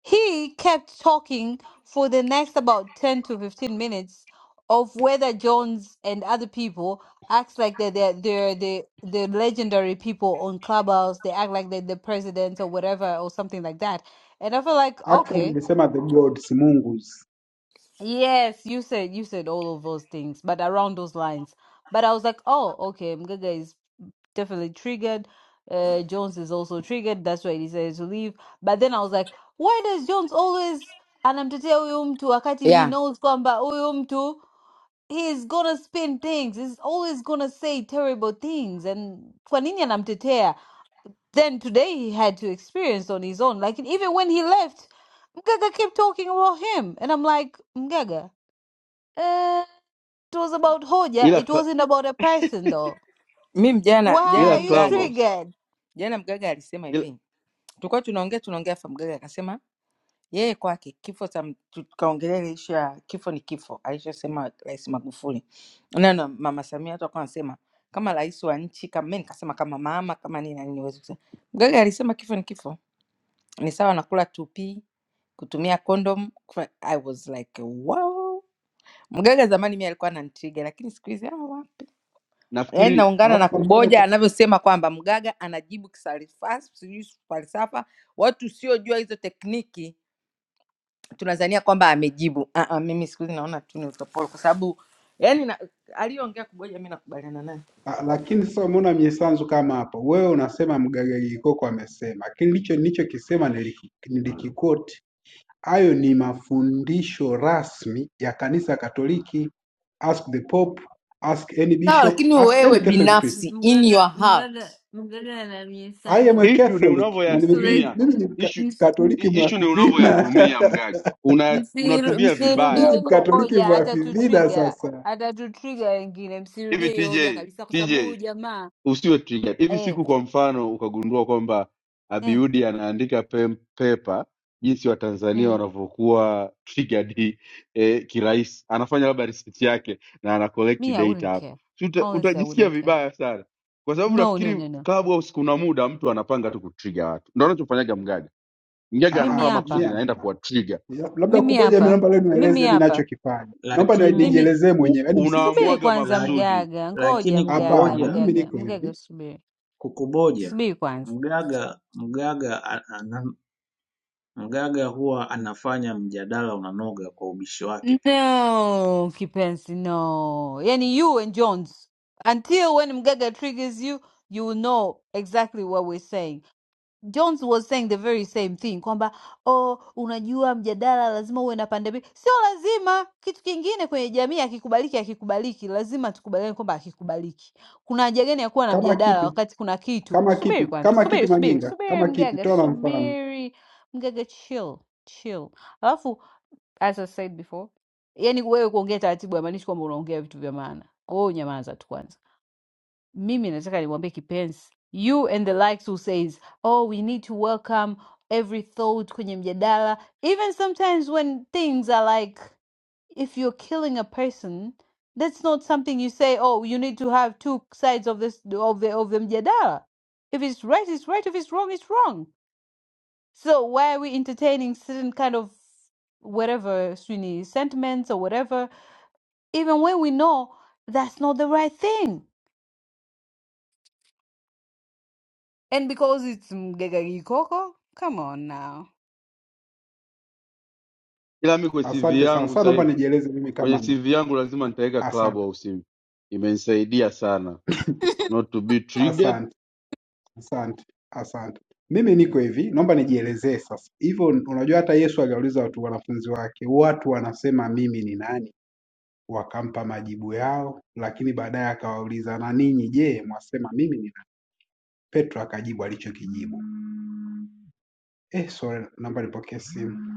[SPEAKER 22] He kept talking for the next about ten to fifteen minutes of whether Jones and other people acts like they're they're, they're the the legendary people on Clubhouse. They act like they're the president or whatever or something like that. And I feel like
[SPEAKER 6] actually
[SPEAKER 22] okay,
[SPEAKER 6] nimesema the gods Mungu
[SPEAKER 22] Yes, you said you said all of those things, but around those lines. But I was like, oh, okay, Mgaga is definitely triggered. Uh, Jones is also triggered. That's why he decided to leave. But then I was like, why does Jones always anamtetea huyu mtu wakati he knows kwamba huyu mtu he's gonna spin things. He's always gonna say terrible things. And kwa nini anamtetea? Then today he had to experience on his own. Like even when he left, Mgaga kept talking about him, and I'm like, Mgaga. Uh, it was about Hoja.
[SPEAKER 4] ila
[SPEAKER 22] It
[SPEAKER 4] cl-
[SPEAKER 22] wasn't about a person, though.
[SPEAKER 19] Mimi
[SPEAKER 22] Why
[SPEAKER 19] jana jana
[SPEAKER 4] ila
[SPEAKER 22] are you
[SPEAKER 19] mgaga
[SPEAKER 4] Clubhouse,
[SPEAKER 22] triggered?
[SPEAKER 19] jana mgaga alisema
[SPEAKER 4] ila,
[SPEAKER 19] hivi, tulikuwa tunaongea tunaongea, afa mgaga akasema yeye kwake kifo cha m- tu- tukaongelea ile issue ya kifo ni kifo alichosema Rais Magufuli na na Mama Samia, watu wakawa wanasema kama rais wa nchi kama mimi, nikasema kama mama kama nini na nini, huwezi kusema. Mgaga alisema kifo ni kifo, ni sawa na kula tupi, kutumia condom. kufa- I was like wow. Mgaga zamani mimi alikuwa ananitriga, lakini siku hizi ah, wow. Yaani
[SPEAKER 4] nafikiri
[SPEAKER 19] naungana na
[SPEAKER 6] Alafu kwa mfano
[SPEAKER 19] Kuboja
[SPEAKER 6] ka-
[SPEAKER 19] anavyosema kwamba Mgaga anajibu kisalifa- sijui falsafa. Watu usiojua hizo tekniki tunadhania kwamba amejibu. Ah, ah, mimi siku hizi naona tu ni utopolo, kwa sababu yani na, aliyoongea Kuboja mimi nakubaliana naye
[SPEAKER 6] ah, lakini sasa umeona miesanzu kama hapo, wewe unasema Mgagagikoko amesema, lakini ndicho nilichokisema niliki- nilikikoti. Hayo ni mafundisho rasmi ya kanisa Katoliki. Ask the Pope, ask any
[SPEAKER 19] sawa,
[SPEAKER 6] bishop,
[SPEAKER 19] lakini
[SPEAKER 6] ask
[SPEAKER 19] wewe
[SPEAKER 6] any
[SPEAKER 22] Uh,
[SPEAKER 6] Catholic priest.
[SPEAKER 19] binafsi in
[SPEAKER 22] mgaga
[SPEAKER 19] your heart
[SPEAKER 22] mgaga mgaga na
[SPEAKER 6] I am a
[SPEAKER 22] mnyesanzu
[SPEAKER 4] ishu ni
[SPEAKER 6] Catholic na nime-
[SPEAKER 22] msule
[SPEAKER 6] mimi
[SPEAKER 4] unavyoyatumia
[SPEAKER 6] mimi ni
[SPEAKER 22] m-
[SPEAKER 6] mka-
[SPEAKER 4] ishu
[SPEAKER 22] ms- m-
[SPEAKER 6] Mkatoliki
[SPEAKER 4] ishu ni
[SPEAKER 6] mwafidhina
[SPEAKER 4] unavyoyatumia mgaga una
[SPEAKER 22] msiru-
[SPEAKER 4] unatumia
[SPEAKER 6] mimi ni
[SPEAKER 4] vibaya
[SPEAKER 22] msirudie hiyo
[SPEAKER 6] Mkatoliki
[SPEAKER 22] Hoja hata tu
[SPEAKER 6] mwafidhina
[SPEAKER 22] trigger,
[SPEAKER 6] sasa.
[SPEAKER 22] hata tu trigger wengine,
[SPEAKER 4] hivi
[SPEAKER 22] msirudie hiyo
[SPEAKER 4] tj
[SPEAKER 22] hoja kabisa, kwa sababu
[SPEAKER 4] tj
[SPEAKER 22] huyu jamaa
[SPEAKER 4] usiwe triggered. Hivi
[SPEAKER 22] eh,
[SPEAKER 4] siku kwa mfano ukagundua kwamba
[SPEAKER 22] eh,
[SPEAKER 4] Abiudi anaandika pem- paper jinsi Watanzania
[SPEAKER 22] mm,
[SPEAKER 4] wanavyokuwa triggered eh, kirahisi, anafanya labda research yake na ana collect
[SPEAKER 22] me I
[SPEAKER 4] data
[SPEAKER 22] wouldn't
[SPEAKER 4] hapo,
[SPEAKER 22] care.
[SPEAKER 4] Si uta,
[SPEAKER 22] Honestly, I
[SPEAKER 4] utajisikia
[SPEAKER 22] wouldn't care.
[SPEAKER 4] vibaya sana, kwa sababu
[SPEAKER 22] No, no,
[SPEAKER 4] nafikiri
[SPEAKER 22] no, no.
[SPEAKER 4] Clubhouse kuna muda mtu anapanga tu kutrigger watu, ndio anachofanyaga Mgaga. Mgaga
[SPEAKER 6] Ah,
[SPEAKER 22] Mimi
[SPEAKER 4] anafanya
[SPEAKER 6] ah, mimi
[SPEAKER 4] makusudi,
[SPEAKER 22] hapa,
[SPEAKER 4] naenda
[SPEAKER 6] hamna.
[SPEAKER 4] kuwatrigger,
[SPEAKER 6] Ya- Labda
[SPEAKER 22] mimi
[SPEAKER 6] kuboja, mimi
[SPEAKER 22] hapa,
[SPEAKER 6] naomba leo
[SPEAKER 22] mimi
[SPEAKER 6] nieleze mimi
[SPEAKER 22] hapa,
[SPEAKER 6] nachokifanya, naomba ni-
[SPEAKER 16] lakini
[SPEAKER 22] mimi
[SPEAKER 6] nijielezee
[SPEAKER 4] U-
[SPEAKER 6] mwenyewe, yaani
[SPEAKER 22] Subiri
[SPEAKER 6] msiniseme
[SPEAKER 4] unaamuaga
[SPEAKER 22] kwanza
[SPEAKER 16] laki
[SPEAKER 4] makusudi.
[SPEAKER 22] mgaga, ngoja
[SPEAKER 16] Lakini
[SPEAKER 22] mgaga,
[SPEAKER 6] hapana,
[SPEAKER 16] kuboja
[SPEAKER 6] mimi
[SPEAKER 22] mgaga,
[SPEAKER 6] niko
[SPEAKER 22] mgaga,
[SPEAKER 6] hivi.
[SPEAKER 22] subiri,
[SPEAKER 16] kukuboja
[SPEAKER 22] subiri kwanza.
[SPEAKER 16] mganga mganga a- ana- mganga huwa anafanya mjadala unanoga kwa ubishi wake pia.
[SPEAKER 22] No, kipenzi, no. Yani you and Jones, until when mgaga triggers you, you will know exactly what we're saying. Jones was saying the very same thing kwamba oh, unajua mjadala lazima uwe na pande mbili. Sio lazima. Kitu kingine kwenye jamii akikubaliki, akikubaliki, lazima tukubaliane kwamba akikubaliki. Kuna haja gani ya kuwa na
[SPEAKER 6] Kama
[SPEAKER 22] mjadala
[SPEAKER 6] kipi?
[SPEAKER 22] wakati kuna kitu?
[SPEAKER 6] Kama kipi?
[SPEAKER 22] Subiri kwanza,
[SPEAKER 6] Kama kipi?
[SPEAKER 22] subiri, subiri,
[SPEAKER 6] Majinga,
[SPEAKER 22] subiri
[SPEAKER 6] kama kipi?
[SPEAKER 22] mgaga,
[SPEAKER 6] Toa na mfano.
[SPEAKER 22] subiri mgaga, chill chill. Alafu as I said before, yani wewe kuongea taratibu haimaanishi kwamba unaongea vitu vya maana. Kwa hiyo nyamaza tu kwanza. mimi nataka niwaambie kipenzi you and the likes who says oh we need to welcome every thought kwenye mjadala even sometimes when things are like if you're killing a person that's not something you say oh you need to have two sides of this of the of the mjadala if it's right it's right if it's wrong it's wrong so why are we entertaining certain kind of whatever sweeney sentiments or whatever even when we know that's not the right thing And because it's Mgegagi Koko? Come on now.
[SPEAKER 4] Ila mimi kwa CV
[SPEAKER 6] Asante sana
[SPEAKER 4] yangu
[SPEAKER 6] sana,
[SPEAKER 4] sasa
[SPEAKER 6] naomba
[SPEAKER 4] hivi,
[SPEAKER 6] nijieleze mimi
[SPEAKER 4] kwenye
[SPEAKER 6] kama mimi.
[SPEAKER 4] CV yangu lazima nitaweka
[SPEAKER 6] Asante,
[SPEAKER 4] Clubhouse, imenisaidia sana not to be triggered.
[SPEAKER 6] asante, asante, asante. Mimi niko hivi, naomba nijielezee sasa. Hivyo unajua, hata Yesu aliwauliza watu wanafunzi wake, watu wanasema mimi ni nani? Wakampa majibu yao, lakini baadaye akawauliza na ninyi je, mwasema mimi ni nani? Petro akajibu alichokijibu. Eh, sorry, naomba nipokee simu.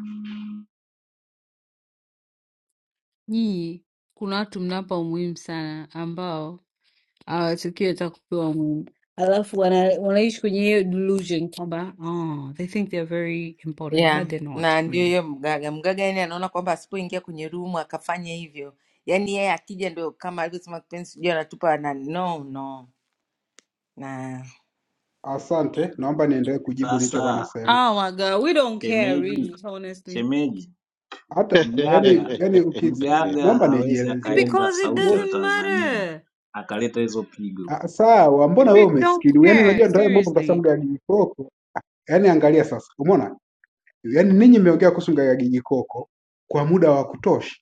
[SPEAKER 22] Nyinyi kuna watu mnapa umuhimu sana ambao hawatakiwi hata kupewa umuhimu, alafu wana, wanaishi kwenye hiyo delusion kwamba oh, they think they're very important
[SPEAKER 19] yeah,
[SPEAKER 22] but they're not
[SPEAKER 19] na ndio
[SPEAKER 22] really.
[SPEAKER 19] hiyo Mgaga. Mgaga yani anaona kwamba asipoingia kwenye rumu akafanya hivyo, yani yeye akija ndio kama alivyosema kipenzi, sijui anatupa na no no na
[SPEAKER 6] Asante, naomba niendelee kujibu nilichokuwa
[SPEAKER 16] Sasa
[SPEAKER 6] nasema.
[SPEAKER 22] Oh my God, we don't care really,
[SPEAKER 16] shemeji
[SPEAKER 22] honestly,
[SPEAKER 16] shemeji
[SPEAKER 6] Hata yani,
[SPEAKER 16] mganga
[SPEAKER 6] yani ukis,
[SPEAKER 16] mganga
[SPEAKER 6] naomba
[SPEAKER 16] hawezi
[SPEAKER 6] nijielezee
[SPEAKER 16] akaenda
[SPEAKER 22] because
[SPEAKER 6] sasa.
[SPEAKER 22] it
[SPEAKER 16] sauti ya
[SPEAKER 6] Wote
[SPEAKER 22] doesn't
[SPEAKER 16] Tanzania
[SPEAKER 22] matter.
[SPEAKER 16] akaleta hizo pigo
[SPEAKER 6] ah, sawa,
[SPEAKER 22] We
[SPEAKER 6] mbona wewe
[SPEAKER 22] really don't
[SPEAKER 6] umesikiliwa? Yani
[SPEAKER 22] care
[SPEAKER 6] unajua ndio haya mambo mtasema
[SPEAKER 22] seriously.
[SPEAKER 6] Mgagi Gikoko. Yani angalia sasa, umeona? Yani ninyi mmeongea kuhusu Mgagi Gikoko kwa muda wa kutosha.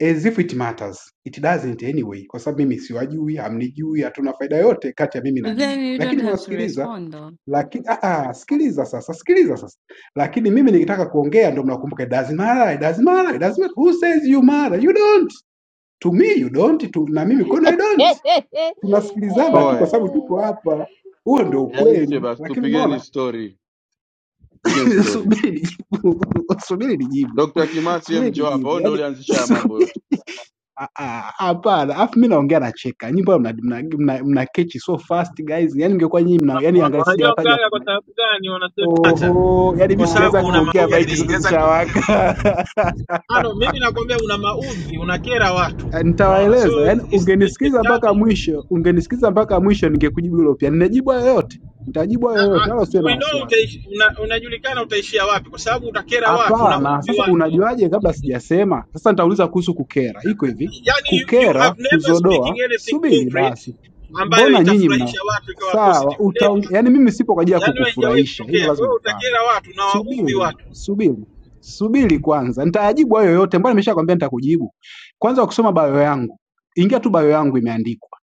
[SPEAKER 6] As if it matters. It doesn't anyway, kwa sababu mimi siwajui, hamnijui, hatuna faida yote kati ya mimi na ninyi,
[SPEAKER 22] Then you don't
[SPEAKER 6] lakini
[SPEAKER 22] have to
[SPEAKER 6] mmewasikiliza
[SPEAKER 22] respond though.
[SPEAKER 6] Lakini ah, ah, sikiliza sasa, sikiliza sasa. Lakini mimi nikitaka kuongea ndo mnakumbuka it doesn't matter, it doesn't matter, it doesn't matter. Who says you matter? You don't. To me you don't, to, na mimi kwenu I don't. Tunasikilizana tu kwa
[SPEAKER 4] Oe
[SPEAKER 6] sababu tuko hapa. Huo ndio
[SPEAKER 4] yaishe
[SPEAKER 6] ukweli.
[SPEAKER 4] basi,
[SPEAKER 6] Lakini
[SPEAKER 4] tupigeni
[SPEAKER 6] unaona?
[SPEAKER 4] story, tupigeni story.
[SPEAKER 6] Subiri nijibu. Subiri nijibu.
[SPEAKER 4] Dr. Kimasi
[SPEAKER 6] Subiri
[SPEAKER 4] mjo hapa,
[SPEAKER 6] nijibu.
[SPEAKER 4] wewe ndio
[SPEAKER 6] Yaani
[SPEAKER 4] ulianzisha haya mambo
[SPEAKER 6] subiri
[SPEAKER 4] yote.
[SPEAKER 6] Ah, ah, hapana alafu mi naongea nacheka nyimbo mna, mna, mna, mna catch so fast guys yani ingekuwa nyinyi mna yani
[SPEAKER 10] Una-
[SPEAKER 6] angalia
[SPEAKER 10] Unajua
[SPEAKER 6] sijawataja
[SPEAKER 10] mgaga
[SPEAKER 6] kwa
[SPEAKER 10] kwa sababu gani wanasema hata
[SPEAKER 6] Oho! Yaani mi
[SPEAKER 10] kwa sababu
[SPEAKER 6] sijaweza
[SPEAKER 10] una Yaani
[SPEAKER 6] kuongea
[SPEAKER 10] mimi
[SPEAKER 6] maiki
[SPEAKER 10] maudhi
[SPEAKER 6] zote
[SPEAKER 10] sijaweza
[SPEAKER 6] zishawaka.
[SPEAKER 10] ano, mimi nakwambia una maudhi, unakera watu,
[SPEAKER 6] Ah,
[SPEAKER 10] unaona.
[SPEAKER 6] nitawaeleza,
[SPEAKER 10] So
[SPEAKER 6] yaani
[SPEAKER 10] it's, it's
[SPEAKER 6] ungenisikiza mpaka
[SPEAKER 10] disturbing
[SPEAKER 6] mwisho ungenisikiza mpaka mwisho ningekujibu hilo pia. Ninajibu hayo yote. Nitajibu hayo
[SPEAKER 10] na
[SPEAKER 6] yote
[SPEAKER 10] uh,
[SPEAKER 6] wala usiwe na
[SPEAKER 10] we know
[SPEAKER 6] wasiwasi.
[SPEAKER 10] utaishi, una, unajulikana utaishia wapi, kwa sababu utakera watu,
[SPEAKER 6] Hapana,
[SPEAKER 10] unaudhi
[SPEAKER 6] sasa
[SPEAKER 10] watu.
[SPEAKER 6] unajuaje kabla sijasema? Sasa nitauliza kuhusu kukera. Iko hivi,
[SPEAKER 10] Yani you, you
[SPEAKER 6] kukera,
[SPEAKER 10] have never
[SPEAKER 6] kuzodoa,
[SPEAKER 10] speaking anything
[SPEAKER 6] subiri basi.
[SPEAKER 10] concrete ambayo
[SPEAKER 6] Mbona nyinyi mna
[SPEAKER 10] itafurahisha watu ikawa
[SPEAKER 6] sawa,
[SPEAKER 10] positive,
[SPEAKER 6] utaonge...
[SPEAKER 10] never.
[SPEAKER 6] yaani mimi sipo kwa ajili ya
[SPEAKER 10] Yani wewe haijawahi
[SPEAKER 6] kukufurahisha, hilo
[SPEAKER 10] kutokea. Kwa
[SPEAKER 6] lazima
[SPEAKER 10] hiyo
[SPEAKER 6] ufahamu.
[SPEAKER 10] utakera watu na waudhi
[SPEAKER 6] Subiri,
[SPEAKER 10] watu.
[SPEAKER 6] subiri, subiri kwanza, nitayajibu hayo yote. Mbona nimeshakwambia nitakujibu? Kwanza ukisoma bio yangu, ingia tu bio yangu imeandikwa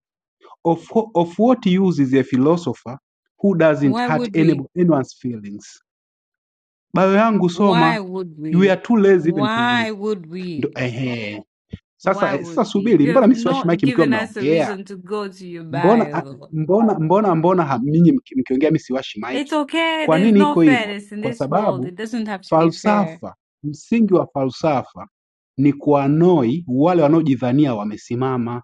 [SPEAKER 6] of, of what use is a philosopher who doesn't
[SPEAKER 22] Why
[SPEAKER 6] hurt
[SPEAKER 22] would
[SPEAKER 6] any,
[SPEAKER 22] we?
[SPEAKER 6] anyone's feelings. Bio yangu soma,
[SPEAKER 22] Why would
[SPEAKER 6] you
[SPEAKER 22] we?
[SPEAKER 6] are too lazy even to read.
[SPEAKER 22] Why would
[SPEAKER 6] Ndo,
[SPEAKER 22] we?
[SPEAKER 6] ehe. Sasa
[SPEAKER 22] Why
[SPEAKER 6] eh, sasa
[SPEAKER 22] would we?
[SPEAKER 6] subiri,
[SPEAKER 22] You
[SPEAKER 6] mbona
[SPEAKER 22] have
[SPEAKER 6] mimi siwashi
[SPEAKER 22] not
[SPEAKER 6] maiki mkiwa
[SPEAKER 22] given us a
[SPEAKER 6] mnaongea?
[SPEAKER 22] reason to go to your
[SPEAKER 6] Mbona ah,
[SPEAKER 22] bio.
[SPEAKER 6] mbona mbona mbona ha- ninyi mki- mkiongea mimi siwashi
[SPEAKER 22] It's
[SPEAKER 6] maiki?
[SPEAKER 22] okay.
[SPEAKER 6] Kwa
[SPEAKER 22] There is
[SPEAKER 6] nini
[SPEAKER 22] no
[SPEAKER 6] iko hivyo?
[SPEAKER 22] fairness in
[SPEAKER 6] Kwa
[SPEAKER 22] this world.
[SPEAKER 6] sababu
[SPEAKER 22] It doesn't have to be fair.
[SPEAKER 6] Falsafa, msingi wa falsafa ni kuwanoi wale wanaojidhania wamesimama.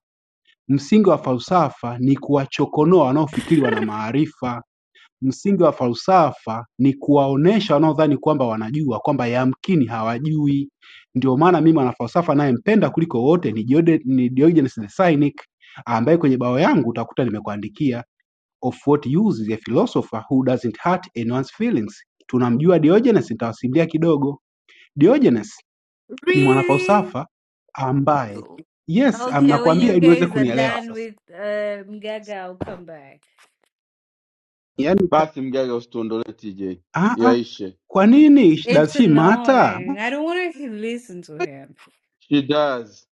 [SPEAKER 6] Msingi wa falsafa ni kuwachokonoa wanaofikiri wana maarifa. Msingi wa falsafa ni kuwaonesha wanaodhani kwamba wanajua kwamba yamkini hawajui. Ndio maana mimi mwanafalsafa nayempenda kuliko wote ni Jode- ni Diogenes the Cynic, ambaye kwenye bao yangu utakuta nimekuandikia of what use is a philosopher who doesn't hurt anyone's feelings. Tunamjua Diogenes, nitawasimulia kidogo. Diogenes ni
[SPEAKER 22] Really?
[SPEAKER 6] mwanafalsafa ambaye yes, am-
[SPEAKER 22] Okay, when
[SPEAKER 6] nakwambia
[SPEAKER 22] you
[SPEAKER 6] ili uweze
[SPEAKER 22] guys are
[SPEAKER 6] kunielewa
[SPEAKER 22] done
[SPEAKER 6] sasa.
[SPEAKER 22] with um, Gaga, I'll come back.
[SPEAKER 6] Yaani ka-
[SPEAKER 4] Basi mgaga, usituondolee TJ,
[SPEAKER 6] ah ah,
[SPEAKER 4] yaishe.
[SPEAKER 6] kwa nini does
[SPEAKER 22] It's
[SPEAKER 6] she matter?
[SPEAKER 22] annoying. I don't want to listen to him.
[SPEAKER 4] She does.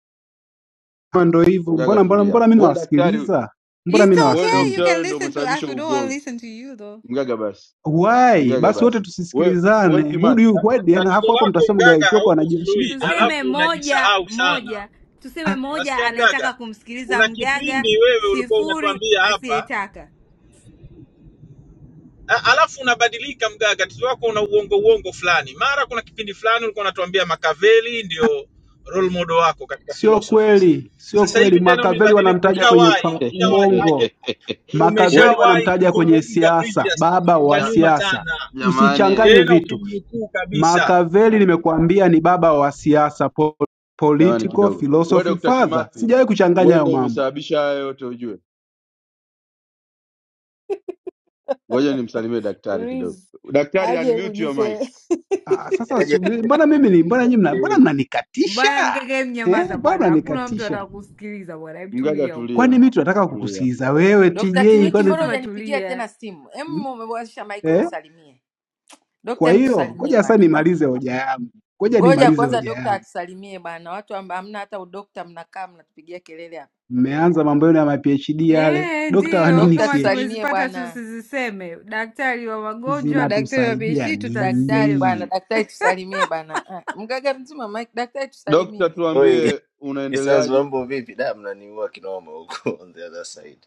[SPEAKER 6] Mbona Ndo hivyo,
[SPEAKER 4] Mgaga
[SPEAKER 6] mbona mbona
[SPEAKER 4] tulia
[SPEAKER 6] mbona mimi
[SPEAKER 4] hapo, wewe daktari,
[SPEAKER 6] nawasikiliza, mbona mimi
[SPEAKER 22] It's
[SPEAKER 4] wewe
[SPEAKER 22] okay. You
[SPEAKER 4] dokta,
[SPEAKER 6] nawasikiliza
[SPEAKER 22] can
[SPEAKER 4] wewe ndio
[SPEAKER 22] listen to us.
[SPEAKER 4] umesababisha
[SPEAKER 22] We don't want to
[SPEAKER 4] ugomvi.
[SPEAKER 22] listen to you though.
[SPEAKER 4] Mgaga basi,
[SPEAKER 6] why?
[SPEAKER 4] mgaga
[SPEAKER 6] Basi wote
[SPEAKER 4] basi, wewe wewe
[SPEAKER 6] tusisikilizane, who do
[SPEAKER 4] Kimasi
[SPEAKER 6] you
[SPEAKER 10] Ta-
[SPEAKER 6] why?
[SPEAKER 10] ta-
[SPEAKER 6] Yaani
[SPEAKER 10] Tatizo
[SPEAKER 6] hapo hapo
[SPEAKER 10] lako
[SPEAKER 6] mtasema Gai
[SPEAKER 10] mgaga,
[SPEAKER 6] Koko
[SPEAKER 10] hauko
[SPEAKER 6] anajua subiri.
[SPEAKER 10] fluid,
[SPEAKER 6] Ah,
[SPEAKER 22] Tuseme
[SPEAKER 10] alafu
[SPEAKER 22] moja
[SPEAKER 10] unajisahau sana.
[SPEAKER 22] moja, tuseme
[SPEAKER 6] ah,
[SPEAKER 22] moja
[SPEAKER 10] Unasikia
[SPEAKER 22] anayetaka
[SPEAKER 10] mgaga?
[SPEAKER 22] kumsikiliza
[SPEAKER 10] Kuna
[SPEAKER 22] mgaga,
[SPEAKER 10] kipindi wewe ulikuwa
[SPEAKER 22] sifuri
[SPEAKER 10] unatuambia hapa
[SPEAKER 22] asiyetaka.
[SPEAKER 10] A- alafu unabadilika mgaga, akili wako una uongo uongo fulani. Mara kuna kipindi fulani ulikuwa unatuambia Makaveli ndio role model wako katika
[SPEAKER 6] sio
[SPEAKER 10] philosophers.
[SPEAKER 6] kweli, sio
[SPEAKER 10] Sasa
[SPEAKER 6] kweli.
[SPEAKER 10] hivi tena
[SPEAKER 6] Makaveli
[SPEAKER 10] umebadilika,
[SPEAKER 6] wanamtaja kwenye
[SPEAKER 10] ushawahi
[SPEAKER 6] fa-
[SPEAKER 10] ushawahi
[SPEAKER 6] uongo,
[SPEAKER 10] ake-
[SPEAKER 6] Makaveli
[SPEAKER 4] we
[SPEAKER 10] umeshawahi
[SPEAKER 6] wanamtaja kwenye
[SPEAKER 10] kuzungumza
[SPEAKER 6] siasa,
[SPEAKER 10] previous
[SPEAKER 6] baba
[SPEAKER 10] siku za
[SPEAKER 6] wa
[SPEAKER 4] ja,
[SPEAKER 10] nyuma
[SPEAKER 6] siasa.
[SPEAKER 10] sana,
[SPEAKER 4] jamani
[SPEAKER 6] Usichanganye
[SPEAKER 10] tena
[SPEAKER 6] vitu.
[SPEAKER 10] ukimnukuu kabisa.
[SPEAKER 6] Machiavelli nimekuambia ni baba wa siasa po-
[SPEAKER 4] Jamani
[SPEAKER 6] political
[SPEAKER 4] kidogo. Wewe
[SPEAKER 6] philosophy
[SPEAKER 4] Dr.
[SPEAKER 6] father.
[SPEAKER 4] Kimathi,
[SPEAKER 6] Sijawahi kuchanganya
[SPEAKER 4] wewe
[SPEAKER 6] hayo
[SPEAKER 4] ndio
[SPEAKER 6] mambo.
[SPEAKER 4] umesababisha haya yote ujue. Ngoja nimsalimie daktari kidogo.
[SPEAKER 22] Riz
[SPEAKER 4] Daktari
[SPEAKER 22] aje
[SPEAKER 4] unmute your mic.
[SPEAKER 22] kujise
[SPEAKER 6] Ah, sasa
[SPEAKER 23] Yaje
[SPEAKER 6] subiri, mbona mimi ni mbona
[SPEAKER 23] yaje
[SPEAKER 6] nyinyi mna mbona
[SPEAKER 23] hiyo.
[SPEAKER 6] mnanikatisha
[SPEAKER 22] Bwana mgege,
[SPEAKER 6] eh?
[SPEAKER 22] mnyamaza
[SPEAKER 6] Mbona
[SPEAKER 22] bwana, hakuna mtu
[SPEAKER 6] mnanikatisha?
[SPEAKER 22] atakusikiliza bwana. Hebu
[SPEAKER 4] Mgaga
[SPEAKER 22] tulia huko,
[SPEAKER 6] Kwani
[SPEAKER 4] tulia.
[SPEAKER 6] mimi tunataka
[SPEAKER 4] Tulia.
[SPEAKER 6] kukusikiza wewe
[SPEAKER 19] Dr.
[SPEAKER 22] ndo
[SPEAKER 6] TJ?
[SPEAKER 19] Kimiti,
[SPEAKER 6] Kwani
[SPEAKER 19] mbona
[SPEAKER 22] tulisema
[SPEAKER 19] hujanipigia tena
[SPEAKER 22] tulia.
[SPEAKER 19] simu?
[SPEAKER 6] hmm?
[SPEAKER 19] Em, umewasha mic
[SPEAKER 6] eh?
[SPEAKER 19] unisalimie. Dokta,
[SPEAKER 6] Kwa
[SPEAKER 19] em
[SPEAKER 6] hiyo
[SPEAKER 19] tusalimie
[SPEAKER 6] ngoja sasa
[SPEAKER 19] bwana.
[SPEAKER 6] nimalize hoja yangu, ngoja
[SPEAKER 19] Ngoja
[SPEAKER 6] nimalize
[SPEAKER 19] kwanza
[SPEAKER 6] hoja
[SPEAKER 19] dokta
[SPEAKER 6] yangu.
[SPEAKER 19] atusalimie bwana. Watu amba, hamna hata udokta, mnakaa mnatupigia kelele hapa.
[SPEAKER 6] Mmeanza mambo yenu ya ma PhD yale,
[SPEAKER 22] Eh,
[SPEAKER 6] dokta wa
[SPEAKER 22] ndiyo
[SPEAKER 6] nini
[SPEAKER 19] Dokta
[SPEAKER 22] kama
[SPEAKER 6] ch
[SPEAKER 19] tusalimie
[SPEAKER 22] tumezipata
[SPEAKER 19] bwana.
[SPEAKER 22] tusiziseme. Daktari wa magonjwa, daktari wa
[SPEAKER 6] zinatusaidia
[SPEAKER 22] PhD,
[SPEAKER 19] Daktari
[SPEAKER 22] tutazisema.
[SPEAKER 19] bwana,
[SPEAKER 6] nini?
[SPEAKER 19] daktari tusalimie bwana. Ah, Mgaga mzima mic, daktari
[SPEAKER 4] Dokta
[SPEAKER 19] tusalimie.
[SPEAKER 23] Oi,
[SPEAKER 4] tuambie
[SPEAKER 23] Mnyisanzu
[SPEAKER 4] unaendeleaje?
[SPEAKER 23] mambo vipi? Da, mnaniua kinoma huko on the other side.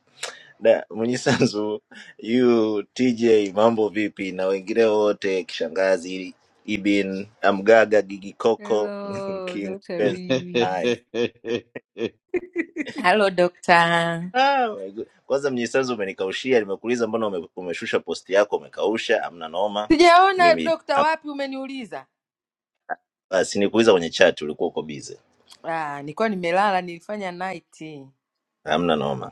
[SPEAKER 23] Da, Mnyisanzu, you TJ mambo vipi na wengine wote kishangazi Ibin, Amgaga, Gigi Koko,
[SPEAKER 22] Hello,
[SPEAKER 23] King
[SPEAKER 22] Dr.
[SPEAKER 23] Pence. Hai.
[SPEAKER 22] Reeves.
[SPEAKER 19] Halo dokta.
[SPEAKER 23] Ah, my God. Kwanza Mnyisanzu umenikaushia, nimekuuliza mbona ume, umeshusha posti yako umekausha, amna noma.
[SPEAKER 19] Sijaona
[SPEAKER 23] Mimi
[SPEAKER 19] dokta,
[SPEAKER 23] am,
[SPEAKER 19] wapi umeniuliza?
[SPEAKER 23] basi nikuuliza kwenye chat ulikuwa uko busy.
[SPEAKER 19] Ah, nilikuwa nimelala, nilifanya night.
[SPEAKER 23] Hamna noma.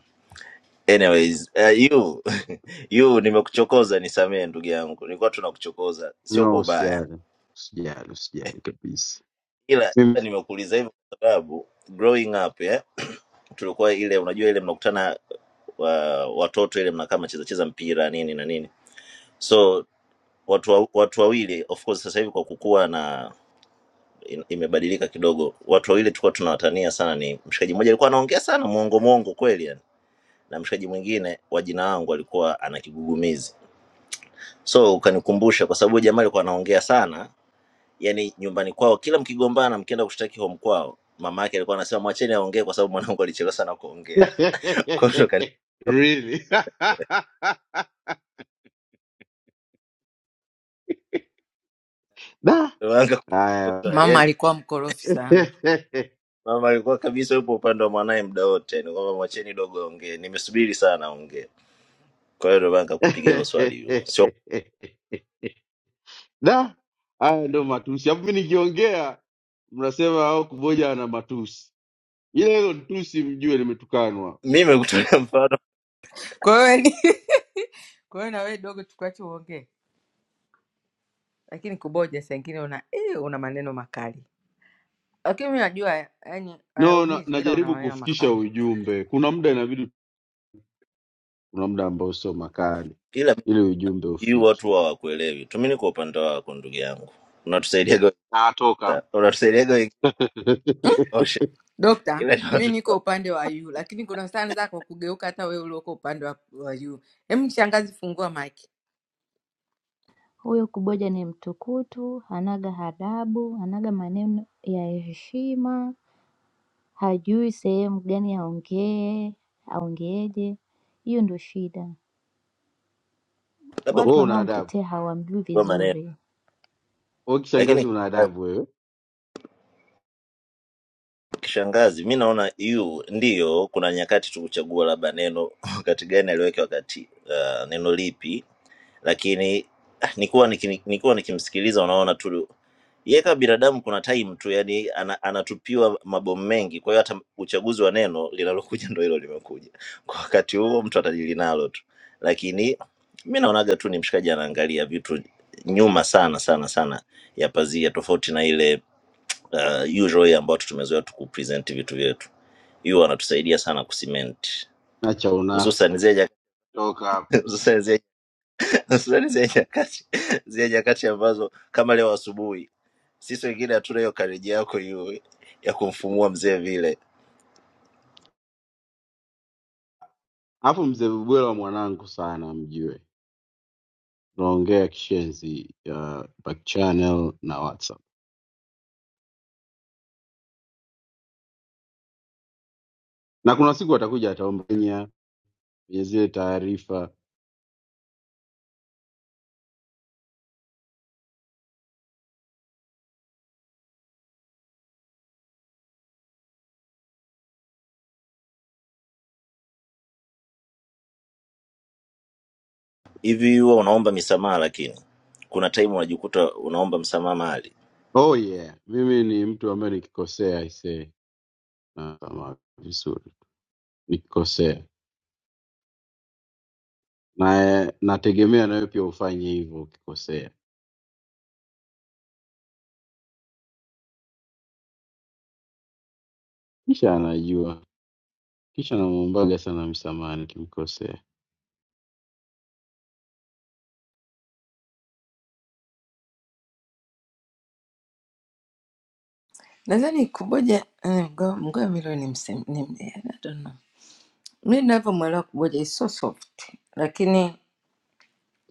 [SPEAKER 23] Anyways, uh, you you nimekuchokoza, nisamehe ndugu yangu, nilikuwa tunakuchokoza, sio
[SPEAKER 4] No,
[SPEAKER 23] kwa ubaya,
[SPEAKER 4] usijali. Usijali, usijali kabisa.
[SPEAKER 23] ila
[SPEAKER 4] Mimi-
[SPEAKER 23] ila nimekuuliza hivyo kwa sababu growing up yeah, tulikuwa ile, unajua ile mnakutana wa, watoto ile mnakaa mnacheza cheza mpira nini na nini, so watu wa- watu wawili, of course sasa hivi kwa kukua na in- imebadilika kidogo, watu wawili tulikuwa tunawatania sana. Ni mshikaji mmoja alikuwa anaongea sana mwongo mwongo kweli yani, na mshikaji mwingine wa jina langu alikuwa ana kigugumizi so ukanikumbusha kwa sababu jamaa alikuwa anaongea sana yani nyumbani kwao kila mkigombana mkienda kushtaki home kwao mama yake alikuwa anasema mwacheni aongee kwa sababu mwanangu alichelewa sana kuongea Kwa hiyo
[SPEAKER 4] Really? Da.
[SPEAKER 23] kanipanga
[SPEAKER 4] Haya.
[SPEAKER 23] swali
[SPEAKER 19] Mama
[SPEAKER 23] yani
[SPEAKER 19] alikuwa mkorofi sana.
[SPEAKER 23] mama alikuwa kabisa yupo upande wa mwanaye muda wote ni kwamba mwacheni dogo aongee nimesubiri sana aongee kwa hiyo ndomana kupiga hilo swali hilo sio
[SPEAKER 4] da haya ndo matusi alafu mi nikiongea mnasema au kuboja ana matusi ile hilo tusi mjue limetukanwa
[SPEAKER 23] mimi kutolea mfano
[SPEAKER 19] Kwa hiyo kwa hiyo na wewe dogo tukuache uongee. lakini kuboja saa ingine una eh, una maneno makali, lakini mi najua yani
[SPEAKER 4] no na,
[SPEAKER 19] hayaumizi, ila una
[SPEAKER 4] najaribu
[SPEAKER 19] maneno
[SPEAKER 4] kufikisha
[SPEAKER 19] makali.
[SPEAKER 4] ujumbe kuna muda inabidi kuna muda ambao sio makali
[SPEAKER 23] ila
[SPEAKER 4] ili ujumbe
[SPEAKER 23] hii
[SPEAKER 4] ufike
[SPEAKER 23] watu hawakuelewi tu mi niko upande wako ndugu yangu unatusaidiaga wengi
[SPEAKER 4] natoka
[SPEAKER 23] sana.
[SPEAKER 4] hapa
[SPEAKER 23] unatusaidiaga wengi kunyoosha
[SPEAKER 19] Dokta,
[SPEAKER 23] ila ni
[SPEAKER 19] mi
[SPEAKER 23] watu tu-
[SPEAKER 19] niko upande wa yu, lakini kuna saa naweza kwa kugeuka hata wewe ulioko upande wa, wa yu. Hem, shangazi, fungua mike.
[SPEAKER 24] Huyo moja ni mtukutu, hanaga adabu, hanaga maneno ya heshima, hajui sehemu gani aongee, aongeeje. Hiyo ndio shida,
[SPEAKER 23] labda
[SPEAKER 24] watu
[SPEAKER 23] kwenye
[SPEAKER 4] wewe una adabu
[SPEAKER 24] wanaomtetea hawamjui
[SPEAKER 23] maneno
[SPEAKER 24] vizuri,
[SPEAKER 4] wewe
[SPEAKER 23] lakini
[SPEAKER 4] kishangazi una adabu wewe
[SPEAKER 23] kishangazi mi naona yu ndiyo kuna nyakati tu kuchagua labda neno wakati gani aliweke wakati uh, neno lipi lakini ah, nikuwa niki- nikuwa nikimsikiliza unaona tu yeye kama binadamu kuna time tu yani ana, anatupiwa mabomu mengi kwa hiyo hata uchaguzi wa neno linalokuja ndo hilo limekuja kwa wakati huo mtu atajili nalo tu lakini mi naonaga tu ni mshikaji anaangalia vitu nyuma sana sana sana ya pazia tofauti na ile uh, usual way ambayo tumezoea tu kupresent vitu vyetu. Hiyo wanatusaidia sana kucement
[SPEAKER 4] acha
[SPEAKER 23] hususan
[SPEAKER 4] unafika
[SPEAKER 23] zile
[SPEAKER 4] toka hapa
[SPEAKER 23] nyakati hususan zile hususan zile nyakati zile nyakati ambazo kama leo asubuhi sisi wengine hatuna hiyo kareji yako hiyo ya kumfumua mzee vile
[SPEAKER 4] alafu mzee bubwela mwanangu sana mjue tunaongea kishenzi ya back channel na whatsapp na kuna siku atakuja ataomba kwenye zile taarifa.
[SPEAKER 23] hivi. Huwa unaomba misamaha, lakini kuna time unajikuta unaomba msamaha mali
[SPEAKER 4] Oh yeah, mimi ni mtu ambaye nikikosea aisee, nasama vizuri nikikosea, na eh, nategemea nawe pia ufanye hivyo ukikosea. Kisha anajua, kisha namwombaga sana msamaha nikimkosea.
[SPEAKER 19] Nadhani kuboja eh, mgo- mgoa milo ni msem, ni, eh, I don't know. Mi ninavyomwelewa kuboja is so soft, lakini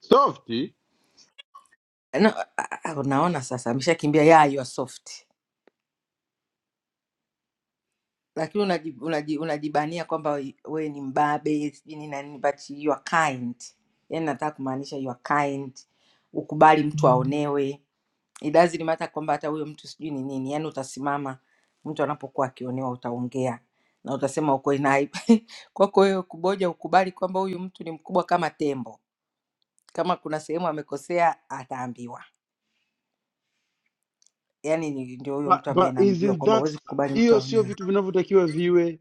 [SPEAKER 4] Softy,
[SPEAKER 19] no, a- a- unaona sasa ameshakimbia yeah, you are soft lakini unaji- unaji- unajibania kwamba wewe ni mbabe sijui nini na nini but you are kind yani nataka kumaanisha you are kind ukubali mtu aonewe it doesn't matter kwamba hata huyo mtu sijui ni nini yani utasimama mtu anapokuwa akionewa utaongea na utasema ukweli na hai- kwako wewe kuboja ukubali kwamba huyu mtu ni mkubwa kama tembo kama kuna sehemu amekosea ataambiwa yani ndio huyo
[SPEAKER 4] but,
[SPEAKER 19] mtu ambaye
[SPEAKER 4] but
[SPEAKER 19] namjua
[SPEAKER 4] isn't
[SPEAKER 19] kwamba
[SPEAKER 4] that
[SPEAKER 19] huwezi kukubali mtu
[SPEAKER 4] hiyo sio
[SPEAKER 19] aonewe
[SPEAKER 4] vitu vinavyotakiwa viwe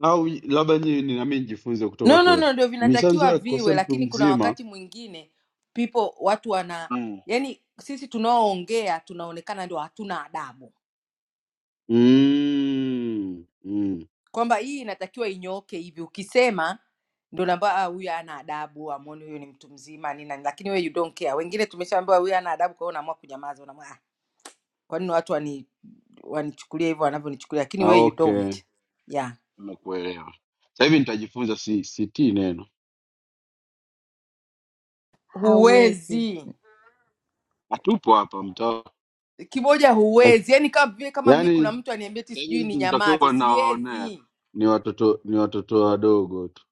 [SPEAKER 4] au labda nyinyi ni nami nijifunze kutoka
[SPEAKER 19] No, no,
[SPEAKER 4] kwenu
[SPEAKER 19] no, ndio
[SPEAKER 4] misanzo
[SPEAKER 19] vinatakiwa
[SPEAKER 4] ya kukosea
[SPEAKER 19] viwe,
[SPEAKER 4] mtu
[SPEAKER 19] lakini kuna
[SPEAKER 4] mzima
[SPEAKER 19] wakati mwingine people watu wana
[SPEAKER 4] mm.
[SPEAKER 19] yani, sisi tunaoongea tunaonekana ndio hatuna adabu,
[SPEAKER 4] mm, mm,
[SPEAKER 19] kwamba hii inatakiwa inyooke hivi. Ukisema ndio naambia "Ah, huyu hana adabu, amoni huyu ni mtu mzima nini na nini," lakini wewe you don't care. Wengine tumeshaambiwa huyu hana adabu, kwa hiyo unaamua kunyamaza, unaamua ah, kwa nini watu wani wanichukulia hivyo wanavyonichukulia, lakini
[SPEAKER 4] ah,
[SPEAKER 19] wewe you
[SPEAKER 4] okay.
[SPEAKER 19] don't yeah,
[SPEAKER 4] nimekuelewa. Sasa hivi nitajifunza si- CT neno,
[SPEAKER 24] hawezi.
[SPEAKER 19] huwezi
[SPEAKER 4] hatupo hapa mtaa,
[SPEAKER 19] kimoja huwezi yani kama vile kama mi kuna
[SPEAKER 4] yaani
[SPEAKER 19] mtu aniambia ti
[SPEAKER 4] sasa
[SPEAKER 19] sijui
[SPEAKER 4] hivi
[SPEAKER 19] ni
[SPEAKER 4] mtu
[SPEAKER 19] nyamaze
[SPEAKER 4] mtakuwa nawaonea
[SPEAKER 19] siwezi
[SPEAKER 4] ni watoto ni watoto wadogo tu,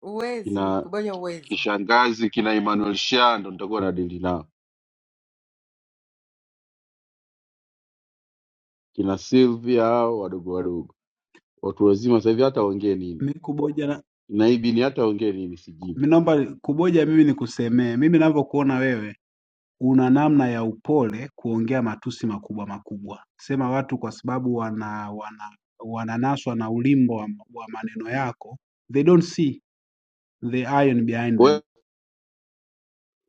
[SPEAKER 19] huwezi
[SPEAKER 4] kina
[SPEAKER 19] kuboja huwezi
[SPEAKER 4] kishangazi kina Emmanuel Shando nitakuwa na dili nao, kina Sylvia hao wadogo wadogo, watu wazima sasa hivi hata ongee nini
[SPEAKER 6] Mikuboja
[SPEAKER 4] naibini, hata ongee nini sijibu
[SPEAKER 6] Mimi naomba kuboja, mimi nikusemee, mimi ninavyokuona wewe una namna ya upole kuongea matusi makubwa makubwa, sema watu kwa sababu wana, wana wananaswa na ulimbo wa, wa maneno yako, they don't see the iron behind
[SPEAKER 4] wewe
[SPEAKER 6] them.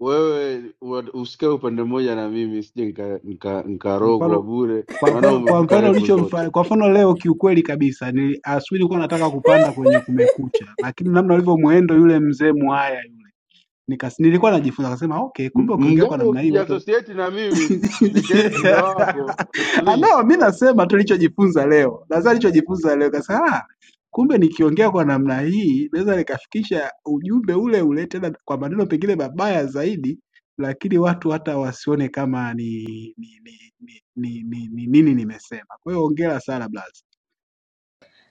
[SPEAKER 4] wewe wa- usikae upande mmoja na mimi, sije nikarogwa nika, nika
[SPEAKER 6] Kwa
[SPEAKER 4] nikarogwa
[SPEAKER 6] mfano
[SPEAKER 4] bure,
[SPEAKER 6] kwa
[SPEAKER 4] maana
[SPEAKER 6] mfano kwa
[SPEAKER 4] umevuka
[SPEAKER 6] mfano
[SPEAKER 4] levo zote.
[SPEAKER 6] ulichomfanya kwa mfano leo, kiukweli kabisa ni asubuhi nilikuwa nataka kupanda kwenye Kumekucha, lakini namna ulivyomuendo yule mzee mwaya yule nikas, nilikuwa najifunza, akasema okay,
[SPEAKER 4] M-
[SPEAKER 6] kumbe ukiongea kwa
[SPEAKER 4] Mgaga,
[SPEAKER 6] namna hii watu
[SPEAKER 4] usijiasosieti na mimi nikae pande
[SPEAKER 6] Yeah.
[SPEAKER 4] wako p-
[SPEAKER 6] Ah,
[SPEAKER 4] please.
[SPEAKER 6] no, mi nasema tu nilichojifunza leo, nadhani nilichojifunza leo kasa, ah, kumbe nikiongea kwa namna hii naweza nikafikisha ujumbe ule ule tena kwa maneno pengine mabaya zaidi, lakini watu hata wasione kama ni ni ni ni ni ni ni- nini nimesema. Kwa hiyo hongera sana Blas,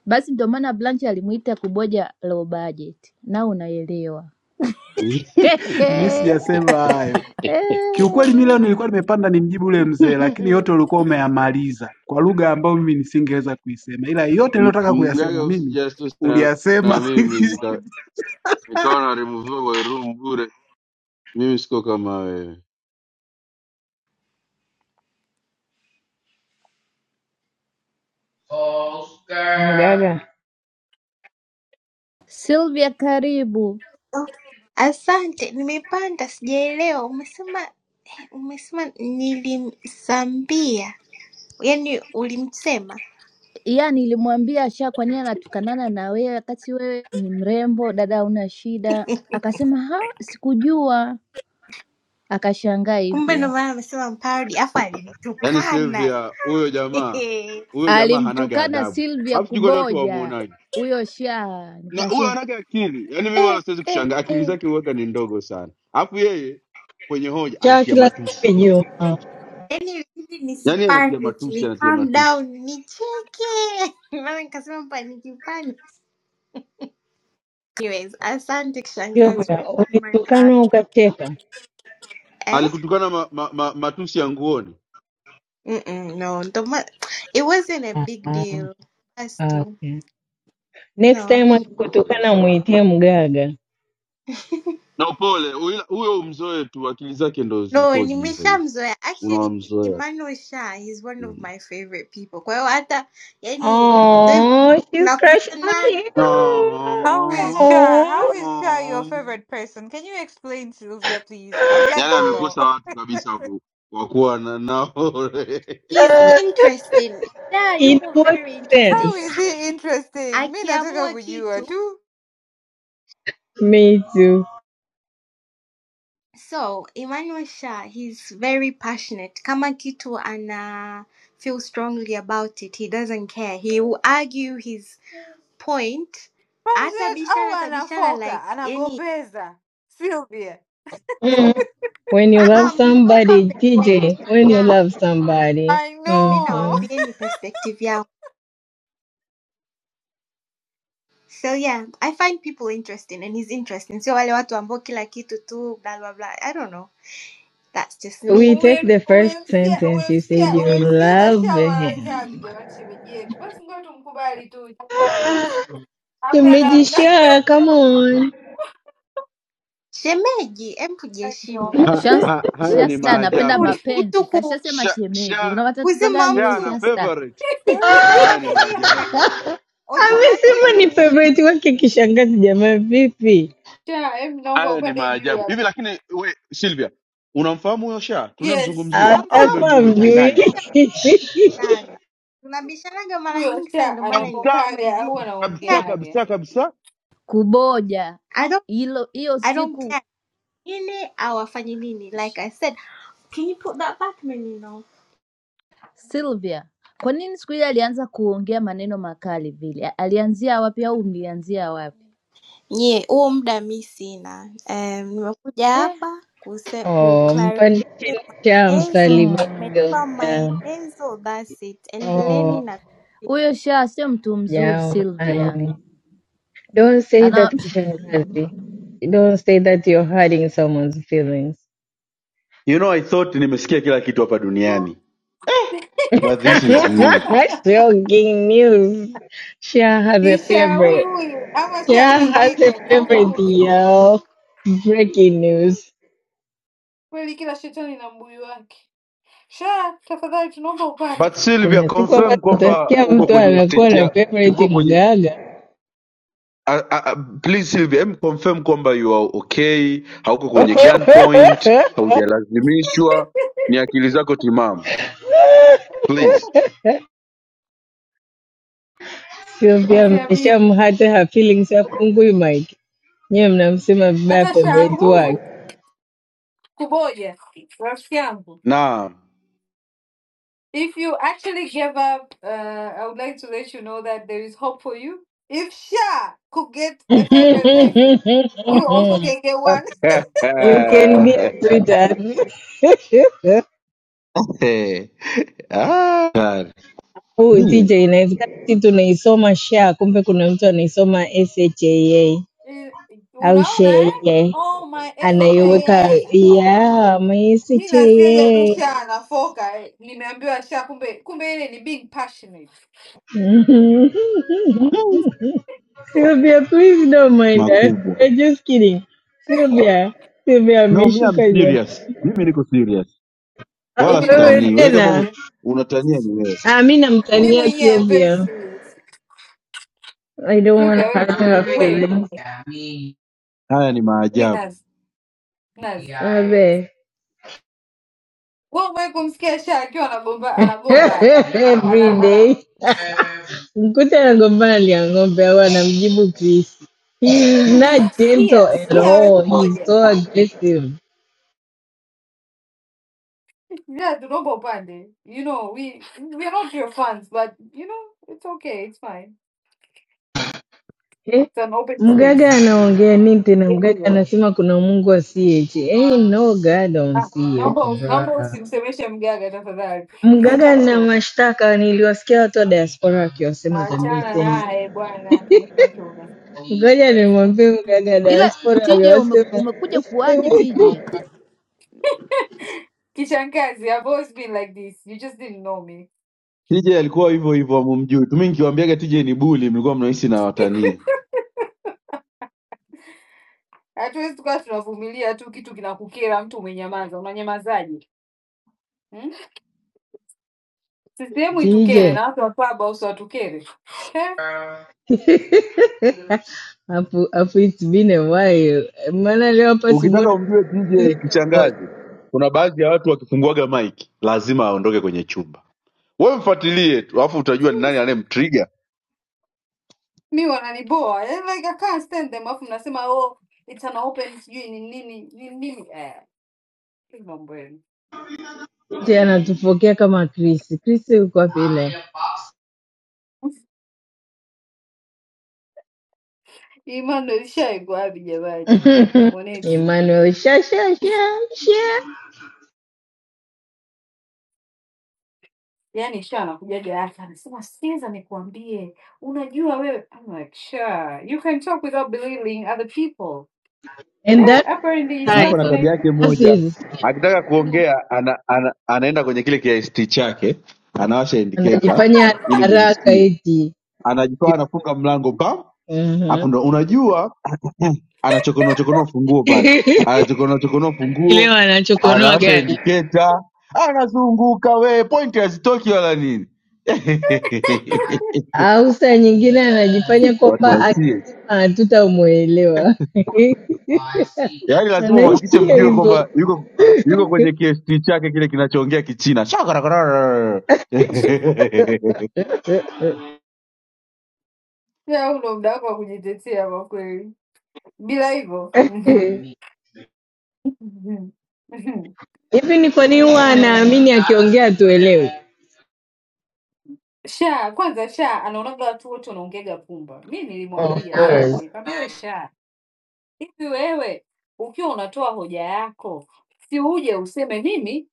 [SPEAKER 24] Basi ndio maana Blanche alimuita kuboja low budget, na unaelewa.
[SPEAKER 6] mi sijasema hayo. Kiukweli mimi leo nilikuwa nimepanda nimjibu yule mzee, lakini yote ulikuwa umeyamaliza kwa lugha ambayo mimi nisingeweza kuisema, ila yote
[SPEAKER 4] M-
[SPEAKER 6] niliyotaka
[SPEAKER 4] Mgaga,
[SPEAKER 6] kuyasema mimi
[SPEAKER 4] usijiasosieti na, na
[SPEAKER 6] uliyasema.
[SPEAKER 4] mimi nika- nikawa na removiwa kwa room bure. Mimi siko kama wewe,
[SPEAKER 25] Dada,
[SPEAKER 24] Sylvia, karibu.
[SPEAKER 26] Oh, Asante, nimepanda sijaelewa. Umesema eh, umesema nilimsambia, yaani ulimsema.
[SPEAKER 24] Yeah, nilimwambia Asha, kwa nini anatukanana na wewe wakati wewe ni mrembo dada, una shida? Akasema ha, sikujua. Akashangaa
[SPEAKER 26] Kumbe ndo
[SPEAKER 24] hivyo.
[SPEAKER 26] maana amesema mparodi, afu
[SPEAKER 4] yaani
[SPEAKER 26] alinitukana
[SPEAKER 4] Sylvia, huyo jamaa
[SPEAKER 26] yaani
[SPEAKER 4] huyo jamaa hanaga
[SPEAKER 24] Alimtukana
[SPEAKER 4] adabu,
[SPEAKER 24] Sylvia
[SPEAKER 4] alafu jiko ni watu
[SPEAKER 24] Kuboja
[SPEAKER 4] wamwonaje
[SPEAKER 24] huyo Sha,
[SPEAKER 4] na huyo
[SPEAKER 24] nikasema
[SPEAKER 4] hanaga akili. Yaani mimi
[SPEAKER 24] eh,
[SPEAKER 4] wala siwezi
[SPEAKER 24] eh,
[SPEAKER 4] kushangaa, akili
[SPEAKER 24] eh.
[SPEAKER 4] zake huwaga ni ndogo sana, alafu yeye kwenye hoja
[SPEAKER 25] cha
[SPEAKER 4] anatia
[SPEAKER 25] kila siku
[SPEAKER 4] matusi,
[SPEAKER 25] yenyewe uh,
[SPEAKER 26] ilibidi
[SPEAKER 4] yaani anatia
[SPEAKER 26] nisipanic,
[SPEAKER 4] matusi,
[SPEAKER 26] ni
[SPEAKER 4] anatia
[SPEAKER 26] calm
[SPEAKER 4] matusi
[SPEAKER 26] down, nicheke maana nikasema paniki paniki. Anyways, asante
[SPEAKER 25] sio
[SPEAKER 26] kishangazi. My bad.
[SPEAKER 25] ukitukanwa ukacheka.
[SPEAKER 26] Eh?
[SPEAKER 4] alikutukana ma, ma, ma, matusi ya nguoni
[SPEAKER 26] Mm-mm, no, ndo ma- it wasn't a
[SPEAKER 25] Ah,
[SPEAKER 26] big
[SPEAKER 25] ah,
[SPEAKER 26] deal. Basi
[SPEAKER 25] ah,
[SPEAKER 26] tu.
[SPEAKER 25] okay.
[SPEAKER 26] No,
[SPEAKER 25] Next time
[SPEAKER 26] hakuna.
[SPEAKER 25] akikutukana
[SPEAKER 4] Pole.
[SPEAKER 25] muitie mgaga.
[SPEAKER 4] na upole. Huyo huyo umzoe tu, akili zake ndo
[SPEAKER 26] No,
[SPEAKER 4] zilipogi hivyo hivyo,
[SPEAKER 26] nimeshamzoea. Actually,
[SPEAKER 4] unawamzoea tu.
[SPEAKER 26] Emmanuel Sha is one of
[SPEAKER 4] mm.
[SPEAKER 26] my favorite people. Kwa hiyo hata yani
[SPEAKER 25] Oh, she's crushing on
[SPEAKER 26] nakosana
[SPEAKER 25] him.
[SPEAKER 22] How is
[SPEAKER 4] Ah,
[SPEAKER 22] Sha? How
[SPEAKER 25] Oh,
[SPEAKER 22] is Sha
[SPEAKER 4] ah.
[SPEAKER 22] your favorite person? Can you explain Sylvia, please? I would
[SPEAKER 4] Yaani
[SPEAKER 22] like to know.
[SPEAKER 4] amekosa watu kabisa waku- wakuwa na nao
[SPEAKER 26] he's
[SPEAKER 25] uh,
[SPEAKER 26] interesting. Sha
[SPEAKER 25] in
[SPEAKER 26] yupo
[SPEAKER 25] what
[SPEAKER 26] very interesting.
[SPEAKER 22] How
[SPEAKER 25] sense?
[SPEAKER 22] is he interesting? Mi nataka
[SPEAKER 26] Akiamua
[SPEAKER 22] kujua
[SPEAKER 26] kitu
[SPEAKER 22] tu.
[SPEAKER 25] Me too.
[SPEAKER 26] So, Emmanuel Sha, he's very passionate. Kama kitu ana feel strongly about it, he doesn't care. He will argue his point.
[SPEAKER 22] President au
[SPEAKER 26] Atabishana, atabishana
[SPEAKER 22] anafoka
[SPEAKER 26] like yani,
[SPEAKER 22] anagombeza Sylvia.
[SPEAKER 25] Mm. When you
[SPEAKER 26] ah,
[SPEAKER 25] love
[SPEAKER 26] ah, mmeomba
[SPEAKER 25] somebody, TJ,
[SPEAKER 26] perspective
[SPEAKER 25] when you
[SPEAKER 26] yangu.
[SPEAKER 25] love somebody,
[SPEAKER 22] I
[SPEAKER 26] mi
[SPEAKER 22] know.
[SPEAKER 25] hmm
[SPEAKER 26] nawaambieni perspective yangu so yeah i find people interesting and he's interesting sio wale watu ambao kila kitu tu bla bla bla i don't know that's just
[SPEAKER 25] we
[SPEAKER 26] me
[SPEAKER 25] take
[SPEAKER 22] Umem-
[SPEAKER 25] the first
[SPEAKER 22] Umemsikia
[SPEAKER 25] sentence you said
[SPEAKER 22] umemsikia
[SPEAKER 25] you
[SPEAKER 22] umemsikiza
[SPEAKER 25] love
[SPEAKER 22] Sha mara
[SPEAKER 25] him.
[SPEAKER 22] ngapi jamani, shemeji yetu? Basi ngoja tumkubali tu, itakuwa ni- hamna namna.
[SPEAKER 25] Tumejishaa, come on.
[SPEAKER 26] shemeji em
[SPEAKER 22] I'm
[SPEAKER 26] tujiheshimu
[SPEAKER 22] joking.
[SPEAKER 4] ha, ha,
[SPEAKER 24] Shans-
[SPEAKER 4] haya ni
[SPEAKER 24] Shasta anapenda
[SPEAKER 4] maajabu
[SPEAKER 26] Jiheshimuni. mtu
[SPEAKER 24] mapenzi,
[SPEAKER 26] ku,
[SPEAKER 24] kashasema
[SPEAKER 4] sha,
[SPEAKER 24] shemeji.
[SPEAKER 4] sha,
[SPEAKER 24] Una matatizo
[SPEAKER 26] kuzima
[SPEAKER 24] gani we
[SPEAKER 4] sha na
[SPEAKER 26] mtu
[SPEAKER 24] Shasta?
[SPEAKER 4] favorite. Haya
[SPEAKER 26] kusema
[SPEAKER 4] ni maajabu,
[SPEAKER 26] favorite
[SPEAKER 25] Amesema
[SPEAKER 26] automatically
[SPEAKER 25] ni
[SPEAKER 26] ni
[SPEAKER 25] favorite wake kishangazi. Jamaa vipi,
[SPEAKER 22] Sha, em, naomba
[SPEAKER 4] haya ni
[SPEAKER 22] upande juu
[SPEAKER 4] maajabu hivi.
[SPEAKER 22] hapa.
[SPEAKER 4] Lakini we Silvia, unamfahamu huyo sha
[SPEAKER 22] Yes,
[SPEAKER 4] tunayemzungumzia au
[SPEAKER 26] namfahamu
[SPEAKER 4] ume,
[SPEAKER 25] atakuwa amjui?
[SPEAKER 4] umechanganya
[SPEAKER 26] tunabishanaga sana tunabishanaga mara
[SPEAKER 22] huyo
[SPEAKER 26] nyingi sana
[SPEAKER 22] Sha
[SPEAKER 26] ndio maana
[SPEAKER 4] kabisa?
[SPEAKER 26] nimesema
[SPEAKER 22] anafokaga
[SPEAKER 26] hivi
[SPEAKER 22] au
[SPEAKER 4] kabisa
[SPEAKER 26] yeah,
[SPEAKER 22] anaongeaga
[SPEAKER 4] kabisa kabisa
[SPEAKER 24] Kuboja
[SPEAKER 26] i don't
[SPEAKER 24] hilo hiyo
[SPEAKER 26] i don't
[SPEAKER 24] siku
[SPEAKER 26] care nini au afanye nini like i said can you put that back Menino?
[SPEAKER 24] Sylvia, kwa nini siku ile alianza kuongea maneno makali vile? Alianzia wapi au mlianzia wapi?
[SPEAKER 26] Nye, huo muda mi sina. Em, nimekuja
[SPEAKER 24] Eh,
[SPEAKER 26] hapa kuse
[SPEAKER 25] Oh,
[SPEAKER 26] kuclarify
[SPEAKER 25] mpandishe cha
[SPEAKER 26] maelezo,
[SPEAKER 25] msalimia
[SPEAKER 24] mm.
[SPEAKER 26] umenipa
[SPEAKER 25] Sylvia.
[SPEAKER 26] maelezo, that's it. Endeleeni
[SPEAKER 25] Oh,
[SPEAKER 26] na.
[SPEAKER 24] Huyo Shaa sio mtu mzuri Sylvia.
[SPEAKER 25] jamani, don't say
[SPEAKER 24] Ana
[SPEAKER 25] that kishangazi. Don't say that you're hurting someone's feelings.
[SPEAKER 4] You know, I thought nimesikia kila kitu hapa duniani but this is new.
[SPEAKER 25] That's Shocking news. Shah has a
[SPEAKER 22] ni Sha huyu
[SPEAKER 25] favorite.
[SPEAKER 22] huyu ama Sha
[SPEAKER 25] Shah has a
[SPEAKER 22] mwingine? Naomba
[SPEAKER 25] favorite,
[SPEAKER 22] uniulize
[SPEAKER 25] yo. Breaking news.
[SPEAKER 22] kweli, kila shetani na mbuyu wake. Já, faculdade não vou
[SPEAKER 4] but Sylvia
[SPEAKER 25] Kuna siku ambazo
[SPEAKER 4] confirm kwamba
[SPEAKER 25] utasikia
[SPEAKER 4] uko
[SPEAKER 25] mtu
[SPEAKER 4] kwenye
[SPEAKER 25] anakuwa
[SPEAKER 4] state
[SPEAKER 25] na
[SPEAKER 4] ya uko
[SPEAKER 25] favorite
[SPEAKER 4] kwenye
[SPEAKER 25] mgaaga,
[SPEAKER 4] uh, uh, please Sylvia em confirm kwamba you are okay hauko kwenye gunpoint haujalazimishwa ni akili zako timamu please
[SPEAKER 25] sio? Pia
[SPEAKER 22] ser amigo.
[SPEAKER 25] mmeshamhata her feelings, hafungui mic, nyewe mnamsema vibaya
[SPEAKER 22] Natasha,
[SPEAKER 25] favorite
[SPEAKER 22] who
[SPEAKER 25] wake.
[SPEAKER 22] is Kuboye Rosciambo?
[SPEAKER 4] Naam.
[SPEAKER 22] If you actually give up, uh, I would like to let you know that there is hope for you. If Sha could get a favorite person, you also can get one.
[SPEAKER 25] You can be a sweetheart.
[SPEAKER 4] Eh. Ah, hatari.
[SPEAKER 25] Huyu TJ,
[SPEAKER 4] Hmm.
[SPEAKER 25] inawezekana si tunaisoma sha, kumbe kuna mtu anaisoma shaa
[SPEAKER 22] Eh,
[SPEAKER 25] au
[SPEAKER 22] Unaona eh?
[SPEAKER 25] shee,
[SPEAKER 22] Oh my
[SPEAKER 25] anaiweka
[SPEAKER 22] SHIA.
[SPEAKER 25] ya ma
[SPEAKER 22] Mi nasikiaga tu
[SPEAKER 25] shaa
[SPEAKER 22] Sha anafoka eh. Nimeambiwa Sha kumbe kumbe ile ni being passionate.
[SPEAKER 4] Hmm.
[SPEAKER 25] Sylvia, please don't mind us.
[SPEAKER 4] Makubwa.
[SPEAKER 25] We're just kidding. Sylvia, Sylvia
[SPEAKER 4] No, me
[SPEAKER 25] ameshuka
[SPEAKER 4] I'm
[SPEAKER 25] jamaa.
[SPEAKER 4] serious. Mimi niko serious.
[SPEAKER 25] Ah,
[SPEAKER 4] wala
[SPEAKER 22] Mimi niko
[SPEAKER 25] Wewe
[SPEAKER 4] sitanii. Wewe
[SPEAKER 22] serious
[SPEAKER 4] kama
[SPEAKER 25] tena.
[SPEAKER 4] u-
[SPEAKER 22] pia.
[SPEAKER 4] unatania ni wewe.
[SPEAKER 25] Ah, mi
[SPEAKER 22] Mimi
[SPEAKER 25] namtania
[SPEAKER 22] mwenyewe i very
[SPEAKER 25] Sylvia.
[SPEAKER 22] serious.
[SPEAKER 25] I don't want
[SPEAKER 22] Sivyo
[SPEAKER 25] to hurt
[SPEAKER 22] we,
[SPEAKER 25] her
[SPEAKER 22] we,
[SPEAKER 25] feelings.
[SPEAKER 4] Haya ni
[SPEAKER 22] we
[SPEAKER 4] maajabu.
[SPEAKER 22] Nas, Nas.
[SPEAKER 25] Abe.
[SPEAKER 22] Wewe umewahi kumsikia Sha akiwa anagomba anagomba hapa.
[SPEAKER 25] Every
[SPEAKER 22] Ana ana
[SPEAKER 25] day. Mkuta anagombana lia ng'ombe au anamjibu Chris. He is
[SPEAKER 22] anasema,
[SPEAKER 25] not gentle
[SPEAKER 22] sikia,
[SPEAKER 25] at
[SPEAKER 22] sikia wewe
[SPEAKER 25] all. He's
[SPEAKER 22] kuboja.
[SPEAKER 25] so aggressive.
[SPEAKER 22] Yeah, tunaomba upande. You know, we we are not your fans but you know, it's okay, it's fine. It's an open space.
[SPEAKER 25] Mganga anaongea nini tena? Mganga
[SPEAKER 22] Everywhere.
[SPEAKER 25] anasema kuna Mungu asiyeti. Ain't no God on
[SPEAKER 22] Ah, naomba
[SPEAKER 25] CH
[SPEAKER 22] usi- naomba
[SPEAKER 25] brother.
[SPEAKER 22] usimsemeshe mgaga tafadhali.
[SPEAKER 25] Mganga na
[SPEAKER 22] Kimeshamtoka.
[SPEAKER 25] mashtaka, niliwasikia watu wa diaspora wakiwasema tambi
[SPEAKER 22] Achana
[SPEAKER 25] tena.
[SPEAKER 22] naye bwana, kimeshamtoka.
[SPEAKER 25] Ngoja nimwambie mganga
[SPEAKER 24] ila
[SPEAKER 25] diaspora
[SPEAKER 24] TJ ume,
[SPEAKER 25] aliwasema
[SPEAKER 24] umekuja kuwaje TJ?
[SPEAKER 22] Kishangazi, I've always been like this. You just didn't know me.
[SPEAKER 4] TJ alikuwa hivyo hivyo, hamumjui tu. Mimi nikiwaambiaga TJ ni buli, mlikuwa mnahisi na watania.
[SPEAKER 22] Hatuwezi tukawa tunavumilia tu kitu kinakukera, mtu umenyamaza, unanyamazaje? Hmm? CCM
[SPEAKER 25] TJ.
[SPEAKER 22] itukere na watu wa Clubhouse watukere eh?
[SPEAKER 25] Hapo hapo it's been a while. Maana leo hapa Simoni
[SPEAKER 4] Ukitaka umjue TJ kishangazi, kuna baadhi ya watu wakifunguaga mic lazima aondoke kwenye chumba. Wewe mfuatilie tu, alafu utajua ni nani anayemtrigger.
[SPEAKER 22] Mi wananiboa eh? Like I can't stand them, alafu mnasema oh, it's an open sijui ni nini ni nini eh, mambo yenu
[SPEAKER 25] tena
[SPEAKER 22] anyway.
[SPEAKER 25] anatupokea kama Chris. Chris uko wapi leo?
[SPEAKER 22] Imani ishaekwa wapi jamani? Mwanetu
[SPEAKER 25] Emmanuel, sha sha sha sha,
[SPEAKER 22] yaani sha anakujaga hapa anasema, sikiza nikuambie, unajua wewe. I'm like sure you can talk without belittling other people
[SPEAKER 25] and that's
[SPEAKER 22] Hapa
[SPEAKER 25] his
[SPEAKER 4] Hapa na
[SPEAKER 22] niliipata
[SPEAKER 25] style.
[SPEAKER 22] na
[SPEAKER 4] tabia yake
[SPEAKER 25] That's
[SPEAKER 4] moja,
[SPEAKER 25] his style.
[SPEAKER 4] akitaka kuongea ana, ana, anaenda kwenye kile kiast chake, anawasha indicator
[SPEAKER 25] Anajifanya ana
[SPEAKER 4] ili
[SPEAKER 25] haraka
[SPEAKER 4] mumsikie,
[SPEAKER 25] eti
[SPEAKER 4] anajitoa anafunga mlango bam, alafu
[SPEAKER 25] Mhm.
[SPEAKER 4] ndo unajua anachokonoa chokonoa funguo pale, anachokonoa chokonoa funguo,
[SPEAKER 25] Leo anachokonoa
[SPEAKER 4] anawasha
[SPEAKER 25] gari.
[SPEAKER 4] indicator, anazunguka we, pointi hazitoki wala nini
[SPEAKER 25] au saa nyingine anajifanya
[SPEAKER 4] watu wa
[SPEAKER 25] kwamba akisema
[SPEAKER 4] CS.
[SPEAKER 25] hatutamwelewa
[SPEAKER 4] Yaani lazima mhakikishe
[SPEAKER 25] anaishia
[SPEAKER 4] mjue
[SPEAKER 25] hivyo
[SPEAKER 4] kwamba yuko yuko kwenye KST chake kile kinachoongea Kichina Shakarakarara.
[SPEAKER 22] ya una muda wako wa kujitetea kwa kweli, bila hivyo
[SPEAKER 25] hivi.
[SPEAKER 22] Mhm. Mhm. Mhm.
[SPEAKER 25] Ni kwa nini huwa
[SPEAKER 22] Mm.
[SPEAKER 25] anaamini akiongea tuelewe?
[SPEAKER 22] Sha kwanza, Sha anaonaga watu wote wanaongega pumba. Mi
[SPEAKER 25] Of
[SPEAKER 22] nilimwambia siku
[SPEAKER 25] course.
[SPEAKER 22] moja, kaambia we Sha, hivi wewe ukiwa unatoa hoja yako, si uje useme mimi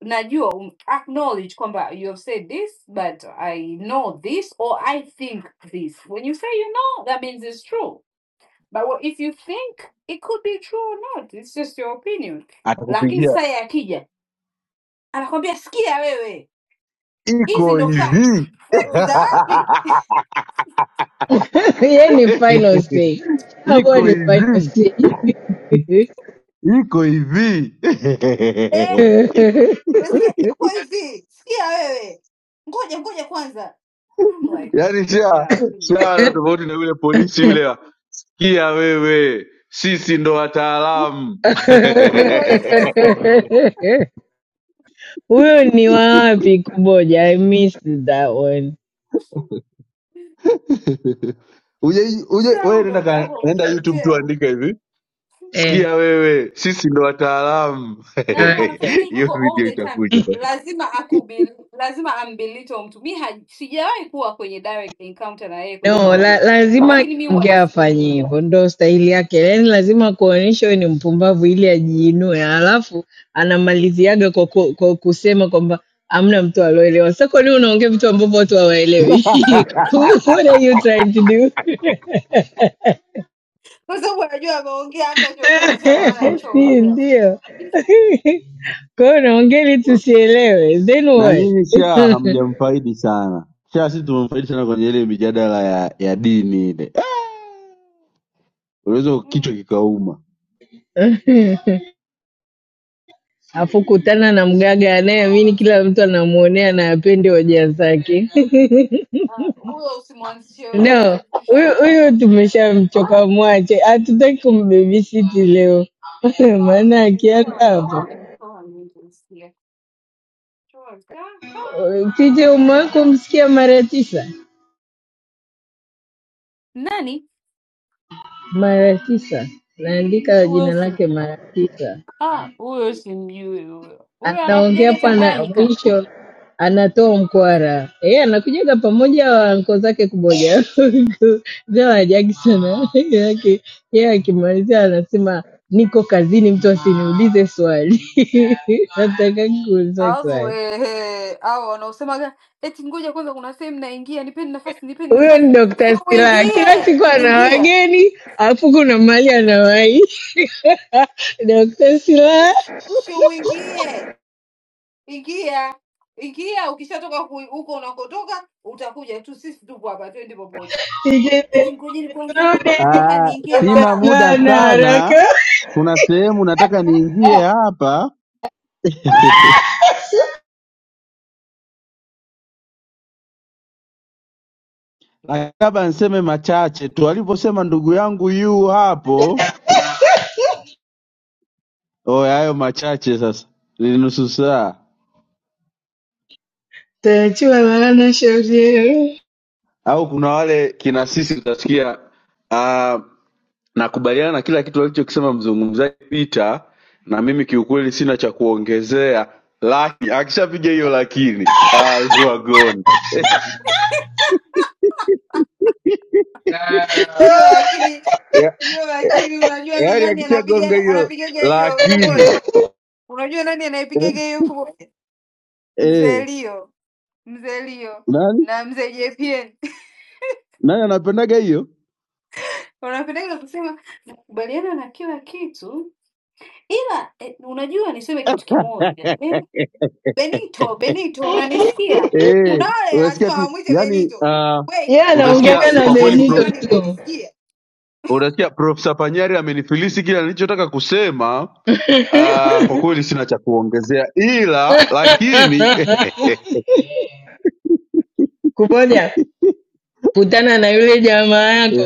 [SPEAKER 22] najua um, acknowledge kwamba you have said this but I know this or I think this. When you say you know, that means it's true But what, if you think it could be true or not, it's just your opinion. Lakini
[SPEAKER 4] atakupigia
[SPEAKER 22] sasa yeye akija anakwambia, sikia wewe, hizi
[SPEAKER 4] iko
[SPEAKER 22] ndo facts.
[SPEAKER 4] hivi
[SPEAKER 22] Facts za wapi?
[SPEAKER 25] Yeye ni final say, huwa
[SPEAKER 4] iko
[SPEAKER 25] ni
[SPEAKER 4] hivi
[SPEAKER 25] final say.
[SPEAKER 4] iko hivi
[SPEAKER 22] Eh, sikia iko hivi, sikia wewe, ngoja ngoja kwanza. I'm like,
[SPEAKER 4] yaani sha
[SPEAKER 22] yeah,
[SPEAKER 4] sha na
[SPEAKER 22] come on.
[SPEAKER 4] tofauti na yule polisi yule wa, kia wewe sisi ndo wataalamu
[SPEAKER 22] you know, it's
[SPEAKER 25] Huyo ni wapi kuboja? I missed that one.
[SPEAKER 4] uje uje wewe
[SPEAKER 22] sound
[SPEAKER 4] nenda
[SPEAKER 22] of ndo
[SPEAKER 4] ka,
[SPEAKER 22] whole
[SPEAKER 4] nenda youtube tu
[SPEAKER 22] detail?
[SPEAKER 4] andika hivi
[SPEAKER 25] Eh,
[SPEAKER 4] sikia wewe sisi ndo wataalamu
[SPEAKER 22] na ndo
[SPEAKER 25] okay.
[SPEAKER 22] anafanyaga hivyo
[SPEAKER 4] hiyo
[SPEAKER 22] hivyo all
[SPEAKER 4] video
[SPEAKER 22] the time
[SPEAKER 4] itakuja
[SPEAKER 22] lazima akubil, lazima ambilito mtu mi haj- sijawahi kuwa kwenye direct encounter na yeye kwenye
[SPEAKER 25] No, la,
[SPEAKER 22] hoja
[SPEAKER 25] lazima
[SPEAKER 22] lakini mi huwa
[SPEAKER 25] akiongea afanye
[SPEAKER 22] nasikiliza
[SPEAKER 25] hivyo, ndo stahili yake. Yaani lazima kuonyesha huyu ni mpumbavu ili ajiinue, alafu anamaliziaga kwa, ku, kwa kusema kwamba amna mtu aloelewa. Sasa kwa nini unaongea vitu ambavyo watu hawaelewi? What are you trying to do?
[SPEAKER 22] kwa sababu anajua ameongea amna chochote cha maana
[SPEAKER 25] Si
[SPEAKER 22] alichoongea
[SPEAKER 25] ndio? Kwa hiyo unaongea ili tusielewe, then
[SPEAKER 4] na
[SPEAKER 25] what?
[SPEAKER 4] nyinyi sha hamjamfaidi sana sha sisi tumemfaidi sana kwenye ile mijadala ya, ya dini ile Ah! unaweza kichwa
[SPEAKER 22] Mm.
[SPEAKER 4] kikauma
[SPEAKER 25] Afu kutana na mgaga anayeamini kila mtu anamwonea na apende hoja zake.
[SPEAKER 22] Ah, huyo usimwanzishie
[SPEAKER 25] No,
[SPEAKER 22] tushamchoka tusha
[SPEAKER 25] huyu huyu
[SPEAKER 22] tushamchoka. ah,
[SPEAKER 25] tumeshamchoka, mwache. Hatutaki kumbebisiti leo maana akianza
[SPEAKER 22] nimetoa mtaa
[SPEAKER 25] hapo
[SPEAKER 22] nimetoa mingi usikia. for
[SPEAKER 25] pije
[SPEAKER 22] my mental
[SPEAKER 25] umewako
[SPEAKER 22] health.
[SPEAKER 25] msikia mara tisa,
[SPEAKER 22] Nani
[SPEAKER 25] mara tisa, naandika
[SPEAKER 22] huyo?
[SPEAKER 25] jina
[SPEAKER 22] si-
[SPEAKER 25] lake mara tisa.
[SPEAKER 22] Ah, huyo simjui huyo. Huyo
[SPEAKER 25] anaongea
[SPEAKER 22] anakujaga
[SPEAKER 25] pana
[SPEAKER 22] Tanganyika.
[SPEAKER 25] mwisho anatoa mkwara yeye anakujaga pamoja wanko zake kumoja zao ajagi sana yake yeye akimalizia anasema niko kazini mtu asiniulize swali natakaki kuulizwa
[SPEAKER 22] Alafu
[SPEAKER 25] swali
[SPEAKER 22] wewe au wanaosemaga eti ngoja kwanza, kuna sehemu naingia, nipeni nafasi, nipeni
[SPEAKER 25] huyo ni
[SPEAKER 22] nafasi. Si
[SPEAKER 25] dokta silaha kila
[SPEAKER 22] uingie,
[SPEAKER 25] siku ana
[SPEAKER 22] ingia,
[SPEAKER 25] wageni alafu kuna mali anawai dokta silaha
[SPEAKER 22] si uingie, ingia, ingia. Ukishatoka ku- huko unakotoka utakuja tu, sisi tupo hapa, twende popote. Eti ngojeni kwanza, nataka
[SPEAKER 4] Ah,
[SPEAKER 22] niingie
[SPEAKER 25] Dr.
[SPEAKER 4] sina
[SPEAKER 22] mahala.
[SPEAKER 4] muda
[SPEAKER 25] Silaha na
[SPEAKER 4] sana,
[SPEAKER 25] haraka
[SPEAKER 4] kuna sehemu nataka niingie hapa, lakini labda niseme machache tu. Alivyosema ndugu yangu yu hapo, oe, hayo machache sasa, ni nusu saa
[SPEAKER 25] Tayachiwa maana shauri yenu.
[SPEAKER 4] au kuna wale kina sisi utasikia. ah, Nakubaliana na kila kitu alichokisema mzungumzaji Peter, na mimi kiukweli sina cha kuongezea, lakini akishapiga hiyo lakini, ah, you are gone.
[SPEAKER 22] hiyo, lakini
[SPEAKER 4] Ya-
[SPEAKER 22] hiyo, lakini unajua ni
[SPEAKER 4] yaani
[SPEAKER 22] nani
[SPEAKER 4] akishagonga
[SPEAKER 22] anapiga
[SPEAKER 4] hiyo
[SPEAKER 22] anapigaga hiyo elfu
[SPEAKER 4] lakini
[SPEAKER 22] moja? Unajua nani anaipigaga hiyo elfu moja?
[SPEAKER 4] eh,
[SPEAKER 22] Mzee Lio, mzee Lio
[SPEAKER 4] nani
[SPEAKER 22] na mzee JPN
[SPEAKER 4] nani anapendaga hiyo
[SPEAKER 22] wanapendaga kusema nakubaliana na kila kitu ila eh, unajua niseme kitu kimoja eh? Benito, Benito unanisikia?
[SPEAKER 4] eh,
[SPEAKER 22] Kuna wale
[SPEAKER 4] unasikia
[SPEAKER 22] lazima
[SPEAKER 4] tu
[SPEAKER 22] wamwite
[SPEAKER 4] yani
[SPEAKER 22] Benito.
[SPEAKER 4] uh,
[SPEAKER 25] Yeye
[SPEAKER 22] Wei, kwani
[SPEAKER 4] Utasikia
[SPEAKER 25] anaongeaga
[SPEAKER 22] huwezi
[SPEAKER 25] na
[SPEAKER 4] kwa
[SPEAKER 22] kusema
[SPEAKER 4] kweli
[SPEAKER 22] tu
[SPEAKER 25] Benito
[SPEAKER 4] pro,
[SPEAKER 22] jamani,
[SPEAKER 25] tu.
[SPEAKER 22] mnanisikia?
[SPEAKER 4] utasikia Profesa Panyari amenifilisi kile nilichotaka kusema. Uh, kwa kweli sina cha kuongezea ila lakini eh,
[SPEAKER 25] Kuboja, kutana na yule jamaa yako.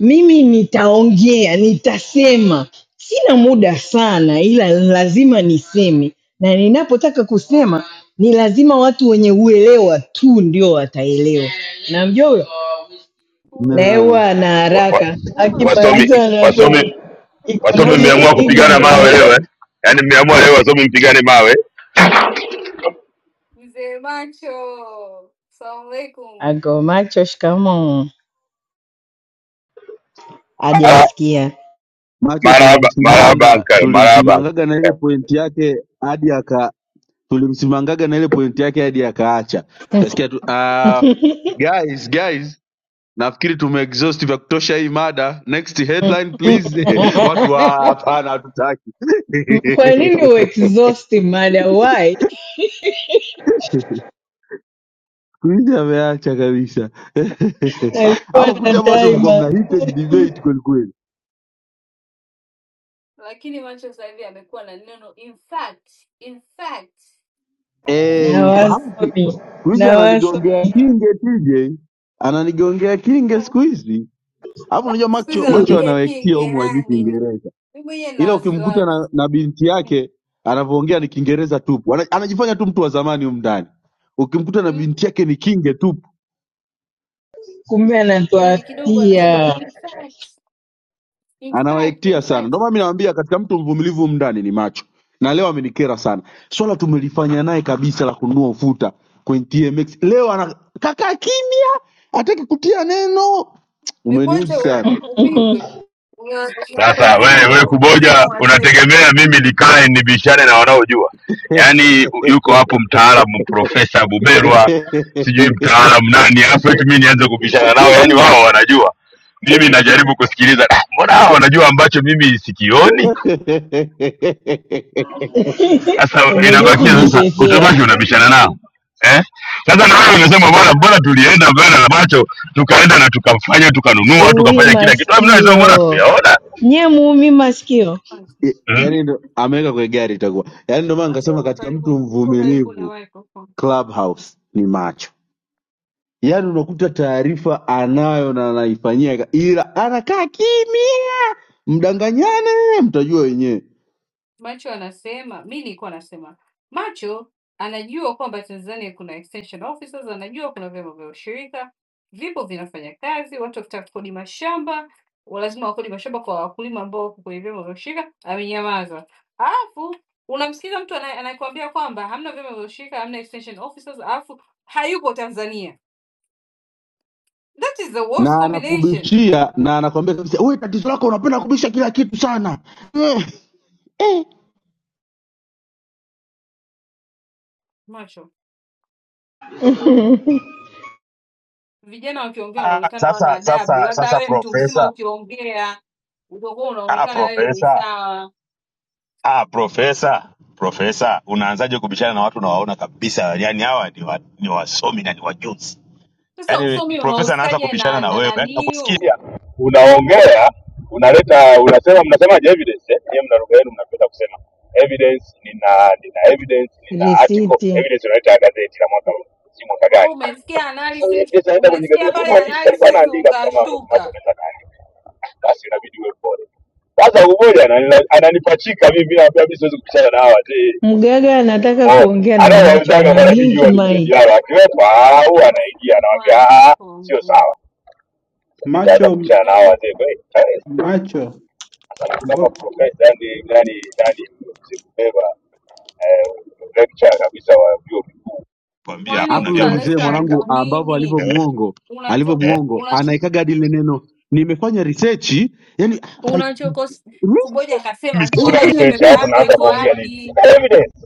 [SPEAKER 25] Mimi nitaongea, nitasema. Sina muda sana, ila lazima niseme, na ninapotaka kusema ni lazima watu wenye uelewa tu ndio wataelewa. Namjua huyo na yeye
[SPEAKER 22] Huyo
[SPEAKER 4] na
[SPEAKER 25] huwa ana
[SPEAKER 5] Wa- wa-
[SPEAKER 25] haraka,
[SPEAKER 22] huyo
[SPEAKER 5] wasomi
[SPEAKER 25] akimaliza
[SPEAKER 5] wasomi
[SPEAKER 25] anatoka
[SPEAKER 22] ndio
[SPEAKER 5] Wasomi
[SPEAKER 25] economic
[SPEAKER 5] mmeamua kupigana mawe
[SPEAKER 25] ignorance.
[SPEAKER 5] leo eh? Yaani mmeamua leo wasomi mpigane mawe.
[SPEAKER 22] Mzee Macho, salamu alaikum.
[SPEAKER 25] Ago macho, shikamoo.
[SPEAKER 5] Ah,
[SPEAKER 25] Hajasikia
[SPEAKER 4] macho
[SPEAKER 5] Marahaba, marahaba
[SPEAKER 4] tulimsimanga
[SPEAKER 5] uncle, marahaba uncle.
[SPEAKER 4] tulimsimangaga na ile pointi yake hadi aka tulimsimangaga na ile pointi yake hadi akaacha utasikia tu ah, guys guys nafikiri tumeexhaust vya kutosha hii mada next headline please watu wa hapana hatutaki
[SPEAKER 25] Kwa nini uexhaust mada? Why?
[SPEAKER 4] Kuishi ameacha kabisa
[SPEAKER 25] Alikuwa
[SPEAKER 4] hapo
[SPEAKER 25] na
[SPEAKER 4] kute hapo watu mlikuwa mna
[SPEAKER 25] timer
[SPEAKER 4] heated debate kweli kweli
[SPEAKER 22] Lakini Macho sasa hivi amekuwa na neno in fact, in fact, in
[SPEAKER 4] eh
[SPEAKER 25] na
[SPEAKER 4] mfahamu
[SPEAKER 22] fact.
[SPEAKER 4] ki-
[SPEAKER 25] wasomi
[SPEAKER 4] Kuishi
[SPEAKER 25] na wasomi,
[SPEAKER 4] ananigongea
[SPEAKER 22] Eh,
[SPEAKER 4] kinge TJ ananigongea kinge
[SPEAKER 22] sasa
[SPEAKER 4] siku hizi hapo unajua
[SPEAKER 22] siku
[SPEAKER 4] macho
[SPEAKER 22] hizi
[SPEAKER 4] macho
[SPEAKER 22] anapiga
[SPEAKER 4] anawekia
[SPEAKER 22] kinge
[SPEAKER 4] humu wajui
[SPEAKER 22] yani,
[SPEAKER 4] kiingereza
[SPEAKER 22] mimi mwenyewe na
[SPEAKER 4] ila ukimkuta
[SPEAKER 22] wasiwasi
[SPEAKER 4] na, na binti
[SPEAKER 22] Mm,
[SPEAKER 4] yake anavyoongea ni
[SPEAKER 22] mm,
[SPEAKER 4] Kiingereza tupu, Ana- anajifanya tu mtu wa zamani humu ndani. Ukimkuta na
[SPEAKER 22] mm.
[SPEAKER 4] binti yake ni kinge tupu,
[SPEAKER 25] kumbe
[SPEAKER 22] yani kidogo anasemaga
[SPEAKER 25] anatuafia.
[SPEAKER 22] in fact, in fact,
[SPEAKER 4] anawaektia
[SPEAKER 22] in
[SPEAKER 4] sana.
[SPEAKER 22] fact.
[SPEAKER 4] Ndio maana mimi nawaambia katika mtu mvumilivu humu ndani ni macho, na leo amenikera sana. Swala tumelifanya naye kabisa la kununua ufuta kwenye TMX, leo ana kaka kimya, hataki kutia neno. Umeniuzi
[SPEAKER 22] Mekuacha u-
[SPEAKER 4] sana
[SPEAKER 22] upigwe, Una- una-
[SPEAKER 5] Sasa
[SPEAKER 22] umezidi
[SPEAKER 5] we, we
[SPEAKER 22] kuheshimu
[SPEAKER 5] kuboja,
[SPEAKER 22] wazee
[SPEAKER 5] unategemea mimi nikae nibishane na wanaojua? Yaani u- yuko hapo mtaalamu Profesa Buberwa, sijui mtaalamu nani, alafu eti mimi nianze kubishana nao? Yaani wao wanajua, mimi najaribu kusikiliza. "Ah, Mbona hao wanajua ambacho mimi sikioni? Sasa
[SPEAKER 25] Umejua
[SPEAKER 5] inabakia sasa,
[SPEAKER 25] kujitetea,
[SPEAKER 5] utabaki unabishana nao eh? Sasa
[SPEAKER 22] hivi
[SPEAKER 5] na wewe unasema
[SPEAKER 22] hivi.
[SPEAKER 5] bora
[SPEAKER 22] ma-
[SPEAKER 5] bora tulienda mbele na macho tukaenda na tukafanya tukanunua
[SPEAKER 25] uwi
[SPEAKER 5] tukafanya kila kitu, mimi nasema bora
[SPEAKER 25] masikio
[SPEAKER 5] tukuyaona
[SPEAKER 25] nye muumi masikio
[SPEAKER 5] mm?
[SPEAKER 4] yani ndo ameweka kwenye gari itakuwa yani, ndio maana
[SPEAKER 22] Macho
[SPEAKER 4] nikasema
[SPEAKER 22] uko
[SPEAKER 4] katika
[SPEAKER 22] karibu,
[SPEAKER 4] mtu
[SPEAKER 22] uko karibu
[SPEAKER 4] mvumilivu
[SPEAKER 22] na microphone.
[SPEAKER 4] Clubhouse ni macho, yani unakuta taarifa anayo na anaifanyia, ka- ila anakaa kimya, mdanganyane, mtajua wenyewe
[SPEAKER 22] Macho anasema mi nilikuwa nasema Macho anajua kwamba Tanzania kuna extension officers, anajua kuna vyama vya ushirika vipo vinafanya kazi, watu wakitaka kukodi mashamba wa- lazima wakodi mashamba kwa wakulima ambao wako kwenye vyama vya ushirika. Amenyamaza, alafu unamsikiza mtu anaye- anayekwambia kwamba hamna vyama vya ushirika, hamna extension officers, alafu hayupo Tanzania. That is the worst
[SPEAKER 4] na
[SPEAKER 22] combination.
[SPEAKER 4] anakubishia na anakwambia kabisa, wewe tatizo lako unapenda kubisha kila kitu sana Eh, eh.
[SPEAKER 22] Macho Vijana wakiongea
[SPEAKER 5] Ah,
[SPEAKER 22] wanaonekana
[SPEAKER 5] sasa
[SPEAKER 22] hawana
[SPEAKER 5] sasa
[SPEAKER 22] adabu, labda
[SPEAKER 5] sasa
[SPEAKER 22] wewe mtu mzima
[SPEAKER 5] profesa
[SPEAKER 22] ukiongea utakuwa
[SPEAKER 5] ah,
[SPEAKER 22] unaonekana wewe ni
[SPEAKER 5] profesa
[SPEAKER 22] sawa.
[SPEAKER 5] ah, profesa profesa unaanzaje kubishana na watu unawaona kabisa yani hawa ni, wa, ni wasomi na ni wajuzi yani
[SPEAKER 22] Sasa usomi
[SPEAKER 5] profesa anaanza
[SPEAKER 22] unahusikaje
[SPEAKER 5] kubishana
[SPEAKER 22] na
[SPEAKER 5] na
[SPEAKER 22] na
[SPEAKER 5] wewe yani
[SPEAKER 22] naniu?
[SPEAKER 5] nakusikia unaongea unaleta unasema mnasemaje evidence eh? Nyie mna lugha yenu mnapenda kusema evidence nina nina evidence nina article
[SPEAKER 25] risiti.
[SPEAKER 5] evidence unaleta ya gazeti la mwaka huu si mwaka
[SPEAKER 22] Wewe
[SPEAKER 5] gani
[SPEAKER 22] umesikia
[SPEAKER 5] sasa hiyo
[SPEAKER 22] analysis,
[SPEAKER 5] evidence unaleta kwenye
[SPEAKER 22] umesikia
[SPEAKER 5] gazeti huyu
[SPEAKER 22] pale
[SPEAKER 5] mwandishi alikuwa
[SPEAKER 22] analysis
[SPEAKER 5] anaandika tu kama ambavyo macho
[SPEAKER 22] ukashtuka.
[SPEAKER 5] anaweza kaandika basi inabidi uwe pole sasa umoja anani- ananipachika mimi naambia mimi siwezi kupishana na hawa wazee.
[SPEAKER 25] Mgaga anataka
[SPEAKER 5] Umeona?
[SPEAKER 25] kuongea na macho,
[SPEAKER 5] Anaowauzaga
[SPEAKER 25] ana
[SPEAKER 5] mara nyingi
[SPEAKER 25] blink
[SPEAKER 5] huwa ni mzee
[SPEAKER 25] mic.
[SPEAKER 5] Diara, akiwepa au anaingia
[SPEAKER 22] Asubiri
[SPEAKER 5] anawaambia
[SPEAKER 22] kwanza
[SPEAKER 5] "Ah, ah, sio
[SPEAKER 22] kwangu.
[SPEAKER 5] sawa. Sasa nitaanza
[SPEAKER 6] macho
[SPEAKER 5] kubishana na hao
[SPEAKER 22] Mm-mm.
[SPEAKER 5] wazee kweli. Eh,
[SPEAKER 6] macho
[SPEAKER 5] Sasa mtu kama
[SPEAKER 6] mbona
[SPEAKER 5] profesa yani yani yani mzibeba lecture kabisa wa vyuo vikuu kuambia
[SPEAKER 22] Kwani
[SPEAKER 5] hakuna
[SPEAKER 4] Alafu yule
[SPEAKER 22] ukiwa
[SPEAKER 5] vyama vya
[SPEAKER 4] mzee
[SPEAKER 22] lecturer
[SPEAKER 5] ushirika
[SPEAKER 4] mwanangu,
[SPEAKER 22] ndo
[SPEAKER 4] ambavyo
[SPEAKER 22] nini
[SPEAKER 5] eh,
[SPEAKER 4] alivyomuongo
[SPEAKER 22] unacho
[SPEAKER 5] eh.
[SPEAKER 4] alivyomuongo,
[SPEAKER 22] unacho
[SPEAKER 4] anaekaga hadi lile neno nimefanya research, yani like,
[SPEAKER 22] unachokos
[SPEAKER 4] really?
[SPEAKER 22] kuboja
[SPEAKER 5] Mimi
[SPEAKER 22] akasema
[SPEAKER 5] sina
[SPEAKER 4] Nimefanya
[SPEAKER 22] tuonyeshe
[SPEAKER 5] research
[SPEAKER 22] pepa
[SPEAKER 4] research
[SPEAKER 5] alafu
[SPEAKER 22] yako
[SPEAKER 5] naanza
[SPEAKER 22] iko
[SPEAKER 5] kuongea nini?
[SPEAKER 22] wapi?
[SPEAKER 5] Sina evidence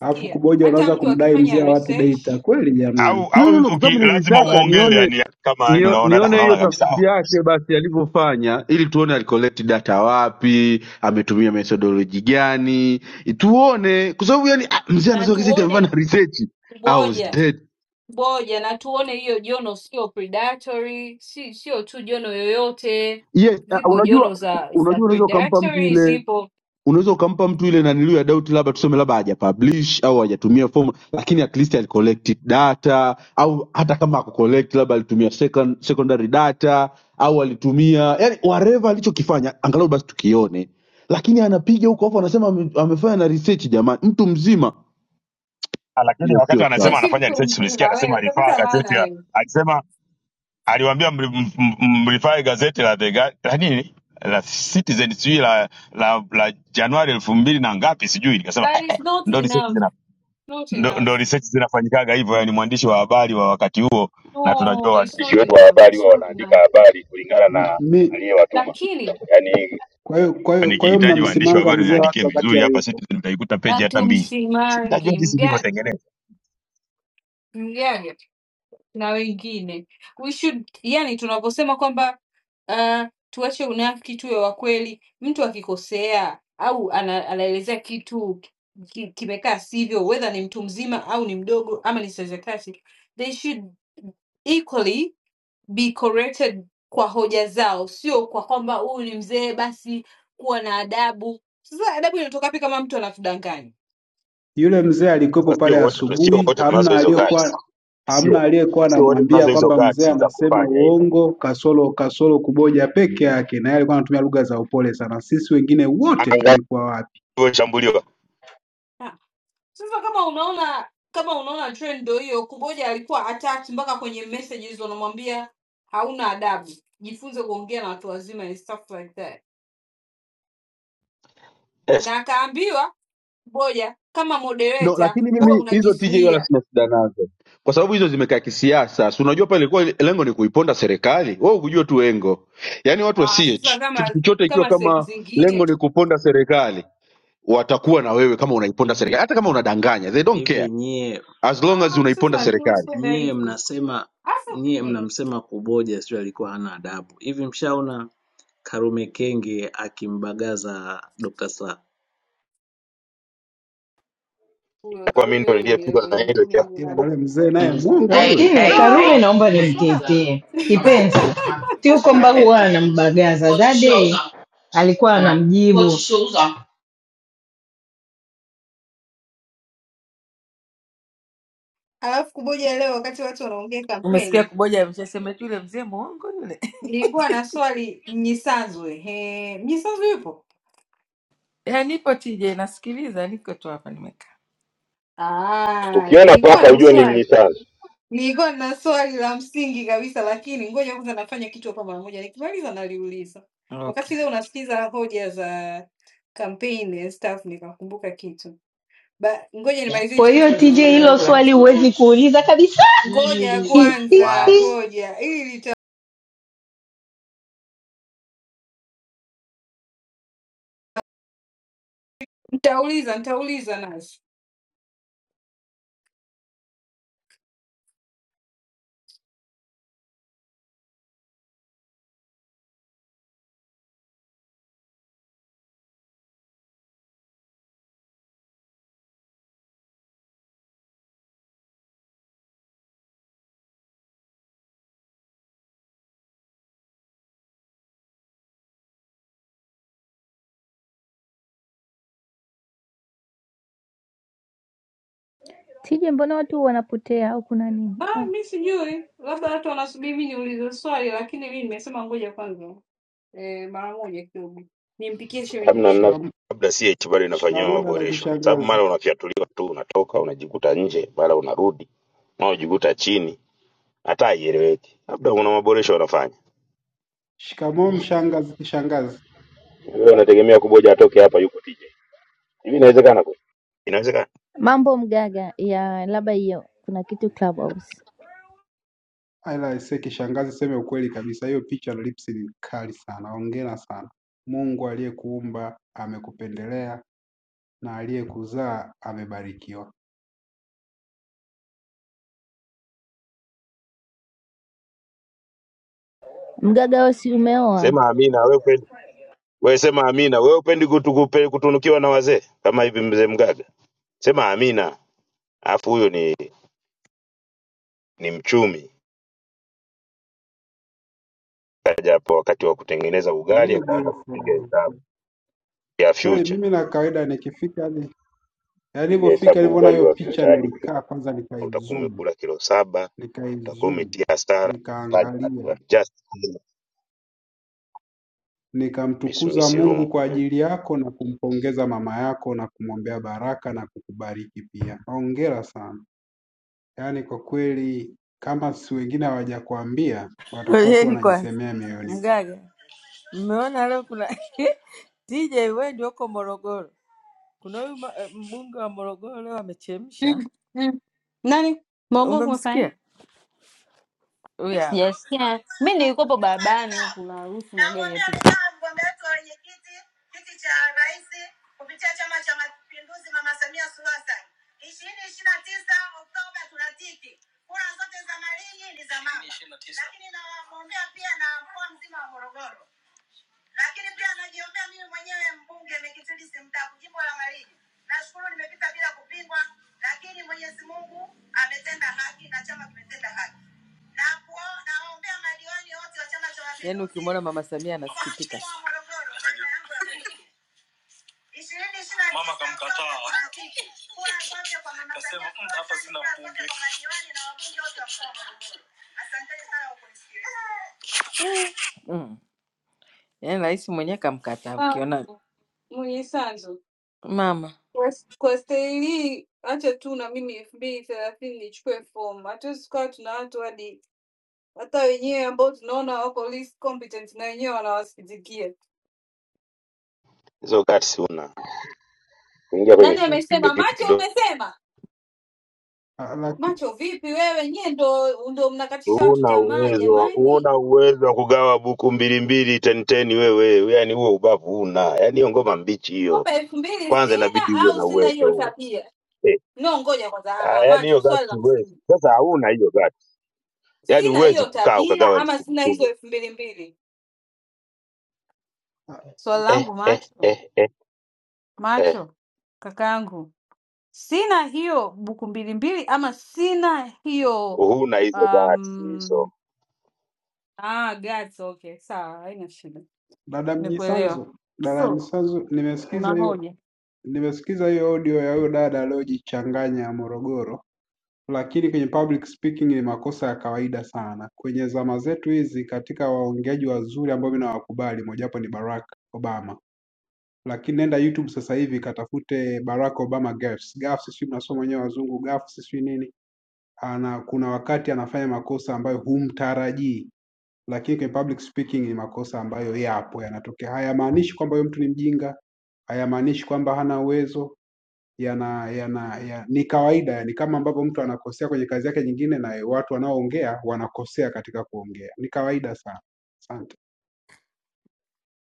[SPEAKER 6] alafu kuboja
[SPEAKER 22] hata
[SPEAKER 6] unaweza
[SPEAKER 22] mtu
[SPEAKER 6] kumdai mzee
[SPEAKER 22] akifanya
[SPEAKER 6] wa watu
[SPEAKER 22] research,
[SPEAKER 6] data kweli jamani
[SPEAKER 5] au
[SPEAKER 4] No,
[SPEAKER 5] au
[SPEAKER 4] no, no, kwa
[SPEAKER 5] uki,
[SPEAKER 4] sababu
[SPEAKER 5] lazima
[SPEAKER 22] mtu
[SPEAKER 4] nilitaka
[SPEAKER 5] uongee
[SPEAKER 22] akifanya
[SPEAKER 4] nione
[SPEAKER 5] yani kama yani
[SPEAKER 4] nio-
[SPEAKER 5] unaona da,
[SPEAKER 4] nione hiyo
[SPEAKER 5] unaona kabisa "Ah,
[SPEAKER 4] tafiti yake basi alivyofanya, ili tuone alicollect data wapi, ametumia methodology gani, tuone kwa sababu yani ah, mzee
[SPEAKER 22] na
[SPEAKER 4] anasema kizeti
[SPEAKER 22] tuone
[SPEAKER 4] amefanya research I was
[SPEAKER 22] ngoja
[SPEAKER 4] dead.
[SPEAKER 22] ngoja na tuone hiyo jono sio predatory si sio tu jono yoyote
[SPEAKER 4] Yes, ah,
[SPEAKER 22] zipo jono
[SPEAKER 4] unajua
[SPEAKER 22] za za
[SPEAKER 4] unajua unaweza ukampa mtu
[SPEAKER 22] predatory
[SPEAKER 4] ile
[SPEAKER 22] zipo
[SPEAKER 4] unaweza ukampa mtu ile naniliu ya doubt labda tuseme labda hajapublish au hajatumia form lakini at least alicollect data au hata kama akucollect labda alitumia second, secondary data au alitumia yani whatever alichokifanya angalau basi tukione lakini anapiga huko afu anasema ame- amefanya na research jamani mtu mzima
[SPEAKER 5] Ah, lakini
[SPEAKER 4] hiyo
[SPEAKER 5] wakati
[SPEAKER 4] sio sawa
[SPEAKER 5] anasema
[SPEAKER 22] Eti
[SPEAKER 5] anafanya
[SPEAKER 22] mtu
[SPEAKER 5] research tulisikia
[SPEAKER 22] mzima
[SPEAKER 5] anasema
[SPEAKER 22] wewe
[SPEAKER 5] alifaa
[SPEAKER 22] utapata laana
[SPEAKER 5] gazeti la-
[SPEAKER 22] wewe
[SPEAKER 5] alisema aliwaambia mli- m- m- mlifai gazeti la The Guar- la nini la Citizen sijui la, la, la Januari elfu mbili na ngapi sijui, nikasema
[SPEAKER 22] but
[SPEAKER 5] eh, eh,
[SPEAKER 22] it's not
[SPEAKER 5] ndo research
[SPEAKER 22] enough
[SPEAKER 5] zina
[SPEAKER 22] not
[SPEAKER 5] ndo,
[SPEAKER 22] enough
[SPEAKER 5] ndo research zinafanyikaga hivyo, yani mwandishi wa habari wa wakati huo, na tunajua
[SPEAKER 22] no it's
[SPEAKER 5] waandishi
[SPEAKER 22] not
[SPEAKER 5] wetu wa
[SPEAKER 22] enough
[SPEAKER 5] habari
[SPEAKER 22] it's
[SPEAKER 5] huwa
[SPEAKER 22] not
[SPEAKER 5] wanaandika
[SPEAKER 22] enough
[SPEAKER 5] habari kulingana
[SPEAKER 6] M-
[SPEAKER 5] na
[SPEAKER 6] mi
[SPEAKER 5] aliyewatuma.
[SPEAKER 22] lakini
[SPEAKER 5] Yani
[SPEAKER 6] kwa hiyo kwa hiyo kwa hiyo
[SPEAKER 5] nikihitaji waandishi wa
[SPEAKER 6] mnamsimanga
[SPEAKER 5] habari
[SPEAKER 6] mzee wa
[SPEAKER 5] niandikie
[SPEAKER 6] watu wakati
[SPEAKER 5] vizuri hapa
[SPEAKER 6] hayupo
[SPEAKER 5] Citizen, utaikuta peji hata
[SPEAKER 22] watu
[SPEAKER 5] mbili. Si- Najua
[SPEAKER 22] msimangi
[SPEAKER 5] jinsi
[SPEAKER 22] mgaga
[SPEAKER 5] ilivyotengenezwa,
[SPEAKER 22] mgaga na wengine. We should yani tunaposema kwamba uh, tuache unafiki tuwe wa kweli. Mtu akikosea au ana, anaelezea kitu ki, kimekaa sivyo, whether ni mtu mzima au ni mdogo ama ni saizi ya kati, they should equally be corrected kwa hoja zao, sio kwa kwamba huyu ni mzee basi kuwa na adabu. Sasa adabu inatoka wapi kama mtu anatudanganya?
[SPEAKER 6] Yule mzee alikuwepo
[SPEAKER 5] sio
[SPEAKER 6] pale
[SPEAKER 5] wote tu- sio
[SPEAKER 6] asubuhi
[SPEAKER 5] wote
[SPEAKER 6] hamna
[SPEAKER 5] tunazo hizo guts,
[SPEAKER 6] aliyokuwa hamna
[SPEAKER 5] sio
[SPEAKER 6] aliyekuwa
[SPEAKER 5] sio wote
[SPEAKER 6] anamwambia
[SPEAKER 5] tunazo hizo
[SPEAKER 6] kwamba mzee
[SPEAKER 5] guts za
[SPEAKER 6] anasema
[SPEAKER 5] kufanya hivi
[SPEAKER 6] uongo kasoro kasoro kuboja peke yake na yeye alikuwa anatumia lugha za upole sana sisi wengine wote tulikuwa wapi
[SPEAKER 5] ilivyoshambuliwa
[SPEAKER 22] Ah, Sasa kama unaona kama unaona trend ndio hiyo, Kuboja alikuwa attacked mpaka kwenye messages wanamwambia hauna adabu, jifunze kuongea na watu wazima and stuff like that, na
[SPEAKER 5] yes.
[SPEAKER 22] akaambiwa Kuboja kama
[SPEAKER 4] No,
[SPEAKER 22] moderator
[SPEAKER 4] lakini
[SPEAKER 22] huwe
[SPEAKER 4] mimi hizo TJ wala
[SPEAKER 22] unajizuia.
[SPEAKER 4] sina shida nazo. kwa sababu hizo zimekaa kisiasa. Si unajua pale ilikuwa lengo ni kuiponda serikali, wewe ukujua tu lengo. Yaani watu wa
[SPEAKER 22] Ah,
[SPEAKER 4] CH
[SPEAKER 22] sasa
[SPEAKER 4] kitu
[SPEAKER 22] kama
[SPEAKER 4] chochote ikiwa
[SPEAKER 22] kama sehemu
[SPEAKER 4] kama lengo
[SPEAKER 22] zingine
[SPEAKER 4] ni kuponda serikali, watakuwa na wewe kama unaiponda serikali,
[SPEAKER 16] hivi
[SPEAKER 4] hata kama unadanganya, they don't care
[SPEAKER 16] hivi. Nyie
[SPEAKER 4] as long as
[SPEAKER 22] ah,
[SPEAKER 4] unaiponda
[SPEAKER 22] sasa
[SPEAKER 16] m-
[SPEAKER 22] alikuwa
[SPEAKER 4] serikali.
[SPEAKER 22] hivyo
[SPEAKER 16] nyie
[SPEAKER 22] hivyo.
[SPEAKER 16] mnasema nyie
[SPEAKER 22] hasa
[SPEAKER 16] mnamsema kuboja, sio alikuwa hana adabu hivi. Mshaona Karume Kenge akimbagaza Dr. Slaa.
[SPEAKER 22] huyo Karume huyo ni level nyingine
[SPEAKER 6] Ah,
[SPEAKER 22] huyo
[SPEAKER 6] ila
[SPEAKER 22] naye.
[SPEAKER 6] na yule mzee naye mwongo
[SPEAKER 25] lakini
[SPEAKER 6] yule
[SPEAKER 25] Karume
[SPEAKER 6] Da!
[SPEAKER 25] naomba
[SPEAKER 6] Mzee saa.
[SPEAKER 25] nimtetee right. kipenzi, sio kwamba huwa anambagaza dade, alikuwa anamjibu.
[SPEAKER 22] Alafu kuboja leo wakati watu wanaongea
[SPEAKER 19] umesikia
[SPEAKER 22] kampeni,
[SPEAKER 19] kuboja ameshasema tu yule mzee mwongo yule
[SPEAKER 22] nilikuwa na swali Mnyisanzwe. He, Mnyisanzwe yupo?
[SPEAKER 19] ya nipo tija nasikiliza niko tu hapa nimekaa
[SPEAKER 22] Ah,
[SPEAKER 5] Ukiona
[SPEAKER 22] nilikuwa
[SPEAKER 5] paka
[SPEAKER 22] na
[SPEAKER 5] ujue ni
[SPEAKER 22] swali
[SPEAKER 5] mnyisazi.
[SPEAKER 22] nilikuwa na swali la msingi kabisa, lakini ngoja kwanza nafanya kichwa kwa mara moja, nikimaliza naliuliza. Wakati
[SPEAKER 19] okay
[SPEAKER 22] leo unasikiza hoja za kampeni and stuff, nikakumbuka kitu ba, ngoja nimalizie
[SPEAKER 25] Kwa
[SPEAKER 22] hichi
[SPEAKER 25] hiyo
[SPEAKER 22] kitu
[SPEAKER 25] TJ,
[SPEAKER 22] nachofanya
[SPEAKER 25] hilo
[SPEAKER 22] huko
[SPEAKER 25] swali
[SPEAKER 22] kwanza.
[SPEAKER 25] huwezi kuuliza kabisa.
[SPEAKER 22] Ngoja kwanza, ngoja ili nita- nitauliza, nitauliza nasi
[SPEAKER 24] Tije, mbona watu wanapotea au kuna nini?
[SPEAKER 22] Ah,
[SPEAKER 24] Ah,
[SPEAKER 22] mi sijui, labda watu wanasubiri mi niulize swali, lakini mi nimesema ngoja kwanza eh, mara moja kidogo nimpikie shemeji
[SPEAKER 5] Hamna mna
[SPEAKER 22] yenu.
[SPEAKER 6] Shikam-
[SPEAKER 5] Labda CH bado inafanyiwa
[SPEAKER 6] shikamoo dada
[SPEAKER 5] maboresho, sababu
[SPEAKER 6] kishangazi
[SPEAKER 5] mara unafyatuliwa tu unatoka unajikuta nje, mara unarudi mara unajikuta chini, hata haieleweki. Labda kuna maboresho wanafanya,
[SPEAKER 6] shikamoo mshangazi kishangazi
[SPEAKER 5] wewe unategemea kuboja atoke hapa yuko TJ. Hivi inawezekana kweli? inawezekana.
[SPEAKER 24] Mambo mgaga ya labda hiyo kuna kitu Clubhouse.
[SPEAKER 6] ila ise kishangazi seme ukweli kabisa hiyo picha na lips ni kali sana hongera sana Mungu aliyekuumba amekupendelea na aliyekuzaa amebarikiwa.
[SPEAKER 24] Mgaga wewe si umeoa?
[SPEAKER 5] Sema amina wewe, upendi wewe, sema amina wewe, upendi kutukupe, kutunukiwa na wazee kama hivi, mzee Mgaga, sema amina. Alafu huyo ni ni mchumi, kaja hapo wakati wa kutengeneza ugali
[SPEAKER 6] Very
[SPEAKER 5] akaanza kupiga
[SPEAKER 6] beautiful.
[SPEAKER 5] hesabu. ya
[SPEAKER 6] Kweli
[SPEAKER 5] Future
[SPEAKER 6] mimi na kawaida nikifika hadi
[SPEAKER 5] piga
[SPEAKER 6] nilipofika
[SPEAKER 5] hesabu
[SPEAKER 6] nilivyoona
[SPEAKER 5] ugali
[SPEAKER 6] hiyo
[SPEAKER 5] wa
[SPEAKER 6] picha
[SPEAKER 5] Future hadi kufika
[SPEAKER 6] nilikaa kwanza
[SPEAKER 5] utakuwa
[SPEAKER 6] nikaizoom,
[SPEAKER 5] umekula kilo saba utakuwa
[SPEAKER 6] nikaizoom,
[SPEAKER 5] umetia hasara but you
[SPEAKER 6] nikaangalia,
[SPEAKER 5] are just
[SPEAKER 6] nikamtukuza
[SPEAKER 5] dismiss
[SPEAKER 6] Mungu
[SPEAKER 5] room
[SPEAKER 6] kwa ajili yako na kumpongeza mama yako na kumwombea baraka na kukubariki pia. Hongera sana. Yaani kwa kweli kama si wengine hawajakuambia watakuwa tu
[SPEAKER 19] gojeni kwanza
[SPEAKER 6] wanajisemea mioyoni mwao.
[SPEAKER 19] mgaga mmeona leo kuna tija wewe ndio uko morogoro kuna huyu ma- eh, mbunge wa morogoro leo amechemsha
[SPEAKER 22] Mm, mm. Nani Mongo kumefanya?
[SPEAKER 19] umemsikia huyu
[SPEAKER 22] Mi
[SPEAKER 19] hapa
[SPEAKER 22] sijasikia, mi nilikuwapo barabarani huku naruhusu magari
[SPEAKER 19] Namwombea
[SPEAKER 22] yapite.
[SPEAKER 19] ridhaa mgombea wetu wa wenyekiti kiti cha rais kupitia Chama cha Mapinduzi, Mama Samia Suluhu Hassan. ishirini ishirini na tisa Oktoba tunatiki, kura zote za Malinyi ni za mama, lakini namwombea pia na mkoa mzima wa Morogoro lakini pia najiombea mimi mwenyewe mbunge mekitili simtaku jimbo la Malinyi. Nashukuru nimepita bila kupingwa, lakini Mwenyezi Mungu ametenda haki na chama kimetenda haki. Na kuo- nawaombea madiwani wote wa chama cha Mapinduzi. Yaani ukimwona Mama Samia anasikitika. Mama kamkataa. Kasema, "Mm, hapa sina mbunge. Asante sana kwa kunisikiliza. Mm. Yaani rais mwenyewe kamkataa,
[SPEAKER 22] Ah,
[SPEAKER 19] ukiona
[SPEAKER 22] mwenye sanzo
[SPEAKER 19] mama
[SPEAKER 22] kwa kwa staili hii, acha tu na mimi elfu mbili thelathini nichukue fomu. Hatuwezi tukawa tuna watu hadi hata wenyewe ambao tunaona wako least competent na wenyewe wanawasikitikia.
[SPEAKER 5] hizo guts una kuingia kwenye
[SPEAKER 22] Nani
[SPEAKER 6] Lakini,
[SPEAKER 5] hiyo
[SPEAKER 22] amesema?
[SPEAKER 5] kitu
[SPEAKER 22] Machi,
[SPEAKER 5] kidogo
[SPEAKER 22] umesema
[SPEAKER 6] laki,
[SPEAKER 22] Macho vipi wewe? Nyie ndo ndo mnakatisha watu
[SPEAKER 5] una
[SPEAKER 22] tamaa
[SPEAKER 5] uwezo wa-
[SPEAKER 22] jamani,
[SPEAKER 5] una uwezo wa kugawa buku mbili mbili ten ten wewe yani huo ubavu una yani hiyo ngoma mbichi hiyo
[SPEAKER 22] kwamba elfu mbili
[SPEAKER 5] kwanza
[SPEAKER 22] sina
[SPEAKER 5] inabidi uwe
[SPEAKER 22] au
[SPEAKER 5] na
[SPEAKER 22] sina
[SPEAKER 5] uwezo
[SPEAKER 22] hiyo
[SPEAKER 5] huo
[SPEAKER 22] tabia.
[SPEAKER 5] eh
[SPEAKER 22] No, ngoja kwanza. Ah,
[SPEAKER 5] ah,
[SPEAKER 22] ah,
[SPEAKER 5] yani hiyo
[SPEAKER 22] Macho, swali
[SPEAKER 5] guts
[SPEAKER 22] la msingi,
[SPEAKER 5] uwezi sasa hauna hiyo guts yani
[SPEAKER 22] sina
[SPEAKER 5] uwezi
[SPEAKER 22] hiyo
[SPEAKER 5] kukaa
[SPEAKER 22] tabia
[SPEAKER 5] ukagawa elfu
[SPEAKER 22] ama
[SPEAKER 5] kumi
[SPEAKER 22] sina hizo
[SPEAKER 5] kumi
[SPEAKER 22] elfu mbili mbili? Swali
[SPEAKER 5] eh
[SPEAKER 22] langu
[SPEAKER 5] eh
[SPEAKER 22] macho,
[SPEAKER 5] eh eh eh
[SPEAKER 22] macho kakaangu, sina hiyo buku mbili mbili ama sina hiyo
[SPEAKER 5] huna hizo dhati hizo.
[SPEAKER 22] um, ah, guts, okay, sawa, haina shida,
[SPEAKER 6] Dada
[SPEAKER 22] nimekuelewa.
[SPEAKER 6] Mnyisanzo, dada
[SPEAKER 22] So
[SPEAKER 6] Mnyisanzo,
[SPEAKER 22] una
[SPEAKER 6] nimesikiza hiyo
[SPEAKER 22] hoja
[SPEAKER 6] nimesikiza hiyo audio ya huyo dada aliyojichanganya Morogoro, lakini kwenye public speaking ni makosa ya kawaida sana kwenye zama zetu hizi. Katika waongeaji wazuri ambao mimi nawakubali, mojawapo ni Barack Obama, lakini nenda YouTube sasa hivi katafute Barack Obama gaffes. Gaffes sijui mnasoma wenyewe wazungu gaffes sijui nini, ana kuna wakati anafanya makosa ambayo humtarajii lakini kwenye public speaking ni makosa ambayo yapo yanatokea. Hayamaanishi kwamba huyo mtu ni mjinga, hayamaanishi kwamba hana uwezo yana yana ya, ni kawaida yani kama ambavyo mtu anakosea kwenye kazi yake nyingine na watu wanaoongea wanakosea katika kuongea ni kawaida sana asante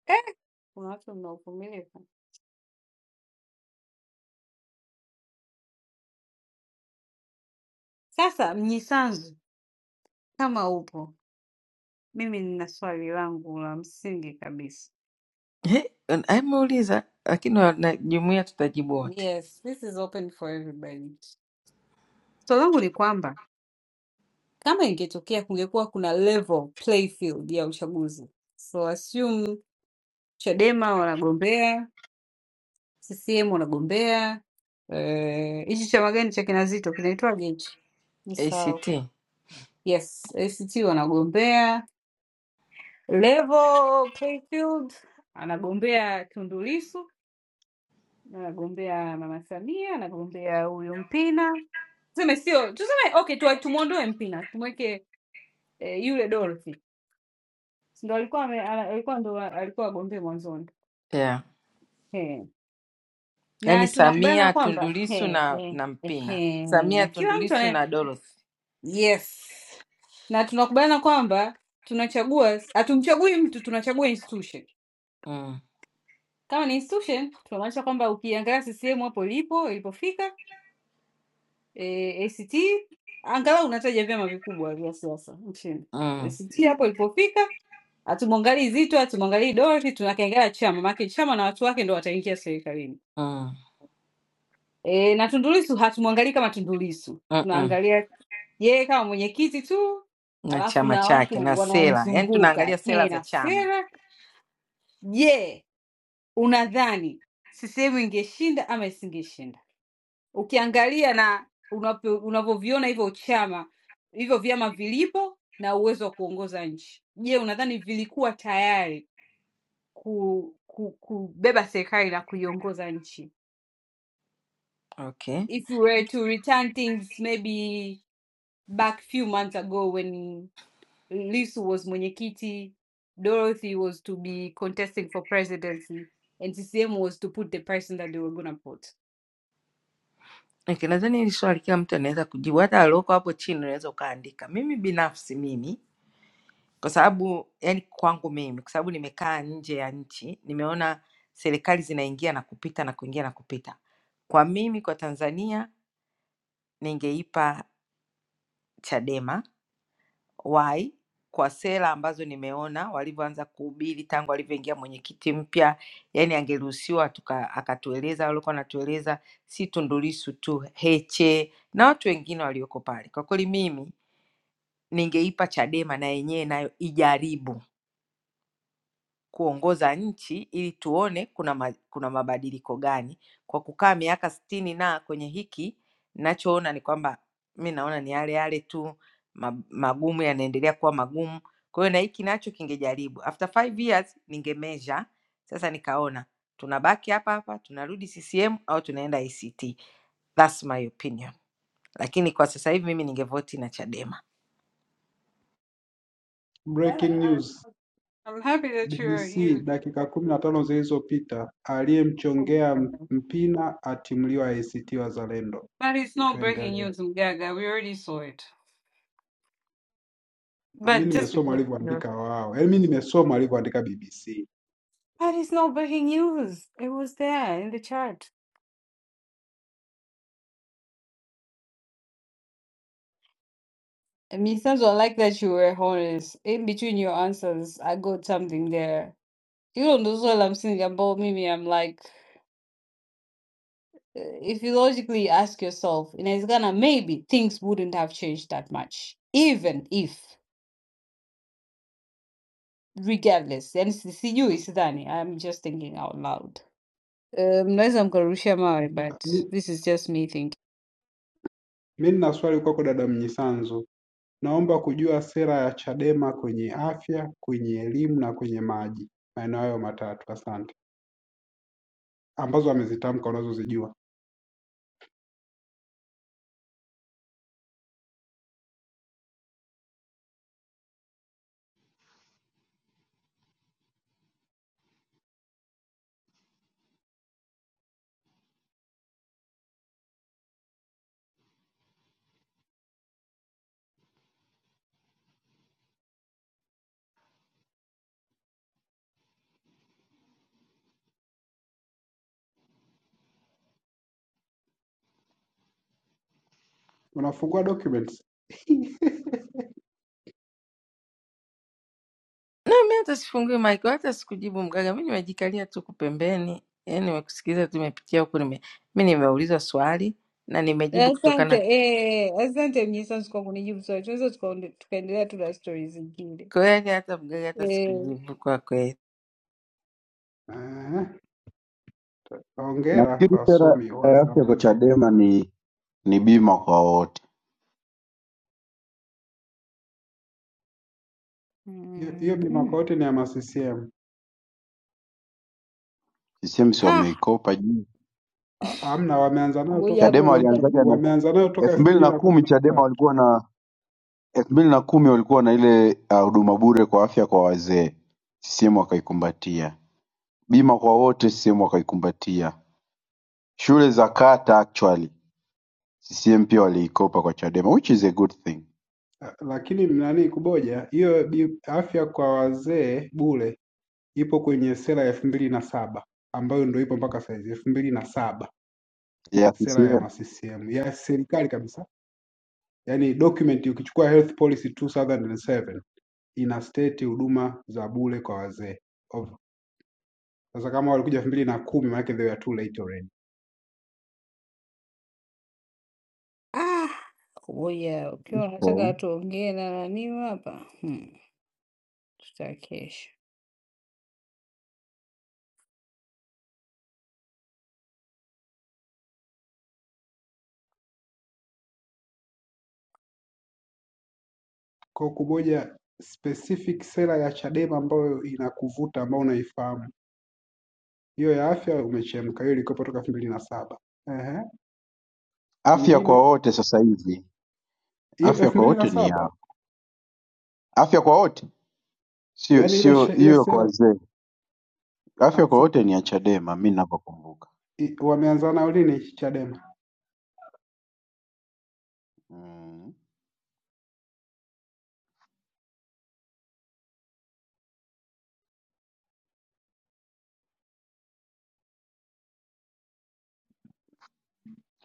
[SPEAKER 22] eh? Kuna watu mnaovumilika Sasa mnyisanzu, kama upo, mimi nina swali langu la msingi kabisa.
[SPEAKER 19] He, ameuliza lakini wanajumuia tutajibu wote.
[SPEAKER 22] Yes, this is open for everybody. Swali langu ni kwamba Kama ingetokea kungekuwa kuna level play field ya uchaguzi, so assume Chadema wanagombea, CCM wanagombea, eh, hichi uh, chama gani cha kina Zitto kinaitwaje hichi? Nisahau.
[SPEAKER 19] ACT.
[SPEAKER 22] Yes, ACT wanagombea, level play field anagombea Tundu Lissu Nagombea mama Samia, nagombea huyu Mpina. Tuseme sio, tuseme okay, tuwa- tumuondoe Mpina, tumweke eh, yule Dorothy. Si Ndo alikuwa ame- ala- alikuwa ndo wa- alikuwa agombee mwanzoni.
[SPEAKER 19] Yeah.
[SPEAKER 22] Eh.
[SPEAKER 19] Yaani
[SPEAKER 22] Na tunakubaliana
[SPEAKER 19] Samia,
[SPEAKER 22] kwamba
[SPEAKER 19] Tundulisu
[SPEAKER 22] eh,
[SPEAKER 19] na
[SPEAKER 22] eh,
[SPEAKER 19] na Mpina.
[SPEAKER 22] eh,
[SPEAKER 19] Samia,
[SPEAKER 22] na kila mtu
[SPEAKER 19] Tundulisu
[SPEAKER 22] ana
[SPEAKER 19] na Dorothy.
[SPEAKER 22] yes. Na tunakubaliana kwamba tunachagua hatumchagui mtu, tunachagua institution.
[SPEAKER 19] Mm,
[SPEAKER 22] Kama ni institution, tunamaanisha kwamba ukiangalia CCM hapo ilipo ilipofika Eee, ACT angalau unataja vyama vikubwa vya siasa nchini.
[SPEAKER 19] mm,
[SPEAKER 22] ACT hapo ilipofika, hatumwangalii Zitto, hatumwangalii Dorothy, tunakiangalia chama, maanake chama na watu wake ndio wataingia serikalini.
[SPEAKER 19] mm,
[SPEAKER 22] Eee, na Tundu Lissu hatumwangalii kama Tundu Lissu,
[SPEAKER 19] mm, mm.
[SPEAKER 22] tunaangalia yeye kama mwenyekiti tu,
[SPEAKER 19] Na
[SPEAKER 22] alafu
[SPEAKER 19] chama
[SPEAKER 22] na
[SPEAKER 19] chake na
[SPEAKER 22] watu
[SPEAKER 19] sera. Yaani
[SPEAKER 22] wanaomzunguka
[SPEAKER 19] tunaangalia sera
[SPEAKER 22] ehe,
[SPEAKER 19] za
[SPEAKER 22] na
[SPEAKER 19] chama.
[SPEAKER 22] sera. Je, unadhani CCM ingeshinda ama isingeshinda? ukiangalia na unavyoviona hivyo chama hivyo vyama vilipo na uwezo wa kuongoza nchi. Je, unadhani vilikuwa tayari ku, ku, kubeba serikali na kuiongoza nchi?
[SPEAKER 19] Okay.
[SPEAKER 22] If you were to return things maybe back few months ago when Lisu was mwenyekiti, Dorothy was to be contesting for presidency and CCM was to put the person that they were gonna put.
[SPEAKER 19] Okay, nadhani hili swali kila mtu anaweza kujibu, hata alioko hapo chini unaweza ukaandika. Mimi binafsi mimi kwa sababu yani kwangu mimi, kwa sababu nimekaa nje ya nchi, nimeona serikali zinaingia na kupita na kuingia na kupita. Kwa mimi kwa Tanzania ningeipa Chadema. Why? Kwa sera ambazo nimeona walivyoanza kuhubiri tangu alivyoingia mwenyekiti mpya, yani angeruhusiwa tuka- akatueleza walikuwa anatueleza, si Tundu Lissu tu, Heche na watu wengine walioko pale. Kwa kweli mimi ningeipa Chadema na yenyewe nayo ijaribu kuongoza nchi ili tuone kuna, ma, kuna mabadiliko gani kwa kukaa miaka sitini na kwenye hiki nachoona ni kwamba mi naona ni yale yale tu ma- magumu yanaendelea kuwa magumu kwa hiyo na hiki nacho kingejaribu after five years ningemeasure sasa nikaona tunabaki hapa hapa tunarudi ccm au tunaenda act thats my opinion lakini kwa sasa hivi mimi ningevoti na chadema
[SPEAKER 22] I,
[SPEAKER 6] breaking news
[SPEAKER 22] I'm happy that you're
[SPEAKER 6] BBC dakika kumi na tano zilizopita aliyemchongea
[SPEAKER 22] you
[SPEAKER 6] Mpina atimuliwa ACT Wazalendo
[SPEAKER 22] But it's not breaking
[SPEAKER 6] tuendelee
[SPEAKER 22] news, Gaga. We already saw it.
[SPEAKER 6] Ah, mi
[SPEAKER 22] But just
[SPEAKER 6] nimesoma
[SPEAKER 22] because. No.
[SPEAKER 6] alivyoandika wao yaani mi nimesoma alivyoandika BBC
[SPEAKER 22] But it's not breaking news. It was there in the chart. I mean, it sounds like that you were honest. In between your answers, I got something there. You don't know what I'm saying about Mimi. I'm like, uh, if you logically ask yourself, in Ghana, maybe things wouldn't have changed that much. Even if, regardless, and see you, is Dani. I'm just thinking out loud. Um, unless I'm going to share my, but this is just me thinking.
[SPEAKER 6] Mimi nina swali kwako dada Mnyisanzu. Naomba kujua sera ya Chadema kwenye afya, kwenye elimu na kwenye maji, maeneo hayo matatu. Asante, ambazo amezitamka unazozijua. Unafungua documents.
[SPEAKER 19] Na mimi hata sifungui maiki, wala hata sikujibu mgaga, mi nimejikalia tu huku pembeni, yani nimekusikiliza tu, nimepitia huku nime, mi nimeulizwa swali na nimejibu
[SPEAKER 22] Asante
[SPEAKER 19] kutokana
[SPEAKER 22] eh, asante Mnyisanzu kwa kunijibu swali. Tunaweza tukaonde- tukaendelea tu na stori zingine
[SPEAKER 19] kweli, hata mgaga, hata
[SPEAKER 22] eh.
[SPEAKER 19] sikujibu kwa kweli.
[SPEAKER 6] Ah, Hongera kwa
[SPEAKER 4] Nafikiri sera
[SPEAKER 6] wasomi wa
[SPEAKER 4] ya afya kwa
[SPEAKER 6] zamani.
[SPEAKER 4] Chadema ni ni bima kwa wote.
[SPEAKER 6] Hiyo hiyo ni mwaka
[SPEAKER 22] mhm.
[SPEAKER 6] wote ni ya maccm.
[SPEAKER 4] CCM si
[SPEAKER 22] Ah,
[SPEAKER 4] wameikopa juu.
[SPEAKER 6] A- Hamna, wameanza nayo
[SPEAKER 22] ngoja
[SPEAKER 6] toka
[SPEAKER 22] hapo
[SPEAKER 4] Chadema
[SPEAKER 22] ukita-
[SPEAKER 6] 20,
[SPEAKER 4] walianzaga na
[SPEAKER 6] wameanza nayo toka
[SPEAKER 4] elfu
[SPEAKER 6] elfu
[SPEAKER 4] mbili
[SPEAKER 6] mbili
[SPEAKER 4] na
[SPEAKER 6] na kumi
[SPEAKER 4] kumi
[SPEAKER 6] na
[SPEAKER 4] Chadema
[SPEAKER 6] tatu.
[SPEAKER 4] walikuwa na elfu mbili na kumi walikuwa na ile ah, huduma bure kwa afya kwa wazee, CCM wakaikumbatia. Bima kwa wote, CCM wakaikumbatia. Shule za kata actually CCM pia waliikopa kwa Chadema, which is a good thing
[SPEAKER 6] Ah, Lakini nani kuboja hiyo bi- afya kwa wazee bure ipo kwenye sera ya elfu mbili na saba ambayo ndio ipo mpaka saizi elfu mbili na saba
[SPEAKER 4] yeah,
[SPEAKER 6] sera ya
[SPEAKER 4] CCM.
[SPEAKER 6] maccm ya serikali kabisa yaani document ukichukua health policy 2007 ina state huduma za bure kwa wazee Of- sasa kama walikuja elfu mbili na kumi maanake they were too late already
[SPEAKER 22] ah, ngoja ukiwa
[SPEAKER 4] Okay.
[SPEAKER 22] unataka tuongee na naniu hapa hmm. Tutakesha
[SPEAKER 6] kwa kumoja specific sera ya chadema ambayo inakuvuta ambao unaifahamu hiyo ya afya umechemka hiyo ilikuwepo toka elfu mbili na saba Ehe,
[SPEAKER 4] Afya
[SPEAKER 6] nyingine
[SPEAKER 4] kwa wote sasa hivi,
[SPEAKER 6] hiyo
[SPEAKER 4] afya
[SPEAKER 6] elfu
[SPEAKER 4] kwa
[SPEAKER 6] mbili na
[SPEAKER 4] wote ni ya
[SPEAKER 6] saba
[SPEAKER 4] afya kwa wote, sio
[SPEAKER 6] yaani ile
[SPEAKER 4] sio
[SPEAKER 6] she- ile
[SPEAKER 4] hiyo kwa
[SPEAKER 6] sera
[SPEAKER 4] wazee. Afya
[SPEAKER 6] ah,
[SPEAKER 4] kwa wote ni ya Chadema, mi ninavyokumbuka
[SPEAKER 6] i- wameanza nao lini Chadema?
[SPEAKER 4] mm.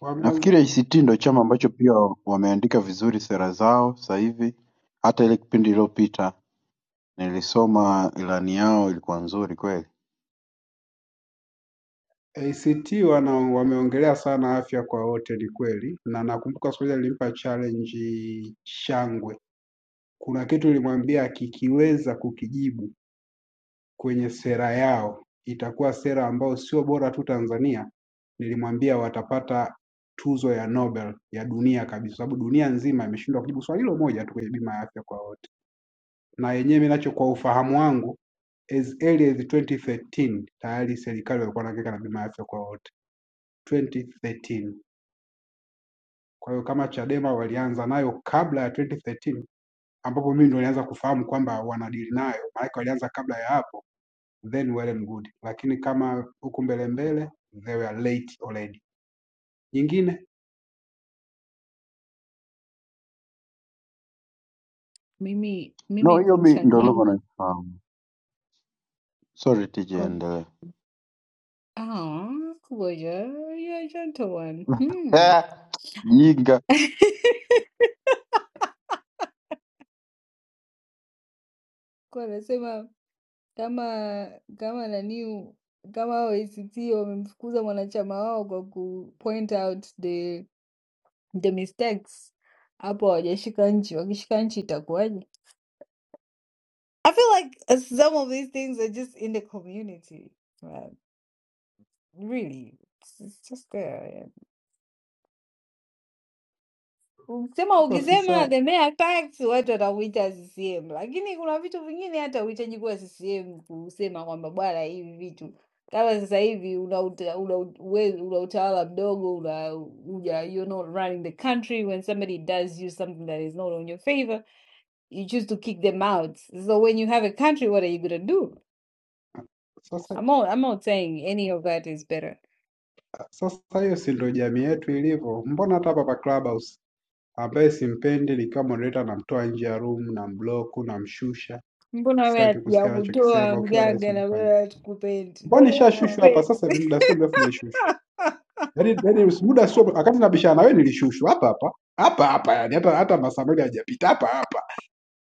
[SPEAKER 6] Wameanza
[SPEAKER 4] Nafikiri ACT ndio chama ambacho pia wameandika vizuri sera zao sasa hivi. Hata ile kipindi iliyopita nilisoma ilani yao, ilikuwa nzuri kweli.
[SPEAKER 6] ACT wana wameongelea sana afya kwa wote, ni kweli, na nakumbuka siku moja nilimpa challenge Shangwe, kuna kitu nilimwambia akikiweza kukijibu kwenye sera yao itakuwa sera ambayo sio bora tu Tanzania, nilimwambia watapata tuzo ya Nobel ya dunia kabisa, sababu dunia nzima imeshindwa kujibu swali hilo moja tu kwenye bima ya afya kwa wote, na yenyewe mimi nacho kwa ufahamu wangu as early as 2013 tayari serikali walikuwa wanahangaika na bima ya afya kwa wote 2013. Kwa hiyo kama Chadema walianza nayo kabla ya 2013, ambapo mimi ndo nilianza kufahamu kwamba wanadili nayo, maana walianza kabla ya hapo, then well and good, lakini kama huku mbele mbele they were late already. Nyingine
[SPEAKER 22] mimi
[SPEAKER 4] No,
[SPEAKER 22] mimi
[SPEAKER 4] hiyo mi
[SPEAKER 22] concern
[SPEAKER 4] ndio logo
[SPEAKER 22] yangu
[SPEAKER 4] naifahamu. Sorry, tije,
[SPEAKER 22] con-
[SPEAKER 4] endelea.
[SPEAKER 22] ah, ngoja you're a gentle one hmm.
[SPEAKER 4] Eh, Jinga.
[SPEAKER 22] Kwa nasema Kama kama nani kama hao ACT wamemfukuza mwanachama wao kwa ku point out the the mistakes, hapo hawajashika nchi. Wakishika nchi itakuwaje? I feel like uh, some of these things are just in the community. Like, really, it's it's just there. Ukisema
[SPEAKER 6] sasa si
[SPEAKER 22] ukisema
[SPEAKER 6] sawa.
[SPEAKER 22] the mayor tax watu watakuita CCM, lakini kuna vitu vingine hata uhitaji kuwa CCM kusema kwamba bwana, hivi vitu kama sasa hivi una, uta, una, we, una utawala mdogo una, una, you're not running the country when somebody does you something that is not on your favor you choose to kick them out so when you have a country what are you gonna do
[SPEAKER 6] Sasa
[SPEAKER 22] I'm not, I'm not saying any of that is better
[SPEAKER 6] sasa hiyo si ndio jamii yetu ilivyo? Mbona hata hapa pa Clubhouse ambaye simpendi nikiwa moderator namtoa nje ya room, namblock, namshusha
[SPEAKER 22] mbona wewe
[SPEAKER 6] Sitaki kusikia
[SPEAKER 22] hatujakutoa
[SPEAKER 6] anachokisema. Ukiwa rais
[SPEAKER 22] mgaga na
[SPEAKER 6] unafanya
[SPEAKER 22] wewe hatukupendi
[SPEAKER 6] mbona
[SPEAKER 22] bado
[SPEAKER 6] nishashushwa hapa
[SPEAKER 22] hatukupendi
[SPEAKER 6] sasa hivi, muda sio mrefu nilishushwa, yaani yaani muda sio wakati nabishana na wewe nilishushwa hapa hapa hapa hapa, yani hata hata masaa mawili hajapita hapa hapa.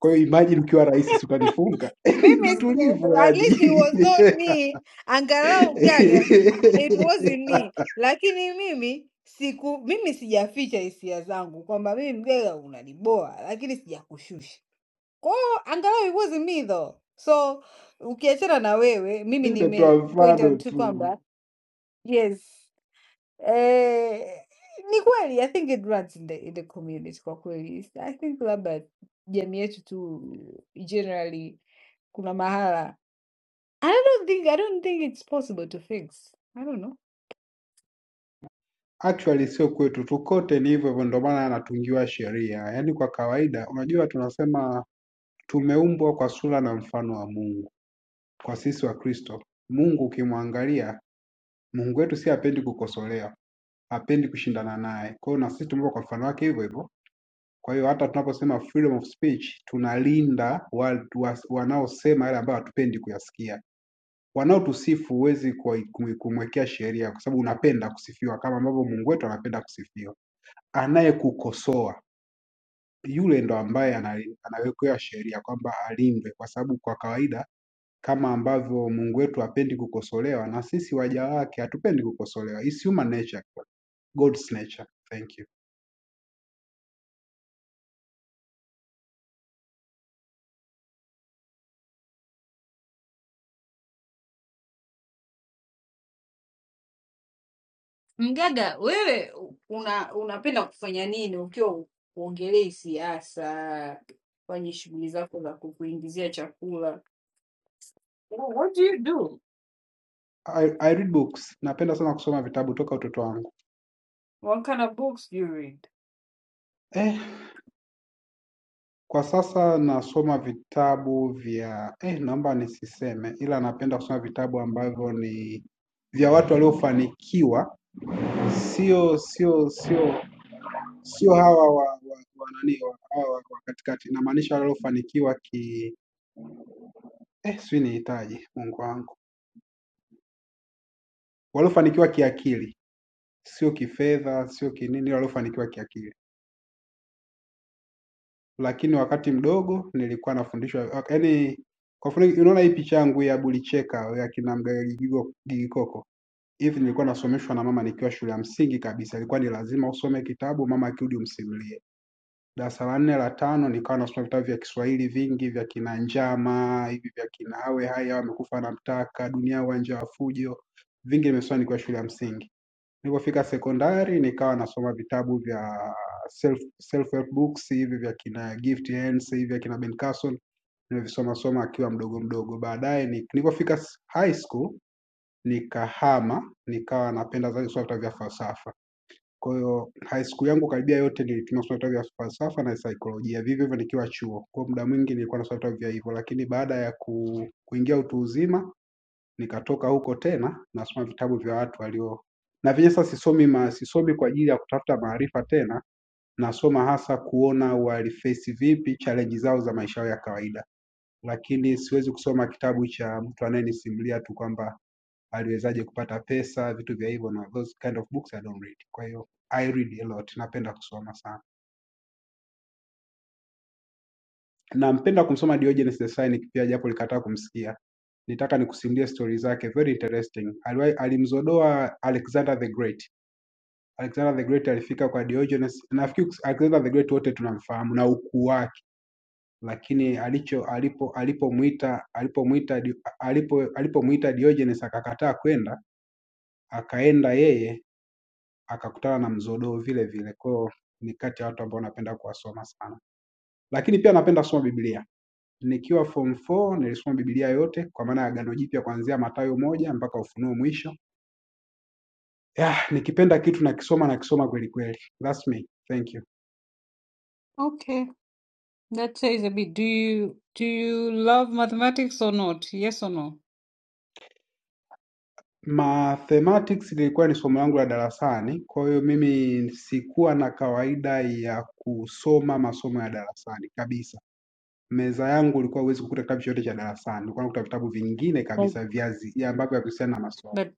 [SPEAKER 6] Kwa hiyo imagine ukiwa rais, si utanifunga? Yaani Ndio
[SPEAKER 22] Mimi si-
[SPEAKER 6] tulivyo
[SPEAKER 22] at
[SPEAKER 6] yani.
[SPEAKER 22] least it was not me. Angalau gaga it wasn't me. Lakini mimi siku mimi sijaficha hisia zangu kwamba mimi mgaga unaniboa, lakini sijakushusha. Kwa hiyo angalau it wasn't me though. So ukiachana na wewe, mimi
[SPEAKER 6] Mimi nimetoa
[SPEAKER 22] nime point
[SPEAKER 6] mfano
[SPEAKER 22] out tu
[SPEAKER 6] tu
[SPEAKER 22] kwamba yes. Eh, ni kweli I think it runs in the, in the community kwa kweli. I think labda jamii yetu tu generally kuna mahala I don't think I don't think it's possible to fix. I don't know.
[SPEAKER 6] actually sio kwetu tu, kote ni hivyo hivyo, ndio maana anatungiwa sheria. Yaani kwa kawaida, unajua tunasema tumeumbwa kwa sura na mfano wa Mungu. kwa sisi Wakristo, Mungu ukimwangalia, Mungu wetu si hapendi kukosolewa, hapendi kushindana naye. Kwa hiyo na sisi tumeumbwa kwa mfano wake hivyo hivyo. Kwa hiyo hata tunaposema freedom of speech tunalinda watu was- wanaosema yale ambayo hatupendi kuyasikia. Wanaotusifu huwezi kuwa- kumu- kumwekea sheria, kwa sababu unapenda kusifiwa kama ambavyo Mungu wetu anapenda kusifiwa. Anayekukosoa yule ndo ambaye anali- anawekewa sheria kwamba alindwe, kwa sababu kwa kawaida kama ambavyo Mungu wetu hapendi kukosolewa na sisi waja wake hatupendi kukosolewa. It's human nature, God's nature. Thank you.
[SPEAKER 22] Mgaga, wewe una unapenda kufanya nini ukiwa uongelei siasa kwenye shughuli zako za kukuingizia chakula? Wha- What do you do?
[SPEAKER 6] I, I read books. Napenda sana kusoma vitabu toka utoto wangu.
[SPEAKER 22] What kind of books do you read?
[SPEAKER 6] Eh, kwa sasa nasoma vitabu vya eh, naomba nisiseme, ila napenda kusoma vitabu ambavyo ni vya watu waliofanikiwa sio sio sio sio hawa wa, wa, wa nani wa, hawa wa, wa katikati, namaanisha waliofanikiwa ki eh, sijui nihitaji Mungu wangu, waliofanikiwa kiakili, sio kifedha, sio kinini, waliofanikiwa kiakili. Lakini wakati mdogo nilikuwa nafundishwa, yaani kwa mfano, unaona hii picha yangu ya Bulicheka ya kina Mgaeli Gigo- Gigikoko, hivi nilikuwa nasomeshwa na mama nikiwa shule ya msingi kabisa, ilikuwa ni lazima usome kitabu, mama akirudi umsimulie. darasa la nne la tano nikawa nasoma vitabu vya Kiswahili vingi vya kina Njama hivi vya kina Hawe Hai Hawa Amekufa Anamtaka, Dunia Uwanja wa Fujo, vingi nimesoma nikiwa shule ya msingi. Nilipofika sekondari nikawa nasoma vitabu vya self self help books hivi vya kina Gift Hands hivi vya kina Ben Carson nimevisoma soma akiwa mdogo mdogo. Baadaye ni- nilipofika s- high school nikahama, nikawa napenda zaidi kusoma vitabu vya falsafa. Kwa hiyo high school yangu karibia yote nilitumia kusoma vitabu vya falsafa na saikolojia, vivyo hivyo nikiwa chuo. Kwa hiyo muda mwingi nilikuwa nasoma vitabu vya hivyo, lakini baada ya ku, kuingia utu uzima nikatoka huko tena nasoma vitabu vya watu walio na vyenyewe sasa sisomi ma, sisomi kwa ajili ya kutafuta maarifa tena, nasoma hasa kuona walifesi vipi challenge zao za maisha yao ya kawaida lakini siwezi kusoma kitabu cha mtu anayenisimulia tu kwamba aliwezaje kupata pesa, vitu vya hivyo, na those kind of books I don't read. Kwa hiyo I read a lot, napenda kusoma sana. Nampenda kumsoma Diogenes the Cynic pia, japo nilikataa kumsikia. Nitaka nikusimulie stori zake, very interesting. Aliwahi alimzodoa Alexander the Great. Alexander the Great alifika kwa Diogenes. Nafikiri Alexander the Great wote tunamfahamu na ukuu wake lakini alicho alipo alipomuita alipomuita Di- alipo alipomuita Diogenes akakataa kwenda, akaenda yeye akakutana na mzodoo vile vile. Kwa hiyo ni kati ya watu ambao napenda kuwasoma sana, lakini pia napenda kusoma Biblia. Nikiwa form 4 nilisoma Biblia yote kwa maana ya Agano Jipya kuanzia Mathayo moja mpaka Ufunuo mwisho. Yeah, nikipenda kitu nakisoma nakisoma kweli kweli. That's me. Thank you.
[SPEAKER 22] Okay, that says a bit. Do you do you love mathematics or not? Yes or no?
[SPEAKER 6] Mathematics lilikuwa ni somo langu la darasani, kwa hiyo mimi sikuwa na kawaida ya kusoma masomo ya darasani kabisa. Meza yangu ulikuwa huwezi kukuta kitabu chochote cha darasani, ulikuwa unakuta vitabu vingine
[SPEAKER 22] Oh.
[SPEAKER 6] kabisa vya zi- ya ambavyo havihusiani na masomo.
[SPEAKER 22] But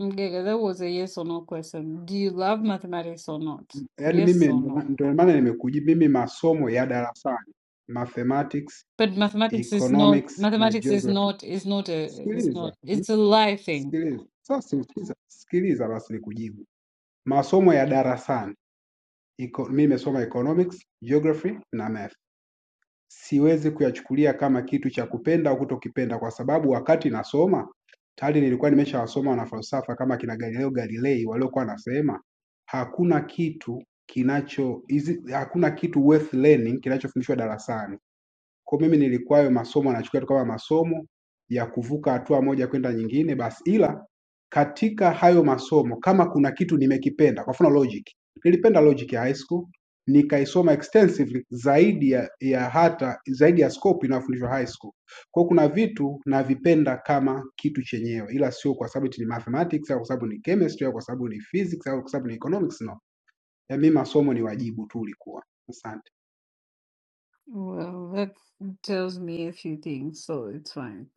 [SPEAKER 22] Mgega, that was a yes or no question. Do you love mathematics or not?
[SPEAKER 6] Yaani
[SPEAKER 22] Yes
[SPEAKER 6] mimi
[SPEAKER 22] or no?
[SPEAKER 6] ndio maana nimekuji mimi masomo ya darasani, mathematics,
[SPEAKER 22] But mathematics is not
[SPEAKER 6] economics na
[SPEAKER 22] mathematics is
[SPEAKER 6] geography.
[SPEAKER 22] not is not a it's not
[SPEAKER 6] Sikiliza, mm,
[SPEAKER 22] it's a life thing.
[SPEAKER 6] sikiliza. Sasa sikiliza, sikiliza basi nikujibu. Masomo ya darasani iko, mimi nimesoma economics, geography na math. Siwezi kuyachukulia kama kitu cha kupenda au kutokipenda, kwa sababu wakati nasoma tayari nilikuwa nimeshawasoma wanafalsafa kama kina Galileo Galilei waliokuwa wanasema hakuna kitu kinacho hizi, hakuna kitu worth learning kinachofundishwa darasani. Kwa hiyo mimi nilikuwa hayo masomo nachukulia tu kama masomo ya kuvuka hatua moja kwenda nyingine basi, ila katika hayo masomo kama kuna kitu nimekipenda, kwa mfano logic, nilipenda logic ya high school nikaisoma extensively zaidi ya, ya hata zaidi ya scope inayofundishwa high school. Kwa hiyo kuna vitu navipenda kama kitu chenyewe, ila sio kwa sababu eti ni mathematics au kwa sababu ni chemistry au kwa sababu ni physics au kwa sababu ni economics no. Ya mimi masomo ni wajibu tu ulikuwa. Asante.
[SPEAKER 22] Well, that tells me a few things, so it's fine.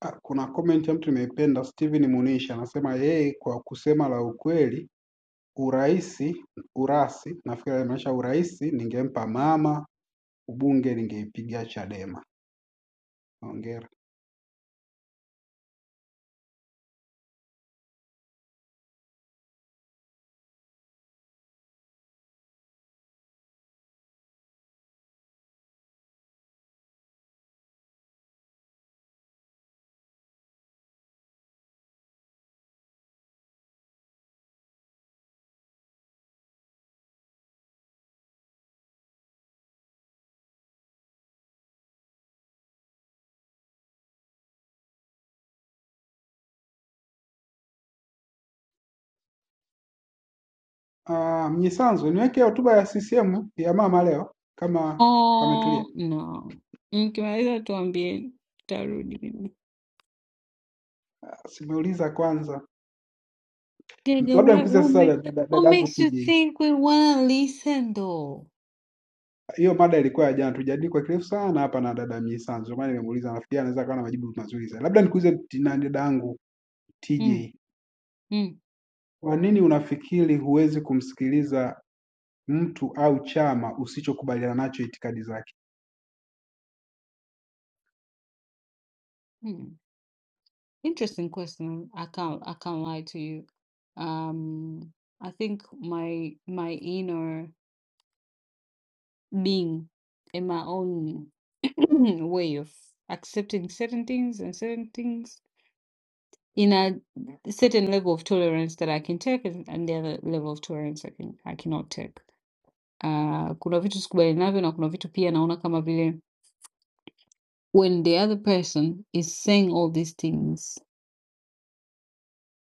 [SPEAKER 6] Ah, Kuna comment ya mtu nimeipenda, Steven Munisha anasema yeye, kwa kusema la ukweli, uraisi urasi, nafikiri alimaanisha uraisi, ningempa mama, ubunge ningeipigia Chadema. Hongera. Ah, Mnyisanzu, niweke hotuba ya CCM ya mama leo kama ametulia.
[SPEAKER 22] Oh no. Nikiweza tuambie tarudi mimi.
[SPEAKER 6] Simeuliza kwanza,
[SPEAKER 22] Dege,
[SPEAKER 6] labda
[SPEAKER 22] what
[SPEAKER 6] nikuze
[SPEAKER 22] what,
[SPEAKER 6] sasa
[SPEAKER 22] ma
[SPEAKER 6] dada- dada-
[SPEAKER 22] what
[SPEAKER 6] dadangu
[SPEAKER 22] makes you
[SPEAKER 6] TJ.
[SPEAKER 22] think we wanna listen though?
[SPEAKER 6] Hiyo mada ilikuwa ya jana, tujadili kwa kirefu sana hapa na dada Mnyisanzu, maana nimemuuliza, nafikiri anaweza kuwa na majibu mazuri zaidi. Labda nikuze t- na dadangu
[SPEAKER 22] Mm,
[SPEAKER 6] TJ
[SPEAKER 22] mm,
[SPEAKER 6] Kwa nini unafikiri huwezi kumsikiliza mtu au chama usichokubaliana nacho itikadi zake?
[SPEAKER 22] mm. Interesting question. I can't I can't lie to you. Um I think my my inner being and my own way of accepting certain things and certain things in a certain level of tolerance that I can take and, and the other level of tolerance I can I cannot take. Uh, kuna vitu sikubalianavyo na kuna vitu pia naona kama vile when the other person is saying all these things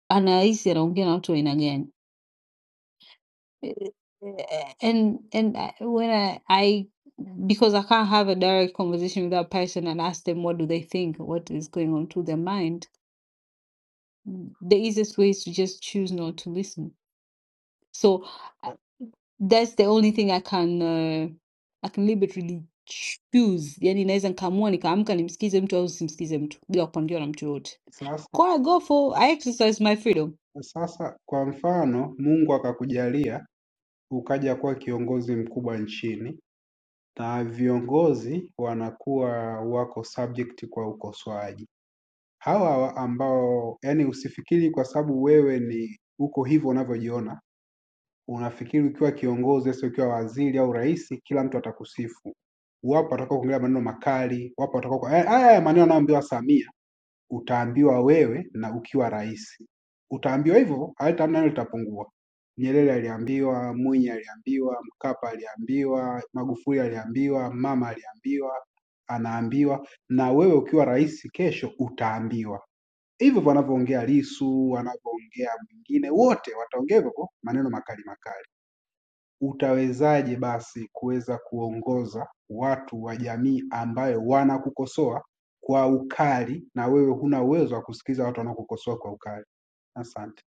[SPEAKER 22] anahisi anaongea na watu wa aina gani Eh, eh, and and I, when I, I because I can't have a direct conversation with that person and ask them what do they think what is going on through their mind Mm. the easiest way is to just choose not to listen. So uh, that's the only thing I can uh, I can deliberately choose. Yani naweza nikaamua nikaamka nimsikize mtu au simsikize mtu bila kupangiwa na mtu yoyote.
[SPEAKER 6] Sasa
[SPEAKER 22] Kwa I go for I exercise my freedom.
[SPEAKER 6] sasa kwa mfano Mungu akakujalia ukaja kuwa kiongozi mkubwa nchini na viongozi wanakuwa wako subject kwa ukosoaji. Hawa hawa ambao yani usifikiri kwa sababu wewe ni uko hivyo unavyojiona unafikiri ukiwa kiongozi hasa ukiwa waziri au rais, kila mtu atakusifu. Wapo watakao kuongelea maneno makali, wapo watakao kwa haya haya maneno anayoambiwa Samia utaambiwa wewe na ukiwa rais utaambiwa hivyo, hata nalo litapungua. Nyerere aliambiwa, Mwinyi aliambiwa, Mkapa aliambiwa, Magufuli aliambiwa, mama aliambiwa, anaambiwa na wewe ukiwa rais kesho utaambiwa hivyo. Wanavyoongea Lisu, wanavyoongea mwingine, wote wataongea hivyo hivyo, maneno makali makali utawezaje basi kuweza kuongoza watu wa jamii ambayo wanakukosoa kwa ukali na wewe huna uwezo wa kusikiza watu wanaokukosoa kwa ukali? Asante.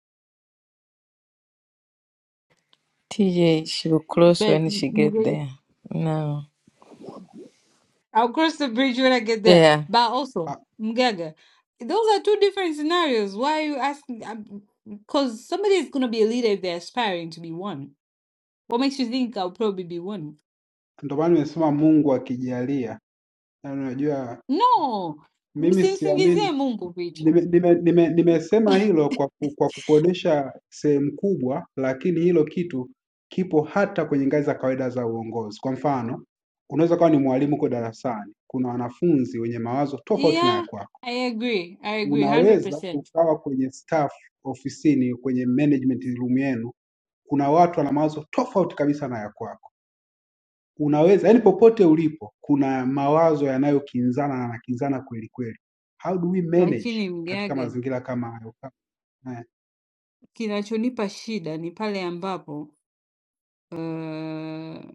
[SPEAKER 19] TJ, she will close
[SPEAKER 22] But
[SPEAKER 19] when she get
[SPEAKER 22] Mgaga-
[SPEAKER 19] there. No.
[SPEAKER 22] I'll cross the bridge when I get there.
[SPEAKER 19] Yeah.
[SPEAKER 22] But also,
[SPEAKER 6] Ah,
[SPEAKER 22] Mgaga, those are two different scenarios. Why are you asking? Because somebody is going to be a leader if they're aspiring to be one. What makes you think I'll probably be one?
[SPEAKER 6] Ndio maana nimesema Mungu akijalia. Yaani Unajua,
[SPEAKER 22] No,
[SPEAKER 6] mimi siamini
[SPEAKER 22] msimsingizie Mungu vitu.
[SPEAKER 6] nimesema nime, nime, nime, nimesema hilo kwa, ku- kwa kukuonesha sehemu kubwa, lakini hilo kitu kipo hata kwenye ngazi za kawaida za uongozi. Kwa mfano, unaweza kuwa ni mwalimu uko darasani, kuna wanafunzi wenye mawazo tofauti na ya
[SPEAKER 22] Yeah,
[SPEAKER 6] kwako
[SPEAKER 22] I agree, I agree
[SPEAKER 6] Unaweza
[SPEAKER 22] 100%.
[SPEAKER 6] ukawa kwenye staff ofisini, kwenye management room yenu, kuna watu wana mawazo tofauti kabisa na ya kwako. Unaweza yani, popote ulipo, kuna mawazo yanayokinzana na yanakinzana kweli kweli. How do we manage
[SPEAKER 22] Lakini
[SPEAKER 6] katika
[SPEAKER 22] mgaga,
[SPEAKER 6] mazingira kama hayo? Eh,
[SPEAKER 22] kinachonipa shida ni pale ambapo uh,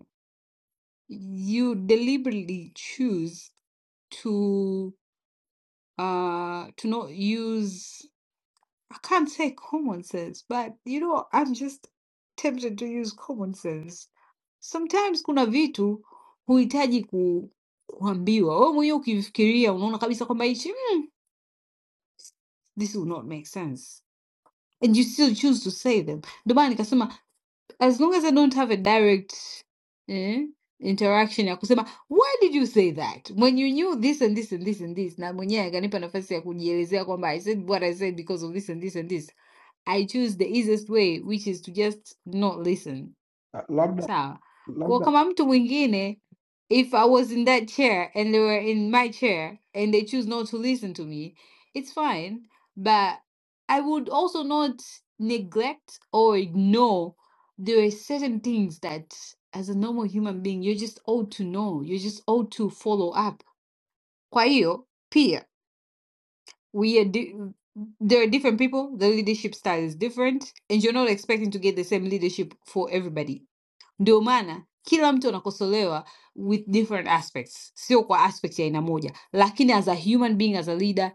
[SPEAKER 22] you deliberately choose to uh, to not use I can't say common sense, but you know, I'm just tempted to use common sense. Sometimes kuna vitu huhitaji ku, kuambiwa. Wewe mwenyewe ukivifikiria unaona kabisa kwamba hichi mm, this will not make sense and you still choose to say them. Ndio maana nikasema as long as I don't have a direct eh, interaction ya kusema why did you say that when you knew this and this and this and this, na mwenyewe akanipa nafasi ya kujielezea kwamba I said what I said because of this and this and this, I choose the easiest way which is to just not listen
[SPEAKER 6] Labda
[SPEAKER 22] sawa kwa
[SPEAKER 6] labda
[SPEAKER 22] kama mtu mwingine if i was in that chair and they were in my chair and they choose not to listen to me it's fine but i would also not neglect or ignore there are certain things that as a normal human being you're just ought to know you're just ought to follow up kwa hiyo pia we are di- there are different people the leadership style is different and you're not expecting to get the same leadership for everybody ndio maana kila mtu anakosolewa with different aspects sio kwa aspect ya aina moja lakini as a human being as a leader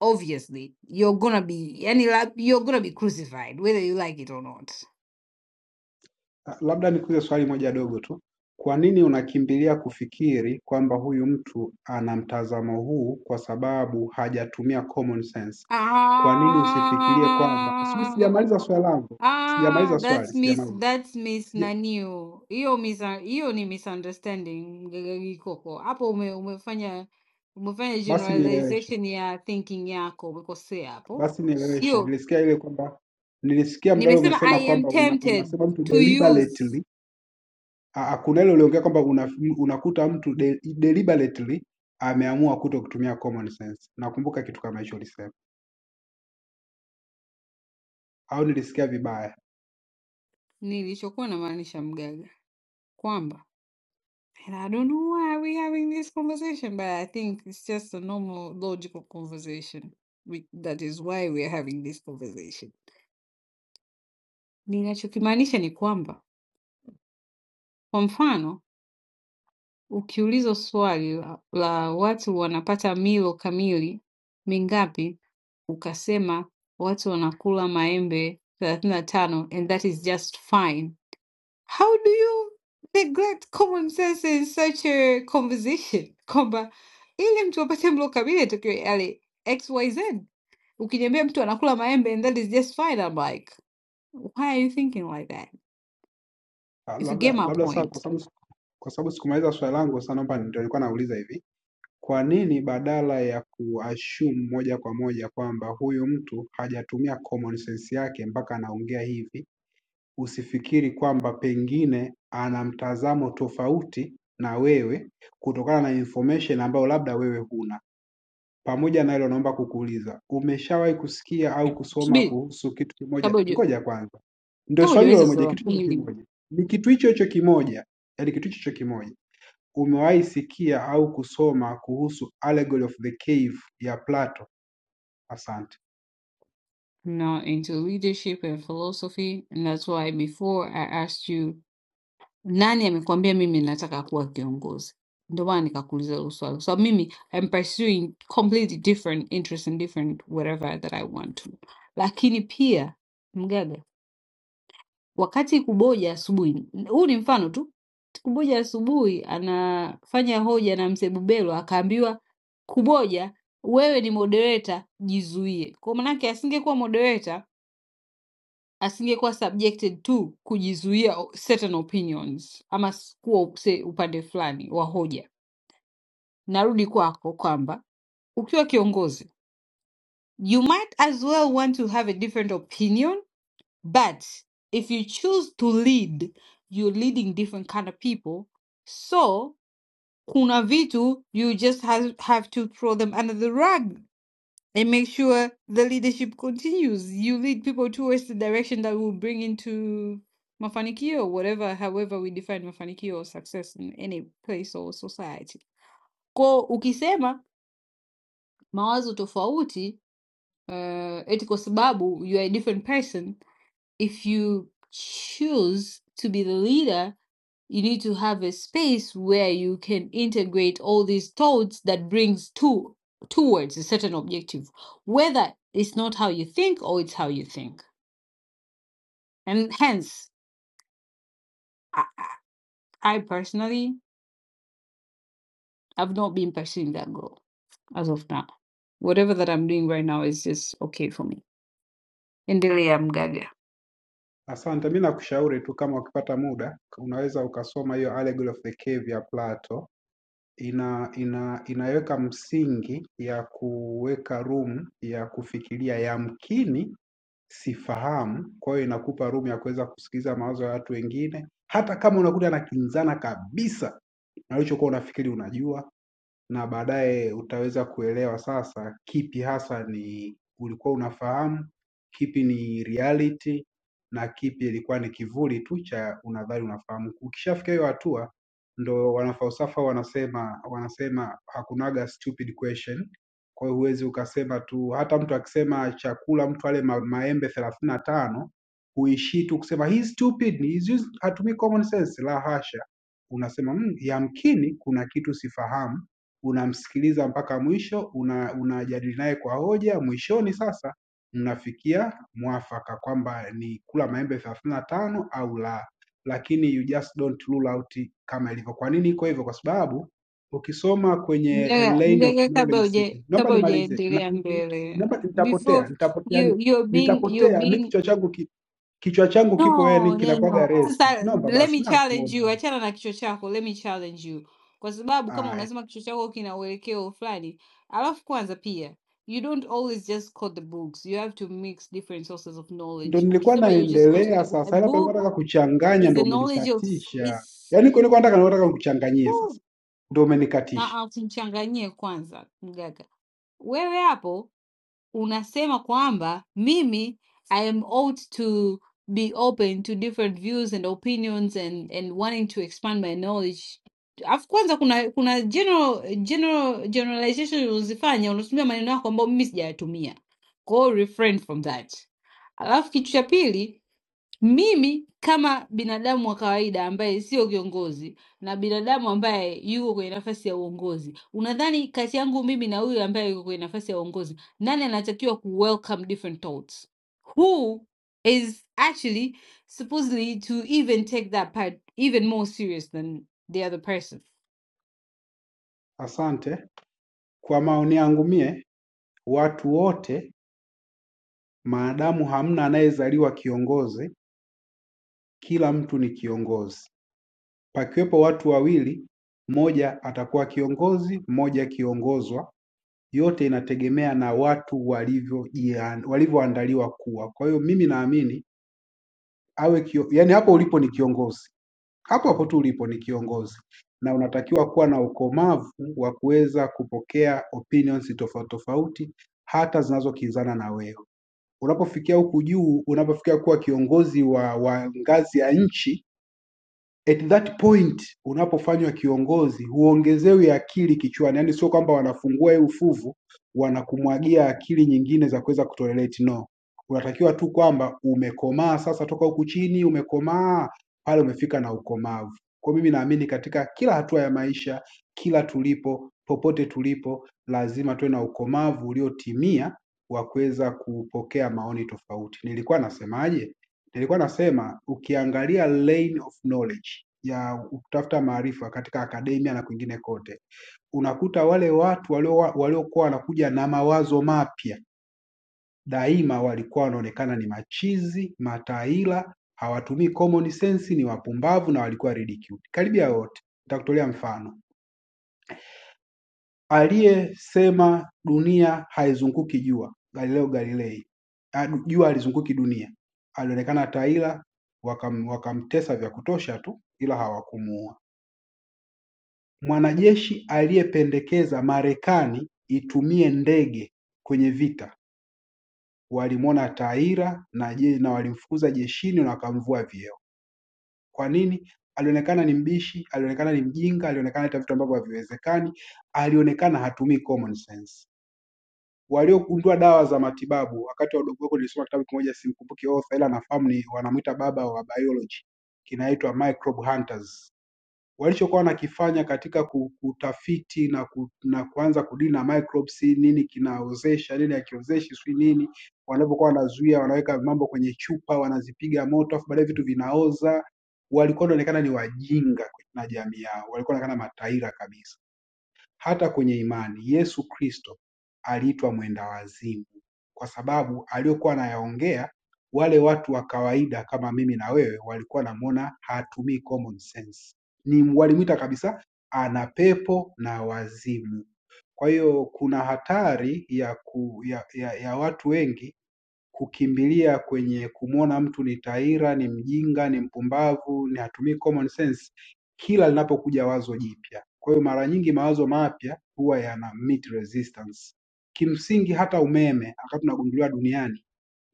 [SPEAKER 22] obviously you're gonna be yani la- you're gonna be crucified whether you like it or not
[SPEAKER 6] Ah, Labda nikuulize swali moja dogo tu. Kwa nini unakimbilia kufikiri kwamba huyu mtu ana mtazamo huu kwa sababu hajatumia common sense? Kwa nini usifikirie kwamba sijui,
[SPEAKER 22] ah,
[SPEAKER 6] sijamaliza swali langu,
[SPEAKER 22] ah,
[SPEAKER 6] sijamaliza swali,
[SPEAKER 22] that's miss,
[SPEAKER 6] sijamaliza
[SPEAKER 22] that's miss
[SPEAKER 6] sija...
[SPEAKER 22] naniu hiyo miss- hiyo ni misunderstanding gagagikoko hapo ume, umefanya umefanya
[SPEAKER 6] Basi nieleweshe,
[SPEAKER 22] generalization ya thinking yako umekosea hapo
[SPEAKER 6] basi nieleweshe.
[SPEAKER 22] sio
[SPEAKER 6] Nilisikia ile kwamba nilisikia mdalo
[SPEAKER 22] Nimesema
[SPEAKER 6] umesema
[SPEAKER 22] I am
[SPEAKER 6] kwamba una,
[SPEAKER 22] tempted
[SPEAKER 6] unasema mtu
[SPEAKER 22] to use
[SPEAKER 6] deliberately. Ah, ah, kuna ile uliongea kwamba una, unakuta mtu de, deliberately ameamua kuto kutumia common sense. Nakumbuka kitu kama hicho ulisema. au nilisikia vibaya?
[SPEAKER 22] nilichokuwa namaanisha mgaga kwamba and I don't know why we having this conversation but I think it's just a normal logical conversation We- that is why we are having this conversation. Ninachokimaanisha ni kwamba kwa mfano ukiulizwa swali la, la watu wanapata milo kamili mingapi ukasema watu wanakula maembe 35 and that is just fine How do you neglect common sense in such a conversation kwamba ili mtu apate mlo kamili atakiwe yale xyz ukiniambia mtu anakula maembe and that is just fine I'm like why are you thinking like that
[SPEAKER 6] Ah,
[SPEAKER 22] if you get
[SPEAKER 6] Labda
[SPEAKER 22] my
[SPEAKER 6] labda sasa, kwa
[SPEAKER 22] point
[SPEAKER 6] sababu kwa sababu sikumaliza swali langu, sasa naomba ndio nilikuwa nauliza hivi, kwa nini badala ya kuassume moja kwa moja kwamba huyu mtu hajatumia common sense yake mpaka anaongea hivi, usifikiri kwamba pengine ana mtazamo tofauti na wewe kutokana na information ambayo labda wewe huna. Pamoja na hilo naomba kukuuliza, umeshawahi kusikia au kusoma
[SPEAKER 22] subiri
[SPEAKER 6] kuhusu kitu kimoja
[SPEAKER 22] kabla huja-
[SPEAKER 6] ngoja kwanza. Ndio
[SPEAKER 22] kabla
[SPEAKER 6] swali hilo
[SPEAKER 22] hujauliza
[SPEAKER 6] moja,
[SPEAKER 22] swali la
[SPEAKER 6] kitu hicho
[SPEAKER 22] pili
[SPEAKER 6] kimoja. Ni kitu hicho hicho kimoja, yaani kitu hicho hicho kimoja. Umewahi sikia au kusoma kuhusu Allegory of the Cave ya Plato? Asante.
[SPEAKER 22] not into leadership and philosophy and that's why before I asked you Nani amekuambia mimi nataka kuwa kiongozi? Ndio maana nikakuuliza hilo swali, kwa sababu mimi I'm pursuing completely different interests and different whatever that I want to. Lakini pia mgaga, wakati Kuboja asubuhi, huu ni mfano tu, Kuboja asubuhi anafanya hoja na mzee Bubelo akaambiwa, Kuboja wewe ni moderator, jizuie. Kwa maanake asingekuwa moderator asingekuwa subjected to kujizuia o- certain opinions ama s- kuwa upse- upande fulani wa hoja narudi kwako kwamba ukiwa kiongozi you might as well want to have a different opinion but if you choose to lead you're leading different kind of people so kuna vitu you just have, have to throw them under the rug and make sure the leadership continues. You lead people towards the direction that will bring into mafanikio, whatever, however we define mafanikio or success in any place or society. Kwa ukisema mawazo tofauti, uh, eti kwa sababu you are a different person, if you choose to be the leader, you need to have a space where you can integrate all these thoughts that brings to towards a certain objective, whether it's not how you think or it's how you think. And hence, I, I personally have not been pursuing that goal as of now. Whatever that I'm doing right now is just okay for me. Endelea mgaga.
[SPEAKER 6] Asante, mi nakushauri tu kama ukipata muda unaweza ukasoma hiyo Allegory of the Cave ya Plato. ina, ina, inaweka msingi ya kuweka room ya kufikiria, yamkini sifahamu. Kwa hiyo inakupa room ya kuweza kusikiliza mawazo ya watu wengine, hata kama unakuta yanakinzana kabisa na ulichokuwa unafikiri unajua na baadaye utaweza kuelewa sasa kipi hasa ni ulikuwa unafahamu, kipi ni reality na kipi ilikuwa ni kivuli tu cha unadhani unafahamu. Ukishafika hiyo hatua, ndo wanafalsafa wanasema wanasema hakunaga stupid question. Kwa hiyo huwezi ukasema tu, hata mtu akisema chakula mtu ale ma, maembe thelathini na tano huishii tu kusema hii stupid, he's used- hatumii common sense. La hasha, unasema "Mm, yamkini kuna kitu sifahamu unamsikiliza mpaka mwisho, unajadili naye kwa hoja, mwishoni sasa mnafikia mwafaka kwamba ni kula maembe thelathini na tano au la, lakini you just don't rule out kama ilivyo. Kwa nini iko hivyo? Kwa sababu ukisoma kwenye a
[SPEAKER 22] Mgaga,
[SPEAKER 6] lane of
[SPEAKER 22] mgaga kabla
[SPEAKER 6] knowledge
[SPEAKER 22] uja
[SPEAKER 6] seeking. Naomba
[SPEAKER 22] kabla
[SPEAKER 6] nimalize, Na-
[SPEAKER 22] hujaendelea mbele
[SPEAKER 6] naomba nitapotea,
[SPEAKER 22] before
[SPEAKER 6] nitapotea, yani
[SPEAKER 22] you you're being you're
[SPEAKER 6] nitapotea. Mi
[SPEAKER 22] being
[SPEAKER 6] kichwa changu ki, kichwa changu kipo yani
[SPEAKER 22] no no
[SPEAKER 6] kinakuwaga
[SPEAKER 22] no
[SPEAKER 6] resi.
[SPEAKER 22] sasa
[SPEAKER 6] Naomba
[SPEAKER 22] let
[SPEAKER 6] basi,
[SPEAKER 22] me challenge
[SPEAKER 6] nakuomba
[SPEAKER 22] you
[SPEAKER 6] dada.
[SPEAKER 22] achana na kichwa chako let me challenge you kwa sababu kama
[SPEAKER 6] Ah,
[SPEAKER 22] unasema kichwa chako kina uelekeo fulani alafu kwanza pia you don't always just quote the books you have to mix different sources of
[SPEAKER 6] Ndo
[SPEAKER 22] knowledge
[SPEAKER 6] nilikuwa
[SPEAKER 22] ukisema you're just quoting
[SPEAKER 6] naendelea
[SPEAKER 22] the book a
[SPEAKER 6] sasa, ila palikuwa
[SPEAKER 22] book
[SPEAKER 6] nataka kuchanganya,
[SPEAKER 22] is
[SPEAKER 6] ndo
[SPEAKER 22] the knowledge of
[SPEAKER 6] umenikatisha.
[SPEAKER 22] is
[SPEAKER 6] Yaani kwa nilikuwa nataka nataka nikuchanganyie
[SPEAKER 22] book
[SPEAKER 6] sasa, ndo umenikatisha.
[SPEAKER 22] na usichanganyie kwanza mgaga wewe hapo unasema kwamba mimi I am ought to be open to different views and opinions and, and wanting to expand my knowledge. Alafu kwanza kuna kuna general, general generalization unazifanya unatumia maneno yako ambayo mimi sijayatumia. Kwa hiyo refrain from that. Alafu kitu cha pili Mimi kama binadamu wa kawaida ambaye sio kiongozi na binadamu ambaye yuko kwenye nafasi ya uongozi, unadhani kati yangu mimi na huyu ambaye yuko kwenye nafasi ya uongozi, nani anatakiwa ku welcome different thoughts? Who is actually supposedly to even take that part even more serious than the other person?
[SPEAKER 6] Asante. Kwa maoni yangu mie, watu wote maadamu hamna anayezaliwa kiongozi, kila mtu ni kiongozi. Pakiwepo watu wawili, mmoja atakuwa kiongozi, mmoja kiongozwa. Yote inategemea na watu walivyo walivyoandaliwa kuwa. Kwa hiyo mimi naamini awe kio, yani hapo ulipo ni kiongozi hapo hapo tu ulipo ni kiongozi na unatakiwa kuwa na ukomavu wa kuweza kupokea opinions tofauti tofauti hata zinazokinzana na wewe. Unapofikia huku juu, unapofikia kuwa kiongozi wa, wa ngazi ya nchi at that point unapofanywa kiongozi huongezewi akili kichwani, yaani sio kwamba wanafungua hii ufuvu wanakumwagia akili nyingine za kuweza kutolerate no. Unatakiwa tu kwamba umekomaa sasa, toka huku chini umekomaa, pale umefika na ukomavu. Kwa mimi naamini katika kila hatua ya maisha, kila tulipo, popote tulipo, lazima tuwe na ukomavu uliotimia wa kuweza kupokea maoni tofauti. Nilikuwa nasemaje? Nilikuwa nasema ukiangalia lane of knowledge ya kutafuta maarifa katika akademia na kwingine kote, unakuta wale watu walio- waliokuwa wanakuja na mawazo mapya daima walikuwa wanaonekana ni machizi, mataila, hawatumii common sense, ni wapumbavu na walikuwa ridiculed. Karibia wote, nitakutolea mfano. aliyesema dunia haizunguki jua Galileo Galilei, ah, du- jua halizunguki dunia, alionekana taila, wakam, wakamtesa vya kutosha tu, ila hawakumuua. Mwanajeshi aliyependekeza Marekani itumie ndege kwenye vita walimwona taira na, je, na walimfukuza jeshini na wakamvua vyeo. Kwa nini? Alionekana ni mbishi, alionekana ni mjinga, alionekana hata vitu ambavyo haviwezekani, alionekana hatumii common sense waliogundua dawa za matibabu. Wakati wa udogo wangu nilisoma kitabu kimoja simkumbuki author ila nafahamu ni wanamwita baba wa biology, kinaitwa Microbe Hunters. Walichokuwa wanakifanya katika ku- kutafiti na, ku, na kuanza kudili na microbes, si nini kinaozesha nini hakiozeshi, sijui nini, wanapokuwa wanazuia, wanaweka mambo kwenye chupa, wanazipiga moto, afu baadaye vitu vinaoza. Walikuwa wanaonekana ni wajinga na jamii yao, walikuwa wanaonekana mataira kabisa. Hata kwenye imani, Yesu Kristo aliitwa mwenda wazimu, kwa sababu aliyokuwa anayaongea wale watu wa kawaida kama mimi na wewe walikuwa wanamuona hatumii common sense. Ni walimwita kabisa ana pepo na wazimu. Kwa hiyo kuna hatari ya, ku, ya, ya, ya watu wengi kukimbilia kwenye kumwona mtu ni taira, ni mjinga, ni mpumbavu, ni hatumii common sense kila linapokuja wazo jipya. Kwa hiyo mara nyingi mawazo mapya huwa yana meet resistance. Kimsingi hata umeme wakati unagunduliwa duniani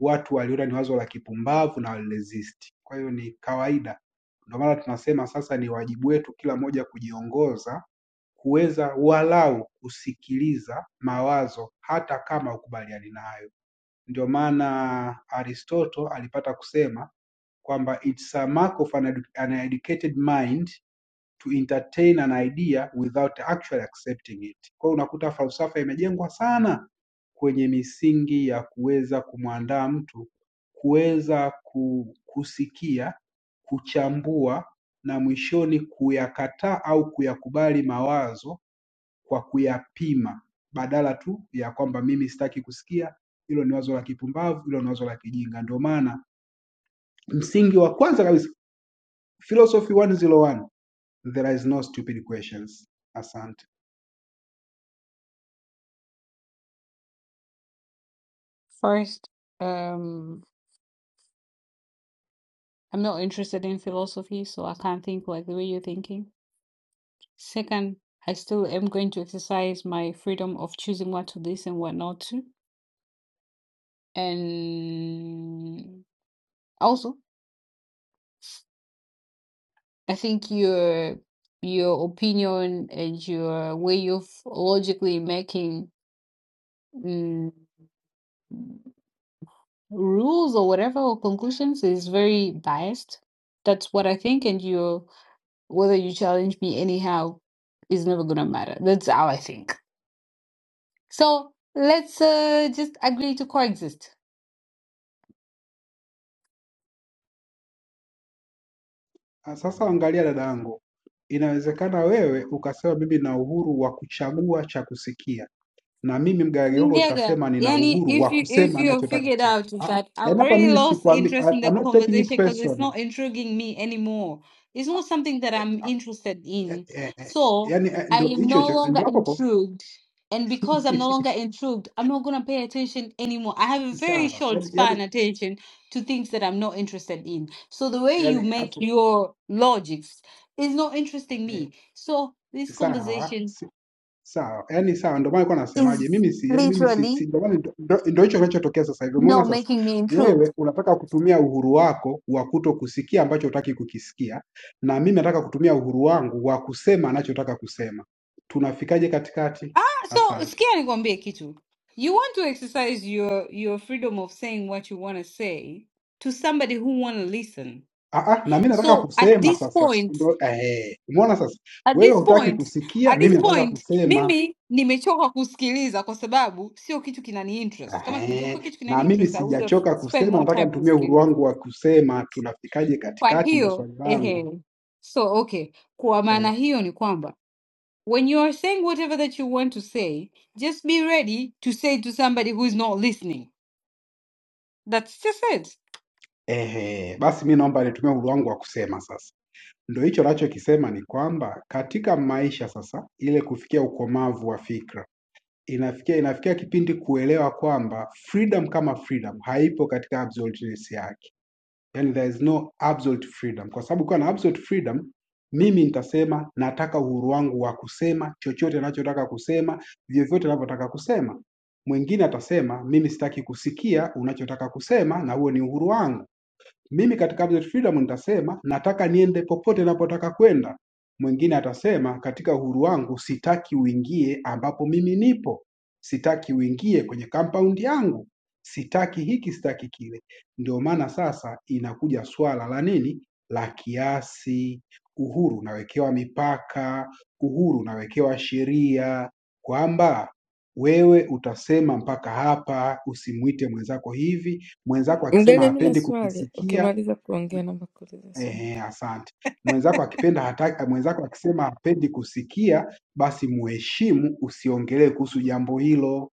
[SPEAKER 6] watu waliona ni wazo la kipumbavu na waliresist. Kwa hiyo ni kawaida, ndio maana tunasema sasa ni wajibu wetu kila mmoja kujiongoza kuweza walau kusikiliza mawazo hata kama hukubaliani nayo. Ndio maana Aristotle alipata kusema kwamba it's a mark of an, edu- an educated mind to entertain an idea without actually accepting it. Kwa hiyo unakuta falsafa imejengwa sana kwenye misingi ya kuweza kumwandaa mtu kuweza ku- kusikia, kuchambua na mwishoni kuyakataa au kuyakubali mawazo kwa kuyapima badala tu ya kwamba mimi sitaki kusikia hilo ni wazo la kipumbavu, hilo ni wazo la kijinga. Ndio maana msingi wa kwanza kabisa philosophy 101 there is no stupid questions. Asante.
[SPEAKER 22] First, um, I'm not interested in philosophy, so I can't think like the way you're thinking. Second, I still am going to exercise my freedom of choosing what to listen, and what not to. And also, I think your your opinion and your way of logically making mm, rules or whatever or conclusions is very biased. That's what I think, and you whether you challenge me anyhow is never gonna matter. That's how I think. So let's uh, just agree to coexist.
[SPEAKER 6] Ah, Sasa angalia dadangu, inawezekana wewe ukasema mimi na uhuru wa kuchagua cha kusikia, na mimi Mgage Hogo
[SPEAKER 22] Mjaga,
[SPEAKER 6] tutasema nina
[SPEAKER 22] yani
[SPEAKER 6] uhuru
[SPEAKER 22] if
[SPEAKER 6] wa
[SPEAKER 22] you if
[SPEAKER 6] kusema
[SPEAKER 22] you have
[SPEAKER 6] anachotaka
[SPEAKER 22] figured
[SPEAKER 6] kusema.
[SPEAKER 22] out
[SPEAKER 6] Ah, ah,
[SPEAKER 22] that I've
[SPEAKER 6] yaani hapa
[SPEAKER 22] already
[SPEAKER 6] mimi
[SPEAKER 22] lost
[SPEAKER 6] sikwambi,
[SPEAKER 22] interest in
[SPEAKER 6] I-
[SPEAKER 22] the
[SPEAKER 6] I'm not taking it
[SPEAKER 22] conversation because it's
[SPEAKER 6] personal.
[SPEAKER 22] not intriguing me anymore. It's not something that I'm interested
[SPEAKER 6] Eh,
[SPEAKER 22] in.
[SPEAKER 6] eh, eh, eh,
[SPEAKER 22] So
[SPEAKER 6] Yaani eh,
[SPEAKER 22] I
[SPEAKER 6] ndo
[SPEAKER 22] am
[SPEAKER 6] hicho
[SPEAKER 22] no
[SPEAKER 6] hicho-
[SPEAKER 22] longer
[SPEAKER 6] ndo hapo hapo.
[SPEAKER 22] intrigued. And because I'm no longer intrigued, I'm not gonna pay attention anymore. I have a very
[SPEAKER 6] sawa
[SPEAKER 22] short
[SPEAKER 6] yani,
[SPEAKER 22] span
[SPEAKER 6] yani,
[SPEAKER 22] attention to things that I'm not interested in. So the way you
[SPEAKER 6] yani
[SPEAKER 22] make
[SPEAKER 6] afu
[SPEAKER 22] your logics is not interesting
[SPEAKER 6] eh,
[SPEAKER 22] me. So this
[SPEAKER 6] sawa
[SPEAKER 22] conversation
[SPEAKER 6] si, sawa yani sawa, ndio maana nilikuwa nasemaje,
[SPEAKER 22] is
[SPEAKER 6] mimi si yani mimi si,
[SPEAKER 22] literally
[SPEAKER 6] si ndio maana ndo ndo- ndo hicho kinachotokea sasa hivi.
[SPEAKER 22] No,
[SPEAKER 6] Umeona sasa,
[SPEAKER 22] making me improved.
[SPEAKER 6] wewe unataka kutumia uhuru wako wa kuto kusikia ambacho hutaki kukisikia, na mimi nataka kutumia uhuru wangu wa kusema anachotaka kusema. Tunafikaje katikati?
[SPEAKER 22] So,
[SPEAKER 6] Asante.
[SPEAKER 22] to be a Kitu, you want to exercise your your freedom of saying what you want to say to somebody who want to listen.
[SPEAKER 6] Ah, ah, na mimi nataka
[SPEAKER 22] So, at
[SPEAKER 6] kusema
[SPEAKER 22] this
[SPEAKER 6] sasa,
[SPEAKER 22] point,
[SPEAKER 6] ndio eh, umeona sasa,
[SPEAKER 22] at
[SPEAKER 6] wewe
[SPEAKER 22] this
[SPEAKER 6] hutaki
[SPEAKER 22] point,
[SPEAKER 6] kusikia,
[SPEAKER 22] at
[SPEAKER 6] mimi
[SPEAKER 22] this
[SPEAKER 6] nataka
[SPEAKER 22] point,
[SPEAKER 6] kusema.
[SPEAKER 22] mimi nimechoka kusikiliza kwa sababu sio kitu kinani interest. Kama kingekuwa
[SPEAKER 6] Ehe,
[SPEAKER 22] kitu
[SPEAKER 6] na
[SPEAKER 22] kinani
[SPEAKER 6] mimi
[SPEAKER 22] interest, I would have
[SPEAKER 6] sijachoka
[SPEAKER 22] spent
[SPEAKER 6] kusema,
[SPEAKER 22] more
[SPEAKER 6] nataka
[SPEAKER 22] time
[SPEAKER 6] nitumie uhuru
[SPEAKER 22] kusikiliza.
[SPEAKER 6] wangu wa kusema tunafikaje
[SPEAKER 22] Kwa
[SPEAKER 6] katikati, ndo
[SPEAKER 22] hiyo,
[SPEAKER 6] swali
[SPEAKER 22] ehe.
[SPEAKER 6] langu.
[SPEAKER 22] So, okay. Kwa
[SPEAKER 6] Eh,
[SPEAKER 22] maana hiyo ni kwamba When you are saying whatever that you want to say, just be ready to say to somebody who is not listening. That's just it.
[SPEAKER 6] ehe, basi mi naomba nitumie uhuru wangu wa kusema sasa. Ndo hicho nachokisema ni kwamba katika maisha sasa, ile kufikia ukomavu wa fikra inafikia inafikia kipindi kuelewa kwamba freedom kama freedom haipo katika absoluteness yake. yani there is no absolute freedom, kwa sababu ukiwa na absolute freedom, mimi nitasema nataka uhuru wangu wa kusema chochote ninachotaka kusema, vyovyote ninavyotaka kusema. Mwingine atasema mimi sitaki kusikia unachotaka kusema, na huo ni uhuru wangu. Mimi katika Absolute Freedom nitasema nataka niende popote napotaka kwenda. Mwingine atasema katika uhuru wangu sitaki uingie ambapo mimi nipo, sitaki uingie kwenye compound yangu, sitaki hiki, sitaki kile. Ndio maana sasa inakuja swala la nini, la kiasi. Uhuru unawekewa mipaka, uhuru unawekewa sheria kwamba wewe utasema mpaka hapa, usimwite mwenzako hivi mwenzako akisema
[SPEAKER 19] Mgaga, mi na
[SPEAKER 6] hapendi
[SPEAKER 19] swali,
[SPEAKER 6] kukisikia
[SPEAKER 19] ukimaliza kuongea naomba kuuliza swali.
[SPEAKER 6] ehe, asante. Mwenzako akipenda hataki, mwenzako akisema hapendi kusikia, basi muheshimu, usiongelee kuhusu jambo hilo.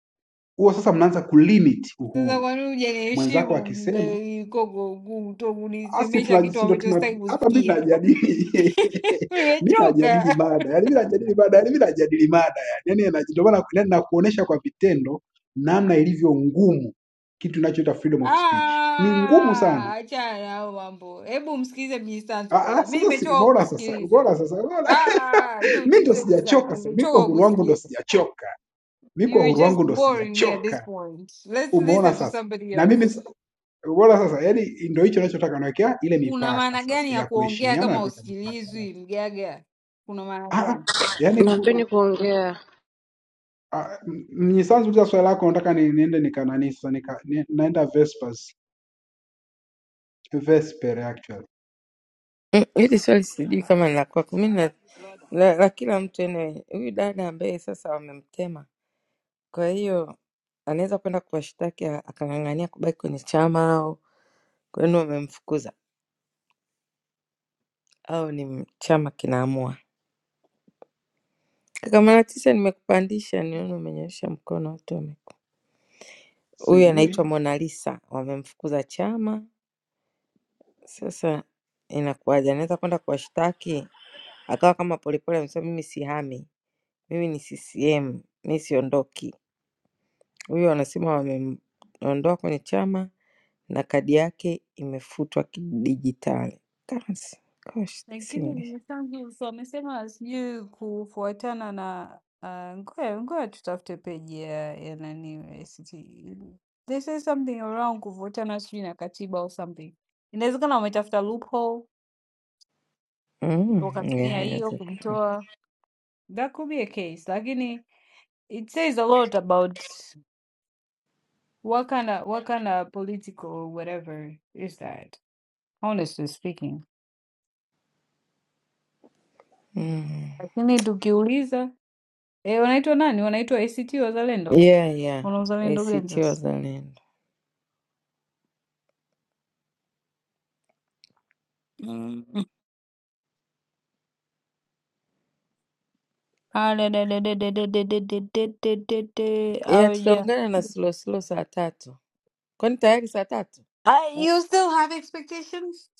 [SPEAKER 6] Huo sasa mnaanza kulimit
[SPEAKER 22] Sasa
[SPEAKER 6] uhuru.
[SPEAKER 22] wanakuja
[SPEAKER 6] Mwenzako
[SPEAKER 22] niheshimu
[SPEAKER 6] akisema
[SPEAKER 22] mbe- gogo kuto
[SPEAKER 6] asi
[SPEAKER 22] kunisemesha kitu
[SPEAKER 6] tunajisindo
[SPEAKER 22] ambacho
[SPEAKER 6] tuna
[SPEAKER 22] sitaki
[SPEAKER 6] hapa, mimi
[SPEAKER 22] kusikia.
[SPEAKER 6] najadili mimi najadili
[SPEAKER 22] Nimechoka.
[SPEAKER 6] mada, yani mimi najadili mada, yani mimi najadili mada, yani yani ndio maana yani nakuonesha kwa vitendo namna ilivyo ngumu kitu inachoitwa freedom of speech. Ni ngumu sana
[SPEAKER 22] Ah, achana na hayo mambo. Hebu msikilize Mjisanzu
[SPEAKER 6] Ah, ah,
[SPEAKER 22] bwana. Mimi
[SPEAKER 6] sasa si
[SPEAKER 22] nimechoka
[SPEAKER 6] umeona sasa,
[SPEAKER 22] kusikiliza.
[SPEAKER 6] umeona sasa, umeona
[SPEAKER 22] Ah,
[SPEAKER 6] mi ndo
[SPEAKER 22] tumsikize Mjisanzu.
[SPEAKER 6] sijachoka sasa, mi kwa
[SPEAKER 22] Nimechoka
[SPEAKER 6] uhuru wangu ndo
[SPEAKER 22] kusikiliza.
[SPEAKER 6] sijachoka, mi kwa
[SPEAKER 22] You're
[SPEAKER 6] uhuru
[SPEAKER 22] just
[SPEAKER 6] wangu ndo
[SPEAKER 22] boring me at this
[SPEAKER 6] sijachoka,
[SPEAKER 22] point. Let's
[SPEAKER 6] umeona
[SPEAKER 22] listen to
[SPEAKER 6] sasa.
[SPEAKER 22] somebody
[SPEAKER 6] Na mimi
[SPEAKER 22] else.
[SPEAKER 6] sa- umeona sasa, yani ndo hicho nachotaka, nawekea ile
[SPEAKER 22] Kuna
[SPEAKER 6] mipaka
[SPEAKER 22] maana
[SPEAKER 6] sasa
[SPEAKER 22] gani ya
[SPEAKER 6] ya
[SPEAKER 22] kuongea
[SPEAKER 6] kuheshimiana na
[SPEAKER 22] kama
[SPEAKER 6] kuweka mipaka.
[SPEAKER 22] husikilizwi mgaga? Kuna maana
[SPEAKER 6] Ah, ah,
[SPEAKER 22] gani?
[SPEAKER 6] yani
[SPEAKER 27] Nataka
[SPEAKER 6] kuna
[SPEAKER 27] ni kuongea.
[SPEAKER 6] ah, m- mnyisanzu uliza swali lako, nataka ni, niende nikanani sasa, nika, ni, naenda Vespers Vesper actually,
[SPEAKER 19] Mm, Hili swali sijui kama ni la kwako, mi na la, la kila mtu anyway. Huyu dada ambaye sasa wamemtema Kwa hiyo anaweza kwenda kuwashtaki a- akang'ang'ania kubaki kwenye chama au kwani wamemfukuza au ni m- chama kinaamua. Kaka Malatisa, nimekupandisha niona umenyoosha mkono, watu wame huyu
[SPEAKER 6] sijui
[SPEAKER 19] anaitwa Mona Lisa, wamemfukuza chama. Sasa inakuwaje? Anaweza kwenda kuwashtaki akawa kama Polepole amesema, mimi sihami, mimi ni CCM, mimi siondoki. Huyu anasema wamemwondoa kwenye chama, na kadi yake imefutwa kidijitali. Currency. Gosh, this
[SPEAKER 22] Lakini
[SPEAKER 19] English.
[SPEAKER 22] nimeshangusa wamesema sijui kufuatana na uh, ngoja ngoja tutafute peji ya, ya nani ACT. They say something around kufuatana sijui na katiba or something. Inawezekana wametafuta loophole
[SPEAKER 19] Mm,
[SPEAKER 22] wakatumia
[SPEAKER 19] yeah,
[SPEAKER 22] hiyo
[SPEAKER 19] inawezekana.
[SPEAKER 22] kumtoa. That could be a case, lakini it says a lot about what kind of, what kind of political whatever is that honestly speaking.
[SPEAKER 19] Mm.
[SPEAKER 22] Lakini tukiuliza eh, wanaitwa nani? Wanaitwa ACT Wazalendo,
[SPEAKER 19] Yeah, yeah.
[SPEAKER 22] wana uzalendo gani
[SPEAKER 19] ACT
[SPEAKER 22] sasa?
[SPEAKER 19] Wazalendo.
[SPEAKER 22] Mm. Adadadadadadadadadadadadadada.
[SPEAKER 19] Yeah,
[SPEAKER 22] Hawaja-
[SPEAKER 19] tutaungana na Slow Slow saa tatu. Kwani tayari saa tatu?
[SPEAKER 22] Ah,
[SPEAKER 19] Uh,
[SPEAKER 22] you still have expectations?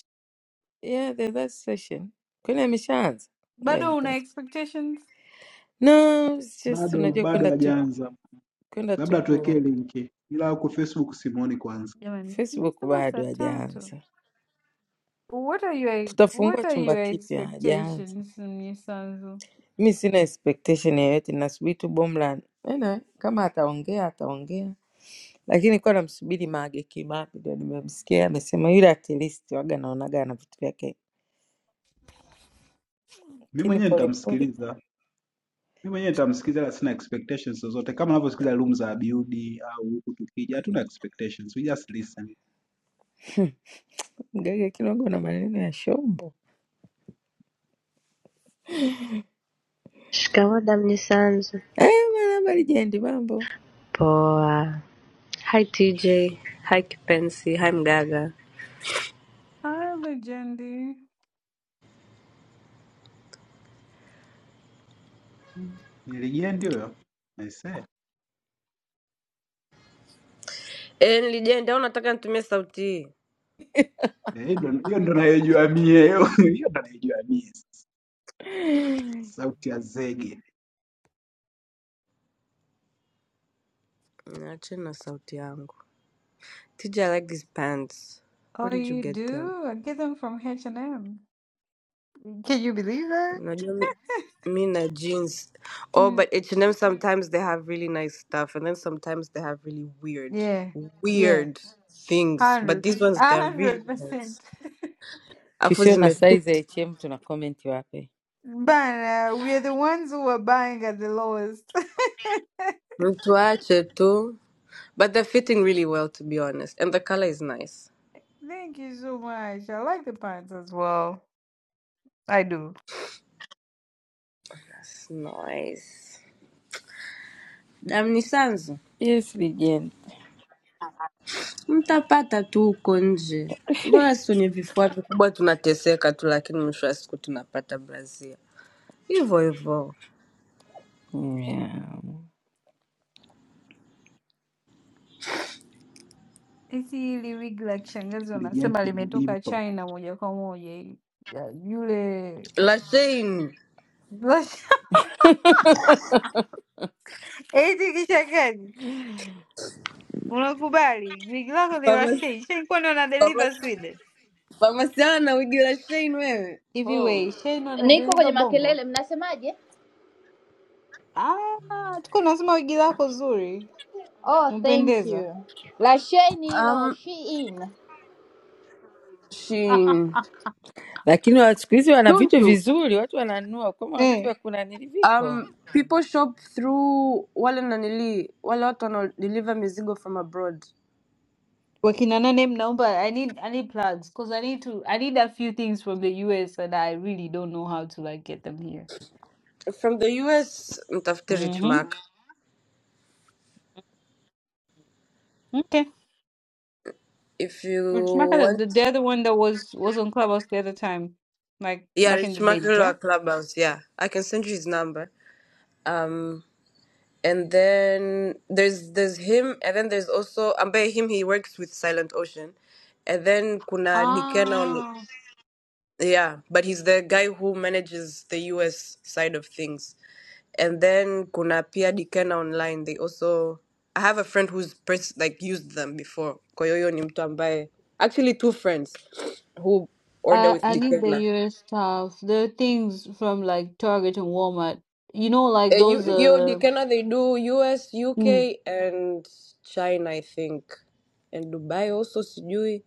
[SPEAKER 19] Yeah, the that session. Kwani ameshaanza? Ngoja
[SPEAKER 22] Bado una
[SPEAKER 19] nimtafute.
[SPEAKER 22] expectations?
[SPEAKER 19] No, it's just
[SPEAKER 6] bado
[SPEAKER 19] unajua
[SPEAKER 6] bado
[SPEAKER 19] kwenda tu
[SPEAKER 6] hajaanza,
[SPEAKER 19] kwenda tu
[SPEAKER 6] labda tuwekee
[SPEAKER 19] ku
[SPEAKER 6] linki, ila huko Facebook simuoni kwanza.
[SPEAKER 22] Jamani,
[SPEAKER 19] Facebook
[SPEAKER 22] simesema saa
[SPEAKER 19] bado
[SPEAKER 22] tatu.
[SPEAKER 19] hajaanza.
[SPEAKER 22] What are your what
[SPEAKER 19] Tutafungua
[SPEAKER 22] are
[SPEAKER 19] chumba
[SPEAKER 22] your
[SPEAKER 19] kipya, hajaanza.
[SPEAKER 22] expectations, Mnyisanzu?
[SPEAKER 19] mi sina expectation yeyote, nasubiri tu Bomla ena, kama ataongea ataongea, lakini nilikuwa namsubiri Mage Kimambi, ndio nimemsikia amesema yule at least waga naonaga ana vitu vyake,
[SPEAKER 6] Mimi
[SPEAKER 19] lakini
[SPEAKER 6] mwenyewe
[SPEAKER 19] polepole
[SPEAKER 6] nitamsikiliza, mimi mwenyewe nitamsikiliza, ila sina expectations zozote, kama unavyosikiliza room za Abiudi au huku tukija, hatuna expectations, we just listen.
[SPEAKER 19] mgaga kidogo na maneno ya shombo.
[SPEAKER 27] Shikamoo Damni Sanzu.
[SPEAKER 19] Eh, bwana, habari jendi, mambo
[SPEAKER 27] Poa. Hi TJ. Hi Kipensi. Hi Mgaga.
[SPEAKER 22] Hi, Legendi.
[SPEAKER 6] Ni legend huyo, I say
[SPEAKER 27] Eh, nilijenda au nataka nitumie sauti hii?
[SPEAKER 6] Eh, hiyo ndo hiyo ndo nayoijua mie hiyo ndo nayoijua mie, sauti ya zege,
[SPEAKER 27] Niacheni na sauti yangu. TJ, I like these pants. Where
[SPEAKER 22] Oh,
[SPEAKER 27] did you
[SPEAKER 22] you
[SPEAKER 27] get them?
[SPEAKER 22] do? I get them from H&M. Can you believe that?
[SPEAKER 27] Unajua mi, mi na jeans. Oh,
[SPEAKER 22] Mm.
[SPEAKER 27] but H&M sometimes they have really nice stuff and then sometimes they have really weird
[SPEAKER 22] Yeah. Yeah.
[SPEAKER 27] weird things. But
[SPEAKER 22] Hundred
[SPEAKER 27] these
[SPEAKER 22] percent.
[SPEAKER 27] ones they're really
[SPEAKER 22] hundred
[SPEAKER 27] nice.
[SPEAKER 22] percent.
[SPEAKER 27] Afu
[SPEAKER 19] tusio na size ya
[SPEAKER 27] zimefit.
[SPEAKER 19] HM tuna comment wapi?
[SPEAKER 22] Bana, we are the ones who are buying at the lowest.
[SPEAKER 27] Mtu ache tu. But they're fitting really well, to be honest. And the color is nice.
[SPEAKER 22] Thank you so much. I like the pants as well. I do.
[SPEAKER 27] It's nice. Amnisanzu,
[SPEAKER 19] Yes, legend.
[SPEAKER 27] mtapata tu huko nje. Mbona sisi wenye vifua vikubwa tunateseka tu, lakini mwisho wa siku tunapata brazia hivyo hivyo.
[SPEAKER 19] Yeah.
[SPEAKER 22] Isi hili wig la kishangazi
[SPEAKER 6] legend
[SPEAKER 22] wanasema limetoka
[SPEAKER 6] Dimpo.
[SPEAKER 22] China moja kwa moja hili. Ya, Yule
[SPEAKER 27] Lashain,
[SPEAKER 22] eti kishangazi, unakubali wig lako ni la
[SPEAKER 27] famasi
[SPEAKER 22] Shein. Shein kwani wana deliver
[SPEAKER 27] famasi-
[SPEAKER 22] Sweden?
[SPEAKER 27] famasi yao na uji Lashain wewe
[SPEAKER 22] Hivi
[SPEAKER 27] oh.
[SPEAKER 22] we, Shein wana
[SPEAKER 24] Niko kwenye
[SPEAKER 22] deliver Bongo?
[SPEAKER 24] makelele, mnasemaje?
[SPEAKER 22] Ah, tuko nasema wigi lako zuri,
[SPEAKER 24] Oh, thank
[SPEAKER 22] umpendeza.
[SPEAKER 24] you. Lasheni hilo
[SPEAKER 27] Um,
[SPEAKER 24] she in.
[SPEAKER 27] Shin
[SPEAKER 19] Lakini wa- siku hizi wana vitu
[SPEAKER 27] Tuntu,
[SPEAKER 19] vizuri, watu wananunua kama wana vitu
[SPEAKER 22] Eh.
[SPEAKER 19] vya kunanili viko.
[SPEAKER 27] um, people shop through wale nanili wale watu wanaodeliver mizigo from abroad
[SPEAKER 22] Working on a name now, but I need I need plans because I need to I need a few things from the US and I really don't know how to like get them here.
[SPEAKER 27] From the US, mtafute Rich
[SPEAKER 22] Mm-hmm.
[SPEAKER 27] Mark.
[SPEAKER 22] Okay.
[SPEAKER 27] If
[SPEAKER 22] Which
[SPEAKER 27] you
[SPEAKER 22] Maka,
[SPEAKER 27] want,
[SPEAKER 22] the, the other one that was was on Clubhouse the other time, like
[SPEAKER 27] yeah,
[SPEAKER 22] back in
[SPEAKER 27] Rich
[SPEAKER 22] the
[SPEAKER 27] Mark
[SPEAKER 22] days, yeah.
[SPEAKER 27] Lower Clubhouse. Yeah, I can send you his number. Um, and then there's there's him, and then there's also ambaye him he works with Silent Ocean, and then kuna Dikena on
[SPEAKER 22] Ah.
[SPEAKER 27] yeah, but he's the guy who manages the US side of things. and then kuna pia Dikena online they also I have a friend who's pers- like used them before kwa hiyo hiyo ni mtu ambaye actually two friends who order
[SPEAKER 22] I
[SPEAKER 27] with
[SPEAKER 22] I need the
[SPEAKER 27] Dikena
[SPEAKER 22] US stuff. The things from like Target and Walmart. You know, like
[SPEAKER 27] Eh, you,
[SPEAKER 22] those
[SPEAKER 27] yo
[SPEAKER 22] uh.
[SPEAKER 27] Dikena they do US UK and China I think and Dubai also sijui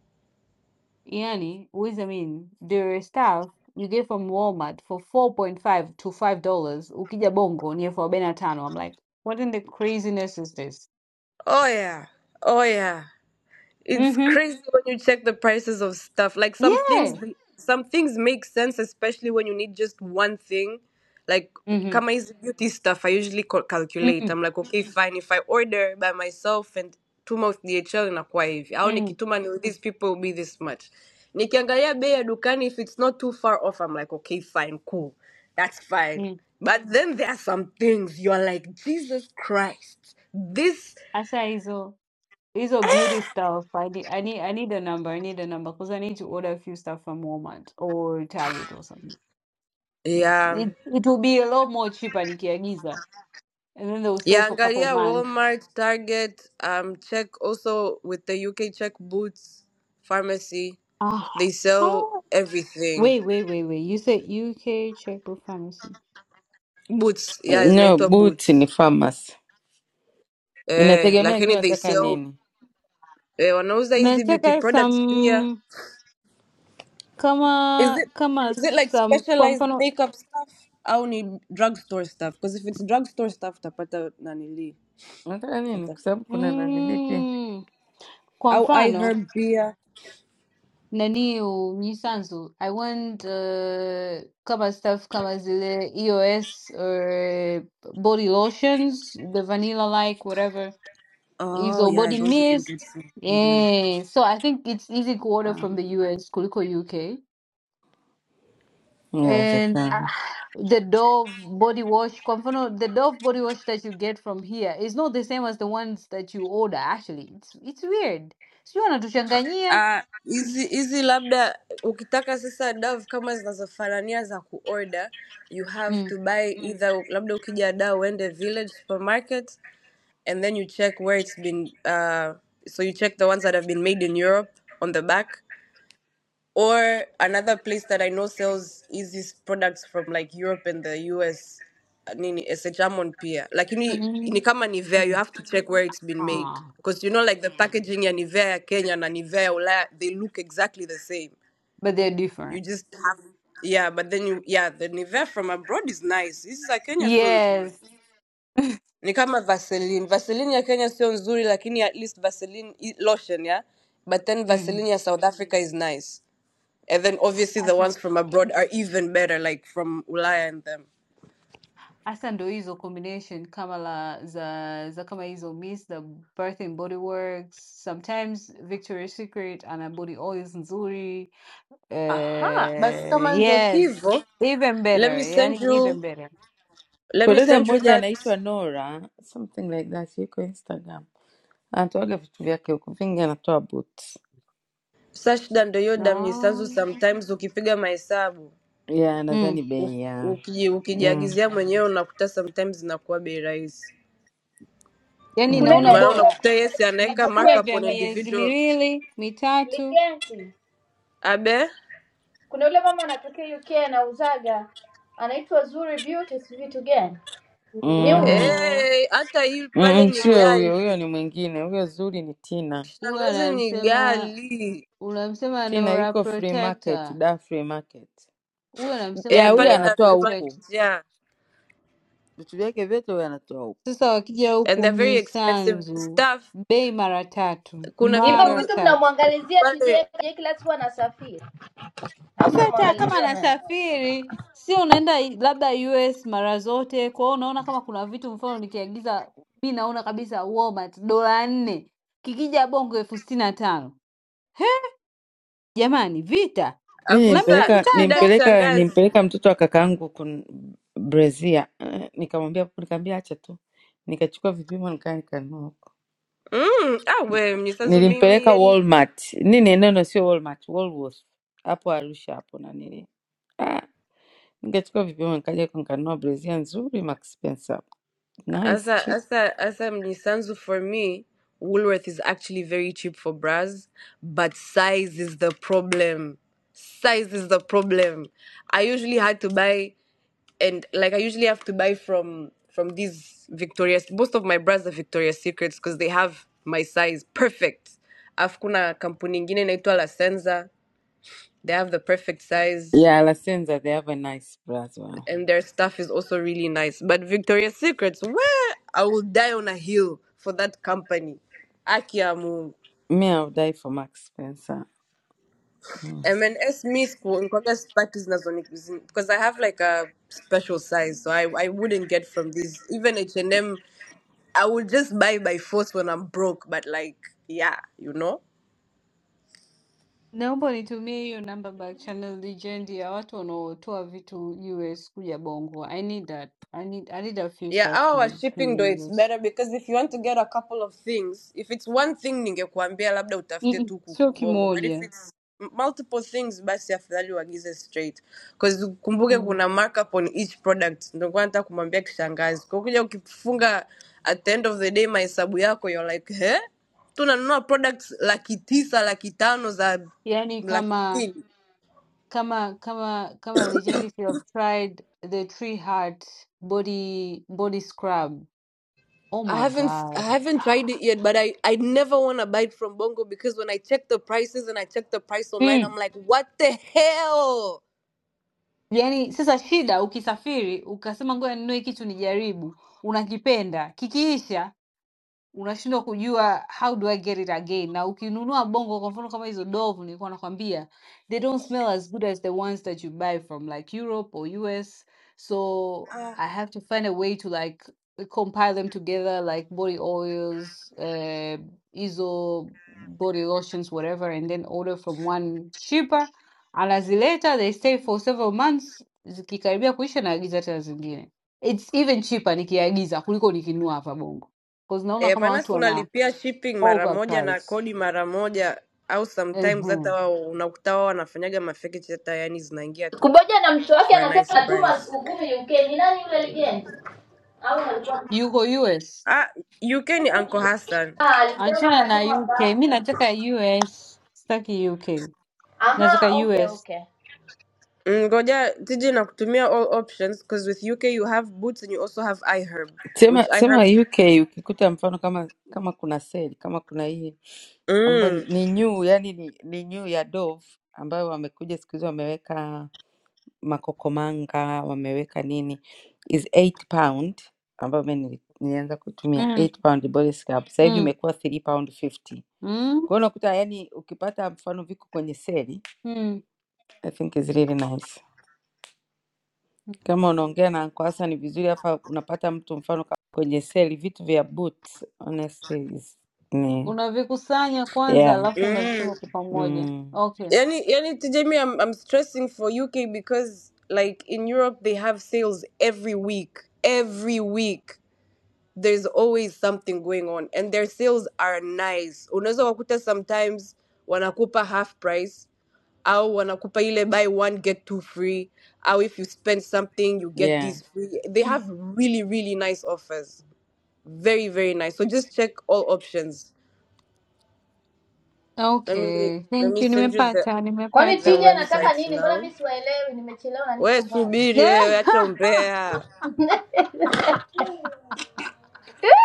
[SPEAKER 22] Yani, with I mean, the staff you get from Walmart for 4.5 to $5, ukija Bongo ni elfu arobaini na tano. I'm like, what in the craziness is this?
[SPEAKER 27] oh yeah oh yeah it's
[SPEAKER 22] Mhm.
[SPEAKER 27] crazy when you check the prices of stuff. Like some things,
[SPEAKER 22] Yeah.
[SPEAKER 27] some things make sense, especially when you need just one thing. Like
[SPEAKER 22] Mhm.
[SPEAKER 27] kama hizi beauty stuff, I usually cal- calculate.
[SPEAKER 22] Mhm.
[SPEAKER 27] I'm like, okay, fine. If I order by myself and tuma with DHL inakuwa hivi, au
[SPEAKER 22] Mhm.
[SPEAKER 27] nikituma ni with these people will be this much. Nikiangalia bei ya dukani, if it's not too far off, I'm like, okay, fine, cool, that's fine.
[SPEAKER 22] Mhm.
[SPEAKER 27] But then there are some things you're like, Jesus Christ, this,
[SPEAKER 22] Hasa hizo hizo beauty stuff. I need, I need I need a number. I need a number because I need to order a few stuff from Walmart or Target or something. It's,
[SPEAKER 27] yeah.
[SPEAKER 22] it it will be a lot more cheaper nikiagiza. And then they will stay
[SPEAKER 27] Yeah,
[SPEAKER 22] for a couple of
[SPEAKER 27] Angalia,
[SPEAKER 22] months.
[SPEAKER 27] Walmart, Target, um, check also with the UK, check Boots, pharmacy. They
[SPEAKER 22] Ah.
[SPEAKER 27] sell everything.
[SPEAKER 22] Wait, wait, wait, wait. You said UK checkbook pharmacy.
[SPEAKER 27] Boots, yeah,
[SPEAKER 19] No,
[SPEAKER 27] zinaitwa
[SPEAKER 19] boot ni
[SPEAKER 27] Boots.
[SPEAKER 19] famous.
[SPEAKER 27] Eh,
[SPEAKER 19] Inategemea ikiwa
[SPEAKER 27] lakini they
[SPEAKER 19] unataka
[SPEAKER 27] sell
[SPEAKER 19] nini,
[SPEAKER 27] eh, wanauza hizi beauty
[SPEAKER 22] Nataka
[SPEAKER 27] products pia.
[SPEAKER 22] some
[SPEAKER 27] Is
[SPEAKER 22] kama
[SPEAKER 27] it
[SPEAKER 22] kama
[SPEAKER 27] is it like
[SPEAKER 22] some kwa
[SPEAKER 27] specialized
[SPEAKER 22] mfano
[SPEAKER 27] makeup stuff au ni drugstore stuff? Because if it's drugstore stuff utapata nanili.
[SPEAKER 19] unataka nini,
[SPEAKER 27] Uta-
[SPEAKER 19] kwa sababu kuna nanili pia
[SPEAKER 22] mm, kwa
[SPEAKER 27] Au
[SPEAKER 22] mfano
[SPEAKER 27] iHerb pia.
[SPEAKER 22] nani Mnisanzu I want uh, kama stuff kama zile EOS or body lotions the vanilla like whatever is
[SPEAKER 27] Oh,
[SPEAKER 22] or
[SPEAKER 27] yeah,
[SPEAKER 22] body
[SPEAKER 27] those you can get
[SPEAKER 22] mist
[SPEAKER 27] from Kingi.
[SPEAKER 22] yeah so I think it's easy to order from the US kuliko UK And uh,
[SPEAKER 19] inawezekana.
[SPEAKER 22] the Dove body wash, kwa mfano, the Dove body wash that you get from here is not the same as the ones that you order, actually. It's it's weird. Sio wanatuchanganyia.
[SPEAKER 27] Ah, hizi hizi labda ukitaka sasa dav kama zinazofanania za kuorder you have
[SPEAKER 22] Mm.
[SPEAKER 27] to buy Mm. either labda ukija da uende village supermarket and then you check where it's been uh, so you check the ones that have been made in europe on the back or another place that I know sells is these products from like Europe and the US. Nini, it's a German beer. Like you need, in
[SPEAKER 22] Mm.
[SPEAKER 27] kama Nivea, you
[SPEAKER 22] Mm.
[SPEAKER 27] have to check where it's been made.
[SPEAKER 22] Ah,
[SPEAKER 27] Because you know, like the packaging ya Nivea ya Kenya na Nivea ya Ulaya, they look exactly the same.
[SPEAKER 22] but they're
[SPEAKER 27] You
[SPEAKER 22] different.
[SPEAKER 27] just have, yeah, but then you, yeah, the Nivea from abroad is nice. This is a Kenya so nzuri.
[SPEAKER 22] Yes.
[SPEAKER 27] Ni kama Vaseline. Vaseline ya Kenya sio nzuri, lakini at least Vaseline i- lotion, yeah? But then
[SPEAKER 22] Mm.
[SPEAKER 27] Vaseline ya South Africa is nice. And then obviously the
[SPEAKER 22] Asa
[SPEAKER 27] ones from abroad are even better, like from Ulaya and them.
[SPEAKER 22] asa ndo hizo combination kama la za za kama hizo Miss the Bath and Body Works, sometimes Victoria's Secret ana body oils nzuri.
[SPEAKER 27] Aha, basi
[SPEAKER 22] Uh,
[SPEAKER 27] kama ndo
[SPEAKER 22] yes,
[SPEAKER 27] hivo,
[SPEAKER 22] even
[SPEAKER 27] let
[SPEAKER 22] better,
[SPEAKER 27] me send
[SPEAKER 22] yani
[SPEAKER 27] you
[SPEAKER 22] even better.
[SPEAKER 27] let
[SPEAKER 19] Kwa
[SPEAKER 27] me
[SPEAKER 19] dada
[SPEAKER 27] send you
[SPEAKER 19] mmoja
[SPEAKER 27] that
[SPEAKER 19] anaitwa Nora something like that, yuko Instagram, anatoaga vitu vyake huko vingi, anatoa boots
[SPEAKER 27] search na ndo hiyo damu nyisanzu
[SPEAKER 22] No.
[SPEAKER 27] sometimes ukipiga mahesabu
[SPEAKER 19] ya nadhani
[SPEAKER 22] Mm.
[SPEAKER 27] u-
[SPEAKER 19] bei ya
[SPEAKER 27] uki-
[SPEAKER 19] mm,
[SPEAKER 27] ukijiagizia mwenyewe unakuta sometimes inakuwa bei rahisi
[SPEAKER 22] Yani
[SPEAKER 19] mm,
[SPEAKER 22] naona
[SPEAKER 27] maana
[SPEAKER 22] bora
[SPEAKER 27] unakuta yesi anaweka
[SPEAKER 22] nichukue
[SPEAKER 27] markup
[SPEAKER 22] vya
[SPEAKER 27] on
[SPEAKER 22] miezi
[SPEAKER 27] individual
[SPEAKER 22] miwili mitatu,
[SPEAKER 24] Ligeti.
[SPEAKER 27] abe
[SPEAKER 24] Kuna yule mama anatokea UK anauzaga anaitwa Zuri Beauty si vitu gani? Ni
[SPEAKER 19] mm, mm,
[SPEAKER 24] huyo.
[SPEAKER 22] ndio
[SPEAKER 27] hey, hata hii pale
[SPEAKER 19] mm,
[SPEAKER 27] ni
[SPEAKER 19] sio huyo, huyo
[SPEAKER 27] gali
[SPEAKER 19] ni mwingine, huyo zuri ni Tina.
[SPEAKER 22] huwa
[SPEAKER 27] shangazi ni
[SPEAKER 22] anamsema
[SPEAKER 27] gali
[SPEAKER 22] unamsema
[SPEAKER 19] Tina
[SPEAKER 22] Nora
[SPEAKER 19] yuko free market,
[SPEAKER 22] Protector,
[SPEAKER 19] da free market
[SPEAKER 22] huwa
[SPEAKER 19] ya
[SPEAKER 22] anamsema
[SPEAKER 27] eh,
[SPEAKER 19] huyo
[SPEAKER 27] pale
[SPEAKER 22] Nora
[SPEAKER 27] da
[SPEAKER 19] anatoa
[SPEAKER 27] free
[SPEAKER 19] huku
[SPEAKER 22] Protector.
[SPEAKER 27] market ya
[SPEAKER 19] vitu vyake vyote, huyo anatoa huku.
[SPEAKER 22] Sasa wakija
[SPEAKER 27] and
[SPEAKER 22] huku
[SPEAKER 27] they're very expensive the
[SPEAKER 22] Mnyisanzu,
[SPEAKER 27] stuff
[SPEAKER 22] bei mara tatu,
[SPEAKER 27] kuna
[SPEAKER 24] Hivyo
[SPEAKER 22] mara
[SPEAKER 27] vitu
[SPEAKER 24] vitu
[SPEAKER 22] tatu.
[SPEAKER 24] mnamwangalizia
[SPEAKER 27] pale
[SPEAKER 24] tuje tuje kila siku anasafiri. Au
[SPEAKER 22] Feta kama
[SPEAKER 24] mnamwangalizia naye.
[SPEAKER 22] anasafiri sio unaenda i- labda US mara zote, kwa hiyo unaona kama kuna vitu, mfano nikiagiza mi naona kabisa Walmart dola nne kikija bongo elfu sitini na tano jamani, vita
[SPEAKER 19] mi
[SPEAKER 22] na mi
[SPEAKER 27] afusa
[SPEAKER 19] nimpeleka
[SPEAKER 27] shida
[SPEAKER 22] nakitaka.
[SPEAKER 19] nimpeleka
[SPEAKER 27] kishangazi
[SPEAKER 19] nimpeleka mtoto wa kakaangu kun Brazil. Eh, Nikamwambia nikamwambia acha tu, nikachukua vipimo nikaa nikanunua huko.
[SPEAKER 27] mm, ah we mnyisanzu mimi
[SPEAKER 19] Nilimpeleka
[SPEAKER 27] yani
[SPEAKER 19] Walmart, nini neno sio Walmart, Woolworth hapo Arusha hapo na nini ah, nikachukua vipimo nikaja huko nikanunua Brazil nzuri, Max Spencer nice
[SPEAKER 27] asa
[SPEAKER 19] cheap.
[SPEAKER 27] asa asa mnyisanzu for me woolworth is actually very cheap for bras but size is the problem size is the problem i usually had to buy and like I usually have to buy from from these Victoria's. Most of my brands are Victoria's Secrets because they have my size perfect. Alafu kuna kampuni ingine inaitwa La Senza. They have the perfect size
[SPEAKER 19] Yeah, La Senza, they have a nice bra as well.
[SPEAKER 27] and their stuff is also really nice. But Victoria's Secrets, where I will die on a hill for that company. Aki ya Mungu.
[SPEAKER 19] Me, I'll die for Max Spencer. Mm.
[SPEAKER 27] M&S mi siku- sipati zinazoni- because I have like a special size so I, I wouldn't get from these even H&M I will just buy by force when I'm broke, but like, yeah, you know?
[SPEAKER 22] Naomba nitumie hiyo namba back channel legend ya watu wanaotoa vitu US kuja bongo. I need that. I need, I need a few
[SPEAKER 27] Yeah,
[SPEAKER 22] stuff
[SPEAKER 27] our
[SPEAKER 22] from, from
[SPEAKER 27] shipping
[SPEAKER 22] the
[SPEAKER 27] though, it's
[SPEAKER 22] US.
[SPEAKER 27] better because if you want to get a couple of things, if it's one thing ningekuambia labda
[SPEAKER 22] Mm,
[SPEAKER 27] utafute
[SPEAKER 22] mm,
[SPEAKER 27] tu
[SPEAKER 22] Sio
[SPEAKER 27] kukubongo. but if
[SPEAKER 22] kimoja
[SPEAKER 27] it's m- multiple things basi afadhali uagize straight because kumbuke
[SPEAKER 22] mm.
[SPEAKER 27] kuna markup on each product. Ndio kwa nataka kumwambia kishangazi, kwa kuja ukifunga at the end of the day mahesabu yako you're like, he tunanunua products laki tisa laki tano za
[SPEAKER 22] Yaani
[SPEAKER 27] laki
[SPEAKER 22] kama
[SPEAKER 27] mbili
[SPEAKER 22] Kama kama kama Legend if you have tried the Tree Heart body body scrub. Oh
[SPEAKER 27] I
[SPEAKER 22] my
[SPEAKER 27] haven't I
[SPEAKER 22] God.
[SPEAKER 27] haven't tried it yet, but I I never want to buy it from Bongo because when I check the prices and I check the price online,
[SPEAKER 22] Mm.
[SPEAKER 27] I'm like, what the hell?
[SPEAKER 22] Yaani sasa shida ukisafiri ukasema ngoja ninunue kitu nijaribu, unakipenda, kikiisha unashindwa kujua how do I get it again. Na ukinunua Bongo, kwa mfano kama hizo Dove nilikuwa nakwambia, they don't smell as good as the ones that you buy from like Europe or US. So
[SPEAKER 27] Ah.
[SPEAKER 22] I have to find a way to like compile them together like body oils, uh, hizo body lotions, whatever, and then order from one cheaper. Anazileta, they stay for several months, zikikaribia kuisha naagiza tena zingine. It's even cheaper nikiagiza kuliko nikinunua hapa Bongo. 'cause naona
[SPEAKER 27] Eh,
[SPEAKER 22] kama
[SPEAKER 27] maana
[SPEAKER 22] watu
[SPEAKER 27] si
[SPEAKER 22] wana
[SPEAKER 27] unalipia shipping mara moja na
[SPEAKER 22] overprice.
[SPEAKER 27] kodi mara moja au sometimes hata
[SPEAKER 22] Ehe.
[SPEAKER 27] wao unakuta wao wanafanyaga mafake chata yani zinaingia tu
[SPEAKER 24] Kuboja na mtoto wake
[SPEAKER 27] for a
[SPEAKER 24] anasema
[SPEAKER 27] nice
[SPEAKER 24] anatuma
[SPEAKER 27] price.
[SPEAKER 24] siku kumi UK. Ni nani yule legend? Au alikuwa
[SPEAKER 22] Yuko US.
[SPEAKER 27] Ah, UK ni Uncle Hassan.
[SPEAKER 24] ah, alisema
[SPEAKER 22] Achana na
[SPEAKER 24] anatuma
[SPEAKER 22] UK. Mi
[SPEAKER 24] pasta.
[SPEAKER 22] nataka US. Sitaki UK. Nataka
[SPEAKER 24] Okay,
[SPEAKER 22] US.
[SPEAKER 24] okay.
[SPEAKER 27] Mm, Ngoja tiji na kutumia all options because with UK you have Boots and you also have iHerb,
[SPEAKER 19] Sema
[SPEAKER 27] which
[SPEAKER 19] sema
[SPEAKER 27] iHerb
[SPEAKER 19] UK ukikuta mfano kama kama kuna sale, kama kuna hii ambayo ni
[SPEAKER 27] mm,
[SPEAKER 19] ni new, yani ni, ni new ya Dove ambayo wamekuja siku hizi wameweka makokomanga, wameweka nini, is 8 pound ambayo mimi nili- nilianza kutumia
[SPEAKER 22] Mm.
[SPEAKER 19] 8 pound body scrub, sasa hivi
[SPEAKER 22] Mm.
[SPEAKER 19] imekuwa 3 pound 50.
[SPEAKER 22] Mm.
[SPEAKER 19] Kwa hiyo unakuta yani, ukipata mfano viko kwenye seli,
[SPEAKER 22] Mm.
[SPEAKER 19] I think is really nice. Kama unaongea na Uncle Hassan ni vizuri, afa unapata mtu mfano kama kwenye seli, vitu vya boots honestly is ni
[SPEAKER 22] Unavikusanya kwanza
[SPEAKER 19] yeah.
[SPEAKER 22] alafu
[SPEAKER 27] mm.
[SPEAKER 22] unavituma kwa pamoja.
[SPEAKER 19] Mm,
[SPEAKER 22] Okay.
[SPEAKER 27] Any, any, Jamie, I'm, I'm stressing for UK because, like, in Europe, they have sales every week. Every week, there's always something going on, and their sales are nice. Unaweza wakuta sometimes wanakupa half price, au wanakupa ile buy one get two free, au if you spend something you get
[SPEAKER 19] yeah.
[SPEAKER 27] this free. They have really, really nice offers. Very, very nice. So just check all options. Let me
[SPEAKER 22] Okay.
[SPEAKER 27] let
[SPEAKER 22] Thank
[SPEAKER 27] me
[SPEAKER 22] you.
[SPEAKER 27] send you the
[SPEAKER 22] Nimepata,
[SPEAKER 24] Kwani
[SPEAKER 27] the
[SPEAKER 22] nimepata.
[SPEAKER 24] tija anataka
[SPEAKER 27] websites
[SPEAKER 24] nini? Mbona
[SPEAKER 27] now.
[SPEAKER 24] mimi siwaelewi, nimechelewa na niko
[SPEAKER 27] We
[SPEAKER 24] mbali.
[SPEAKER 27] subiri wewe, acha umbea.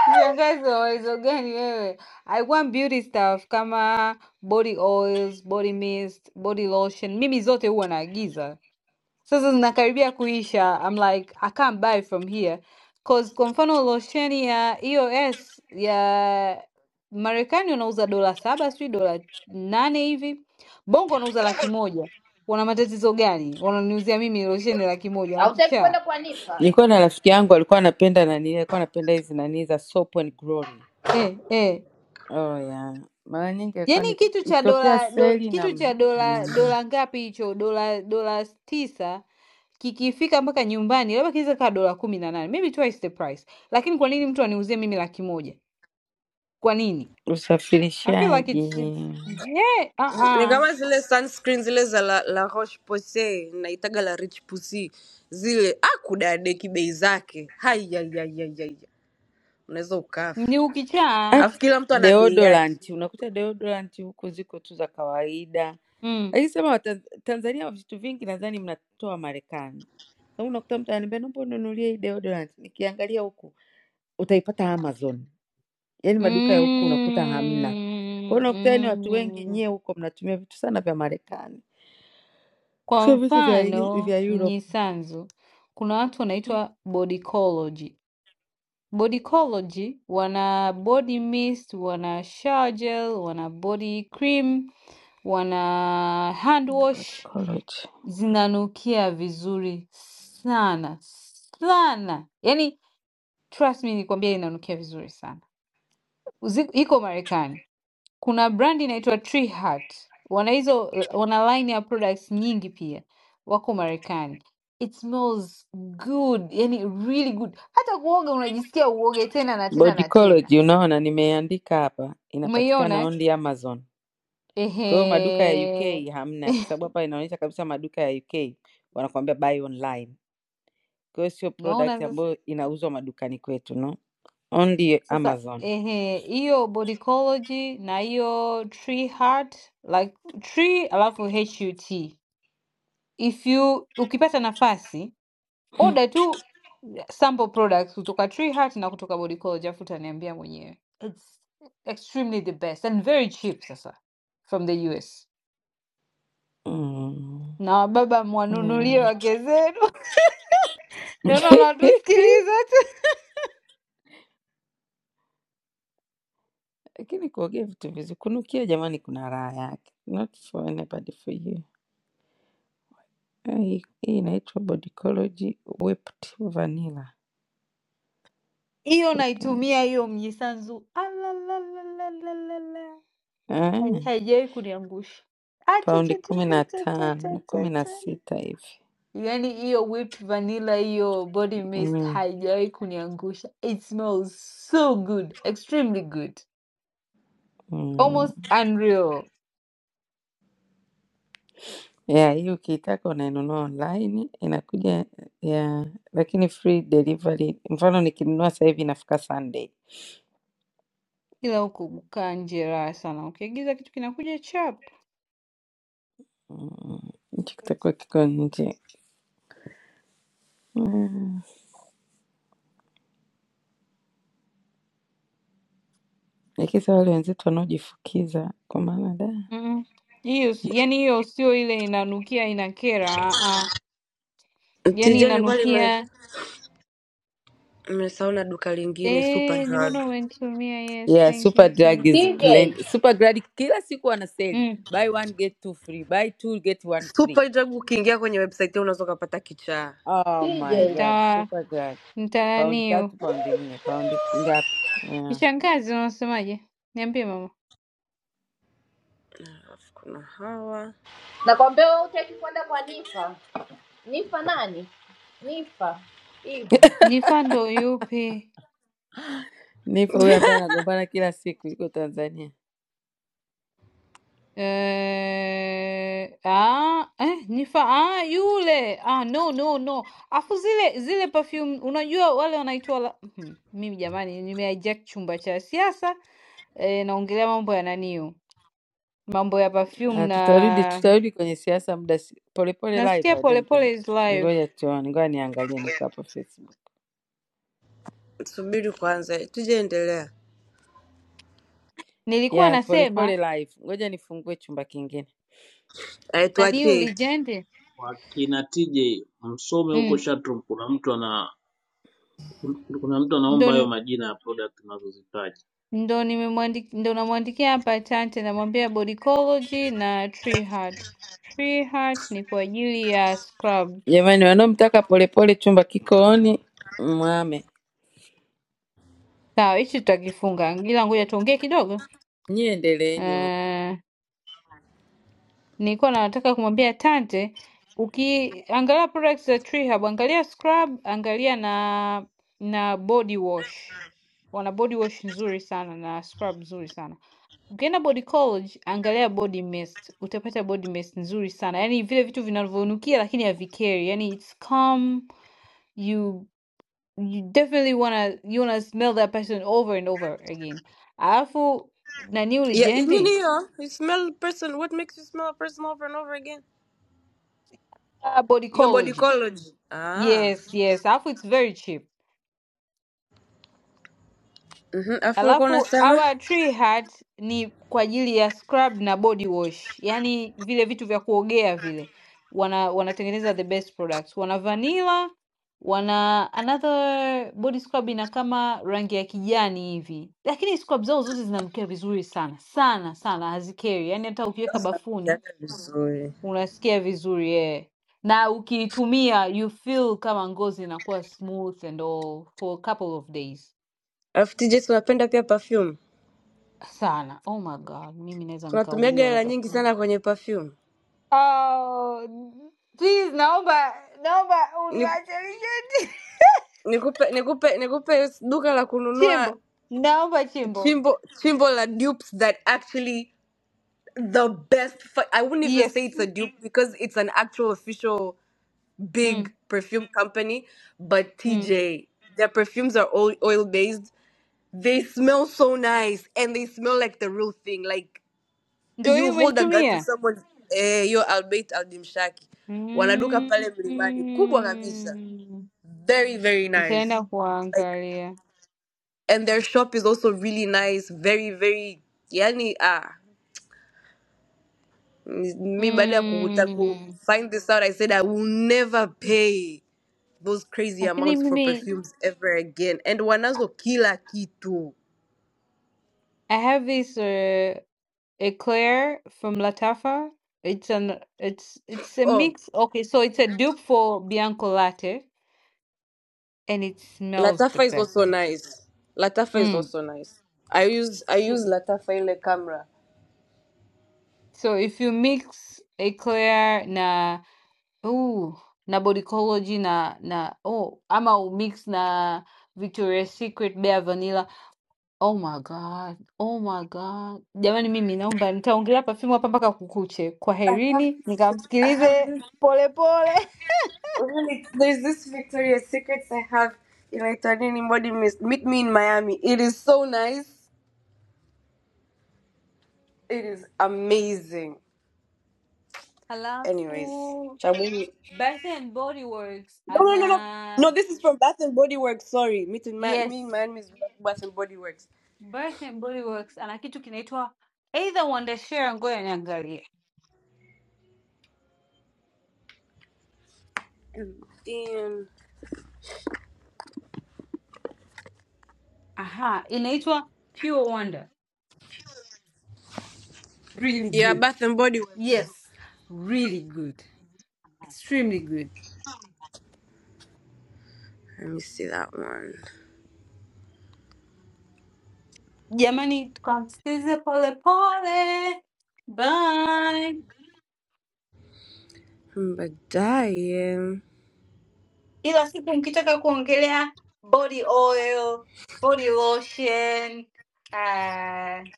[SPEAKER 22] Kishangazi wa uwezo gani wewe? Alikuwa beauty stuff kama body oils, body mist, body lotion. Mimi zote huwa naagiza. Sasa zinakaribia kuisha. I'm like, I can't buy from here. Cause kwa mfano lotion ya EOS ya Marekani wanauza dola saba sijui dola nane hivi. Bongo wanauza laki moja. Wana matatizo gani? Wananiuzia mimi losheni laki moja
[SPEAKER 24] Hautaki
[SPEAKER 22] wakichaa.
[SPEAKER 24] kwenda kwa Nifa?
[SPEAKER 19] Nilikuwa na rafiki yangu alikuwa anapenda nani, alikuwa anapenda hizi nani za Soap and Glory.
[SPEAKER 22] Eh, eh.
[SPEAKER 19] Oh yeah, mara nyingi alikuwa
[SPEAKER 22] Yaani
[SPEAKER 19] ni-
[SPEAKER 22] kitu cha
[SPEAKER 19] ikitokea
[SPEAKER 22] dola do,
[SPEAKER 19] seli
[SPEAKER 22] kitu
[SPEAKER 19] na
[SPEAKER 22] cha dola
[SPEAKER 19] namwambia
[SPEAKER 22] dola ngapi hicho? Dola dola tisa kikifika mpaka nyumbani labda kiweza kaa dola kumi na nane maybe twice the price, lakini kwa nini mtu aniuzie mimi laki moja? Kwa nini? I feel like it's, it's
[SPEAKER 19] usafirishaji.
[SPEAKER 22] yeah,
[SPEAKER 27] Ni
[SPEAKER 22] uh-uh.
[SPEAKER 27] kama zile sunscreen zile za la, la Roche Posay na itaga la Rich Pussy zile, akudadeki bei zake haiyaiyaiyaiya, unaweza ukafa.
[SPEAKER 22] Ni ukichaa
[SPEAKER 19] Hata
[SPEAKER 27] Alafu kila mtu ana bei yake.
[SPEAKER 19] deodorant, unakuta deodorant huku ziko tu za kawaida,
[SPEAKER 22] mm.
[SPEAKER 19] lakini sema Watan- Tanzania vitu vingi nadhani mnatoa Marekani. Kama unakuta mtu ananiambia naomba ununulie hii deodorant, nikiangalia huku utaipata Amazon yaani maduka ya huku unakuta hamna. Kwa
[SPEAKER 22] Mm,
[SPEAKER 19] hiyo unakuta yaani watu wengi
[SPEAKER 22] mm.
[SPEAKER 19] nyie huko mnatumia vitu sana vya Marekani,
[SPEAKER 22] Kwa
[SPEAKER 19] sio vitu vya
[SPEAKER 22] mfano
[SPEAKER 19] vya Europe.
[SPEAKER 22] Mnyisanzu kuna watu wanaitwa bodycology Bodicology wana body mist, wana shower gel, wana body cream, wana hand wash,
[SPEAKER 19] Gynecology.
[SPEAKER 22] zinanukia vizuri sana sana, yani trust me nikwambia, inanukia vizuri sana. Zi- Iko Marekani, kuna brand inaitwa Tree Hut, wana hizo wana line ya products nyingi pia, wako Marekani. It smells good, yani really good. Hata kuoga unajisikia uoge tena na tena na tena.
[SPEAKER 19] Bodicology unaona nimeandika hapa inapatikana
[SPEAKER 22] Umeiona? eh?
[SPEAKER 19] only Amazon. Kwa hiyo maduka ya
[SPEAKER 22] Ehe.
[SPEAKER 19] UK hamna kwa sababu hapa inaonyesha kabisa maduka ya UK wanakuambia buy online. Kwa hiyo sio product
[SPEAKER 22] Unaona sasa
[SPEAKER 19] ambayo inauzwa madukani kwetu no. Only
[SPEAKER 22] sasa,
[SPEAKER 19] Amazon.
[SPEAKER 22] ehe, hiyo Bodycology na hiyo Tree Heart like tree alafu HUT. If you ukipata nafasi order tu sample products kutoka Tree Heart na kutoka Bodycology alafu utaniambia mwenyewe. It's extremely the best and very cheap sasa from the US.
[SPEAKER 19] Mm.
[SPEAKER 22] Na baba
[SPEAKER 19] Yeah.
[SPEAKER 22] mwanunulie wake zenu. Naona wanatusikiliza.
[SPEAKER 19] Lakini kuogea vitu vizi kunukia jamani kuna raha yake. Not for anybody for you. Ah, Hii hii inaitwa Bodycology Whipped Vanilla
[SPEAKER 22] Hiyo
[SPEAKER 19] Fragrance.
[SPEAKER 22] naitumia hiyo mjisanzu. Alalalalalalalala. Hai
[SPEAKER 19] Ah,
[SPEAKER 22] haijawahi kuniangusha.
[SPEAKER 19] paundi kumi na tano, kumi na
[SPEAKER 22] Achachachachachachachacha.
[SPEAKER 19] sita hivi.
[SPEAKER 22] Yaani hiyo whipped vanilla hiyo body mist
[SPEAKER 19] Mm.
[SPEAKER 22] haijawahi kuniangusha. It smells so good, extremely good.
[SPEAKER 19] Mm.
[SPEAKER 22] Almost unreal.
[SPEAKER 19] Yeah, hii ukiitaka unainunua online inakuja yeah, lakini free delivery. Mfano nikinunua sasa hivi inafika Sunday.
[SPEAKER 22] Ila huku kukaa nje raha sana. Ukiagiza kitu kinakuja chap.
[SPEAKER 19] Mm. Hichi kitakuwa kiko nje. Mm. Lakini sasa wale wenzetu wanaojifukiza kwa maana da
[SPEAKER 22] Mm-mm. Hiyo si- yaani hiyo sio ile inanukia inakera, a a. Yaani
[SPEAKER 27] Tija, nilikuwa nime-
[SPEAKER 22] inanukia
[SPEAKER 27] nimesahau na duka lingine
[SPEAKER 22] Eh,
[SPEAKER 27] Superdrug.
[SPEAKER 22] nimeona umenitumia. Yes,
[SPEAKER 19] Yeah,
[SPEAKER 22] thank
[SPEAKER 19] super
[SPEAKER 22] you,
[SPEAKER 19] drug
[SPEAKER 22] thank
[SPEAKER 19] is
[SPEAKER 22] you.
[SPEAKER 24] TJ,
[SPEAKER 19] plenty. Super drug kila siku wana sale.
[SPEAKER 22] Mm,
[SPEAKER 19] Buy one get two free. Buy two get one free.
[SPEAKER 27] Superdrug ukiingia kwenye website yao unaweza ukapata kichaa.
[SPEAKER 19] Oh
[SPEAKER 24] TJ.
[SPEAKER 19] my god,
[SPEAKER 22] nita
[SPEAKER 19] super drug. Paundi
[SPEAKER 22] nitananiu.
[SPEAKER 19] tatu, paundi nne, paundi ngapi? Yeah.
[SPEAKER 22] Kishangazi unasemaje? Niambie mama.
[SPEAKER 27] Alafu kuna hawa,
[SPEAKER 24] Nakwambia wewe hutaki kwenda kwa Nifa. Nifa nani? Nifa. Hivyo.
[SPEAKER 22] Nifa ndo yupi?
[SPEAKER 19] Nipo huyo ambaye anagombana kila siku yuko Tanzania.
[SPEAKER 22] Eh, ah, eh, Nifa ah, yule. Ah, no no no. Afu zile zile perfume unajua wale wanaitwa la... Mhm. Mimi jamani nimehijack chumba cha siasa. Eh, naongelea mambo ya naniu. Mambo ya perfume
[SPEAKER 19] Ah, tutarudi
[SPEAKER 22] na
[SPEAKER 19] tutarudi kwenye siasa muda si- polepole live
[SPEAKER 22] nasikia
[SPEAKER 19] I don't think.
[SPEAKER 22] polepole is live.
[SPEAKER 19] Ngoja tuone, ngoja niangalie niko hapa Facebook.
[SPEAKER 27] subiri kwanza, tija, endelea.
[SPEAKER 22] Nilikuwa
[SPEAKER 19] Yeah, polepole
[SPEAKER 22] nasema
[SPEAKER 19] live. Ngoja nifungue chumba kingine.
[SPEAKER 27] Eh,
[SPEAKER 22] naniu
[SPEAKER 27] tuachie
[SPEAKER 22] legend
[SPEAKER 16] Wakina TJ msome huko
[SPEAKER 22] mm,
[SPEAKER 16] chatroom, kuna mtu ana kuna mtu
[SPEAKER 22] ndo
[SPEAKER 16] anaomba hayo majina ya product tunazozitaja.
[SPEAKER 22] ndo nimemwandi- ndo namwandikia hapa Asante, namwambia Bodicology na Tree Heart. Tree Heart ni kwa ajili ya scrub.
[SPEAKER 19] Jamani wanaomtaka polepole chumba kiko on. Mwame.
[SPEAKER 22] Sawa, hichi tutakifunga, ila ngoja tuongee kidogo.
[SPEAKER 19] Nyie endeleeni huko
[SPEAKER 22] Uh, nilikuwa nataka kumwambia Tante, ukiangalia products za Tree Hub, angalia scrub, angalia na na body wash. Wana body wash nzuri sana na scrub nzuri sana. Ukienda body college angalia body mist, utapata body mist nzuri sana, yaani vile vitu vinavyonukia lakini havikeri, yaani it's calm, you you definitely wanna you wanna smell that person over and over again. Alafu nani
[SPEAKER 27] Yeah,
[SPEAKER 22] ulijendi?
[SPEAKER 27] engineer. You smell person. What makes you smell a person over and over again?
[SPEAKER 22] Ah, body
[SPEAKER 27] Your body
[SPEAKER 22] college.
[SPEAKER 27] cology. Ah.
[SPEAKER 22] Yes, yes. Alafu it's very cheap.
[SPEAKER 27] Mhm. Afu ulikuwa
[SPEAKER 22] Alafu
[SPEAKER 27] unasema?
[SPEAKER 22] our tree hat ni kwa ajili ya scrub na body wash, yaani vile vitu vya kuogea vile. Wana wanatengeneza the best products. Wana vanilla, wana another body scrub ina kama rangi ya kijani hivi, lakini scrub zao zote zinanukia vizuri sana sana sana, hazikeri. Yaani hata
[SPEAKER 27] Those
[SPEAKER 22] ukiweka bafuni
[SPEAKER 27] zinanukiaga vizuri.
[SPEAKER 22] unasikia vizuri yeah. Na ukiitumia you feel kama ngozi inakuwa smooth and all for a couple of days.
[SPEAKER 27] Alafu TJ si unapenda pia perfume.
[SPEAKER 22] Sana. Oh my God, mimi naweza
[SPEAKER 27] Tunatumiaga
[SPEAKER 22] nikauliwa
[SPEAKER 27] hela
[SPEAKER 22] hapa.
[SPEAKER 27] nyingi sana kwenye perfume.
[SPEAKER 22] Oh, n- please naomba naomba
[SPEAKER 27] Ni-
[SPEAKER 22] uniache Richard.
[SPEAKER 27] Nikupe nikupe nikupe duka la kununua
[SPEAKER 22] Chimbo. Naomba chimbo.
[SPEAKER 27] chimbo chimbo la dupes that actually the best fu- I wouldn't even say
[SPEAKER 22] Yes.
[SPEAKER 27] it's a dupe because it's an actual official big
[SPEAKER 22] Mm.
[SPEAKER 27] perfume company, but
[SPEAKER 22] Mm.
[SPEAKER 27] TJ, their perfumes are all oil based. They smell so nice and they smell like the real thing. Like
[SPEAKER 22] Ndio
[SPEAKER 27] you
[SPEAKER 22] hiyo
[SPEAKER 27] hold a gun to
[SPEAKER 22] umenitumia.
[SPEAKER 27] someone's eh, yo albeit aldimshaki. Wanaduka
[SPEAKER 22] Mm.
[SPEAKER 27] pale mlimani kubwa kabisa.
[SPEAKER 22] mm.
[SPEAKER 27] Very very
[SPEAKER 22] Nitaenda
[SPEAKER 27] nice. Like
[SPEAKER 22] kuangalia.
[SPEAKER 27] and their shop is also really nice, very very yani ah me baada ya kukuta- ku
[SPEAKER 22] Mm.
[SPEAKER 27] find this out I said I will never pay. those crazy
[SPEAKER 22] Lakini
[SPEAKER 27] amounts for
[SPEAKER 22] mimi
[SPEAKER 27] perfumes ever again and wanazo kila kitu
[SPEAKER 22] I have this uh, eclair from Latafa. It's an it's it's a
[SPEAKER 27] oh
[SPEAKER 22] mix. Okay, so it's a dupe for Bianco Latte, and it smells the
[SPEAKER 27] latafa is
[SPEAKER 22] best.
[SPEAKER 27] also nice latafa is
[SPEAKER 22] Mm.
[SPEAKER 27] also nice i use i
[SPEAKER 22] So,
[SPEAKER 27] use latafa ile camera
[SPEAKER 22] so if you mix eclair na ooh na Bodycology na na oh ama umix na Victoria's Secret Bare Vanilla Oh my God. Oh my God. Jamani mimi naomba nitaongelea Perfume hapa mpaka kukuche.
[SPEAKER 27] i have
[SPEAKER 22] Kwaherini,
[SPEAKER 27] this i have
[SPEAKER 22] nikamsikilize
[SPEAKER 27] this
[SPEAKER 22] polepole.
[SPEAKER 27] really, there's this victoria's secrets i have if i turn anybody miss meet me in miami it is so nice it is amazing anyways
[SPEAKER 22] Halafu
[SPEAKER 27] Chabuni.
[SPEAKER 22] Bath and Body Works
[SPEAKER 27] no no no no
[SPEAKER 22] ana
[SPEAKER 27] no this is from bath and body works sorry meet in, Ma- me in
[SPEAKER 22] yes,
[SPEAKER 27] miami is bath and body works
[SPEAKER 22] Bath and Body Works ana kitu kinaitwa either Wonder Share, ngoja niangalie.
[SPEAKER 27] Then
[SPEAKER 22] Aha, inaitwa Pure Wonder. Really
[SPEAKER 27] yeah,
[SPEAKER 22] good.
[SPEAKER 27] Bath and Body Works.
[SPEAKER 22] Yes, really good. Extremely good.
[SPEAKER 27] Let me see that one.
[SPEAKER 22] Jamani, tukamsikilize polepole. Bye.
[SPEAKER 27] Mm, Baadaye
[SPEAKER 22] Ila siku mkitaka kuongelea body oil, body lotion, uh,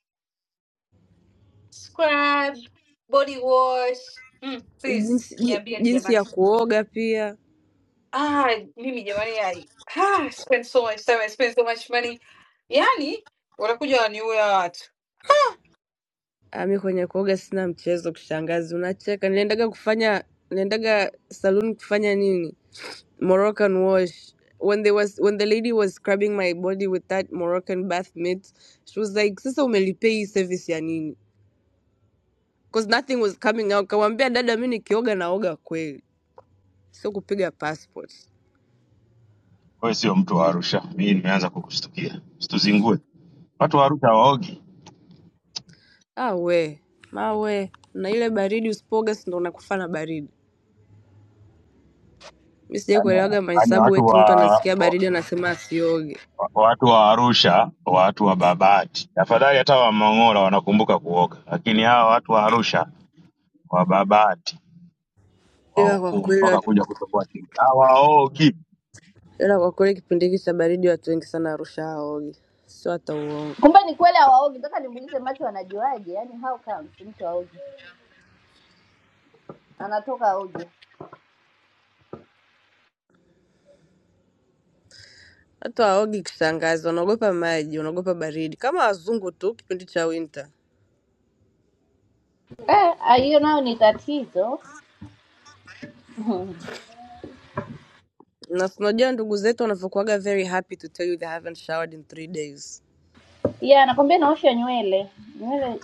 [SPEAKER 22] scrub, body wash mm, please
[SPEAKER 27] jinsi ji-
[SPEAKER 22] niambieni
[SPEAKER 27] jinsi ya
[SPEAKER 22] jamani.
[SPEAKER 27] kuoga pia.
[SPEAKER 22] Ah, mimi jamani, I ah, spend so much time, I spend so much money. Yani wanakuja waniua watu
[SPEAKER 27] Ah, Mi kwenye kuoga sina mchezo, kushangazi. Unacheka, niliendaga kufanya niliendaga saloon kufanya nini? Moroccan wash. When they was when the lady was scrubbing my body with that Moroccan bath mitt, she was like, "Sasa umelipia hii service ya nini?" Because nothing was coming out. Kamwambia dada, mi nikioga naoga kweli, sio kupiga passport.
[SPEAKER 5] Wewe sio mtu wa Arusha, mimi nimeanza kukushtukia. Usituzingue, watu wa Arusha waogi,
[SPEAKER 27] Ah we, ma we, na ile baridi usipoga si ndo unakufa na baridi. Mi sijai kuelewaga
[SPEAKER 5] yaani
[SPEAKER 27] mahesabu
[SPEAKER 5] watu
[SPEAKER 27] eti
[SPEAKER 5] wa
[SPEAKER 27] mtu anasikia
[SPEAKER 5] wa-
[SPEAKER 27] baridi anasema asioge.
[SPEAKER 5] watu wa Arusha, watu wa Babati, afadhali hata wa Mang'ora wanakumbuka kuoga, lakini hawa watu wa Arusha, wa Babati, wa
[SPEAKER 27] Ila kwa
[SPEAKER 5] huku
[SPEAKER 27] kweli
[SPEAKER 5] mpaka
[SPEAKER 27] wat-
[SPEAKER 5] kuja kutoboa chini hawaogi.
[SPEAKER 27] ila kwa kweli kipindi hiki cha baridi watu wengi sana Arusha hawaogi. Sio hata uongo.
[SPEAKER 24] Kumbe ni kweli hawaogi. Nataka nimuulize macho anajuaje? Yaani how comes mtu aogi? Anatoka aogi.
[SPEAKER 27] Watu hawaogi kishangazi, wanaogopa maji, wanaogopa baridi. Kama wazungu tu kipindi cha winter.
[SPEAKER 24] Eh, ah, hiyo nayo ni tatizo.
[SPEAKER 27] Na si unajua ndugu zetu wanavyokuwaga very happy to tell you they haven't showered in three days.
[SPEAKER 24] Ya, anakwambia naosha nywele. Nywele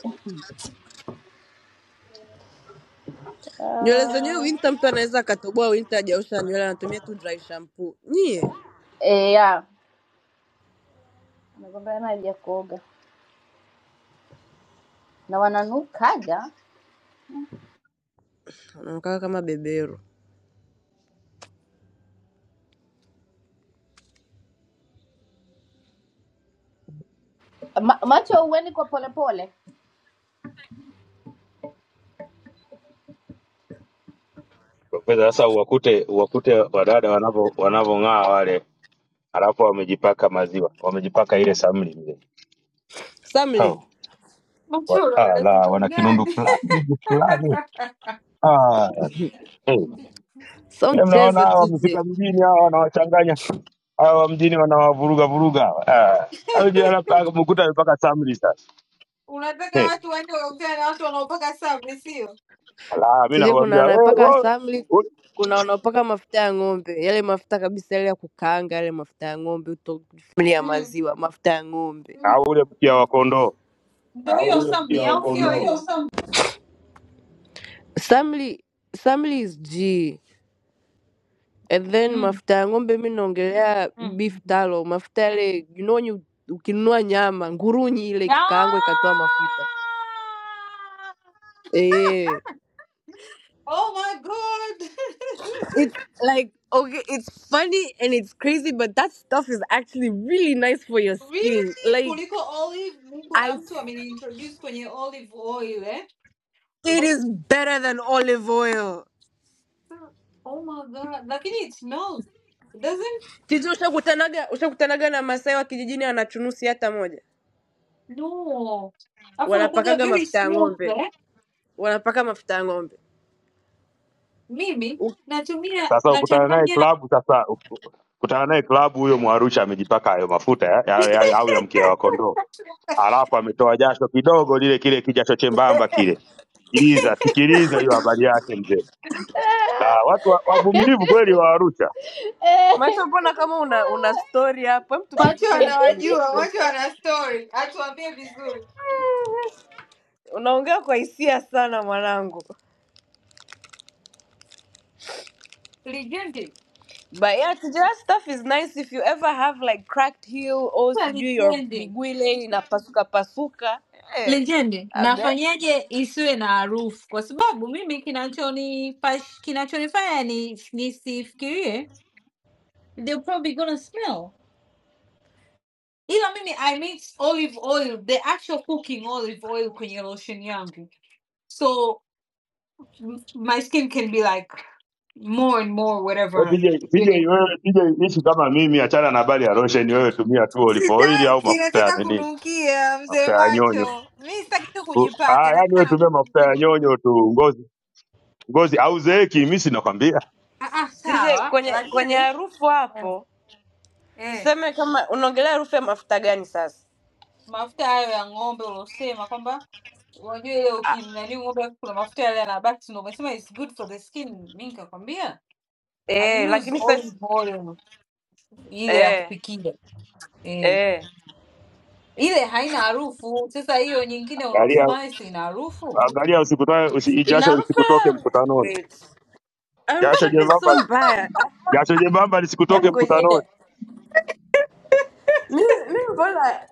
[SPEAKER 27] Nywele zenyewe winter, mtu anaweza akatoboa winter, hajaosha nywele, anatumia tu dry shampoo. Nyie
[SPEAKER 24] eh, ya. Anakwambia hana haja kuoga. Na wananukaga.
[SPEAKER 27] Anakaa kama beberu.
[SPEAKER 24] Ma, macho uweni kwa polepole.
[SPEAKER 5] Profesa, sasa uwakute uwakute wadada wanavyo wanavyong'aa wale, alafu wamejipaka maziwa, wamejipaka ile samli mzee. Hao
[SPEAKER 27] Samli,
[SPEAKER 5] Wa-
[SPEAKER 22] machoro,
[SPEAKER 5] ah, la
[SPEAKER 22] unataka
[SPEAKER 5] wana kinundu
[SPEAKER 22] gani?
[SPEAKER 5] fulani hivi fulani ah, eh.
[SPEAKER 27] sio
[SPEAKER 5] Eh, mnaona
[SPEAKER 27] mchezo
[SPEAKER 5] hawa wamefika
[SPEAKER 27] TJ.
[SPEAKER 5] mjini hawa wanawachanganya hawa wa mjini wanawavuruga vuruga hawa. ah. Hawa jana mpaka- mkuta mpaka samri sasa
[SPEAKER 22] Unataka
[SPEAKER 5] hey.
[SPEAKER 22] watu waende waongea na watu wanaopaka sabri, sio?
[SPEAKER 5] La mi
[SPEAKER 27] TJ kuna
[SPEAKER 5] nakwambia we,
[SPEAKER 27] wanapaka
[SPEAKER 5] we,
[SPEAKER 27] samli,
[SPEAKER 5] ule-
[SPEAKER 27] kuna wanaopaka mafuta ya ng'ombe, yale mafuta kabisa yale ya kukaanga, yale mafuta ya ng'ombe, uto- samli ya
[SPEAKER 22] Mm.
[SPEAKER 27] maziwa, mafuta ya ng'ombe.
[SPEAKER 5] ah, ule pia wa kondoo
[SPEAKER 22] Ndio
[SPEAKER 27] au
[SPEAKER 22] hiyo
[SPEAKER 27] ule
[SPEAKER 22] sabri
[SPEAKER 27] ya
[SPEAKER 22] au sio
[SPEAKER 27] kondoo
[SPEAKER 22] hiyo?
[SPEAKER 27] Samli, samli is G. And then
[SPEAKER 22] Mm.
[SPEAKER 27] mafuta ya ng'ombe, mi naongelea
[SPEAKER 22] Mm.
[SPEAKER 27] beef
[SPEAKER 22] Mhm.
[SPEAKER 27] tallow, mafuta yale you know, when you- ukinunua nyama ngurunyi ile ikikaangwa ikatoa mafuta
[SPEAKER 22] Ah!
[SPEAKER 27] eh
[SPEAKER 22] Oh my god!
[SPEAKER 27] It's like okay, it's funny and it's crazy, but that stuff is actually really nice for your skin.
[SPEAKER 22] really?
[SPEAKER 27] Like
[SPEAKER 22] Koliko olive Mungu na
[SPEAKER 27] I,
[SPEAKER 22] mtu ameniintroduce kwenye olive oil eh?
[SPEAKER 27] it
[SPEAKER 22] Sasa-
[SPEAKER 27] is better than olive oil.
[SPEAKER 22] Oh my god. Lakini it smells. It Doesn't
[SPEAKER 27] Titi, ushakutanaga ushakutanaga na Masai wa kijijini anachunusi hata moja,
[SPEAKER 22] no. Alafu unakuwaga
[SPEAKER 27] wanapakaga
[SPEAKER 22] very
[SPEAKER 27] mafuta ya
[SPEAKER 22] smooth
[SPEAKER 27] ng'ombe,
[SPEAKER 22] eh?
[SPEAKER 27] wanapaka mafuta ya ng'ombe.
[SPEAKER 22] Mimi
[SPEAKER 27] U-
[SPEAKER 22] natumia
[SPEAKER 5] sasa ukutana naye
[SPEAKER 22] nachanganya
[SPEAKER 5] klabu sasa uku- kutana naye klabu huyo mwarusha amejipaka hayo mafuta ya, ya, ya, au ya mkia wa kondoo alafu ametoa jasho kidogo lile kile kijasho chembamba kile sikiliza sikiliza hiyo habari yake mzee. la watu wa- wavumilivu kweli wa Arusha.
[SPEAKER 27] Macho, mbona kama una una story hapo? Hem,
[SPEAKER 22] Watu
[SPEAKER 27] tupitishe nini
[SPEAKER 22] wanawajua, watu
[SPEAKER 27] kilikukuta.
[SPEAKER 22] wana story. Atuambie vizuri.
[SPEAKER 27] Unaongea kwa hisia sana mwanangu.
[SPEAKER 22] Legendi.
[SPEAKER 27] But yeah, Tijera stuff is nice if you ever have like cracked heel or
[SPEAKER 22] Kuwa
[SPEAKER 27] sijui your
[SPEAKER 22] Legendi.
[SPEAKER 27] miguu ile inapasuka pasuka. Eh,
[SPEAKER 22] Legend,
[SPEAKER 27] abe.
[SPEAKER 22] nafanyaje isiwe na harufu? Kwa sababu mimi kinachonipash, kinachonifanya ni nisifikirie they're probably gonna smell, ila mimi I mix olive oil, the actual cooking olive oil kwenye lotion yangu, so m- my skin can be like more and more
[SPEAKER 5] Wewe
[SPEAKER 22] whatever.
[SPEAKER 5] TJ, TJ
[SPEAKER 22] You know.
[SPEAKER 5] wewe TJ ishi kama mimi, achana na habari ya losheni. Wewe tumia tu olive oil au
[SPEAKER 22] Sitaki,
[SPEAKER 5] mafuta ya
[SPEAKER 22] nataka
[SPEAKER 5] nini,
[SPEAKER 22] kunukia mzee
[SPEAKER 5] mafuta ya nyonyo.
[SPEAKER 22] macho. Mi sitaki tu
[SPEAKER 5] U- Ah,
[SPEAKER 22] kujipaka,
[SPEAKER 5] yani
[SPEAKER 22] nataka
[SPEAKER 5] wewe
[SPEAKER 22] na
[SPEAKER 5] tumia mafuta ya
[SPEAKER 22] kunukia.
[SPEAKER 5] nyonyo tu, ngozi ngozi au zeeki. Mimi si nakwambia,
[SPEAKER 22] Ah, ah,
[SPEAKER 27] TJ
[SPEAKER 22] sawa,
[SPEAKER 27] kwenye kwenye
[SPEAKER 22] lakini
[SPEAKER 27] harufu
[SPEAKER 22] eh.
[SPEAKER 27] hapo
[SPEAKER 22] eh,
[SPEAKER 27] tuseme kama unaongelea harufu ya mafuta gani sasa?
[SPEAKER 22] Mafuta hayo ya ng'ombe ulosema kwamba unajua ile
[SPEAKER 27] Ah,
[SPEAKER 22] ukimnani ng'ombe kuna mafuta yale yanabaki, ndio umesema it's good for the skin. Mimi nikakwambia I
[SPEAKER 27] eh,
[SPEAKER 22] use
[SPEAKER 27] lakini sasa
[SPEAKER 22] olive oil ile ya
[SPEAKER 27] eh
[SPEAKER 22] kupikia eh.
[SPEAKER 27] eh
[SPEAKER 22] Ile haina harufu. Sasa hiyo nyingine
[SPEAKER 5] angalia
[SPEAKER 22] unaosema wewe si ina harufu
[SPEAKER 5] angalia, usikutoe usi,
[SPEAKER 27] ina
[SPEAKER 5] jasho
[SPEAKER 27] harufu
[SPEAKER 5] lisikutoke
[SPEAKER 27] la
[SPEAKER 5] mkutanoni,
[SPEAKER 27] great. am
[SPEAKER 5] jasho
[SPEAKER 27] yake
[SPEAKER 5] jembamba
[SPEAKER 27] sio mbaya. Ah,
[SPEAKER 5] jasho jembamba
[SPEAKER 27] Hebu
[SPEAKER 5] lisikutoke
[SPEAKER 27] ngojeni.
[SPEAKER 5] mkutanoni.
[SPEAKER 27] Mimi mimi mbona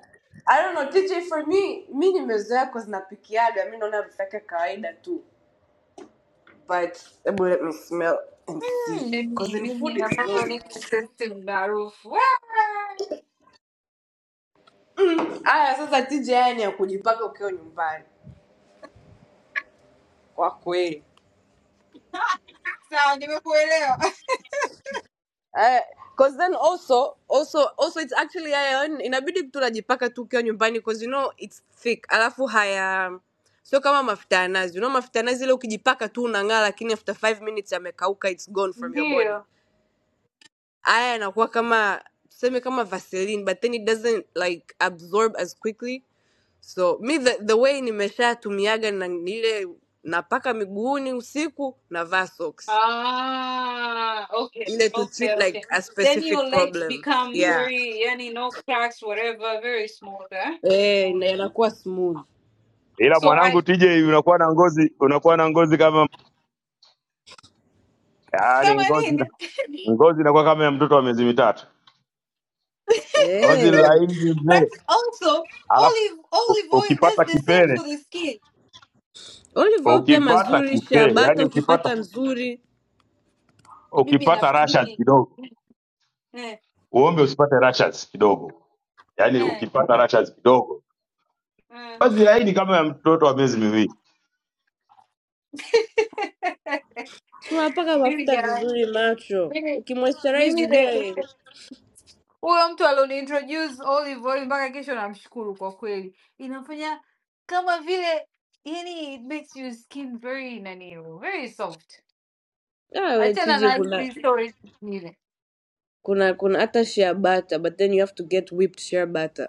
[SPEAKER 27] I don't know TJ for me mimi nimezoea kwa zinapikiaga mimi naona harufu yake kawaida tu. but ebu let me smell and
[SPEAKER 22] Hmm,
[SPEAKER 27] see cause
[SPEAKER 22] mimi
[SPEAKER 27] in food
[SPEAKER 22] mimi
[SPEAKER 27] it smells
[SPEAKER 22] ambavyo niko
[SPEAKER 27] nice.
[SPEAKER 22] sensitive na harufu. Wow!
[SPEAKER 27] aya sasa tija yani ya kujipaka ukiwa nyumbani kwa kweli
[SPEAKER 22] Sawa, nimekuelewa.
[SPEAKER 27] Aya, cause then also also also it's actually haya yani inabidi tunajipaka tu ukiwa nyumbani cause you know it's thick alafu haya sio kama mafuta ya nazi you know mafuta ya nazi ile ukijipaka tu unang'aa lakini after five minutes yamekauka it's gone from your
[SPEAKER 22] Ndio.
[SPEAKER 27] body haya yanakuwa kama tuseme kama vaseline but then it doesn't like absorb as quickly so mi the, the way nimeshatumiaga na ile napaka miguuni usiku navaa socks
[SPEAKER 22] Ah, okay,
[SPEAKER 27] ile to treat
[SPEAKER 22] okay,
[SPEAKER 27] like
[SPEAKER 22] okay.
[SPEAKER 27] a
[SPEAKER 22] Then
[SPEAKER 27] specific
[SPEAKER 22] your legs
[SPEAKER 27] problem
[SPEAKER 22] become
[SPEAKER 27] yeah
[SPEAKER 22] very, any no cracks, whatever, very small. Huh?
[SPEAKER 27] eh na inakuwa smooth
[SPEAKER 5] Ila
[SPEAKER 22] So
[SPEAKER 5] mwanangu
[SPEAKER 22] I
[SPEAKER 5] TJ, unakuwa na ngozi unakuwa na ngozi kama
[SPEAKER 22] come
[SPEAKER 5] yani
[SPEAKER 22] on
[SPEAKER 5] ngozi
[SPEAKER 22] in.
[SPEAKER 5] ngozi inakuwa kama ya mtoto wa miezi mitatu, ngozi
[SPEAKER 27] eh
[SPEAKER 5] laini mzee.
[SPEAKER 22] That's also
[SPEAKER 5] alafu
[SPEAKER 22] olive
[SPEAKER 5] u-
[SPEAKER 22] olive oil. That's
[SPEAKER 5] ukipata
[SPEAKER 22] the same
[SPEAKER 5] kipele
[SPEAKER 22] for the skin.
[SPEAKER 27] olive oil pia
[SPEAKER 5] ukipata
[SPEAKER 27] mazuri
[SPEAKER 5] kipele
[SPEAKER 27] shabata
[SPEAKER 5] yani ukipata
[SPEAKER 27] ukipata nzuri
[SPEAKER 22] Mimi na
[SPEAKER 5] ukipata rashas
[SPEAKER 22] mimi.
[SPEAKER 5] kidogo
[SPEAKER 22] Eh,
[SPEAKER 5] uombe usipate rashas kidogo yani
[SPEAKER 22] eh,
[SPEAKER 5] ukipata rashas kidogo
[SPEAKER 22] eh.
[SPEAKER 5] basi laini kama ya mtoto wa miezi miwili
[SPEAKER 27] tunapaka
[SPEAKER 22] Mimi,
[SPEAKER 27] mafuta
[SPEAKER 22] yeah.
[SPEAKER 27] vizuri macho
[SPEAKER 22] Mimi,
[SPEAKER 27] ukimoisturize ujue
[SPEAKER 22] mimi. Huyo mtu alioniintroduce olive oil mpaka kesho namshukuru kwa kweli. Inafanya kama vile yani it makes your skin very nani very soft.
[SPEAKER 27] ah, we
[SPEAKER 22] Achana
[SPEAKER 27] tiji
[SPEAKER 22] na
[SPEAKER 27] kuna
[SPEAKER 22] hizi stories zingine.
[SPEAKER 27] kuna kuna hata shea butter but then you have to get whipped shea butter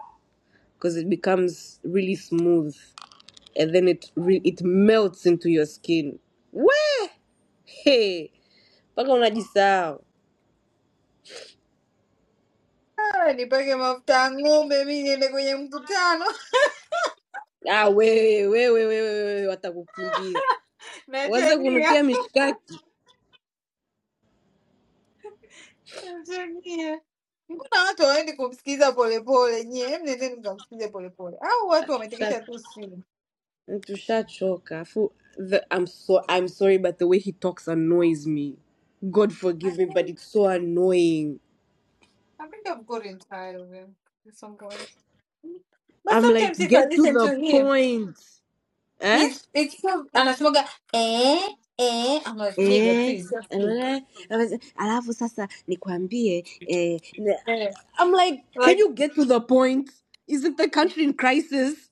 [SPEAKER 27] because it becomes really smooth and then it re- it melts into your skin we mpaka unajisahau
[SPEAKER 22] Ah, Nipake mafuta ya ng'ombe mi niende kwenye mkutano.
[SPEAKER 27] ah, wewe wewe wewe wewe watakukimbia waze
[SPEAKER 22] Nachania.
[SPEAKER 27] kunukia mishkaki
[SPEAKER 22] Nachania. Mbona watu waendi kumsikiza polepole? Nyie mnendeni mkamsikize polepole, au watu
[SPEAKER 27] Tusha-
[SPEAKER 22] wametekesha tu simu?
[SPEAKER 27] tushachoka afu the- I'm, so, i'm sorry but the way he talks annoys me god
[SPEAKER 22] I
[SPEAKER 27] forgive me but
[SPEAKER 22] think
[SPEAKER 27] it's so annoying
[SPEAKER 22] I think I've gotten tired of him. This one going. But
[SPEAKER 27] i'm
[SPEAKER 22] sometimes
[SPEAKER 27] like
[SPEAKER 22] if I
[SPEAKER 27] get to
[SPEAKER 22] listen
[SPEAKER 27] the
[SPEAKER 22] to him
[SPEAKER 27] point eh?
[SPEAKER 22] He's it's so anasemaga eh eh. I'm like nigga,
[SPEAKER 27] Eh,
[SPEAKER 22] please just sleep.
[SPEAKER 27] eh, alafu sasa nikwambie eh,
[SPEAKER 22] Eh.
[SPEAKER 27] I'm like, can
[SPEAKER 22] Like
[SPEAKER 27] you get to the point? Isn't the country in crisis?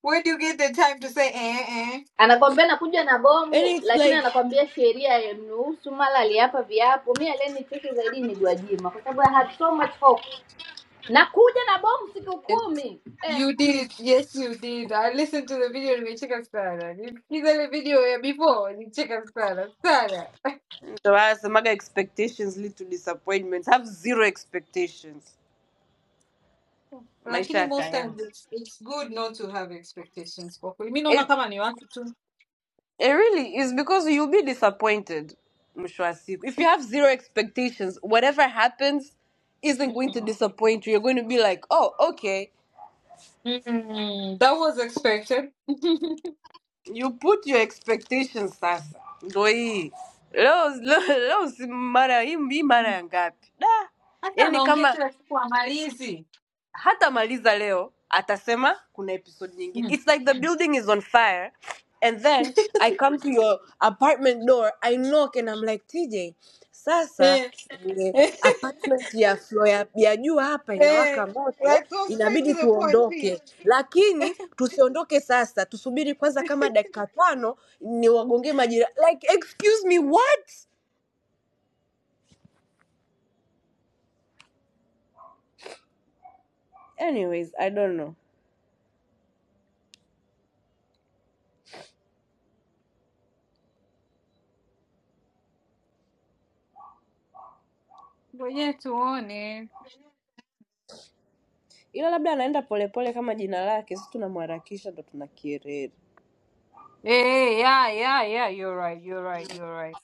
[SPEAKER 22] where do you get the time to say eh eh?
[SPEAKER 24] Anakwambia nakuja na
[SPEAKER 27] And
[SPEAKER 24] bomu
[SPEAKER 27] it's
[SPEAKER 24] lakini
[SPEAKER 27] like,
[SPEAKER 24] anakwambia sheria haimruhusu mara aliapa viapo. Mimi aliyenichosha zaidi ni Gwajima kwa sababu I had so much hope nakuja na bomu siku
[SPEAKER 22] It's,
[SPEAKER 24] kumi eh.
[SPEAKER 22] you did it. Yes, you did. I listened to the video and we check out Sarah. You see the video yeah, before you check out Sarah. Sarah.
[SPEAKER 27] So I some other expectations lead to disappointments. Have zero expectations.
[SPEAKER 22] Lakini
[SPEAKER 27] Maisha
[SPEAKER 22] most
[SPEAKER 27] yataenda.
[SPEAKER 22] times it's, it's good not to have expectations. For me, no, naona
[SPEAKER 27] It
[SPEAKER 22] kama ni watu tu.
[SPEAKER 27] it really is because you'll be disappointed. mwisho wa siku. If you have zero expectations, whatever happens isn't going to
[SPEAKER 22] Mm.
[SPEAKER 27] disappoint you. You're going to be like, oh, okay.
[SPEAKER 22] Mm. That was expected.
[SPEAKER 27] You put your expectations sasa. Ndo hii. Leo leo leo si mara hii mara ngapi? Da.
[SPEAKER 22] Hata
[SPEAKER 27] Yaani
[SPEAKER 22] anaongea
[SPEAKER 27] kama
[SPEAKER 22] kila siku amalizi.
[SPEAKER 27] hata maliza leo atasema kuna episode nyingine
[SPEAKER 22] Mm.
[SPEAKER 27] it's like the building is on fire and then i come to your apartment door i knock and i'm like tj sasa
[SPEAKER 22] Eh.
[SPEAKER 27] ile
[SPEAKER 22] Eh.
[SPEAKER 27] apartment ya floor ya, ya juu hapa
[SPEAKER 22] Hey,
[SPEAKER 27] inawaka moto
[SPEAKER 22] let's go straight to
[SPEAKER 27] inabidi
[SPEAKER 22] the point, please.
[SPEAKER 27] tuondoke lakini tusiondoke sasa tusubiri kwanza kama dakika tano ni wagonge majira like excuse me what anyways i don't know
[SPEAKER 22] But yeah, to on eh.
[SPEAKER 27] ila labda anaenda polepole kama jina lake si tunamharakisha ndo tuna
[SPEAKER 22] Eh, yeah, yeah, yeah, you're right, you're right, you're right.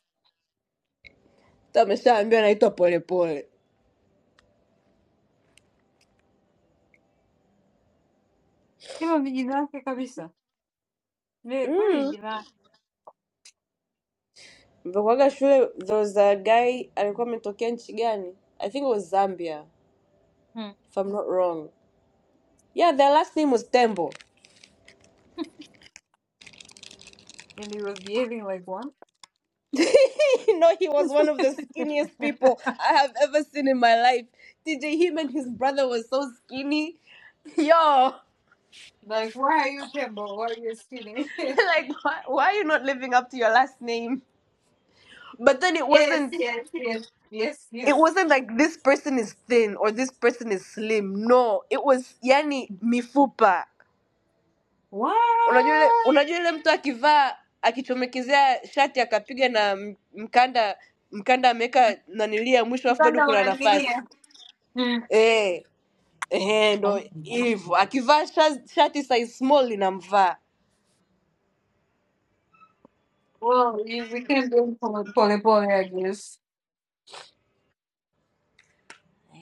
[SPEAKER 27] Ameshaambia naitwa polepole.
[SPEAKER 22] Hilo mjinake kabisa. Ne, kweli
[SPEAKER 27] Mm.
[SPEAKER 22] mjina.
[SPEAKER 27] Mlivyokuwaga shule there was a guy alikuwa ametokea nchi gani? I think it was Zambia
[SPEAKER 22] Hmm.
[SPEAKER 27] if I'm not wrong. Yeah, their last name was Tembo.
[SPEAKER 22] And he was behaving like one.
[SPEAKER 27] you know he was one of the skinniest people I have ever seen in my life. Tj, him and his brother was so skinny. Yo,
[SPEAKER 22] Like, why are you temple? Why are you stealing?
[SPEAKER 27] like why, why are you not living up to your last name? But then it
[SPEAKER 22] yes,
[SPEAKER 27] wasn't
[SPEAKER 22] yes, yes, yes,
[SPEAKER 27] it
[SPEAKER 22] yes.
[SPEAKER 27] wasn't like this person is thin or this person is slim. No, it was yani mifupa.
[SPEAKER 22] What?
[SPEAKER 27] unajua yule unajua yule mtu akivaa akichomekezea shati akapiga na m- mkanda mkanda ameweka nanilia mwisho alafu bado
[SPEAKER 22] Mtanda
[SPEAKER 27] kuna nafasi
[SPEAKER 22] unaning'inia. Hmm.
[SPEAKER 27] eh eh ndo hivyo akivaa shati size small inamvaa
[SPEAKER 22] Well, you, we can do it pole pole, pole, I guess.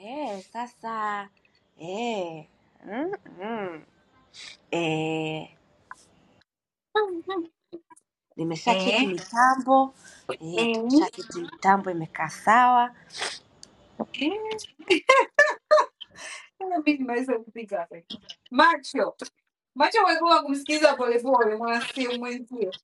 [SPEAKER 27] eh sasa eh mm, mm. eh nimesha
[SPEAKER 22] eh?
[SPEAKER 27] cheki mitambo eh
[SPEAKER 22] Eh?
[SPEAKER 27] tumeshaketi mitambo imekaa sawa
[SPEAKER 22] Eh? Mimi nimeweza kupika hapa. Macho macho umekuwa kumsikiliza polepole mwanasimu mwenzio.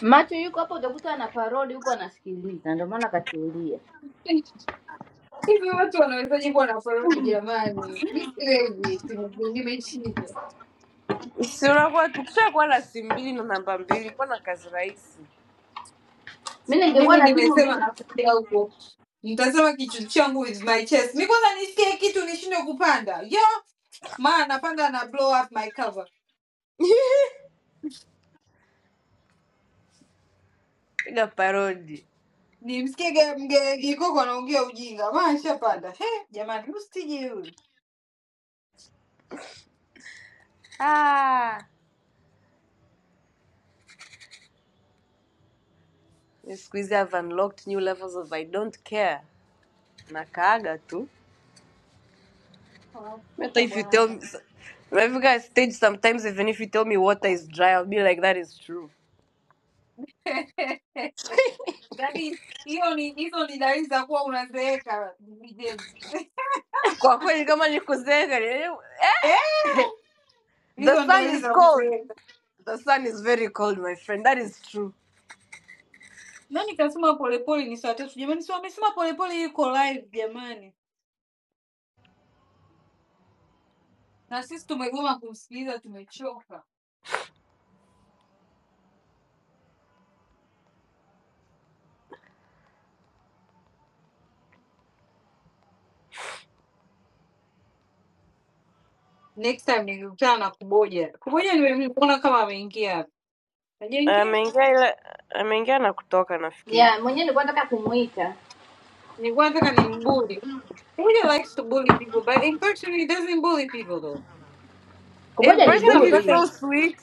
[SPEAKER 24] macho yuko hapo utakuta ana parodi huko anasikiliza ndio maana katulia
[SPEAKER 22] Hivi watu wanawezaje kuwa na parodi jamani? Mi siwezi, siwezi, nimeshindwa.
[SPEAKER 27] si unakuwa tukishakuwa na simu mbili na namba mbili kuwa na kazi rahisi
[SPEAKER 24] mi ningekuwa
[SPEAKER 22] Mimi
[SPEAKER 24] na simu
[SPEAKER 22] nimesema
[SPEAKER 24] mbili
[SPEAKER 22] nakuja huko, nitasema kichwa changu with my chest. Mi kwanza nisikie kitu nishindwe kupanda yo, maa napanda na blow up my cover,
[SPEAKER 27] piga Parody.
[SPEAKER 22] nimsikie ge- mge Gikoko anaongea ujinga, maa nishapanda. He jamani, rustiji huyu
[SPEAKER 27] ah, mimi siku hizi I've unlocked new levels of I don't care nakaaga tu Mimi
[SPEAKER 22] anakuta
[SPEAKER 27] if you tell me
[SPEAKER 22] bwana
[SPEAKER 27] nafika stage sometimes even if you tell me water is dry I'll be like that is true
[SPEAKER 22] Yaani hiyo ni hizo ni dalili za kuwa unazeeka Bi James.
[SPEAKER 27] kwa kweli kama nikuzenga
[SPEAKER 22] Eh?
[SPEAKER 27] the
[SPEAKER 22] Hizo ni
[SPEAKER 27] sun
[SPEAKER 22] dalili
[SPEAKER 27] is
[SPEAKER 22] za
[SPEAKER 27] cold
[SPEAKER 22] kuzeeka.
[SPEAKER 27] the sun is very cold my friend that is true
[SPEAKER 22] Nani kasema polepole ni saa tatu jamani? Si wamesema polepole iko live jamani, na sisi tumegoma kumsikiliza, tumechoka. Next time nikikutana na Kuboja, Kuboja nimemuona kama ameingia hapa. Hajaingia?
[SPEAKER 27] ameingia ile ameingia na kutoka
[SPEAKER 24] ya
[SPEAKER 27] nafikiri
[SPEAKER 24] mwenyewe nilikuwa nataka kumwita
[SPEAKER 22] Nilikuwa nataka nimbuli. Kuboja likes to bully people but in person he doesn't bully people though.
[SPEAKER 27] in
[SPEAKER 24] kuboja ni
[SPEAKER 22] Yeah,
[SPEAKER 27] person
[SPEAKER 22] but
[SPEAKER 27] he's
[SPEAKER 24] buli
[SPEAKER 27] so
[SPEAKER 22] that's-
[SPEAKER 27] sweet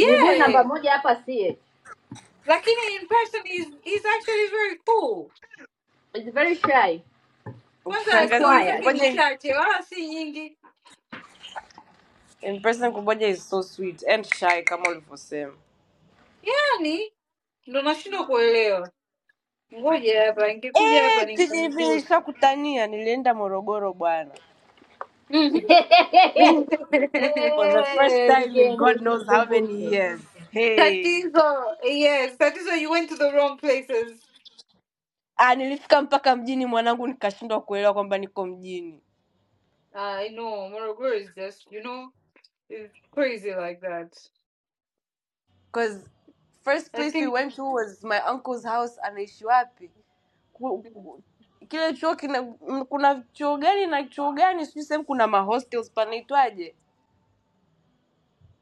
[SPEAKER 24] ni buli namba moja hapa sie
[SPEAKER 22] Lakini in person he's, he's actually very cool.
[SPEAKER 24] It's very shy
[SPEAKER 22] Kwanza
[SPEAKER 24] and
[SPEAKER 27] shangazi
[SPEAKER 22] stori
[SPEAKER 24] quiet
[SPEAKER 22] zake ni
[SPEAKER 27] kuboja
[SPEAKER 22] chache, wala si nyingi,
[SPEAKER 27] in person kuboja is so sweet and shy kama ulivyosema
[SPEAKER 22] yani ndo nashindwa kuelewa. Ngoja hapa, ingekuja hapa
[SPEAKER 27] Eh,
[SPEAKER 22] ningemhoji.
[SPEAKER 27] nilienda Morogoro bwana,
[SPEAKER 22] Mhm.
[SPEAKER 27] for the first
[SPEAKER 24] Eh,
[SPEAKER 27] time in
[SPEAKER 24] vigende
[SPEAKER 27] God knows how many
[SPEAKER 24] usinikumbushe
[SPEAKER 27] years. Hey.
[SPEAKER 22] Tatizo, yes, tatizo, you went to the wrong places.
[SPEAKER 27] Ah, nilifika mpaka mjini mwanangu, nikashindwa kuelewa kwamba niko mjini,
[SPEAKER 22] I know, Morogoro is just, you know, it's crazy like that.
[SPEAKER 27] cause first
[SPEAKER 22] I
[SPEAKER 27] place we
[SPEAKER 22] think,
[SPEAKER 27] went to was my uncle's house. Anaishi wapi? Ku-
[SPEAKER 22] mm,
[SPEAKER 27] ku- Kile chuo kina, m- kuna chuo gani na chuo gani? Sijui sehemu kuna mahostels panaitwaje,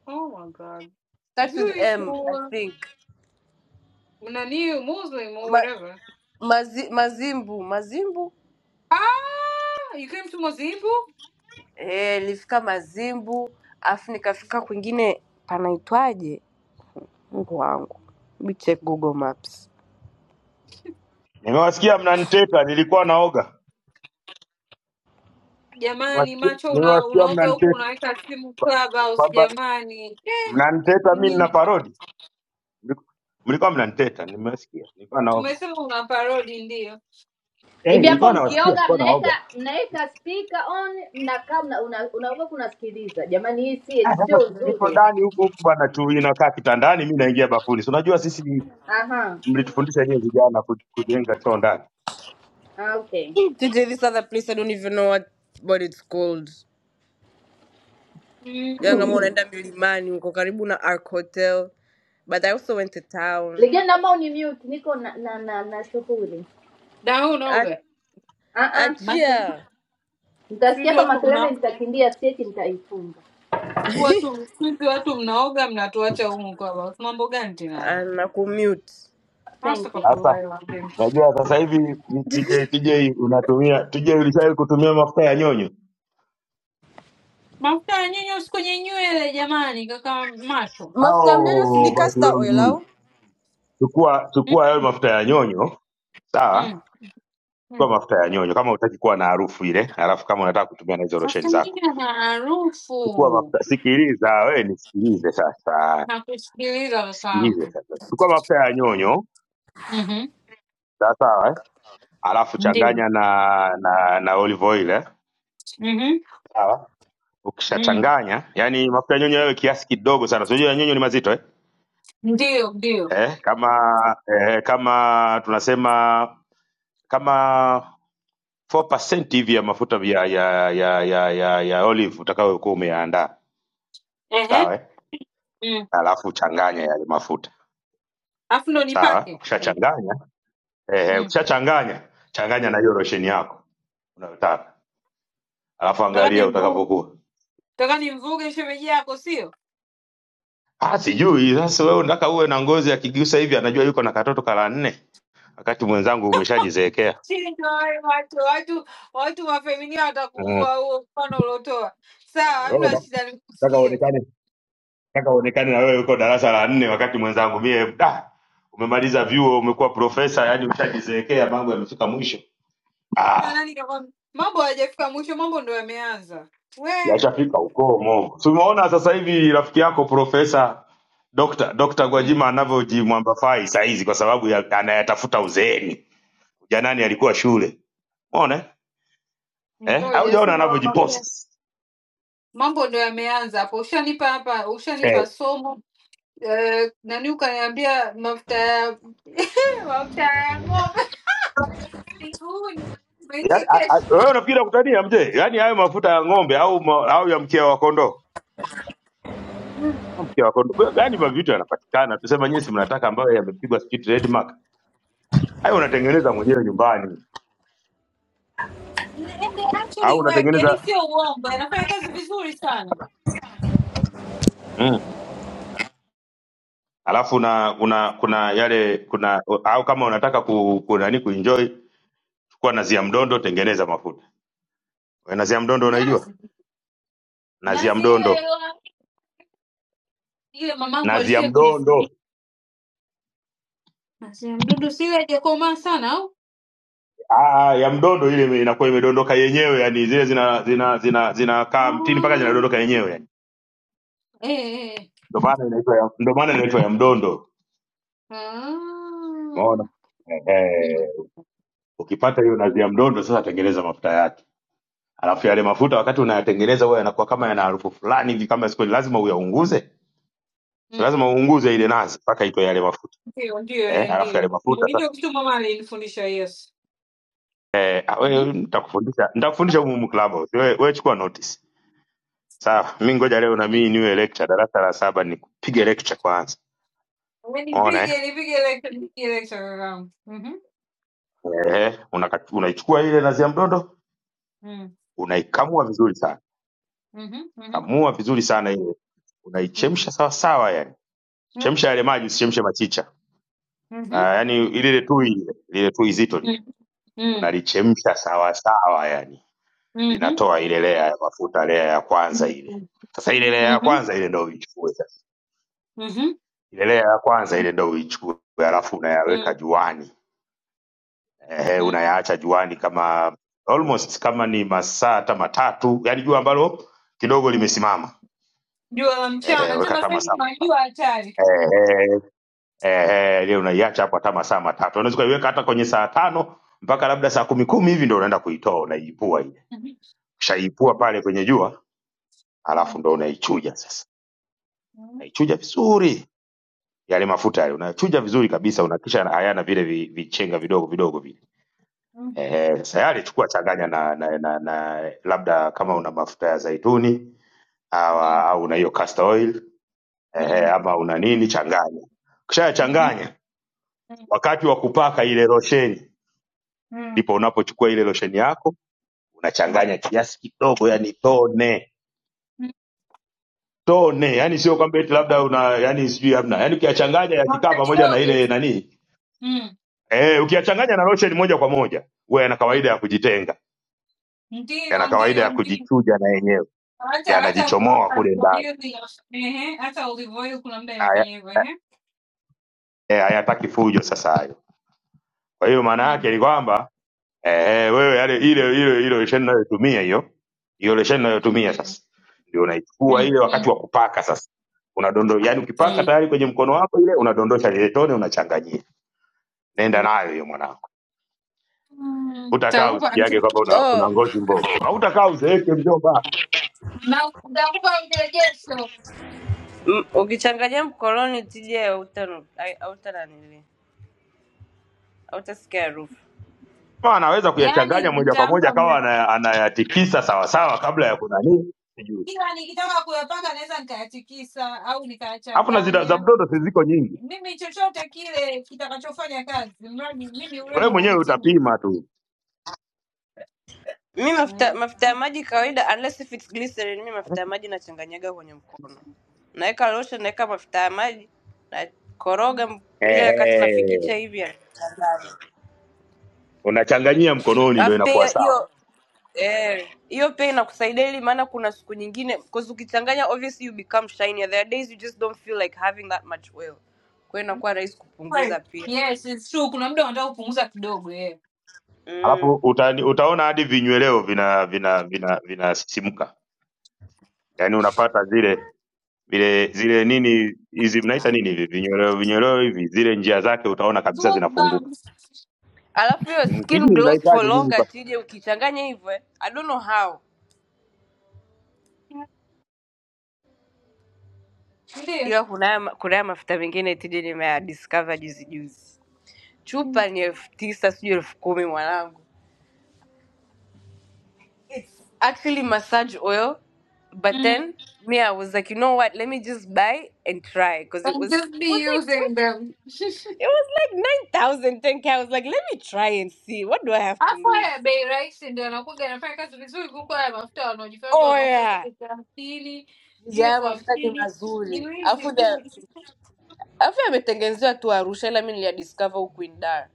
[SPEAKER 22] oh my God.
[SPEAKER 27] starts with
[SPEAKER 22] Jewish
[SPEAKER 27] M I
[SPEAKER 22] or
[SPEAKER 27] think.
[SPEAKER 22] nani, Muslim or
[SPEAKER 27] Ma,
[SPEAKER 22] whatever.
[SPEAKER 27] mazi, mazimbu mazimbu
[SPEAKER 22] Ah, you came to Mozambique?
[SPEAKER 27] eh, nilifika Mazimbu afu nikafika kwingine panaitwaje, Mungu wangu, Let me check Google Maps.
[SPEAKER 5] nimewasikia mnaniteta nilikuwa naoga
[SPEAKER 22] Jamani,
[SPEAKER 5] Nimewasikia
[SPEAKER 22] macho una,
[SPEAKER 5] nimewasikia
[SPEAKER 22] unaoga huku
[SPEAKER 5] mnaniteta
[SPEAKER 22] unaweka simu
[SPEAKER 5] kwa-
[SPEAKER 22] Clubhouse.
[SPEAKER 5] kwamba
[SPEAKER 22] Jamani eh,
[SPEAKER 5] mnaniteta mi nina
[SPEAKER 22] nyinyi
[SPEAKER 5] parodi Mliku- mlikuwa mnaniteta nimewasikia nilikuwa naoga
[SPEAKER 22] tumesema una parodi ndio.
[SPEAKER 5] eh
[SPEAKER 24] hivi hapo
[SPEAKER 5] nilikuwa nawasikia
[SPEAKER 24] mkioga mnaeka
[SPEAKER 5] oga
[SPEAKER 24] mnaeka speaker on mnakaa mna- una- unaoga kunasikiliza jamani hii si
[SPEAKER 5] Ah, sasa
[SPEAKER 24] sio
[SPEAKER 5] si niko
[SPEAKER 24] nzuri
[SPEAKER 5] ndani huku huku bwana tu inakaa kitandani mi naingia bafuni si unajua sisi
[SPEAKER 24] aha
[SPEAKER 5] mlitufundisha nyie vijana ku- kujenga choo ndani.
[SPEAKER 24] Ah, okay
[SPEAKER 27] TJ, this other place I don't even know what what it's called. Yeah, kama
[SPEAKER 22] Mm,
[SPEAKER 27] unaenda milimani uko karibu na Ark Hotel, but I also went to town.
[SPEAKER 24] Legend ambao ni mute, niko na na na, na shughuli
[SPEAKER 22] na wewe
[SPEAKER 27] A-
[SPEAKER 22] unaoga
[SPEAKER 24] ah ah,
[SPEAKER 22] macho?
[SPEAKER 27] Achia
[SPEAKER 22] Siku
[SPEAKER 24] nitasikia
[SPEAKER 22] hizi
[SPEAKER 24] hapa
[SPEAKER 22] watu
[SPEAKER 24] makelele,
[SPEAKER 22] mna-
[SPEAKER 24] nitakimbia sieti, nitaifunga.
[SPEAKER 22] siku watu siku hizi watu mnaoga mnatuacha humu Clubhouse. Mambo gani tena haya?
[SPEAKER 27] And na commute
[SPEAKER 22] Hasa kwa
[SPEAKER 5] Sasa
[SPEAKER 22] kulai la vim.
[SPEAKER 5] najua sasa hivi TJ, TJ unatumia TJ, ulishawahi kutumia mafuta ya nyonyo
[SPEAKER 22] Mafuta ya nyinyi usiku kwenye nywele jamani, kaka macho.
[SPEAKER 27] mafuta ya mnyanya
[SPEAKER 5] au?
[SPEAKER 27] sindika
[SPEAKER 5] Basi wewe
[SPEAKER 27] star oil au
[SPEAKER 5] ujui. Chukua chukua hayo
[SPEAKER 22] Mm,
[SPEAKER 5] mafuta ya nyonyo,
[SPEAKER 22] mm,
[SPEAKER 5] sawa? Chukua
[SPEAKER 22] mm.
[SPEAKER 5] mafuta ya nyonyo kama hutaki kuwa na harufu ile, alafu kama unataka kutumia na hizo losheni
[SPEAKER 22] Mafuta nyingi
[SPEAKER 5] zako,
[SPEAKER 22] na
[SPEAKER 5] chukua mafuta.
[SPEAKER 22] harufu.
[SPEAKER 5] Sikiliza wewe, nisikilize sasa,
[SPEAKER 22] Nakusikiliza
[SPEAKER 5] sikilize
[SPEAKER 22] kakaangu.
[SPEAKER 5] sasa. Chukua mafuta ya nyonyo,
[SPEAKER 22] Mhm.
[SPEAKER 5] sawa sawa, eh? alafu
[SPEAKER 22] Ndio.
[SPEAKER 5] changanya na na, na olive oil, eh?
[SPEAKER 22] Mhm.
[SPEAKER 5] sawa
[SPEAKER 22] Mm.
[SPEAKER 5] ukishachanganya yani mafuta ya nyonyo yawe kiasi kidogo sana so, unajua ya nyonyo ni mazito eh?
[SPEAKER 22] Ndio, ndio.
[SPEAKER 5] Eh, kama eh, kama tunasema kama 4% hivi ya mafuta ya ya ya ya, ya, ya olive utakayokuwa umeandaa
[SPEAKER 22] Ehe.
[SPEAKER 5] sawa eh?
[SPEAKER 22] Mm.
[SPEAKER 5] alafu changanya yale mafuta
[SPEAKER 22] Alafu ndo
[SPEAKER 5] sawa
[SPEAKER 22] nipake.
[SPEAKER 5] ukishachanganya eh, eh,
[SPEAKER 22] Mm.
[SPEAKER 5] ukishachanganya changanya na hiyo losheni yako unayotaka alafu
[SPEAKER 22] Nataka
[SPEAKER 5] angalia
[SPEAKER 22] nimvuge,
[SPEAKER 5] utakavyokuwa
[SPEAKER 22] nataka nimvuge shemeji yako sio?
[SPEAKER 5] Ah, sijui sasa wewe unataka uwe na ngozi akigusa hivi anajua yuko na katoto kala nne wakati mwenzangu umeshajizeekea
[SPEAKER 22] Shinda wewe watu watu watu wafeminia watakuua huo mfano uliotoa. Sawa,
[SPEAKER 5] mm.
[SPEAKER 22] hamna shida
[SPEAKER 5] nataka uone-
[SPEAKER 22] nikusikia.
[SPEAKER 5] nataka uonekane na wewe uko darasa la nne wakati mwenzangu mie ah, umemaliza vyuo umekuwa profesa yani ushajizeekea mambo yamefika mwisho
[SPEAKER 22] Sasa
[SPEAKER 5] ah,
[SPEAKER 22] nani kakwambia? Mambo hayajafika mwisho, mambo ndo yameanza. We.
[SPEAKER 5] ya chomo. tumeona sasa hivi rafiki yako profesa Dr. Dr.
[SPEAKER 22] Mm.
[SPEAKER 5] Gwajima anavyojimwambafai saizi kwa sababu ya, anayatafuta uzeeni. Ujanani alikuwa shule. Umeona? eh? Eh? Au
[SPEAKER 22] Ngoja sasa
[SPEAKER 5] jaona
[SPEAKER 22] nawaambia.
[SPEAKER 5] anavyojipost.
[SPEAKER 22] Mambo ndo yameanza hapo. Ushanipa hapa,
[SPEAKER 5] Eh.
[SPEAKER 22] ushanipa somo. Eh, nani ukaniambia mafuta ya mafuta ya ng'ombe Huyu
[SPEAKER 5] Yaani, a- a-
[SPEAKER 22] umeichekesha.
[SPEAKER 5] wewe unafikiri kutania mje? Yaani hayo mafuta ya ng'ombe au ma, au ya mkia wa kondoo?
[SPEAKER 22] Mm.
[SPEAKER 5] mke wako ndugu- yaani mavitu yanapatikana tuseme nyinyi si mnataka ambayo yamepigwa sijui trademark hayo unatengeneza mwenyewe nyumbani
[SPEAKER 22] Na- and they
[SPEAKER 5] au
[SPEAKER 22] actually work, yani
[SPEAKER 5] unatengeneza
[SPEAKER 22] sio uongo, anafanya kazi vizuri sana.
[SPEAKER 5] mm. alafu una, una
[SPEAKER 22] Ah.
[SPEAKER 5] kuna yale kuna au kama unataka ku, ku nani kuenjoy chukua nazi ya mdondo tengeneza mafuta We, nazi ya mdondo unaijua
[SPEAKER 22] Nazi
[SPEAKER 5] nazi ya
[SPEAKER 22] nazi ile
[SPEAKER 5] mdondo
[SPEAKER 22] ila- ile mamangu
[SPEAKER 5] nazi ya
[SPEAKER 22] alishai
[SPEAKER 5] mdondo
[SPEAKER 22] kunifungia nazi ya mdudu, si ile haijakomaa sana au
[SPEAKER 5] ah ah, ya mdondo ile ime- inakuwa imedondoka yenyewe yani zile zina zina zina zinakaa mtini mpaka zinadondoka
[SPEAKER 22] Ah,
[SPEAKER 5] yenyewe yani
[SPEAKER 22] eh, eh. eh.
[SPEAKER 5] ndio maana inaitwa ya- ndio maana inaitwa ya mdondo
[SPEAKER 22] Ah. Mm,
[SPEAKER 5] Ukipata hiyo nazi ya mdondo, sasa tengeneza mafuta yake. Alafu yale mafuta wakati unayatengeneza huwa yanakuwa kama yana harufu fulani hivi kama sikuwa lazima uyaunguze. Si
[SPEAKER 22] mm.
[SPEAKER 5] lazima uunguze ile nazi mpaka itoe yale mafuta.
[SPEAKER 22] Ndio, ndio,
[SPEAKER 5] Eh,
[SPEAKER 22] eh,
[SPEAKER 5] alafu yale
[SPEAKER 22] ndio Ndio,
[SPEAKER 5] mafuta
[SPEAKER 22] hicho
[SPEAKER 5] sasa
[SPEAKER 22] kitu mama alinifundisha Yesu.
[SPEAKER 5] eh, ah,
[SPEAKER 22] Mhm,
[SPEAKER 5] wewe nitakufundisha nitakufundisha humu humu Clubhouse. Wewe wewe chukua notice. Sawa, mimi ngoja leo na mimi
[SPEAKER 22] mhm.
[SPEAKER 5] niwe lecture darasa la saba nikupige lecture kwanza.
[SPEAKER 22] We
[SPEAKER 5] Unaona eh?
[SPEAKER 22] Nipige nipige lecture nipige lecture kakaangu. Mhm,
[SPEAKER 5] Eh, unaka- unaichukua ile nazi ya mdondo,
[SPEAKER 22] mm,
[SPEAKER 5] unaikamua vizuri sana.
[SPEAKER 22] mhm, mhm,
[SPEAKER 5] Kamua vizuri sana ile. Unaichemsha
[SPEAKER 22] mhm.
[SPEAKER 5] sawa sawa yani. Chemsha yale maji, usichemshe machicha
[SPEAKER 22] Mhm.
[SPEAKER 5] na yani lile tui lile lile tui zito lile
[SPEAKER 22] Mm, mm,
[SPEAKER 5] unalichemsha sawa sawa, yani
[SPEAKER 22] mm,
[SPEAKER 5] linatoa ile lea ya mafuta, lea ya kwanza
[SPEAKER 22] mhm,
[SPEAKER 5] ile.
[SPEAKER 22] mm,
[SPEAKER 5] Sasa ile lea ya
[SPEAKER 22] mm,
[SPEAKER 5] kwanza ile ndio uichukue sasa,
[SPEAKER 22] mhm,
[SPEAKER 5] ile lea ya kwanza ile ndio uichukue, halafu
[SPEAKER 22] mhm,
[SPEAKER 5] unayaweka
[SPEAKER 22] mm,
[SPEAKER 5] juani eh,
[SPEAKER 22] mm,
[SPEAKER 5] unayaacha juani kama almost kama ni masaa hata matatu, yani jua ambalo kidogo
[SPEAKER 22] mm.
[SPEAKER 5] limesimama
[SPEAKER 22] You are um,
[SPEAKER 5] eh,
[SPEAKER 22] Chana.
[SPEAKER 5] weka
[SPEAKER 22] Chana,
[SPEAKER 5] hata
[SPEAKER 22] thank you.
[SPEAKER 5] masaa
[SPEAKER 22] man. You
[SPEAKER 5] matatu
[SPEAKER 22] are Chana.
[SPEAKER 5] eh, eh, eh, eh, ile unaiacha hapo hata masaa matatu, unaweza ukaiweka hata kwenye saa tano mpaka labda saa kumi kumi hivi ndio unaenda kuitoa, unaiipua
[SPEAKER 22] Mhm,
[SPEAKER 5] Ukishaipua
[SPEAKER 22] mhm,
[SPEAKER 5] pale kwenye jua, alafu
[SPEAKER 22] mm,
[SPEAKER 5] ndo unaichuja sasa, unaichuja vizuri yale mafuta yale unachuja vizuri kabisa, unakisha hayana vile vi- vichenga vidogo vidogo vile. Ehe, sasa yale chukua changanya na, na, na, na labda kama una mafuta ya zaituni au,
[SPEAKER 22] mm,
[SPEAKER 5] au una hiyo castor oil ehe,
[SPEAKER 22] mm,
[SPEAKER 5] ama una nini, changanya.
[SPEAKER 22] mhm,
[SPEAKER 5] Ukishayachanganya,
[SPEAKER 22] mm, mm, mhm,
[SPEAKER 5] wakati wa kupaka ile losheni,
[SPEAKER 22] mm,
[SPEAKER 5] ndipo unapochukua ile losheni yako
[SPEAKER 22] mm, mm,
[SPEAKER 5] unachanganya kiasi kidogo, yani tone
[SPEAKER 22] mm.
[SPEAKER 5] tone yani sio kwamba eti labda una yani sijui hamna yani ukiyachanganya
[SPEAKER 22] I'll
[SPEAKER 5] yakikaa
[SPEAKER 22] take it
[SPEAKER 5] pamoja na
[SPEAKER 22] over.
[SPEAKER 5] ile nani
[SPEAKER 22] Mm,
[SPEAKER 5] eh ukiyachanganya na lotion moja kwa moja huwa yana
[SPEAKER 22] mm.
[SPEAKER 5] kawaida ya kujitenga yana
[SPEAKER 22] Ndio,
[SPEAKER 5] kawaida ya
[SPEAKER 22] ndio, ndio.
[SPEAKER 5] kujichuja na yenyewe
[SPEAKER 22] Acha acha kwa
[SPEAKER 5] yanajichomoa kule
[SPEAKER 22] kwa
[SPEAKER 5] ndani
[SPEAKER 22] hiyo hiyo. Ehe, acha ulivyoyo kuna muda
[SPEAKER 5] Haya-
[SPEAKER 22] inafanya hivyo, ehe.
[SPEAKER 5] eh, hayataki fujo sasa hayo kwa hiyo maana yake
[SPEAKER 22] Mm,
[SPEAKER 5] ni kwamba eh, wewe yale ile
[SPEAKER 22] mm,
[SPEAKER 5] ile ile lotion unayotumia hiyo hiyo lotion unayotumia
[SPEAKER 22] mm,
[SPEAKER 5] sasa ndio unaichukua
[SPEAKER 22] mm,
[SPEAKER 5] ile
[SPEAKER 22] mm,
[SPEAKER 5] wakati wa kupaka sasa unadondoa yani ukipaka tayari
[SPEAKER 22] mm.
[SPEAKER 5] kwenye mkono wako ile unadondosha ile tone unachanganyia nenda
[SPEAKER 22] Mm,
[SPEAKER 5] nayo hiyo mwanangu utakaa
[SPEAKER 22] Nitakupa
[SPEAKER 5] usikiage
[SPEAKER 22] nita-
[SPEAKER 5] kwamba una- kuna
[SPEAKER 27] oh.
[SPEAKER 5] ngozi mbovu, hautakaa uzeeke mjomba.
[SPEAKER 22] na nitakupa mrejesho,
[SPEAKER 27] M- Ukichanganya mkoloni tija hauta- hai- hauta nanili hautasikia harufu.
[SPEAKER 5] Kama anaweza kuyachanganya
[SPEAKER 22] yaani
[SPEAKER 5] moja kwa moja
[SPEAKER 22] nitampa
[SPEAKER 5] akawa
[SPEAKER 22] mre-
[SPEAKER 5] ana- anayatikisa sawasawa kabla ya kunani, sijui.
[SPEAKER 22] ila nikitaka kuyapanga naweza nikayatikisa au
[SPEAKER 5] Alafu na zida- za
[SPEAKER 22] nikayachanganya,
[SPEAKER 5] mtoto si ziko nyingi,
[SPEAKER 22] mimi chochote kile kitakachofanya kazi, mradi mimi
[SPEAKER 5] wewe
[SPEAKER 22] urembo
[SPEAKER 5] mwenyewe
[SPEAKER 22] haunitii
[SPEAKER 5] utapima
[SPEAKER 22] wivu.
[SPEAKER 5] tu.
[SPEAKER 27] mi mafuta
[SPEAKER 22] Mm.
[SPEAKER 27] mafuta ya maji kawaida unless if it's glycerin mi mafuta ya maji nachanganyaga kwenye mkono naweka lotion naweka mafuta ya maji nakoroga m- ile wakati
[SPEAKER 5] Ehe,
[SPEAKER 27] nafikicha hivi yanachanganya.
[SPEAKER 22] Mm.
[SPEAKER 5] unachanganyia mkononi ndo
[SPEAKER 27] alafu
[SPEAKER 5] inakuwa
[SPEAKER 27] pia
[SPEAKER 5] sawa,
[SPEAKER 27] hiyo hiyo eh, hiyo pia inakusaidia ili maana kuna siku nyingine because ukichanganya obviously you become shiny there are days you just don't feel like having that much oil kwa hiyo inakuwa rahisi kupunguza
[SPEAKER 22] Kweli.
[SPEAKER 27] pia
[SPEAKER 22] Yes, it's true. Kuna muda wanataka kupunguza kidogo yeah.
[SPEAKER 5] alafu
[SPEAKER 27] mm.
[SPEAKER 5] uta, utaona hadi vinyweleo vina vina vina vinasisimka, yaani unapata zile vile zile nini hizi mnaita nini hivi vinyweleo vinyweleo hivi, zile njia zake utaona kabisa
[SPEAKER 22] Those
[SPEAKER 5] zinafunguka.
[SPEAKER 22] bumps.
[SPEAKER 27] alafu hiyo
[SPEAKER 5] Mm,
[SPEAKER 27] skin
[SPEAKER 5] Sijui
[SPEAKER 27] glows for
[SPEAKER 5] mnaitaje nyinyi
[SPEAKER 27] longer tije ukichanganya hivyo eh, i don't know how
[SPEAKER 22] Ndiyo.
[SPEAKER 27] ila kuna kuna mafuta mengine tije nimeadiscover juzi juzi
[SPEAKER 22] Mm.
[SPEAKER 27] chupa ni elfu tisa sijui elfu kumi mwanangu It's actually massage oil but then
[SPEAKER 22] Mm.
[SPEAKER 27] me i was like you know what let me just buy and try because it
[SPEAKER 22] I'm
[SPEAKER 27] was
[SPEAKER 22] just
[SPEAKER 27] it
[SPEAKER 22] be
[SPEAKER 27] was like
[SPEAKER 22] using them.
[SPEAKER 27] it was like nine thousand ten K. i was like let me try and see what do i have to
[SPEAKER 22] Afu
[SPEAKER 27] lose
[SPEAKER 22] haya bei rahisi ndio anakuga anafanya kazi vizuri kuliko haya mafuta wanaojifanyaga
[SPEAKER 27] oh
[SPEAKER 22] wanauza
[SPEAKER 27] yeah
[SPEAKER 22] sijui elfu hamsini sijui
[SPEAKER 27] Nija haya
[SPEAKER 22] elfu
[SPEAKER 27] mafuta ni
[SPEAKER 22] hamsini ni
[SPEAKER 27] mazuri
[SPEAKER 22] wizi
[SPEAKER 27] alafu
[SPEAKER 22] mtupu.
[SPEAKER 27] Afi ametengenezewa tu Arusha ila mimi discover huku in Dar.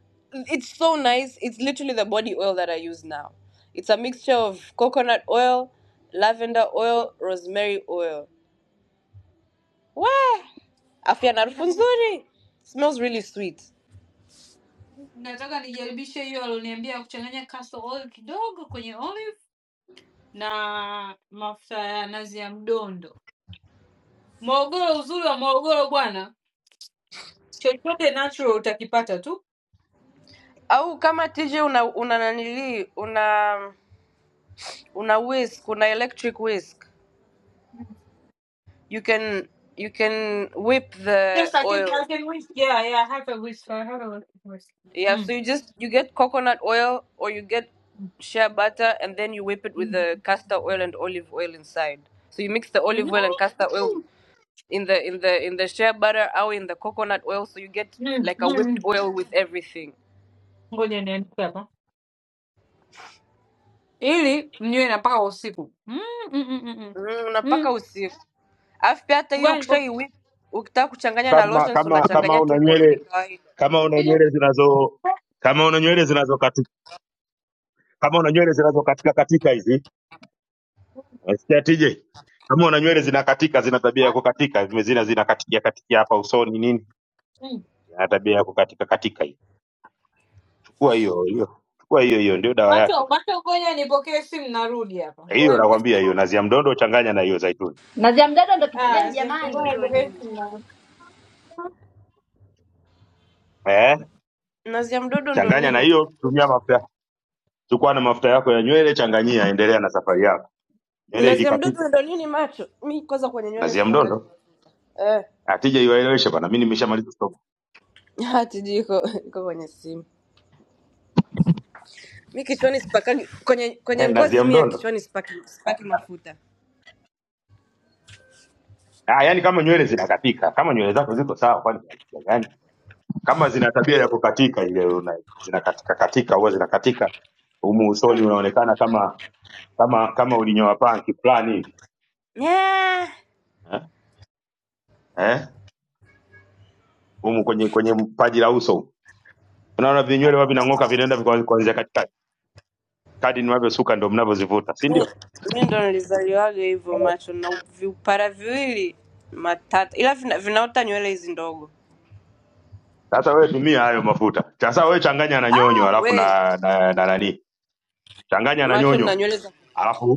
[SPEAKER 27] It's so nice. It's literally the body oil that I use now. It's a mixture of coconut oil, lavender oil, rosemary oil. Wah! Afya na
[SPEAKER 22] Mi
[SPEAKER 27] harufu
[SPEAKER 22] naona-
[SPEAKER 27] nzuri. Smells really sweet.
[SPEAKER 22] nataka nijaribishe hiyo alioniambia kuchanganya castle oil kidogo kwenye olive na mafuta ya nazi ya mdondo. Morogoro, uzuri wa Morogoro bwana, chochote natural utakipata tu.
[SPEAKER 27] Au kama TJ una una nanili, una una whisk, una electric whisk. You can you can whip the
[SPEAKER 22] Yes, I can,
[SPEAKER 27] oil.
[SPEAKER 22] I can whisk. Yeah, yeah, I have a whisk. I have a whisk.
[SPEAKER 27] Yeah, so
[SPEAKER 22] Mm.
[SPEAKER 27] you just you get coconut oil or you get shea butter and then you whip it with
[SPEAKER 22] Mm.
[SPEAKER 27] the castor oil and olive oil inside. So you mix the
[SPEAKER 22] Mm.
[SPEAKER 27] olive oil and castor
[SPEAKER 22] Mm.
[SPEAKER 27] oil in the in the in the shea butter or in the coconut oil so you get
[SPEAKER 22] Mm.
[SPEAKER 27] like a
[SPEAKER 22] Mm.
[SPEAKER 27] whipped oil with everything.
[SPEAKER 22] Ngoja niandike hapa ili mnywe na mpaka usiku. Mm, mm, mm, mm, mm.
[SPEAKER 27] Mm, unapaka
[SPEAKER 22] Mm,
[SPEAKER 27] usiku. Alafu pia hata hiyo
[SPEAKER 22] Ngoja nipo-
[SPEAKER 27] ukishai whip ukitaka kuchanganya na
[SPEAKER 5] kama
[SPEAKER 27] lotions
[SPEAKER 5] kama kama
[SPEAKER 27] unachanganya tu
[SPEAKER 5] una
[SPEAKER 27] mkononi
[SPEAKER 5] nywele
[SPEAKER 27] kawaida.
[SPEAKER 5] kama una
[SPEAKER 22] ngoja-
[SPEAKER 5] nywele zinazo kama una nywele zinazokatika kama una nywele zinazokatika katika hizi nasikia tije kama una nywele zinakatika zina tabia ya kukatika zimezina zinakatikia katikia hapa usoni nini
[SPEAKER 22] Mm.
[SPEAKER 5] na tabia ya kukatika katika hii chukua hiyo hiyo chukua hiyo hiyo ndio dawa
[SPEAKER 22] macho
[SPEAKER 5] yake
[SPEAKER 22] macho, ngoja nipokee simu, narudi hapa.
[SPEAKER 5] hiyo
[SPEAKER 22] Ngoja nipokee simu.
[SPEAKER 5] nakwambia hiyo nazi ya mdondo changanya na hiyo zaituni
[SPEAKER 24] Na jamjani,
[SPEAKER 22] Haya,
[SPEAKER 27] Nazi ya mdodo
[SPEAKER 22] ngoja
[SPEAKER 27] ndo
[SPEAKER 22] nipokee
[SPEAKER 27] nini?
[SPEAKER 22] simu. narudi.
[SPEAKER 5] eh
[SPEAKER 27] Nazi ya mdodo ndo
[SPEAKER 5] changanya na
[SPEAKER 27] nini?
[SPEAKER 5] hiyo tumia mafuta chukua na mafuta yako ya nywele changanyia endelea na safari yako nywele
[SPEAKER 27] Nazi ya
[SPEAKER 5] ikikatika
[SPEAKER 27] mdodo ndo nini macho? Mi kwanza kwenye nywele
[SPEAKER 5] nazi ya
[SPEAKER 27] sipakagi
[SPEAKER 5] mdondo
[SPEAKER 27] mafuta. Eh.
[SPEAKER 5] atija iwaeleweshe bana mimi nimeshamaliza
[SPEAKER 27] hatujui iko iko kwenye simu mi kichwani sipakagi kwenye kwenye
[SPEAKER 5] eh, na zia
[SPEAKER 27] ngozi mi ya
[SPEAKER 5] mdondo
[SPEAKER 27] kichwani sipaki, sipaki mafuta
[SPEAKER 5] ah, yani kama nywele zinakatika kama nywele zako ziko sawa kwani kuna shida gani kama zina tabia ya kukatika ile una- zinakatika katika huwa zinakatika humu usoni unaonekana kama kama kama ulinyoa panki fulani hivi
[SPEAKER 27] yeah.
[SPEAKER 5] eh? eh? humu kwenye kwenye paji la uso unaona vinywele huwa vinang'oka vinaenda vika- kuanzia katikati kadi mnavyosuka ndo mnavyozivuta si
[SPEAKER 27] mi
[SPEAKER 5] ndio
[SPEAKER 27] mi ndo nilizaliwaga hivyo macho na viupara viwili matata ila vina, vinaota nywele hizi ndogo
[SPEAKER 5] sasa wewe tumia hayo mafuta sasa wewe changanya na nyonyo
[SPEAKER 27] ah,
[SPEAKER 5] alafu
[SPEAKER 27] we
[SPEAKER 5] na na, na, na nani changanya na
[SPEAKER 27] macho na
[SPEAKER 5] nyonyo
[SPEAKER 27] nywele za
[SPEAKER 5] alafu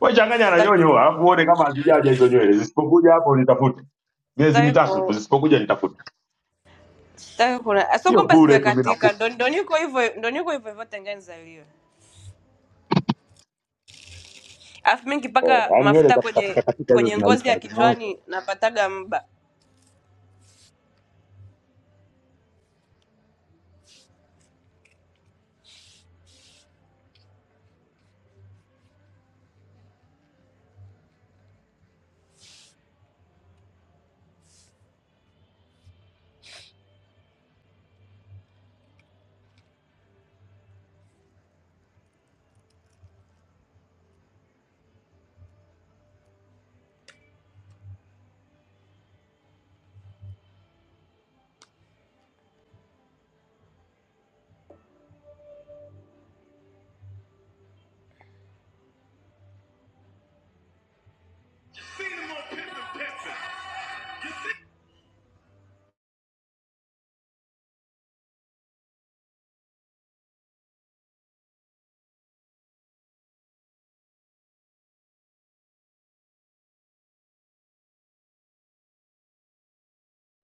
[SPEAKER 5] Wewe changanya na
[SPEAKER 27] sitaki
[SPEAKER 5] nyonyo alafu uone kama hazijaja hizo nywele. Zisipokuja hapo nitafute. Miezi
[SPEAKER 27] sitaki
[SPEAKER 5] mitatu tu
[SPEAKER 27] ku-
[SPEAKER 5] zisipokuja nitafute.
[SPEAKER 27] sitaki kuna sio
[SPEAKER 5] Hiyo
[SPEAKER 27] kwamba
[SPEAKER 5] bure tu mimi
[SPEAKER 27] zimekatika
[SPEAKER 5] nakupa.
[SPEAKER 27] ndo ndo niko hivyo ndo niko hivyo hivyo tangia nizaliwe alafu mi nikipaka
[SPEAKER 5] Yaani nywele
[SPEAKER 27] mafuta
[SPEAKER 5] za
[SPEAKER 27] kwenye
[SPEAKER 5] kukatika katika hizo
[SPEAKER 27] kwenye ngozi ya
[SPEAKER 5] zinaisha zinaacha.
[SPEAKER 27] kichwani napataga mba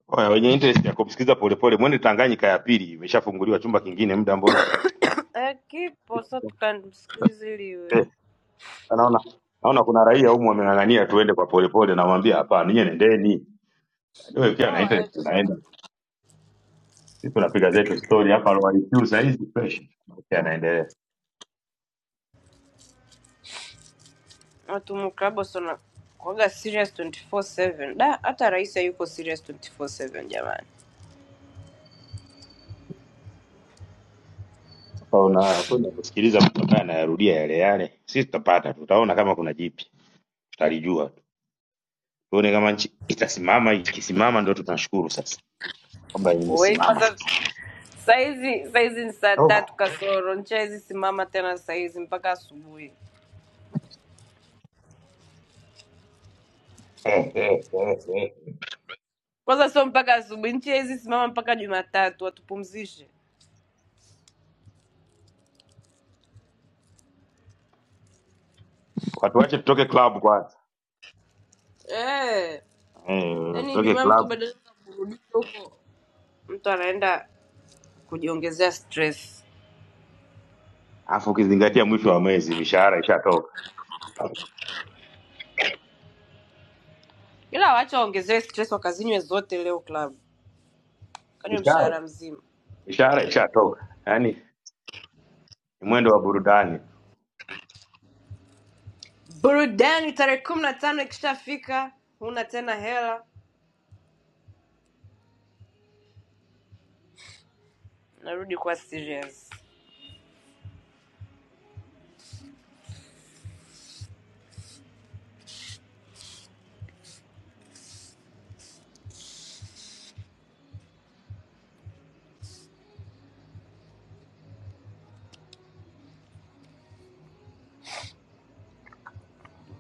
[SPEAKER 5] Oya, wenye interest ya kumsikiza polepole mwende Tanganyika ya pili imeshafunguliwa chumba kingine muda mbona?
[SPEAKER 27] Aqui posso tukamsikiliziliwe
[SPEAKER 5] Eh, anaona naona kuna raia humu wameng'ang'ania tuende kwa polepole namwambia hapana, ninyi nendeni. Yaani wewe pia na
[SPEAKER 27] wao
[SPEAKER 5] interest
[SPEAKER 27] aje
[SPEAKER 5] unaenda.
[SPEAKER 27] bwana,
[SPEAKER 5] Sisi tunapiga zetu story hapa low IQ saa hizi fresh. Okay, anaendelea.
[SPEAKER 27] watu muklaba sana kwaga serious 24/7 da, hata rais hayuko serious 24/7 jamani.
[SPEAKER 5] Kwa unakwenda kusikiliza mtu ambaye anayarudia yale yale, sisi tutapata, tutaona kama kuna jipya, tutalijua tu, tuone kama nchi itasimama. Ikisimama ndio tunashukuru sasa kwamba
[SPEAKER 27] We
[SPEAKER 5] imesimama
[SPEAKER 27] kwanza
[SPEAKER 5] sasa.
[SPEAKER 27] saizi saizi ni saa tatu kasoro, nchi haizi simama tena saizi mpaka asubuhi. Kwanza sio mpaka asubuhi, nchi haizi simama mpaka Jumatatu, watupumzishe
[SPEAKER 5] Watu wache tutoke club kwanza,
[SPEAKER 27] eh.
[SPEAKER 5] eh,
[SPEAKER 27] Yani
[SPEAKER 5] tutoke
[SPEAKER 27] Ijumaa mtu
[SPEAKER 5] club,
[SPEAKER 27] badala ya kurudisha huko, mtu anaenda kujiongezea stress.
[SPEAKER 5] alafu ukizingatia mwisho wa mwezi mishahara ishatoka,
[SPEAKER 27] ila wacha waongezee stress wakazinywe zote leo club kanywe
[SPEAKER 5] mishahara
[SPEAKER 27] mshahara mzima
[SPEAKER 5] mishahara ishatoka, yaani ni mwendo wa burudani.
[SPEAKER 27] burudani tarehe kumi na tano ikishafika huna tena hela narudi kuwa serious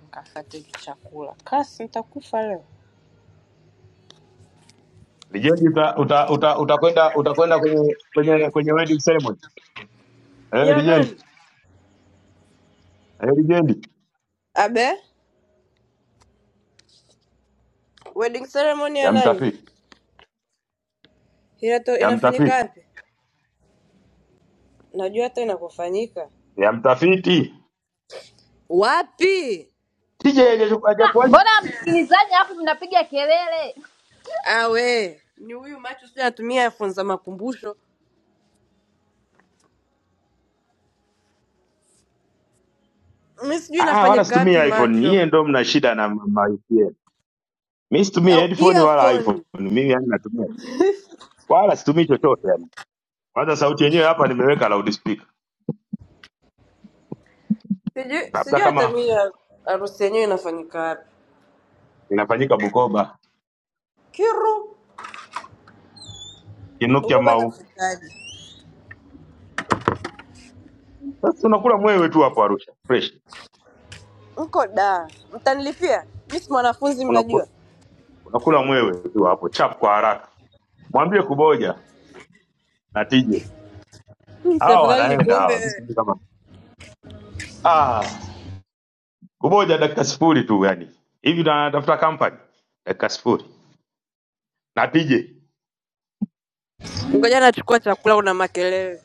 [SPEAKER 27] nkafate chakula kasi nitakufa leo
[SPEAKER 5] Lijendi uta, uta, uta, utakwenda utakwenda kwenye kwenye kwenye wedding ceremony eh,
[SPEAKER 27] ya
[SPEAKER 5] lijendi
[SPEAKER 27] nani
[SPEAKER 5] eh, lijendi
[SPEAKER 27] abe wedding ceremony ya
[SPEAKER 5] ya
[SPEAKER 27] nani
[SPEAKER 5] mtafiti
[SPEAKER 27] Inato,
[SPEAKER 5] ya
[SPEAKER 27] inafanyika
[SPEAKER 5] mtafiti
[SPEAKER 27] wapi najua hata inakofanyika
[SPEAKER 5] ya mtafiti
[SPEAKER 27] wapi
[SPEAKER 5] TJ hajachu- hajakuali
[SPEAKER 24] mbona msikilizaji hapo mnapiga kelele?
[SPEAKER 27] awe ni huyu macho sijui anatumia earphone za makumbusho mi sijui
[SPEAKER 5] ah, wala
[SPEAKER 27] inafanyika wapi
[SPEAKER 5] situmii iPhone.
[SPEAKER 27] macho
[SPEAKER 5] Nyie ndo mna shida na ma ma- VPN. Mimi situmii
[SPEAKER 27] au
[SPEAKER 5] headphone wala
[SPEAKER 27] earphone
[SPEAKER 5] iPhone. Mimi yani natumia wala situmii chochote yani. Kwanza sauti yenyewe hapa nimeweka loudspeaker.
[SPEAKER 27] Sijui
[SPEAKER 5] Labda
[SPEAKER 27] sijui hata mi
[SPEAKER 5] kama
[SPEAKER 27] ya- harusi yenyewe inafanyika wapi.
[SPEAKER 5] inafanyika Bukoba,
[SPEAKER 27] Kiru
[SPEAKER 5] Kinukya
[SPEAKER 27] Bugoba na
[SPEAKER 5] mau.
[SPEAKER 27] nafikaje?
[SPEAKER 5] Sasa unakula mwewe tu hapo Arusha. Fresh.
[SPEAKER 27] Mko da, mtanilipia? Mi si mwanafunzi,
[SPEAKER 5] Unakula,
[SPEAKER 27] mnajua.
[SPEAKER 5] unakula mwewe tu hapo chap kwa haraka. Mwambie kuboja na TJ.
[SPEAKER 27] Hmm, si
[SPEAKER 5] Hawa
[SPEAKER 27] afadhali
[SPEAKER 5] wanaenda hawa.
[SPEAKER 27] nikuombe
[SPEAKER 5] Mimi
[SPEAKER 27] wewe.
[SPEAKER 5] sijui kama ah, kuboja dakika sifuri tu yani. Hivi tunatafuta company dakika sifuri. Na TJ.
[SPEAKER 27] Ngoja nachukua chakula, una makelele.